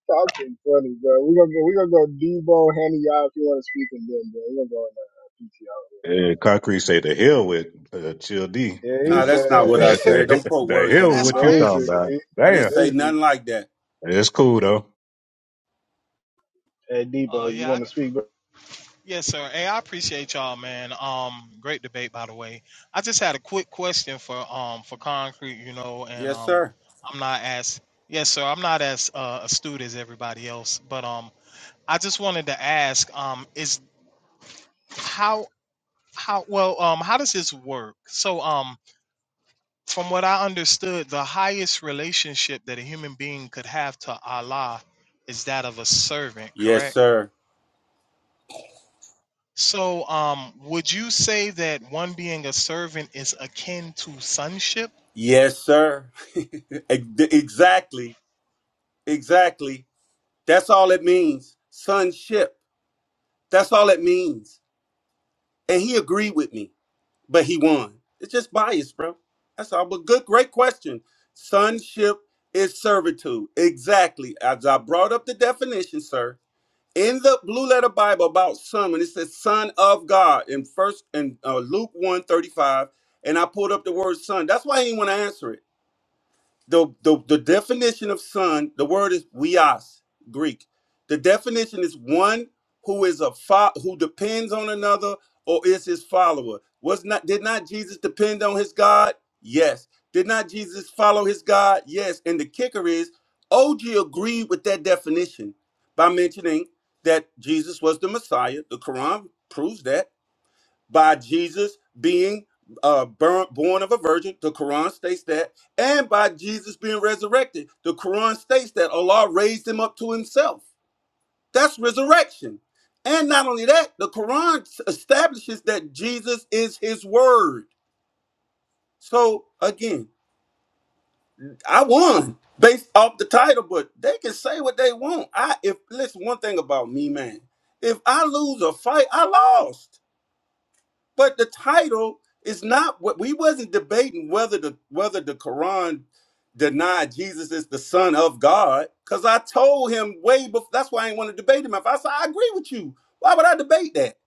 Speaker 3: that's been funny, bro. We gonna go we gonna go Debo Henny out if you wanna speak and then bro. We gonna go in
Speaker 18: Eh, concrete say the hell with uh, Chill D,
Speaker 3: there. PTO. Yeah, he
Speaker 6: No,
Speaker 18: nigga.
Speaker 6: that's not what I
Speaker 18: The,
Speaker 3: said
Speaker 6: said. Don't
Speaker 18: the,
Speaker 6: put
Speaker 18: the
Speaker 6: words in
Speaker 18: hell
Speaker 6: my
Speaker 23: That's
Speaker 18: with you
Speaker 6: mouth.
Speaker 18: talking
Speaker 23: crazy.
Speaker 18: about?
Speaker 3: basically
Speaker 6: I didn't
Speaker 18: Damn.
Speaker 6: say
Speaker 3: basically.
Speaker 6: nothing like that.
Speaker 18: It's cool though.
Speaker 3: Hey
Speaker 23: Uh,
Speaker 3: Debo, you
Speaker 23: yeah,
Speaker 3: wanna speak, bro?
Speaker 23: Yes, sir. Hey, I appreciate y'all, man. Um, great debate, by the way. I just had a quick question for um for concrete, you know, and
Speaker 6: Yes,
Speaker 23: um,
Speaker 6: sir.
Speaker 23: I'm not as yes, sir. I'm not as uh, astute as everybody else, but um, I just wanted to ask, um, is how how well um how does this work? So um, from what I understood, the highest relationship that a human being could have to Allah is that of a servant,
Speaker 6: Yes,
Speaker 23: correct?
Speaker 6: sir.
Speaker 23: So, um, would you say that one being a servant is akin to sonship?
Speaker 6: Yes, sir. Ex- exactly. Exactly. That's all it means. Sonship. That's all it means. And he agreed with me, but he won. It's just bias, bro. That's all. But good, great question. Sonship is servitude. Exactly. As I brought up the definition, sir, in the blue letter Bible about son, when it says son of God in first and Luke 1 thirty-five, and I pulled up the word son. That's why he didn't want to answer it the, the the definition of son the word is weos greek the definition is one who is a fo- who depends on another or is his follower was not did not jesus depend on his god yes did not jesus follow his god yes and the kicker is og agreed with that definition by mentioning that jesus was the messiah the quran proves that by Jesus being uh, bur- born of a virgin. The Quran states that. And by Jesus being resurrected. The Quran states that Allah raised him up to himself. That's resurrection. And not only that, the Quran s- establishes that Jesus is his word. So again, I won based off the title, but they can say what they want. I if listen one thing about me, man. If I lose a fight, I lost. But the title is not what we wasn't debating whether the whether the Quran denied Jesus is the Son of God. Cause I told him way before that's why I didn't want to debate him. If I said I agree with you, why would I debate that?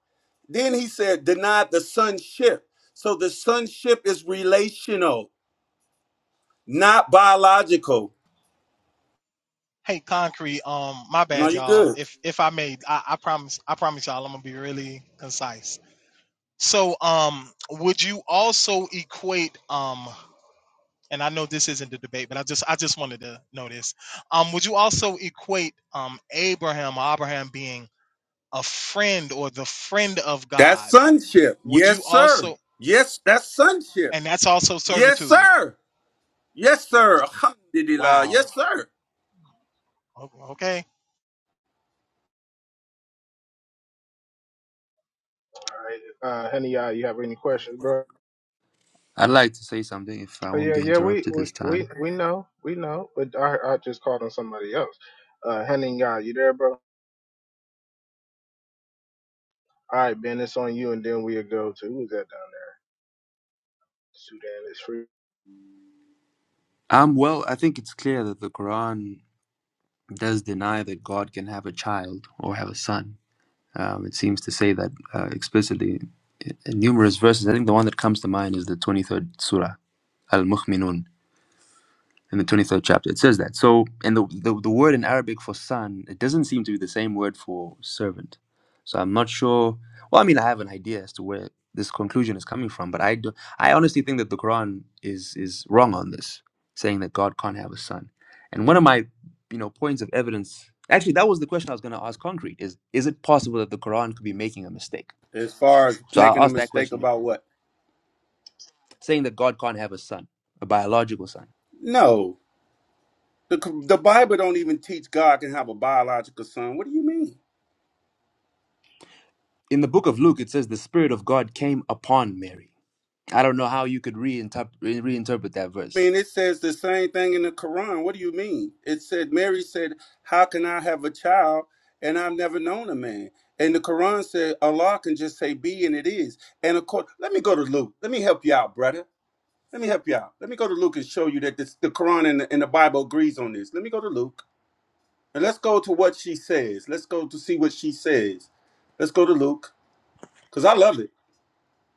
Speaker 6: Then he said, denied the sonship. So the sonship is relational, not biological.
Speaker 23: Hey, concrete. Um, my
Speaker 6: No,
Speaker 23: bad,
Speaker 6: you
Speaker 23: y'all.
Speaker 6: good.
Speaker 23: If if I may, I, I promise. I promise y'all, I'm gonna be really concise. So, um, would you also equate um? And I know this isn't the debate, but I just I just wanted to know this. Um, would you also equate um Abraham Abraham being a friend or the friend of
Speaker 6: That's
Speaker 23: God?
Speaker 6: sonship.
Speaker 23: Would you
Speaker 6: Yes, sir.
Speaker 23: also
Speaker 6: Yes, that's sonship.
Speaker 23: and that's also
Speaker 6: Yes,
Speaker 23: servitude.
Speaker 6: sir. Yes, sir. Alhamdulillah.
Speaker 23: Wow.
Speaker 6: Yes, sir.
Speaker 23: O- Okay.
Speaker 3: right? Uh, honey, all you have any questions, bro?
Speaker 24: I'd like to say something if I
Speaker 3: Oh,
Speaker 24: won't
Speaker 3: yeah,
Speaker 24: be
Speaker 3: yeah, we,
Speaker 24: interrupted
Speaker 3: we,
Speaker 24: this time.
Speaker 3: we, we know, we know, but I, I just called on somebody else. Uh, honey, all you there, bro? All right, Ben, it's on you, and then we'll go to who's that down there? Sudan is free.
Speaker 24: Um, well, I think it's clear that the Quran does deny that God can have a child or have a son. Um, it seems to say that uh, explicitly in in numerous verses. I think the one that comes to mind is the 23rd surah, Al Mu'minun. in the 23rd chapter. It says that. So, and the, the, the word in Arabic for son, it doesn't seem to be the same word for servant. So I'm not sure. Well, I mean, I have an idea as to where this conclusion is coming from, but I do, I honestly think that the Quran is is wrong on this, saying that God can't have a son. And one of my, you know, points of evidence, actually, that was the question I was going to ask. Concrete is, is it possible that the Quran could be making a mistake?
Speaker 6: As far as
Speaker 24: So I'll
Speaker 6: making a
Speaker 24: ask that
Speaker 6: mistake
Speaker 24: question,
Speaker 6: about what?
Speaker 24: saying that God can't have a son, a biological son.
Speaker 6: No. The, the Bible don't even teach God can have a biological son. What do you mean?
Speaker 24: in the book of Luke, it says the Spirit of God came upon Mary. I don't know how you could reinterpret reinterpret that
Speaker 6: I
Speaker 24: verse.
Speaker 6: mean, it says the same thing in the Quran. What do you mean? It said, Mary said, How can I have a child and I've never known a man? And the Quran said, Allah can just say be and it is. And of course, let me go to Luke. Let me help you out, brother. Let me help you out. Let me go to Luke and show you that this, the Quran and the, and the Bible agrees on this. Let me go to Luke. And let's go to what she says. Let's go to see what she says. Let's go to Luke, cause I love it.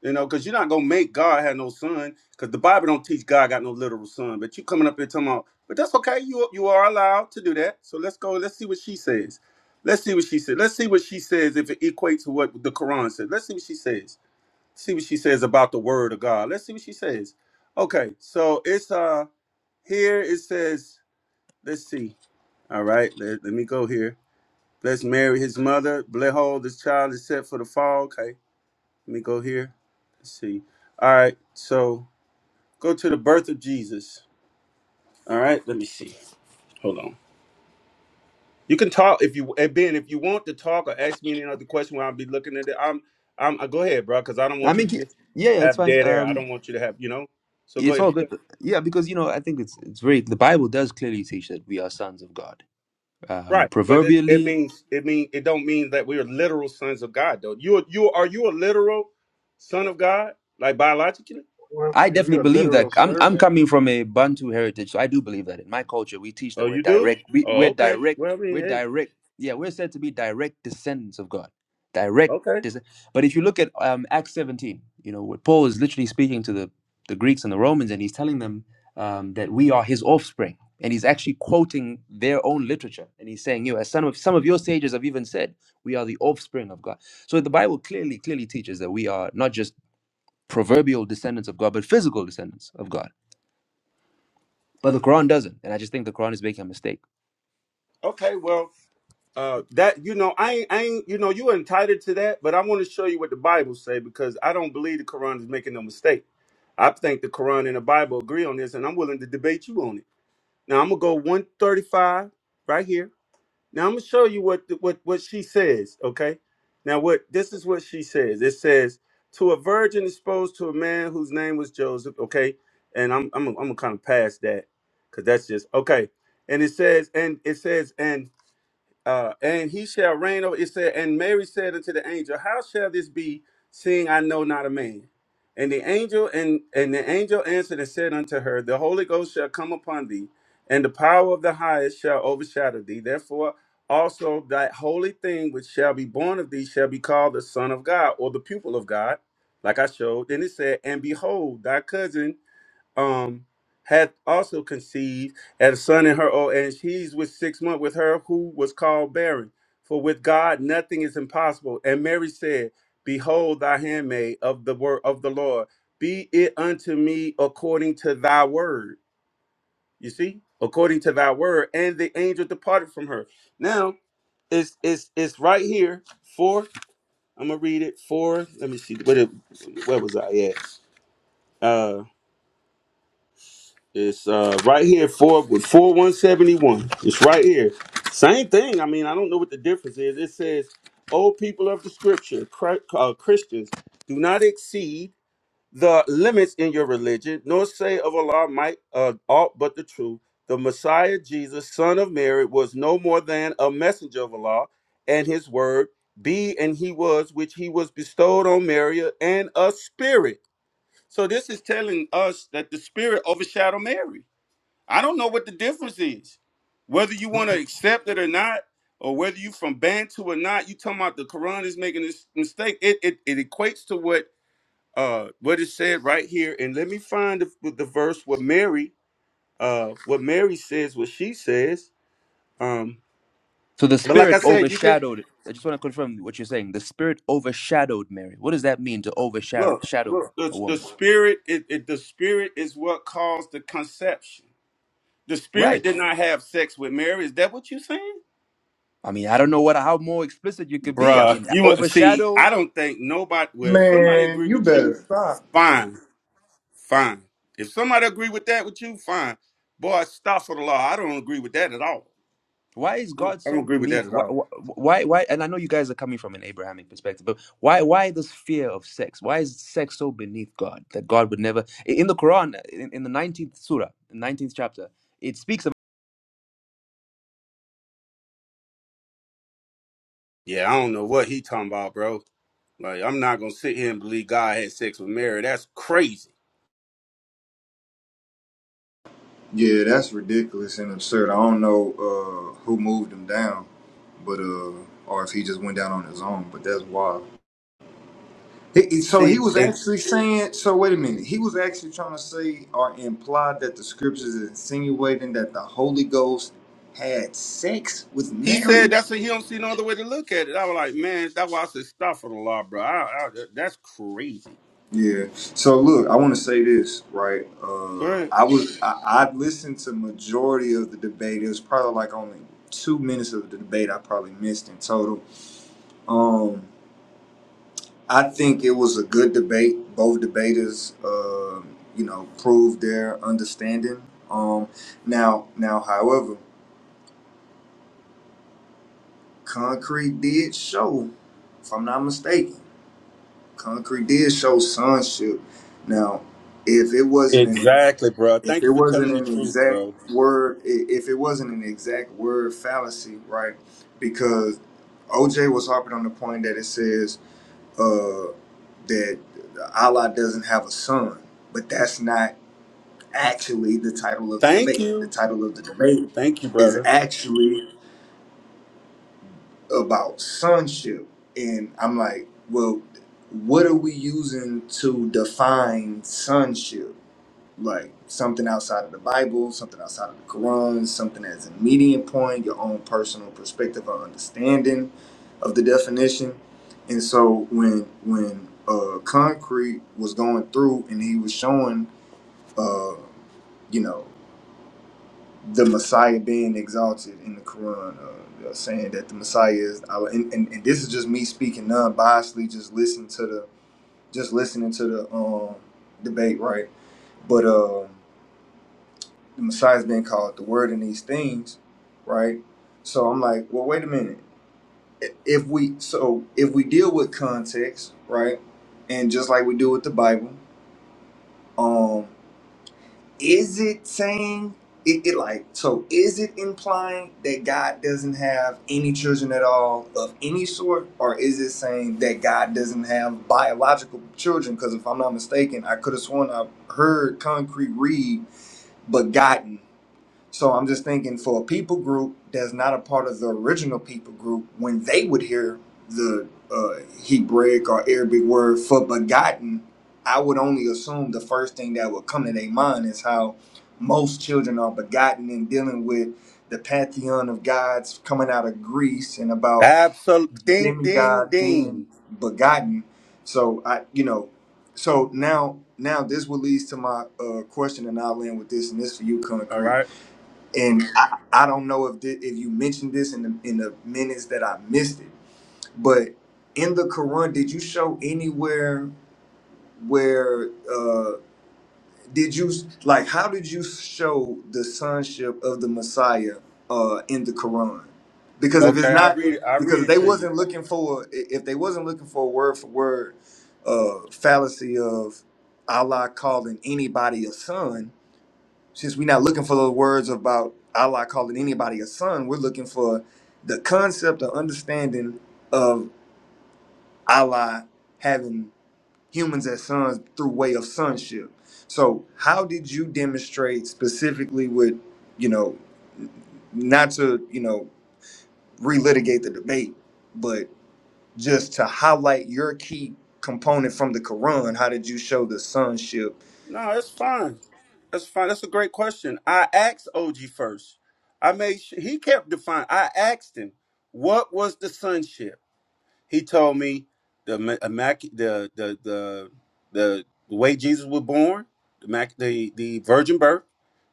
Speaker 6: You know, cause you're not gonna make God have no son, cause the Bible don't teach God got no literal son. But you coming up here talking about, but that's okay. You you are allowed to do that. So let's go. Let's see what she says. Let's see what she said. Let's see what she says if it equates to what the Quran says. Let's see what she says. See what she says about the word of God. Let's see what she says. Okay, so it's uh here it says. Let's see. All right, let, let me go here. Bless Mary, his mother. Behold, this child is set for the fall. Okay, let me go here. Let's see. All right, so go to the birth of Jesus. All right, let me see. Hold on. You can talk if you and Ben, if you want to talk or ask me any other question while I'll be looking at it. I'm, I'm. uh, Go ahead, bro, because I don't
Speaker 24: I
Speaker 6: want you
Speaker 24: mean,
Speaker 6: to
Speaker 24: yeah,
Speaker 6: just
Speaker 24: yeah, it's
Speaker 6: have
Speaker 24: fine.
Speaker 6: dead air. I
Speaker 24: Um,
Speaker 6: don't want you to have, you know. So go
Speaker 24: it's all
Speaker 6: ahead.
Speaker 24: good. Yeah, because you know, I think it's it's very. The Bible does clearly teach that we are sons of God. Um,
Speaker 6: Right, but it, it
Speaker 24: proverbially,
Speaker 6: means it mean it don't mean that we are literal sons of God though. You are- you are you a literal son of God like biologically?
Speaker 3: Well, if,
Speaker 24: I
Speaker 3: you, if
Speaker 24: definitely
Speaker 3: you're a
Speaker 24: believe
Speaker 3: literal
Speaker 24: that. I'm
Speaker 3: servant,
Speaker 24: I'm coming from a Bantu heritage, so I do believe that in my culture we teach that
Speaker 6: Oh,
Speaker 24: we're
Speaker 6: you do?
Speaker 24: direct. We,
Speaker 6: Oh,
Speaker 24: we're
Speaker 6: okay.
Speaker 24: direct.
Speaker 6: Well, I mean,
Speaker 24: We're
Speaker 6: hey,
Speaker 24: direct. Yeah, we're said to be direct descendants of God. Direct.
Speaker 6: okay,
Speaker 24: Descend- but if you look at um, Acts 17, you know, where Paul is literally speaking to the the Greeks and the Romans, and he's telling them um, that we are his offspring, and he's actually quoting their own literature, and he's saying, you know, as some of some of your sages have even said, we are the offspring of God. So the Bible clearly clearly teaches that we are not just proverbial descendants of God, but physical descendants of God. But the Quran doesn't. And I just think the Quran is making a mistake.
Speaker 6: okay. Well, uh, that you know, I ain't, I ain't, you know, you entitled to that, but I want to show you what the Bible say because I don't believe the Quran is making no mistake. I think the Quran and the Bible agree on this, and I'm willing to debate you on it. Now I'm gonna go 135 right here. Now I'm gonna show you what the- what what she says. Okay. Now what this is what she says. It says to a virgin exposed to a man whose name was Joseph. Okay. And I'm I'm I'm gonna kind of pass that because that's just okay. And it says and it says and uh, and he shall reign over it said and mary said unto the angel how shall this be seeing i know not a man and the angel and and the angel answered and said unto her the holy ghost shall come upon thee and the power of the highest shall overshadow thee therefore also that holy thing which shall be born of thee shall be called the son of god or the pupil of god like i showed then it said and behold thy cousin um hath also conceived and a son in her old age. He's with six months with her who was called barren. For with God nothing is impossible. And Mary said, Behold thy handmaid of the word of the Lord, be it unto me according to thy word. You see? According to thy word. And the angel departed from her. Now it's it's it's right here. Four. I'm gonna read it. Four. Let me see. What it, where was I at? Uh, It's uh, right here four with four one seventy one. It's right here. Same thing. I mean, I don't know what the difference is. It says, "O people of the Scripture, Chri- uh, Christians, do not exceed the limits in your religion, nor say of Allah might uh, aught but the truth. The Messiah Jesus, Son of Mary, was no more than a messenger of Allah, and His word be and He was, which He was bestowed on Mary, and a spirit." So this is telling us that the spirit overshadowed Mary. I don't know what the difference is. Whether you want to accept it or not, or whether you from Bantu or not, you talking about the Quran is making this mistake. It it, it equates to what uh what it said right here. And let me find the, the verse what Mary uh what Mary says, what she says. Um
Speaker 24: So the
Speaker 6: but like I
Speaker 24: Spirit
Speaker 6: said, you could
Speaker 24: overshadowed. I just want to confirm what you're saying. The Spirit overshadowed Mary. What does that mean to overshadow
Speaker 6: look, look, the,
Speaker 24: a
Speaker 6: the
Speaker 24: woman?
Speaker 6: spirit it, it the spirit is what caused the conception. The spirit
Speaker 24: Right.
Speaker 6: did not have sex with Mary. Is that what you saying?
Speaker 24: I mean, I don't know what how more explicit you could be. I
Speaker 6: Bruh,
Speaker 24: mean,
Speaker 6: you see,
Speaker 24: overshadow.
Speaker 6: I don't think nobody. Well, if somebody
Speaker 25: Man,
Speaker 6: agree
Speaker 25: you
Speaker 6: with
Speaker 25: better
Speaker 6: you,
Speaker 25: stop.
Speaker 6: fine, fine. If somebody agree with that with you, fine. Boy, stop for the law. I don't agree with that at all.
Speaker 24: Why is
Speaker 6: I don't,
Speaker 24: God
Speaker 6: I don't
Speaker 24: so
Speaker 6: agree with that
Speaker 24: beneath?
Speaker 6: at
Speaker 24: Why,
Speaker 6: all.
Speaker 24: why, why? And I know you guys are coming from an Abrahamic perspective, but why, why this fear of sex? Why is sex so beneath God that God would never? In the Quran, in, in the nineteenth surah, the nineteenth chapter, it speaks
Speaker 6: Yeah, I don't know what he talking about, bro. Like, I'm not gonna sit here and believe God had sex with Mary. That's crazy.
Speaker 25: Yeah, that's ridiculous and absurd. I don't know uh, who moved him down, but uh, or if he just went down on his own. But that's wild. He, he- so
Speaker 6: See,
Speaker 25: he was
Speaker 6: and
Speaker 25: actually saying. So wait a minute. He was actually trying to say or imply that the scriptures is insinuating that the Holy Ghost had sex with
Speaker 6: he said
Speaker 25: Mary.
Speaker 6: that's he don't see no other way to look at it. I was like, man, that's why I said stop for the law, bro. I, I, that's crazy.
Speaker 25: Yeah. So look, I want to say this, right? Uh,
Speaker 6: Good.
Speaker 25: I was I, I listened to majority of the debate. It was probably like only two minutes of the debate I probably missed in total. Um, I think it was a good debate. Both debaters, uh, you know, proved their understanding. Um, now, now, however, Concrete did show, if I'm not mistaken, Concrete did show sonship. Now, if it wasn't an
Speaker 6: Exactly, bro.
Speaker 25: if
Speaker 6: Thank
Speaker 25: it
Speaker 6: you for
Speaker 25: wasn't
Speaker 6: telling the
Speaker 25: an
Speaker 6: truth,
Speaker 25: exact
Speaker 6: bro.
Speaker 25: word, i- if it wasn't an exact word fallacy, right? Because OJ was harping on the point that it says uh, that Allah doesn't have a son, but that's not actually the title of the
Speaker 6: Thank
Speaker 25: debate. The
Speaker 6: you.
Speaker 25: title of the debate
Speaker 6: Thank you,
Speaker 25: is
Speaker 6: brother.
Speaker 25: actually about sonship, and I'm like, well, what are we using to define sonship? Right. Something outside of the Bible, something outside of the Quran, something as a median point, your own personal perspective or understanding of the definition. And so when when uh, Concrete was going through and he was showing, uh, you know, the Messiah being exalted in the Quran, uh, uh, saying that the Messiah is, Allah- and, and, and this is just me speaking non-biasedly, just listen to the, just listening to the um, debate, right? But uh, the Messiah is being called the Word in these things, right? So I'm like, well, wait a minute. If we so if we deal with context, right, and just like we do with the Bible, um, is it saying it, it like so? Is it implying that God doesn't have any children at all of any sort, or is it saying that God doesn't have biological children? Because if I'm not mistaken, I could have sworn I heard Concrete read begotten So I'm just thinking for a people group that's not a part of the original people group, when they would hear the uh, Hebraic or Arabic word for begotten, I would only assume the first thing that would come to their mind is how most children are begotten and dealing with the pantheon of gods coming out of Greece and about
Speaker 6: Absolute ding ding
Speaker 25: demigods being
Speaker 6: ding.
Speaker 25: begotten. So I, you know, so now now this will lead to my uh, question, and I'll end with this, and this for you,
Speaker 6: All
Speaker 25: concrete
Speaker 6: right.
Speaker 25: and I, I don't know if thi- if you mentioned this in the in the minutes that I missed it, but in the Quran, did you show anywhere where uh, did you like how did you show the sonship of the Messiah uh, in the Quran? Because if it's
Speaker 6: Okay, I'll
Speaker 25: not
Speaker 6: read it. I'll read
Speaker 25: because
Speaker 6: it
Speaker 25: they
Speaker 6: to you.
Speaker 25: wasn't looking for if they wasn't looking for a word for word uh, fallacy of Allah calling anybody a son, since we're not looking for the words about Allah calling anybody a son, we're looking for the concept or understanding of Allah having humans as sons through way of sonship. So, how did you demonstrate specifically with, you know, not to, you know, relitigate the debate, but just to highlight your key component from the Quran? How did you show the sonship
Speaker 6: No, that's fine. That's fine. That's a great question. I asked OG first. I made sure he kept defining. I asked him, what was the sonship? He told me the ma- immac- the the the the the way Jesus was born, the mac- the the virgin birth.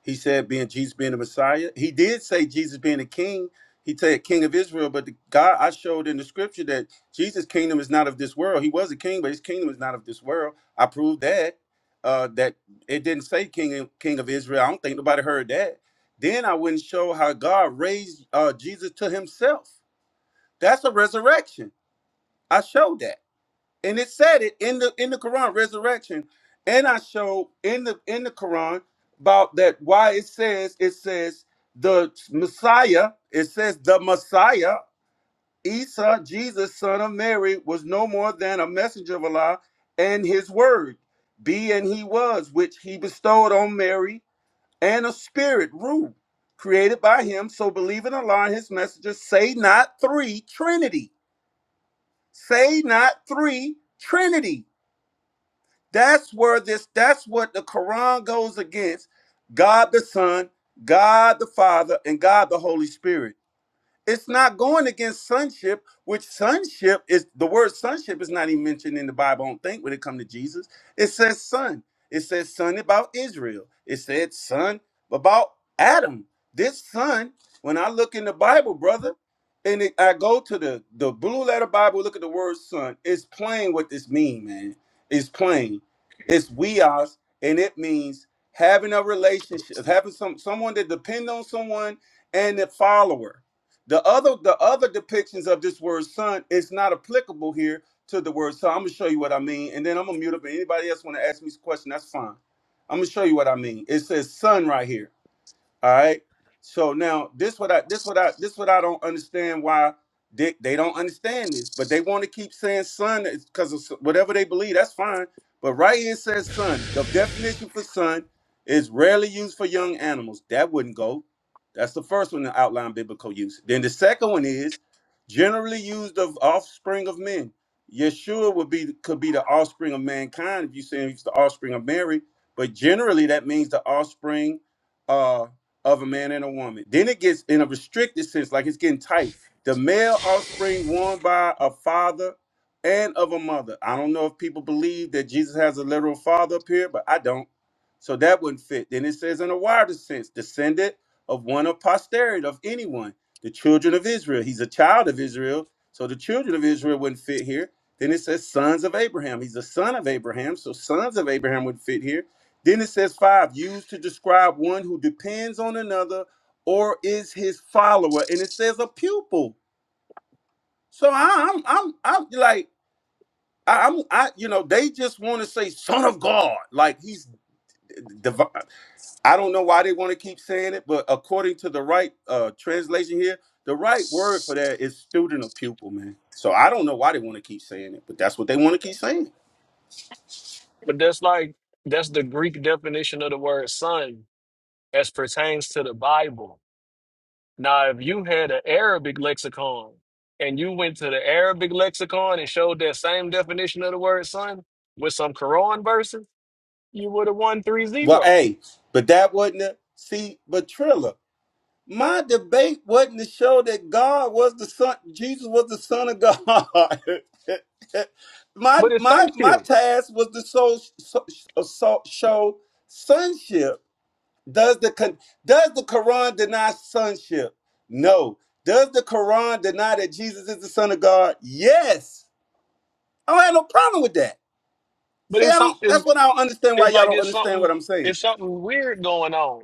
Speaker 6: He said being Jesus being the Messiah. He did say Jesus being a king. He said king of Israel, but the God I showed in the scripture that Jesus' kingdom is not of this world. He was a king, but his kingdom is not of this world. I proved that. Uh, that it didn't say king of, king of Israel. I don't think nobody heard that. Then I wouldn't show how God raised uh, Jesus to Himself. That's a resurrection. I showed that, and it said it in the in the Quran, resurrection, and I showed in the in the Quran about that why it says it says the Messiah. It says the Messiah, Isa, Jesus, son of Mary, was no more than a messenger of Allah and His word, be and He was, which He bestowed on Mary, and a spirit rule created by Him. So believe in Allah and His messenger. Say not three Trinity Say not three Trinity. That's where this, that's what the Quran goes against God the Son, God the Father, and God the Holy Spirit. It's not going against sonship, which sonship is the word sonship is not even mentioned in the Bible, I don't think, when it comes to Jesus. It says son. It says son about Israel. It said son about Adam. This son, when I look in the Bible, brother, and it, I go to the, the blue letter Bible, look at the word son, it's plain what this means, man. It's plain. It's weos, and it means having a relationship, having some someone that depend on someone and a follower. The other the other depictions of this word son is not applicable here to the word son. I'm gonna show you what I mean, and then I'm gonna mute up. And anybody else want to ask me a question, that's fine. I'm gonna show you what I mean. It says son right here. All right. So now this what I this what I this what I don't understand why they, they don't understand this, but they want to keep saying son because of s- whatever they believe, that's fine. But right here it says son. The definition for son is rarely used for young animals. That wouldn't go. That's the first one to outline biblical use. Then the second one is generally used of offspring of men. Yeshua would be could be the offspring of mankind if you say he's the offspring of Mary, but generally that means the offspring uh, of a man and a woman. Then it gets in a restricted sense, like it's getting tight. The male offspring born by a father and of a mother. I don't know if people believe that Jesus has a literal father up here, but I don't. So that wouldn't fit. Then it says in a wider sense, descendant of one of posterity of anyone, the children of Israel. He's a child of Israel. So the children of Israel wouldn't fit here. Then it says sons of Abraham. He's a son of Abraham. So sons of Abraham would fit here then it says five, used to describe one who depends on another or is his follower, and it says a pupil. So I- I'm, I'm, I'm like, I- I'm, I, you know, they just want to say son of God, like he's divine. I don't know why they want to keep saying it, but according to the right uh translation here, the right word for that is student or pupil, man. So I don't know why they want to keep saying it, but that's what they want to keep saying.
Speaker 2: But that's like that's the Greek definition of the word son. as pertains to the Bible. Now, if you had an Arabic lexicon and you went to the Arabic lexicon and showed that same definition of the word son with some Quran verses, you would have won three
Speaker 6: Well,
Speaker 2: zero.
Speaker 6: hey, but that wasn't a, see, but Trilla. My debate wasn't to show that God was the son, Jesus was the son of God. my
Speaker 2: But it's
Speaker 6: my my
Speaker 2: you.
Speaker 6: task was to show, show, show sonship. Does the con- does the Quran deny sonship? No. Does the Quran deny that Jesus is the son of God? Yes. I don't have no problem with that.
Speaker 2: But
Speaker 6: See, I
Speaker 2: it's
Speaker 6: don't.
Speaker 2: something it's,
Speaker 6: That's what I don't understand. Why
Speaker 2: it's
Speaker 6: y'all
Speaker 2: like
Speaker 6: don't
Speaker 2: it's
Speaker 6: understand
Speaker 2: something
Speaker 6: what I'm saying?
Speaker 2: it's something weird going on.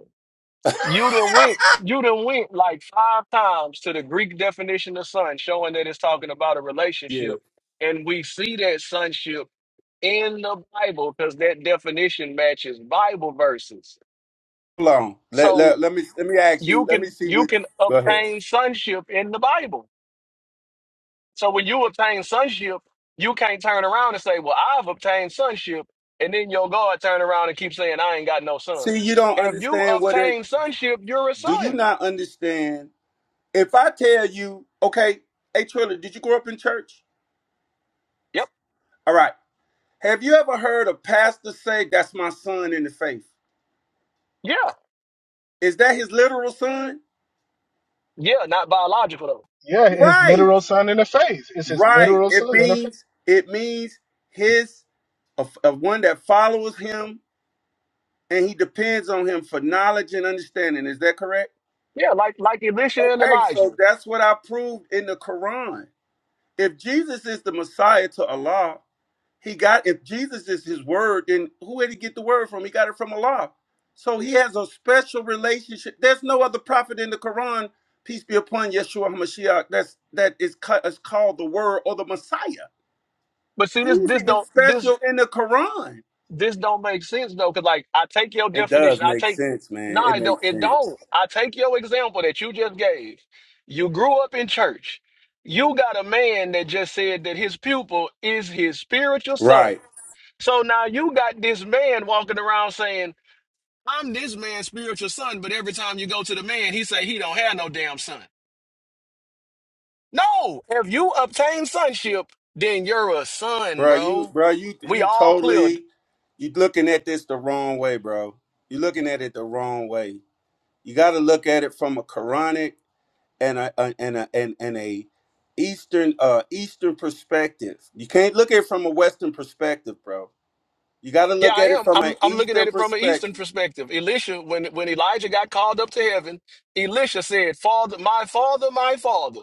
Speaker 2: You done went you done went like five times to the Greek definition of son, showing that it's talking about a
Speaker 6: Yeah.
Speaker 2: relationship. And we see that sonship in the Bible because that definition matches Bible verses.
Speaker 6: Hold on. Let,
Speaker 2: So
Speaker 6: let, let me let me ask
Speaker 2: you
Speaker 6: you. Let me
Speaker 2: can
Speaker 6: see
Speaker 2: you
Speaker 6: what.
Speaker 2: can
Speaker 6: Go ahead.
Speaker 2: obtain sonship in the Bible. So when you obtain sonship, you can't turn around and say, "Well, I've obtained sonship," and then your God turn around and keep saying, "I ain't got no
Speaker 6: See,
Speaker 2: sons."
Speaker 6: you don't
Speaker 2: If you
Speaker 6: understand what it.
Speaker 2: obtain sonship, you're a
Speaker 6: Do you
Speaker 2: son.
Speaker 6: not understand? If I tell you, okay, hey Triller, did you grow up in church?
Speaker 2: Yep.
Speaker 6: All right. Have you ever heard a pastor say, "That's my son in the faith"?
Speaker 2: Yeah.
Speaker 6: Is that his literal son?
Speaker 2: Yeah. Not biological though.
Speaker 3: yeah, his
Speaker 6: Right.
Speaker 3: literal son in the face. It's his
Speaker 6: Right.
Speaker 3: literal
Speaker 6: It
Speaker 3: son in the face.
Speaker 6: means it means his of, of one that follows him and he depends on him for knowledge and understanding. Is that correct?
Speaker 2: Yeah. Like like Elisha and
Speaker 6: Okay,
Speaker 2: Elijah.
Speaker 6: so that's what I proved in the Quran. If Jesus is the Messiah to Allah, He got if Jesus is his word, then who did he get the word from? He got it from Allah. So he has a special relationship. There's no other prophet in the Quran, peace be upon Yeshua HaMashiach, that's that is, ca- is called the word or the Messiah.
Speaker 2: But see, this
Speaker 6: He's
Speaker 2: this
Speaker 6: even
Speaker 2: don't this
Speaker 6: special in the Quran.
Speaker 2: this don't make sense though, because like I take your
Speaker 6: It
Speaker 2: definition,
Speaker 6: does
Speaker 2: I
Speaker 6: make
Speaker 2: take
Speaker 6: sense,
Speaker 2: no,
Speaker 6: man. It
Speaker 2: it don't.
Speaker 6: makes
Speaker 2: It
Speaker 6: sense.
Speaker 2: don't. I take your example that you just gave. You grew up in church. You got a man that just said that his pupil is his spiritual son.
Speaker 6: Right.
Speaker 2: So now you got this man walking around saying, "I'm this man's spiritual son," but every time you go to the man, he say he don't have no damn son. No, if you obtain sonship, then you're a son,
Speaker 6: Bro, you
Speaker 2: bro.
Speaker 6: bro, you
Speaker 2: We
Speaker 6: you
Speaker 2: all clear.
Speaker 6: totally you looking at this the wrong way, bro. You're looking at it the wrong way. You gotta look at it from a Quranic and a, a and a and, and a eastern uh eastern perspective. You can't look at it from a western perspective, bro. You got to
Speaker 2: Yeah,
Speaker 6: look
Speaker 2: I
Speaker 6: at it
Speaker 2: am.
Speaker 6: from an
Speaker 2: I'm I'm looking at
Speaker 6: eastern
Speaker 2: it from an Eastern
Speaker 6: perspective.
Speaker 2: perspective. Elisha, when when Elijah got called up to heaven, Elisha said, "Father, my father, my father."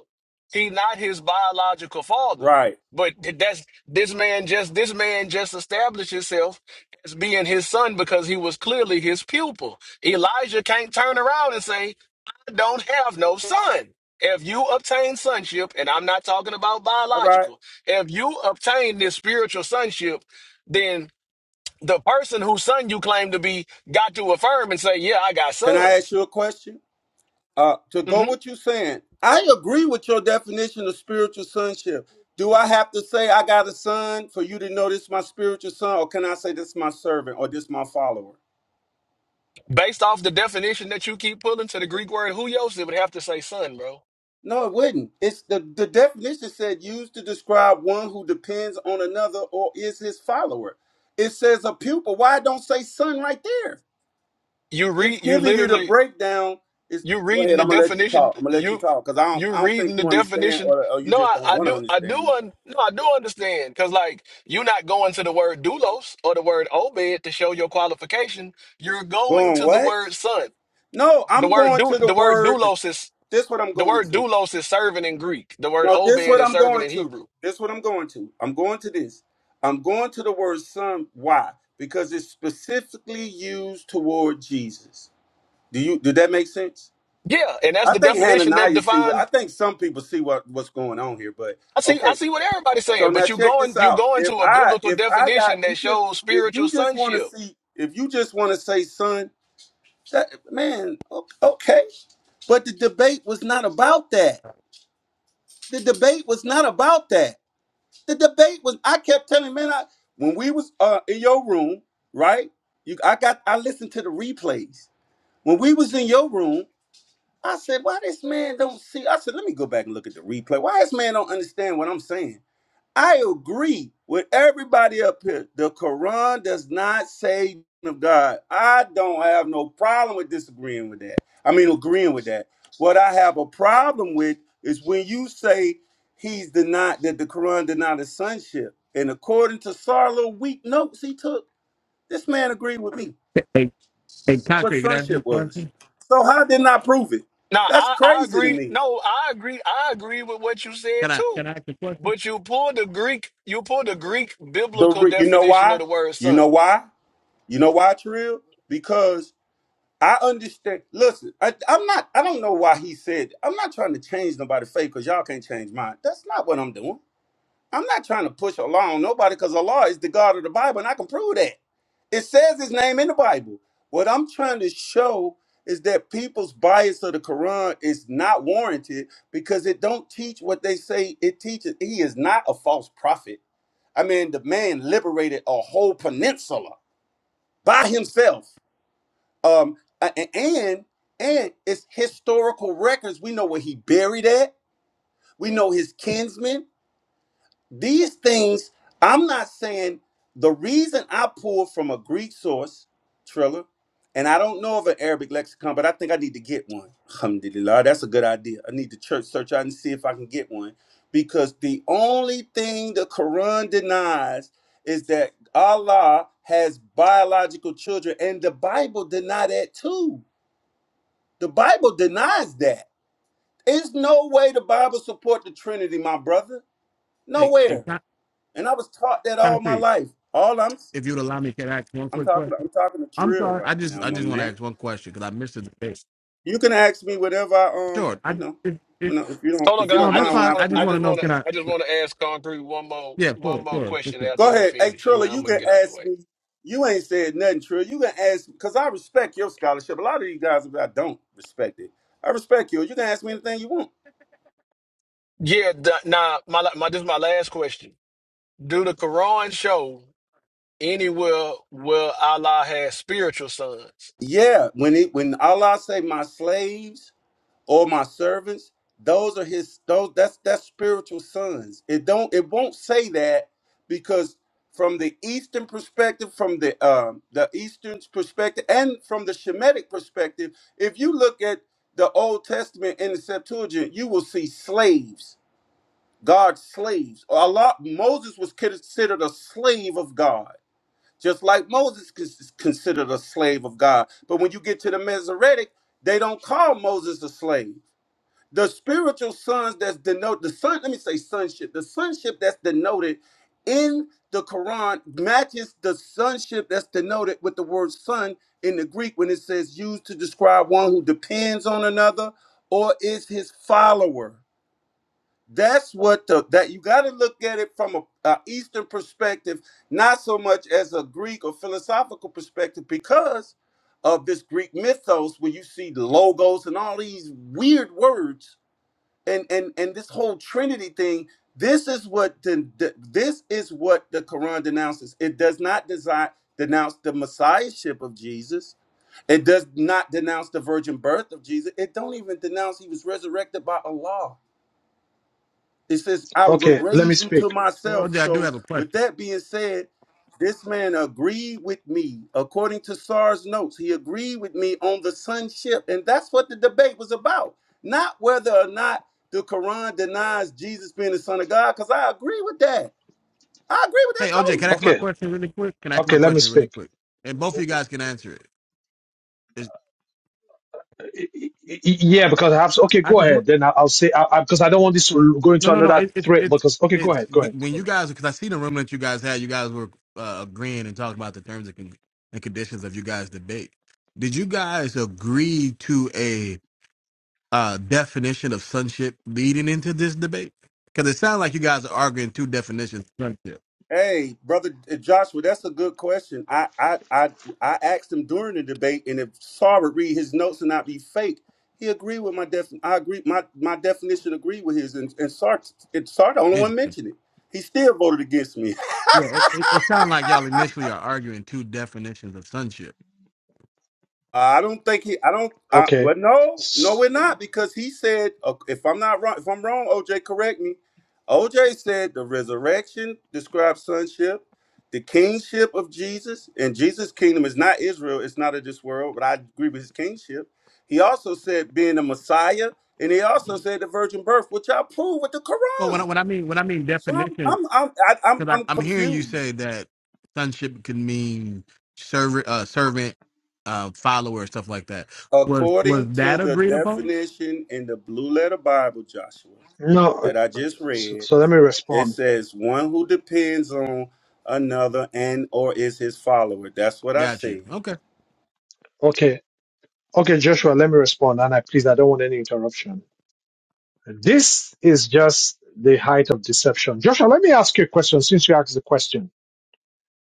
Speaker 2: He not his biological father,
Speaker 6: Right.
Speaker 2: but th- that's this man just this man just established himself as being his son because he was clearly his pupil. Elijah can't turn around and say, "I don't have no son." If you obtain sonship, and I'm not talking about
Speaker 6: All right.
Speaker 2: biological, if you obtain this spiritual sonship, then the person whose son you claim to be got to affirm and say, "Yeah, I got
Speaker 6: Can I ask
Speaker 2: sons."
Speaker 6: you a question? Uh to go
Speaker 2: hmm
Speaker 6: what you're saying. I agree with your definition of spiritual sonship. Do I have to say I got a son for you to know this is my spiritual son or can I say this is my servant or this is my follower?
Speaker 2: Based off the definition that you keep pulling to the Greek word "huios," it would have to say "son," bro.
Speaker 6: No, it wouldn't. It's the, the definition said used to describe one who depends on another or is his follower. It says a pupil. Why it don't say son right there?
Speaker 2: You
Speaker 6: It's
Speaker 2: read, you
Speaker 6: giving you the
Speaker 2: literally,
Speaker 6: breakdown. It's
Speaker 2: you
Speaker 6: go
Speaker 2: reading
Speaker 6: ahead.
Speaker 2: the
Speaker 6: I'm gonna let you
Speaker 2: definition.
Speaker 6: talk. I'm gonna let you
Speaker 2: You
Speaker 6: talk because I don't
Speaker 2: you
Speaker 6: I don't
Speaker 2: reading
Speaker 6: think
Speaker 2: the
Speaker 6: you understand
Speaker 2: definition.
Speaker 6: or, or you
Speaker 2: No,
Speaker 6: just
Speaker 2: I,
Speaker 6: don't
Speaker 2: I
Speaker 6: want to
Speaker 2: do, I do,
Speaker 6: understand me.
Speaker 2: un, no, I do understand because like you're not going to the word doulos or the word obed to show your qualification. You're going
Speaker 6: Going
Speaker 2: to the
Speaker 6: what?
Speaker 2: word son.
Speaker 6: No,
Speaker 2: The
Speaker 6: I'm
Speaker 2: word
Speaker 6: going
Speaker 2: do,
Speaker 6: to the
Speaker 2: the word
Speaker 6: words.
Speaker 2: doulos is.
Speaker 6: This what I'm
Speaker 2: The
Speaker 6: going
Speaker 2: word
Speaker 6: to.
Speaker 2: doulos is servant in Greek. The word
Speaker 6: Now
Speaker 2: obed
Speaker 6: this what
Speaker 2: is
Speaker 6: I'm
Speaker 2: servant
Speaker 6: going
Speaker 2: in
Speaker 6: to.
Speaker 2: Hebrew.
Speaker 6: This what I'm going to. I'm going to this. I'm going to the word son. Why? Because it's specifically used toward Jesus. Do you did that make sense?
Speaker 2: Yeah, and that's
Speaker 6: I
Speaker 2: the
Speaker 6: think
Speaker 2: definition that
Speaker 6: Hananiah see what I
Speaker 2: defines.
Speaker 6: think some people see what, what's going on here, but
Speaker 2: I see. I
Speaker 6: okay.
Speaker 2: see what everybody's
Speaker 6: So
Speaker 2: saying, but
Speaker 6: now
Speaker 2: you
Speaker 6: check this
Speaker 2: going you
Speaker 6: out.
Speaker 2: going
Speaker 6: If
Speaker 2: to a
Speaker 6: I
Speaker 2: biblical
Speaker 6: if I got
Speaker 2: definition that
Speaker 6: you just
Speaker 2: shows
Speaker 6: if
Speaker 2: spiritual
Speaker 6: you just want to
Speaker 2: sonship.
Speaker 6: see if you just want to say son, that, man, o- okay. But the debate was not about that. The debate was not about that. The debate was. I kept telling man, I when we was uh, in your room, right? You, I got. I listened to the replays. When we was in your room, I said, "Why this man don't see?" I said, "Let me go back and look at the replay. Why this man don't understand what I'm saying?" I agree with everybody up here. The Quran does not say of God. I don't have no problem with disagreeing with that. I mean, agreeing with that. What I have a problem with is when you say he's denied that the Quran denied his sonship. And according to Sarlo, weak notes he took, this man agreed with me
Speaker 26: Hey, hey,
Speaker 6: what
Speaker 26: concrete. Can I ask you a
Speaker 6: sonship was.
Speaker 26: question?
Speaker 6: So how didn't I prove it?
Speaker 2: Now,
Speaker 6: That's
Speaker 2: I, I
Speaker 6: crazy to
Speaker 2: agree.
Speaker 6: me.
Speaker 2: No, I agree. I agree with what you said
Speaker 26: Can I can
Speaker 2: too.
Speaker 26: I ask a question?
Speaker 2: But you pull the Greek. You pull the Greek
Speaker 6: The
Speaker 2: biblical
Speaker 6: re- you know
Speaker 2: definition of
Speaker 6: why?
Speaker 2: the word
Speaker 6: You know
Speaker 2: son.
Speaker 6: why? You know why, Trill? Because I understand. Listen, I, I'm not. I don't know why he said. I'm not trying to change nobody's faith because y'all can't change mine. That's not what I'm doing. I'm not trying to push Allah on nobody because Allah is the God of the Bible, and I can prove that. It says His name in the Bible. What I'm trying to show is that people's bias of the Quran is not warranted because it don't teach what they say it teaches. He is not a false prophet. I mean, the man liberated a whole peninsula by himself um, a- and and it's historical records. We know where he buried at. We know his kinsmen. These things. I'm not saying the reason I pulled from a Greek source, Triller, and I don't know of an Arabic lexicon, but I think I need to get one. Alhamdulillah, that's a good idea. I need to church search out and see if I can get one because the only thing the Quran denies is that Allah has biological children, and the Bible deny that too. The Bible denies that. There's no way the Bible support the Trinity, my brother.
Speaker 26: Hey, hey,
Speaker 6: Nowhere.
Speaker 26: Con-
Speaker 6: And I was taught that all my
Speaker 26: concrete.
Speaker 6: life. All I'm
Speaker 26: If you'd allow me, can I ask one
Speaker 6: I'm
Speaker 26: quick
Speaker 6: talking
Speaker 26: question?
Speaker 6: I'm talking to
Speaker 26: I'm
Speaker 6: Trill
Speaker 26: sorry. I
Speaker 6: right
Speaker 26: just
Speaker 6: now,
Speaker 26: I
Speaker 6: my
Speaker 26: just want to
Speaker 6: man.
Speaker 26: ask one question because I missed the debate.
Speaker 6: You can ask me whatever I um,
Speaker 26: Sure. I
Speaker 6: you know,
Speaker 26: it, it,
Speaker 6: when I, if you don't
Speaker 2: Hold on,
Speaker 6: if
Speaker 2: 'cause
Speaker 6: you
Speaker 26: no,
Speaker 6: don't
Speaker 2: I, I
Speaker 26: that's
Speaker 2: just
Speaker 6: mind when
Speaker 26: fine.
Speaker 2: want
Speaker 6: I
Speaker 26: I
Speaker 2: to.
Speaker 26: just
Speaker 6: when
Speaker 2: I
Speaker 6: I
Speaker 26: want to
Speaker 2: just
Speaker 26: know.
Speaker 2: want to.
Speaker 26: Can I?
Speaker 2: I just want to ask concrete one more
Speaker 26: Yeah, sure,
Speaker 2: one more
Speaker 26: sure, sure.
Speaker 2: question
Speaker 26: sure.
Speaker 2: after
Speaker 6: go
Speaker 2: he
Speaker 6: ahead. Hey
Speaker 2: finishes, and
Speaker 6: Trilla, you
Speaker 2: I'm gonna
Speaker 6: can
Speaker 2: get out the way.
Speaker 6: ask me. You ain't said nothing, Trill. You can ask because I respect your scholarship. A lot of these guys I don't respect it. I respect you. You can ask me anything you want.
Speaker 2: Yeah, d- now my la- my this is my last question. Do the Quran show anywhere where Allah has spiritual sons?
Speaker 6: Yeah, when it when Allah say my slaves, or my servants those are his those that's that's spiritual sons it don't it won't say that because from the eastern perspective from the um the eastern perspective and from the shemitic perspective if you look at the old testament in the septuagint you will see slaves god's slaves a lot moses was considered a slave of god just like moses is considered a slave of god but when you get to the masoretic they don't call moses a slave the spiritual sons that's denoted the son let me say sonship the sonship that's denoted in the quran matches the sonship that's denoted with the word son in the greek when it says used to describe one who depends on another or is his follower that's what the that you got to look at it from a, a eastern perspective not so much as a greek or philosophical perspective because of this greek mythos where you see logos and all these weird words and and and this whole trinity thing this is what the, the- this is what the quran denounces it does not desi denounce the messiahship of jesus it does not denounce the virgin birth of jesus it don't even denounce he was resurrected by allah it says, I will
Speaker 1: Okay, let me
Speaker 6: raise you to
Speaker 1: speak.
Speaker 26: Hey,
Speaker 6: myself.
Speaker 26: OJ, I do
Speaker 6: So,
Speaker 26: have a
Speaker 6: with
Speaker 26: question.
Speaker 6: that being said, this man agreed with me. According to SAR's notes, he agreed with me on the sonship. And that's what the debate was about. Not whether or not the Quran denies Jesus being the son of God, because I agree with that. I agree with
Speaker 26: Hey,
Speaker 6: that
Speaker 26: OJ, can
Speaker 6: totally.
Speaker 26: I ask my
Speaker 1: Okay,
Speaker 26: question really quick? Can I ask my
Speaker 1: okay, let me
Speaker 26: question really
Speaker 1: speak.
Speaker 26: quick? And both of you guys can answer it. It's-
Speaker 1: Yeah, because I have to. Okay,
Speaker 26: I
Speaker 1: go
Speaker 26: just want
Speaker 1: ahead. Then I- I'll say I, I, because I don't want this to go
Speaker 26: No,
Speaker 1: into
Speaker 26: no, no.
Speaker 1: another
Speaker 26: It, it,
Speaker 1: thread.
Speaker 26: it,
Speaker 1: Because okay, go
Speaker 26: it's
Speaker 1: ahead, go ahead,
Speaker 26: when
Speaker 1: go
Speaker 26: you
Speaker 1: ahead.
Speaker 26: guys, because I see the room that you guys had, you guys were uh, agreeing and talking about the terms and, con- and conditions of you guys' debate. Did you guys agree to a uh, definition of sonship leading into this debate? Because it sounds like you guys are arguing two definitions of sonship.
Speaker 6: Hey, brother uh, Joshua, that's a good question. I I I, I asked him during the debate, and if Saar would read his notes and not be fake, he agreed with my def. I agree. My my definition agreed with his, and and Sar and Sar the only
Speaker 26: And,
Speaker 6: one mentioned it. He still voted against me.
Speaker 26: yeah, it, it, it sounds like y'all initially are arguing two definitions of sonship.
Speaker 6: I don't think he. I don't. I,
Speaker 1: Okay,
Speaker 6: well, no, no,
Speaker 1: S-
Speaker 6: we're not because he said, uh, if I'm not wrong, if I'm wrong, OJ, correct me. OJ said the resurrection describes sonship, the kingship of Jesus, and Jesus' kingdom is not Israel. It's not of this world, but I agree with his kingship. He also said being the Messiah, and he also said the virgin birth, which I prove with the
Speaker 26: Well, when I,
Speaker 6: Quran.
Speaker 26: when I mean when I mean
Speaker 6: So I'm,
Speaker 26: definitions.
Speaker 6: I'm, I'm, I, I'm,
Speaker 26: Because
Speaker 6: I'm
Speaker 26: I, I'm hearing you
Speaker 6: confused.
Speaker 26: say that sonship can mean servant, uh, servant, uh, follower, stuff like that. Was was
Speaker 6: According to
Speaker 26: that
Speaker 6: the
Speaker 26: agreed upon?
Speaker 6: definition in the Blue Letter Bible, Joshua.
Speaker 1: no.
Speaker 6: that I just
Speaker 1: So,
Speaker 6: read,
Speaker 1: so let me
Speaker 6: it
Speaker 1: respond.
Speaker 6: says one who depends on another and or is his follower. That's what I
Speaker 26: Got you.
Speaker 6: said.
Speaker 26: Okay.
Speaker 1: Okay, okay, Joshua, let me respond, and I please, I don't want any interruption. This is just the height of deception. Joshua, let me ask you a question since you asked the question.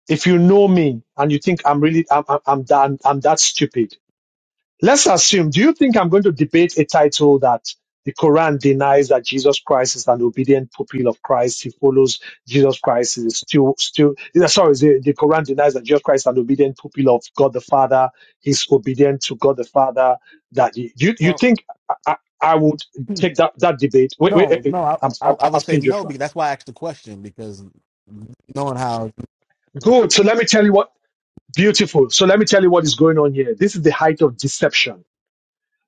Speaker 1: If you know me and you think I'm really, I'm, I'm, I'm, that, I'm that stupid, Let's assume, do you think I'm going to debate a title that the Quran denies that Jesus Christ is an obedient pupil of Christ? He follows Jesus Christ is still, still, yeah, sorry, the, the Quran denies that Jesus Christ is an obedient pupil of God the Father. He's obedient to God the Father. That you, you, you
Speaker 26: Well,
Speaker 1: think I, I I would
Speaker 26: hmm,
Speaker 1: take that, that debate? Wait, wait, eh,
Speaker 26: no,
Speaker 1: eh,
Speaker 26: no, I,
Speaker 1: I'm,
Speaker 26: I, I
Speaker 1: I'm
Speaker 26: would say
Speaker 1: asking
Speaker 26: no
Speaker 1: Joshua.
Speaker 26: because that's why I asked the question because knowing how,
Speaker 1: Good. So let me tell you what, beautiful. So let me tell you what is going on here. This is the height of deception.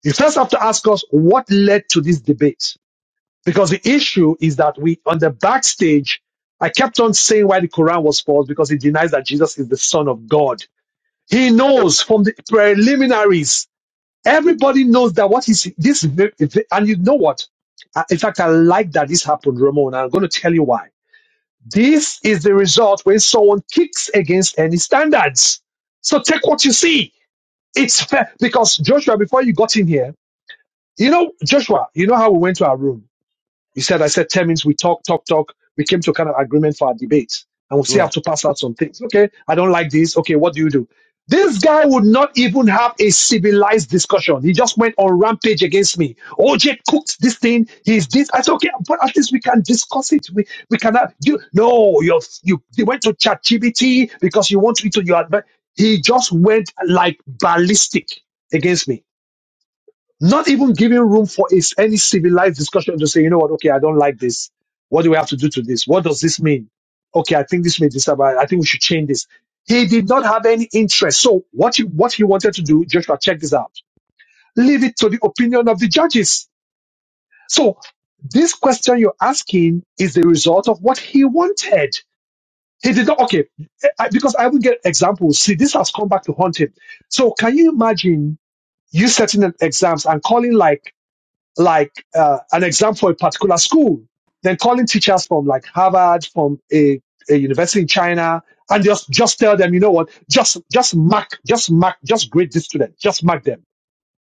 Speaker 1: You first have to ask us what led to this debate Because the issue is that we, on the backstage, I kept on saying why the Quran was false because it denies that Jesus is the Son of God. He knows from the preliminaries. Everybody knows that what is this, and you know what? Uh, In fact, I like that this happened, Ramon. I'm going to tell you why. This is the result when someone kicks against any standards. So take what you see. It's fair because Joshua, before you got in here, you know, Joshua, you know how we went to our room. He said, I said 10 minutes, we talk, talk, talk. We came to a kind of agreement for our debate. And we still have
Speaker 26: right,
Speaker 1: to pass out some things. Okay, I don't like this. Okay, what do you do? This guy would not even have a civilized discussion. He just went on rampage against me. OJ cooked this thing. He's this. I said, okay, but at least we can discuss it. We we cannot. You no, you you you went to ChatGPT because you want it to your. advan- He just went like ballistic against me. Not even giving room for is any civilized discussion to say, you know what, okay, I don't like this. What do we have to do to this? What does this mean? Okay, I think this may disturb. I I think we should change this. He did not have any interest. So what he, what he wanted to do, Joshua, check this out. Leave it to the opinion of the judges. So this question you're asking is the result of what he wanted. He did not, okay, I- because I will get examples. See, this has come back to haunt him. So can you imagine you setting up exams and calling like like uh, an exam for a particular school, then calling teachers from like Harvard, from a, a university in China, and just just tell them, you know what, just just mark, just mark, just grade this student, just mark them.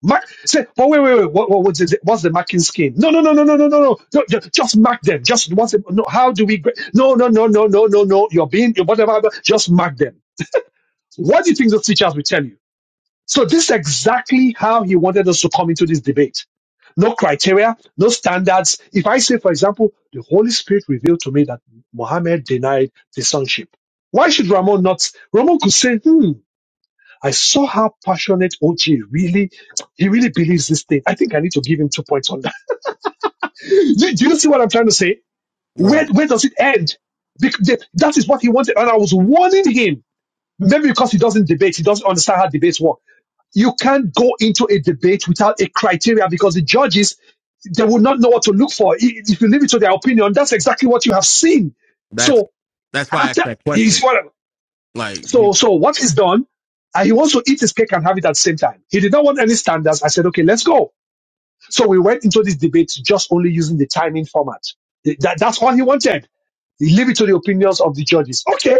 Speaker 1: Mark say, but wait, wait, wait, what, what, what's, the, what's the marking scheme? No, no, no, no, no, no, no, no, no ju- just mark them. Just what's the, no, how do we grade? No, no, no, no, no, no, no. You're being you're whatever. but Just mark them. What do you think those teachers will tell you? So this is exactly how he wanted us to come into this debate no criteria, no standards. If I say, for example, the Holy Spirit revealed to me that Mohammed denied the sonship, why should Ramon not? Ramon could say, hmm, I saw how passionate OJ really, he really believes this thing. I think I need to give him two points on that. do, do you see what I'm trying to say? Where,
Speaker 26: right.
Speaker 1: where does it end? Bec- the- That is what he wanted. And I was warning him Maybe because he doesn't debate, he doesn't understand how debates work. You can't go into a debate without a criteria because the judges, they will not know what to look for. If you leave it to their opinion, that's exactly what you have seen.
Speaker 26: That's
Speaker 1: So
Speaker 26: that's why I asked
Speaker 1: after
Speaker 26: that
Speaker 1: he's
Speaker 26: question.
Speaker 1: what,
Speaker 26: Like, Be,
Speaker 1: so, so what is done, and he wants to eat his cake and have it at the same time. He did not want any standards. I said, okay, let's go. So we went into this debate just only using the timing format. That, that's all he wanted. Leave it to the opinions of the judges. Okay.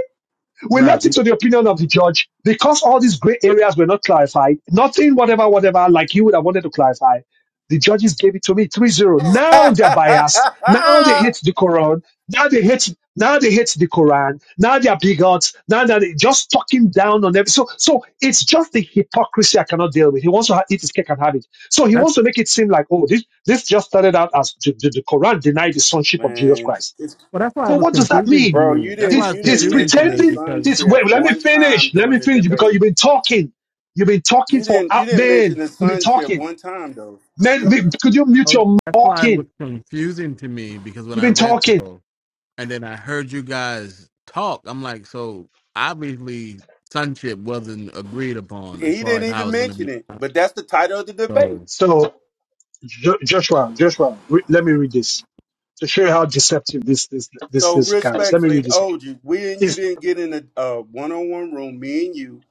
Speaker 1: We
Speaker 26: right.
Speaker 1: left it
Speaker 26: Be,
Speaker 1: to the opinion of the judge because all these gray areas were not clarified. Nothing, whatever, whatever, like you would have wanted to clarify. The judges gave it to me three zero. Now they're biased. Now they hate the Quran. Now they hate. Now they hate the Quran. Now they are bigots. Now they're just talking down on every. So, so it's just the hypocrisy I cannot deal with. He wants to ha- eat his cake and have it. So he
Speaker 26: that's
Speaker 1: wants to make it seem like, oh, this this just started out as the, the the Quran denied the sonship of Jesus
Speaker 6: Man,
Speaker 1: Christ.
Speaker 6: it's
Speaker 26: well. That's why
Speaker 1: So
Speaker 26: it was
Speaker 1: what does that
Speaker 26: confusing to
Speaker 1: mean?
Speaker 6: bro,
Speaker 26: me.
Speaker 6: you
Speaker 26: That's
Speaker 6: didn't
Speaker 26: why
Speaker 1: He's
Speaker 26: it's
Speaker 6: you
Speaker 1: he's
Speaker 6: didn't
Speaker 26: confusing to
Speaker 6: mention the
Speaker 26: me
Speaker 1: pretending
Speaker 26: because
Speaker 1: this
Speaker 6: sonship
Speaker 1: wait, let me
Speaker 6: one time
Speaker 1: finish. Let
Speaker 6: during
Speaker 1: me
Speaker 6: the
Speaker 1: finish because
Speaker 6: debate.
Speaker 1: you've been talking. You've been talking
Speaker 6: You
Speaker 1: for
Speaker 6: didn't
Speaker 1: out
Speaker 6: you didn't mention
Speaker 1: man.
Speaker 6: the
Speaker 1: You've been
Speaker 6: sonship
Speaker 1: talking.
Speaker 6: one time though.
Speaker 1: Man, me- could you mute
Speaker 26: oh,
Speaker 1: your
Speaker 26: that's why it was
Speaker 1: talking?
Speaker 26: confusing to me because when
Speaker 1: You've
Speaker 26: I
Speaker 1: been
Speaker 26: read
Speaker 1: talking.
Speaker 26: this. and then I heard you guys talk. I'm like, so obviously sonship wasn't agreed upon
Speaker 6: And
Speaker 26: as
Speaker 6: he
Speaker 26: far as
Speaker 6: didn't
Speaker 26: how
Speaker 6: even
Speaker 26: it's gonna
Speaker 6: mention
Speaker 26: be.
Speaker 6: it, but that's the title of the debate.
Speaker 26: So
Speaker 1: So Jo- Joshua, Joshua, re- let me read this to show you how deceptive this this this
Speaker 6: So
Speaker 1: this guy is. Let me read
Speaker 6: respectfully,
Speaker 1: this again.
Speaker 6: OG, we and you
Speaker 1: Is
Speaker 6: didn't get in a uh, one-on-one room, me and you,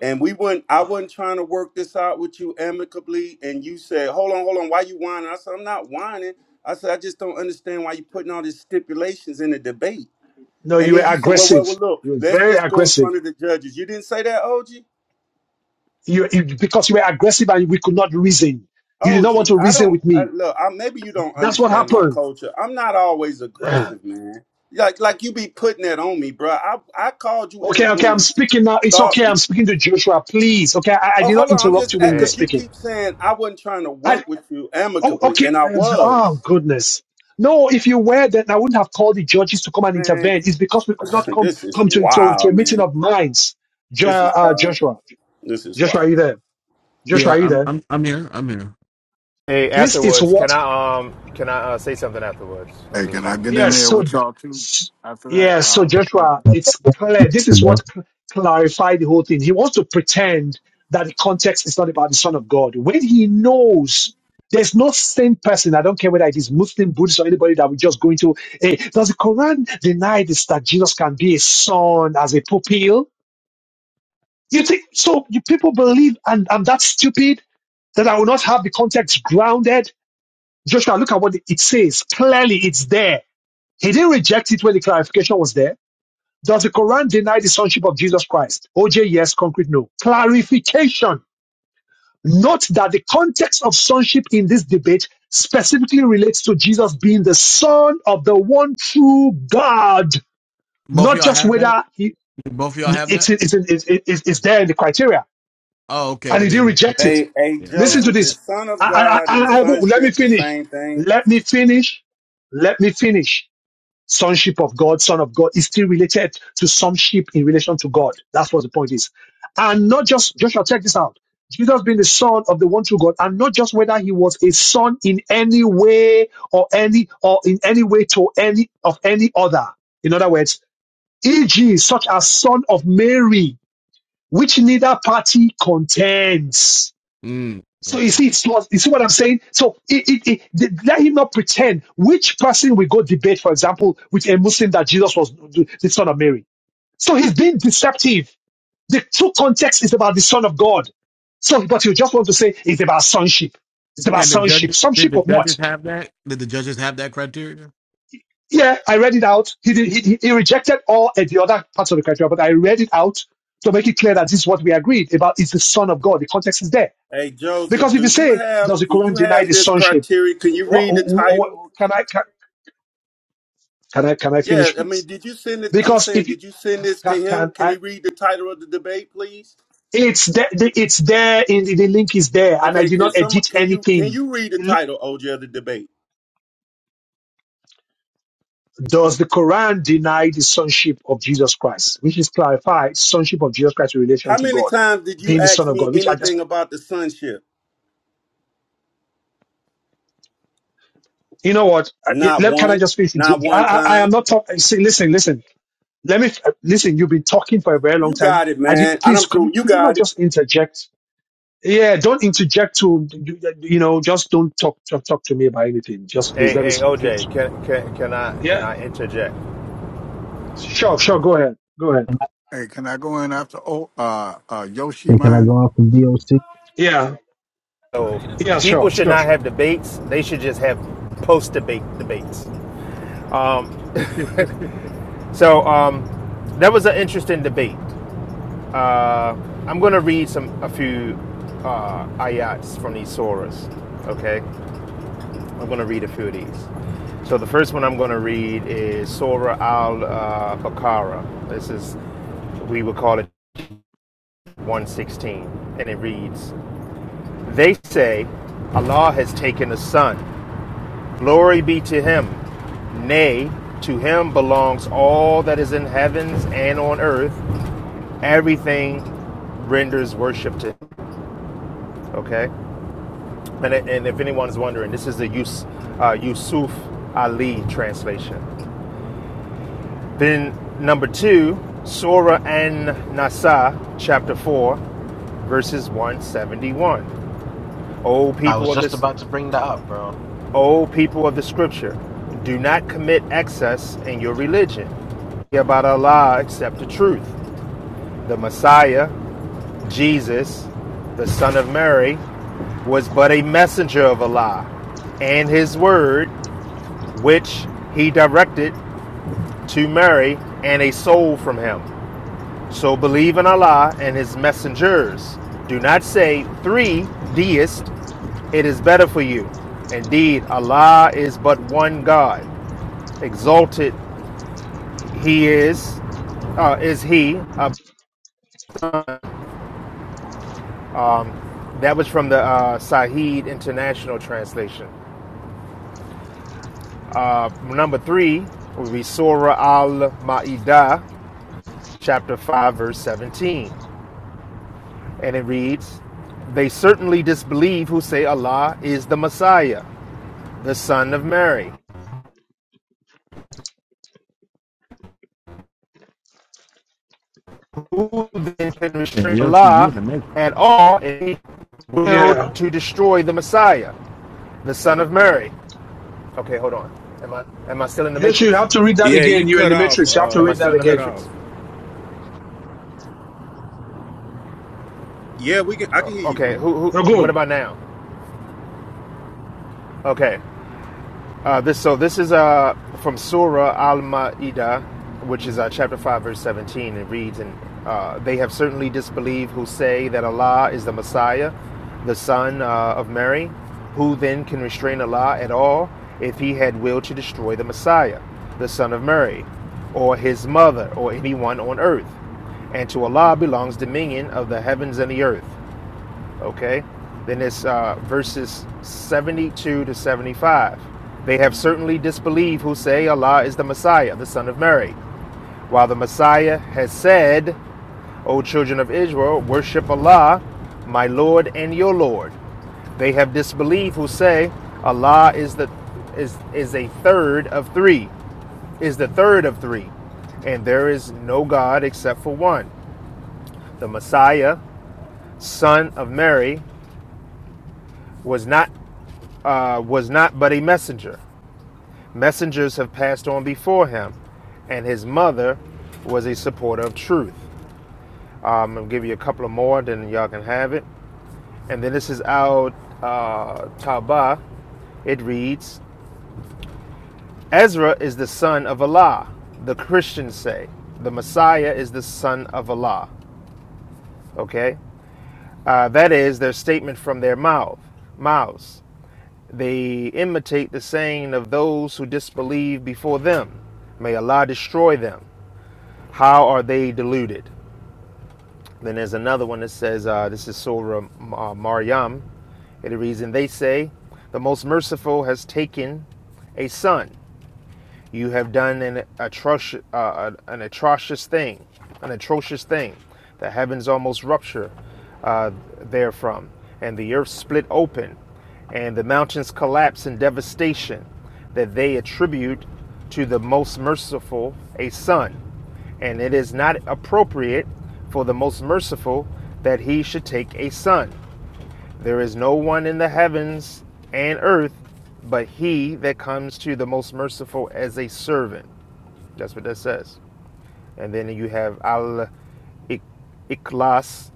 Speaker 6: and we wouldn't. i wasn't trying to work this out with you amicably and you said hold on hold on why you whining i said i'm not whining i said i just don't understand why you putting all these stipulations in the debate
Speaker 1: no,
Speaker 6: and
Speaker 1: you were
Speaker 6: then you said well well, well
Speaker 1: aggressive.
Speaker 6: look
Speaker 1: You were
Speaker 6: let's
Speaker 1: very
Speaker 6: just go in
Speaker 1: aggressive.
Speaker 6: front of the judges you didn't say that og
Speaker 1: You, you because you were aggressive and we could not reason. You did
Speaker 6: og
Speaker 1: not want to
Speaker 6: i
Speaker 1: reason
Speaker 6: don't
Speaker 1: with
Speaker 6: I,
Speaker 1: me.
Speaker 6: look I, maybe you don't
Speaker 1: That's what
Speaker 6: understand my
Speaker 1: happened.
Speaker 6: culture i'm not always aggressive man like like you be putting that on me bro i i called you in a
Speaker 1: Okay, okay, I'm
Speaker 6: room
Speaker 1: speaking now. It's
Speaker 6: thought
Speaker 1: okay. I'm speaking to Joshua. Please, okay. I, I
Speaker 6: Oh,
Speaker 1: did
Speaker 6: hold
Speaker 1: not
Speaker 6: on. I'm
Speaker 1: interrupt
Speaker 6: just
Speaker 1: you when
Speaker 6: at
Speaker 1: you were
Speaker 22: Hey,
Speaker 6: because you
Speaker 1: speaking.
Speaker 6: keep saying I wasn't trying to
Speaker 1: I,
Speaker 6: work with you
Speaker 1: oh,
Speaker 6: amicably,
Speaker 1: okay.
Speaker 6: and I was.
Speaker 1: Oh, goodness. No, if you were, then I wouldn't have called the judges to come and
Speaker 6: Man,
Speaker 1: intervene. It's because we could not come
Speaker 6: this is
Speaker 1: come to to, to a
Speaker 6: wild,
Speaker 1: meeting
Speaker 6: man.
Speaker 1: of minds. Jo,
Speaker 6: This is
Speaker 1: uh,
Speaker 6: wild.
Speaker 1: Joshua,
Speaker 6: This is
Speaker 1: Joshua,
Speaker 6: wild.
Speaker 1: are you there? Joshua,
Speaker 26: yeah,
Speaker 1: are you
Speaker 26: I'm
Speaker 1: there?
Speaker 26: I'm I'm here. I'm here.
Speaker 22: hey.
Speaker 1: This is
Speaker 22: Afterwards, can
Speaker 1: what
Speaker 22: I um can I uh, say something afterwards? I
Speaker 27: Hey, can
Speaker 22: just uh,
Speaker 27: I get in
Speaker 1: Yes,
Speaker 27: there
Speaker 1: so
Speaker 27: with y'all too?
Speaker 1: s-
Speaker 27: After that,
Speaker 1: yeah, so
Speaker 27: uh, oh,
Speaker 1: Joshua, it's clear. This is
Speaker 14: Hello.
Speaker 1: what cl- clarified the whole thing. He wants to pretend that the context is not about the Son of God when he knows there's no sane person. I don't care whether it is Muslim, Buddhist, or anybody that we just go into. Hey, does the Quran deny this that Jesus can be a son as a pupil? You think so? You people believe, and I'm that stupid that I will not have the context grounded. Joshua, look at what it says. Clearly, it's there he didn't reject it when the clarification was there. Does the Quran deny the sonship of Jesus Christ? OJ, yes. Concrete, no. Clarification. Note that the context of sonship in this debate specifically relates to Jesus being the son of the one true God,
Speaker 26: Both of
Speaker 1: not
Speaker 26: y'all
Speaker 1: just
Speaker 26: have that.
Speaker 1: whether he,
Speaker 26: Both of y'all have that.
Speaker 1: it's, it's, it's, it's, it's there in the criteria.
Speaker 26: Oh, okay.
Speaker 1: And
Speaker 26: Well
Speaker 1: he
Speaker 26: then,
Speaker 1: didn't
Speaker 26: yeah.
Speaker 1: reject
Speaker 26: Okay.
Speaker 1: it.
Speaker 6: Hey, hey,
Speaker 26: Yeah,
Speaker 1: Listen
Speaker 26: that.
Speaker 1: to
Speaker 6: Joseph, is
Speaker 1: this.
Speaker 6: Son of
Speaker 26: yeah.
Speaker 1: I,
Speaker 6: God
Speaker 1: I, I,
Speaker 6: and
Speaker 1: I, let me
Speaker 6: sonship the
Speaker 1: finish.
Speaker 6: same thing?
Speaker 1: Let me finish. Let me finish. sonship of God, son of God, is still related to sonship in relation to God. That's what the point is. And not just, Joshua, check this out. Jesus being the son of the one true God, and not just whether he was a son in any way or any, or in any way to any of any other. In other words, e.g., such as son of Mary, which neither party contends
Speaker 26: Mm,
Speaker 1: so you
Speaker 26: okay.
Speaker 1: see, it's lost. You see what I'm saying? So it, it, it, th- let him not pretend which person will go debate, for example, with a Muslim that Jesus was the the son of Mary. So he's being deceptive. The true context is about the son of God. So, but you just want to say it's about sonship. It's about
Speaker 26: And the
Speaker 1: sonship.
Speaker 26: judges? Did
Speaker 1: Sonship
Speaker 26: the
Speaker 1: of
Speaker 26: judges
Speaker 1: what?
Speaker 26: have that? Did the judges have that criteria?
Speaker 1: Yeah, I read it out. He, did, he, he he rejected all at the other parts of the criteria, but I read it out to make it clear that this is what we agreed about. It's the son of God. The context is there.
Speaker 6: Hey, Joseph,
Speaker 1: Because if
Speaker 6: do
Speaker 1: you
Speaker 6: you
Speaker 1: say,
Speaker 6: have
Speaker 1: does the
Speaker 6: do
Speaker 1: Quran
Speaker 6: you
Speaker 1: deny
Speaker 6: have
Speaker 1: the
Speaker 6: this
Speaker 1: sonship?
Speaker 6: criteria? Can you
Speaker 1: What,
Speaker 6: read the
Speaker 1: what,
Speaker 6: title?
Speaker 1: can I can, can I can I
Speaker 6: Yeah,
Speaker 1: finish,
Speaker 6: I mean,
Speaker 1: please?
Speaker 6: did you send it? I'm
Speaker 1: Because
Speaker 6: saying,
Speaker 1: if you
Speaker 6: did you send this to
Speaker 1: can,
Speaker 6: him?
Speaker 1: can
Speaker 6: Can he
Speaker 1: I,
Speaker 6: read the title of the debate, please?
Speaker 1: it's there, the- it's there in the, the link is there, and I
Speaker 6: Okay,
Speaker 1: did
Speaker 6: can
Speaker 1: not
Speaker 6: some
Speaker 1: edit
Speaker 6: can you can
Speaker 1: anything.
Speaker 6: you read the
Speaker 1: The li-
Speaker 6: title, OJ, of the debate?
Speaker 1: Does the Quran deny the sonship of Jesus Christ, which is clarified sonship of Jesus Christ in relation
Speaker 6: How
Speaker 1: to
Speaker 6: many
Speaker 1: God,
Speaker 6: times did you
Speaker 1: being the
Speaker 6: ask
Speaker 1: Son of
Speaker 6: me
Speaker 1: God? Which I just,
Speaker 6: anything about the sonship?
Speaker 1: you know what? I- it-
Speaker 6: Not
Speaker 1: Let, can I
Speaker 6: one.
Speaker 1: just finish? With
Speaker 6: Not
Speaker 1: you? I,
Speaker 6: one
Speaker 1: I, I am
Speaker 6: time.
Speaker 1: not talking. Listen, listen. Let me listen. You've been talking for a very long
Speaker 6: You
Speaker 1: time.
Speaker 6: got it,
Speaker 1: I did.
Speaker 6: man. I
Speaker 1: Please,
Speaker 6: don't
Speaker 1: could you
Speaker 6: prove you
Speaker 1: could you not
Speaker 6: got it.
Speaker 1: just interject Yeah, don't interject to you, you know. Just don't talk, talk talk to me about anything. Just please
Speaker 22: hey
Speaker 1: let me
Speaker 22: hey
Speaker 1: sp- finish
Speaker 22: OJ,
Speaker 1: speaking.
Speaker 22: can can can I can
Speaker 1: Yeah,
Speaker 22: I interject?
Speaker 1: sure, sure. Go ahead, go ahead.
Speaker 27: hey, can I go in after oh, uh, uh, Yoshi
Speaker 14: Hey, Can I
Speaker 27: Mine,
Speaker 14: go off the VOC?
Speaker 1: Yeah,
Speaker 22: So
Speaker 1: yeah,
Speaker 22: people
Speaker 1: sure,
Speaker 22: should
Speaker 1: sure,
Speaker 22: not have
Speaker 1: sure.
Speaker 22: debates. They should just have post debate debates. Um,
Speaker 26: yeah,
Speaker 22: so um, that was an interesting debate. Uh, I'm going to read some a few uh, ayats from these surahs. Okay, I'm going to read a few of these. So the first one I'm going to read is Surah Al uh, Baqarah. This is we would call it 116, and it reads: They say Allah has taken a son. Glory be to Him. Nay, to Him belongs all that is in heavens and on earth. Everything renders worship to Him. Okay. And, and if anyone's wondering, this is the Yus, uh, Yusuf Ali translation. Then number two, Surah An Nasa, chapter four, verses one seventy-one. O
Speaker 14: I was
Speaker 22: people of
Speaker 14: just
Speaker 22: this,
Speaker 14: about to bring that up, bro.
Speaker 22: O people of the Scripture, do not commit excess in your religion. About Allah except the truth. The Messiah, Jesus, the son of Mary, was but a messenger of Allah and his word which he directed to Mary, and a soul from him. So believe in Allah and his messengers. Do not say three deists, it is better for you. Indeed, Allah is but one God. Exalted He is, uh, is He. Uh, that was from the uh, Sahih International Translation. Uh, number three would be Surah Al Ma'idah, chapter 5, verse 17. And it reads, They certainly disbelieve who say Allah is the Messiah, the Son of Mary. Who then can restrain
Speaker 26: Yoshi, you
Speaker 22: Allah
Speaker 26: amazing.
Speaker 22: at all if he
Speaker 1: Yeah,
Speaker 22: willed to destroy the Messiah, the Son of Mary? Okay, hold on. Am I am I still in the
Speaker 1: yes, you
Speaker 22: Matrix?
Speaker 1: have to read that
Speaker 6: Yeah, you
Speaker 1: again. You're in
Speaker 6: cut
Speaker 1: the
Speaker 6: off.
Speaker 1: matrix. You have to
Speaker 22: Am
Speaker 6: Uh,
Speaker 22: I
Speaker 1: read
Speaker 22: still
Speaker 1: that
Speaker 6: you
Speaker 22: in the
Speaker 6: cut
Speaker 1: again.
Speaker 6: off.
Speaker 22: Matrix?
Speaker 6: Yeah, we can. I
Speaker 22: Oh,
Speaker 6: can hear you. now.
Speaker 22: okay. Who who?
Speaker 1: You're
Speaker 22: What
Speaker 1: good.
Speaker 22: about now? Okay. Uh, this so this is uh, from Surah Al Ma'idah, which is uh, chapter five, verse seventeen. It reads, "And uh, they have certainly disbelieved who say that Allah is the Messiah, the Son uh, of Mary. Who then can restrain Allah at all if He had willed to destroy the Messiah, the Son of Mary, or His mother, or anyone on earth? And to Allah belongs dominion of the heavens and the earth." okay? Then it's uh, verses 72 to 75. They have certainly disbelieved who say Allah is the Messiah, the Son of Mary, while the Messiah has said, O children of Israel, worship Allah, my Lord and your Lord. They have disbelieved who say Allah is the is is a third of three, is the third of three, and there is no God except for one. The Messiah, son of Mary, was not uh, was not but a messenger. Messengers have passed on before him, and his mother was a supporter of truth. Um, I'll give you a couple of more, then y'all can have it. And then this is out uh, Taba. It reads Ezra is the son of Allah, the Christians say. The Messiah is the son of Allah. Okay? Uh, that is their statement from their mouth, mouths. They imitate the saying of those who disbelieve before them. May Allah destroy them. How are they deluded? Then there's another one that says, uh, this is Surah uh, Maryam. It reads, and they say, the most merciful has taken a son you have done an atrocious, uh, an atrocious thing, an atrocious thing. The heavens almost rupture uh, therefrom, and the earth split open, and the mountains collapse in devastation that they attribute to the most merciful a son. And it is not appropriate for the most merciful that he should take a son. There is no one in the heavens and earth but he that comes to the most merciful as a servant. That's what that says. And then you have Al Ik- Iklas.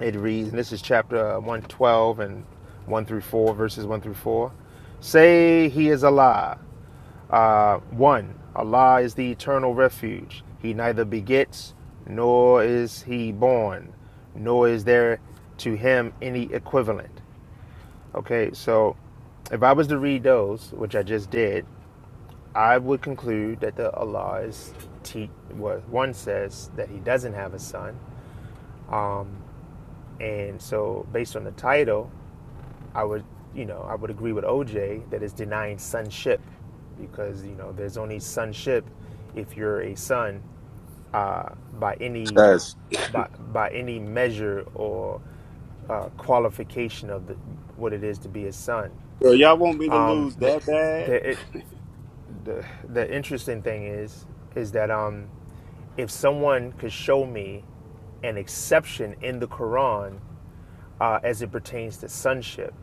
Speaker 22: It reads, and this is chapter 112 and 1 through 4, verses 1 through 4. Say he is Allah. Uh, 1. Allah is the eternal refuge. He neither begets, nor is he born, nor is there to him any equivalent. Okay, so if I was to read those, which I just did, I would conclude that the Allah is te- well, one says that he doesn't have a son, um, and so based on the title, I would you know I would agree with OJ that it's denying sonship because you know there's only sonship if you're a son uh, by any
Speaker 6: That's
Speaker 22: by by any measure or uh, qualification of the, what it is to be a son.
Speaker 6: Yo, y'all want me to
Speaker 22: Um,
Speaker 6: lose
Speaker 22: the,
Speaker 6: that bad?
Speaker 22: the, it, the the interesting thing is is that um if someone could show me an exception in the Quran uh, as it pertains to sonship,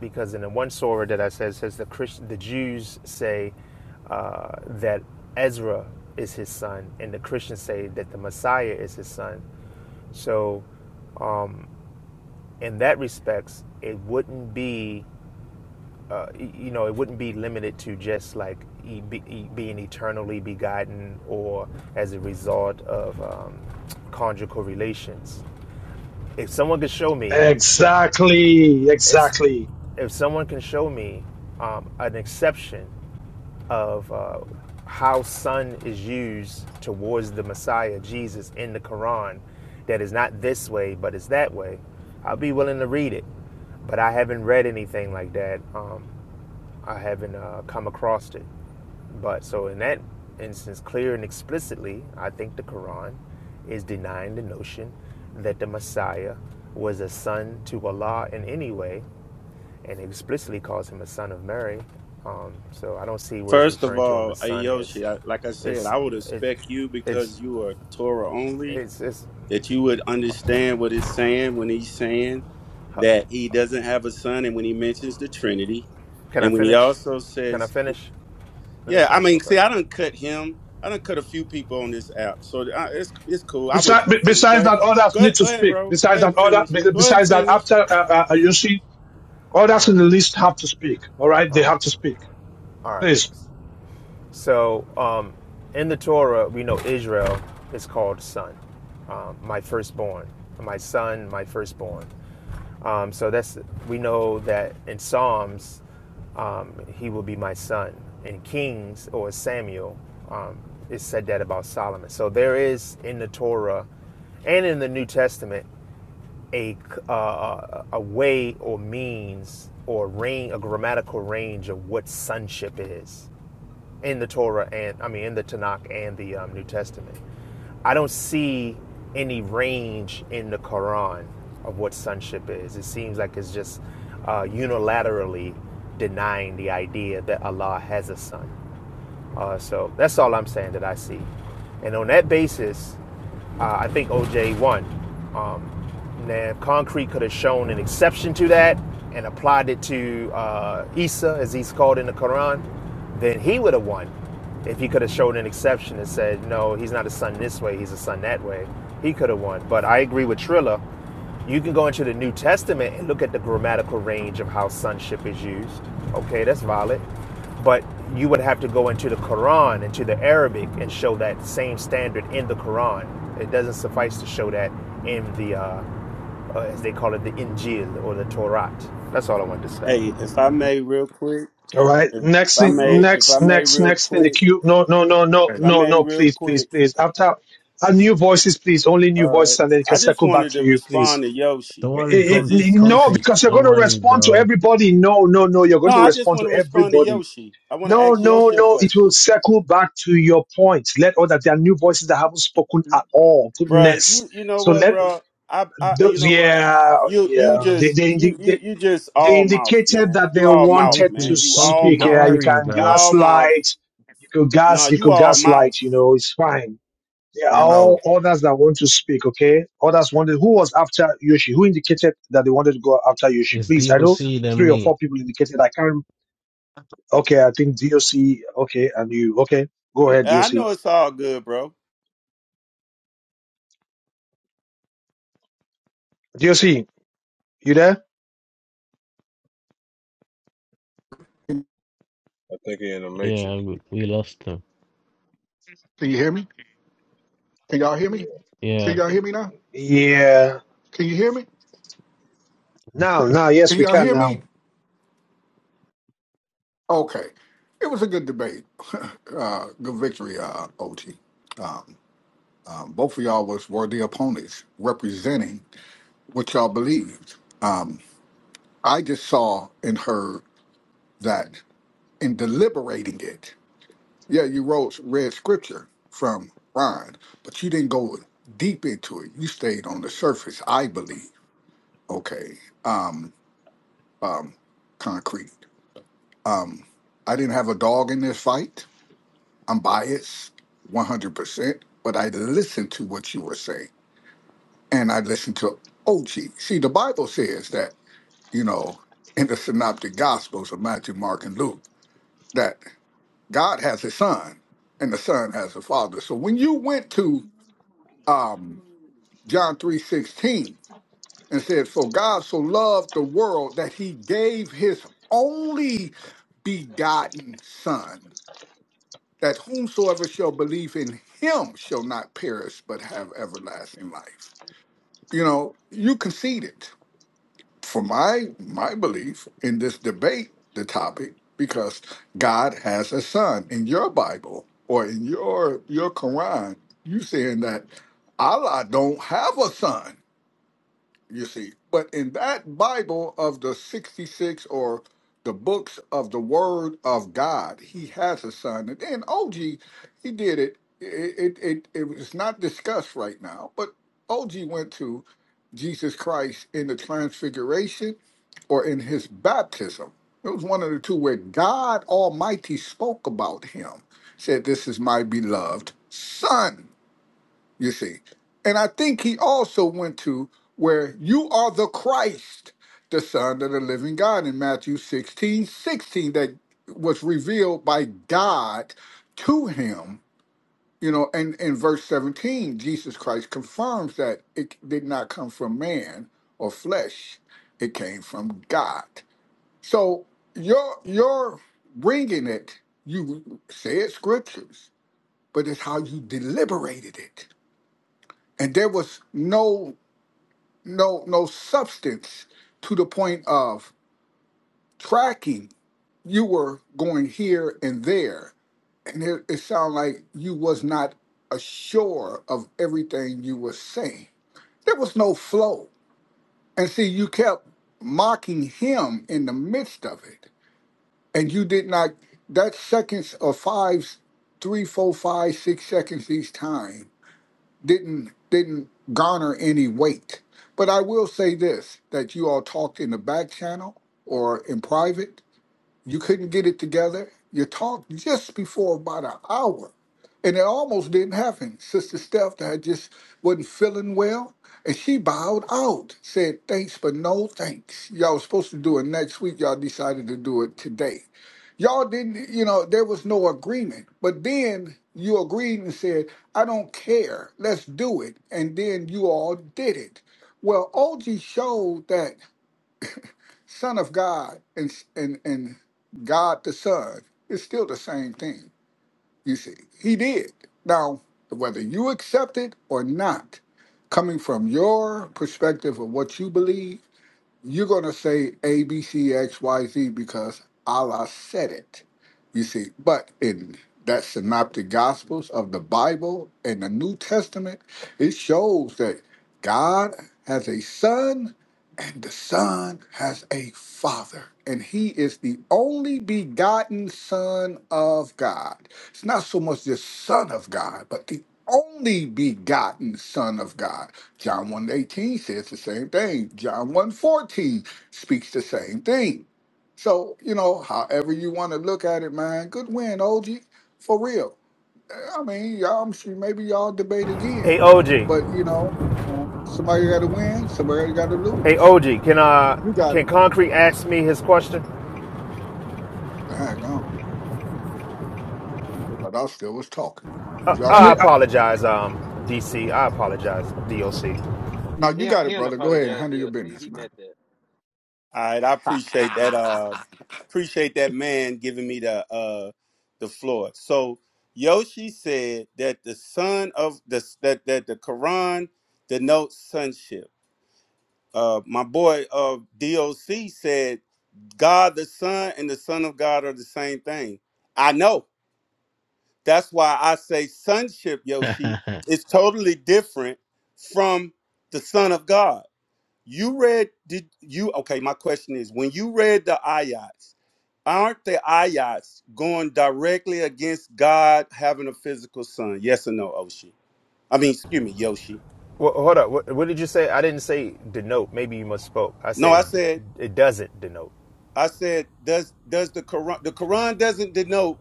Speaker 22: because in the one surah that I said says the Christ, the Jews say uh, that Ezra is his son, and the Christians say that the Messiah is his son. So um, in that respects, it wouldn't be uh, you know, it wouldn't be limited to just like e- be, e- being eternally begotten or as a result of um, conjugal relations. If someone could show me,
Speaker 1: Exactly,
Speaker 22: if,
Speaker 1: exactly.
Speaker 22: if someone can show me um, an exception of uh, how son is used towards the Messiah, Jesus, in the Quran, that is not this way, but is that way, I'll be willing to read it but I haven't read anything like that. Um, I haven't uh, come across it. But so in that instance, clear and explicitly, I think the Quran is denying the notion that the Messiah was a son to Allah in any way, and explicitly calls him a son of Mary. Um, so I don't see where it's
Speaker 6: First of
Speaker 22: referring to him
Speaker 6: all,
Speaker 22: as
Speaker 6: hey,
Speaker 22: son as
Speaker 6: I, like I said,
Speaker 22: it's
Speaker 6: I would
Speaker 22: it's
Speaker 6: expect you
Speaker 22: it's
Speaker 6: because you are Torah only
Speaker 22: it's it's.
Speaker 6: that you would understand what it's saying when he's saying that he doesn't have a son, and when he mentions the Trinity,
Speaker 22: Can I
Speaker 6: and when he
Speaker 22: finish?
Speaker 6: also
Speaker 22: Can I
Speaker 6: says
Speaker 22: finish? Let me
Speaker 6: Yeah, I
Speaker 22: finish
Speaker 6: mean,
Speaker 22: real
Speaker 6: see,
Speaker 22: quick.
Speaker 6: I done cut him. I done cut a few people on this app, so I, it's it's cool. I will wait till
Speaker 1: Besides,
Speaker 6: you finish. Go
Speaker 1: besides
Speaker 6: ahead,
Speaker 1: that, others
Speaker 6: go
Speaker 1: need
Speaker 6: ahead,
Speaker 1: to
Speaker 6: go ahead,
Speaker 1: speak.
Speaker 6: bro. Go
Speaker 1: Besides
Speaker 6: ahead and
Speaker 1: that, other
Speaker 6: finish.
Speaker 1: be-
Speaker 6: Go ahead and
Speaker 1: besides that,
Speaker 6: finish.
Speaker 1: after uh, uh, you see,
Speaker 22: All
Speaker 1: others in
Speaker 22: right,
Speaker 1: the list have to speak. All right, they have to speak.
Speaker 22: all
Speaker 1: Please.
Speaker 22: right. So um, in the Torah, we know Israel is called son, um, my firstborn, my son, my firstborn. Um, so that's we know that in Psalms, um, he will be my son. In Kings or Samuel, um, it said that about Solomon. So there is in the Torah and in the New Testament a uh, a way or means or range, a grammatical range of what sonship is in the Torah and I mean in the Tanakh and the um, New Testament. I don't see any range in the Quran of what sonship is. It seems like it's just uh, unilaterally denying the idea that Allah has a son. Uh, so that's all I'm saying that I see. And on that basis, uh, I think OJ won. Um, now, Concrete could have shown an exception to that and applied it to uh, Isa, as he's called in the Quran, then he would have won. If he could have shown an exception and said, no, he's not a son this way, he's a son that way, he could have won. But I agree with Trilla you can go into the New Testament and look at the grammatical range of how sonship is used. Okay, that's valid. But you would have to go into the Quran, into the Arabic, and show that same standard in the Quran. It doesn't suffice to show that in the, uh, uh, as they call it, the Injil or the Torah. That's all I wanted to say.
Speaker 6: Hey, if I may, real quick.
Speaker 1: All right.
Speaker 6: If, if
Speaker 1: Next
Speaker 6: I
Speaker 1: thing,
Speaker 27: You
Speaker 6: may,
Speaker 27: know,
Speaker 6: if I
Speaker 1: next,
Speaker 6: may,
Speaker 1: next,
Speaker 6: real
Speaker 1: next in the
Speaker 6: quick. If
Speaker 1: queue. No, no, no, no,
Speaker 27: hey,
Speaker 6: I
Speaker 1: no,
Speaker 6: may,
Speaker 1: no.
Speaker 6: real
Speaker 1: Please, please,
Speaker 6: quick.
Speaker 1: please. After uh, new voices, please. Only new
Speaker 6: Uh,
Speaker 1: voices, and then it can
Speaker 6: I just
Speaker 1: circle back
Speaker 6: wanted
Speaker 1: to
Speaker 6: to
Speaker 1: you,
Speaker 6: respond
Speaker 1: please.
Speaker 6: to Yoshi
Speaker 14: Don't worry,
Speaker 1: It, it,
Speaker 6: because
Speaker 14: con-
Speaker 6: he's
Speaker 1: no,
Speaker 6: he's.
Speaker 14: concrete.
Speaker 1: because you're
Speaker 14: Don't
Speaker 1: going to
Speaker 14: worry,
Speaker 1: respond to
Speaker 14: bro.
Speaker 1: everybody. No, no, no. You're
Speaker 6: No,
Speaker 1: going to
Speaker 6: I just
Speaker 1: respond
Speaker 6: want
Speaker 1: to
Speaker 6: to respond to
Speaker 1: everybody.
Speaker 6: Yoshi. I want to
Speaker 1: No,
Speaker 6: ask
Speaker 1: no,
Speaker 6: Yoshi a
Speaker 1: no. It will
Speaker 6: question.
Speaker 1: circle back to your point. Let all that there are new voices that haven't spoken at all.
Speaker 6: Bruh,
Speaker 1: Goodness.
Speaker 6: You you know
Speaker 1: So
Speaker 6: what,
Speaker 1: let
Speaker 6: bro? I I you
Speaker 1: those.
Speaker 6: know what?
Speaker 1: Yeah,
Speaker 6: You you
Speaker 1: yeah. They,
Speaker 6: just
Speaker 1: they,
Speaker 6: you
Speaker 1: they
Speaker 6: you you just
Speaker 1: they
Speaker 6: all mouth,
Speaker 1: indicated
Speaker 6: man.
Speaker 1: that
Speaker 6: You
Speaker 1: they
Speaker 6: all mouth,
Speaker 1: wanted to
Speaker 14: Funky,
Speaker 6: man. You all
Speaker 14: funky,
Speaker 1: speak.
Speaker 14: don't
Speaker 1: Yeah,
Speaker 6: mouth.
Speaker 1: you
Speaker 14: worry,
Speaker 1: can
Speaker 6: You
Speaker 14: bro.
Speaker 6: all mouth.
Speaker 1: gaslight. You could
Speaker 6: No,
Speaker 1: gas. You
Speaker 6: you
Speaker 1: could
Speaker 6: all mouth.
Speaker 1: gaslight. You know, it's fine. There are
Speaker 27: you know,
Speaker 1: all others that want to speak. Okay, others wanted. Who was after Yoshi? Who indicated that they wanted to go after Yoshi?
Speaker 14: It's
Speaker 1: Please, I know
Speaker 14: DOC than
Speaker 1: three or
Speaker 14: me.
Speaker 1: four people indicated. I can't. Okay, I think DOC. Okay, and you. Okay, go ahead,
Speaker 6: And I
Speaker 1: DOC.
Speaker 6: know it's all good, bro.
Speaker 1: DOC, you there?
Speaker 28: I think he in the
Speaker 14: Yeah,
Speaker 28: Matrix.
Speaker 14: we, we lost them.
Speaker 27: can you hear me? Can y'all
Speaker 28: Yeah.
Speaker 27: hear me? Can
Speaker 14: Yeah.
Speaker 27: y'all hear me now?
Speaker 1: Yeah.
Speaker 27: Can you hear me?
Speaker 1: Now, now,
Speaker 27: Can
Speaker 1: yes, we
Speaker 27: y'all
Speaker 1: can
Speaker 27: hear
Speaker 1: now.
Speaker 27: me? Okay, it was a good debate, uh, good victory, uh, OT. Um, both of y'all was were the opponents representing what y'all believed. Um, I just saw and heard that in deliberating it. Yeah, you wrote read scripture from Ron, but you didn't go deep into it. You stayed on the surface, I believe. Okay. Um, um, concrete. Um, I didn't have a dog in this fight. I'm biased, one hundred percent. But I listened to what you were saying, and I listened to OG. See, the Bible says that you know in the Synoptic Gospels of Matthew, Mark, and Luke that God has a son, and the son has a father. So when you went to um, John 3:16 and said, "For God so loved the world that he gave his only begotten son, that whomsoever shall believe in him shall not perish but have everlasting life." You know, you conceded for my my belief in this debate, the topic, because God has a son in your Bible or in your your Quran, you saying that Allah don't have a son you see. But in that Bible of the 66 or the books of the Word of God, he has a son. And then OG, he did it. It, it, it, it was not discussed right now, but OG went to Jesus Christ in the transfiguration or in his baptism. It was one of the two where God Almighty spoke about him, said, This is my beloved son you see. And I think he also went to where you are the Christ, the Son of the living God in Matthew 16 16. that was revealed by God to him. You know, and in verse 17, Jesus Christ confirms that it did not come from man or flesh, it came from God. So you're, you're bringing it, you said scriptures, but it's how you deliberated it and there was no no no substance to the point of tracking you were going here and there and it, it sounded like you was not assured of everything you were saying there was no flow and see you kept mocking him in the midst of it and you did not that seconds or five, three, four, five, six seconds each time didn't didn't garner any weight. But I will say this that you all talked in the back channel or in private. You couldn't get it together. You talked just before about an hour. And it almost didn't happen. Sister Steph had just wasn't feeling well. And she bowed out, said thanks, but no thanks. Y'all was supposed to do it next week. Y'all decided to do it today. Y'all didn't, you know, there was no agreement. But then you agreed and said, I don't care. Let's do it. And then you all did it. Well, OG showed that Son of God and, and, and God the Son is still the same thing. You see, he did. Now, whether you accept it or not, coming from your perspective of what you believe, you're going to say A, B, C, X, Y, Z because Allah said it. You see, but in that synoptic gospels of the Bible and the New Testament, it shows that God has a son the Son has a Father, and He is the only begotten Son of God. It's not so much the Son of God, but the only begotten Son of God. John one eighteen says the same thing. John one fourteen speaks the same thing. So, you know, however you want to look at it, man, good win, OG. For real. I mean, y'all, I'm sure maybe y'all debate again,
Speaker 22: Hey, OG.
Speaker 27: but, you know, uh, somebody got to win, somebody got to
Speaker 22: Hey,
Speaker 27: lose.
Speaker 22: OG. Can uh,
Speaker 27: You got
Speaker 22: can
Speaker 27: it.
Speaker 22: Concrete ask me his question?
Speaker 27: Dang gone. I thought I still was talking. But
Speaker 22: Uh,
Speaker 27: y'all
Speaker 1: I
Speaker 22: I
Speaker 1: mean,
Speaker 27: got it.
Speaker 22: apologize, um, DC. I apologize, DOC.
Speaker 27: Now
Speaker 12: He
Speaker 27: you
Speaker 12: he
Speaker 27: got
Speaker 12: he
Speaker 27: it, brother. Go ahead and
Speaker 12: apologized
Speaker 27: handle your
Speaker 12: DLC.
Speaker 27: business,
Speaker 12: He
Speaker 27: man.
Speaker 12: meant that.
Speaker 6: All right, I appreciate that. Uh, appreciate that man giving me the uh the floor. So Yoshi said that the son of the that that the Quran denotes sonship. Uh, my boy uh DOC said God the Son and the Son of God are the same thing. I know. That's why I say sonship, Yoshi,
Speaker 14: yeah,
Speaker 6: is totally different from the Son of God. You read, did you? Okay, my question is when you read the ayats, aren't the ayats going directly against God having a physical son? Yes or no, Oshi? I mean, excuse me, Yoshi.
Speaker 22: Well, hold up. What, what did you say? I didn't say denote. Maybe you misspoke. I
Speaker 6: No,
Speaker 22: said
Speaker 6: I said
Speaker 22: it doesn't denote.
Speaker 6: I said, does does the Quran the Quran doesn't denote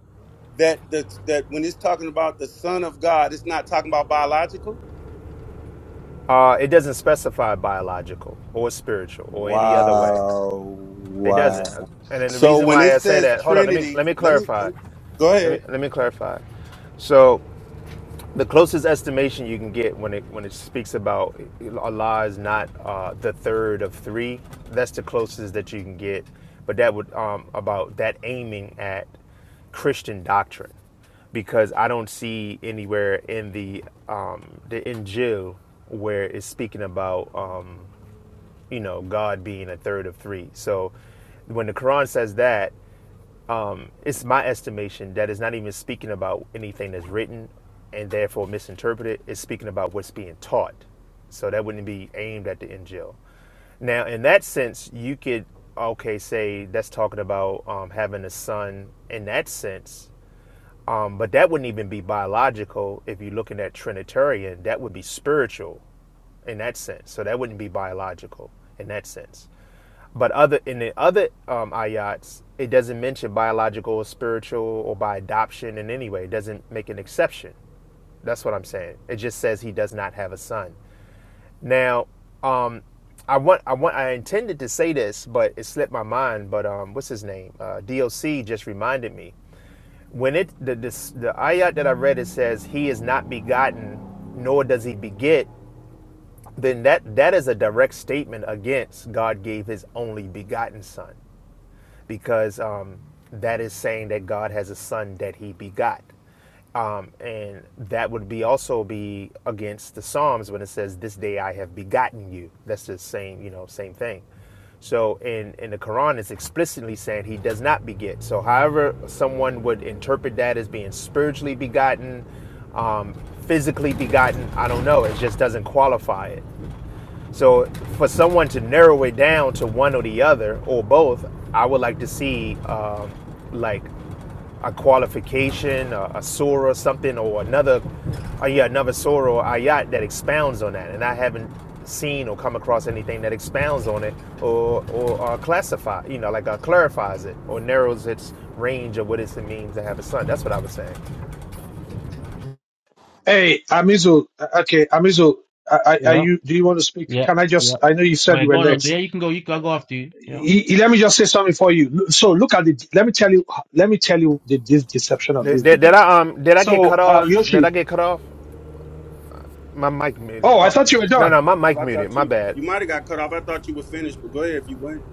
Speaker 6: that the that when it's talking about the Son of God, it's not talking about biological.
Speaker 22: Uh, it doesn't specify biological or spiritual or any other way.
Speaker 6: Wow.
Speaker 22: It
Speaker 6: Wow.
Speaker 22: doesn't. And then the
Speaker 6: So
Speaker 22: reason
Speaker 6: when
Speaker 22: why
Speaker 6: it
Speaker 22: I say
Speaker 6: says
Speaker 22: that. Hold on. Let me
Speaker 6: Trinity,
Speaker 22: let me
Speaker 6: let me, let
Speaker 22: clarify.
Speaker 6: me go
Speaker 22: Let me
Speaker 6: ahead.
Speaker 22: let me clarify. So the closest estimation you can get when it when it speaks about Allah is not uh, the third of three. That's the closest that you can get, but that would um, about that aiming at Christian doctrine, because I don't see anywhere in the um, the Injil where it's speaking about um, you know God being a third of three. So when the Quran says that, um, it's my estimation that it's not even speaking about anything that's written and therefore misinterpreted. It's speaking about what's being taught. So that wouldn't be aimed at the NGL. Now, in that sense, you could, okay, say that's talking about um, having a son in that sense. Um, but that wouldn't even be biological if you're looking at Trinitarian. That would be spiritual in that sense. So that wouldn't be biological in that sense. But other in the other um, ayats, it doesn't mention biological, or spiritual, or by adoption in any way. It doesn't make an exception. That's what I'm saying. It just says he does not have a son. Now, um, I want, I want, I intended to say this, but it slipped my mind. But um, what's his name? Uh, DOC just reminded me when it the this, the ayat that I read it says he is not begotten, nor does he beget. Then that that is a direct statement against God gave his only begotten son because um, that is saying that God has a son that he begot. Um, and that would be also be against the Psalms when it says, This day I have begotten you. That's the same, you know, same thing. So in, in the Quran, it's explicitly saying he does not beget. So, however, someone would interpret that as being spiritually begotten, um, physically begotten, I don't know. It just doesn't qualify it. So for someone to narrow it down to one or the other or both, I would like to see um, like a qualification, a, a surah, something, or another, uh, yeah, another surah or ayat that expounds on that. And I haven't seen or come across anything that expounds on it or or uh, classify, you know, like uh, clarifies it or narrows its range of what it means to have a son. That's what I was saying.
Speaker 1: Hey, Amizu. uh, Okay, Amizu. Are, are are you? Do you want to speak?
Speaker 14: yeah,
Speaker 1: Can I
Speaker 14: yeah.
Speaker 1: just? I know you
Speaker 14: All
Speaker 1: said you
Speaker 14: right, go
Speaker 1: were
Speaker 14: on, OJ. Yeah,
Speaker 1: next.
Speaker 14: you can go. You can I'll go after you. Yeah.
Speaker 1: He- he- let me just say something for you. So look at the. Let me tell you. Let me tell you the this deception of
Speaker 22: Did,
Speaker 1: this
Speaker 22: did, did
Speaker 1: debate.
Speaker 22: I um did I get
Speaker 1: So
Speaker 22: cut
Speaker 1: uh,
Speaker 22: off? Did I
Speaker 1: Yoshi.
Speaker 22: get cut off? My mic muted.
Speaker 1: Oh, I
Speaker 22: Oh
Speaker 1: thought you were
Speaker 22: no
Speaker 1: done.
Speaker 22: no my mic
Speaker 6: I
Speaker 22: muted.
Speaker 6: thought
Speaker 22: My
Speaker 6: you
Speaker 22: bad.
Speaker 6: you might have got cut off. I thought you were finished, but go ahead if you weren't.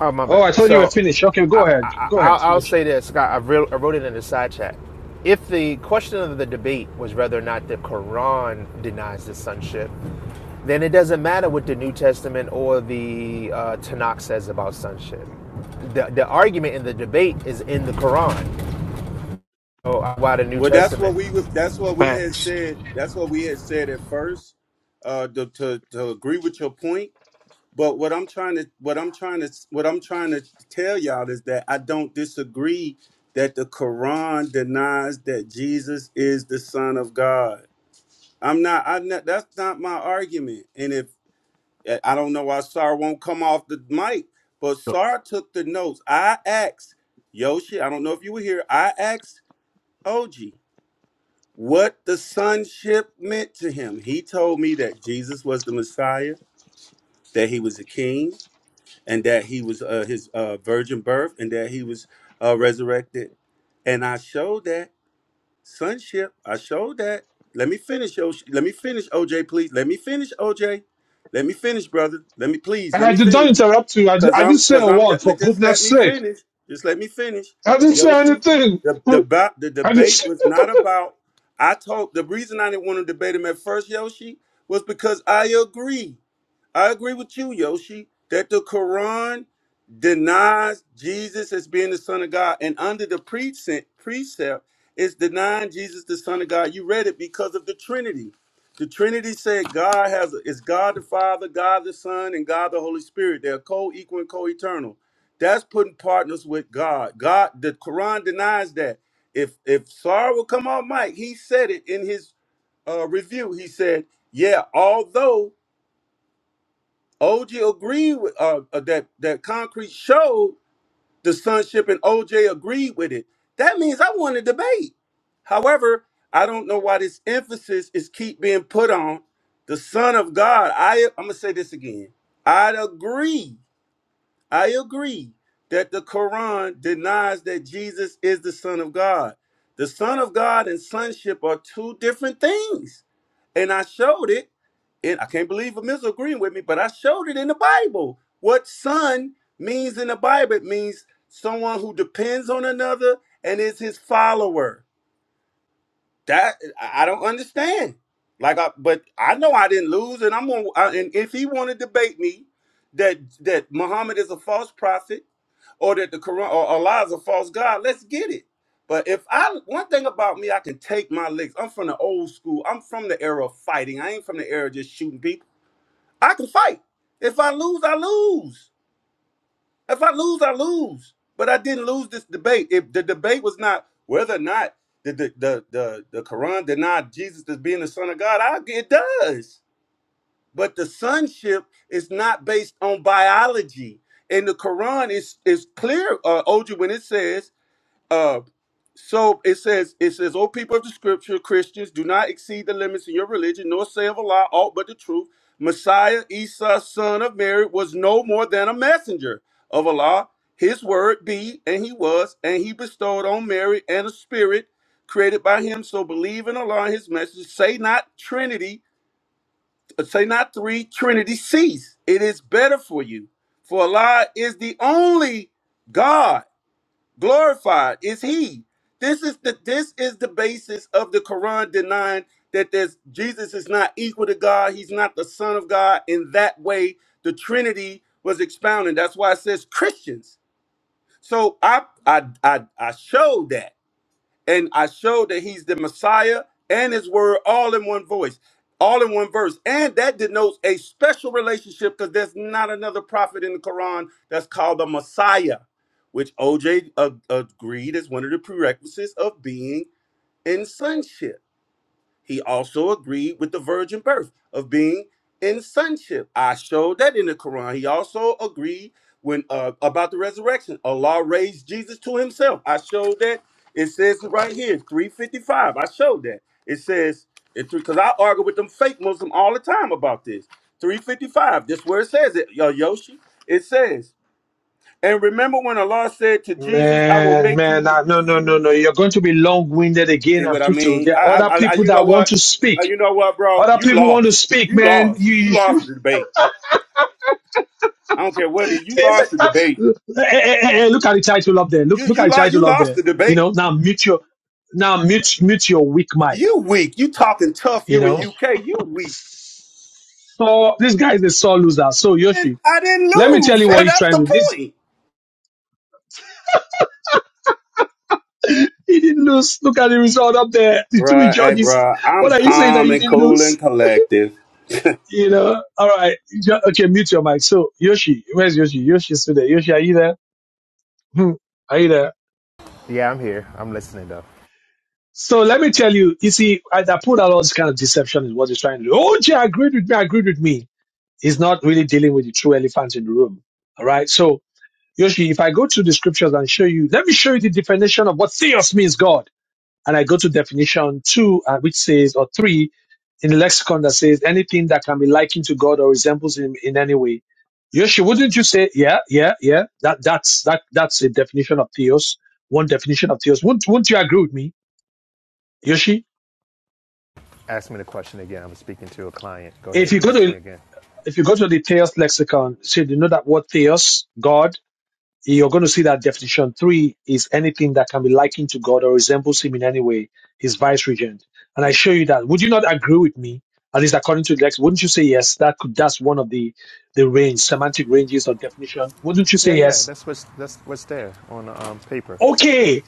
Speaker 22: Oh my
Speaker 1: Oh,
Speaker 22: bad.
Speaker 1: I thought you were
Speaker 22: So
Speaker 1: finished. Okay,
Speaker 22: I,
Speaker 1: go ahead.
Speaker 22: I,
Speaker 1: Go
Speaker 22: I'll,
Speaker 1: ahead.
Speaker 22: I'll
Speaker 1: Finish.
Speaker 22: say this, Scott. I, re- I wrote it in the side chat. If the question of the debate was whether or not the Quran denies the sonship, then it doesn't matter what the New Testament or the uh, Tanakh says about sonship. The, the argument in the debate is in the Quran. Oh, why the New
Speaker 6: Well, that's what
Speaker 22: Testament?
Speaker 6: we would- that's what we had
Speaker 29: Facts.
Speaker 6: said. That's what we had said at first. Uh, to, to to agree with your point. But what I'm trying to what I'm trying to what I'm trying to tell y'all is that I don't disagree that the Quran denies that Jesus is the son of God. I'm not I not that's not my argument. And if I don't know why Sar won't come off the mic, but
Speaker 14: So-
Speaker 6: Sar took the notes. I asked Yoshi, I don't know if you were here. I asked OG what the sonship meant to him. He told me that Jesus was the Messiah, that he was a king, and that he was uh, his uh, virgin birth and that he was uh, resurrected and i showed that sonship i showed that let me finish o- let me finish oj please let me finish oj let me finish brother let me please
Speaker 1: And
Speaker 6: let
Speaker 1: I
Speaker 6: me
Speaker 1: did not
Speaker 6: finish
Speaker 1: interrupt you. I, did,
Speaker 6: because
Speaker 1: I
Speaker 6: i'm
Speaker 1: didn't say
Speaker 6: because
Speaker 1: a
Speaker 6: i'm
Speaker 1: word.
Speaker 6: just,
Speaker 1: For
Speaker 6: just let
Speaker 1: goodness
Speaker 6: me
Speaker 1: sake,
Speaker 6: finish just let me finish
Speaker 1: I didn't say
Speaker 6: yoshi
Speaker 1: anything.
Speaker 6: the, the,
Speaker 1: I
Speaker 6: ba- the debate
Speaker 1: didn't.
Speaker 6: was not about i told the reason i didn't want to debate him at first yoshi was because i agree I agree with you, Yoshi, that the Quran denies Jesus as being the Son of God, and under the precept, precept is denying Jesus the Son of God. You read it because of the Trinity. The Trinity said God has is God the Father, God the Son, and God the Holy Spirit. They're co-equal and co-eternal. That's putting partners with God. God, the Quran denies that. If if Sar will come on, Mike, he said it in his uh, review. He said, "Yeah, although." OJ agreed with uh, uh, that that concrete showed the sonship, and OJ agreed with it. That means I won the debate. However, I don't know why this emphasis is keep being put on the Son of God. I I'm gonna say this again. I agree I agree that the Quran denies that Jesus is the Son of God. The Son of God and sonship are two different things. And I showed it, and I can't believe Amiss agreeing with me, but I showed it in the Bible. What son means in the Bible, it means someone who depends on another and is his follower. That I I don't understand. Like, I, but I know I didn't lose, and I'm gonna. I, and if he want to debate me that that Muhammad is a false prophet, or that the Quran or Allah is a false god, let's get it. But if I one thing about me, I can take my licks. I'm from the old school. I'm from the era of fighting. I ain't from the era of just shooting people. I can fight. If I lose, I lose. If I lose, I lose. But I didn't lose this debate. If the debate was not whether or not the the the the, the Quran denied Jesus as being the Son of God, I, it does. But the sonship is not based on biology. And the Quran is is clear, uh, Oju, when it says uh, so it says, it says, O people of the scripture, Christians, do not exceed the limits in your religion, nor say of a lie aught but the truth. Messiah, Esau, son of Mary, was no more than a messenger of Allah. His word be, and he was, and he bestowed on Mary and a spirit created by him. So believe in Allah and his message. Say not Trinity, uh, say not three, Trinity cease. It is better for you. For Allah is the only God glorified is he this is the this is the basis of the quran denying that there's jesus is not equal to god he's not the son of god in that way the trinity was expounded that's why it says christians so i i i, I showed that and I showed that he's the Messiah and his word all in one voice, all in one verse. And that denotes a special relationship because there's not another prophet in the Quran that's called the Messiah, which OJ agreed is one of the prerequisites of being in sonship. He also agreed with the virgin birth of being in sonship. I showed that in the Quran. He also agreed when uh, about the resurrection. Allah raised Jesus to himself. I showed that. It says it right here, 355. I showed that. It says it because I argue with them fake Muslim all the time about this. 355. This where it says it, yo Yoshi. It says, and remember when Allah said to Jesus, I will
Speaker 1: Man,
Speaker 6: make
Speaker 1: man,
Speaker 6: you
Speaker 1: nah, no, no, no, no. You're going to be long-winded again
Speaker 6: See
Speaker 1: and
Speaker 6: what I
Speaker 1: preacher.
Speaker 6: mean?
Speaker 1: There are
Speaker 6: I,
Speaker 1: other
Speaker 6: I, I
Speaker 1: people
Speaker 6: you know
Speaker 1: that want
Speaker 6: what?
Speaker 1: to
Speaker 6: Uh,
Speaker 1: speak.
Speaker 6: you know what, bro?
Speaker 1: Other
Speaker 6: You
Speaker 1: people want to
Speaker 6: lost.
Speaker 1: speak,
Speaker 6: You
Speaker 1: man.
Speaker 6: lost.
Speaker 1: You,
Speaker 6: You
Speaker 1: you
Speaker 6: lost
Speaker 1: should.
Speaker 6: the debate. I don't care what it is. You
Speaker 1: Hey,
Speaker 6: lost the debate.
Speaker 1: hey, hey, hey, hey, look at the title up there. Look,
Speaker 6: You,
Speaker 1: look at
Speaker 6: you
Speaker 1: the
Speaker 6: lost. You
Speaker 1: title up
Speaker 6: lost
Speaker 1: there.
Speaker 6: the
Speaker 1: You
Speaker 6: debate.
Speaker 1: know, now mute your, now mute, mute your weak mic.
Speaker 6: You weak. You talking tough.
Speaker 1: You
Speaker 6: You in
Speaker 1: know,
Speaker 6: UK. You weak.
Speaker 1: so this guy is a sore loser. So
Speaker 6: And
Speaker 1: Yoshi,
Speaker 6: I didn't
Speaker 1: let me tell
Speaker 6: lose.
Speaker 1: you what he's
Speaker 6: That's
Speaker 1: trying
Speaker 6: the
Speaker 1: to do. This,
Speaker 6: point,
Speaker 1: he didn't lose. Look at the result up there. The three
Speaker 6: Bruh, Hey,
Speaker 1: judges.
Speaker 6: bruh.
Speaker 1: What
Speaker 6: I'm
Speaker 1: are you saying that
Speaker 6: calm
Speaker 1: you
Speaker 6: and
Speaker 1: didn't
Speaker 6: cool
Speaker 1: lose?
Speaker 6: and collective.
Speaker 1: You know, all right. Jo- Okay, mute your mic. So, Yoshi, where's Yoshi? Yoshi's still there. Yoshi, are you there? Hmm. Are you there?
Speaker 22: Yeah, I'm here. I'm listening though.
Speaker 1: So, let me tell you, you see, I, I put out all this kind of deception is what he's trying to do. Oh, gee, agreed with me, agreed with me. He's not really dealing with the true elephant in the room. All right. So, Yoshi, if I go to the scriptures and show you, let me show you the definition of what theos means God. And I go to definition two, uh, which says, or three, in the lexicon that says anything that can be likened to God or resembles Him in any way. Yoshi, wouldn't you say, yeah, yeah, yeah? That that's that that's a definition of theos. One definition of theos. Wouldn't wouldn't you agree with me, Yoshi?
Speaker 22: Ask me the question again. I'm speaking to a client. Go
Speaker 1: If
Speaker 22: ahead.
Speaker 1: you go
Speaker 22: Ask
Speaker 1: to
Speaker 22: me again.
Speaker 1: if you go to the theos lexicon, so you know that word theos, God. you're going to see that definition three is anything that can be likened to God or resembles him in any way, his vice regent. And I show you that. Would you not agree with me? At least according to the text, wouldn't you say yes? That could that's one of the the range, semantic ranges of definition. Wouldn't you
Speaker 22: Yeah,
Speaker 1: say
Speaker 22: yeah.
Speaker 1: yes?
Speaker 22: That's what's that's what's there on um, paper.
Speaker 1: Okay.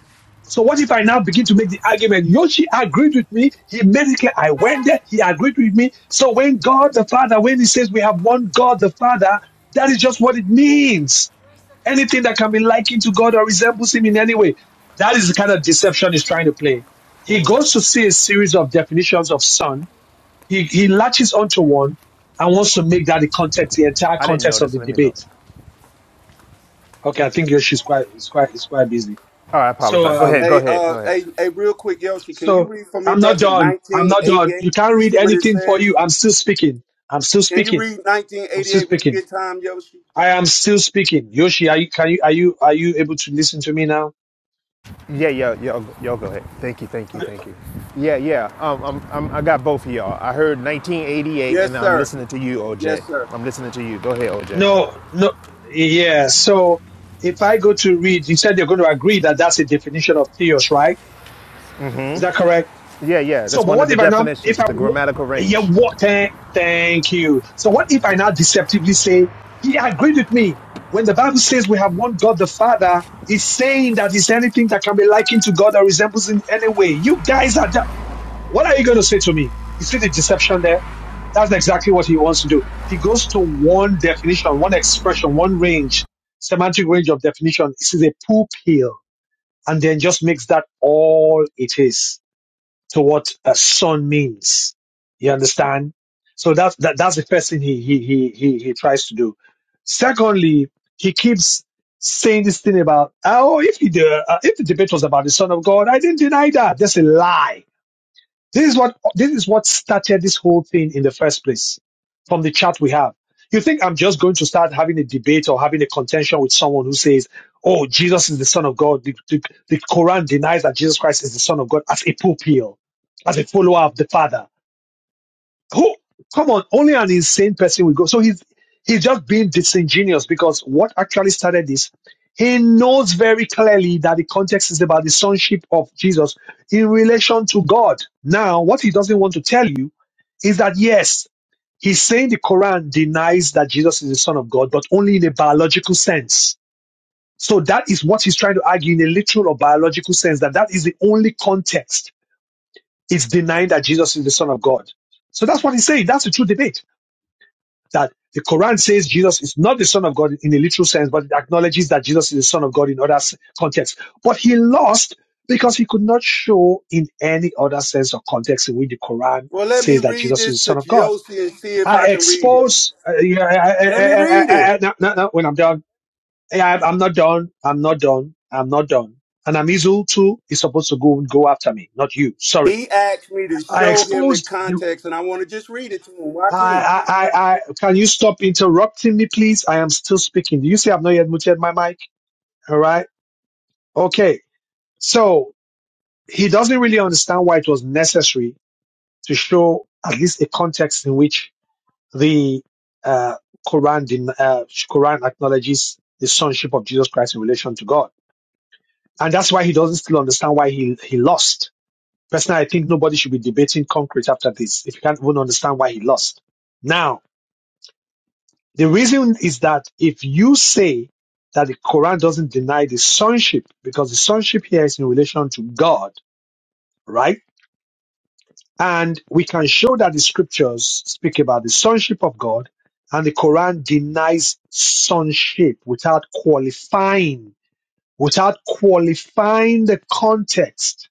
Speaker 1: So what if I now begin to make the argument? Yoshi agreed with me. He made it clear. I went there. He agreed with me. So when God the Father, when he says we have one God the Father, that is just what it means. Anything that can be likened to God or resembles Him in any way. That is the kind of deception he's trying to play. He
Speaker 22: Four,
Speaker 1: goes to see a series of definitions of son. He, he latches onto one and wants to make that the context, the entire
Speaker 22: I didn't
Speaker 1: context of
Speaker 22: notice.
Speaker 1: the
Speaker 22: Let me look.
Speaker 1: debate. Okay, I think Yoshi's quite, is quite, is quite busy.
Speaker 22: All right, I
Speaker 1: So,
Speaker 22: apologize. Go ahead.
Speaker 1: um,
Speaker 22: Go
Speaker 6: Hey,
Speaker 22: ahead. Go
Speaker 6: uh,
Speaker 22: ahead.
Speaker 6: hey, hey, real quick, Yoshi, can you
Speaker 1: so
Speaker 6: read for me,
Speaker 1: I'm not
Speaker 6: brother,
Speaker 1: done. I'm not done.
Speaker 6: 1988
Speaker 1: You can't
Speaker 6: and
Speaker 1: read
Speaker 6: see what it
Speaker 1: anything for
Speaker 6: says?
Speaker 1: you. I'm still speaking. I'm still
Speaker 6: Can you
Speaker 1: speaking.
Speaker 6: read
Speaker 1: I'm still
Speaker 6: 1988 when you
Speaker 1: speaking.
Speaker 6: get time, Yoshi?
Speaker 1: I am still speaking. Yoshi, are you, can you, are you, are you able to listen to me now?
Speaker 22: Yeah, yeah, yeah. Yo, go ahead. Thank you. Thank you. Thank you. Yeah, yeah. Um, I'm, I'm, I got both of y'all. I heard 1988,
Speaker 6: Yes,
Speaker 22: and I'm
Speaker 6: sir.
Speaker 22: listening to you,
Speaker 6: Yes,
Speaker 22: OJ.
Speaker 6: sir.
Speaker 22: I'm listening to you. Go ahead, OJ.
Speaker 1: No, no, yeah. So if I go to read, you said you're going to agree that that's a definition of theos, right? Is that correct?
Speaker 22: Yeah, yeah.
Speaker 1: So,
Speaker 22: That's
Speaker 1: but
Speaker 22: one of
Speaker 1: what
Speaker 22: the
Speaker 1: if I not, if
Speaker 22: definitions,
Speaker 1: I,
Speaker 22: the grammatical
Speaker 1: yeah,
Speaker 22: range.
Speaker 1: what, thank, thank you. So what if I now deceptively say, he agreed with me. When the Bible says we have one God the Father, it's saying that it's anything that can be likened to God or resembles in any way. You guys are, da- what are you going to say to me? You see the deception there? That's exactly what he wants to do. He goes to one definition, one expression, one range, semantic range of definition. This is a poop hill. And then just makes that all it is to what a son means. You understand? So that's, that, that's the first thing he, he, he, he, he tries to do. Secondly, he keeps saying this thing about, oh, if, the uh, if the debate was about the son of God, I didn't deny that. That's a lie this is what this is what started this whole thing in the first place from the chat we have. You think I'm just going to start having a debate or having a contention with someone who says, "Oh, Jesus is the Son of God." The, the, the Quran denies that Jesus Christ is the Son of God as a pupil, as a follower of the Father. Who? Come on, only an insane person will go. So he's he's just being disingenuous because what actually started this, he knows very clearly that the context is about the sonship of Jesus in relation to God. Now, what he doesn't want to tell you is that yes, he's saying the Quran denies that Jesus is the Son of God, but only in a biological sense. So that is what he's trying to argue in a literal or biological sense that that is the only context it's denying that Jesus is the Son of God. So that's what he's saying. That's the true debate that the Quran says Jesus is not the Son of God in a literal sense, but it acknowledges that Jesus is the Son of God in other contexts. But he lost because he could not show in any other sense or context in which the Quran
Speaker 6: Well, let me
Speaker 1: says that
Speaker 6: read
Speaker 1: Jesus is
Speaker 6: this
Speaker 1: the
Speaker 6: to
Speaker 1: Son of God.
Speaker 6: Josie and see if I
Speaker 1: I
Speaker 6: can read it.
Speaker 1: expose, uh, yeah, I,
Speaker 6: Let
Speaker 1: I,
Speaker 6: me
Speaker 1: I,
Speaker 6: read it.
Speaker 1: I, I, no, no, no, when I'm done, yeah, I'm I'm not done, I'm not done, I'm not done. And Amizul too is supposed to go go after me, not you. Sorry.
Speaker 6: He asked me to
Speaker 1: I
Speaker 6: show him the
Speaker 1: exposed. the
Speaker 6: context, and I want to just read it to him. Why can't
Speaker 1: I, I, I, I- can you stop interrupting me, please? I am still speaking. Do you see I've not yet muted my mic? All right. Okay. So he doesn't really understand why it was necessary to show at least a context in which the uh, Quran, den- uh, Quran acknowledges the sonship of Jesus Christ in relation to God. And that's why he doesn't still understand why he, he lost. Personally, I think nobody should be debating concrete after this if you can't even understand why he lost. Now, The reason is that if you say that the Quran doesn't deny the sonship, because the sonship here is in relation to God, right? And we can show that the scriptures speak about the sonship of God, and the Quran denies sonship without qualifying, without qualifying the context.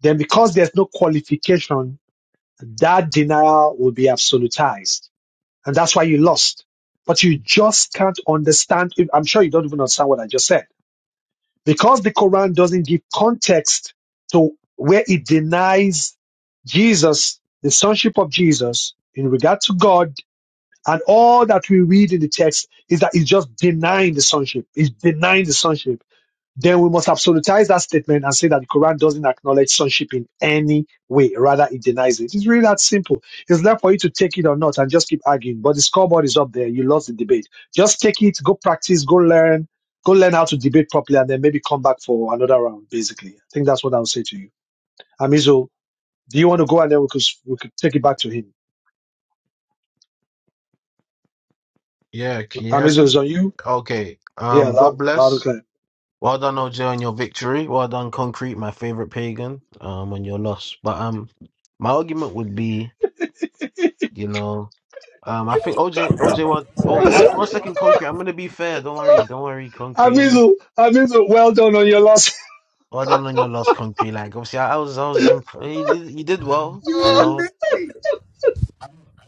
Speaker 1: Then, because there's no qualification, that denial will be absolutized. And that's why you lost. But you just can't understand. I'm sure you don't even understand what I just said. Because the Quran doesn't give context to where it denies Jesus, the sonship of Jesus in regard to God, and all that we read in the text is that it's just denying the sonship. It's denying the sonship then we must absolutize that statement and say that the Quran doesn't acknowledge sonship in any way. Rather, it denies it. It's really that simple. It's left for you to take it or not and just keep arguing. But the scoreboard is up there. You lost the debate. Just take it, go practice, go learn, go learn how to debate properly, and then maybe come back for another round, basically. I think that's what I'll say to you. Amizo, do you want to go and then we could, we could take it back to him?
Speaker 14: Yeah, can you hear
Speaker 1: Amizo
Speaker 14: me?
Speaker 1: is on you.
Speaker 14: Okay.
Speaker 1: Yeah,
Speaker 14: Um,
Speaker 1: loud,
Speaker 14: God
Speaker 1: loud and
Speaker 14: bless.
Speaker 1: clear.
Speaker 14: Well done, OJ, on your victory. Well done, Concrete, my favorite pagan, um, on your loss. But um, my argument would be, you know, um, I think OJ, OJ, one, oh, one, one second, Concrete. I'm gonna be fair. Don't worry, don't worry, Concrete. I'm
Speaker 1: Amizu, Amizu, well done on your loss.
Speaker 14: Well, I don't think I lost Concrete Like Obviously, I, I was, I was, imp- he, did- he did well,
Speaker 6: you?
Speaker 14: you
Speaker 6: Didn't
Speaker 14: know.
Speaker 6: beat me.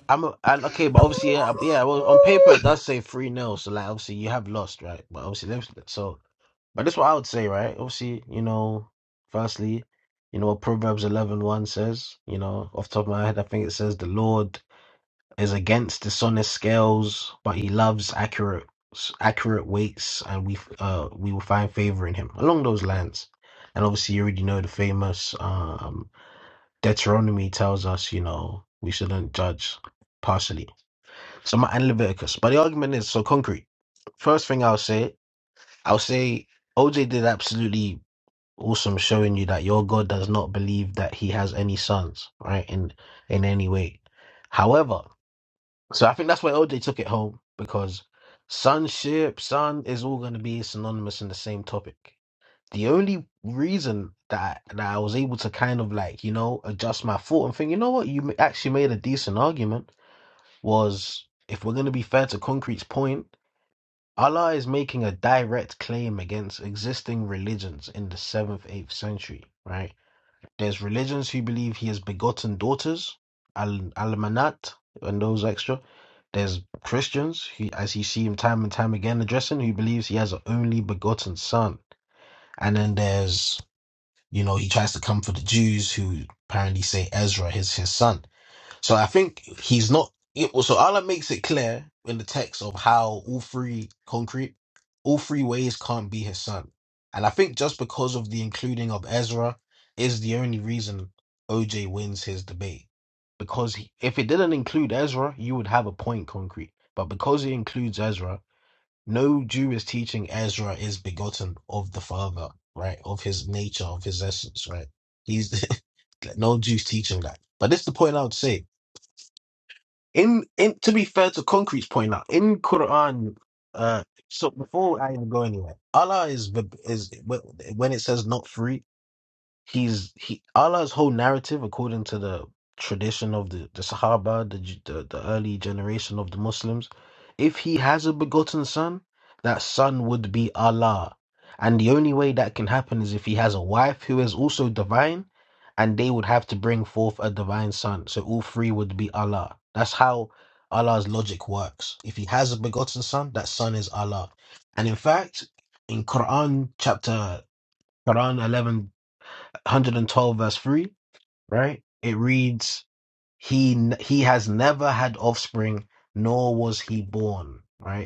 Speaker 14: I'm a, I, okay, but obviously, yeah, yeah. Well, on paper it does say three nil. so like obviously you have lost, right? But obviously, that's- so but that's what I would say, right? Obviously, you know, firstly, you know what Proverbs eleven one says, you know, off the top of my head, I think it says the Lord is against dishonest scales, but he loves accurate accurate weights, and we uh we will find favor in him along those lines. And obviously, you already know the famous um Deuteronomy tells us, you know, we shouldn't judge partially. So my and Leviticus, but the argument is so concrete. First thing I'll say, I'll say OJ did absolutely awesome showing you that your God does not believe that he has any sons, right? In in any way. However. So I think that's why OJ took it home because sonship, son is all going to be synonymous in the same topic. The only reason that that I was able to kind of like you know adjust my thought and think, you know what, you ma- actually made a decent argument was if we're going to be fair to Concrete's point, Allah is making a direct claim against existing religions in the seventh, eighth century, right? There's religions who believe he has begotten daughters, al almanat, and those extra. There's Christians, who, as you see him time and time again addressing, who believes he has an only begotten son. And then there's, you know, he tries to come for the Jews who apparently say Ezra is his son. So I think he's not. it- So Allah makes it clear in the text of how all three concrete, all three ways can't be his son. And I think just because of the including of Ezra is the only reason OJ wins his debate. Because he- if it didn't include Ezra, you would have a point concrete. But because it includes Ezra, no Jew is teaching Ezra is begotten of the Father, right? Of his nature, of his essence, right? He's no Jew's teaching that. But this is the point I would say in in to be fair to concrete's point now in quran uh so before i even go anywhere allah is the is when it says not free he's he Allah's whole narrative, according to the tradition of the, the Sahaba, the, j- the the early generation of the Muslims, if he has a begotten son, that son would be Allah, and the only way that can happen is if he has a wife who is also divine, and they would have to bring forth a divine son. So all three would be Allah. That's how Allah's logic works. If he has a begotten son, that son is Allah, and in fact, in Quran chapter Quran 11 112 verse 3 right it reads he n- he has never had offspring nor was he born right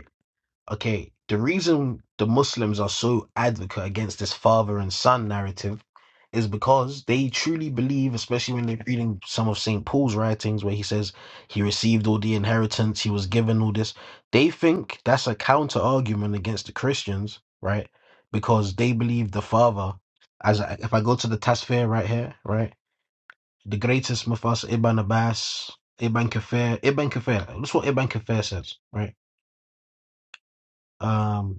Speaker 14: okay, the reason the Muslims are so advocate against this father and son narrative is because they truly believe, especially when they're reading some of St. Paul's writings where he says he received all the inheritance, he was given all this. They think that's a counter argument against the Christians, right? Because they believe the father, as I, if I go to the Tasfir right here, right? The greatest Mufas Ibn Abbas, Ibn Kafir, Ibn Kafir, that's what Ibn Kafir says, right? Um.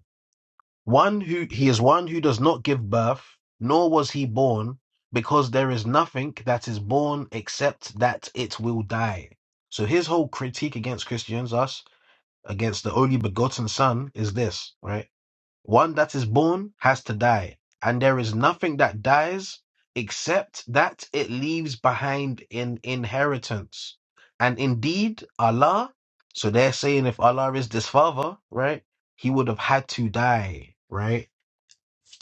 Speaker 14: One who he is one who does not give birth, nor was he born, because there is nothing that is born except that it will die. So his whole critique against Christians, us, against the only begotten son, is this, right? One that is born has to die, and there is nothing that dies except that it leaves behind an inheritance. And indeed, Allah, so they're saying if Allah is this father, right? He would have had to die, right?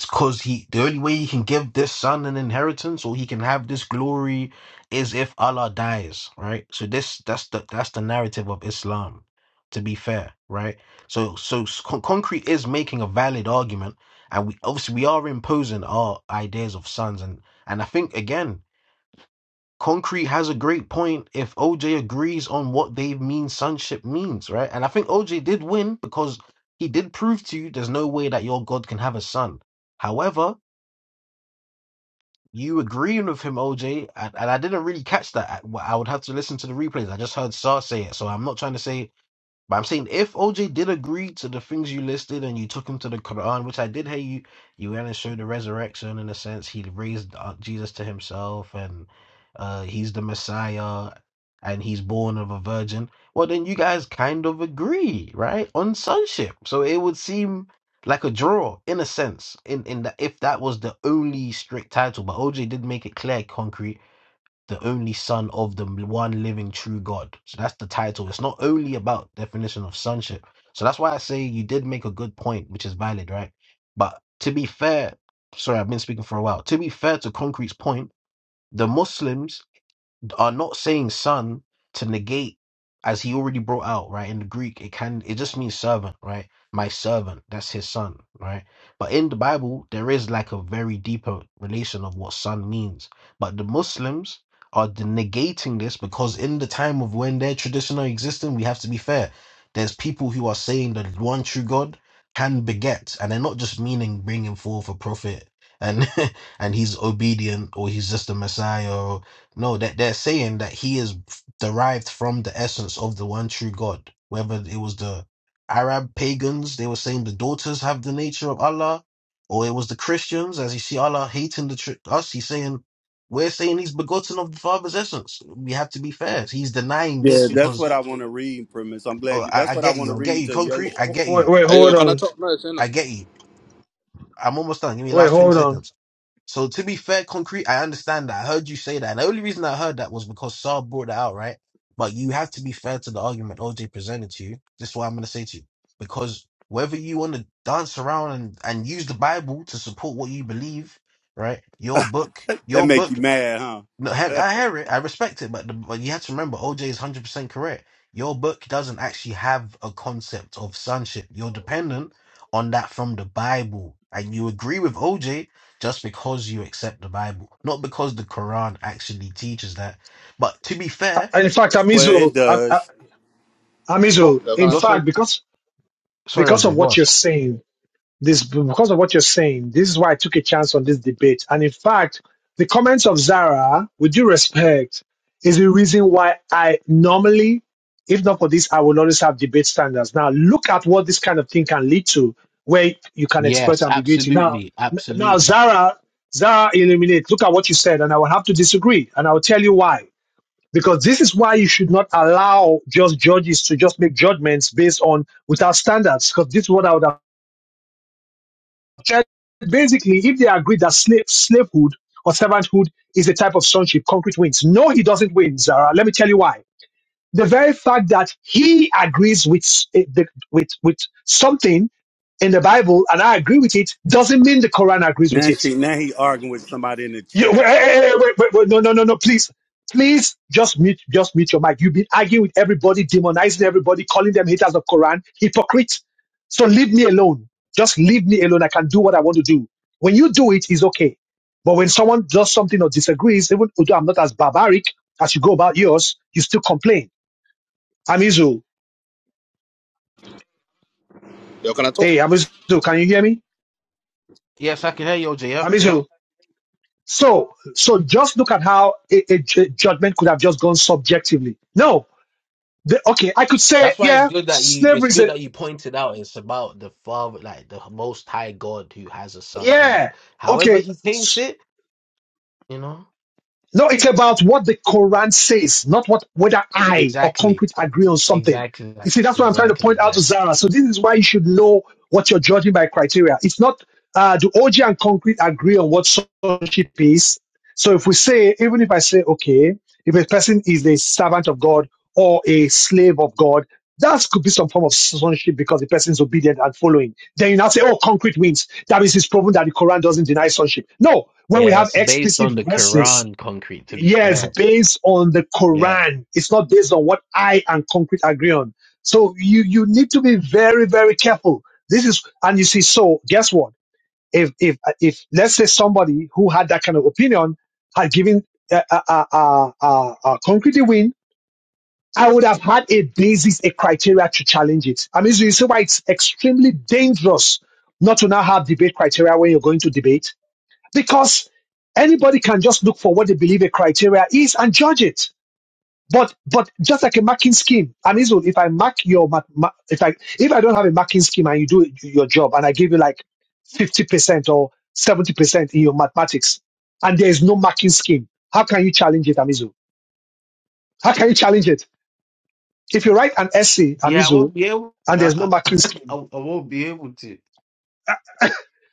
Speaker 14: because he the only way he can give this son an inheritance or he can have this glory is if Allah dies, right? So this that's the that's the narrative of Islam, to be fair, right? So so s- Con- concrete is making a valid argument, and we obviously we are imposing our ideas of sons, and and I think again concrete has a great point if OJ agrees on what they mean sonship means, right? And I think OJ did win because he did prove to you there's no way that your God can have a son. However, you agreeing with him, OJ, and, and I didn't really catch that. I, I would have to listen to the replays. I just heard Sar say it, so I'm not trying to say but I'm saying if OJ did agree to the things you listed and you took him to the Quran, which I did hear you, you went and showed the resurrection in a sense. He raised uh, Jesus to himself and uh, he's the Messiah and he's born of a virgin. Well, then you guys kind of agree, right? On sonship. So it would seem like a draw in a sense in in that if that was the only strict title but oj did make it clear concrete the only son of the one living true God. So that's the title. It's not only about definition of sonship. So that's why I say you did make a good point, which is valid, right? But to be fair, sorry, I've been speaking for a while. To be fair to Concrete's point, the Muslims are not saying son to negate as he already brought out right in the greek it can it just means servant right my servant that's his son right but in the bible there is like a very deeper relation of what son means but the muslims are de- negating this because in the time of when their tradition are existing we have to be fair there's people who are saying that one true god can beget and they're not just meaning bringing forth a prophet and and he's obedient or he's just a messiah no, that they're saying that he is derived from the essence of the one true God. Whether it was the Arab pagans, they were saying the daughters have the nature of Allah, or it was the Christians, as you see Allah hating the tr- us, he's saying we're saying he's begotten of the Father's essence. We have to be fair. He's denying this
Speaker 6: Yeah, that's
Speaker 14: because
Speaker 6: what I want to read, premise. I'm
Speaker 14: oh,
Speaker 6: glad you.
Speaker 14: I,
Speaker 6: That's
Speaker 14: I
Speaker 6: what I
Speaker 14: get
Speaker 6: want to
Speaker 14: you, I get
Speaker 6: read
Speaker 14: you,
Speaker 6: to
Speaker 14: concrete,
Speaker 6: Yoshi.
Speaker 14: I get
Speaker 1: Wait,
Speaker 14: you,
Speaker 1: wait,
Speaker 14: I,
Speaker 30: Hey,
Speaker 1: hold
Speaker 30: yo,
Speaker 6: Yeah.
Speaker 30: can I
Speaker 1: on.
Speaker 30: talk? No, it's in it.
Speaker 14: I get you. I'm almost done. Give me
Speaker 1: Wait,
Speaker 14: last twenty
Speaker 1: hold on.
Speaker 14: seconds So to be fair, concrete, I understand that. I heard you say that. And the only reason I heard that was because Saab brought that out, right? But you have to be fair to the argument OJ presented to you. This is what I'm gonna say to you. Because whether you want to dance around and, and use the Bible to support what you believe, right? Your book,
Speaker 6: That
Speaker 14: your
Speaker 6: make you
Speaker 14: book
Speaker 6: mad,
Speaker 14: no, he-
Speaker 6: huh?
Speaker 14: I hear it. I respect it, but, the, but you have to remember, OJ is one hundred percent correct. Your book doesn't actually have a concept of sonship. You're dependent on that from the Bible, and you agree with OJ just because you accept the Bible, not because the Quran actually teaches that. But to be fair,
Speaker 1: I- In fact,
Speaker 6: well, it
Speaker 1: Amizu, Am-
Speaker 6: does.
Speaker 1: Am-
Speaker 14: you're,
Speaker 1: Amizu,
Speaker 30: Yo, can
Speaker 1: in
Speaker 30: I
Speaker 14: you're
Speaker 30: talk?
Speaker 14: so
Speaker 1: fact, because
Speaker 14: sorry,
Speaker 1: because of
Speaker 14: OJ. Go on.
Speaker 1: what you're saying, this because of what you're saying, this is why I took a chance on this debate. And in fact, the comments of Zara, with due respect, is the reason why I normally, if not for this, I will always have debate standards. Now, look at what this kind of thing can lead to, where you can exploit
Speaker 14: Yes,
Speaker 1: ambiguity. Now,
Speaker 14: absolutely,
Speaker 1: n- now
Speaker 14: absolutely.
Speaker 1: Zara, Zara, illuminate. Look at what you said, and I will have to disagree, and I will tell you why. because this is why you should not allow just judges to just make judgments based on without standards. Because this is what I would have said. Basically, if they agree that slave slavehood or servanthood is a type of sonship, concrete wins. No, he doesn't win, Zara. Let me tell you why. The very fact that he agrees with s- eh, the- with with something in the Bible and I agree with it doesn't mean the Quran agrees
Speaker 6: Now
Speaker 1: with it
Speaker 6: she, now he arguing with somebody in the
Speaker 1: You wait,
Speaker 6: chat.
Speaker 1: hey, hey, hey, wait, wait, wait, no, no, no, no, please. Please just mute, just mute your mic. You've been arguing with everybody, demonizing everybody, calling them haters of Quran, hypocrite. So leave me alone. Just leave me alone. I can do what I want to do. When you do it, it's okay. But when someone does something or disagrees, even although I'm not as barbaric as you go about yours, you still complain. Amizu,
Speaker 30: Yo, can I talk?
Speaker 1: hey, Amizu, can you hear me?
Speaker 14: Yes, I can hear you, OJ. Yeah, yeah.
Speaker 1: Amizu. So, so just look at how a, a ju- judgment could have just gone subjectively. No, The, okay, I could say,
Speaker 14: That's why it's
Speaker 1: yeah,
Speaker 14: good that you
Speaker 1: slavery
Speaker 14: it's
Speaker 1: is
Speaker 14: good
Speaker 1: a,
Speaker 14: that you pointed out it's about the father like the most high God who has a son and
Speaker 1: yeah,
Speaker 14: however
Speaker 1: okay.
Speaker 14: he
Speaker 1: s-
Speaker 14: paints it, you know.
Speaker 1: No, it's about what the Quran says, not what whether I or
Speaker 14: Exactly.
Speaker 1: concrete agree on something.
Speaker 14: Exactly.
Speaker 1: You
Speaker 14: like,
Speaker 1: see, that's what I'm trying to
Speaker 14: Exactly.
Speaker 1: point out to
Speaker 14: Exactly.
Speaker 1: Zara. So this is why you should know what you're judging by criteria. It's not uh, do OG and concrete agree on what sonship is. So if we say, even if I say, okay, if a person is a servant of God or a slave of God, that could be some form of sonship because the person is obedient and following. Then you now say, oh, concrete wins. That means it's proven that the Quran doesn't deny sonship. No, when we
Speaker 14: Yeah,
Speaker 1: have
Speaker 14: it's based
Speaker 1: explicit
Speaker 14: on the
Speaker 1: verses
Speaker 14: Quran concrete to be
Speaker 1: Yes,
Speaker 14: fair.
Speaker 1: based on the
Speaker 14: Yeah.
Speaker 1: Quran. It's not based on what I and concrete agree on. So you you need to be very very careful. This is and you see. So guess what? If if if let's say somebody who had that kind of opinion had given uh, uh, uh, uh, uh, uh, concrete a win, I would have had a basis, a criteria to challenge it. I mean, so you see why it's extremely dangerous not to now have debate criteria when you're going to debate because anybody can just look for what they believe a criteria is and judge it. But but just like a marking scheme, and it's if I mark your ma- ma- if I if I don't have a marking scheme and you do your job and I give you like fifty percent or seventy percent in your mathematics, and there is no marking scheme, how can you challenge it, Amizu? How can you challenge it? If you write an essay,
Speaker 14: Yeah, I
Speaker 1: Amizu,
Speaker 14: won't be able
Speaker 1: and there's no
Speaker 14: I, I,
Speaker 1: marking
Speaker 14: I
Speaker 1: scheme,
Speaker 14: I won't be able to.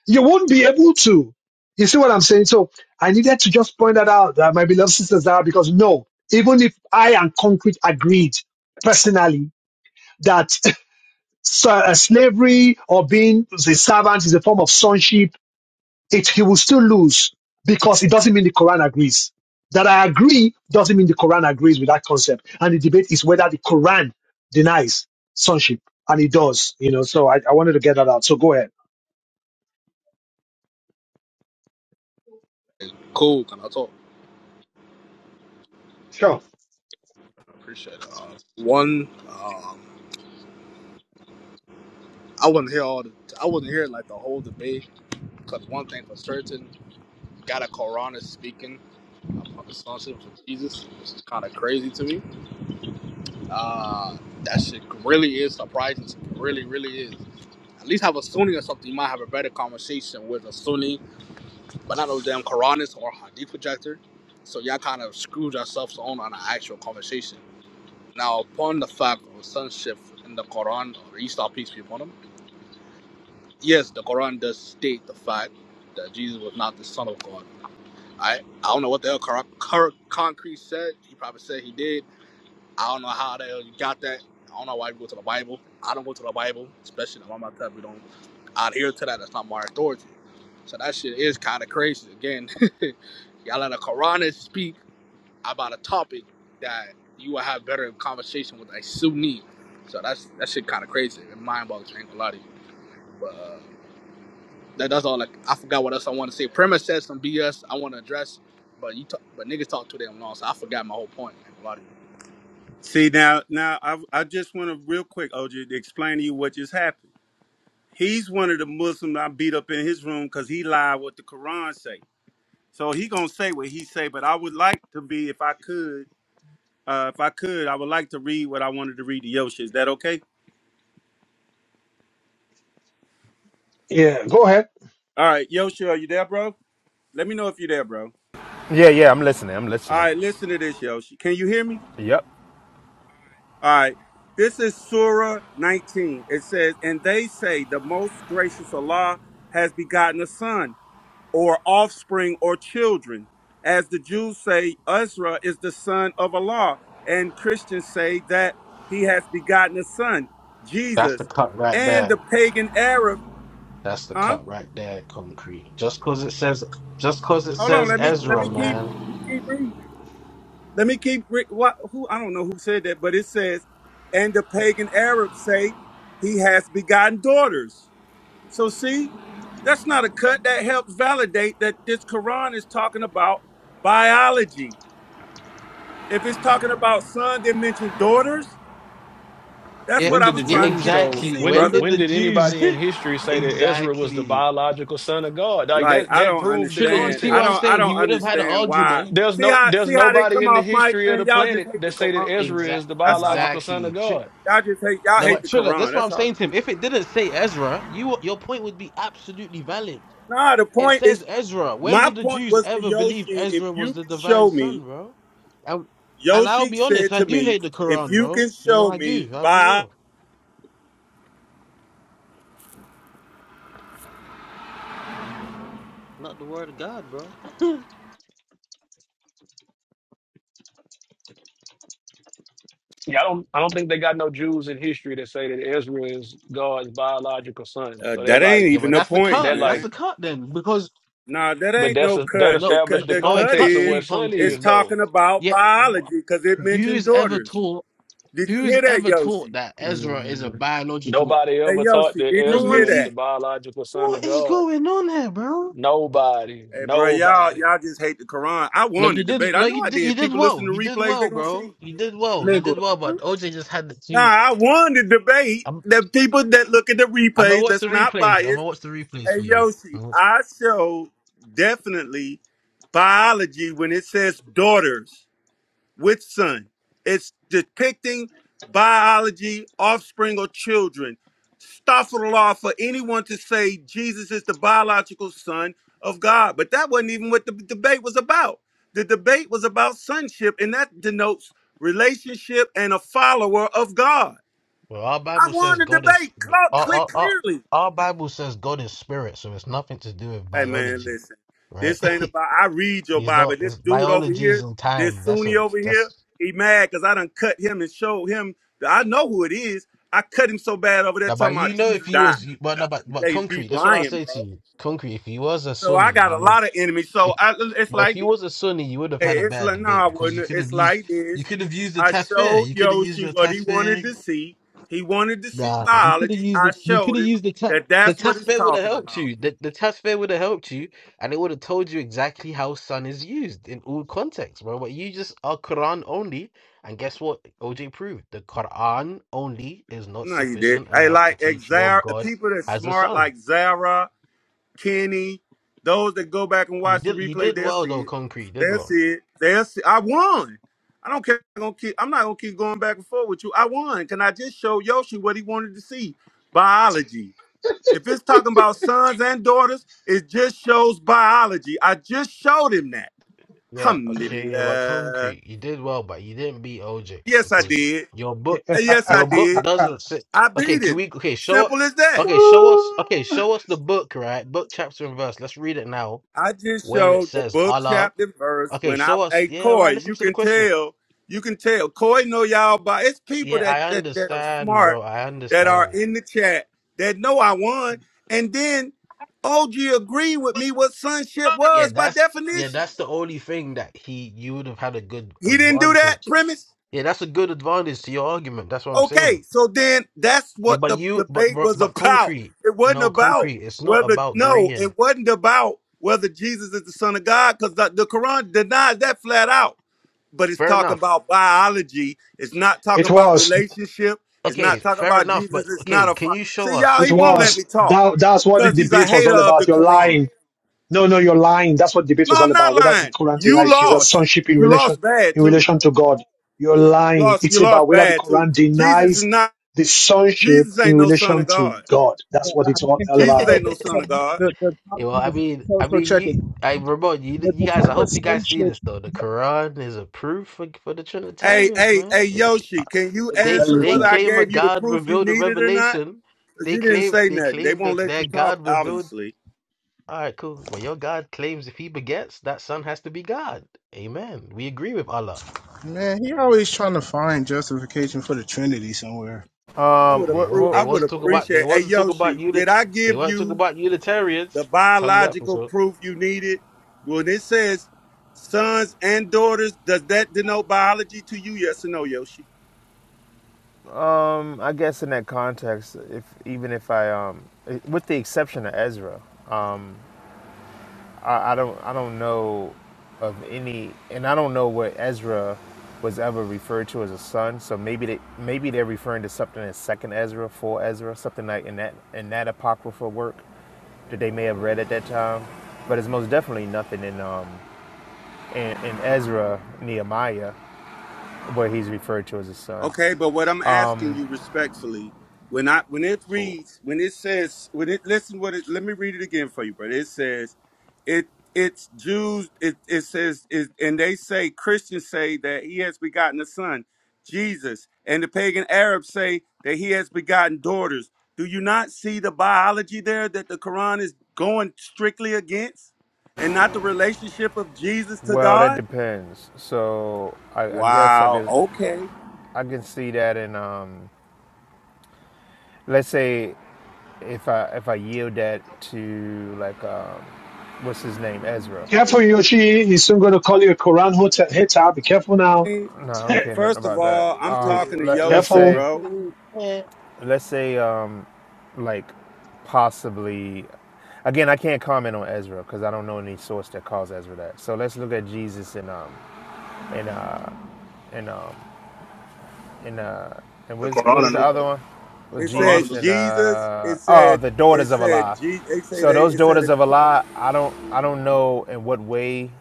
Speaker 1: You won't be able to. You see what I'm saying? So I needed to just point that out, that my beloved sisters are, because no, even if I and Concrete agreed personally that so- uh, slavery or being the servant is a form of sonship, it he will still lose because it doesn't mean the Quran agrees. That I agree doesn't mean the Quran agrees with that concept. And the debate is whether the Quran denies sonship, and it does. You know, so I, I wanted to get that out. So go ahead.
Speaker 30: Hey, cool, can I talk?
Speaker 1: Sure.
Speaker 30: I appreciate it. Uh, one, um, I wasn't here all the. I wasn't here like the whole debate because one thing for certain, got a Quran is speaking about the sonship of Jesus, which is kind of crazy to me. Uh, that shit really is surprising. To me. Really, really is. At least have a Sunni or something. You might have a better conversation with a Sunni, but not no damn Quranist or Hadith projector. So y'all kind of screwed yourselves on on an actual conversation. Now, upon the fact of sonship in the Quran, or Isa, peace be upon him, yes, the Quran does state the fact that Jesus was not the Son of God. I, I don't know what the hell Cor- Cor- Concrete said. He probably said he did. I don't know how the hell you got that. I don't know why you go to the Bible. I don't go to the Bible, especially the Mama Tab. We don't adhere to that. That's not my authority. So that shit is kind of crazy. Again, y'all let the Quran speak about a topic that you will have better conversation with a Sunni. So that's that shit kind of crazy and mind boggling. I ain't gonna lie to you. But uh, that, that's all. Like I forgot what else I want to say. Premise said some BS I want to address, but you talk, but niggas talk too damn long, so I forgot my whole point. I ain't gonna lie to
Speaker 6: See now, now I, I just want to real quick, OJ, to explain to you what just happened. He's one of the Muslims I beat up in his room because he lied what the Quran say. So he gonna say what he say, but I would like to be, if I could, uh, if I could, I would like to read what I wanted to read to Yoshi. Is that okay?
Speaker 1: Yeah, go ahead.
Speaker 6: All right, Yoshi, are you there, bro? Let me know if you're there, bro.
Speaker 22: Yeah, yeah. I'm listening. I'm
Speaker 6: All
Speaker 22: listening.
Speaker 6: right, listen to this, Yoshi. Can you hear me?
Speaker 22: Yep.
Speaker 6: All right. This is Surah 19. It says, And they say, The most gracious Allah has begotten a son. or offspring or children. As the Jews say, Ezra is the son of Allah, and Christians say that he has begotten a son,
Speaker 14: That's the
Speaker 6: Jesus.
Speaker 14: cut right
Speaker 6: And
Speaker 14: there.
Speaker 6: the pagan Arab,
Speaker 14: That's the
Speaker 6: huh?
Speaker 14: cut right there, concrete. Just cause it says just cause it
Speaker 6: Hold on,
Speaker 14: says
Speaker 6: let me let
Speaker 14: Ezra,
Speaker 6: me keep
Speaker 14: man.
Speaker 6: let me keep reading. Let me keep re- what who I don't know who said that, but it says, and the pagan Arabs say he has begotten daughters. So see, that's not a cut. That helps validate that this Quran is talking about biology If it's talking about son, they mention daughters. That's
Speaker 14: Yeah,
Speaker 6: what
Speaker 2: When
Speaker 6: I
Speaker 2: did the
Speaker 6: was
Speaker 14: yeah,
Speaker 6: trying to
Speaker 2: Jews
Speaker 6: get you to
Speaker 2: though?
Speaker 14: exactly.
Speaker 6: see,
Speaker 2: When
Speaker 14: When
Speaker 2: did
Speaker 6: brother.
Speaker 14: did
Speaker 2: when
Speaker 14: the
Speaker 2: did
Speaker 14: Jews?
Speaker 2: anybody in history say that Ezra was the
Speaker 14: exactly.
Speaker 2: biological son of God? Like
Speaker 6: Like
Speaker 2: that
Speaker 6: I
Speaker 2: that
Speaker 6: don't
Speaker 2: proved the
Speaker 14: Triller, you
Speaker 6: understand.
Speaker 14: see
Speaker 6: I
Speaker 14: what I'm
Speaker 6: don't.
Speaker 2: context.
Speaker 6: I
Speaker 14: saying? He
Speaker 6: don't
Speaker 14: would have had an
Speaker 6: understand why.
Speaker 14: argument.
Speaker 2: There's
Speaker 6: See
Speaker 2: no
Speaker 6: how
Speaker 2: there's
Speaker 6: see how they
Speaker 2: nobody
Speaker 6: come
Speaker 2: in the
Speaker 6: off, Mike.
Speaker 2: history of the
Speaker 6: Man, y'all just
Speaker 2: planet
Speaker 6: hate
Speaker 2: that
Speaker 6: the
Speaker 2: say that
Speaker 6: Quran, bro.
Speaker 2: Ezra is
Speaker 14: Exact,
Speaker 2: the
Speaker 6: That's all.
Speaker 2: biological son of
Speaker 14: exactly. Tri-
Speaker 2: God.
Speaker 6: Y'all just hate. Y'all
Speaker 14: no,
Speaker 6: hate
Speaker 14: but
Speaker 6: the
Speaker 14: Triller,
Speaker 6: Quran.
Speaker 14: that's what
Speaker 6: That's
Speaker 14: I'm
Speaker 6: all.
Speaker 14: saying to him. If it didn't say Ezra, you your point would be absolutely valid.
Speaker 6: Nah, the
Speaker 14: It
Speaker 6: point
Speaker 14: says
Speaker 6: is.
Speaker 14: Ezra. When
Speaker 6: My
Speaker 14: did the
Speaker 6: point
Speaker 14: Jews
Speaker 6: was to
Speaker 14: ever believe
Speaker 6: Yoshi. If
Speaker 14: Ezra was
Speaker 6: you
Speaker 14: the
Speaker 6: can
Speaker 14: divine
Speaker 6: show
Speaker 14: son,
Speaker 6: me,
Speaker 14: bro? And, and I'll
Speaker 6: Yoshi
Speaker 14: be honest,
Speaker 6: said
Speaker 14: I
Speaker 6: to
Speaker 14: do
Speaker 6: me,
Speaker 14: hate the
Speaker 6: if
Speaker 14: Quran,
Speaker 6: you
Speaker 14: bro.
Speaker 6: can
Speaker 14: You know,
Speaker 6: show
Speaker 14: I do.
Speaker 6: me
Speaker 14: I'll be
Speaker 6: by
Speaker 14: real. Not the word of God, bro.
Speaker 2: Yeah, I don't I don't think they got no Jews in history that say that Ezra is God's biological son.
Speaker 6: uh,
Speaker 2: So that
Speaker 6: that ain't
Speaker 2: like
Speaker 14: yeah,
Speaker 6: even
Speaker 14: but
Speaker 6: the
Speaker 14: that's the
Speaker 6: point,
Speaker 2: that
Speaker 14: cut. That's
Speaker 2: like
Speaker 6: man.
Speaker 14: the cut then, because
Speaker 6: Nah, that
Speaker 2: But
Speaker 6: ain't
Speaker 2: that's
Speaker 6: no
Speaker 2: a, that
Speaker 6: cut.
Speaker 14: No,
Speaker 6: The
Speaker 14: n-
Speaker 2: established
Speaker 6: cut,
Speaker 2: the
Speaker 6: the
Speaker 14: no, it
Speaker 6: cut
Speaker 2: context of
Speaker 14: cuts
Speaker 6: is
Speaker 2: what
Speaker 14: you
Speaker 2: Son
Speaker 6: it's
Speaker 2: is,
Speaker 14: concrete.
Speaker 2: though.
Speaker 6: talking about
Speaker 14: Yeah, wh-
Speaker 6: biology because it mentioned
Speaker 14: who's ever
Speaker 6: daughters.
Speaker 14: taught?
Speaker 6: Did you
Speaker 14: Who's
Speaker 6: hear that,
Speaker 14: ever taught
Speaker 6: Yoshi?
Speaker 14: that Ezra is a
Speaker 2: Mm.
Speaker 14: biological?
Speaker 2: Nobody
Speaker 6: Hey,
Speaker 2: ever taught
Speaker 6: Yoshi,
Speaker 2: that
Speaker 6: did
Speaker 14: No
Speaker 6: you hear
Speaker 2: Ezra
Speaker 14: one's
Speaker 2: is the
Speaker 14: even.
Speaker 6: that?
Speaker 2: biological son
Speaker 14: What
Speaker 2: of
Speaker 14: is
Speaker 2: God.
Speaker 14: going on here, bro?
Speaker 2: Nobody,
Speaker 6: Hey, bro, y'all,
Speaker 2: nobody.
Speaker 6: y'all just hate the Quran. I
Speaker 14: No,
Speaker 6: won
Speaker 14: you
Speaker 6: the
Speaker 14: did.
Speaker 6: debate. I
Speaker 14: No,
Speaker 6: know
Speaker 14: you
Speaker 6: I
Speaker 14: did. You
Speaker 6: did.
Speaker 14: did
Speaker 6: People listen
Speaker 14: well.
Speaker 6: to
Speaker 14: You did
Speaker 6: replays, they
Speaker 14: well,
Speaker 6: gonna
Speaker 14: bro.
Speaker 6: see.
Speaker 14: You did well. You
Speaker 30: you.
Speaker 14: did
Speaker 30: Nigga,
Speaker 14: well.
Speaker 30: what?
Speaker 14: But OJ just had the
Speaker 6: Nah,
Speaker 14: two.
Speaker 6: I won the debate.
Speaker 14: I'm.
Speaker 6: The people that look at the
Speaker 14: I'm gonna
Speaker 6: replays,
Speaker 14: watch
Speaker 6: that's
Speaker 14: the
Speaker 6: not
Speaker 14: replays. I'm
Speaker 6: biased.
Speaker 14: gonna watch the replays for
Speaker 6: Hey,
Speaker 14: you. I'm
Speaker 6: Yoshi,
Speaker 14: gonna watch-
Speaker 6: I show definitely biology when it says daughters. with son. It's depicting biology, offspring, or children. Staffarallah for anyone to say Jesus is the biological son of God. But that wasn't even what the debate was about. The debate was about sonship, and that denotes relationship and a follower of God.
Speaker 14: Well, our
Speaker 6: I
Speaker 14: Bible says
Speaker 6: won the
Speaker 14: God is.
Speaker 6: debate cl-
Speaker 14: Our,
Speaker 6: cl-
Speaker 14: our, our,
Speaker 6: clearly.
Speaker 14: our Bible says God is spirit, so it's nothing to do with
Speaker 6: Hey man,
Speaker 14: biology,
Speaker 6: listen.
Speaker 14: right?
Speaker 6: This ain't about I read your
Speaker 14: He's
Speaker 6: Bible.
Speaker 14: not.
Speaker 6: This
Speaker 14: It's,
Speaker 6: dude over
Speaker 14: biology is
Speaker 6: here,
Speaker 14: on
Speaker 6: this
Speaker 14: time. That's
Speaker 6: Sunni
Speaker 14: a.
Speaker 6: over here,
Speaker 14: That's.
Speaker 6: he mad because I done cut him and showed him that I know who it is. I cut him so bad over there
Speaker 14: Now, but
Speaker 6: talking
Speaker 14: you
Speaker 6: about
Speaker 14: know,
Speaker 6: Jesus
Speaker 14: if he
Speaker 6: died.
Speaker 14: was, but no, but but
Speaker 6: They be
Speaker 14: concrete. That's what I will
Speaker 6: lying,
Speaker 14: say
Speaker 6: bro.
Speaker 14: to you. Concrete. If he was a
Speaker 6: So I
Speaker 14: Sunni,
Speaker 6: got a
Speaker 14: you would.
Speaker 6: lot of enemies. So
Speaker 14: If
Speaker 6: I, it's
Speaker 14: but if
Speaker 6: like
Speaker 14: he
Speaker 6: this.
Speaker 14: was a Sunni, you would have had a
Speaker 6: it's
Speaker 14: bad
Speaker 6: like nah, I
Speaker 14: debate because you
Speaker 6: wouldn't.
Speaker 14: could have
Speaker 6: It's
Speaker 14: used.
Speaker 6: like this.
Speaker 14: You could have used the
Speaker 6: I
Speaker 14: tasfir.
Speaker 6: showed
Speaker 14: You could have used
Speaker 6: Yoshi
Speaker 14: your
Speaker 6: what he wanted
Speaker 14: tasfir.
Speaker 6: to see. He wanted to see
Speaker 14: Nah, you could have
Speaker 6: biology.
Speaker 14: used
Speaker 6: I
Speaker 14: the you could
Speaker 6: showed
Speaker 14: have
Speaker 6: him
Speaker 14: used the test.
Speaker 6: that
Speaker 14: The
Speaker 6: that's what
Speaker 14: test
Speaker 6: it's
Speaker 14: fair would have
Speaker 6: talking
Speaker 14: helped
Speaker 6: about.
Speaker 14: you. The the test fair would have helped you, and it would have told you exactly how sun is used in all contexts, bro. But you just are Quran only, and guess what? OJ proved the Quran only is not
Speaker 6: No, you did.
Speaker 14: sufficient
Speaker 6: Hey,
Speaker 14: enough to
Speaker 6: like
Speaker 14: teach your
Speaker 6: Zara,
Speaker 14: God
Speaker 6: people that's
Speaker 14: has a
Speaker 6: smart
Speaker 14: son.
Speaker 6: like Zara, Kenny, those that go back and
Speaker 14: You
Speaker 6: watch the
Speaker 14: did you
Speaker 6: replay,
Speaker 14: did
Speaker 6: they'll
Speaker 14: well
Speaker 6: see
Speaker 14: though,
Speaker 6: it.
Speaker 14: concrete. You did
Speaker 6: They'll
Speaker 14: well.
Speaker 6: see it. They'll see. I won. I don't care. I'm, gonna keep, I'm not gonna keep going back and forth with you. I won. Can I just show Yoshi what he wanted to see? Biology. If it's talking about sons and daughters, it just shows biology. I just showed him that.
Speaker 14: Yeah, okay, yeah, about
Speaker 6: Alhamdulillah.
Speaker 14: Concrete, you did well, but you didn't beat OJ
Speaker 6: Yes, I
Speaker 14: because
Speaker 6: did.
Speaker 14: your book
Speaker 6: Yes, I
Speaker 14: your book
Speaker 6: did.
Speaker 14: doesn't say
Speaker 6: I
Speaker 14: okay,
Speaker 6: beat
Speaker 14: can
Speaker 6: him.
Speaker 14: we okay, show up
Speaker 6: Simple as that.
Speaker 14: okay, show us okay, show us the book, right? Book chapter and verse. Let's read it now
Speaker 6: I just
Speaker 14: where it
Speaker 6: showed the
Speaker 14: says
Speaker 6: book
Speaker 14: Allah.
Speaker 6: chapter verse
Speaker 14: Okay,
Speaker 6: when I
Speaker 14: show us
Speaker 6: hey
Speaker 14: yeah, right,
Speaker 6: Corey,
Speaker 14: listen
Speaker 6: you
Speaker 14: to the
Speaker 6: can
Speaker 14: question.
Speaker 6: tell, you can tell. Corey know y'all by it's people
Speaker 14: Yeah,
Speaker 6: that
Speaker 14: I
Speaker 6: that that are
Speaker 14: understand, bro.
Speaker 6: smart
Speaker 14: I
Speaker 6: that are
Speaker 14: understand.
Speaker 6: in the chat that know I won. And then OG agreed with me what sonship
Speaker 14: Yeah,
Speaker 6: was by
Speaker 14: that's yeah,
Speaker 6: definition.
Speaker 14: that's the only thing that he you would have had a good
Speaker 6: He didn't do that
Speaker 14: advantage.
Speaker 6: premise.
Speaker 14: Yeah, that's a good advantage to your argument. That's what I'm saying.
Speaker 6: Okay, so then that's
Speaker 14: Yeah,
Speaker 6: what
Speaker 14: but
Speaker 6: the
Speaker 14: you, but
Speaker 6: debate
Speaker 14: but
Speaker 6: was
Speaker 14: but
Speaker 6: about.
Speaker 14: concrete,
Speaker 6: It wasn't
Speaker 14: no
Speaker 6: about
Speaker 14: concrete. It's not
Speaker 6: whether
Speaker 14: about
Speaker 6: no,
Speaker 14: green.
Speaker 6: it wasn't about whether Jesus is the son of God, because the, the Quran denies that flat out. but it's
Speaker 14: Fair
Speaker 6: talking
Speaker 14: enough.
Speaker 6: about biology. It's not talking
Speaker 1: It
Speaker 6: about
Speaker 1: was.
Speaker 6: relationship. It's
Speaker 14: Okay,
Speaker 6: not talking
Speaker 14: fair
Speaker 6: about
Speaker 14: enough. But
Speaker 6: Jesus. It's
Speaker 14: okay,
Speaker 6: not a
Speaker 14: can
Speaker 6: fa-
Speaker 14: you show
Speaker 6: see
Speaker 14: us?
Speaker 6: y'all.
Speaker 1: It
Speaker 6: He won't
Speaker 14: Can
Speaker 6: let
Speaker 14: you?
Speaker 1: was.
Speaker 6: me talk
Speaker 1: That, that's what the
Speaker 6: because he's a
Speaker 1: debate was
Speaker 6: hater
Speaker 1: all
Speaker 6: of
Speaker 1: about.
Speaker 6: the
Speaker 1: You're
Speaker 6: Quran.
Speaker 1: lying. No, no, you're lying. That's what debate was
Speaker 6: No,
Speaker 1: all
Speaker 6: I'm not
Speaker 1: about. Whether the
Speaker 6: lying.
Speaker 1: Quran
Speaker 6: You
Speaker 1: denies Jesus'
Speaker 6: lost.
Speaker 1: sonship in
Speaker 6: You
Speaker 1: relation
Speaker 6: lost bad
Speaker 1: in
Speaker 6: too.
Speaker 1: relation to God. You're
Speaker 6: You
Speaker 1: lying.
Speaker 6: lost. You
Speaker 1: It's
Speaker 6: lost
Speaker 1: about whether the
Speaker 6: bad too.
Speaker 1: Quran
Speaker 6: Jesus is
Speaker 1: denies
Speaker 6: not.
Speaker 1: the sonship
Speaker 6: Jesus ain't
Speaker 1: in
Speaker 6: no son of
Speaker 1: relation to
Speaker 6: God.
Speaker 1: God. That's
Speaker 3: I
Speaker 1: what it's
Speaker 3: I
Speaker 1: all
Speaker 3: think
Speaker 1: all
Speaker 6: Jesus
Speaker 1: about.
Speaker 3: so.
Speaker 6: ain't no
Speaker 3: So
Speaker 6: son of God.
Speaker 3: the the
Speaker 14: Yeah,
Speaker 3: problem
Speaker 14: well, I
Speaker 3: is
Speaker 14: mean,
Speaker 3: so
Speaker 14: I
Speaker 3: so
Speaker 14: mean,
Speaker 3: check
Speaker 14: you,
Speaker 3: it.
Speaker 14: I Ramon, you,
Speaker 3: The
Speaker 14: you guys. I
Speaker 3: Pacheco
Speaker 14: hope you guys see this
Speaker 3: sonship.
Speaker 14: though. The Quran is a proof for, for the
Speaker 6: Hey,
Speaker 14: Trinitarians,
Speaker 6: hey,
Speaker 14: man.
Speaker 6: hey,
Speaker 14: It- it-
Speaker 6: Yoshi, can you
Speaker 14: They
Speaker 6: answer
Speaker 14: they
Speaker 6: whether I
Speaker 14: claim a
Speaker 6: gave you the
Speaker 14: God
Speaker 6: proof you
Speaker 14: revealed a
Speaker 6: needed or not?
Speaker 14: revelation.
Speaker 6: Because
Speaker 14: They
Speaker 6: you didn't
Speaker 14: claim
Speaker 6: say
Speaker 14: they
Speaker 6: nothing. They
Speaker 14: claim
Speaker 6: won't
Speaker 14: that
Speaker 6: let
Speaker 14: their
Speaker 6: you
Speaker 14: God
Speaker 6: talk,
Speaker 14: revealed.
Speaker 6: obviously.
Speaker 14: All right, cool. Well, your God claims if he begets, that son has to be God. Amen. We agree with Allah.
Speaker 3: Man, he always trying to find justification for the Trinity somewhere.
Speaker 14: They,
Speaker 6: I
Speaker 14: wa-
Speaker 22: Um,
Speaker 6: would
Speaker 14: they
Speaker 22: we're,
Speaker 14: was
Speaker 6: approve.
Speaker 22: we're,
Speaker 14: they
Speaker 6: I would
Speaker 14: wasn't talking
Speaker 22: we're-
Speaker 14: about they
Speaker 6: appreciate. Hey
Speaker 14: wasn't talking about
Speaker 6: Yoshi,
Speaker 14: unit
Speaker 6: did I
Speaker 14: they
Speaker 6: give
Speaker 14: weren't talking
Speaker 6: you
Speaker 14: about Unitarians.
Speaker 6: the
Speaker 14: Tell you that for
Speaker 6: biological
Speaker 14: sure.
Speaker 6: proof you needed? When it says sons and daughters, does that denote biology to you? Yes or no, Yoshi?
Speaker 22: um, I guess in that context, if even if I um, eh, with the exception of Ezra, I, I don't I don't know of any, and I don't know what Ezra was ever referred to as a son. So maybe they maybe they're referring to something in Second Ezra, Four Ezra, something like in that in that apocryphal work that they may have read at that time. But it's most definitely nothing in um in, in Ezra Nehemiah where he's referred to as a son.
Speaker 6: Okay, but what I'm asking you respectfully, when I when it reads, when it says, when it listen what it let me read it again for you, brother. It says, it it's Jews. It it says, it, and they say Christians say that he has begotten a son, Jesus, and the pagan Arabs say that he has begotten daughters. Do you not see the biology there that the Quran is going strictly against, and not the relationship of Jesus to
Speaker 22: Well, that
Speaker 6: God?
Speaker 22: depends. So I, I guess I
Speaker 6: Wow.
Speaker 22: can
Speaker 6: Okay.
Speaker 22: I can see that in um let's say If I if I yield that to like um, what's his name Ezra?
Speaker 1: Careful, Yoshi. He's soon going to call you a Quran hota- hater. Be careful now.
Speaker 22: No, I don't care nothing
Speaker 6: First of
Speaker 22: about that.
Speaker 6: all, I'm
Speaker 22: Um,
Speaker 6: talking to
Speaker 22: let let's
Speaker 6: Yoshi,
Speaker 22: say
Speaker 1: careful.
Speaker 6: bro.
Speaker 14: Mm, Yeah.
Speaker 22: let's say um, like possibly again I can't comment on Ezra because I don't know any source that calls Ezra that. So let's look at Jesus and um and uh and um and uh and
Speaker 30: the
Speaker 22: what's, what
Speaker 30: Quran
Speaker 22: was
Speaker 30: and
Speaker 22: the
Speaker 30: New
Speaker 22: other
Speaker 30: Testament.
Speaker 22: one? With
Speaker 6: It
Speaker 30: Quran
Speaker 6: said
Speaker 30: and
Speaker 22: Jesus
Speaker 30: New
Speaker 22: and
Speaker 30: Testament.
Speaker 6: Jesus.
Speaker 22: uh
Speaker 6: It
Speaker 22: oh
Speaker 6: said
Speaker 22: the
Speaker 6: it
Speaker 22: daughters of
Speaker 6: said
Speaker 22: Allah.
Speaker 6: G. It said
Speaker 22: So
Speaker 6: they.
Speaker 22: those
Speaker 6: It said
Speaker 22: daughters of
Speaker 6: it,
Speaker 22: Allah, I don't I don't know in what way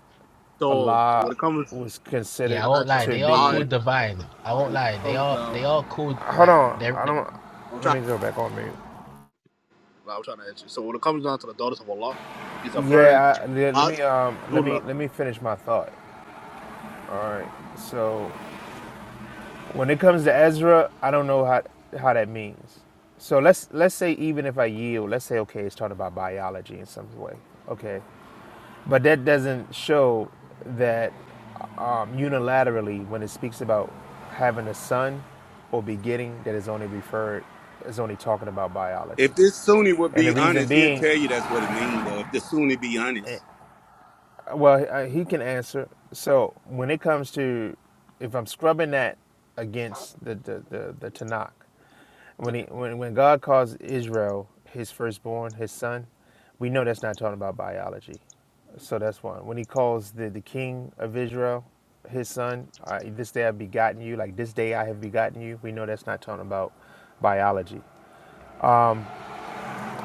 Speaker 30: So when
Speaker 22: Allah
Speaker 30: it comes,
Speaker 22: was
Speaker 14: Yeah,
Speaker 22: considered
Speaker 30: I
Speaker 14: I won't
Speaker 30: got you.
Speaker 14: lie.
Speaker 22: to
Speaker 14: They are
Speaker 30: I'll
Speaker 14: called
Speaker 30: answer
Speaker 22: be.
Speaker 30: that for you.
Speaker 14: divine. I
Speaker 30: So
Speaker 14: won't
Speaker 30: when it
Speaker 14: lie. They
Speaker 30: comes
Speaker 14: are
Speaker 30: down,
Speaker 14: they are called
Speaker 22: Hold
Speaker 14: like
Speaker 22: on,
Speaker 14: they're
Speaker 22: I
Speaker 14: they-
Speaker 22: don't.
Speaker 30: I'm
Speaker 22: Let
Speaker 30: trying
Speaker 22: me
Speaker 30: to
Speaker 22: go
Speaker 30: answer.
Speaker 22: back on mute.
Speaker 30: You. like, I'm trying to answer. you. So when it comes down to the daughters of Allah, it's referring
Speaker 22: Yeah,
Speaker 30: to
Speaker 22: I, le- let me um, let
Speaker 30: Allah,
Speaker 22: me let me finish my thought. All right. So when it comes to Ezra, I don't know how how that means. So let's let's say even if I yield, let's say okay, it's talking about biology in some way. Okay. But that doesn't show that um, unilaterally, when it speaks about having a son or begetting, that is only referred is only talking about biology.
Speaker 6: if this Sunni would
Speaker 22: And the
Speaker 6: be
Speaker 22: reason
Speaker 6: honest, he'll
Speaker 22: being,
Speaker 6: tell you that's what it mean though. If the Sunni be
Speaker 22: eh,
Speaker 6: honest,
Speaker 22: well, uh, he can answer. So when it comes to if I'm scrubbing that against the the the, the Tanakh, When, he, when, when God calls Israel his firstborn, his son, we know that's not talking about biology. So that's one. When he calls the, the king of Israel his son, I, this day I've begotten you, like this day I have begotten you, we know that's not talking about biology.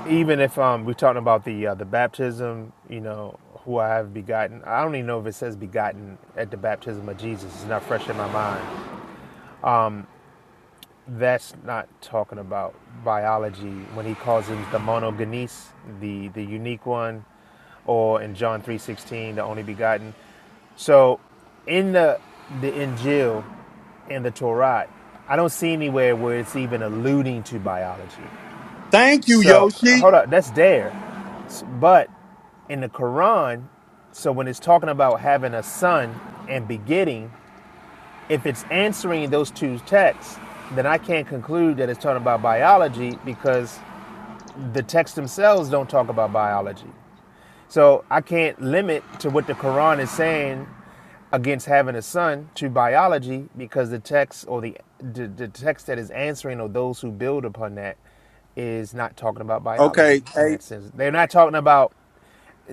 Speaker 22: Even if um, we're talking about the uh, the baptism, you know, who I have begotten, I don't even know if it says begotten at the baptism of Jesus. It's not fresh in my mind. that's not talking about biology when he calls him the monogenes, the the unique one, or in John three sixteen, the only begotten. So in the the Injil and the Torah, I don't see anywhere where it's even alluding to biology.
Speaker 6: thank you,
Speaker 22: So
Speaker 6: Yoshi.
Speaker 22: hold up, that's there, but in the Quran, so when it's talking about having a son and begetting, if it's answering those two texts, then I can't conclude that it's talking about biology because the texts themselves don't talk about biology. So I can't limit to what the Quran is saying against having a son to biology because the text or the the, the text that is answering or those who build upon that is not talking about biology
Speaker 6: Okay,
Speaker 22: in
Speaker 6: hey,
Speaker 22: that sense. They're not talking about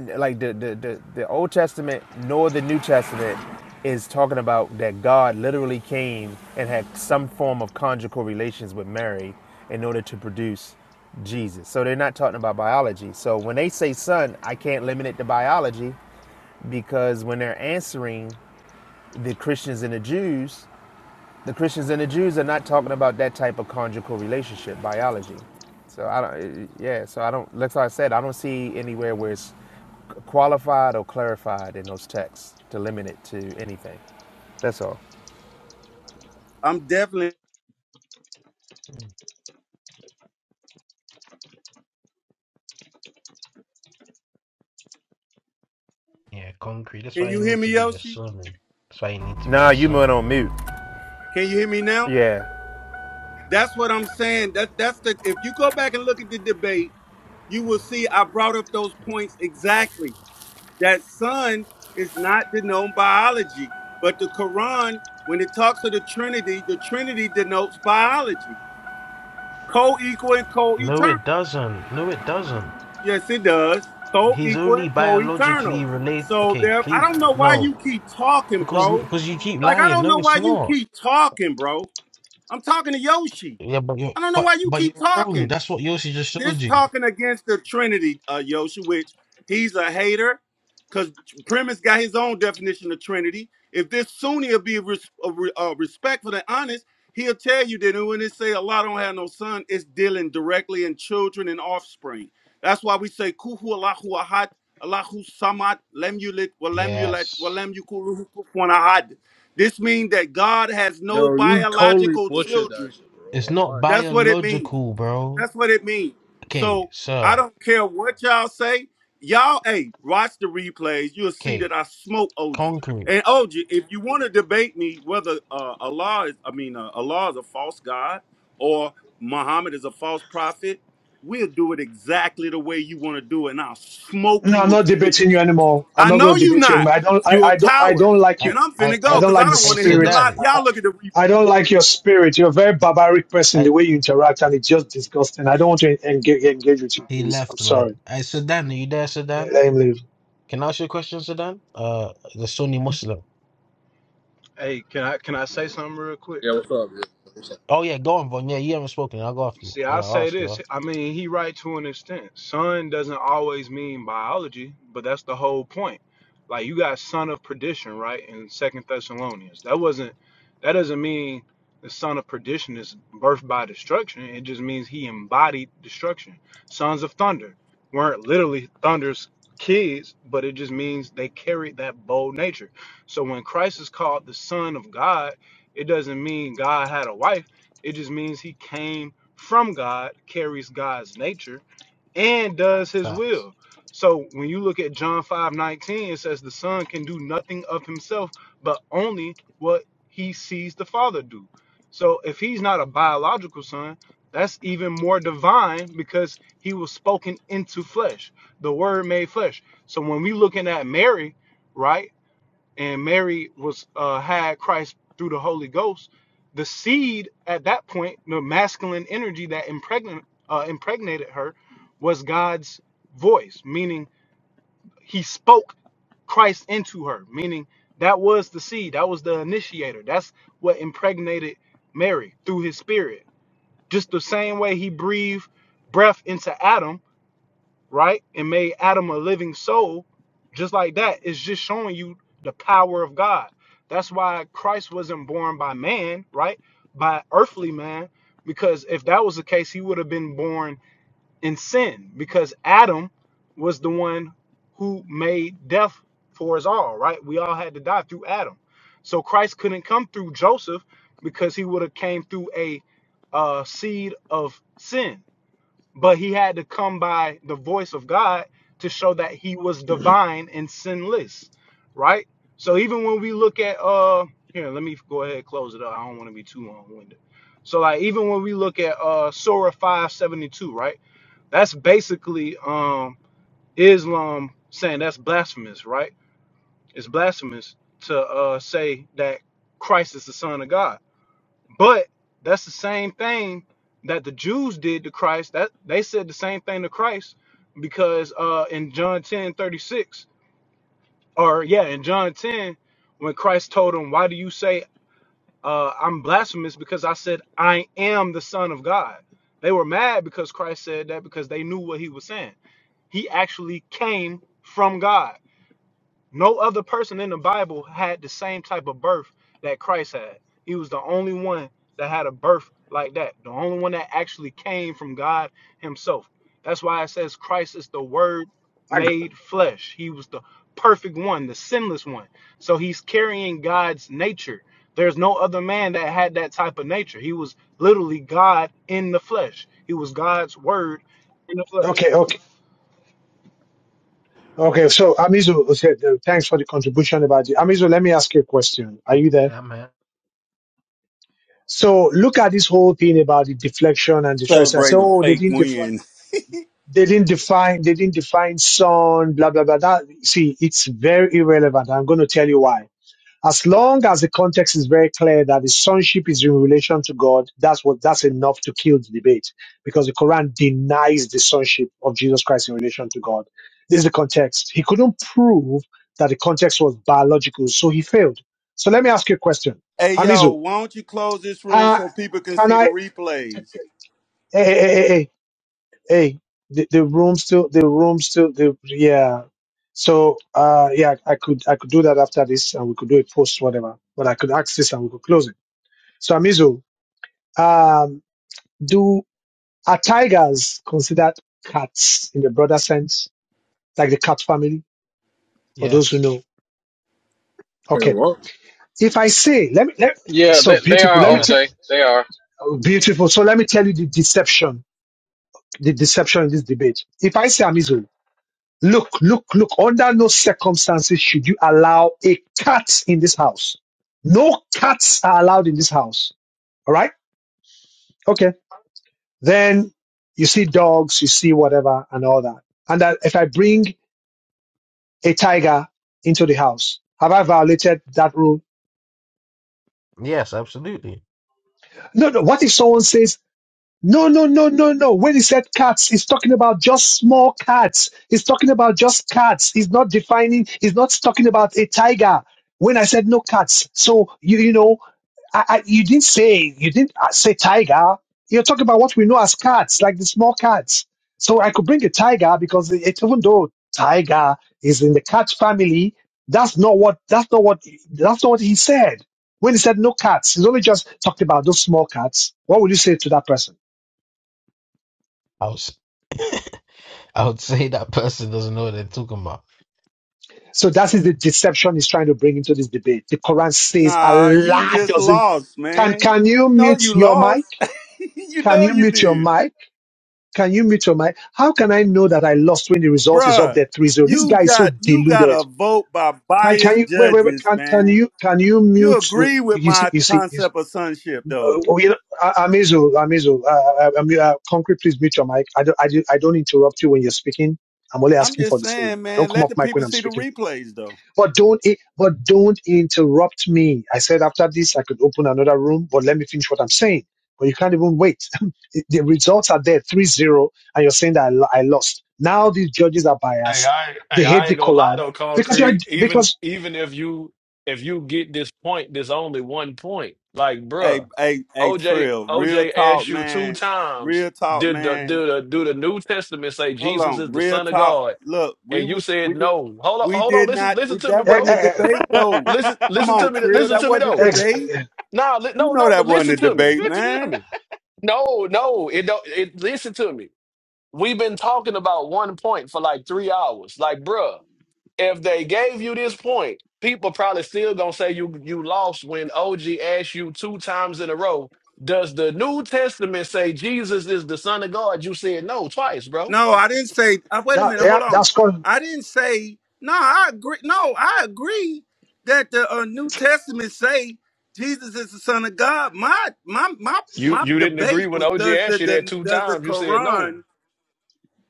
Speaker 22: like the, the the the Old Testament nor the New Testament is talking about that God literally came and had some form of conjugal relations with Mary in order to produce Jesus. So they're not talking about biology. So when they say son, I can't limit it to biology because when they're answering the Christians and the Jews, the Christians and the Jews are not talking about that type of conjugal relationship, biology. So I don't, yeah. So I don't. Like I said, I don't see anywhere where it's qualified or clarified in those texts to limit it to anything. That's all.
Speaker 6: I'm definitely.
Speaker 14: yeah concrete. That's
Speaker 6: Can
Speaker 14: why you
Speaker 6: you hear
Speaker 14: need to
Speaker 6: me,
Speaker 14: be a
Speaker 6: Yoshi?
Speaker 14: Sunni. That's why you need to be
Speaker 22: Nah,
Speaker 14: a
Speaker 22: you went
Speaker 14: Sunni,
Speaker 22: on
Speaker 14: bro.
Speaker 22: mute.
Speaker 6: Can you hear me now?
Speaker 22: Yeah.
Speaker 6: That's what I'm saying. That that's the. If you go back and look at the debate, you will see I brought up those points exactly. that sun is not the known biology, but the Quran, when it talks of the Trinity, the Trinity denotes biology, co-equal and
Speaker 14: No, it
Speaker 6: co-eternal.
Speaker 14: doesn't. No, it doesn't.
Speaker 6: Yes, it does.
Speaker 14: He's
Speaker 6: Co-equal
Speaker 14: only
Speaker 6: and co-eternal.
Speaker 14: biologically related.
Speaker 6: So
Speaker 14: Okay,
Speaker 6: there, I
Speaker 14: please
Speaker 6: don't know why
Speaker 14: no,
Speaker 6: you keep talking,
Speaker 14: because
Speaker 6: bro.
Speaker 14: because you keep
Speaker 6: Like I
Speaker 14: lying.
Speaker 6: don't
Speaker 14: No,
Speaker 6: know
Speaker 14: it's
Speaker 6: why you
Speaker 14: not.
Speaker 6: keep talking, bro. I'm talking to Yoshi.
Speaker 14: Yeah, but you're
Speaker 6: I don't know
Speaker 14: but
Speaker 6: why you
Speaker 14: but
Speaker 6: keep
Speaker 14: you're wrong.
Speaker 6: talking.
Speaker 14: That's what Yossi just showed
Speaker 6: this
Speaker 14: you.
Speaker 6: talking against the Trinity, uh, Yosha, which he's a hater, because Premise got his own definition of Trinity. If this Sunni will be res- uh, re- uh, respectful and honest, he'll tell you that when they say Allah don't have no son, it's dealing directly in children and offspring. That's why we say Kuhu Allahu Ahad, Allahu Samad, Lem Yulit, Walem Yulat,
Speaker 14: Yes.
Speaker 6: Walem Yukuluhu Kufuwan Ahad. This means that God has no
Speaker 30: Yo, you totally
Speaker 6: biological
Speaker 30: butchered that
Speaker 6: children.
Speaker 30: shit,
Speaker 14: It's
Speaker 30: bro. All
Speaker 14: not
Speaker 30: right.
Speaker 6: That's what it means.
Speaker 14: biological, bro.
Speaker 6: That's what it means.
Speaker 14: Okay,
Speaker 6: So I
Speaker 14: sir.
Speaker 6: don't care what y'all say. Y'all, hey, watch the replays. You'll see that
Speaker 14: Okay.
Speaker 6: I smoke OJ.
Speaker 14: Concrete.
Speaker 6: And OJ, if you want to debate me whether uh, Allah is, I mean, uh, Allah is a false god or Muhammad is a false prophet, we'll do it exactly the way you want to do it, and I'll smoke
Speaker 1: No, I'm
Speaker 6: you
Speaker 1: not
Speaker 6: again.
Speaker 1: debating you anymore. I'm
Speaker 6: I
Speaker 1: not
Speaker 6: know
Speaker 1: going to
Speaker 6: you
Speaker 1: debate you
Speaker 6: not.
Speaker 1: anymore. I don't. I,
Speaker 6: You a
Speaker 1: I don't. I
Speaker 6: coward,
Speaker 1: don't like you.
Speaker 14: I
Speaker 6: and I'm
Speaker 14: I
Speaker 6: finna
Speaker 1: I
Speaker 6: go
Speaker 14: I
Speaker 1: don't
Speaker 6: because
Speaker 1: like
Speaker 6: I
Speaker 1: the
Speaker 6: don't
Speaker 14: I
Speaker 6: want to hear you
Speaker 1: spirit.
Speaker 6: lie.
Speaker 14: Sudan.
Speaker 1: I, I
Speaker 6: Y'all look at the replay.
Speaker 1: don't like your spirit. You're a very barbaric person, the
Speaker 14: I,
Speaker 1: way you interact,
Speaker 14: I
Speaker 1: and it's just disgusting. I don't want to engage, engage with you,
Speaker 14: he
Speaker 1: please. I'm
Speaker 14: left, man.
Speaker 1: sorry.
Speaker 14: I Sudan, are you there,
Speaker 1: Yeah,
Speaker 14: Sudan?
Speaker 1: let him leave.
Speaker 14: Can I ask you a question, Sudan? Uh the Sunni Muslim.
Speaker 29: Hey, can I can I say something real quick?
Speaker 30: Yeah, what's up? Yeah, what's up?
Speaker 14: Oh yeah, go on, Von. Yeah, you haven't spoken. I'll go after you.
Speaker 29: See,
Speaker 14: Yeah,
Speaker 29: I
Speaker 14: I'll
Speaker 29: say
Speaker 14: ask you.
Speaker 29: this. I mean, he right to an extent. Son doesn't always mean biology, but that's the whole point. Like you got son of perdition, right? In Second Thessalonians, that wasn't. That doesn't mean the son of perdition is birthed by destruction. It just means he embodied destruction. Sons of thunder weren't literally thunder's kids, but it just means they carried that bold nature. So when Christ is called the Son of God, it doesn't mean God had a wife. It just means he came from God, carries God's nature, and does his
Speaker 14: Facts.
Speaker 29: will. So when you look at John 5:19, it says the Son can do nothing of himself, but only what he sees the Father do. So if he's not a biological son, that's even more divine because he was spoken into flesh, the word made flesh. So when we looking at Mary, right? and Mary was uh, had Christ through the Holy Ghost, the seed at that point, the masculine energy that impregn- uh, impregnated her, was God's voice, meaning He spoke Christ into her, meaning that was the seed, that was the initiator, that's what impregnated Mary through His Spirit. Just the same way He breathed breath into Adam, right? And made Adam a living soul, just like that. It's just showing you the power of God. That's why Christ wasn't born by man, right? By earthly man, because if that was the case, he would have been born in sin, because Adam was the one who made death for us all, right? We all had to die through Adam. So Christ couldn't come through Joseph because he would have came through a uh, seed of sin but he had to come by the voice of God to show that he was divine and sinless, right? So even when we look at uh here, let me go ahead and close it up. I don't want to be too long-winded. So like even when we look at uh Surah 572, right? That's basically um Islam saying that's blasphemous, right? It's blasphemous to uh say that Christ is the son of God but that's the same thing that the Jews did to Christ. That they said the same thing to Christ because uh in John 10 36, or yeah, in John 10, when Christ told them, Why do you say uh I'm blasphemous? Because I said I am the Son of God. They were mad because Christ said that because they knew what he was saying. He actually came from God no other person in the Bible had the same type of birth that Christ had. He was the only one that had a birth like that, the only one that actually came from God Himself. That's why it says Christ is the Word
Speaker 1: I,
Speaker 29: made flesh. He was the perfect one, the sinless one. So He's carrying God's nature. There's no other man that had that type of nature. He was literally God in the flesh, He was God's Word in the flesh.
Speaker 1: okay, okay. Okay, so Amizu, okay, th- thanks for the contribution about the Amizu, let me ask you a question. Are
Speaker 14: Okay,
Speaker 1: you there?
Speaker 14: I'm here.
Speaker 1: So look at this whole thing about the deflection and the choice. I say,
Speaker 6: Celebrating a
Speaker 1: oh, they
Speaker 6: fake
Speaker 1: didn't define,
Speaker 6: win.
Speaker 1: they didn't define, they didn't define sun, blah blah blah. That, see, it's very irrelevant. I'm going to tell you why As long as the context is very clear that the sonship is in relation to God, that's what that's enough to kill the debate because the Quran denies the sonship of Jesus Christ in relation to God. This is the context. He couldn't prove that the context was biological, so he failed. So let me ask you a question,
Speaker 6: Hey yo,
Speaker 1: Amizu.
Speaker 6: why don't you close this room
Speaker 1: Uh,
Speaker 6: so people can
Speaker 1: can
Speaker 6: see the
Speaker 1: I? Hey,
Speaker 6: replays?
Speaker 1: hey, hey, hey, hey hey the, the room still the room still the yeah so uh yeah i could i could do that after this and we could do a post whatever but i could ask this and we could close it so amizu um do are tigers considered cats in the broader sense like the cat family for those who
Speaker 14: Yes.
Speaker 1: know
Speaker 30: Hey,
Speaker 1: okay
Speaker 30: what?
Speaker 1: if i say let me let,
Speaker 31: Yeah,
Speaker 1: so
Speaker 31: they, they
Speaker 1: beautiful
Speaker 31: are
Speaker 1: let me tell
Speaker 31: OJ.
Speaker 14: Yes.
Speaker 31: They are.
Speaker 1: beautiful so let me tell you the deception the deception in this debate if i say amizu Look, look, look, under no circumstances should you allow a cat in this house. No cats are allowed in this house. All right? Okay. Then you see dogs, you see whatever and all that. And that if I bring a tiger into the house, have I violated that rule?
Speaker 14: Yes, absolutely.
Speaker 1: No, no. What if someone says No, no, no, no, no. When he said cats, he's talking about just small cats. He's talking about just cats. He's not defining, he's not talking about a tiger. When I said no cats, so you, you know, I, I, you didn't say, you didn't uh, say tiger. You're talking about what we know as cats, like the small cats. So I could bring a tiger because it, it- even though tiger is in the cat family, that's not what, that's not what, that's not what he said. When he said no cats, he's only just talked about those small cats. What would you say to that person?
Speaker 14: I would, s- I would say that person doesn't know what they're talking about.
Speaker 1: So that is the deception he's trying to bring into this debate. The Quran says
Speaker 6: Nah, you
Speaker 1: Allah
Speaker 6: just
Speaker 1: doesn't.
Speaker 6: lost,
Speaker 1: Can
Speaker 6: man.
Speaker 1: can you
Speaker 6: You know you
Speaker 1: mute your
Speaker 6: lost.
Speaker 1: mic?
Speaker 6: you
Speaker 1: Can
Speaker 6: know
Speaker 1: you
Speaker 6: you
Speaker 1: mute your
Speaker 6: did.
Speaker 1: mic? Can you mute your mic? How can I know that I lost when the result is up
Speaker 6: Bruh,
Speaker 1: there three zero? This
Speaker 6: you
Speaker 1: guy is so
Speaker 6: got you got
Speaker 1: deluded.
Speaker 6: a vote by
Speaker 1: Can, can
Speaker 6: biased
Speaker 1: you wait wait wait?
Speaker 6: judges,
Speaker 1: Can can
Speaker 6: man.
Speaker 1: you can you
Speaker 6: You
Speaker 1: mute?
Speaker 6: agree with
Speaker 1: You see
Speaker 6: my
Speaker 1: you see. You see
Speaker 6: concept of sonship though.
Speaker 1: uh, oh, you know, A- Amizu Amizu. Uh, uh, um, uh, concrete, please mute your mic. I don't I, do, I don't interrupt you when you're speaking. I'm only
Speaker 6: I'm
Speaker 1: asking
Speaker 6: just
Speaker 1: for the same.
Speaker 6: saying,
Speaker 1: Don't
Speaker 6: man,
Speaker 1: come
Speaker 6: let
Speaker 1: up
Speaker 6: the
Speaker 1: mic
Speaker 6: people
Speaker 1: when I'm
Speaker 6: see the
Speaker 1: speaking, please.
Speaker 6: replays though.
Speaker 1: But don't, i- but don't interrupt me. I said after this, I could open another room, but let me finish what I'm saying. But you can't even wait. the the results are there, three zero, and you're saying that I, lo- I lost. Now these judges are
Speaker 2: Hey,
Speaker 1: biased.
Speaker 2: I,
Speaker 1: They
Speaker 2: hey, I
Speaker 1: hate the
Speaker 2: ain't gonna lie
Speaker 1: Quran
Speaker 2: though,
Speaker 1: because you're,
Speaker 2: concrete. Even,
Speaker 1: because,
Speaker 2: even if you, if you get this point, there's only one point. Like,
Speaker 6: Hey,
Speaker 2: bruh,
Speaker 6: hey, hey,
Speaker 2: OJ,
Speaker 6: Trill, real
Speaker 2: OJ
Speaker 6: talk,
Speaker 2: asked you two
Speaker 6: man.
Speaker 2: times,
Speaker 6: Real talk,
Speaker 2: did the, did
Speaker 6: man.
Speaker 2: the, do the New Testament say
Speaker 6: Hold
Speaker 2: Jesus is
Speaker 6: on,
Speaker 2: the
Speaker 6: real
Speaker 2: son of
Speaker 6: talk.
Speaker 2: God?
Speaker 6: Look,
Speaker 2: And
Speaker 6: we
Speaker 2: you
Speaker 6: would we
Speaker 2: said
Speaker 6: did
Speaker 2: no. Hold on,
Speaker 6: we
Speaker 2: hold on.
Speaker 6: did
Speaker 2: Listen,
Speaker 6: not
Speaker 2: listen
Speaker 6: we
Speaker 2: to me,
Speaker 6: that
Speaker 1: eh,
Speaker 2: bro.
Speaker 6: wasn't a
Speaker 1: eh, eh,
Speaker 6: debate though.
Speaker 2: Listen,
Speaker 6: Come
Speaker 2: listen to
Speaker 6: on,
Speaker 2: me.
Speaker 6: Trill,
Speaker 2: Listen
Speaker 6: that
Speaker 2: to me
Speaker 1: eh,
Speaker 6: wasn't
Speaker 2: though.
Speaker 6: a
Speaker 1: ex,
Speaker 6: debate.
Speaker 1: eh,
Speaker 2: Nah, li-
Speaker 6: You
Speaker 2: no,
Speaker 6: know
Speaker 2: no, but
Speaker 6: that wasn't
Speaker 2: listen
Speaker 6: a
Speaker 2: to me.
Speaker 6: debate,
Speaker 2: Listen to
Speaker 6: man.
Speaker 2: me. No, no, it don't. It listen to me. We've been talking about one point for like three hours. Like, bruh, if they gave you this point, people probably still gonna say you you lost when OG asked you two times in a row. Does the New Testament say Jesus is the Son of God? You said no twice, bro.
Speaker 6: No, I didn't say. Uh, wait a
Speaker 1: that,
Speaker 6: minute,
Speaker 1: yeah,
Speaker 6: hold on.
Speaker 1: that's called,
Speaker 6: I didn't say. No, I agree. No, I agree that the uh, New Testament say Jesus is the Son of God. My my my
Speaker 2: You
Speaker 6: my
Speaker 2: you didn't agree
Speaker 6: debate
Speaker 2: when
Speaker 6: was
Speaker 2: OG
Speaker 6: does the,
Speaker 2: asked you that
Speaker 6: the
Speaker 2: two
Speaker 6: does the
Speaker 2: times. You said no.
Speaker 6: Quran?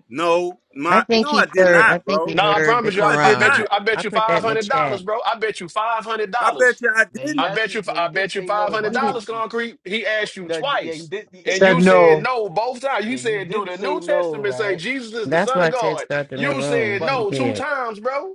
Speaker 6: No,
Speaker 32: I
Speaker 6: my
Speaker 32: think
Speaker 6: no,
Speaker 32: he
Speaker 6: I did
Speaker 32: heard. I
Speaker 6: not,
Speaker 32: think he
Speaker 6: bro.
Speaker 2: No, I
Speaker 32: heard the
Speaker 2: promise you.
Speaker 6: No,
Speaker 2: I,
Speaker 6: I
Speaker 2: I
Speaker 6: did
Speaker 2: bet
Speaker 32: Quran.
Speaker 6: not.
Speaker 2: you. I bet
Speaker 32: I
Speaker 2: you
Speaker 32: put
Speaker 2: five
Speaker 32: that in the
Speaker 2: hundred dollars,
Speaker 32: chat.
Speaker 2: bro. I bet you five hundred
Speaker 6: I bet
Speaker 2: dollars.
Speaker 6: you I
Speaker 14: Man,
Speaker 6: didn't.
Speaker 14: you
Speaker 2: I bet
Speaker 14: actually
Speaker 2: you.
Speaker 14: no, you
Speaker 2: I
Speaker 14: did
Speaker 2: bet you
Speaker 14: say
Speaker 2: five
Speaker 14: no,
Speaker 2: hundred
Speaker 14: but
Speaker 32: He did.
Speaker 14: you,
Speaker 2: dollars.
Speaker 14: you,
Speaker 2: Concrete. He asked you
Speaker 14: no, j- yeah, you
Speaker 2: twice,
Speaker 14: did, you,
Speaker 1: he
Speaker 2: and
Speaker 1: said
Speaker 2: you
Speaker 14: you
Speaker 2: said
Speaker 1: no.
Speaker 14: did,
Speaker 2: no both times.
Speaker 14: yeah,
Speaker 2: You
Speaker 14: you
Speaker 2: said, "Do
Speaker 14: did
Speaker 2: the
Speaker 14: say
Speaker 2: New
Speaker 14: no,
Speaker 2: Testament say
Speaker 14: right?
Speaker 2: Jesus is the
Speaker 32: That's
Speaker 2: Son
Speaker 32: why
Speaker 2: of
Speaker 32: I said
Speaker 2: God?"
Speaker 32: start the new
Speaker 2: You said
Speaker 32: room.
Speaker 14: But
Speaker 32: He
Speaker 2: no two
Speaker 32: did.
Speaker 2: times, bro.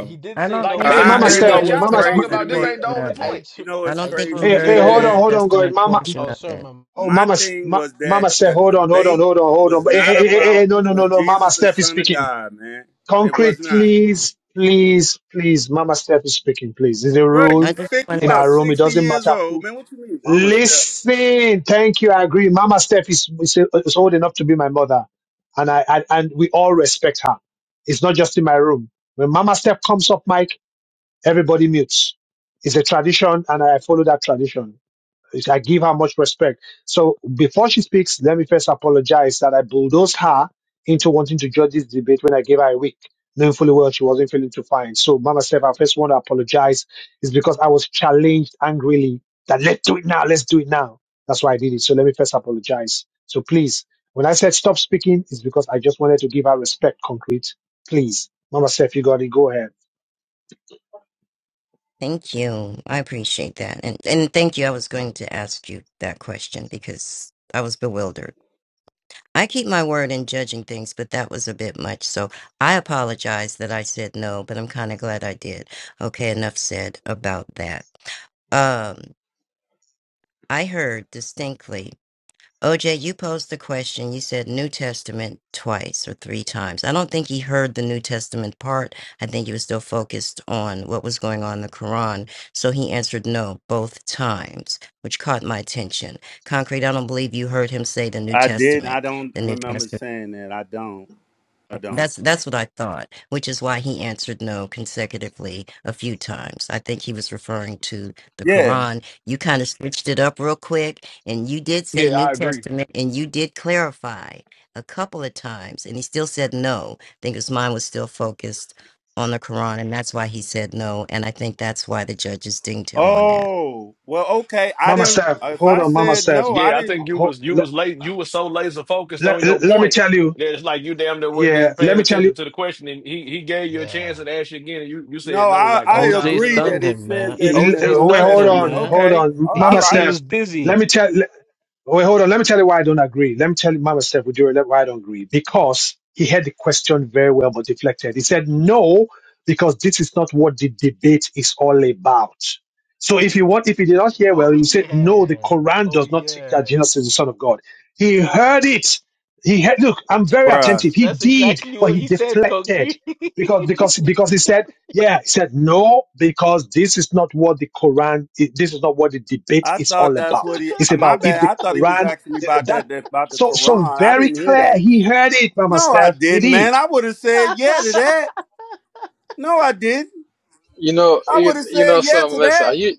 Speaker 14: he did
Speaker 32: I
Speaker 14: say
Speaker 32: don't
Speaker 2: Like
Speaker 14: no.
Speaker 32: think
Speaker 2: this
Speaker 1: Hey,
Speaker 14: But
Speaker 32: he
Speaker 14: to
Speaker 6: I,
Speaker 2: ain't
Speaker 1: Mama
Speaker 14: be
Speaker 2: this
Speaker 6: you
Speaker 32: heard
Speaker 6: know
Speaker 1: Steph,
Speaker 32: the
Speaker 2: point
Speaker 14: fair,
Speaker 32: New
Speaker 6: what's
Speaker 2: y'all been
Speaker 1: Mama, ma,
Speaker 2: talking
Speaker 6: crazy to
Speaker 2: about.
Speaker 32: Testament
Speaker 2: This
Speaker 6: me?
Speaker 2: ain't the
Speaker 32: portion
Speaker 2: only
Speaker 32: of
Speaker 14: I,
Speaker 32: it.
Speaker 2: point.
Speaker 14: tr-
Speaker 6: You know
Speaker 32: I
Speaker 6: what's
Speaker 32: don't
Speaker 14: I
Speaker 32: think he
Speaker 6: crazy
Speaker 14: true.
Speaker 6: to
Speaker 1: hey,
Speaker 14: To
Speaker 1: hey,
Speaker 6: me,
Speaker 14: be
Speaker 32: heard the
Speaker 31: Hey,
Speaker 1: hold
Speaker 32: New
Speaker 1: on,
Speaker 14: fair,
Speaker 6: man?
Speaker 1: hold on, God,
Speaker 32: Testament
Speaker 1: Mama,
Speaker 32: portion
Speaker 14: oh,
Speaker 32: of
Speaker 14: sorry,
Speaker 32: it.
Speaker 14: my,
Speaker 1: oh,
Speaker 6: My
Speaker 1: Mama, S-
Speaker 6: thing
Speaker 1: ma,
Speaker 6: was that
Speaker 1: Mama Steph,
Speaker 6: the
Speaker 1: hold on, hold on,
Speaker 6: debate
Speaker 1: hold on, hold
Speaker 6: was
Speaker 1: on. Hey, hey,
Speaker 6: not
Speaker 1: hey, hey, hey,
Speaker 6: about
Speaker 1: no, no,
Speaker 6: was
Speaker 1: no, no,
Speaker 6: Jesus
Speaker 1: Mama
Speaker 6: the
Speaker 1: Steph is
Speaker 6: Son of
Speaker 1: speaking.
Speaker 6: God, man. It
Speaker 1: Concrete,
Speaker 6: was not,
Speaker 1: please, please, please. Mama Steph is speaking, please. There's a
Speaker 6: bro.
Speaker 32: I
Speaker 1: rule
Speaker 6: You
Speaker 32: just
Speaker 6: think you
Speaker 1: in
Speaker 32: wanted
Speaker 6: about
Speaker 1: our room. It
Speaker 6: sixty
Speaker 1: doesn't
Speaker 6: years
Speaker 1: matter
Speaker 6: old,
Speaker 1: who.
Speaker 6: man? What you mean, Mama stuff?
Speaker 1: Listen, thank you. I agree. Mama Steph is, is, is old enough to be my mother, and I and, and we all respect her. It's not just in my room. When Mama Steph comes up, Mike, everybody mutes. It's a tradition, and I follow that tradition. I give her much respect. So before she speaks, let me first apologize that I bulldozed her into wanting to judge this debate when I gave her a week, knowing fully well she wasn't feeling too fine. So, Mama Steph, I first want to apologize. It's because I was challenged angrily that let's do it now, let's do it now. That's why I did it. So let me first apologize. So please, when I said stop speaking, it's because I just wanted to give her respect, concrete. Please, Mama Steph, you got it. Go ahead.
Speaker 32: Thank you. I appreciate that. And and thank you. I was going to ask you that question because I was bewildered. I keep my word in judging things, but that was a bit much. So I apologize that I said no, but I'm kind of glad I did. Okay, enough said about that. Um, I heard distinctly OJ, you posed the question. You said New Testament twice or three times. I don't think he heard the New Testament part. I think he was still focused on what was going on in the Quran. So he answered no both times, which caught my attention. Concrete, I don't believe you heard him say the New
Speaker 6: I did. I
Speaker 32: Testament.
Speaker 6: don't
Speaker 32: The New
Speaker 6: remember
Speaker 32: Testament.
Speaker 6: saying that. I don't. I don't.
Speaker 32: That's that's what I thought, which is why he answered no consecutively a few times. I think he was referring to the
Speaker 6: Yeah.
Speaker 32: Quran. You kind of switched it up real quick, and you did say
Speaker 2: Yeah,
Speaker 32: New
Speaker 2: I agree.
Speaker 32: Testament, and you did clarify a couple of times, and he still said no. I think his mind was still focused on the Quran, and that's why he said no. And I think that's why the judges dinged him on that.
Speaker 6: Oh well, okay. I
Speaker 1: Mama
Speaker 6: didn't.
Speaker 1: Steph,
Speaker 6: If
Speaker 1: hold
Speaker 6: I
Speaker 1: on, Mama
Speaker 6: said
Speaker 1: Steph.
Speaker 6: no, I
Speaker 2: Yeah, I
Speaker 6: didn't.
Speaker 2: think you
Speaker 1: Ho-
Speaker 2: was you
Speaker 1: let,
Speaker 2: was late. You was so laser focused on your
Speaker 1: let, let me
Speaker 2: point
Speaker 1: tell you,
Speaker 2: that it's like you damn near wasn't
Speaker 1: yeah,
Speaker 2: even paying
Speaker 1: let me tell you.
Speaker 2: attention to the question. And he he gave you a
Speaker 14: yeah.
Speaker 2: chance and asked you again, and you you
Speaker 6: No,
Speaker 2: said no
Speaker 6: I,
Speaker 2: like
Speaker 6: I
Speaker 2: two times
Speaker 14: OJ
Speaker 2: in a
Speaker 6: agree
Speaker 14: stunned
Speaker 6: that
Speaker 2: row.
Speaker 6: it
Speaker 14: him,
Speaker 6: says
Speaker 1: he-
Speaker 14: man.
Speaker 6: that in
Speaker 1: he-
Speaker 6: the
Speaker 14: OJ
Speaker 6: New
Speaker 1: wait,
Speaker 14: stunned
Speaker 1: hold
Speaker 14: him,
Speaker 6: Testament.
Speaker 1: on,
Speaker 14: man.
Speaker 1: hold
Speaker 6: Okay.
Speaker 1: on,
Speaker 6: All
Speaker 14: He,
Speaker 1: Mama
Speaker 6: right.
Speaker 14: he was
Speaker 1: Steph. Let
Speaker 14: dizzy.
Speaker 1: me tell. le- Wait, hold on. Let me tell you why I don't agree. Let me tell you, Mama Steph, with you, why I don't agree. Because he had the question very well, but deflected. He said no because this is not what the debate is all about. So if you want, if he did not hear
Speaker 14: Oh
Speaker 1: well, he would say no.
Speaker 14: yeah.
Speaker 1: The Quran
Speaker 14: Oh
Speaker 1: does not teach
Speaker 14: yeah.
Speaker 1: that Jesus is the Son of God. He heard it. He had, look. I'm very
Speaker 6: Bruh,
Speaker 1: attentive. He
Speaker 14: That's
Speaker 1: did,
Speaker 14: exactly
Speaker 1: but
Speaker 14: what
Speaker 1: he
Speaker 14: he said,
Speaker 1: deflected
Speaker 14: Kongi.
Speaker 1: because because because he said yeah, he said no because this is not what the Quran. i- This is not what the debate
Speaker 6: I
Speaker 1: is
Speaker 6: thought
Speaker 1: all
Speaker 6: that's
Speaker 1: about.
Speaker 6: what he.
Speaker 1: It's
Speaker 6: My
Speaker 1: about if
Speaker 6: bad.
Speaker 1: the
Speaker 6: I thought he was
Speaker 1: Quran
Speaker 6: asking me
Speaker 1: th-
Speaker 6: about
Speaker 1: that.
Speaker 6: that. That about the
Speaker 1: So, so
Speaker 6: Quran. I
Speaker 1: very
Speaker 6: didn't hear
Speaker 1: clear.
Speaker 6: that.
Speaker 1: He heard it, Mama
Speaker 6: No, I
Speaker 1: Steph. He
Speaker 6: didn't,
Speaker 1: did.
Speaker 6: man. I would have said yeah to that. No, I didn't.
Speaker 31: you know,
Speaker 6: I would
Speaker 31: you,
Speaker 6: have
Speaker 31: you
Speaker 6: said
Speaker 31: know
Speaker 6: yeah
Speaker 31: something.
Speaker 6: to that.
Speaker 31: Listen, you,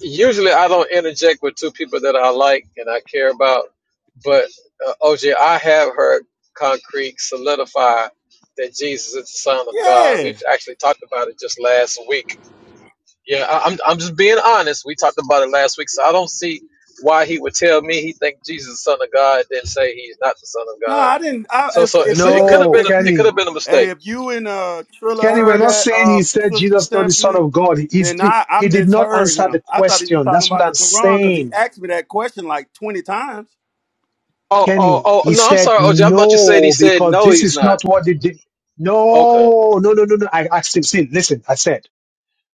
Speaker 31: usually I don't interject with two people that I like and I care about, but uh, OJ, I have heard concrete solidify that Jesus is the Son of God.
Speaker 6: Yeah.
Speaker 31: We've actually talked about it just last week. Yeah, I, I'm I'm just being honest. We talked about it last week, so I don't see why he would tell me he think Jesus is the Son of God, then say he's not the Son of
Speaker 6: No,
Speaker 31: God.
Speaker 6: I didn't. I,
Speaker 31: So
Speaker 6: if
Speaker 31: so
Speaker 6: if
Speaker 31: so
Speaker 6: you
Speaker 31: it could
Speaker 6: if
Speaker 31: have
Speaker 1: No,
Speaker 31: been
Speaker 6: if
Speaker 31: a,
Speaker 6: you
Speaker 31: it could
Speaker 1: Kenny,
Speaker 31: have been a mistake.
Speaker 6: hey, if you and uh Trilla
Speaker 1: Kenny, we're
Speaker 6: heard
Speaker 1: not
Speaker 6: that
Speaker 1: saying he
Speaker 6: um
Speaker 1: said
Speaker 6: sister
Speaker 1: Jesus is not the Son
Speaker 6: Stephanie,
Speaker 1: of God. He's
Speaker 6: then
Speaker 1: the,
Speaker 6: I I
Speaker 1: he did not
Speaker 6: misheard
Speaker 1: answer
Speaker 6: him.
Speaker 1: the
Speaker 6: I thought he was
Speaker 1: question.
Speaker 6: talking
Speaker 1: That's what
Speaker 6: about the
Speaker 1: I'm
Speaker 6: Quran because he
Speaker 1: saying,
Speaker 6: asked me that question like twenty times.
Speaker 31: Oh, oh,
Speaker 1: Kenny.
Speaker 31: oh,
Speaker 1: He
Speaker 31: no, I'm
Speaker 1: said
Speaker 31: sorry, OJ. I thought you said he
Speaker 1: no
Speaker 31: said
Speaker 1: because
Speaker 31: no,
Speaker 1: this
Speaker 31: he's
Speaker 1: is
Speaker 31: not.
Speaker 1: not what the. de-
Speaker 31: Okay.
Speaker 1: No, no, no, no, no. I asked him. See, listen. I said.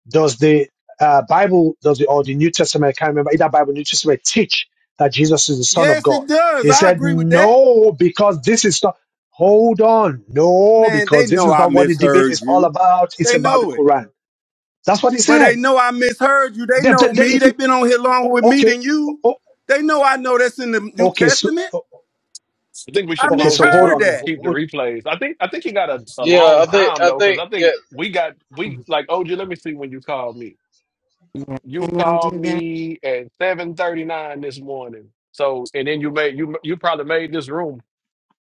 Speaker 1: does the uh, Bible, does the, or the New Testament, I can't remember, either Bible, or New Testament teach that Jesus is the Son of
Speaker 6: Yes,
Speaker 1: God?
Speaker 6: it does.
Speaker 1: He
Speaker 6: I
Speaker 1: said,
Speaker 6: agree with that.
Speaker 1: no, because this is not, hold on, no,
Speaker 6: Man, they
Speaker 1: because this
Speaker 6: know
Speaker 1: is
Speaker 6: I
Speaker 1: not what the debate
Speaker 6: misheard
Speaker 1: is all
Speaker 6: you.
Speaker 1: about. It's
Speaker 6: They
Speaker 1: about the
Speaker 6: know it.
Speaker 1: Quran. That's what he
Speaker 6: But
Speaker 1: said.
Speaker 6: they know I misheard you. They
Speaker 1: Then,
Speaker 6: know
Speaker 1: then, then
Speaker 6: me.
Speaker 1: if you,
Speaker 6: They've been on here longer with
Speaker 1: o-
Speaker 6: me
Speaker 1: okay,
Speaker 6: than you.
Speaker 1: o-
Speaker 6: They know I know that's in the New
Speaker 1: okay, so,
Speaker 6: Testament.
Speaker 1: o-
Speaker 2: I think we
Speaker 6: I
Speaker 2: should
Speaker 1: okay,
Speaker 2: close
Speaker 1: so
Speaker 2: this
Speaker 1: hold
Speaker 6: misheard
Speaker 2: room
Speaker 1: on.
Speaker 2: and
Speaker 6: that.
Speaker 1: Ho-
Speaker 2: keep the
Speaker 1: ho-
Speaker 2: replays. I think I think he got a, a
Speaker 31: Yeah, I
Speaker 2: long
Speaker 31: think,
Speaker 2: time
Speaker 31: I
Speaker 2: though, because
Speaker 31: think,
Speaker 2: I
Speaker 31: yeah,
Speaker 2: think we got we
Speaker 32: Mhm.
Speaker 2: like OG. Let me see when you called me.
Speaker 32: Yeah.
Speaker 2: You
Speaker 32: Can y'all
Speaker 2: called
Speaker 32: do that?
Speaker 2: me at seven thirty nine this morning. So and then you made you you probably made this room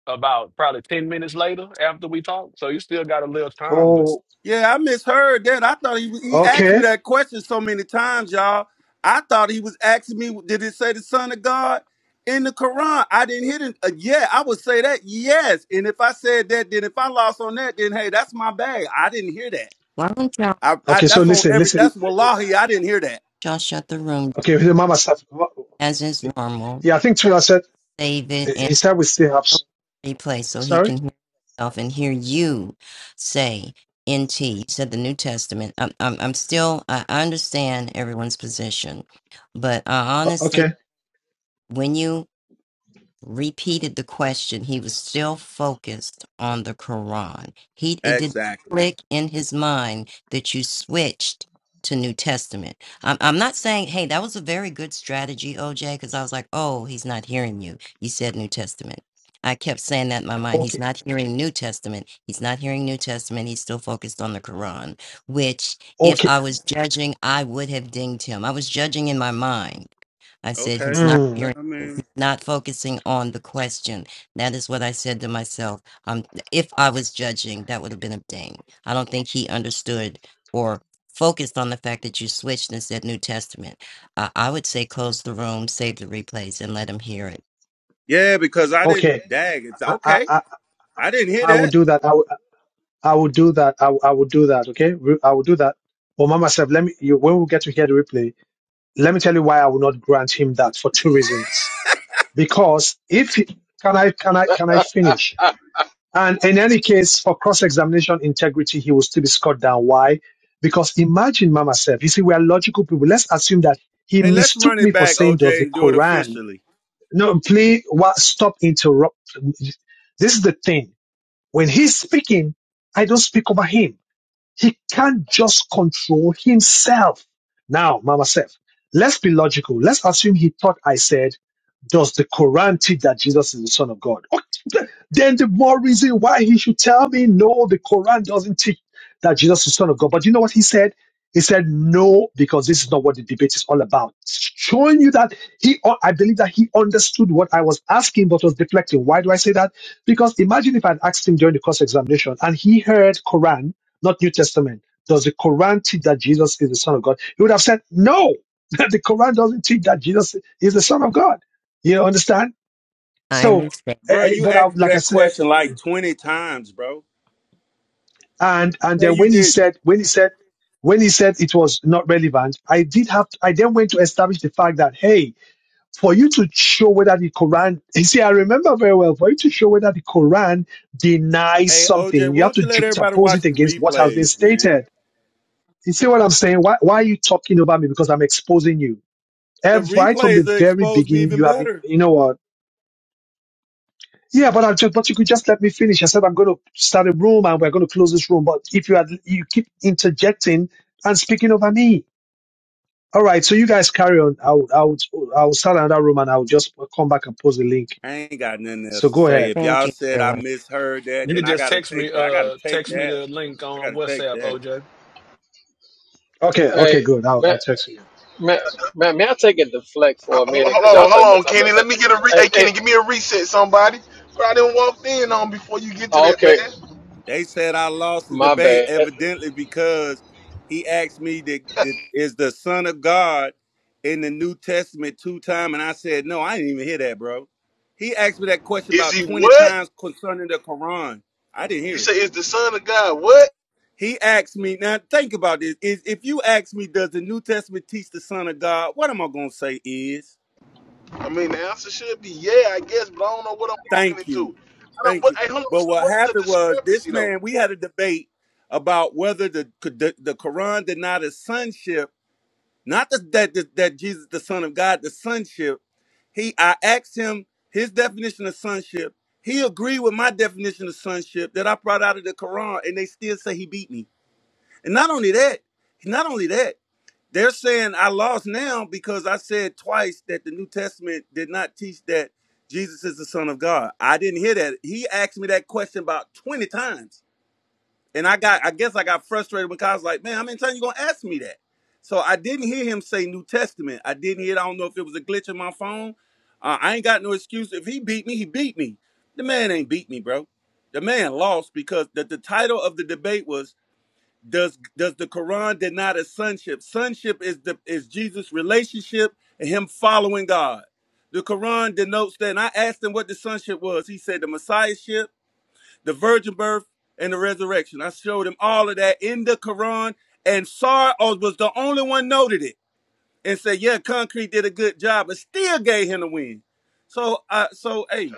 Speaker 2: about probably ten minutes later after we talked. So you still got a little time, but.
Speaker 1: Oh,
Speaker 6: Yeah, I misheard that. I thought he was, he asked me
Speaker 1: okay.
Speaker 6: that question so many times, y'all. I thought he was asking me, did it say the Son of God in the Quran? I didn't hit it. Uh, yeah, I would say that. Yes. And if I said that, then if I lost on that, then hey, that's my bag. I didn't hear that.
Speaker 32: Why don't y'all
Speaker 6: I, I
Speaker 1: Okay, so
Speaker 6: that's on
Speaker 1: listen,
Speaker 6: every.
Speaker 1: listen.
Speaker 6: That's wallahi. I didn't hear that.
Speaker 32: y'all shut the room down
Speaker 1: Okay, the mama said,
Speaker 32: as is normal?
Speaker 1: yeah, I think Tula said,
Speaker 32: Save it
Speaker 1: he said we still have, s-
Speaker 32: replay so he
Speaker 1: sorry?
Speaker 32: can hear himself and hear you say NT. You said the New Testament. I'm, I'm, I'm still, I understand everyone's position, but uh,
Speaker 1: O- Okay.
Speaker 32: honestly, when you repeated the question, he was still focused on the Quran. He it did not
Speaker 6: Exactly.
Speaker 32: click in his mind that you switched to New Testament. I'm, I'm not saying, hey, that was a very good strategy, OJ, because I was like, oh, he's not hearing you. You said New Testament. I kept saying that in my mind. He's
Speaker 1: Okay,
Speaker 32: not hearing New Testament. He's not hearing New Testament. He's still focused on the Quran, which if
Speaker 1: okay,
Speaker 32: I was judging, I would have dinged him. I was judging in my mind. I said,
Speaker 6: Okay.
Speaker 32: he's not
Speaker 1: mm,
Speaker 32: hearing
Speaker 6: I mean,
Speaker 32: not focusing on the question. That is what I said to myself. Um, if I was judging, that would have been a ding. I don't think he understood or focused on the fact that you switched and said New Testament. Uh, I would say close the room, save the replays, and let him hear it.
Speaker 6: yeah, because I
Speaker 1: okay.
Speaker 6: didn't dag. It's
Speaker 1: I, I,
Speaker 6: okay.
Speaker 1: I,
Speaker 6: I didn't hear
Speaker 1: I will
Speaker 6: that.
Speaker 1: do that. I will, I will do that. I, will- I will do that. Okay, Re- I will do that. But Mama said, let me. You, when we get to hear the replay, let me tell you why I will not grant him that for two reasons. Because if he- can I, can I, can I
Speaker 31: I,
Speaker 1: finish?
Speaker 31: I,
Speaker 1: And in any case, for cross-examination integrity, he will still be scored down. Why? Because imagine Mama said, you see, we are logical people. Let's assume that he
Speaker 6: Hey, let's run
Speaker 1: mistook me
Speaker 6: it
Speaker 1: for
Speaker 6: back,
Speaker 1: saying, does
Speaker 6: OJ,
Speaker 1: the
Speaker 6: and do it
Speaker 1: Quran
Speaker 6: officially,
Speaker 1: No, please what, stop interrupt. This is the thing. When he's speaking, I don't speak over him. He can't just control himself. Now, Mama Seth, let's be logical. Let's assume he thought I said, does the Quran teach that Jesus is the Son of God? then the more reason why he should tell me no the quran doesn't teach that jesus is son of god but you know what he said he said no because this is not what the debate is all about showing you that he uh, i believe that he understood what i was asking but was deflecting why do i say that because imagine if i'd asked him during the cross examination and he heard quran not new testament does the quran teach that jesus is the son of god he would have said no the quran doesn't teach that jesus is the son of god you understand
Speaker 32: I
Speaker 1: so
Speaker 32: understand.
Speaker 1: Eh,
Speaker 6: bro.
Speaker 1: eh,
Speaker 6: You
Speaker 1: but I,
Speaker 6: asked me
Speaker 1: like I
Speaker 6: that
Speaker 1: said,
Speaker 6: question like twenty times, bro.
Speaker 1: and and
Speaker 6: Say
Speaker 1: then
Speaker 6: you
Speaker 1: when he
Speaker 6: didn't.
Speaker 1: said when he said when he said it was not relevant i did have to, i then went to establish the fact that hey for you to show whether the quran you see i remember very well for you to show whether the quran denies
Speaker 6: Hey, OJ,
Speaker 1: something you have
Speaker 6: won't
Speaker 1: to
Speaker 6: you let everybody
Speaker 1: juxtapose
Speaker 6: watch
Speaker 1: it
Speaker 6: the
Speaker 1: against what has been
Speaker 6: replays, man?
Speaker 1: stated you see what i'm saying why, why are you talking over me because i'm exposing you
Speaker 6: The
Speaker 1: Ev- right from
Speaker 6: replays
Speaker 1: the
Speaker 6: will
Speaker 1: very
Speaker 6: expose me
Speaker 1: beginning
Speaker 6: even
Speaker 1: you have been
Speaker 6: better.
Speaker 1: you know what Yeah, but I just but you could just let me finish. I said I'm going to start a room and we're going to close this room. But if you had you keep interjecting and speaking over me, all right. So you guys carry on. I'll I'll I'll start another room and I'll just come back and post the link.
Speaker 6: I ain't got nothing
Speaker 1: So
Speaker 6: else to
Speaker 1: go
Speaker 6: say.
Speaker 1: ahead.
Speaker 6: If
Speaker 32: Thank
Speaker 6: y'all
Speaker 32: you,
Speaker 6: said I
Speaker 32: everyone.
Speaker 6: misheard that,
Speaker 2: You can
Speaker 6: then I
Speaker 2: just
Speaker 6: gotta
Speaker 2: text me,
Speaker 6: take that. I gotta
Speaker 2: uh,
Speaker 6: take
Speaker 2: text me
Speaker 6: that.
Speaker 2: the link
Speaker 6: I
Speaker 2: on
Speaker 6: gotta take
Speaker 2: WhatsApp,
Speaker 6: that.
Speaker 2: OJ.
Speaker 1: Okay, okay,
Speaker 31: hey,
Speaker 1: good. I'll
Speaker 31: man,
Speaker 1: I'll text you.
Speaker 31: man, man, may I take a deflect
Speaker 5: Uh,
Speaker 31: for a
Speaker 5: Hold on,
Speaker 31: minute? Because y'all
Speaker 5: hold on,
Speaker 31: talking
Speaker 5: hold
Speaker 31: about,
Speaker 5: on,
Speaker 31: talking
Speaker 5: Kenny.
Speaker 31: about,
Speaker 5: Let
Speaker 31: something.
Speaker 5: me get a re-
Speaker 31: hey,
Speaker 5: hey,
Speaker 31: hey,
Speaker 5: Kenny, give me a reset, somebody. But I didn't walk in on before you get to
Speaker 31: oh,
Speaker 5: that, man.
Speaker 31: okay,
Speaker 6: They said I lost the
Speaker 31: my
Speaker 6: debate
Speaker 31: bad. Eh,
Speaker 6: evidently because he asked me that, that is the Son of God in the New Testament two times, and I said no. I didn't even hear that, bro. He asked me that question
Speaker 5: Is
Speaker 6: about
Speaker 5: he
Speaker 6: twenty
Speaker 5: what?
Speaker 6: times concerning the Quran. I didn't
Speaker 5: You
Speaker 6: hear
Speaker 5: say
Speaker 6: it.
Speaker 5: is the son of God? What?
Speaker 6: He asked me now. Think about this: is if you ask me, does the New Testament teach the Son of God? What am I gonna say is?
Speaker 5: I mean, the answer should be yeah, I guess, but I don't know what I'm walking
Speaker 6: Thank you.
Speaker 5: into. I don't.
Speaker 6: Thank
Speaker 5: What,
Speaker 6: you.
Speaker 5: hey, hold on.
Speaker 6: But
Speaker 5: so
Speaker 6: what
Speaker 5: What's the
Speaker 6: happened was this
Speaker 5: discrepancy though?
Speaker 6: man, we had a debate about whether the the, the Quran denied his sonship, not the, that that that Jesus the son of God, the sonship. He I asked him his definition of sonship. He agreed with my definition of sonship that I brought out of the Quran and they still say he beat me. And not only that, not only that. They're saying I lost now because I said twice that the New Testament did not teach that Jesus is the Son of God. I didn't hear that. He asked me that question about 20 times. And I got I guess I got frustrated because I was like, man, how many times you gonna ask me that? So I didn't hear him say New Testament. I didn't hear it. I don't know if it was a glitch in my phone. Uh, I ain't got no excuse. If he beat me, he beat me. The man ain't beat me, bro. The man lost because the, the title of the debate was does does the Quran deny the sonship? Sonship is the is Jesus' relationship and him following God. The Quran denotes that. And I asked him what the sonship was. He said the Messiahship, the virgin birth, and the resurrection. I showed him all of that in the Quran, and Sar was the only one noted it and said, "Yeah, Concrete did a good job, but still gave him the win." So, uh, so hey,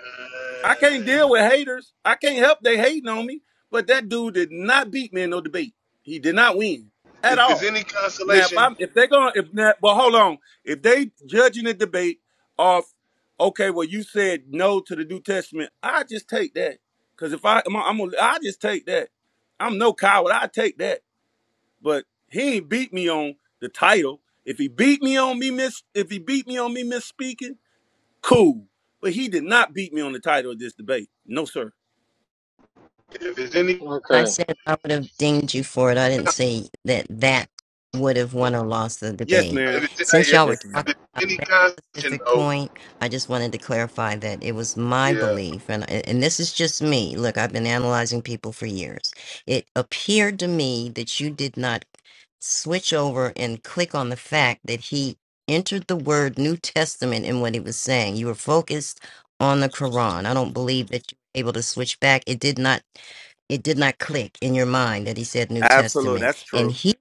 Speaker 6: I can't deal with haters. I can't help they hating on me. But that dude did not beat me in no debate. He did not win at
Speaker 5: If it's
Speaker 6: all.
Speaker 5: any
Speaker 6: Now if
Speaker 5: consolation,
Speaker 6: I'm if they're gonna if not well hold on. If they judging the debate off, okay, well you said no to the New Testament, I just take that. Cause if I I'm, I'm gonna- I just take that. I'm no coward. I take that. But he ain't beat me on the title. If he beat me on me miss if he beat me on me misspeaking, Cool. But he did not beat me on the title of this debate. No, sir.
Speaker 5: if it's any,
Speaker 32: I
Speaker 31: Okay.
Speaker 32: said I would have dinged you for it. I didn't say that that would have
Speaker 5: if
Speaker 32: won or lost the
Speaker 6: Yes,
Speaker 32: debate.
Speaker 6: ma'am.
Speaker 5: it's,
Speaker 32: Since
Speaker 5: hey, if
Speaker 32: y'all were
Speaker 6: Yes, ma'am.
Speaker 32: talking
Speaker 5: it's any
Speaker 32: about that
Speaker 5: consolation
Speaker 32: specific
Speaker 5: though,
Speaker 32: point, I just wanted to clarify that it was my
Speaker 5: yeah,
Speaker 32: belief, and and this is just me. Look, I've been analyzing people for years. It appeared to me that you did not switch over and click on the fact that he entered the word New Testament in what he was saying. You were focused on the Quran. I don't believe that you were able to switch back. It did not it did not click in your mind that he said New
Speaker 6: Absolutely.
Speaker 32: Testament.
Speaker 6: That's
Speaker 32: And
Speaker 6: true.
Speaker 32: he,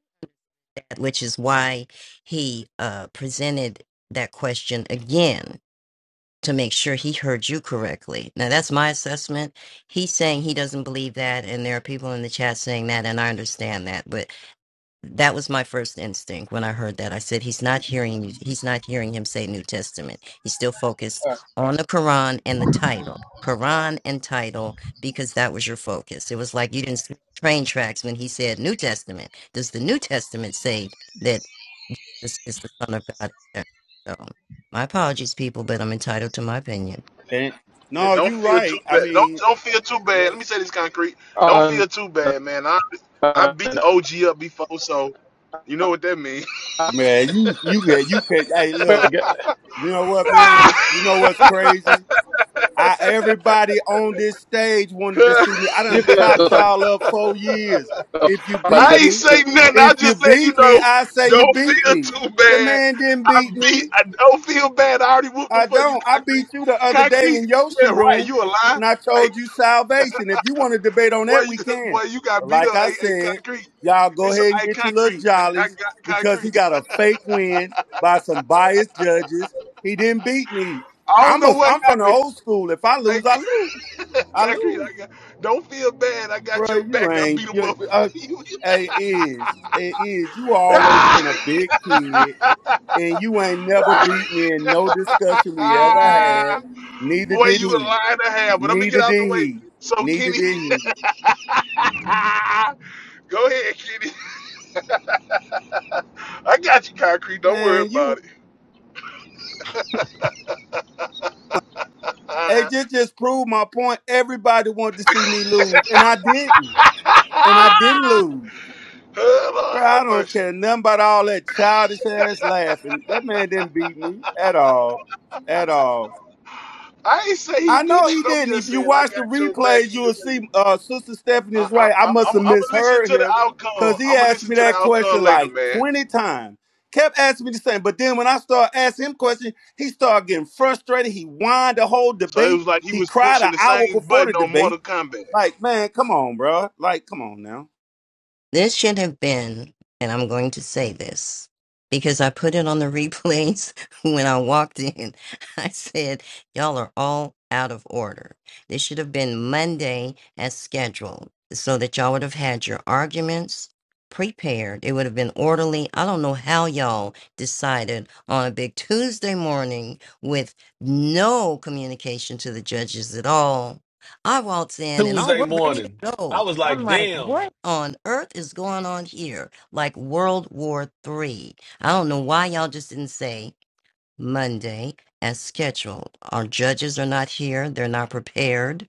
Speaker 32: which is why he uh, presented that question again to make sure he heard you correctly. Now, that's my assessment. He's saying he doesn't believe that, and there are people in the chat saying that, and I understand that. but that was my first instinct when I heard that. I said, "He's not hearing you. He's not hearing him say New Testament. He's still focused
Speaker 31: Uh,
Speaker 32: on the Quran and the title, Quran and title, because that was your focus. It was like you didn't see train tracks when he said New Testament. Does the New Testament say that this is the Son of God?" Yeah. So, my apologies, people, but I'm entitled to my opinion.
Speaker 6: And
Speaker 5: yeah.
Speaker 6: no,
Speaker 5: Don't
Speaker 6: you
Speaker 5: feel
Speaker 6: right.
Speaker 5: too
Speaker 6: I
Speaker 5: bad. Don't
Speaker 6: mean,
Speaker 5: don't feel too bad.
Speaker 6: right.
Speaker 5: Let me say this concrete. Don't
Speaker 31: um,
Speaker 5: feel too bad, man. I I beat OG up before, so you know what that means.
Speaker 6: man, you you can you can. Hey, look, you know what, man? You know what's crazy? I everybody on this stage wanted to see me. I
Speaker 31: you
Speaker 6: done
Speaker 31: guys are
Speaker 6: chopped
Speaker 31: talking
Speaker 6: y'all up four years. If you
Speaker 31: about
Speaker 5: I
Speaker 6: beat
Speaker 31: this.
Speaker 5: ain't
Speaker 6: me,
Speaker 5: say nothing. I
Speaker 6: if you
Speaker 5: just said, you
Speaker 6: beat me,
Speaker 5: know,
Speaker 6: I say you
Speaker 5: don't
Speaker 6: beat
Speaker 5: feel
Speaker 6: me.
Speaker 5: too
Speaker 6: The
Speaker 5: bad.
Speaker 6: man didn't
Speaker 5: I
Speaker 6: beat
Speaker 5: beat.
Speaker 6: me.
Speaker 5: I don't feel bad. I already whooped them
Speaker 6: I
Speaker 5: for you,
Speaker 6: don't. I
Speaker 5: concrete.
Speaker 6: beat you the other day
Speaker 5: Concrete.
Speaker 6: in Yoshi
Speaker 5: Yeah, right.
Speaker 6: room
Speaker 5: You a lie.
Speaker 6: when I
Speaker 5: Hey,
Speaker 6: told you salvation. If you want to debate on
Speaker 5: boy,
Speaker 6: that,
Speaker 5: you,
Speaker 6: we can.
Speaker 5: boy, you got
Speaker 6: But
Speaker 5: beat
Speaker 6: like
Speaker 5: up.
Speaker 6: I
Speaker 5: Hey, hey,
Speaker 6: said,
Speaker 5: concrete.
Speaker 6: y'all go
Speaker 5: It's
Speaker 6: ahead and
Speaker 5: hey,
Speaker 6: get your little
Speaker 5: concrete. I
Speaker 6: jollies
Speaker 5: got
Speaker 6: because he
Speaker 5: concrete.
Speaker 6: got a fake win by some biased judges. He didn't beat me.
Speaker 5: I don't
Speaker 6: I'm
Speaker 5: know
Speaker 6: a,
Speaker 5: what
Speaker 6: I'm from the
Speaker 5: happened.
Speaker 6: old school. If I
Speaker 5: Hey,
Speaker 6: lose, I lose. I
Speaker 5: concrete.
Speaker 6: lose.
Speaker 5: I got. Don't feel bad. I got
Speaker 6: Bro,
Speaker 5: your
Speaker 6: you
Speaker 5: back. I
Speaker 6: ain't.
Speaker 5: beat him
Speaker 6: You,
Speaker 5: up
Speaker 6: uh,
Speaker 5: for you.
Speaker 6: hey, it is you always been a big kid, and you ain't never beat me in no discussion we ever
Speaker 5: Ah!
Speaker 6: had. Neither
Speaker 5: Boy,
Speaker 6: did
Speaker 5: you a
Speaker 6: he.
Speaker 5: lie to have, but let me get
Speaker 6: Neither
Speaker 5: out the
Speaker 6: did
Speaker 5: way.
Speaker 6: he.
Speaker 5: So
Speaker 6: Neither
Speaker 5: Kenny
Speaker 6: did he.
Speaker 5: Go ahead, Kenny. I got you, concrete. Don't worry
Speaker 6: Man,
Speaker 5: about
Speaker 6: you.
Speaker 5: it.
Speaker 6: Hey,
Speaker 5: Uh,
Speaker 6: just just proved my point. Everybody wanted to see me lose, and I didn't. And I didn't lose.
Speaker 5: oh, Lord,
Speaker 6: Bro, I
Speaker 5: have
Speaker 6: don't
Speaker 5: mercy.
Speaker 6: care nothing about all that childish ass laughing. That man didn't beat me at all. At all.
Speaker 5: I ain't say he
Speaker 6: I know
Speaker 5: beat you.
Speaker 6: he
Speaker 5: I'm
Speaker 6: didn't.
Speaker 5: just
Speaker 6: If you
Speaker 5: saying I
Speaker 6: watch the
Speaker 5: got your back
Speaker 6: replays, you
Speaker 5: either
Speaker 6: will
Speaker 5: way.
Speaker 6: see uh, Sister Stephanie
Speaker 5: I,
Speaker 6: is
Speaker 5: I,
Speaker 6: right. I
Speaker 5: I,
Speaker 6: must
Speaker 5: I'm,
Speaker 6: have
Speaker 5: I'm gonna listen
Speaker 6: misheard
Speaker 5: to the
Speaker 6: him because
Speaker 5: outcome.
Speaker 6: he
Speaker 5: I'm gonna
Speaker 6: asked
Speaker 5: listen
Speaker 6: me
Speaker 5: to the
Speaker 6: that
Speaker 5: outcome
Speaker 6: question
Speaker 5: later,
Speaker 6: like
Speaker 5: man.
Speaker 6: 20 times. Kept asking me the same. But then when I started asking him questions, he started getting frustrated. He whined the whole
Speaker 5: So it
Speaker 6: debate.
Speaker 5: was like he
Speaker 6: He
Speaker 5: was
Speaker 6: cried
Speaker 5: pushing
Speaker 6: an
Speaker 5: the
Speaker 6: hour
Speaker 5: same
Speaker 6: before
Speaker 5: button
Speaker 6: the
Speaker 5: on Mortal
Speaker 6: debate.
Speaker 5: Kombat.
Speaker 6: Like, man, come on, bro. Like, come on now.
Speaker 32: This should have been, and I'm going to say this because I put it on the replays when I walked in. I said, Y'all are all out of order. This should have been Monday as scheduled so that y'all would have had your arguments prepared. It would have been orderly. I don't know how y'all decided on a big Tuesday morning with no communication to the judges at all I waltz in and oh,
Speaker 2: Tuesday
Speaker 32: we're ready to
Speaker 2: morning. I
Speaker 32: go.
Speaker 2: was
Speaker 32: I'm
Speaker 2: like,
Speaker 32: like,
Speaker 2: damn.
Speaker 32: what on earth is going on here? Like World War Three. I don't know why y'all just didn't say Monday as scheduled. Our judges are not here. They're not prepared.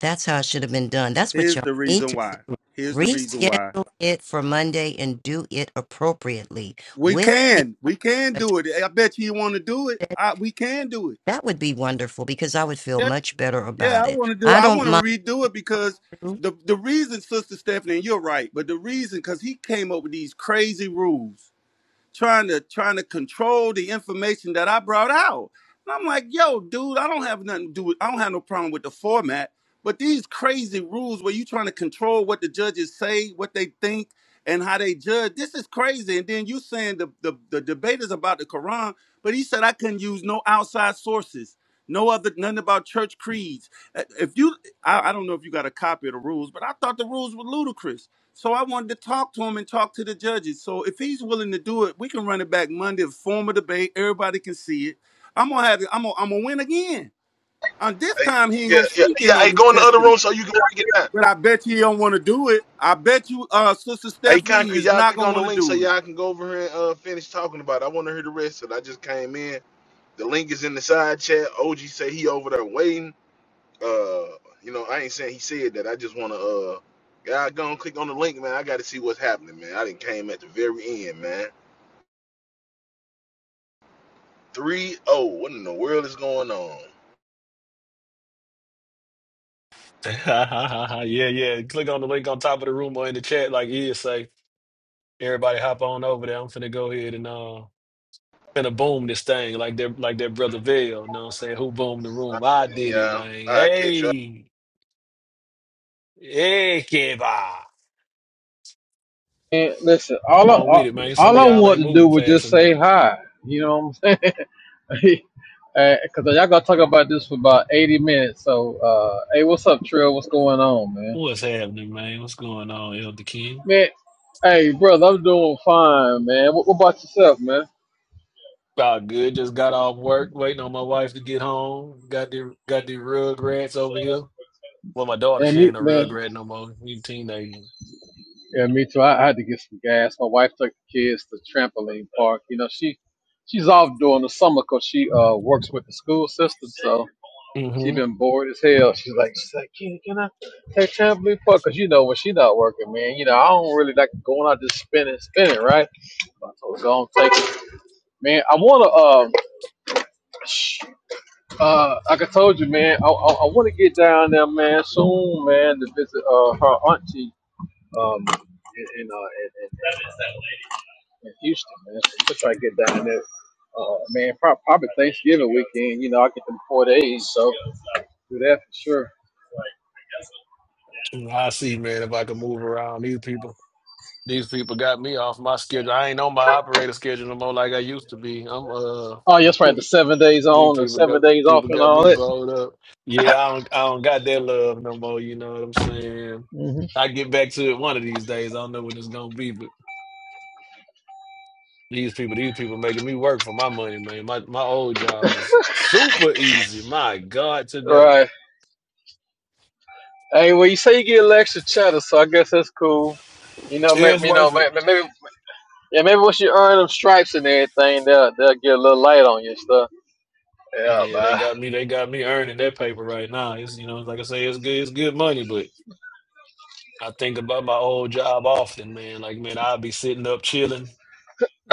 Speaker 32: That's how it should have been done. That's what
Speaker 6: Here's
Speaker 32: y'all
Speaker 6: the
Speaker 32: need
Speaker 6: reason
Speaker 32: to
Speaker 6: why.
Speaker 32: do.
Speaker 6: Here's the reason why.
Speaker 32: Reschedule it for Monday and do it appropriately
Speaker 6: We
Speaker 32: with the
Speaker 6: can. We can do
Speaker 32: judges.
Speaker 6: it. I bet you you want to do it. I, we can do it.
Speaker 32: that would be wonderful because I would feel much better
Speaker 6: Yeah,
Speaker 32: about
Speaker 6: I want
Speaker 32: it.
Speaker 6: to do.
Speaker 32: I
Speaker 6: I
Speaker 32: don't
Speaker 6: want to
Speaker 32: mind.
Speaker 6: redo it because the the reason, Sister Stephanie, and you're right, but the reason because he came up with these crazy rules trying to trying to control the information that I brought out. And I'm like, yo, dude, I don't have nothing to do with I don't have no problem with the format, but these crazy rules where you trying to control what the judges say, what they think, and how they judge, this is crazy. And then you saying the the, the debate is about the Quran, but he said I couldn't use no outside sources. No other, nothing about church creeds. Uh, If you, I, I don't know if you got a copy of the rules, but I thought the rules were ludicrous so I wanted to talk to him and talk to the judges. So if he's willing to do it, we can run it back Monday, form a debate. Everybody can see it. I'm gonna have it. I'm gonna, I'm gonna win again. And this
Speaker 5: Hey,
Speaker 6: time he ain't
Speaker 5: yeah,
Speaker 6: gonna
Speaker 5: yeah,
Speaker 6: sneak in
Speaker 5: yeah.
Speaker 6: no
Speaker 5: Hey,
Speaker 6: New
Speaker 5: go in the other room
Speaker 6: Testament.
Speaker 5: so you can work it out.
Speaker 6: But I bet you he don't want to do it. I bet you, uh, Sister
Speaker 5: Hey,
Speaker 6: Stephanie, he
Speaker 5: Concrete,
Speaker 6: is
Speaker 5: y'all
Speaker 6: not
Speaker 5: click
Speaker 6: gonna
Speaker 5: on the
Speaker 6: want to
Speaker 5: link so
Speaker 6: do it.
Speaker 5: y'all can go over here and uh, finish talking about it. I want to hear the rest of it. I just came in. The link is in the side chat. OG say he over there waiting. Uh, you know, I ain't saying he said that. I just want to, uh, y'all go and click on the link, man. I got to see what's happening, man. I didn't came at the very end, man. Three oh, What in the world is going on?
Speaker 2: yeah, yeah. Click on the link on top of the room or in the chat, like you say. Everybody hop on over there. I'm finna go ahead and uh finna boom this thing like that like that brother Vail, you know what I'm saying? Who boomed the room? I did it,
Speaker 5: Yeah,
Speaker 2: man.
Speaker 5: I catch y'all.
Speaker 2: Hey, hey, Kiba.
Speaker 31: And listen,
Speaker 2: Come
Speaker 31: all I,
Speaker 2: on with
Speaker 31: all
Speaker 2: it, man. Some
Speaker 31: all
Speaker 2: of
Speaker 31: I
Speaker 2: y'all ain't
Speaker 31: wanted to do
Speaker 2: moving
Speaker 31: was
Speaker 2: fast
Speaker 31: just say
Speaker 2: enough.
Speaker 31: hi. You know what I'm saying? Because uh, y'all gonna talk about this for about 80 minutes. So, uh, hey, what's up, Trill? What's going on, man?
Speaker 2: What's happening, man? What's going on, Elder King?
Speaker 31: Man, hey, brother, I'm doing fine, man. What, what about yourself, man?
Speaker 2: Ah, good. Just got off work, waiting on my wife to get home. Got the got the Rugrats over here. Well, my daughter,
Speaker 31: And
Speaker 2: she
Speaker 31: me,
Speaker 2: ain't a
Speaker 31: man.
Speaker 2: Rugrat no more. We teenager.
Speaker 31: Yeah, me too. I, I had to get some gas. My wife took the kids to trampoline park. You know, she she's off during the summer 'cause she uh works with the school system, so she
Speaker 2: Mm-hmm.
Speaker 31: been bored as hell. She's like, she's like, can, can I take trampoline park? 'Cause you know when she not working, man, you know I don't really like going out just spinning, spinning, right? So go on, take it, man. I wanna, uh, uh, like I told you, man, I, I, I wanna get down there, man, soon, man, to visit uh her auntie, um, in, in uh in, in, in Houston, man. So to try to get down there, uh, man, prob- probably Thanksgiving weekend. You know, I get them four days, so do that for sure.
Speaker 2: I see, man. If I could move around, these people, these people got me off my schedule. I ain't on my operator schedule no more like I used to be. I'm uh,
Speaker 31: Oh, yes, right. The seven days
Speaker 2: these
Speaker 31: on and
Speaker 2: people got
Speaker 31: seven days off
Speaker 2: people
Speaker 31: and
Speaker 2: got me
Speaker 31: all that.
Speaker 2: bowled up. Yeah, I don't I don't got that love no more. You know what I'm saying?
Speaker 31: hmm
Speaker 2: I get back to it one of these days. I don't know when it's gonna be, These people, these people making me work for my money, man. My my old job was super easy. My God, today.
Speaker 31: Right. Hey, well, you say you get a extra chatter, so I guess that's cool. You know,
Speaker 2: Yeah,
Speaker 31: ma-
Speaker 2: it's
Speaker 31: you know,
Speaker 2: worth it.
Speaker 31: ma- ma- maybe Yeah, maybe once you earn them stripes and everything, they'll they'll get a little light on you and stuff. Yeah,
Speaker 2: Yeah, they
Speaker 31: man.
Speaker 2: got me. They got me earning that paper right now. It's you know, like I say, it's good. It's good money, but I think about my old job often, man. Like man, I'd be sitting up chilling,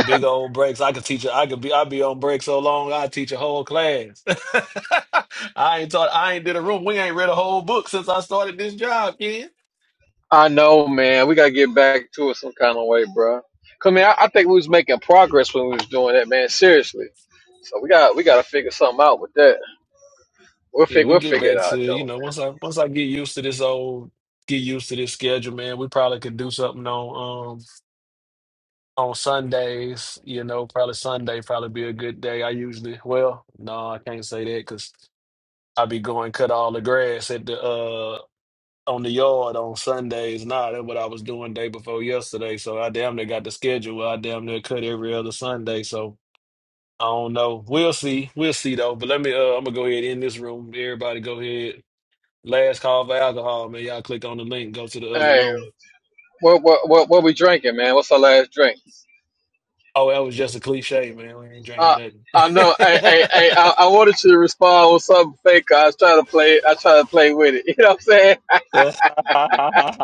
Speaker 2: big old breaks. I could teach. I could be. I'd be on break so long. I teach a whole class. I ain't taught. I ain't did a room. We ain't read a whole book since I started this job, kid.
Speaker 31: I know, man. We gotta get back to it some kind of way, bro. Come here. I, I think we was making progress when we was doing that, man. Seriously. So we got we gotta figure something out with that. We'll
Speaker 2: Yeah,
Speaker 31: fig
Speaker 2: we
Speaker 31: we'll
Speaker 2: get
Speaker 31: figure
Speaker 2: back
Speaker 31: it
Speaker 2: to,
Speaker 31: out
Speaker 2: you
Speaker 31: though,
Speaker 2: know, once I once I get used to this old get used to this schedule, man, we probably could do something on um on Sundays, you know, probably Sunday probably be a good day. I usually well, no, I can't say that because I be going cut all the grass at the uh on the yard on Sundays. Nah, that's what I was doing day before yesterday. So I damn near got the schedule where I damn near cut every other Sunday. So I don't know. We'll see. We'll see though. But let me uh I'm gonna go ahead in this room. Everybody go ahead. Last call for alcohol, man. Y'all click on the link, go to the
Speaker 31: man.
Speaker 2: other
Speaker 31: Hey,
Speaker 2: room.
Speaker 31: what what what what we drinking, man? What's our last drink?
Speaker 2: Oh, that was just a cliche, man. We ain't
Speaker 31: Uh,
Speaker 2: drinking nothing.
Speaker 31: I know. Hey, hey, hey, I, I wanted you to respond with something fake. 'cause I was trying to play. I try to play with it. You know what I'm saying?